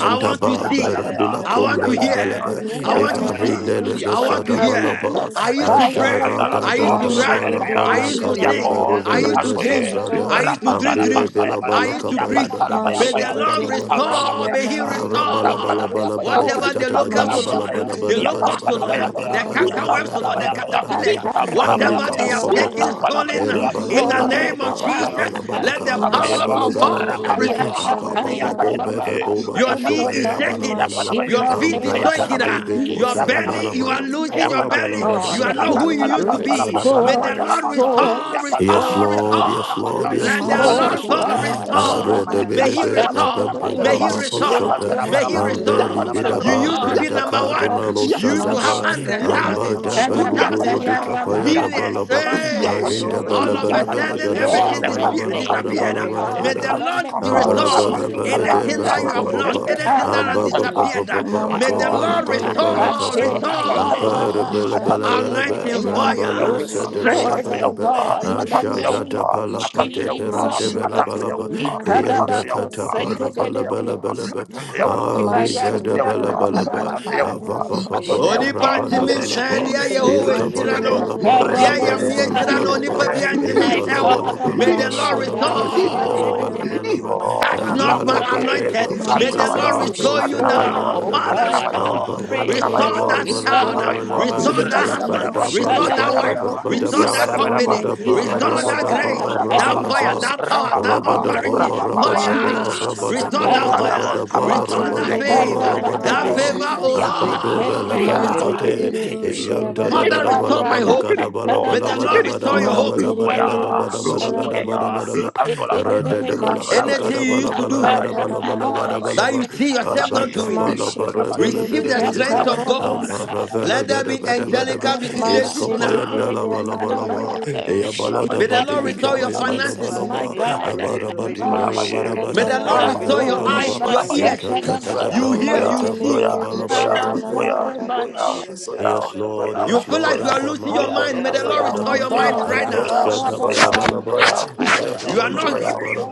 Speaker 10: I
Speaker 8: My heart,
Speaker 10: want to
Speaker 3: rabara
Speaker 8: my
Speaker 3: ba.
Speaker 7: Baba
Speaker 10: see.
Speaker 1: Rapadabaya,
Speaker 7: Rabila
Speaker 10: I
Speaker 8: heart,
Speaker 10: want to
Speaker 7: Combele
Speaker 8: my heart,
Speaker 10: hear.
Speaker 1: Yapadabaya,
Speaker 7: Belebe,
Speaker 8: my
Speaker 10: I
Speaker 7: if
Speaker 10: want to
Speaker 7: I
Speaker 8: heart,
Speaker 3: Ikantala
Speaker 1: Yapadabaya,
Speaker 7: read
Speaker 10: see.
Speaker 14: what to
Speaker 7: Nelebe
Speaker 10: I
Speaker 3: babosha
Speaker 8: Jesus,
Speaker 14: see and
Speaker 3: la
Speaker 10: want to
Speaker 14: what
Speaker 7: Shada
Speaker 14: to
Speaker 1: Yapadabaya,
Speaker 14: hear,
Speaker 8: repent
Speaker 10: hear.
Speaker 14: Lord.
Speaker 3: mandere
Speaker 7: Balaba,
Speaker 3: bere.
Speaker 8: us.
Speaker 10: I
Speaker 14: Father,
Speaker 10: used
Speaker 1: Yapadabaya,
Speaker 8: I
Speaker 10: to
Speaker 14: restore my
Speaker 10: pray.
Speaker 8: am
Speaker 7: Ashara da
Speaker 14: discernment,
Speaker 8: new
Speaker 10: I
Speaker 8: God.
Speaker 7: da
Speaker 14: make
Speaker 10: used
Speaker 1: Andalabayo,
Speaker 14: me
Speaker 10: to
Speaker 7: da
Speaker 8: I
Speaker 14: carry of
Speaker 10: run.
Speaker 14: your
Speaker 3: Mashekete
Speaker 8: can't
Speaker 14: holy
Speaker 10: I
Speaker 1: Ayalabia,
Speaker 7: Balabana
Speaker 14: praise,
Speaker 8: run.
Speaker 10: used
Speaker 3: besha
Speaker 10: to
Speaker 3: la
Speaker 14: Lord.
Speaker 7: Kade
Speaker 10: sing.
Speaker 1: Yako,
Speaker 3: mandere
Speaker 10: I
Speaker 7: Berovele
Speaker 8: You
Speaker 10: used to
Speaker 3: bosh.
Speaker 1: Atoye,
Speaker 10: dream.
Speaker 3: Restore
Speaker 7: Besabrada,
Speaker 8: terrible
Speaker 10: I
Speaker 3: my
Speaker 10: used to dream
Speaker 1: Rapandala
Speaker 3: visions of
Speaker 8: Satan.
Speaker 7: Ambire
Speaker 10: dreams.
Speaker 3: God.
Speaker 1: Pantaya
Speaker 7: Bela
Speaker 8: You
Speaker 1: Baya,
Speaker 10: I used to
Speaker 8: know
Speaker 7: Balakabaya
Speaker 10: preach.
Speaker 8: that
Speaker 7: da da
Speaker 1: Yapantala Baya
Speaker 10: May the
Speaker 1: Paya,
Speaker 8: Jesus,
Speaker 10: Lord
Speaker 8: you
Speaker 3: Masheketele
Speaker 8: are
Speaker 1: Yatampala
Speaker 7: Balabana
Speaker 10: restore.
Speaker 1: Baya
Speaker 3: boshia
Speaker 10: May He
Speaker 1: Paya,
Speaker 3: mandere bere
Speaker 1: Yatampala
Speaker 10: restore.
Speaker 3: bere
Speaker 1: Baya
Speaker 3: bosh.
Speaker 1: Paya,
Speaker 10: Whatever
Speaker 8: born
Speaker 10: the
Speaker 1: Yatampala
Speaker 10: locusts, O
Speaker 8: again
Speaker 1: Baya
Speaker 8: in
Speaker 10: Lord,
Speaker 1: Paya,
Speaker 8: the name
Speaker 10: the
Speaker 3: Masheketele
Speaker 10: locusts, O
Speaker 1: Yatampala
Speaker 10: Lord,
Speaker 3: boshia
Speaker 1: Baya Paya,
Speaker 10: the
Speaker 8: of Jesus.
Speaker 3: mandala bara.
Speaker 10: cankerworms, O
Speaker 1: Yatampala
Speaker 10: Lord,
Speaker 8: You
Speaker 1: Baya
Speaker 10: the
Speaker 1: Paya,
Speaker 8: are
Speaker 10: caterpillars,
Speaker 1: Yatampala
Speaker 8: the
Speaker 1: Baya
Speaker 10: whatever
Speaker 1: Paya,
Speaker 10: they
Speaker 3: Mantala
Speaker 10: have
Speaker 8: Son of
Speaker 10: taken,
Speaker 8: God.
Speaker 1: Yatampala
Speaker 3: badosha la
Speaker 1: Baya
Speaker 10: stolen,
Speaker 1: Paya,
Speaker 8: You
Speaker 10: in
Speaker 3: mandere
Speaker 10: the
Speaker 3: bere.
Speaker 8: are
Speaker 1: Ekanteri
Speaker 10: name
Speaker 8: the
Speaker 10: of
Speaker 1: Kapantaya,
Speaker 10: Jesus,
Speaker 1: and
Speaker 8: Messiah.
Speaker 1: the
Speaker 10: let the
Speaker 1: Sampaya
Speaker 10: power of God
Speaker 8: I
Speaker 1: Daba,
Speaker 3: Masheketerebosheba
Speaker 8: have
Speaker 10: restore.
Speaker 1: Yapayabayaba,
Speaker 8: fire, ba, ba,
Speaker 3: Shalababarababu
Speaker 8: ba,
Speaker 1: Yapayanabaye,
Speaker 8: ba,
Speaker 10: Your
Speaker 8: oh,
Speaker 10: knee
Speaker 8: oh,
Speaker 10: is
Speaker 8: God.
Speaker 10: shaking.
Speaker 8: In
Speaker 10: Your
Speaker 1: Ayapanabaye,
Speaker 8: the
Speaker 10: feet is
Speaker 8: name of
Speaker 7: Ambrata
Speaker 10: shaking.
Speaker 3: Masheketereboshia
Speaker 1: Ayapanabaye,
Speaker 7: de
Speaker 10: ah.
Speaker 7: Beco
Speaker 1: Ayapanabaye,
Speaker 10: Your
Speaker 8: Jesus,
Speaker 7: Sara
Speaker 3: Manderebe
Speaker 8: my
Speaker 10: belly,
Speaker 7: Bala
Speaker 1: Ayapanabaye,
Speaker 10: you
Speaker 14: Father,
Speaker 10: are
Speaker 7: Bala Bala
Speaker 10: losing
Speaker 8: business,
Speaker 10: your
Speaker 7: Bala
Speaker 8: oh
Speaker 7: Bala
Speaker 10: belly.
Speaker 1: Ayapanabaye,
Speaker 7: Bada
Speaker 10: You are
Speaker 8: God.
Speaker 7: Gada
Speaker 1: La
Speaker 10: not who
Speaker 7: Bala Bala
Speaker 10: you
Speaker 1: Panta, La
Speaker 10: used to
Speaker 7: Bada
Speaker 1: Panta, La
Speaker 10: be.
Speaker 7: Bada
Speaker 1: Panta, La
Speaker 10: May
Speaker 3: Masheketereboshia
Speaker 8: Restore,
Speaker 10: the
Speaker 7: Bada
Speaker 1: Panta, La
Speaker 10: Lord
Speaker 3: Babaraba
Speaker 1: Panta,
Speaker 8: restore,
Speaker 10: restore,
Speaker 14: right thing
Speaker 1: Yapanta,
Speaker 14: will
Speaker 1: La
Speaker 7: Yes,
Speaker 14: do
Speaker 10: restore,
Speaker 14: for
Speaker 1: Panta,
Speaker 8: restore.
Speaker 1: La
Speaker 14: us,
Speaker 7: Lord,
Speaker 1: Panta,
Speaker 7: yes,
Speaker 1: La
Speaker 14: Father.
Speaker 10: restore.
Speaker 7: Lord,
Speaker 1: Panta,
Speaker 7: yes,
Speaker 10: Let
Speaker 14: Restore
Speaker 10: the
Speaker 14: my
Speaker 7: Lord,
Speaker 1: Yapanta,
Speaker 14: life,
Speaker 1: La
Speaker 8: Restore,
Speaker 10: Lord
Speaker 14: oh
Speaker 7: yes,
Speaker 1: Panta,
Speaker 7: Lord.
Speaker 14: God.
Speaker 10: God
Speaker 1: La Panta,
Speaker 8: God.
Speaker 1: La
Speaker 7: I
Speaker 14: Restore
Speaker 10: restore.
Speaker 7: read
Speaker 14: my
Speaker 7: the
Speaker 3: Masheketerebosheba
Speaker 8: Rabba
Speaker 14: life,
Speaker 10: May
Speaker 7: Billy
Speaker 10: He
Speaker 14: destroy
Speaker 7: Baker,
Speaker 1: Panta,
Speaker 14: every
Speaker 1: Yapanta, La
Speaker 8: Kushanjidu.
Speaker 10: restore.
Speaker 7: Pampo,
Speaker 1: Panta, La
Speaker 10: May He
Speaker 14: agenda,
Speaker 1: Panta,
Speaker 14: oh
Speaker 7: Papa,
Speaker 14: God,
Speaker 1: La
Speaker 14: Father,
Speaker 8: Let
Speaker 10: restore.
Speaker 1: Panta,
Speaker 7: Shopper,
Speaker 8: your
Speaker 14: of
Speaker 1: Yapanta,
Speaker 10: May He
Speaker 14: the
Speaker 7: and
Speaker 14: enemy
Speaker 1: La
Speaker 8: word,
Speaker 14: in
Speaker 7: Belly
Speaker 10: restore.
Speaker 14: the name
Speaker 8: oh
Speaker 10: You
Speaker 14: of
Speaker 1: Panama,
Speaker 7: Bidaba,
Speaker 10: used
Speaker 1: Yapanamanabata,
Speaker 10: to
Speaker 8: God,
Speaker 10: be
Speaker 3: Masheketerebondereboshalamandi
Speaker 14: Jesus,
Speaker 8: in
Speaker 10: number
Speaker 14: oh
Speaker 7: Bredaka,
Speaker 8: the
Speaker 7: de
Speaker 8: name
Speaker 14: God.
Speaker 1: Yapanamanaba,
Speaker 10: one.
Speaker 8: of
Speaker 7: Malo
Speaker 10: You
Speaker 8: Jesus.
Speaker 10: used to have
Speaker 1: Yapanamanaba,
Speaker 7: Sadaba,
Speaker 10: hundreds,
Speaker 7: and
Speaker 8: Everything,
Speaker 3: Mashatalababu
Speaker 10: thousands.
Speaker 7: Bada
Speaker 1: Yapanamanaba,
Speaker 10: Two
Speaker 7: Baluburu
Speaker 10: thousands,
Speaker 3: Shalamandi
Speaker 14: Restore
Speaker 7: de
Speaker 10: uh,
Speaker 14: my
Speaker 1: Yapanamanaba,
Speaker 14: fire,
Speaker 7: Capaya da
Speaker 14: restore
Speaker 10: millions,
Speaker 14: my
Speaker 1: yapani
Speaker 7: Balaba,
Speaker 14: power,
Speaker 7: I
Speaker 14: oh
Speaker 10: hey,
Speaker 7: ring
Speaker 1: yapani
Speaker 7: the
Speaker 14: Lord,
Speaker 10: all
Speaker 7: Bella
Speaker 14: restore
Speaker 10: of a
Speaker 7: Bella
Speaker 14: unto me
Speaker 7: Bella
Speaker 1: yapanamaye
Speaker 14: the
Speaker 10: sudden
Speaker 7: Gada
Speaker 14: joy of
Speaker 7: Bala
Speaker 10: everything
Speaker 3: Masheketereboshia
Speaker 1: le
Speaker 14: thy
Speaker 7: Bala
Speaker 10: dispe
Speaker 1: kantun
Speaker 7: Bala
Speaker 14: salvation, oh
Speaker 7: Bala
Speaker 1: kanduya
Speaker 14: God,
Speaker 10: disappeared.
Speaker 3: Manderebe
Speaker 7: Bala
Speaker 10: uh.
Speaker 8: Lord
Speaker 14: King of
Speaker 7: Bala
Speaker 14: glory.
Speaker 10: May
Speaker 8: God,
Speaker 1: atenemi
Speaker 10: the
Speaker 8: in
Speaker 7: Bala,
Speaker 8: the
Speaker 1: kantun
Speaker 8: name
Speaker 10: Lord
Speaker 7: and
Speaker 1: kampa
Speaker 8: of
Speaker 7: Brava
Speaker 10: restore
Speaker 7: da
Speaker 1: apantun
Speaker 8: Jesus.
Speaker 7: Bella
Speaker 1: kapa
Speaker 7: de
Speaker 10: anything that
Speaker 7: Papa
Speaker 10: you
Speaker 3: Masheketerebosheba
Speaker 10: have
Speaker 1: apantun
Speaker 10: lost,
Speaker 7: Papa,
Speaker 1: tente
Speaker 10: anything that
Speaker 7: and
Speaker 10: has
Speaker 1: atenemi
Speaker 7: Baba
Speaker 1: kanta
Speaker 7: Papa
Speaker 10: disappeared. uh.
Speaker 7: Papa,
Speaker 10: May
Speaker 1: atenemanano
Speaker 10: the
Speaker 7: Bala
Speaker 10: Lord
Speaker 7: Bala
Speaker 3: Mantalabadeya
Speaker 1: atenemi
Speaker 7: Bala
Speaker 10: restore,
Speaker 1: namatuwe
Speaker 7: Capa,
Speaker 1: atanta yewa
Speaker 7: Apara
Speaker 10: restore
Speaker 7: Bella
Speaker 3: Masheketerebondaraba
Speaker 7: Bella
Speaker 1: atanto
Speaker 7: Bella
Speaker 1: yewa
Speaker 7: Bella,
Speaker 10: anointing
Speaker 1: atanto
Speaker 3: Mandiri
Speaker 7: Brabalo
Speaker 10: fire,
Speaker 3: biri
Speaker 1: yewa
Speaker 7: said the Bella
Speaker 8: Restore
Speaker 3: boşala
Speaker 10: strength.
Speaker 7: Bella
Speaker 8: them,
Speaker 3: babara
Speaker 8: God, in
Speaker 3: buru
Speaker 8: the
Speaker 1: atanto
Speaker 3: boş.
Speaker 7: Ashada
Speaker 8: name
Speaker 7: da
Speaker 8: of
Speaker 1: yewa
Speaker 7: palapa
Speaker 1: atanto yewa atanto
Speaker 7: de
Speaker 1: yewa
Speaker 8: Jesus.
Speaker 7: perande bela
Speaker 1: atanto
Speaker 3: Maşşeketeri
Speaker 7: balaba.
Speaker 1: yewa
Speaker 3: babara
Speaker 1: atanto
Speaker 7: Yanda
Speaker 3: boşala ba.
Speaker 1: yewa
Speaker 7: katapa
Speaker 14: Oh,
Speaker 1: atanto
Speaker 7: rabala
Speaker 8: Ikadabakosekedede.
Speaker 7: bela
Speaker 1: yewa
Speaker 7: bela bela.
Speaker 1: atanto yewa
Speaker 7: Ariga
Speaker 1: Atonte
Speaker 7: da bela
Speaker 1: Yahua,
Speaker 3: Maşşeketala
Speaker 7: bela bela.
Speaker 1: Atonte
Speaker 3: lavandiri
Speaker 8: Ikorebayandiakatadabaha.
Speaker 7: Ava
Speaker 1: Yahua,
Speaker 3: biri
Speaker 7: papa
Speaker 3: boş.
Speaker 8: In
Speaker 1: Atonte
Speaker 8: the
Speaker 1: Yahua,
Speaker 10: Onipa
Speaker 8: name of
Speaker 7: rabala
Speaker 10: timi
Speaker 7: bela
Speaker 10: sɛ
Speaker 7: bela.
Speaker 10: deɛ
Speaker 1: Rededede,
Speaker 8: Jesus,
Speaker 10: Yehowa
Speaker 7: Yata
Speaker 10: hyira
Speaker 7: bela
Speaker 3: İkanteri
Speaker 1: Rededede,
Speaker 10: no,
Speaker 7: bela
Speaker 3: biri
Speaker 7: bela
Speaker 3: beş
Speaker 10: deɛ
Speaker 3: ya
Speaker 7: rabala
Speaker 1: Rededede,
Speaker 10: Yame
Speaker 7: bela
Speaker 10: hyira
Speaker 3: mandiri
Speaker 10: no,
Speaker 7: bela
Speaker 8: Ikarabosaya.
Speaker 10: onipa
Speaker 3: biri
Speaker 7: bela.
Speaker 10: bi
Speaker 3: boş.
Speaker 1: Yededede,
Speaker 7: Ya
Speaker 10: antimi
Speaker 1: Iyo,
Speaker 8: my
Speaker 10: nsɛ
Speaker 7: bela
Speaker 10: wo.
Speaker 7: bela
Speaker 8: Father,
Speaker 7: bela
Speaker 10: May
Speaker 8: my
Speaker 10: the
Speaker 7: bela
Speaker 10: Lord
Speaker 8: God,
Speaker 7: bela
Speaker 1: Iyo,
Speaker 7: bela.
Speaker 3: Maşşeketeri
Speaker 1: Iyo,
Speaker 7: Shada
Speaker 3: boş
Speaker 10: restore.
Speaker 3: ya
Speaker 7: bela bela
Speaker 3: bara
Speaker 8: Arabandedede.
Speaker 7: bela.
Speaker 3: bara.
Speaker 1: Iyo,
Speaker 10: Touch
Speaker 7: Ya
Speaker 10: not
Speaker 8: In
Speaker 10: my
Speaker 7: mala
Speaker 8: the name
Speaker 7: bade
Speaker 1: Akonde,
Speaker 8: of
Speaker 10: anointed. May
Speaker 7: brada
Speaker 10: the
Speaker 1: Adunamayo,
Speaker 3: Manteri
Speaker 10: Lord
Speaker 8: Jesus,
Speaker 7: bela to
Speaker 10: restore you
Speaker 3: boşatala
Speaker 8: restore,
Speaker 1: Adunamayo,
Speaker 10: now.
Speaker 8: oh
Speaker 3: mandiri
Speaker 7: sentela
Speaker 10: Father,
Speaker 3: beş.
Speaker 8: God, I
Speaker 1: Adunamayo,
Speaker 7: Aba
Speaker 10: restore.
Speaker 7: ba
Speaker 8: pray.
Speaker 7: la ba la
Speaker 1: Adunamayo,
Speaker 10: Restore
Speaker 7: ba
Speaker 3: Father,
Speaker 7: la
Speaker 10: that
Speaker 7: ba
Speaker 8: In
Speaker 7: la ba
Speaker 10: child.
Speaker 8: the
Speaker 3: restore
Speaker 8: name
Speaker 7: la
Speaker 1: Adunamayo,
Speaker 8: of
Speaker 7: ba,
Speaker 3: now
Speaker 10: Restore
Speaker 3: in the
Speaker 10: that
Speaker 8: Jesus.
Speaker 3: name
Speaker 7: ba
Speaker 10: husband.
Speaker 3: of
Speaker 7: da
Speaker 1: Rabadabadaba,
Speaker 7: ba la
Speaker 10: Restore
Speaker 3: Jesus.
Speaker 10: that
Speaker 7: ba
Speaker 10: wife.
Speaker 7: ra
Speaker 1: Yabadabadaba,
Speaker 7: ba da
Speaker 10: Restore
Speaker 7: ba
Speaker 8: Rakadadadadokosa,
Speaker 10: that
Speaker 3: Restore
Speaker 7: ra ba
Speaker 1: Yabadabadaba,
Speaker 3: my
Speaker 10: company.
Speaker 7: da ba
Speaker 3: visions,
Speaker 7: ra
Speaker 10: Restore
Speaker 7: ba
Speaker 10: that
Speaker 7: da
Speaker 1: Yabadabadaba,
Speaker 7: ba
Speaker 3: restore
Speaker 10: grace,
Speaker 3: my
Speaker 7: ra ba
Speaker 10: that
Speaker 7: la
Speaker 3: dreams,
Speaker 1: Rapapapa,
Speaker 10: fire,
Speaker 7: ba,
Speaker 10: that
Speaker 8: ikarabakadadabahaya.
Speaker 3: restore,
Speaker 10: power,
Speaker 3: O
Speaker 7: ra
Speaker 10: that
Speaker 7: ba
Speaker 8: In
Speaker 1: Rapapapa,
Speaker 3: God,
Speaker 7: da
Speaker 8: the
Speaker 10: authority.
Speaker 7: ba
Speaker 8: name
Speaker 7: ra
Speaker 3: in
Speaker 7: ba
Speaker 8: of
Speaker 3: the
Speaker 14: father,
Speaker 1: Rapapapa,
Speaker 7: da
Speaker 14: my
Speaker 3: name
Speaker 14: might
Speaker 3: of
Speaker 7: ba
Speaker 8: Jesus,
Speaker 14: be
Speaker 10: Fire.
Speaker 7: ra
Speaker 14: for
Speaker 7: ba
Speaker 14: my
Speaker 3: Jesus.
Speaker 7: da
Speaker 10: Restore
Speaker 7: ba
Speaker 10: that
Speaker 14: redeemer,
Speaker 7: ra
Speaker 8: Sakadaba,
Speaker 14: my
Speaker 7: ba
Speaker 10: fire.
Speaker 7: da ba
Speaker 14: sustainer,
Speaker 1: Kandaboskapa,
Speaker 10: Restore
Speaker 14: Father.
Speaker 10: that
Speaker 3: Mantelele
Speaker 1: Letente
Speaker 10: favor.
Speaker 7: ra
Speaker 3: bondara
Speaker 14: Glory,
Speaker 7: ba da
Speaker 14: Lord,
Speaker 10: That
Speaker 1: Negatente,
Speaker 3: babush.
Speaker 10: favor,
Speaker 7: ba. A
Speaker 14: restore
Speaker 8: Ikarabahaya,
Speaker 7: ba
Speaker 14: unto
Speaker 7: Aba
Speaker 14: me, O
Speaker 7: do
Speaker 1: Ya,
Speaker 14: God.
Speaker 7: ba
Speaker 10: oh
Speaker 7: la
Speaker 10: Lord,
Speaker 7: fa la
Speaker 14: Every
Speaker 7: ba
Speaker 8: Materebosa,
Speaker 10: restore.
Speaker 3: Mantele
Speaker 1: Ya,
Speaker 14: kiddy,
Speaker 7: te,
Speaker 3: bere
Speaker 14: bitty, bitty,
Speaker 7: ya
Speaker 3: bushia
Speaker 14: bitty,
Speaker 7: da da
Speaker 14: bitty,
Speaker 3: babara
Speaker 10: Father,
Speaker 7: da ba
Speaker 10: restore
Speaker 7: la
Speaker 3: babush.
Speaker 10: my
Speaker 7: ba la
Speaker 8: Ikaraba,
Speaker 10: hope.
Speaker 7: ga da ba la ba
Speaker 1: Rio,
Speaker 10: May
Speaker 7: la
Speaker 10: the
Speaker 7: ba la
Speaker 10: Lord
Speaker 7: ba la
Speaker 1: Rio,
Speaker 10: restore
Speaker 7: ba
Speaker 10: your hope.
Speaker 8: In
Speaker 3: Mantere
Speaker 8: the
Speaker 7: la ga
Speaker 3: bere
Speaker 7: da
Speaker 8: name
Speaker 7: ba
Speaker 1: Waya,
Speaker 8: of
Speaker 7: la ba la
Speaker 3: bushala
Speaker 7: ga
Speaker 3: la
Speaker 7: da ba la
Speaker 8: Jesus,
Speaker 1: Waya,
Speaker 3: mandi.
Speaker 7: ba.
Speaker 1: Andola Baye,
Speaker 7: Ra da da ba la
Speaker 1: Andola
Speaker 7: ga
Speaker 1: Baye,
Speaker 10: Anything
Speaker 7: da
Speaker 10: you
Speaker 7: ba la
Speaker 10: used to
Speaker 7: ba
Speaker 3: Masheketelele
Speaker 7: la
Speaker 1: Andola
Speaker 10: do
Speaker 7: ra ba
Speaker 1: Baye,
Speaker 3: bondara
Speaker 7: no ba la ga
Speaker 8: Makarabaha
Speaker 1: Andola
Speaker 7: da
Speaker 8: is
Speaker 7: ba
Speaker 3: babush.
Speaker 7: la
Speaker 8: the
Speaker 10: that
Speaker 7: ba.
Speaker 10: you
Speaker 1: Baye,
Speaker 8: name
Speaker 10: see
Speaker 8: of
Speaker 1: Andola
Speaker 10: yourself not
Speaker 1: Baye,
Speaker 7: Abata
Speaker 8: Jesus.
Speaker 10: doing.
Speaker 7: bala
Speaker 1: Andola
Speaker 7: bara
Speaker 1: Baye,
Speaker 7: bele
Speaker 3: Masheketelele
Speaker 10: Receive
Speaker 7: bele
Speaker 10: the
Speaker 7: bele
Speaker 1: Andola
Speaker 7: be.
Speaker 10: strength of
Speaker 1: Baye,
Speaker 3: bentelele
Speaker 10: God.
Speaker 3: banta.
Speaker 7: Ampara
Speaker 1: Andola
Speaker 8: Ikarobosaya.
Speaker 1: Baye,
Speaker 7: vele
Speaker 10: Let there
Speaker 7: bele
Speaker 10: be
Speaker 7: bele
Speaker 1: Andola
Speaker 7: bele be.
Speaker 1: Baye,
Speaker 10: angelical
Speaker 7: Eya
Speaker 10: visitations
Speaker 1: Andola
Speaker 7: kapaya
Speaker 1: Baye,
Speaker 10: now.
Speaker 7: nala
Speaker 3: Masheketelia
Speaker 7: bala
Speaker 1: Andola
Speaker 7: bala
Speaker 1: Baye, Andola
Speaker 3: mandere
Speaker 1: Baye,
Speaker 14: Jesus,
Speaker 7: ba.
Speaker 8: Ikarebabandedekotarababa.
Speaker 14: Lord.
Speaker 3: bere
Speaker 7: Eya
Speaker 3: bush.
Speaker 1: Andola
Speaker 7: bala
Speaker 1: Baye, Andola
Speaker 8: In
Speaker 7: da
Speaker 10: May
Speaker 1: Baye,
Speaker 7: ba
Speaker 10: the
Speaker 8: the
Speaker 7: de
Speaker 10: Lord
Speaker 7: be
Speaker 8: name
Speaker 10: restore
Speaker 8: of
Speaker 10: your
Speaker 7: kapaya da da
Speaker 14: Oh,
Speaker 10: finances.
Speaker 8: Jesus,
Speaker 7: bala
Speaker 14: Father,
Speaker 8: my
Speaker 7: ba.
Speaker 1: Andola Baye,
Speaker 14: in the
Speaker 1: Andola
Speaker 14: name
Speaker 8: God,
Speaker 14: of
Speaker 8: and
Speaker 14: Jesus,
Speaker 7: Abara
Speaker 8: my
Speaker 7: ba di
Speaker 14: restore my
Speaker 7: nora bara
Speaker 8: Father.
Speaker 14: finances,
Speaker 10: May
Speaker 7: bara
Speaker 10: the
Speaker 14: Lord.
Speaker 3: Mashakatala
Speaker 10: Lord
Speaker 7: bara
Speaker 3: baba
Speaker 10: restore
Speaker 7: vele
Speaker 10: your
Speaker 1: Baye,
Speaker 14: Restore, O
Speaker 7: bala
Speaker 14: God,
Speaker 3: babush.
Speaker 10: eyes,
Speaker 7: ba.
Speaker 14: my
Speaker 10: your
Speaker 1: Andola
Speaker 14: dear
Speaker 1: Baye,
Speaker 14: Lord
Speaker 10: ears.
Speaker 7: Inka ta
Speaker 14: Jesus,
Speaker 7: ta
Speaker 14: O
Speaker 8: Akorebasakadaba.
Speaker 7: da
Speaker 14: God,
Speaker 1: Doya,
Speaker 10: You
Speaker 14: save
Speaker 7: ba.
Speaker 10: hear,
Speaker 14: your
Speaker 1: Doya,
Speaker 10: you
Speaker 7: Rata
Speaker 3: Mantele
Speaker 7: ba
Speaker 14: children.
Speaker 10: see.
Speaker 7: ya
Speaker 3: bere
Speaker 7: bala bala ba.
Speaker 8: Mama
Speaker 3: bushatala
Speaker 8: Uri
Speaker 3: babara
Speaker 8: Bandia
Speaker 3: bush.
Speaker 7: Yes, Lord.
Speaker 10: You
Speaker 8: Satanabaha.
Speaker 7: Yes,
Speaker 10: feel
Speaker 7: Lord.
Speaker 10: like you are losing your
Speaker 8: Hunger
Speaker 10: mind.
Speaker 14: Oh,
Speaker 10: May the
Speaker 8: us,
Speaker 10: Lord restore
Speaker 8: O
Speaker 10: your
Speaker 7: Adamalabalabalabadaba.
Speaker 3: Mantele
Speaker 10: mind
Speaker 8: God,
Speaker 10: right
Speaker 3: bere
Speaker 10: now.
Speaker 3: bushatala
Speaker 8: Arabosa
Speaker 7: Ampasadabalabalabalaba.
Speaker 8: for
Speaker 3: mandere
Speaker 8: righteous.
Speaker 10: You
Speaker 3: bere
Speaker 10: are
Speaker 3: bush.
Speaker 10: not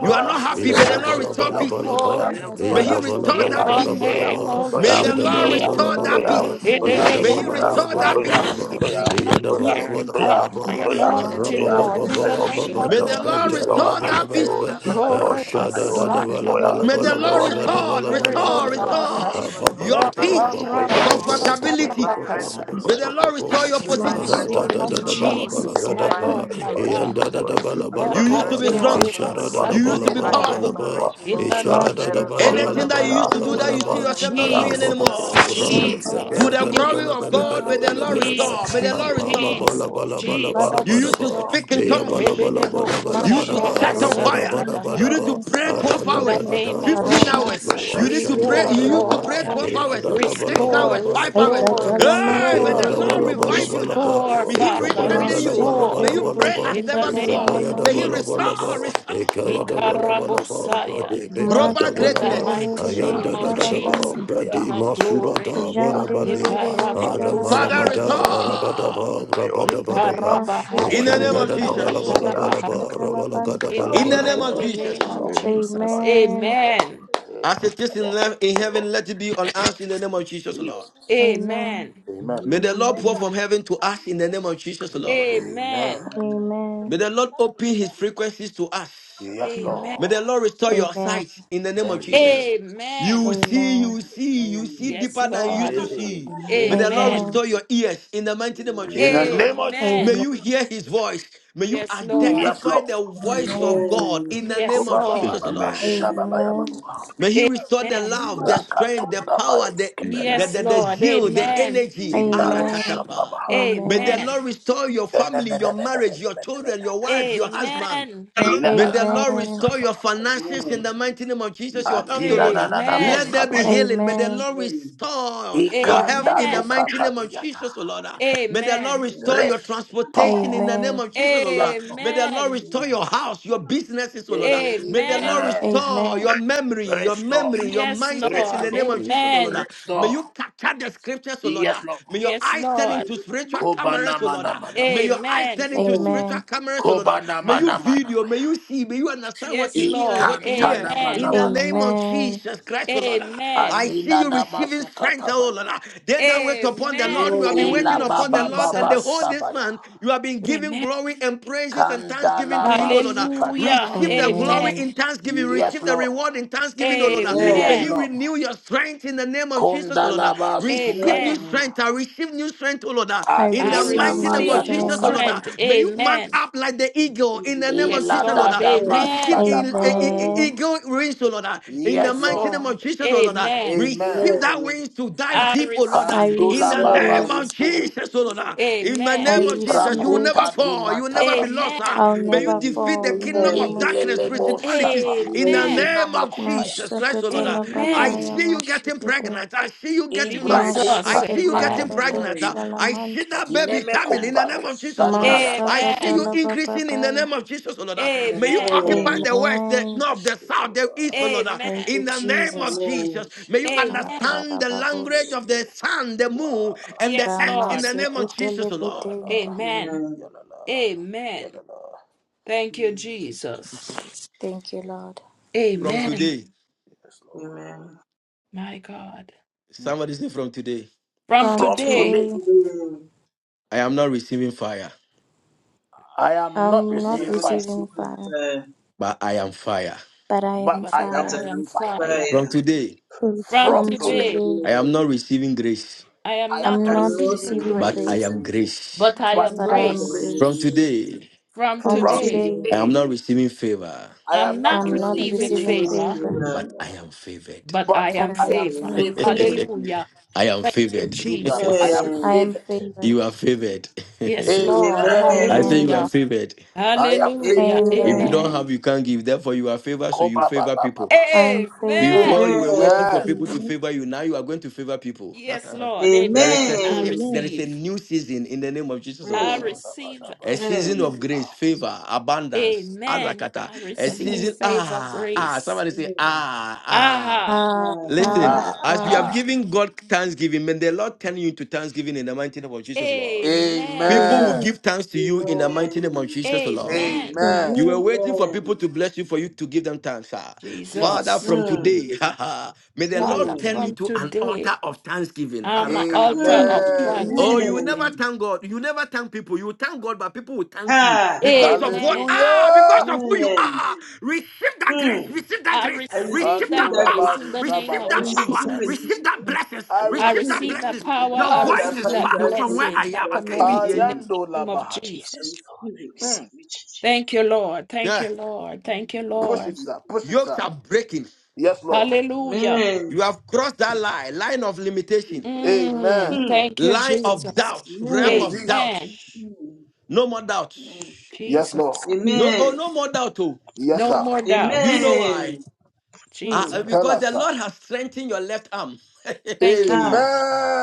Speaker 10: you are not happy. May the
Speaker 8: restore,
Speaker 10: Lord restore peace.
Speaker 8: restore
Speaker 7: Yadabalabalabalaba.
Speaker 10: May
Speaker 8: it
Speaker 10: He
Speaker 14: Father, oh
Speaker 3: Mantele
Speaker 10: restore
Speaker 14: Lord,
Speaker 8: in
Speaker 10: that
Speaker 14: pray
Speaker 8: the
Speaker 14: for your
Speaker 10: peace.
Speaker 14: peace,
Speaker 8: name
Speaker 14: oh
Speaker 7: Yadabalabalabalaba.
Speaker 14: God,
Speaker 8: of
Speaker 10: May
Speaker 14: Father.
Speaker 10: the Lord
Speaker 14: Oh
Speaker 8: Jesus.
Speaker 14: Lord,
Speaker 10: restore that
Speaker 14: open
Speaker 10: peace.
Speaker 7: Yadabalabalabalaba.
Speaker 14: doors for
Speaker 3: bebe
Speaker 14: mouth and
Speaker 10: May He
Speaker 14: mind
Speaker 3: shala
Speaker 14: of this
Speaker 10: restore
Speaker 3: rabada
Speaker 10: that
Speaker 14: ministry,
Speaker 10: peace.
Speaker 14: Father,
Speaker 7: Yadabalabalabalaba.
Speaker 14: in the name of
Speaker 8: Not
Speaker 3: mashikete.
Speaker 14: Jesus.
Speaker 8: hearing God, my
Speaker 7: Yadabalabalabalaba.
Speaker 8: anointing,
Speaker 3: Mantele
Speaker 8: Lord, in the
Speaker 3: bebe
Speaker 8: name of
Speaker 3: shia
Speaker 10: May the
Speaker 8: Jesus.
Speaker 10: Lord
Speaker 3: mantele
Speaker 10: restore
Speaker 3: bebe
Speaker 10: that
Speaker 14: Divine
Speaker 7: Arababababababadabantapelebelebelebe.
Speaker 10: peace.
Speaker 14: restoration,
Speaker 8: Kore
Speaker 3: mantele
Speaker 8: Messiah,
Speaker 10: May the
Speaker 3: bebe
Speaker 1: doya.
Speaker 10: Lord
Speaker 3: shala
Speaker 10: restore,
Speaker 8: Spirit
Speaker 3: rabada
Speaker 8: of
Speaker 10: restore,
Speaker 7: Ashadadadabalabalabalabalagadabalabalaba.
Speaker 3: rabada
Speaker 8: God.
Speaker 7: Rabba
Speaker 3: bosh.
Speaker 10: restore your peace,
Speaker 1: Aya,
Speaker 14: Lord.
Speaker 10: comfortability.
Speaker 1: aya, aya,
Speaker 8: Akarabasatanamakasa.
Speaker 10: May the Lord restore your
Speaker 8: In
Speaker 14: Divine
Speaker 8: the
Speaker 10: position.
Speaker 3: Mashikete
Speaker 8: name of
Speaker 14: restoration,
Speaker 1: aya, aya, aya,
Speaker 14: Lord.
Speaker 3: bebe
Speaker 8: Jesus,
Speaker 3: shala
Speaker 8: my
Speaker 14: Divine
Speaker 8: Lord,
Speaker 3: bante
Speaker 8: my
Speaker 1: aya, aya,
Speaker 14: restoration,
Speaker 8: God.
Speaker 14: Lord. Divine restoration, Lord.
Speaker 1: aya, aya,
Speaker 10: You
Speaker 14: Divine
Speaker 10: used to be
Speaker 1: aya,
Speaker 10: strong.
Speaker 14: restoration,
Speaker 1: aya,
Speaker 3: mantele
Speaker 14: Lord.
Speaker 1: aya, aya,
Speaker 3: bebe
Speaker 10: You used to be
Speaker 14: Divine
Speaker 10: powerful.
Speaker 8: Akaterebasakadababa.
Speaker 1: aya,
Speaker 14: restoration,
Speaker 8: In
Speaker 14: Lord.
Speaker 8: the name
Speaker 14: In
Speaker 8: of
Speaker 14: the name
Speaker 3: mashikete
Speaker 1: aya,
Speaker 8: Je-
Speaker 14: of
Speaker 3: bebe mantele
Speaker 10: Anything
Speaker 3: bebe mantele bebe shala rabada bosh
Speaker 10: that you
Speaker 3: shala
Speaker 1: aya,
Speaker 10: used to do that you
Speaker 1: aya,
Speaker 10: see
Speaker 3: rabada.
Speaker 10: yourself not
Speaker 1: aya,
Speaker 10: doing
Speaker 1: aya.
Speaker 8: Jesus,
Speaker 10: anymore.
Speaker 8: Jesus,
Speaker 10: To the
Speaker 8: Je-
Speaker 10: glory of God, may the Lord restore. May
Speaker 8: Jesus,
Speaker 10: the Lord restore.
Speaker 8: Jesus,
Speaker 3: Father,
Speaker 10: You used
Speaker 8: Jesus.
Speaker 10: to
Speaker 3: restore
Speaker 10: speak in tongues.
Speaker 3: Amen. Amen. Amen.
Speaker 10: You need to set on fire.
Speaker 8: Ikebedemokotarabasakadababa.
Speaker 10: You need to pray 12
Speaker 8: In
Speaker 7: Rabada
Speaker 8: the
Speaker 7: ba
Speaker 10: hours,
Speaker 8: name of
Speaker 10: 15
Speaker 15: Kadora
Speaker 10: hours.
Speaker 7: ba
Speaker 8: Jesus,
Speaker 15: Basha
Speaker 10: You need to pray.
Speaker 7: Eshanda
Speaker 8: restore,
Speaker 10: You
Speaker 7: da da
Speaker 10: used to
Speaker 8: Lord.
Speaker 10: pray
Speaker 7: bala
Speaker 10: 12 hours,
Speaker 7: bala
Speaker 10: 6
Speaker 8: Restore,
Speaker 10: hours, 5 hours.
Speaker 8: restore,
Speaker 10: Hey, may the
Speaker 8: restore.
Speaker 10: Lord
Speaker 15: Makuna
Speaker 10: revive
Speaker 15: Basha
Speaker 10: you now.
Speaker 8: Restore,
Speaker 10: May He
Speaker 8: Father,
Speaker 10: rekindle you. May
Speaker 8: restore.
Speaker 10: you pray as
Speaker 8: In the
Speaker 10: never
Speaker 8: name
Speaker 10: before.
Speaker 8: of
Speaker 10: May He restore,
Speaker 8: Jesus.
Speaker 10: restore
Speaker 15: Amen
Speaker 8: Ikarabosaya.
Speaker 1: Yeah.
Speaker 10: global
Speaker 8: In the
Speaker 10: greatness.
Speaker 8: mighty name of Jesus, King of glory.
Speaker 7: bala ba,
Speaker 10: Father,
Speaker 7: rabala
Speaker 8: Ikarabakusatayababa.
Speaker 10: restore
Speaker 7: Rabadabadaba,
Speaker 10: in the name of Jesus.
Speaker 8: Ikarabahayandriakatadabaha. In the
Speaker 10: In the
Speaker 7: Rabadabadaba,
Speaker 10: name of
Speaker 7: ba
Speaker 8: mighty name
Speaker 10: Jesus.
Speaker 8: of Jesus. Amen.
Speaker 10: As it is in, le- in heaven, let it be on us in the name of Jesus, Lord.
Speaker 3: Amen.
Speaker 8: Amen.
Speaker 1: Amen.
Speaker 10: May the Lord pour from heaven to us in the name of Jesus,
Speaker 15: Amen
Speaker 10: Lord.
Speaker 1: Amen.
Speaker 8: Amen.
Speaker 10: May the Lord open his frequencies to us.
Speaker 1: Yes,
Speaker 8: Amen.
Speaker 10: May the
Speaker 1: Lord.
Speaker 10: Lord restore your
Speaker 3: Amen.
Speaker 10: sight in the name of
Speaker 1: Thank you, Jesus.
Speaker 15: Amen
Speaker 10: Jesus. You
Speaker 8: Amen.
Speaker 10: will see, you will see, you will see
Speaker 4: Amen.
Speaker 8: Yes,
Speaker 10: deeper than you used
Speaker 15: Amen
Speaker 8: Lord.
Speaker 10: to
Speaker 1: Eh,
Speaker 10: see. May
Speaker 1: eh.
Speaker 10: the Lord
Speaker 8: Amen.
Speaker 3: Amen.
Speaker 10: restore your ears in the mighty name of
Speaker 1: In
Speaker 10: Jesus,
Speaker 1: the
Speaker 4: Amen.
Speaker 10: Lord.
Speaker 1: name of
Speaker 3: Amen.
Speaker 10: May
Speaker 8: Amen.
Speaker 10: you
Speaker 1: Jesus.
Speaker 10: hear his voice. May you
Speaker 8: Yes, Lord.
Speaker 1: Yes,
Speaker 10: identify
Speaker 1: Lord.
Speaker 10: the voice of God
Speaker 4: Amen.
Speaker 10: in the
Speaker 1: Ko
Speaker 10: name
Speaker 8: Yes,
Speaker 10: of
Speaker 1: ba ba ba
Speaker 15: Amen Amen
Speaker 10: Jesus,
Speaker 1: ba
Speaker 8: Lord.
Speaker 1: ba,
Speaker 10: Lord.
Speaker 1: sha ba ba ya ba
Speaker 3: Amen.
Speaker 4: Amen.
Speaker 1: ba.
Speaker 10: May he restore the
Speaker 8: Amen.
Speaker 10: love, the strength, the
Speaker 1: Rakatunda
Speaker 15: Amen
Speaker 10: power,
Speaker 1: bayos
Speaker 10: the the,
Speaker 1: kebelebe.
Speaker 8: Yes,
Speaker 10: the, the
Speaker 8: Lord.
Speaker 10: zeal,
Speaker 15: Amen.
Speaker 10: the
Speaker 8: Amen.
Speaker 10: energy.
Speaker 1: Zindaro
Speaker 4: Amen.
Speaker 3: Amen.
Speaker 10: Arakatapa.
Speaker 1: shambabaha.
Speaker 10: May the
Speaker 3: Amen.
Speaker 10: Lord
Speaker 8: Amen.
Speaker 10: restore your family, your marriage, your children,
Speaker 1: Enemenemenemenemene.
Speaker 10: your wife, your husband.
Speaker 8: Amen.
Speaker 10: May
Speaker 1: Ilalalala
Speaker 10: the Lord
Speaker 3: Amen.
Speaker 10: restore your
Speaker 1: shandabakaya.
Speaker 10: finances in the
Speaker 4: Amen. Amen.
Speaker 10: mighty name of Jesus, your health, O
Speaker 1: Adina
Speaker 10: Lord.
Speaker 1: na
Speaker 10: Ah,
Speaker 1: na na
Speaker 10: Let
Speaker 8: Amen.
Speaker 10: there be
Speaker 1: moskapaya.
Speaker 3: Amen.
Speaker 10: healing. May the Lord
Speaker 4: Amen.
Speaker 10: restore your health
Speaker 1: Ikanda
Speaker 10: in the
Speaker 1: no
Speaker 8: Amen.
Speaker 10: mighty name of
Speaker 1: kapadiyata.
Speaker 10: Jesus, O Lord. Ah, May the Lord
Speaker 8: Amen.
Speaker 10: restore your transportation in
Speaker 1: Restore.
Speaker 10: the name
Speaker 3: Amen.
Speaker 10: of Jesus, O
Speaker 1: Yes,
Speaker 10: Lord. Ah,
Speaker 1: Lord.
Speaker 10: May the Lord
Speaker 8: Amen.
Speaker 10: restore
Speaker 4: Amen.
Speaker 10: your house, your businesses, O Lord. Ah, May the Lord
Speaker 8: Amen.
Speaker 3: Amen.
Speaker 1: Amen.
Speaker 10: restore
Speaker 3: Amen.
Speaker 10: your memory, your
Speaker 1: Restore.
Speaker 10: memory, your
Speaker 8: Yes,
Speaker 10: mindset in the
Speaker 8: Lord.
Speaker 1: Restore.
Speaker 10: name of Jesus, O Lord. Ah,
Speaker 8: Amen.
Speaker 10: May
Speaker 1: Restore.
Speaker 10: you capture the scriptures, O Lord.
Speaker 1: Yes,
Speaker 10: Ah,
Speaker 1: Lord.
Speaker 10: May your
Speaker 8: Yes,
Speaker 10: eyes turn
Speaker 8: Lord.
Speaker 10: into spiritual cameras,
Speaker 1: Kobana
Speaker 10: oh Lord.
Speaker 1: mana
Speaker 10: ah.
Speaker 1: mana
Speaker 10: May
Speaker 1: maya.
Speaker 10: your eyes
Speaker 8: Amen.
Speaker 10: turn into spiritual cameras, oh Lord. ah.
Speaker 1: Kobana
Speaker 10: May you
Speaker 1: mana mana
Speaker 10: video, may
Speaker 1: maya.
Speaker 10: you see, may you understand what you
Speaker 8: Yes,
Speaker 10: see and
Speaker 8: Lord.
Speaker 10: what you
Speaker 1: Ikanta
Speaker 10: hear.
Speaker 1: na mana
Speaker 10: In
Speaker 8: Amen.
Speaker 10: the
Speaker 1: mana
Speaker 10: name
Speaker 1: maya.
Speaker 10: of
Speaker 3: Amen.
Speaker 10: Jesus Christ, oh Lord. ah. I
Speaker 8: Amen.
Speaker 10: see
Speaker 1: Adina
Speaker 10: you receiving strength,
Speaker 1: namasukataba.
Speaker 10: oh Lord. ah. They that wait upon the Lord,
Speaker 8: Amen.
Speaker 10: you have been
Speaker 8: Thank
Speaker 10: waiting
Speaker 1: Ila
Speaker 8: you,
Speaker 10: upon the
Speaker 1: baba
Speaker 10: Lord, and
Speaker 1: baba
Speaker 10: the whole
Speaker 8: Jesus.
Speaker 10: this
Speaker 1: shabaya.
Speaker 10: month, you have been giving
Speaker 8: Amen.
Speaker 10: glory and praises and thanksgiving to Him,
Speaker 1: Kandalaba
Speaker 10: oh Lord. ah.
Speaker 8: Hallelujah.
Speaker 1: sukataba.
Speaker 10: Receive the
Speaker 8: Amen.
Speaker 10: glory
Speaker 3: Amen.
Speaker 10: in thanksgiving,
Speaker 1: Yes,
Speaker 10: receive the
Speaker 1: Lord.
Speaker 10: reward in thanksgiving, oh Lord. ah. May
Speaker 1: Yes,
Speaker 10: He
Speaker 8: Amen.
Speaker 1: Lord.
Speaker 4: Amen.
Speaker 10: renew your strength strength in the name of Jesus, O Lord. ah.
Speaker 1: Kondalaba
Speaker 10: Receive
Speaker 1: sukaya.
Speaker 10: new
Speaker 8: Amen.
Speaker 4: Amen. Amen.
Speaker 10: strength. ah. Receive new strength, O Lord. ah.
Speaker 3: I
Speaker 10: In
Speaker 8: I
Speaker 10: the
Speaker 1: Adina
Speaker 3: receive
Speaker 10: mighty
Speaker 4: Amen.
Speaker 3: new
Speaker 10: name
Speaker 8: receive
Speaker 10: of
Speaker 1: maya
Speaker 4: Jesus,
Speaker 8: new
Speaker 10: Jesus, O
Speaker 3: strength.
Speaker 10: Lord. ah.
Speaker 1: tukapaya.
Speaker 8: strength.
Speaker 10: May you mount
Speaker 8: Amen.
Speaker 10: up like the eagle in the name
Speaker 4: Jesus.
Speaker 10: of
Speaker 8: Yes,
Speaker 1: Ila
Speaker 10: Jesus, Lord.
Speaker 8: Lord.
Speaker 10: ah.
Speaker 1: dadaba
Speaker 4: Amen.
Speaker 10: Receive
Speaker 8: Amen.
Speaker 10: in, eh,
Speaker 1: shadaba.
Speaker 10: eh, eh,
Speaker 4: Amen.
Speaker 3: Amen.
Speaker 10: eagle wings, O Lord. ah. In the
Speaker 1: Yes,
Speaker 8: Yes,
Speaker 10: mighty
Speaker 1: Lord.
Speaker 10: name of
Speaker 8: Lord.
Speaker 10: Jesus, O Lord. ah.
Speaker 8: Amen.
Speaker 1: Amen.
Speaker 10: Receive that
Speaker 4: Amen. Amen.
Speaker 10: wings to dive
Speaker 8: I
Speaker 10: deep, O Lord.
Speaker 3: I
Speaker 10: ah.
Speaker 4: I
Speaker 10: In
Speaker 8: receive,
Speaker 1: Kandula
Speaker 10: the
Speaker 3: receive
Speaker 1: baba
Speaker 10: name
Speaker 8: Lord.
Speaker 10: of
Speaker 3: it.
Speaker 4: receive
Speaker 1: sukaya.
Speaker 4: it.
Speaker 10: Jesus, O Lord. ah.
Speaker 4: Jesus. I
Speaker 10: In the
Speaker 3: I
Speaker 8: Amen.
Speaker 10: name of
Speaker 4: receive
Speaker 10: Jesus, you
Speaker 3: receive
Speaker 4: it.
Speaker 10: will never
Speaker 3: it.
Speaker 1: Ibrakuta
Speaker 4: Jesus.
Speaker 10: fall. You will
Speaker 1: dimanta
Speaker 10: never be lost.
Speaker 1: kapaya.
Speaker 10: ah.
Speaker 8: Amen.
Speaker 3: I'll
Speaker 10: May you
Speaker 3: never
Speaker 4: Amen.
Speaker 10: defeat the
Speaker 3: fall in the
Speaker 10: kingdom of
Speaker 3: name
Speaker 4: Amen.
Speaker 3: of
Speaker 10: darkness
Speaker 3: Jesus.
Speaker 1: Ilelebo
Speaker 10: principalities
Speaker 1: shapa.
Speaker 10: in the
Speaker 8: Amen.
Speaker 4: Amen.
Speaker 10: name of
Speaker 1: Sinamakutaya.
Speaker 10: Jesus Christ, oh Lord. Uh, I
Speaker 8: Amen.
Speaker 3: Mashakatalabadaya
Speaker 10: see you getting
Speaker 3: Mashikete.
Speaker 10: pregnant. I see you getting
Speaker 1: Ibra
Speaker 10: married. I
Speaker 8: Jesus.
Speaker 1: kunta
Speaker 3: Mashikete
Speaker 10: see you getting
Speaker 8: Amen.
Speaker 3: Lebedo
Speaker 1: matope.
Speaker 10: pregnant. Uh, I
Speaker 3: Shalamand.
Speaker 10: see that baby
Speaker 1: Zineme
Speaker 10: coming in the name
Speaker 1: kumbahu
Speaker 10: of Jesus, oh Lord. Uh,
Speaker 1: sandala
Speaker 10: I
Speaker 1: basu.
Speaker 10: see you
Speaker 8: Amen.
Speaker 10: increasing in the
Speaker 3: Masakatalabababaya.
Speaker 10: name of Jesus, oh Lord. Uh,
Speaker 4: Amen.
Speaker 10: May you
Speaker 8: Amen.
Speaker 10: occupy
Speaker 4: Amen.
Speaker 10: the west, the
Speaker 3: Amen.
Speaker 10: north, the south, the
Speaker 1: Shewa,
Speaker 10: east, oh Lord. Uh,
Speaker 3: Thank you,
Speaker 10: In
Speaker 8: Amen.
Speaker 10: the
Speaker 1: shewa,
Speaker 4: Amen.
Speaker 10: name of
Speaker 3: Jesus.
Speaker 10: Jesus,
Speaker 4: Amen.
Speaker 10: may you
Speaker 1: shewa,
Speaker 8: Amen.
Speaker 10: understand the language
Speaker 3: Makarababush.
Speaker 10: of the sun, the moon,
Speaker 1: wa,
Speaker 10: and the
Speaker 8: Yes,
Speaker 10: earth in
Speaker 8: Lord.
Speaker 10: the name of
Speaker 1: la,
Speaker 10: Jesus, oh Lord.
Speaker 1: yalala,
Speaker 3: Ramasekitelebetende.
Speaker 8: Amen.
Speaker 4: Amen.
Speaker 1: yalala,
Speaker 8: Amen.
Speaker 1: yalala.
Speaker 8: Thank you,
Speaker 4: Mm,
Speaker 8: Jesus.
Speaker 3: Thank you, Lord.
Speaker 4: my
Speaker 10: From
Speaker 4: gosh.
Speaker 8: Amen.
Speaker 10: today,
Speaker 1: Yes, Lord.
Speaker 4: Amen.
Speaker 8: My God.
Speaker 1: Hmm.
Speaker 10: somebody say from today,
Speaker 8: From
Speaker 3: From
Speaker 1: From
Speaker 8: today,
Speaker 4: From
Speaker 1: today,
Speaker 3: today,
Speaker 4: today,
Speaker 10: I am not receiving fire.
Speaker 1: I am not
Speaker 3: I'm
Speaker 4: I'm
Speaker 3: not
Speaker 1: receiving
Speaker 4: not
Speaker 1: fire,
Speaker 3: receiving
Speaker 4: receiving
Speaker 3: fire,
Speaker 4: fire
Speaker 10: but I am fire.
Speaker 3: but I
Speaker 1: but
Speaker 3: am
Speaker 8: but
Speaker 1: I am
Speaker 4: that
Speaker 8: I
Speaker 4: I
Speaker 3: fire.
Speaker 4: am
Speaker 8: am
Speaker 1: fire.
Speaker 8: fire.
Speaker 10: From
Speaker 4: fire.
Speaker 10: today,
Speaker 8: From
Speaker 1: From
Speaker 3: From
Speaker 13: today,
Speaker 4: From
Speaker 1: today,
Speaker 8: today,
Speaker 3: today,
Speaker 4: today,
Speaker 10: I am not receiving grace,
Speaker 8: I am
Speaker 1: I am
Speaker 8: not
Speaker 3: I'm
Speaker 1: not
Speaker 4: I'm
Speaker 3: not
Speaker 13: yes,
Speaker 4: not
Speaker 1: receiving
Speaker 8: receiving
Speaker 3: receiving
Speaker 10: but I
Speaker 8: grace,
Speaker 3: grace,
Speaker 1: grace,
Speaker 10: am
Speaker 4: receiving
Speaker 10: grace.
Speaker 8: but I
Speaker 13: but
Speaker 1: but
Speaker 8: am
Speaker 3: but
Speaker 13: I'm
Speaker 1: I
Speaker 3: I
Speaker 4: that
Speaker 1: am
Speaker 3: am
Speaker 4: I
Speaker 8: grace.
Speaker 4: am
Speaker 13: blessed.
Speaker 10: From
Speaker 3: grace.
Speaker 4: good.
Speaker 1: grace.
Speaker 10: today,
Speaker 8: From
Speaker 13: From
Speaker 3: From
Speaker 4: From
Speaker 1: From
Speaker 13: today,
Speaker 8: today,
Speaker 4: today,
Speaker 3: today,
Speaker 10: I am
Speaker 1: today,
Speaker 10: not receiving favor,
Speaker 1: I
Speaker 8: I'm
Speaker 1: am not
Speaker 8: not
Speaker 4: I'm
Speaker 3: I'm
Speaker 4: not
Speaker 3: not
Speaker 1: receiving
Speaker 13: I'm not
Speaker 8: receiving
Speaker 3: receiving
Speaker 1: favor,
Speaker 4: receiving
Speaker 8: favor,
Speaker 3: favor,
Speaker 13: receiving
Speaker 10: but
Speaker 4: fire
Speaker 10: I
Speaker 13: favor,
Speaker 10: am favored.
Speaker 8: but I
Speaker 1: but
Speaker 3: but
Speaker 8: am
Speaker 3: I
Speaker 1: I
Speaker 4: that
Speaker 1: am
Speaker 3: am
Speaker 4: I
Speaker 13: but
Speaker 8: favor.
Speaker 4: am
Speaker 13: I'm
Speaker 1: favor.
Speaker 3: favored.
Speaker 13: favored
Speaker 4: faithful.
Speaker 8: Hallelujah.
Speaker 10: I am
Speaker 8: Thank you,
Speaker 10: favored.
Speaker 1: Zugab. I
Speaker 8: Jesus.
Speaker 1: am
Speaker 3: I
Speaker 4: Amen.
Speaker 3: am
Speaker 1: favored.
Speaker 13: and
Speaker 3: favored.
Speaker 10: you are favored.
Speaker 8: Yes, Lord.
Speaker 1: Amen.
Speaker 10: I say
Speaker 3: Amen.
Speaker 10: you
Speaker 13: favored.
Speaker 10: are
Speaker 8: Hallelujah.
Speaker 4: Amen.
Speaker 10: favored.
Speaker 1: I am favored. I am
Speaker 13: From
Speaker 1: favored.
Speaker 8: Hallelujah.
Speaker 10: If you
Speaker 4: Amen.
Speaker 3: Amen.
Speaker 10: don't
Speaker 8: Amen.
Speaker 10: have, you can't give. Therefore, you are favored, so you
Speaker 1: Koba ba
Speaker 10: favor
Speaker 1: ba ba
Speaker 10: people.
Speaker 1: ba
Speaker 3: I
Speaker 1: sha.
Speaker 3: am favored.
Speaker 10: Before
Speaker 8: Amen.
Speaker 10: you were waiting for
Speaker 1: Amen.
Speaker 10: people
Speaker 4: Amen.
Speaker 10: to
Speaker 13: now,
Speaker 10: favor you, now you are going to favor people.
Speaker 8: Yes, Lord.
Speaker 10: there is a
Speaker 8: Amen. I
Speaker 4: Amen.
Speaker 10: shift. There
Speaker 13: Amen.
Speaker 10: is a
Speaker 8: receive.
Speaker 10: new season in the name of Jesus,
Speaker 8: I
Speaker 4: Amen.
Speaker 10: Lord.
Speaker 1: Ba ba
Speaker 8: receive
Speaker 1: da ba
Speaker 10: a
Speaker 8: it.
Speaker 1: sha.
Speaker 10: season of grace, favor, abundance,
Speaker 8: Amen.
Speaker 10: arakata,
Speaker 8: I
Speaker 10: a
Speaker 8: receive
Speaker 13: Amen.
Speaker 10: season,
Speaker 8: favor,
Speaker 10: ah, ah,
Speaker 8: grace.
Speaker 10: somebody say,
Speaker 4: Amen.
Speaker 10: ah, ah.
Speaker 8: Aha.
Speaker 3: Ah,
Speaker 4: Amen.
Speaker 10: Listen,
Speaker 3: ah,
Speaker 1: Ah
Speaker 13: Ah,
Speaker 10: as you
Speaker 3: ah.
Speaker 10: have
Speaker 1: ah.
Speaker 10: given God thanksgiving, may the Lord turn you into thanksgiving in the mighty name of Jesus, Lord.
Speaker 8: Amen.
Speaker 10: People will
Speaker 13: amen.
Speaker 1: Amen.
Speaker 10: give thanks to you in the mighty name of
Speaker 4: Amen.
Speaker 10: Jesus, Lord.
Speaker 8: Amen.
Speaker 1: Amen.
Speaker 10: You were
Speaker 13: Amen.
Speaker 10: waiting for people
Speaker 4: Amen.
Speaker 10: to bless you for you to give them thanks. ah. Father,
Speaker 8: Jesus.
Speaker 1: Jesus.
Speaker 10: from
Speaker 4: Mm.
Speaker 10: today, may the
Speaker 8: Father,
Speaker 10: Lord
Speaker 4: Mm.
Speaker 10: turn you
Speaker 8: from
Speaker 10: to an
Speaker 8: today,
Speaker 10: altar of thanksgiving.
Speaker 8: I'm an altar
Speaker 10: Arakatapa.
Speaker 4: Mm.
Speaker 8: of
Speaker 1: Amen.
Speaker 13: Amen.
Speaker 10: Oh, you will never
Speaker 8: thanksgiving.
Speaker 4: Amen.
Speaker 10: thank God. You never thank people. You will thank God, but people will thank you
Speaker 4: Ha.
Speaker 10: because of what?
Speaker 8: Amen.
Speaker 10: Ah, because
Speaker 1: Hallelujah.
Speaker 10: of who you
Speaker 4: Amen.
Speaker 10: are. Receive that
Speaker 4: Mm.
Speaker 10: grace. Receive that
Speaker 8: I
Speaker 10: grace.
Speaker 4: I receive
Speaker 8: receive
Speaker 10: Receive
Speaker 8: that
Speaker 10: that
Speaker 4: that
Speaker 10: power.
Speaker 4: grace
Speaker 8: grace in
Speaker 4: in
Speaker 8: the
Speaker 4: Jesus'
Speaker 8: name
Speaker 4: name.
Speaker 10: Receive
Speaker 8: of
Speaker 4: I
Speaker 13: I
Speaker 10: that
Speaker 4: receive
Speaker 13: receive
Speaker 10: power.
Speaker 13: it
Speaker 4: it
Speaker 13: in
Speaker 8: Jesus.
Speaker 4: in
Speaker 13: Jesus'
Speaker 10: Receive
Speaker 4: Jesus.
Speaker 10: that
Speaker 4: name.
Speaker 13: name.
Speaker 10: blessings.
Speaker 4: I
Speaker 8: I
Speaker 4: receive
Speaker 10: Receive that
Speaker 4: it
Speaker 8: receive
Speaker 4: in
Speaker 8: that
Speaker 10: blessings.
Speaker 4: Jesus.
Speaker 13: I
Speaker 4: name. I
Speaker 8: power.
Speaker 10: Your
Speaker 8: I
Speaker 4: receive
Speaker 13: receive it
Speaker 10: voice
Speaker 4: that
Speaker 10: is
Speaker 8: receive
Speaker 4: power,
Speaker 13: in
Speaker 8: that
Speaker 10: far
Speaker 4: that
Speaker 13: Jesus'
Speaker 10: from
Speaker 13: name.
Speaker 4: grace.
Speaker 10: where
Speaker 8: blessing,
Speaker 4: I
Speaker 10: I
Speaker 4: receive
Speaker 8: that
Speaker 10: am.
Speaker 4: that
Speaker 10: I can't even
Speaker 4: blessing.
Speaker 10: hear
Speaker 8: anointing in the
Speaker 10: you.
Speaker 8: name of
Speaker 4: I
Speaker 8: Jesus.
Speaker 13: Jesus, Lord,
Speaker 4: receive
Speaker 13: I
Speaker 4: it
Speaker 13: receive
Speaker 4: in
Speaker 13: it in
Speaker 4: Jesus.
Speaker 8: Thank
Speaker 13: Jesus'
Speaker 8: you,
Speaker 13: name.
Speaker 8: Lord. Thank
Speaker 10: Yeah.
Speaker 8: you, Lord. Thank you,
Speaker 4: name. Thank you,
Speaker 8: Lord.
Speaker 4: Jesus.
Speaker 10: Yokes are breaking.
Speaker 8: Hallelujah.
Speaker 4: Amen.
Speaker 10: You have crossed that line, line of limitation,
Speaker 4: Yes.
Speaker 8: Mm,
Speaker 4: Mm.
Speaker 8: thank you,
Speaker 10: line
Speaker 13: Jesus.
Speaker 10: of
Speaker 8: Jesus.
Speaker 10: doubt, realm
Speaker 4: Amen.
Speaker 10: of doubt.
Speaker 8: Amen.
Speaker 4: Mm.
Speaker 10: No more doubt.
Speaker 4: Amen.
Speaker 8: Jesus.
Speaker 10: No,
Speaker 13: Amen.
Speaker 10: oh,
Speaker 4: Amen.
Speaker 10: no more doubt. Oh,
Speaker 8: No more
Speaker 10: do you
Speaker 8: doubts.
Speaker 10: know why?
Speaker 4: Amen. Mm.
Speaker 10: Ah,
Speaker 8: Jesus.
Speaker 10: because the Lord has strengthened your left arm.
Speaker 8: Thank you.
Speaker 4: Ah.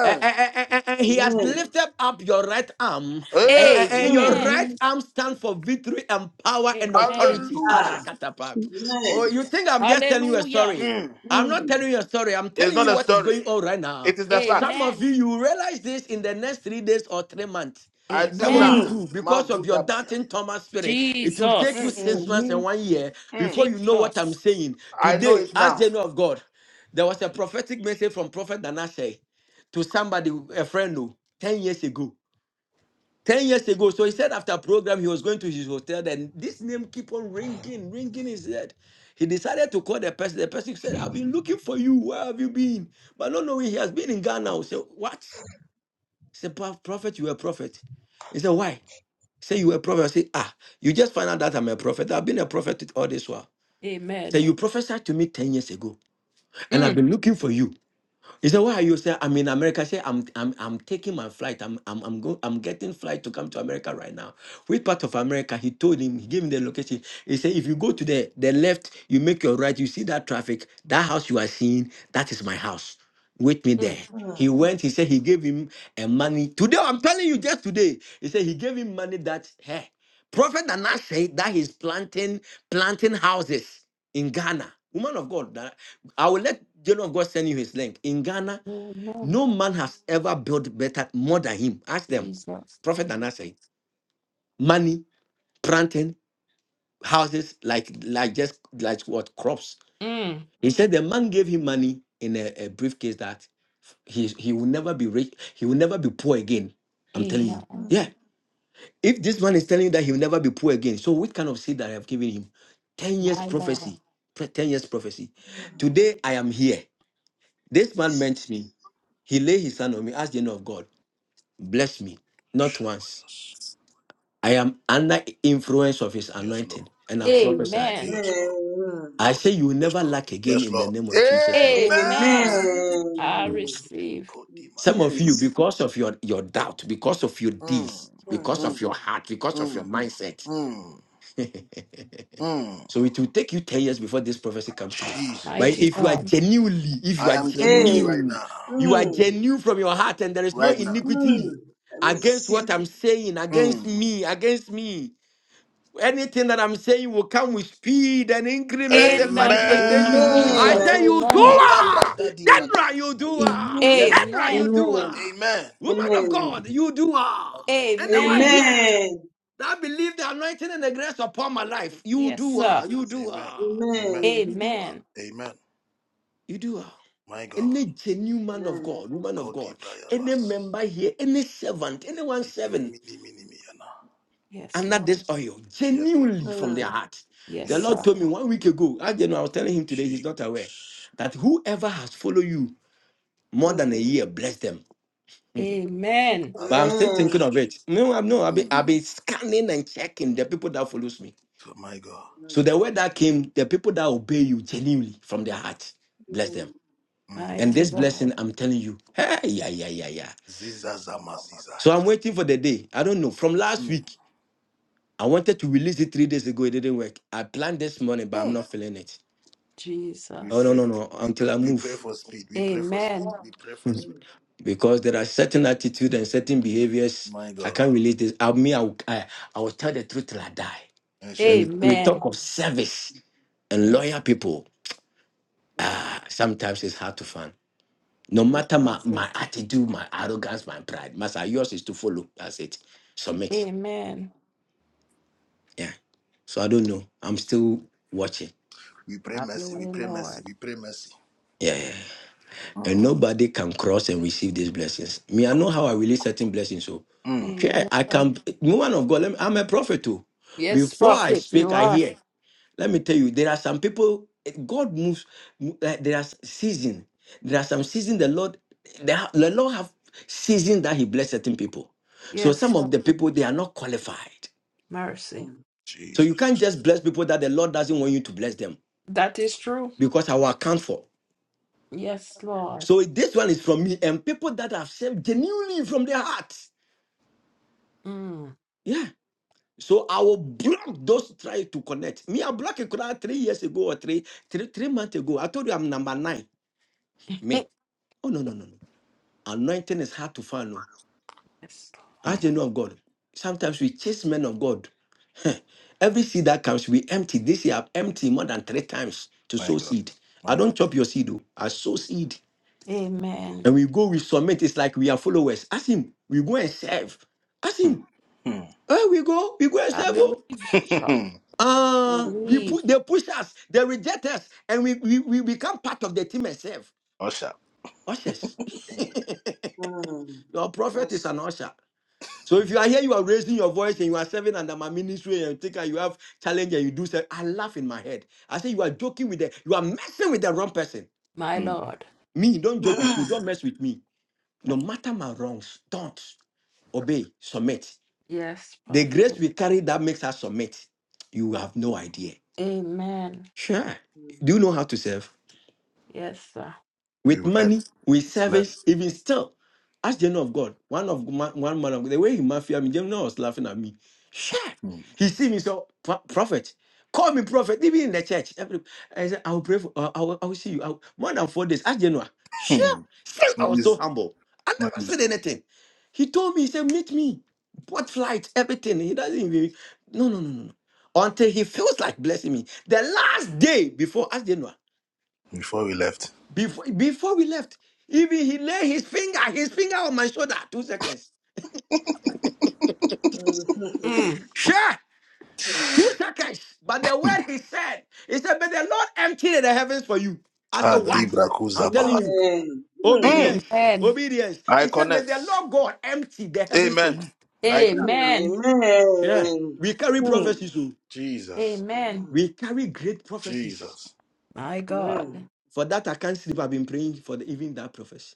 Speaker 10: and, and- and- and he has
Speaker 4: Amen.
Speaker 10: lifted up your right arm, and, and- and your
Speaker 4: Mm.
Speaker 8: Amen.
Speaker 10: right
Speaker 13: Amen.
Speaker 10: arm stands for victory and power and
Speaker 8: Amen.
Speaker 10: authority.
Speaker 4: Ah.
Speaker 10: Arakatapa. Oh,
Speaker 4: Amen.
Speaker 13: Jesus.
Speaker 10: you think I'm just telling you a
Speaker 8: Hallelujah.
Speaker 10: story? I'm not
Speaker 4: Mm.
Speaker 10: telling you a story. I'm telling you what is going on right now. Some of you,
Speaker 8: Amen.
Speaker 10: you realize this in the next three days or three months. Some of
Speaker 8: Amen.
Speaker 10: you
Speaker 4: Mm.
Speaker 10: too, because of your doubting Thomas spirit, it will take you
Speaker 8: Jesus.
Speaker 10: six
Speaker 4: Mm.
Speaker 10: months and
Speaker 13: Amen.
Speaker 10: one year before you know what I'm
Speaker 8: Jesus.
Speaker 10: saying. Today, as they know of God, there was a prophetic message from Prophet Danashe to somebody, a friend, oh, 10 years ago. 10 years ago. So he said after program, he was going to his hotel. Then this name keep on ringing, ringing his head. He decided to call the person. The person said, I've been looking for you. Where have you been? But no, no, he has been in Ghana. So what? He said, "Prof- prophet, you were a prophet. He said, why? Say you were a prophet. I say, ah, you just find out that I'm a prophet. I've been a prophet all this while. Say
Speaker 8: Amen.
Speaker 10: you prophesied to me 10 years ago, and I've
Speaker 8: Mm,
Speaker 10: been looking for you. He said, "Where are you?" Say, "I'm in America." Say, "I'm I'm I'm taking my flight. I'm I'm I'm go, I'm getting flight to come to America right now." Which part of America? He told him. He gave him the location. He said, "If you go to the the left, you make your right. You see that traffic. That house you are seeing, that is my house. Wait me
Speaker 8: mm,
Speaker 10: there." He
Speaker 4: Mm.
Speaker 10: went. He said he gave him a money. Today, I'm telling you, just today. He said he gave him money that hey, Prophet Nana said that he's planting planting houses in Ghana. Woman of God, I will let General of God send you his link. In Ghana,
Speaker 8: mm, mm.
Speaker 10: no man has ever built better more than him. Ask them.
Speaker 8: Jesus.
Speaker 10: Prophet Nana said, money, planting, houses, like like just like what crops.
Speaker 8: Mm.
Speaker 10: He said the man gave him money in a, a briefcase that he he will never be rich, he will never be poor again. I'm telling you. Mm.
Speaker 8: Amen.
Speaker 4: Mm.
Speaker 10: Yeah. If this man is telling you that he will never be poor again, so what kind of seed that I have given him? 10 years
Speaker 8: My Lord.
Speaker 10: prophecy. Pre- 10 years prophecy.
Speaker 4: Mm.
Speaker 10: Today I am here. This man
Speaker 4: Jesus.
Speaker 10: meant me. He laid his hand on me, asked the angel of God, bless me. Not once. I am under influence of his anointing. And I prophesy.
Speaker 8: Amen.
Speaker 4: Amen.
Speaker 10: I say you will never lack again in the name of Jesus alone.
Speaker 8: Amen.
Speaker 13: Amen.
Speaker 8: I
Speaker 4: Amen.
Speaker 8: receive,
Speaker 10: Some
Speaker 4: Receive
Speaker 10: of
Speaker 4: it.
Speaker 10: you, because of your, your doubt, because of your deeds,
Speaker 4: Mm.
Speaker 10: because of your heart, because of your mindset. so it will take you 10 years before this prophecy comes true. But
Speaker 8: mighty
Speaker 10: if you are
Speaker 8: God.
Speaker 10: genuinely, if you are
Speaker 4: Hey.
Speaker 10: genuine, you are
Speaker 4: Mm.
Speaker 10: genuine from your heart and there is no iniquity
Speaker 4: Mm. I
Speaker 10: against what
Speaker 4: receive.
Speaker 10: I'm saying, against me, against me. Anything that I'm saying will come with speed and increment
Speaker 8: In
Speaker 10: and
Speaker 8: the name of
Speaker 10: manifestation. I
Speaker 4: Amen. I
Speaker 13: Amen.
Speaker 8: Jesus.
Speaker 10: say you do
Speaker 8: Amen.
Speaker 4: receive it. in
Speaker 10: ah,
Speaker 4: Jesus' name.
Speaker 10: General, you
Speaker 4: I
Speaker 10: do ah,
Speaker 4: receive
Speaker 13: Amen.
Speaker 4: it.
Speaker 10: General, you
Speaker 8: Amen.
Speaker 10: do
Speaker 4: Amen.
Speaker 10: ah, Woman of God,
Speaker 4: Amen.
Speaker 10: you do ah. Anyone
Speaker 8: Amen.
Speaker 10: here
Speaker 4: Amen.
Speaker 10: that believe the anointing and the grace upon my life, you
Speaker 8: Yes,
Speaker 10: do
Speaker 8: sir.
Speaker 10: ah, you
Speaker 4: Jesus.
Speaker 10: do ah,
Speaker 4: Amen.
Speaker 10: you do ah,
Speaker 8: Amen.
Speaker 10: you do ah. Any genuine man of God, woman of God, any member here, any servant, anyone servant
Speaker 8: Yes,
Speaker 10: under
Speaker 8: Lord.
Speaker 10: this oil genuinely from their heart.
Speaker 8: Yes,
Speaker 10: The Lord
Speaker 8: sir.
Speaker 10: told me one week ago, I didn't know, I was telling him today, he's not aware, that whoever has followed you more than
Speaker 4: Amen.
Speaker 10: a year, bless them. Mhm.
Speaker 8: Amen.
Speaker 10: But I'm still thinking
Speaker 4: Amen.
Speaker 10: of it. No, I'm no, I've been, I've been scanning and checking the people that follows me. So the
Speaker 4: Mm,
Speaker 10: word that came, the people that obey you genuinely from their heart, bless them.
Speaker 4: mm,
Speaker 10: And
Speaker 8: Mighty
Speaker 10: this
Speaker 8: God.
Speaker 10: blessing, I'm telling you, hey, yeah, yeah, yeah, yeah. So I'm waiting for the day. I don't know. From last week, I wanted to release it three days ago. It didn't work. I planned this morning, but I'm not feeling it. Oh no,
Speaker 8: Jesus.
Speaker 10: no, no. Until I move,
Speaker 8: Amen.
Speaker 4: mm,
Speaker 10: because there are certain attitude and certain behaviors I can't relate this. I mean, I will, I, I will tell the truth till I die. When we, we talk
Speaker 8: Amen.
Speaker 10: of service and
Speaker 8: Yes,
Speaker 10: loyal people,
Speaker 4: mm,
Speaker 10: ah, sometimes it's hard to find. No
Speaker 8: true
Speaker 10: matter my, my
Speaker 8: prophet.
Speaker 10: attitude, my arrogance, my pride, master, yours is to follow. That's it. Submit.
Speaker 8: Amen.
Speaker 10: Yeah. So I don't know. I'm still watching.
Speaker 8: Have your way, Lord.
Speaker 10: Yeah. yeah. and nobody can cross and receive these blessings. Me, I know how I release certain blessings. So, yeah,
Speaker 8: Amen.
Speaker 10: I can. Woman of God, let me, I'm a prophet too.
Speaker 8: Yes,
Speaker 10: Before I
Speaker 8: prophet,
Speaker 10: speak,
Speaker 8: you
Speaker 10: I
Speaker 4: mm,
Speaker 8: are.
Speaker 10: hear. Let me tell you, there are some people. God moves. Like there are season. There are some season the Lord, the, the Lord have season that He bless certain people. So
Speaker 8: Yes,
Speaker 10: some
Speaker 8: Lord.
Speaker 10: of the people they are not qualified.
Speaker 8: Mercy.
Speaker 10: So you can't just bless people that the Lord doesn't want you to bless them
Speaker 8: That is true.
Speaker 10: because I will account for.
Speaker 8: Yes, Lord.
Speaker 10: So this one is from me and people that have served genuinely from their heart.
Speaker 8: Mm.
Speaker 10: Yeah. So I will block those try to connect. Me, I blocked a crowd three years ago or three, three, three months ago. I told you I'm number nine. Me. Oh no, no, no, no. Anointing is hard to find. No.
Speaker 8: Yes.
Speaker 10: As they know of God. Sometimes we chase men of God. Heh. Every seed that comes, we empty. This year I've emptied more than three times to sow seed. I don't chop your seed, though. I sow seed.
Speaker 8: Lord. Amen.
Speaker 10: And we go, we submit. It's like we are followers. Ask him. We go and serve. Ask him. Where we go? We go and
Speaker 8: I
Speaker 10: serve. oh."
Speaker 8: believe you, prophet.
Speaker 10: Uh,
Speaker 4: mm,
Speaker 10: we
Speaker 8: Believe,
Speaker 10: pu- they push us, they reject us, and we, we, we become part of the team and serve. Ushers.
Speaker 4: mm, mm.
Speaker 10: Your prophet is
Speaker 4: Mercy.
Speaker 10: an usher. So if you are here, you are raising your voice and you are serving under my ministry and you think that you have challenge and you do say, I laugh in my head. I say you are joking with the you are messing with the wrong person.
Speaker 8: my Lord.
Speaker 10: Me, don't joke with me, don't mess with me. No matter my wrongs, don't obey, submit.
Speaker 8: Yes,
Speaker 10: The grace
Speaker 8: prophet.
Speaker 10: we carry that makes us submit. You have no idea.
Speaker 8: Amen.
Speaker 10: Sure. Do you know how to serve?
Speaker 8: Yes, sir.
Speaker 10: with money, with service, even still. Ask the of God. One of ma- one man of God, the way he mafia me, Jonah was laughing at me. Sure. He see me so "Pro- prophet. Call me prophet, even in the church. Every, I said, I will pray for uh, I, will, I will see you. I will, more than four days. Ask Genoa. Sure. Still, I was so humble. I never said anything. He told me, he said, meet me. Bought flights, everything. He doesn't even no, no, no, no, no. Until he feels like blessing me. The last day before Ask Genoa. Before before we left, even he lay his finger, his finger on my shoulder, two seconds.
Speaker 4: Mm, mm, mm.
Speaker 8: Mm.
Speaker 10: Sure, two seconds. But the word he said, he said, But the Lord emptied the heavens for you. I said, What?
Speaker 8: Mm.
Speaker 10: I'm telling you,
Speaker 4: Amen. Mm,
Speaker 10: obedience,
Speaker 8: Amen.
Speaker 10: obedience. He said, May the Lord God empty the heavens for you.
Speaker 8: Amen.
Speaker 4: mm,
Speaker 10: Sure.
Speaker 4: Amen. Mm,
Speaker 10: We carry
Speaker 4: mm,
Speaker 10: prophecies, oh.
Speaker 8: Amen.
Speaker 10: we carry great prophecies.
Speaker 8: My God.
Speaker 4: mm.
Speaker 10: For that, I can't sleep. I've been praying for the, even that prophecy.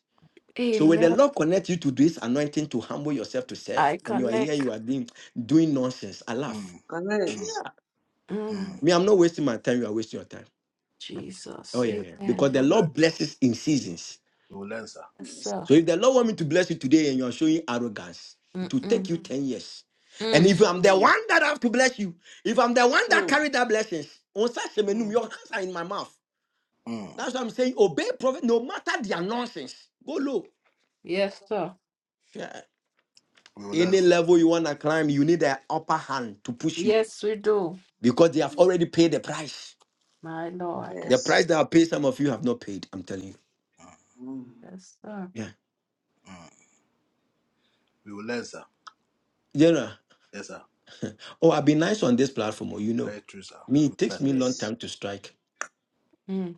Speaker 10: So when the
Speaker 8: Amen.
Speaker 10: Lord connect you to this anointing to humble yourself to serve,
Speaker 8: I
Speaker 10: when you are here,
Speaker 8: connect.
Speaker 10: you are doing doing nonsense. I laugh.
Speaker 4: Connect.
Speaker 10: Yeah.
Speaker 8: Mm.
Speaker 10: Me, I'm not wasting my time. You are wasting your time. Oh
Speaker 8: Jesus.
Speaker 10: yeah, yeah.
Speaker 8: Amen.
Speaker 10: Because the Lord blesses in seasons.
Speaker 8: Yes,
Speaker 4: Yes.
Speaker 8: sir.
Speaker 10: So if the Lord want me to bless you today and you are showing arrogance, it will take
Speaker 8: Mm-mm.
Speaker 10: you ten years. And
Speaker 8: Mm.
Speaker 10: if I'm the
Speaker 4: Mm,
Speaker 10: one that have to bless you, if I'm the one that
Speaker 4: mm,
Speaker 10: carry that blessings, on such a menu,
Speaker 4: mm.
Speaker 10: your hands are in my mouth. That's what I'm saying. Obey prophet, no matter their nonsense. Go low.
Speaker 8: Yes, sir.
Speaker 10: Yeah. Any level you wanna climb, you need an upper hand to push you.
Speaker 8: Yes, we do,
Speaker 10: because they have already paid the price.
Speaker 8: my Lord.
Speaker 10: The
Speaker 4: Yes.
Speaker 10: price that I paid, some of you have not paid. I'm telling you.
Speaker 4: Mm,
Speaker 8: Yes, sir.
Speaker 10: Yeah. General, oh, I've been nice on this platform. Oh, you know, me, it takes me a long
Speaker 4: Yes.
Speaker 10: time to strike,
Speaker 8: Mm,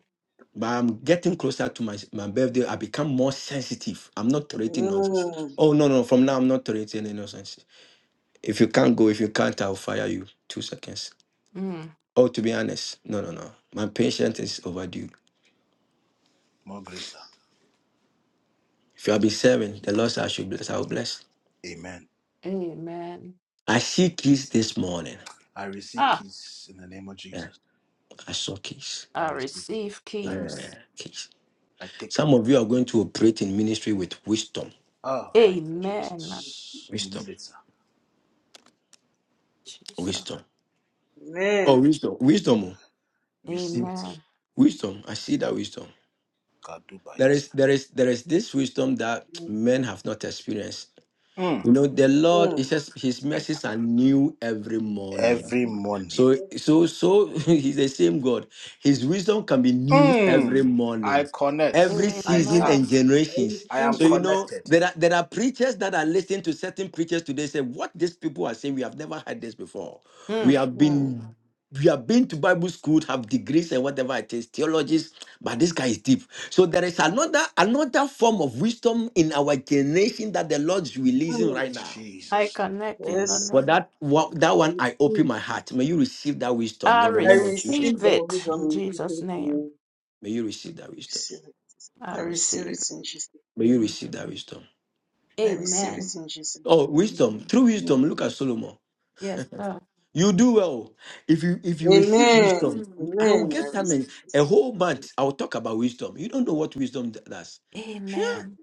Speaker 10: but I'm getting
Speaker 4: Mm,
Speaker 10: closer to my, my birthday. I become more sensitive. I'm not tolerating nonsense. Oh, no, no. From now, I'm not tolerating any nonsense. If you can't go, if you can't, I'll fire you. Two seconds.
Speaker 8: mm.
Speaker 10: Oh, to be honest, no, no, no. My patience is overdue. If you have been serving, the Lord said I should bless, I will bless.
Speaker 8: Amen.
Speaker 10: I see keys this morning.
Speaker 8: Ah,
Speaker 10: Yeah, I saw keys.
Speaker 8: I receive
Speaker 10: Yeah.
Speaker 8: keys.
Speaker 10: Okay. Some of you are going to operate in ministry with wisdom.
Speaker 8: Amen.
Speaker 10: Wisdom.
Speaker 8: Jesus.
Speaker 10: Wisdom. Oh,
Speaker 4: Amen.
Speaker 10: wisdom. Wisdom. oh.
Speaker 8: Amen.
Speaker 10: Wisdom. I see that wisdom. There is there is there is this wisdom that
Speaker 4: Mm,
Speaker 10: men have not experienced. You know, the Lord, it says his mercies are new every morning. So so so he's the same God. His wisdom can be new every morning,
Speaker 4: mm.
Speaker 10: every season
Speaker 8: Amen.
Speaker 10: and
Speaker 4: receive
Speaker 10: generations. So you
Speaker 4: it.
Speaker 10: know there are there are preachers that are listening to certain preachers today say, What these people are saying, we have never heard this before. We
Speaker 8: Mm,
Speaker 10: have
Speaker 4: Mm.
Speaker 10: been you have been to Bible school, have degrees and whatever it is, theologies, but this guy is deep. So there is another another form of wisdom in our generation that the Lord's releasing right
Speaker 4: Mm.
Speaker 10: now.
Speaker 8: I connect in the
Speaker 4: Yes,
Speaker 10: For
Speaker 8: name of
Speaker 10: that one, that
Speaker 4: I
Speaker 10: one, I open
Speaker 4: receive
Speaker 10: my
Speaker 4: it.
Speaker 10: heart. May you receive that wisdom
Speaker 8: I
Speaker 10: in the
Speaker 4: I
Speaker 10: name of Jesus, O
Speaker 4: receive
Speaker 8: receive
Speaker 10: Lord.
Speaker 4: that
Speaker 8: it in
Speaker 4: wisdom in
Speaker 8: Jesus'
Speaker 4: Jesus'
Speaker 8: name.
Speaker 4: name.
Speaker 10: May you receive that
Speaker 4: I
Speaker 10: wisdom.
Speaker 4: receive it. I
Speaker 8: I
Speaker 4: receive
Speaker 8: receive
Speaker 4: it in Jesus'
Speaker 10: May you
Speaker 4: name.
Speaker 10: receive that wisdom.
Speaker 8: it.
Speaker 4: I receive it
Speaker 8: Amen.
Speaker 4: in Jesus'
Speaker 10: Oh, wisdom! Through
Speaker 4: name.
Speaker 10: wisdom, look at Solomon.
Speaker 8: Yes, sir.
Speaker 10: You do well if you if you receive
Speaker 4: Amen.
Speaker 10: wisdom. I will
Speaker 4: Amen. I
Speaker 10: get time
Speaker 4: receive
Speaker 10: and a whole
Speaker 4: it.
Speaker 10: month. I will talk about wisdom. You don't know what wisdom d- does. Sure.
Speaker 8: Amen.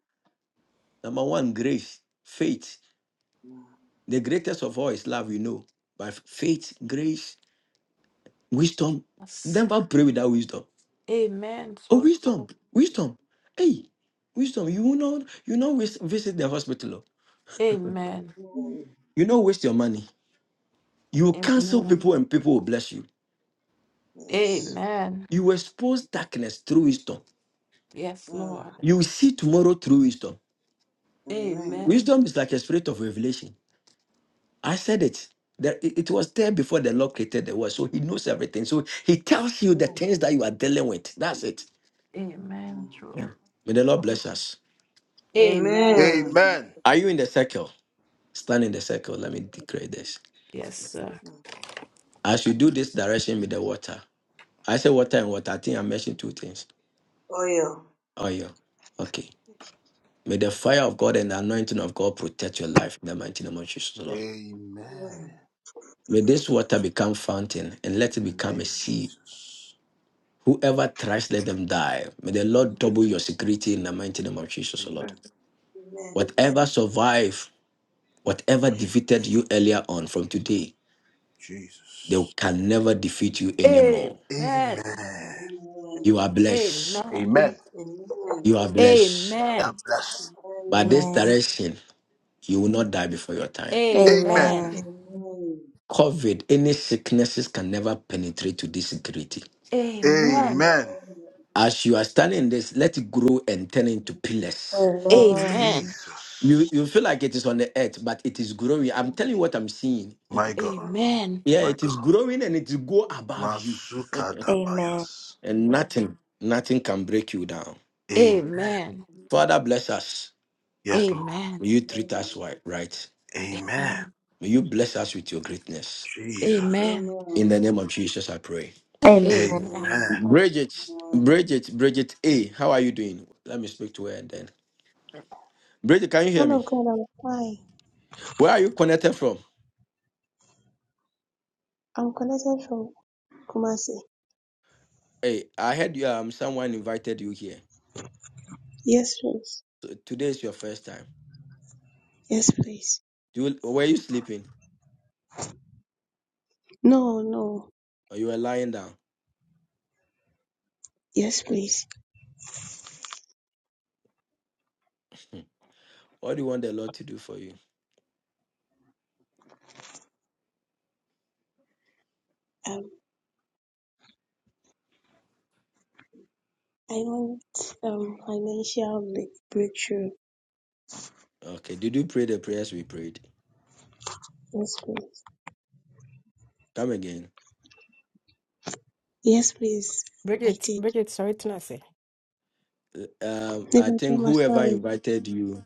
Speaker 10: Number one, grace, faith. The greatest of all is love, we know. But faith, grace, wisdom.
Speaker 8: Jesus.
Speaker 10: Never pray without wisdom.
Speaker 8: Amen.
Speaker 10: Oh,
Speaker 8: So
Speaker 10: wisdom,
Speaker 8: true.
Speaker 10: wisdom. Hey, wisdom. You will not, you will not waste, visit the hospital. oh.
Speaker 8: Amen.
Speaker 4: Mm.
Speaker 10: You not waste your money. You will cancel
Speaker 8: Amen.
Speaker 10: people and people will bless you.
Speaker 4: Yes.
Speaker 8: Amen.
Speaker 10: You will expose darkness through wisdom.
Speaker 8: Yes,
Speaker 4: Mm.
Speaker 8: Lord.
Speaker 10: You will see tomorrow through wisdom.
Speaker 4: Amen.
Speaker 8: Amen.
Speaker 10: Wisdom is like a spirit of revelation. I said it. There- it it was there before the Lord created the world. So he knows everything. So he tells you the
Speaker 4: Mm.
Speaker 10: things that you are dealing with. That's it.
Speaker 8: Amen.
Speaker 4: Mm.
Speaker 10: Yeah.
Speaker 8: True.
Speaker 10: May the Lord
Speaker 8: True.
Speaker 10: bless us.
Speaker 8: Amen.
Speaker 4: Amen.
Speaker 10: Are you in the circle? Stand in the circle. Let me declare this.
Speaker 8: Yes, sir.
Speaker 4: Mm.
Speaker 10: As you do this direction with the water, I say water and water. I think I mentioned two things.
Speaker 4: Oil.
Speaker 10: Oh, yeah. Okay. May the fire of God and the anointing of God protect your life in the mighty name of Jesus, Lord.
Speaker 1: Amen.
Speaker 4: Amen.
Speaker 10: May this water become fountain and let it
Speaker 1: In the
Speaker 10: become
Speaker 1: name
Speaker 10: a
Speaker 1: of
Speaker 10: sea
Speaker 1: Jesus.
Speaker 10: Whoever tries, let them die. May the Lord
Speaker 1: Amen.
Speaker 10: double your security in the mighty name of Jesus, O Lord.
Speaker 1: Amen.
Speaker 4: Amen.
Speaker 10: Whatever survived, whatever defeated you earlier on from today, they
Speaker 1: Jesus.
Speaker 10: can never defeat you anymore.
Speaker 8: Amen.
Speaker 1: Amen.
Speaker 4: Amen.
Speaker 10: You are blessed.
Speaker 8: Amen.
Speaker 1: Amen.
Speaker 4: Amen.
Speaker 10: You are blessed.
Speaker 8: Amen.
Speaker 10: By this
Speaker 4: Amen.
Speaker 3: Amen.
Speaker 10: direction, you will
Speaker 4: Mm.
Speaker 10: not die before your time.
Speaker 8: Amen.
Speaker 4: Amen.
Speaker 3: Amen.
Speaker 10: COVID, any sicknesses can never penetrate to this security.
Speaker 8: Amen.
Speaker 4: Amen.
Speaker 10: As you are standing in this, let it grow and turn into pillars.
Speaker 3: Amen.
Speaker 4: Amen.
Speaker 8: Amen.
Speaker 10: You you feel like it is on the earth, but it is growing. I'm
Speaker 4: Amen.
Speaker 10: telling you what I'm seeing.
Speaker 4: Amen.
Speaker 8: Amen. Amen.
Speaker 10: Yeah, it is growing and it will go above you,
Speaker 3: Amen.
Speaker 10: and nothing, nothing can break you down.
Speaker 8: Amen.
Speaker 10: Father, bless us.
Speaker 8: Amen.
Speaker 10: May you treat us wi- right. May you bless us with your greatness.
Speaker 8: Amen.
Speaker 10: In the name of Jesus, I pray.
Speaker 3: Amen.
Speaker 8: Amen.
Speaker 10: Bridget, Bridget, Bridget A, how are you doing? Let me speak to her and then. Bridget, can you hear
Speaker 13: Man
Speaker 10: me?
Speaker 13: of God, I'm fine.
Speaker 10: Where are you connected from?
Speaker 13: I'm connected from Kumasi.
Speaker 10: Hey, I heard you, um, someone invited you here.
Speaker 13: Yes, please.
Speaker 10: So today is your first time.
Speaker 13: Yes, please.
Speaker 10: Do you, were you sleeping
Speaker 13: No, no.
Speaker 10: or you were lying down?
Speaker 13: Yes, please.
Speaker 10: Hmm. What do you want the Lord to do for you?
Speaker 13: I want um financial break- breakthrough.
Speaker 10: Okay, did you pray the prayers we prayed?
Speaker 13: Yes, please.
Speaker 10: Come again.
Speaker 13: Yes, please. I
Speaker 6: Bridget,
Speaker 13: did.
Speaker 6: Bridget, sorry to not say.
Speaker 10: Uh, Um, I
Speaker 13: Nibacho,
Speaker 10: think
Speaker 13: my
Speaker 10: whoever
Speaker 13: sorry.
Speaker 10: invited you,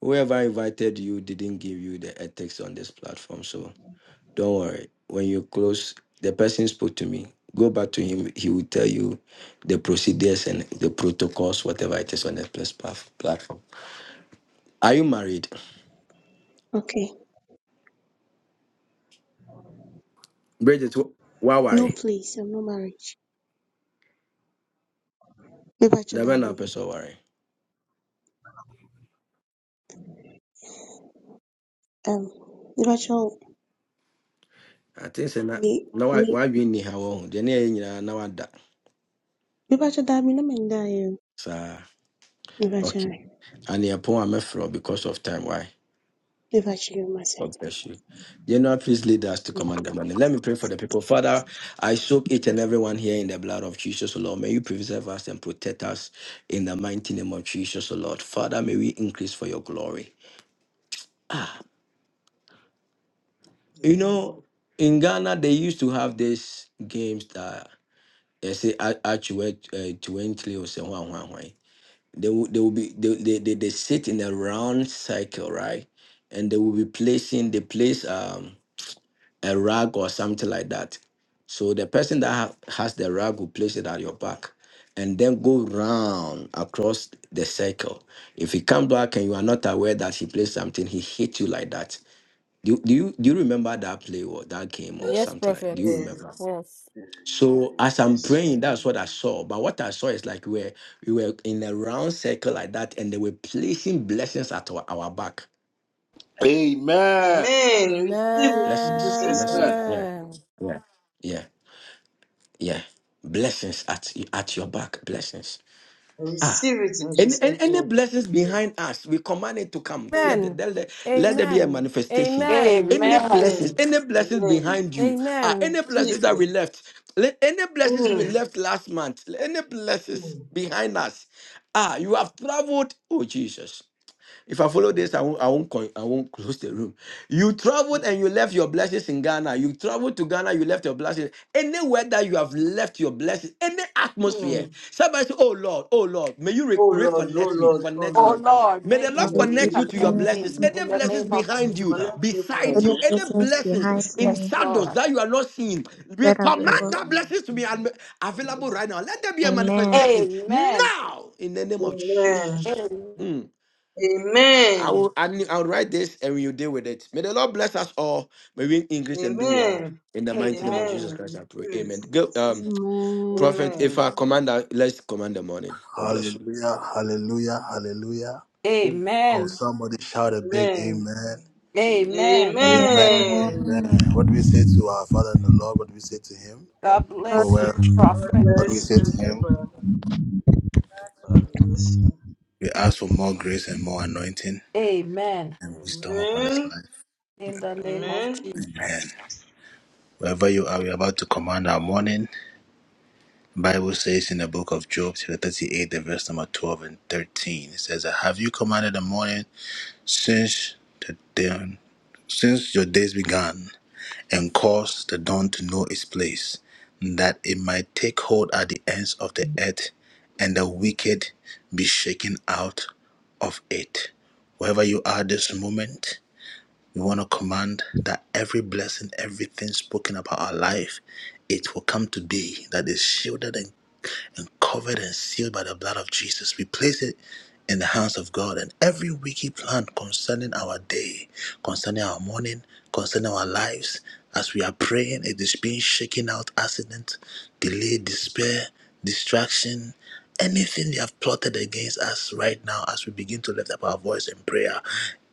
Speaker 10: whoever invited you, didn't give you the ethics on this platform. So don't worry. When you close, the person spoke to me. Go back to him. He will tell you the procedures and the protocols, whatever it is on the plas- paf- platform. Are you married,
Speaker 13: Okay.
Speaker 10: Bridget? Why
Speaker 13: No,
Speaker 10: worry?
Speaker 13: please. I'm not married. Nibacho,
Speaker 10: The man
Speaker 13: daddy.
Speaker 10: up so worry.
Speaker 13: Um, Nibacho,
Speaker 10: I think so. Now,
Speaker 13: me,
Speaker 10: why
Speaker 13: me.
Speaker 10: why we need how long? The near now that.
Speaker 13: Nibacho, daddy, no man, die.
Speaker 10: So
Speaker 13: Nibacho,
Speaker 10: okay. And the point I'm afraid because of time. Why?
Speaker 13: Nibacho, you must
Speaker 10: God bless you. General, please lead us to command the morning. Let me pray for the people. Father, I soak each and everyone here in the blood of Jesus, O Lord. May you preserve us and protect us in the mighty name of Jesus, O Lord. Father, may we increase for your glory. You know, in Ghana, they used to have these games that they say actually twenty or something. They will, they will be they, they, they, they sit in a round circle, right? And they will be placing they place um a rug or something like that. So the person that ha- has the rug will place it at your back and then go round across the circle. If he comes back and you are not aware that he placed something, he hit you like that. Do, you- do you do you remember that play or that game or
Speaker 6: Yes,
Speaker 10: something like do you
Speaker 6: prophet.
Speaker 10: remember?
Speaker 4: Yes,
Speaker 10: Yes.
Speaker 6: Yes.
Speaker 10: So as I'm
Speaker 4: yes, we
Speaker 10: praying,
Speaker 4: do.
Speaker 10: that's what I saw. But what I saw is like we were we were in a round circle like that, and they were placing blessings at our, our back.
Speaker 1: Amen.
Speaker 4: Amen. Receive it in
Speaker 10: Blessings.
Speaker 4: Jesus'
Speaker 1: Amen.
Speaker 4: name.
Speaker 6: Amen.
Speaker 10: Yeah, yeah. Blessings at at your back. Blessings. Ah,
Speaker 4: Receive it in
Speaker 10: and,
Speaker 4: Jesus'
Speaker 10: and any
Speaker 4: name.
Speaker 10: blessings behind us, we command it to come. Let,
Speaker 4: Amen.
Speaker 10: the-
Speaker 6: Amen.
Speaker 10: let, the- let there be a
Speaker 6: Amen.
Speaker 10: manifestation.
Speaker 6: Amen.
Speaker 10: Any
Speaker 8: Amen.
Speaker 10: blessings,
Speaker 4: Amen.
Speaker 10: any blessings
Speaker 4: Amen.
Speaker 10: behind you, ah,
Speaker 6: Amen.
Speaker 10: any blessings that
Speaker 4: Jesus.
Speaker 10: we left, let- any blessings we
Speaker 4: Mm.
Speaker 10: left last month, any blessings
Speaker 4: Mm.
Speaker 10: behind us. Ah, you have traveled. Oh, Jesus. If I follow
Speaker 4: Mm.
Speaker 10: this, I won't, I won't, con- I won't close the room. You traveled and
Speaker 4: Mm.
Speaker 10: you left your blessings in Ghana. You traveled to Ghana, you left your blessings. Anywhere that you have left your blessings, any atmosphere.
Speaker 4: Mm.
Speaker 10: Somebody say, Oh Lord, oh Lord, may you re-
Speaker 4: Oh Lord, oh
Speaker 10: reconnect me,
Speaker 4: Lord, oh
Speaker 10: connect
Speaker 8: Oh
Speaker 4: Lord,
Speaker 10: me.
Speaker 8: Lord,
Speaker 10: May
Speaker 8: may
Speaker 10: the
Speaker 4: oh
Speaker 10: Lord
Speaker 8: you
Speaker 4: Lord,
Speaker 10: connect you
Speaker 4: we
Speaker 10: to your
Speaker 8: reconnect
Speaker 4: thank
Speaker 3: Reconnect
Speaker 8: me
Speaker 10: blessings.
Speaker 4: you.
Speaker 8: in
Speaker 10: Any
Speaker 8: the
Speaker 3: to
Speaker 10: blessings
Speaker 8: name of
Speaker 4: When
Speaker 10: behind
Speaker 4: you
Speaker 8: Jesus.
Speaker 10: you,
Speaker 4: connect me to my
Speaker 10: beside
Speaker 3: any
Speaker 10: you, any
Speaker 4: blessing,
Speaker 3: persons
Speaker 10: blessings
Speaker 3: behind
Speaker 4: this is
Speaker 10: in
Speaker 8: Yes,
Speaker 3: me
Speaker 10: shadows
Speaker 8: Lord.
Speaker 10: that you are not seeing, we
Speaker 3: that I've
Speaker 10: command
Speaker 4: very
Speaker 3: lost.
Speaker 10: that
Speaker 4: fun.
Speaker 10: blessings
Speaker 4: This
Speaker 10: to be un- available
Speaker 4: is
Speaker 10: right now. Let there be a
Speaker 3: Amen.
Speaker 10: manifestation
Speaker 8: Amen.
Speaker 10: now in the name of
Speaker 4: Amen.
Speaker 10: Jesus.
Speaker 8: Amen.
Speaker 10: Hmm. I I
Speaker 4: Amen.
Speaker 10: will I need- I'll write this and we will deal with it. May the Lord bless us all. May we increase and do well.
Speaker 4: Amen.
Speaker 10: In the mighty name
Speaker 8: Amen.
Speaker 10: of Jesus
Speaker 4: Amen.
Speaker 10: Christ, I pray.
Speaker 4: Receive
Speaker 10: Amen.
Speaker 4: it in
Speaker 10: Go,
Speaker 4: Jesus.
Speaker 10: um,
Speaker 4: name.
Speaker 10: Prophet, if
Speaker 4: Amen.
Speaker 10: I command, let's command the morning. God bless you.
Speaker 1: Hallelujah. Hallelujah. Hallelujah.
Speaker 15: Amen.
Speaker 1: Oh,
Speaker 8: Amen.
Speaker 1: somebody shout a big
Speaker 4: Amen.
Speaker 1: amen.
Speaker 15: Amen.
Speaker 8: Amen.
Speaker 1: Amen and
Speaker 3: Amen.
Speaker 4: Amen.
Speaker 1: amen. What do we say to our Father in the Lord? What do we say to Him?
Speaker 8: God
Speaker 3: Lord,
Speaker 1: Oh,
Speaker 8: bless
Speaker 3: be
Speaker 8: you,
Speaker 1: well,
Speaker 4: God
Speaker 8: prophet.
Speaker 3: Jesus.
Speaker 1: what do
Speaker 15: Bless
Speaker 1: we
Speaker 4: bless
Speaker 1: say
Speaker 15: you.
Speaker 3: In
Speaker 1: to
Speaker 4: you,
Speaker 3: the
Speaker 1: Him?
Speaker 4: Papa. God bless you.
Speaker 1: We ask for more grace and more anointing
Speaker 8: Amen.
Speaker 1: and wisdom upon His
Speaker 4: Amen.
Speaker 1: life.
Speaker 8: In the name of
Speaker 4: Amen.
Speaker 1: Amen.
Speaker 8: Jesus.
Speaker 1: Wherever you are, we are about to command our morning. Bible says in the book of Job, chapter 38, the verse number 12 and 13, it says, Have you commanded the morning since the dawn, since your days began, and caused the dawn to know its place? that it might take hold at the be shake it. Wherever you are this moment, we want to command that every blessing, everything spoken about our life, it will come to be that is shielded and covered and sealed by the blood of Jesus. We place it in the hands of God and every wicked plan concerning our day, concerning our morning, concerning our lives. As we are praying, it is being shaken out accident, delay, despair, distraction, anything they have plotted against us as we begin to lift up our voice in prayer.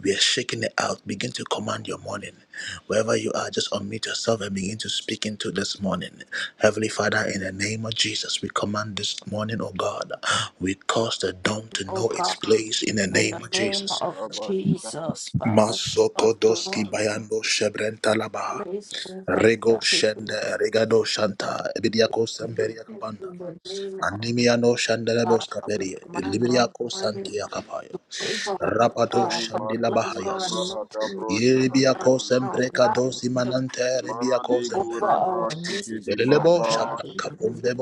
Speaker 1: We are shaking it out. Begin to command your morning. Wherever you are, just unmute yourself and begin to speak into this morning. Heavenly Father, in the name of Jesus, we command this morning, oh God. We cause the dawn to
Speaker 8: Oh
Speaker 1: know its
Speaker 8: God,
Speaker 1: place in the
Speaker 8: in the
Speaker 1: name of
Speaker 8: name
Speaker 1: Jesus.
Speaker 8: of
Speaker 15: Rabba Hadabro
Speaker 8: Jesus, Father, God, the Lord,
Speaker 1: Rentalabaha.
Speaker 8: praise, oh God,
Speaker 1: Rego
Speaker 8: that you do.
Speaker 1: Shende Regado Shanta Ebidiako
Speaker 8: We
Speaker 1: Semberia
Speaker 8: repent
Speaker 1: Kapanda
Speaker 8: in the name of
Speaker 1: Anemia no
Speaker 8: God,
Speaker 1: shandelebos
Speaker 8: we
Speaker 1: caperia,
Speaker 8: command our
Speaker 1: Liberia co
Speaker 8: servants
Speaker 1: santia capaya,
Speaker 8: to favor us,
Speaker 1: Rapato
Speaker 15: Shahadi
Speaker 8: God, for
Speaker 1: shandila
Speaker 8: bless
Speaker 15: Madura
Speaker 8: for
Speaker 1: bahayas,
Speaker 8: anointing God,
Speaker 1: Yebiaco
Speaker 15: Bahadabro
Speaker 8: our
Speaker 1: sempreca dosi
Speaker 8: lives,
Speaker 1: manante rebiaco
Speaker 15: Mandi
Speaker 8: over
Speaker 1: zembele.
Speaker 15: Gura
Speaker 8: our ministry,
Speaker 15: Brasihidi
Speaker 1: Lelebo
Speaker 8: Father God,
Speaker 1: shata
Speaker 8: in
Speaker 15: Mafaros,
Speaker 8: the
Speaker 1: kapumbe
Speaker 8: name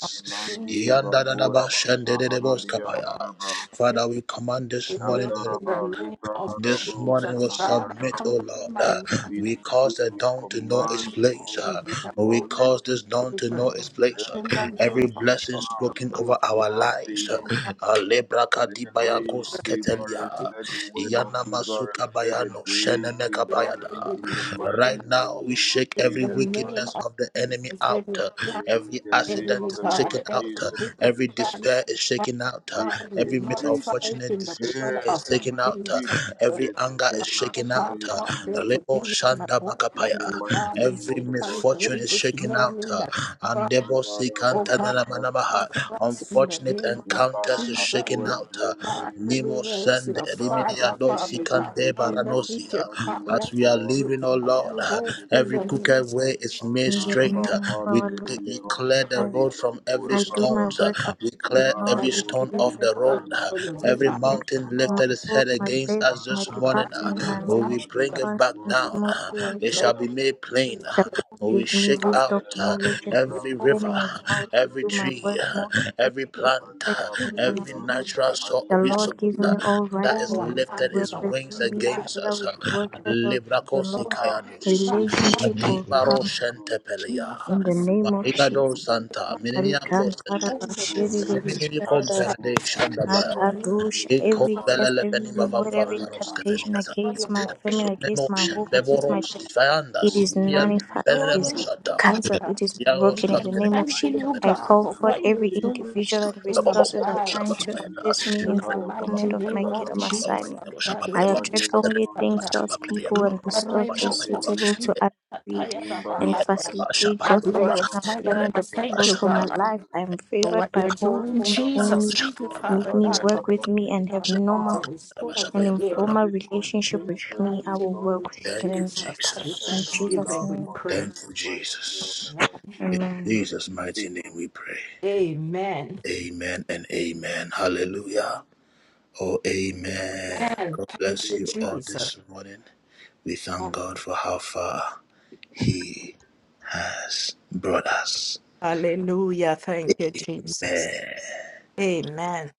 Speaker 8: of Jesus.
Speaker 15: Imandi
Speaker 1: Yanda
Speaker 15: Bakura
Speaker 1: dadaba
Speaker 15: Basahara
Speaker 1: shandelebos capaya.
Speaker 15: Diandaraba,
Speaker 1: Father, we command this
Speaker 8: In
Speaker 15: Andaraba
Speaker 8: you,
Speaker 1: morning, O
Speaker 8: in the
Speaker 15: Andaraba
Speaker 8: name
Speaker 15: Libra
Speaker 8: of
Speaker 1: this
Speaker 15: Harabu
Speaker 1: morning we
Speaker 8: Jesus, God, I
Speaker 1: submit,
Speaker 15: Sahadiandaraba.
Speaker 1: O
Speaker 8: command
Speaker 1: Lord.
Speaker 8: my
Speaker 1: Uh,
Speaker 8: mother,
Speaker 15: We
Speaker 1: We
Speaker 15: pray,
Speaker 1: cause the
Speaker 15: we
Speaker 1: dawn to know
Speaker 8: I
Speaker 1: its
Speaker 15: command
Speaker 8: command
Speaker 1: place.
Speaker 15: all
Speaker 1: uh,
Speaker 15: this
Speaker 8: the
Speaker 1: We
Speaker 8: devil
Speaker 15: morning
Speaker 1: cause this dawn
Speaker 8: with
Speaker 1: to know
Speaker 8: children.
Speaker 1: its place.
Speaker 15: that
Speaker 1: uh,
Speaker 8: In
Speaker 15: the
Speaker 8: the name
Speaker 1: Every
Speaker 15: angels
Speaker 8: of
Speaker 1: blessing
Speaker 15: are
Speaker 8: Jesus,
Speaker 1: spoken over
Speaker 15: moved
Speaker 8: clock
Speaker 15: in
Speaker 1: our
Speaker 15: our
Speaker 1: lives. uh,
Speaker 15: favor.
Speaker 8: in that
Speaker 1: uh,
Speaker 15: Let the
Speaker 8: place,
Speaker 15: rain
Speaker 8: so
Speaker 1: Lebrakadibayakos
Speaker 15: favor
Speaker 8: that
Speaker 15: us,
Speaker 8: it
Speaker 1: ketelia.
Speaker 15: let the
Speaker 8: could think of
Speaker 15: weather
Speaker 1: Yana
Speaker 15: favor us,
Speaker 1: masuka
Speaker 15: let the
Speaker 1: bayano
Speaker 8: God,
Speaker 15: day
Speaker 1: shenene
Speaker 15: favor
Speaker 8: without the
Speaker 15: us
Speaker 1: kabayada.
Speaker 15: in the
Speaker 8: nation.
Speaker 15: mighty
Speaker 8: In
Speaker 1: Right
Speaker 15: name
Speaker 1: now,
Speaker 15: of
Speaker 1: we
Speaker 15: the Lord
Speaker 1: shake every
Speaker 8: the
Speaker 15: Jesus
Speaker 8: name
Speaker 1: wickedness
Speaker 15: Christ.
Speaker 8: of
Speaker 1: of the enemy
Speaker 8: Jesus,
Speaker 1: out.
Speaker 8: every plan,
Speaker 15: In
Speaker 1: Every
Speaker 15: the name
Speaker 1: accident
Speaker 8: enemy,
Speaker 15: of
Speaker 1: is
Speaker 15: the
Speaker 1: shaken
Speaker 15: Lord
Speaker 8: God,
Speaker 1: out.
Speaker 8: every
Speaker 15: Jesus
Speaker 8: wicked
Speaker 1: Every
Speaker 15: Christ.
Speaker 8: plan,
Speaker 1: despair is
Speaker 8: my
Speaker 1: shaken out.
Speaker 15: May
Speaker 8: God, we
Speaker 1: Every
Speaker 15: every
Speaker 8: notify
Speaker 1: misfortunate
Speaker 8: in the
Speaker 1: decision
Speaker 15: despair,
Speaker 8: blood
Speaker 1: is
Speaker 8: of
Speaker 1: taken
Speaker 15: every
Speaker 1: out.
Speaker 8: Jesus.
Speaker 1: Every
Speaker 15: wickedness be
Speaker 1: anger is
Speaker 15: turned
Speaker 8: Father
Speaker 1: shaken
Speaker 15: aside,
Speaker 8: God,
Speaker 1: out.
Speaker 15: O
Speaker 8: cause there
Speaker 15: Lord,
Speaker 8: to
Speaker 1: Lebo
Speaker 8: be an
Speaker 1: shanda
Speaker 15: in
Speaker 8: abortion
Speaker 15: the
Speaker 8: in
Speaker 1: makapaya.
Speaker 15: mighty
Speaker 8: God in
Speaker 15: name
Speaker 1: Every
Speaker 15: of the
Speaker 8: satanic
Speaker 15: Lord
Speaker 1: misfortune is
Speaker 8: rooms this
Speaker 15: Jesus.
Speaker 1: shaken out.
Speaker 8: morning.
Speaker 1: uh,
Speaker 8: That God,
Speaker 1: and Debosi
Speaker 8: oh
Speaker 15: Andarabo
Speaker 8: God,
Speaker 15: shaharabo
Speaker 1: Kantananamanamaha.
Speaker 8: conquer us in the
Speaker 1: Unfortunate
Speaker 8: name of
Speaker 1: encounters is
Speaker 8: Jesus.
Speaker 1: shaken
Speaker 15: imbarakatora
Speaker 1: out. uh,
Speaker 8: God, have
Speaker 15: brenderime
Speaker 1: Nemo
Speaker 8: mercy
Speaker 1: Sende
Speaker 8: of fire,
Speaker 1: Rimini Adosi
Speaker 8: Father
Speaker 15: karadidi
Speaker 8: God,
Speaker 1: Kante
Speaker 8: on the
Speaker 15: gidibro
Speaker 1: Baranosi.
Speaker 8: future
Speaker 1: uh,
Speaker 15: shahadi
Speaker 8: fire.
Speaker 1: As we are
Speaker 15: matora
Speaker 8: We
Speaker 1: living, oh
Speaker 15: brahadi
Speaker 1: Lord,
Speaker 8: we
Speaker 1: uh,
Speaker 8: go through
Speaker 1: every
Speaker 15: anderime
Speaker 8: the
Speaker 1: crooked
Speaker 8: names of
Speaker 1: way is made
Speaker 8: Jesus.
Speaker 15: andaraba
Speaker 1: straight. uh,
Speaker 3: name of
Speaker 1: We,
Speaker 3: our Lord
Speaker 15: hadirime
Speaker 1: we clear the
Speaker 15: roshahadi
Speaker 3: Christ,
Speaker 1: road from every
Speaker 15: brakura
Speaker 3: I do
Speaker 1: stone.
Speaker 3: my
Speaker 15: vazal
Speaker 1: uh,
Speaker 3: work of
Speaker 1: We
Speaker 3: the
Speaker 1: clear
Speaker 3: Lord
Speaker 1: every
Speaker 8: And
Speaker 3: with
Speaker 1: stone
Speaker 15: imaradozi
Speaker 3: diligence
Speaker 8: thank
Speaker 1: off the
Speaker 3: and
Speaker 8: God
Speaker 1: road. uh,
Speaker 15: gitaranos
Speaker 8: for your
Speaker 1: Every
Speaker 8: divine.
Speaker 3: respect.
Speaker 15: madibros
Speaker 1: mountain
Speaker 15: paha
Speaker 3: My
Speaker 1: lifted its
Speaker 3: work,
Speaker 1: head
Speaker 3: my
Speaker 1: against
Speaker 3: place,
Speaker 1: us
Speaker 3: my
Speaker 1: this
Speaker 8: Oh
Speaker 15: Yakaranda
Speaker 8: God,
Speaker 1: morning.
Speaker 8: you
Speaker 15: di
Speaker 1: uh,
Speaker 3: department,
Speaker 15: mo
Speaker 8: know,
Speaker 3: my
Speaker 1: Oh, we
Speaker 3: ministry,
Speaker 15: fahadi
Speaker 1: bring
Speaker 15: e
Speaker 1: it back
Speaker 3: functions
Speaker 1: down.
Speaker 15: mo
Speaker 1: uh,
Speaker 3: smoothly
Speaker 15: shahadi
Speaker 1: it
Speaker 3: and
Speaker 1: shall
Speaker 15: anda.
Speaker 1: be made plain.
Speaker 8: Thank
Speaker 3: The
Speaker 1: uh,
Speaker 3: Lord
Speaker 1: We
Speaker 3: gives me
Speaker 1: shake
Speaker 3: wisdom,
Speaker 15: Andere
Speaker 1: out uh,
Speaker 3: knowledge,
Speaker 15: mehdi
Speaker 3: and
Speaker 15: bra
Speaker 1: every river,
Speaker 15: karo
Speaker 3: understanding of
Speaker 1: uh,
Speaker 3: how
Speaker 15: shahadi
Speaker 3: to
Speaker 1: every
Speaker 3: do
Speaker 15: anda
Speaker 3: my
Speaker 15: raba.
Speaker 1: tree,
Speaker 3: work more
Speaker 1: uh, every
Speaker 3: effectively,
Speaker 1: plant, uh,
Speaker 15: Bandara ba
Speaker 3: professionally, and
Speaker 1: every
Speaker 15: libra
Speaker 1: natural so-
Speaker 15: shahadi
Speaker 3: the
Speaker 15: anda
Speaker 1: resource.
Speaker 3: Lord
Speaker 15: raba.
Speaker 3: gives
Speaker 1: uh,
Speaker 3: me all right
Speaker 1: That is
Speaker 3: people to
Speaker 1: lifted
Speaker 15: Bahaya
Speaker 3: work
Speaker 1: its
Speaker 15: la
Speaker 3: with
Speaker 1: wings
Speaker 15: bakaya
Speaker 3: me
Speaker 15: ba
Speaker 1: against
Speaker 3: together
Speaker 1: us.
Speaker 3: with
Speaker 15: shahadi anda
Speaker 3: workers
Speaker 15: raba.
Speaker 3: of the Lord.
Speaker 1: Librakosi
Speaker 15: Ah, the
Speaker 1: kayanus.
Speaker 15: goodness
Speaker 3: Relationship
Speaker 15: of
Speaker 3: will come
Speaker 1: Adibaro
Speaker 15: the soul.
Speaker 1: shentepeleya.
Speaker 3: in the
Speaker 15: May
Speaker 3: name of
Speaker 15: we see
Speaker 1: Marigado
Speaker 3: Jesus.
Speaker 15: good,
Speaker 1: santa.
Speaker 15: may we
Speaker 1: Mininiako sente.
Speaker 3: Arikantaraba,
Speaker 15: experience good, may
Speaker 3: shiridibi,
Speaker 15: we
Speaker 1: Zenemini
Speaker 15: touch
Speaker 3: sharadaba,
Speaker 15: good
Speaker 1: komperade
Speaker 15: in the
Speaker 1: shandabaya.
Speaker 15: mighty name
Speaker 3: akadosha.
Speaker 15: of the
Speaker 1: Eko
Speaker 3: Every
Speaker 15: Lord
Speaker 3: curse,
Speaker 1: belele
Speaker 3: every
Speaker 1: penima
Speaker 15: Jesus
Speaker 1: vam
Speaker 3: word, every
Speaker 15: Christ, O Lord.
Speaker 3: incantation
Speaker 1: vam
Speaker 3: against my family, against my
Speaker 15: May
Speaker 1: Zumemoshen
Speaker 3: home,
Speaker 15: this
Speaker 3: against
Speaker 8: you.
Speaker 3: my
Speaker 15: day
Speaker 1: Bevoros
Speaker 3: destiny.
Speaker 15: be
Speaker 1: Kifayanda
Speaker 3: It
Speaker 15: fruitful.
Speaker 8: This
Speaker 3: is
Speaker 15: May they
Speaker 8: is
Speaker 1: Simian
Speaker 15: be
Speaker 3: nullified. It is
Speaker 8: Glory
Speaker 15: fruitful
Speaker 8: to
Speaker 1: Benemoshata
Speaker 3: cancelled.
Speaker 8: Father.
Speaker 3: It is
Speaker 8: And
Speaker 1: Yaros
Speaker 3: broken
Speaker 8: we
Speaker 15: in
Speaker 3: in
Speaker 8: are
Speaker 3: the
Speaker 1: Company
Speaker 3: name
Speaker 15: the
Speaker 3: of
Speaker 8: thanking
Speaker 3: Jesus.
Speaker 15: mighty
Speaker 8: you,
Speaker 3: I
Speaker 15: name
Speaker 8: God,
Speaker 3: call
Speaker 15: of
Speaker 8: for
Speaker 15: the
Speaker 3: forth
Speaker 8: what
Speaker 15: Lord
Speaker 8: you're
Speaker 3: every
Speaker 15: Jesus
Speaker 8: doing
Speaker 3: individual and
Speaker 15: Christ.
Speaker 8: in our
Speaker 3: resources assigned
Speaker 8: lives.
Speaker 3: to
Speaker 15: Mandele wo
Speaker 3: assist me in
Speaker 8: In the
Speaker 15: shahada bra
Speaker 8: mighty
Speaker 3: fulfillment of my
Speaker 8: name of
Speaker 15: likada
Speaker 3: kingdom
Speaker 15: ba.
Speaker 8: Jesus.
Speaker 3: assignment. I
Speaker 8: Adonai.
Speaker 3: attract
Speaker 15: Madela
Speaker 3: only
Speaker 15: bra
Speaker 3: things,
Speaker 15: shahadi
Speaker 3: thoughts,
Speaker 15: ma
Speaker 3: people, and
Speaker 15: farada
Speaker 3: resources
Speaker 8: Iparebo
Speaker 15: brandele mi.
Speaker 3: suitable to
Speaker 8: koshanda
Speaker 3: upgrade
Speaker 8: kataya na
Speaker 3: and
Speaker 15: Kimbaro
Speaker 8: bahaya.
Speaker 15: shahadi
Speaker 3: facilitate
Speaker 8: I
Speaker 3: God's
Speaker 15: katora
Speaker 3: original
Speaker 8: glorify
Speaker 15: mi
Speaker 8: you
Speaker 3: plan
Speaker 8: and
Speaker 3: and
Speaker 8: I
Speaker 3: the
Speaker 15: suka
Speaker 8: thank
Speaker 3: purpose
Speaker 8: you,
Speaker 15: para
Speaker 3: for my
Speaker 15: di
Speaker 8: God,
Speaker 3: life. I am
Speaker 8: for
Speaker 3: favored
Speaker 8: what
Speaker 3: by
Speaker 8: you're
Speaker 3: all
Speaker 8: doing,
Speaker 3: who know
Speaker 15: Andaraba
Speaker 8: Jesus.
Speaker 3: me,
Speaker 8: Thank you,
Speaker 15: libro
Speaker 3: meet
Speaker 8: Father
Speaker 3: me,
Speaker 15: zahadi
Speaker 8: God, for
Speaker 3: work
Speaker 15: andaraba.
Speaker 3: with me, and
Speaker 8: our
Speaker 3: have
Speaker 8: lives
Speaker 3: normal
Speaker 15: Ah,
Speaker 8: and restore us
Speaker 3: an
Speaker 15: protect that
Speaker 8: again.
Speaker 3: informal
Speaker 15: which
Speaker 8: In
Speaker 3: relationship
Speaker 8: the
Speaker 3: with
Speaker 15: concerns us,
Speaker 3: me. I
Speaker 15: O
Speaker 8: mighty
Speaker 3: will
Speaker 15: Lord.
Speaker 8: name
Speaker 3: work
Speaker 8: of
Speaker 3: with you and
Speaker 8: Jesus,
Speaker 3: part
Speaker 8: with
Speaker 3: of
Speaker 15: protect
Speaker 3: in
Speaker 15: our
Speaker 3: Jesus'
Speaker 8: thanksgiving
Speaker 15: loved
Speaker 8: we
Speaker 3: name.
Speaker 15: ones
Speaker 8: pray.
Speaker 15: in the mighty name of the Lord Jesus
Speaker 3: Amen.
Speaker 15: Christ. Amen.
Speaker 8: Amen.
Speaker 4: Amen. Amen.
Speaker 8: Amen. Thank you,
Speaker 15: Amen.
Speaker 8: Jesus. Hallelujah. Thank you, Jesus. Amen.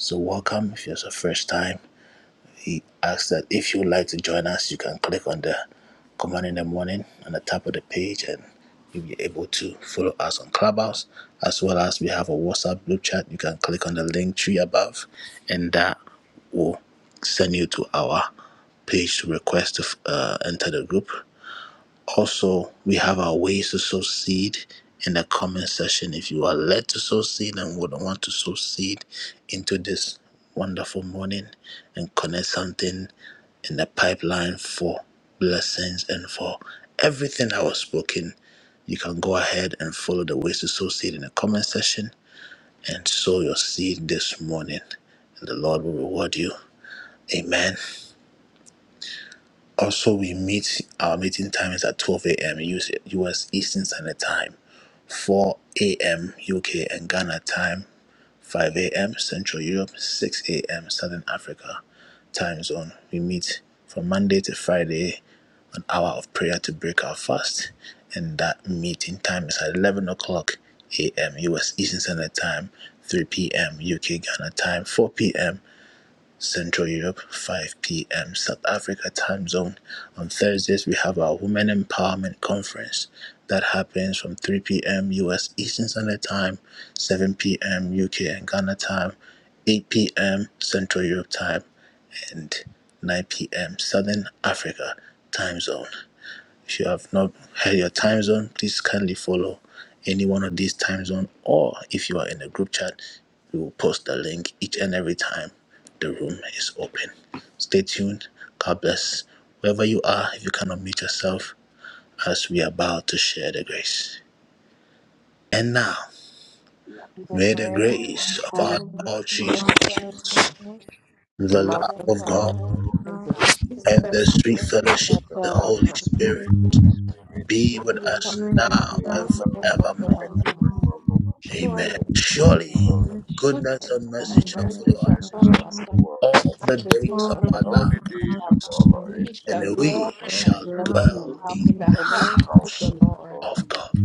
Speaker 1: so welcome if it's the first time He asks that if you would like to join us, you can click on the command in the morning on the top of the page and you'll be able to follow us on Clubhouse. As well as we have a WhatsApp group chat. You can click on the link tree above and that will send you to our page to request to uh, enter the group. Also, we have our ways to sow seed in the comment section. If you are led to sow seed and would want to sow some morning and connect something, type for blessings and for everything that was spoken. You can go ahead and follow the comment and sow your seed this morning. And the Lord will reward you. Amen. Also, we meet waiting 12 a.m. US time, 4 a.m. UK and Ghana time. 5 a.m. Central Europe, 6 a.m. Southern Africa. time zone. We meet from Monday to Friday, an hour of prayer to break our fast. And that meeting time is at 11 o'clock a.m. U.S. Eastern Standard Time, 3 p.m. UK Ghana time, 4 p.m. Central Europe, 5 p.m. South Africa time zone. On Thursdays, we have our Women Empowerment Conference. That happens from 3 p.m. U.S. Eastern Standard Time, 7 p.m. UK and Ghana time, 8 p.m. Central Europe time, and 9 p.m. Southern Africa time zone. If you have not had your time zone, please kindly follow any one of these time zone or if you are in a group chat, we will post the link each and every time the room is open. Stay tuned. God bless us. We are about to share the grace. May the grace
Speaker 14: our
Speaker 1: of
Speaker 16: Amen.
Speaker 14: Lord
Speaker 15: The
Speaker 14: Jesus
Speaker 15: Lord
Speaker 14: Christ,
Speaker 15: Jesus Christ.
Speaker 8: The
Speaker 1: the
Speaker 14: the
Speaker 8: love
Speaker 1: Lord
Speaker 14: Son
Speaker 8: of
Speaker 13: say.
Speaker 15: And
Speaker 14: of
Speaker 15: the
Speaker 1: God
Speaker 8: God
Speaker 14: God.
Speaker 15: love of
Speaker 8: and the
Speaker 15: God,
Speaker 8: sheep
Speaker 14: The
Speaker 8: of
Speaker 14: sixth
Speaker 15: the
Speaker 8: the
Speaker 14: door
Speaker 4: Thank
Speaker 14: is
Speaker 15: state
Speaker 14: shut
Speaker 15: the
Speaker 4: you,
Speaker 14: down.
Speaker 4: Holy
Speaker 14: The
Speaker 15: fellowship of
Speaker 8: Holy
Speaker 4: Spirit.
Speaker 15: the
Speaker 14: spirit
Speaker 15: Holy
Speaker 8: Spirit
Speaker 15: Spirit,
Speaker 8: be
Speaker 14: of
Speaker 8: with us
Speaker 14: the
Speaker 15: be
Speaker 14: first
Speaker 8: now
Speaker 15: with
Speaker 3: Now,
Speaker 15: us
Speaker 1: for
Speaker 14: behind
Speaker 15: now
Speaker 14: the
Speaker 8: and
Speaker 1: all
Speaker 15: and
Speaker 14: second
Speaker 8: forevermore.
Speaker 14: gentleman.
Speaker 15: forevermore.
Speaker 1: men.
Speaker 8: Surely
Speaker 1: Surely
Speaker 15: Surely
Speaker 1: goodness
Speaker 8: goodness
Speaker 14: Surely,
Speaker 1: and
Speaker 14: when I
Speaker 1: mercy
Speaker 14: was
Speaker 8: and
Speaker 1: shall
Speaker 15: goodness
Speaker 14: getting
Speaker 3: for
Speaker 14: at
Speaker 15: and
Speaker 8: mercy
Speaker 1: follow
Speaker 8: shall
Speaker 14: the
Speaker 1: us
Speaker 15: mercy
Speaker 8: follow
Speaker 15: shall
Speaker 14: petition
Speaker 8: us
Speaker 14: for the
Speaker 15: follow
Speaker 14: good
Speaker 15: us
Speaker 1: all the
Speaker 8: all the days
Speaker 1: days
Speaker 3: all
Speaker 1: of
Speaker 8: of
Speaker 3: the
Speaker 15: in
Speaker 14: God,
Speaker 8: the
Speaker 1: our
Speaker 14: the
Speaker 8: Lord,
Speaker 15: all
Speaker 1: life
Speaker 3: days
Speaker 15: the
Speaker 14: things that
Speaker 15: days
Speaker 14: I
Speaker 15: of our
Speaker 14: love,
Speaker 8: and
Speaker 14: which
Speaker 8: we
Speaker 15: lives,
Speaker 8: shall
Speaker 1: and
Speaker 8: dwell
Speaker 1: we
Speaker 15: and
Speaker 3: of
Speaker 14: I
Speaker 15: we
Speaker 1: shall
Speaker 15: shall
Speaker 14: greatly
Speaker 1: dwell
Speaker 15: dwell
Speaker 14: have
Speaker 1: in
Speaker 8: in
Speaker 14: with
Speaker 8: the
Speaker 1: the
Speaker 14: the
Speaker 1: house
Speaker 15: in
Speaker 14: Lord.
Speaker 15: the
Speaker 8: house of
Speaker 15: house
Speaker 8: the
Speaker 15: of the
Speaker 8: Lord
Speaker 15: Lord
Speaker 1: of
Speaker 4: Amen.
Speaker 1: God.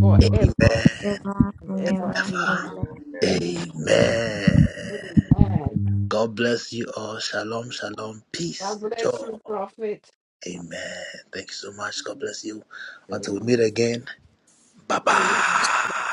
Speaker 8: forever
Speaker 15: forever
Speaker 1: Amen.
Speaker 15: and
Speaker 8: and
Speaker 15: ever.
Speaker 8: ever.
Speaker 3: forever.
Speaker 8: Amen.
Speaker 1: Ever.
Speaker 4: Surely you
Speaker 15: Amen.
Speaker 4: have
Speaker 1: Amen.
Speaker 4: the Lord,
Speaker 8: Amen.
Speaker 1: God bless
Speaker 4: and
Speaker 1: you all.
Speaker 4: it
Speaker 1: Shalom,
Speaker 4: will be
Speaker 1: shalom.
Speaker 8: God
Speaker 1: Peace,
Speaker 8: bless
Speaker 1: joy.
Speaker 8: you, Prophet.
Speaker 1: Amen. Thank you so much. God
Speaker 4: easy.
Speaker 1: bless you. Until we meet
Speaker 8: Amen.
Speaker 1: again. Bye bye.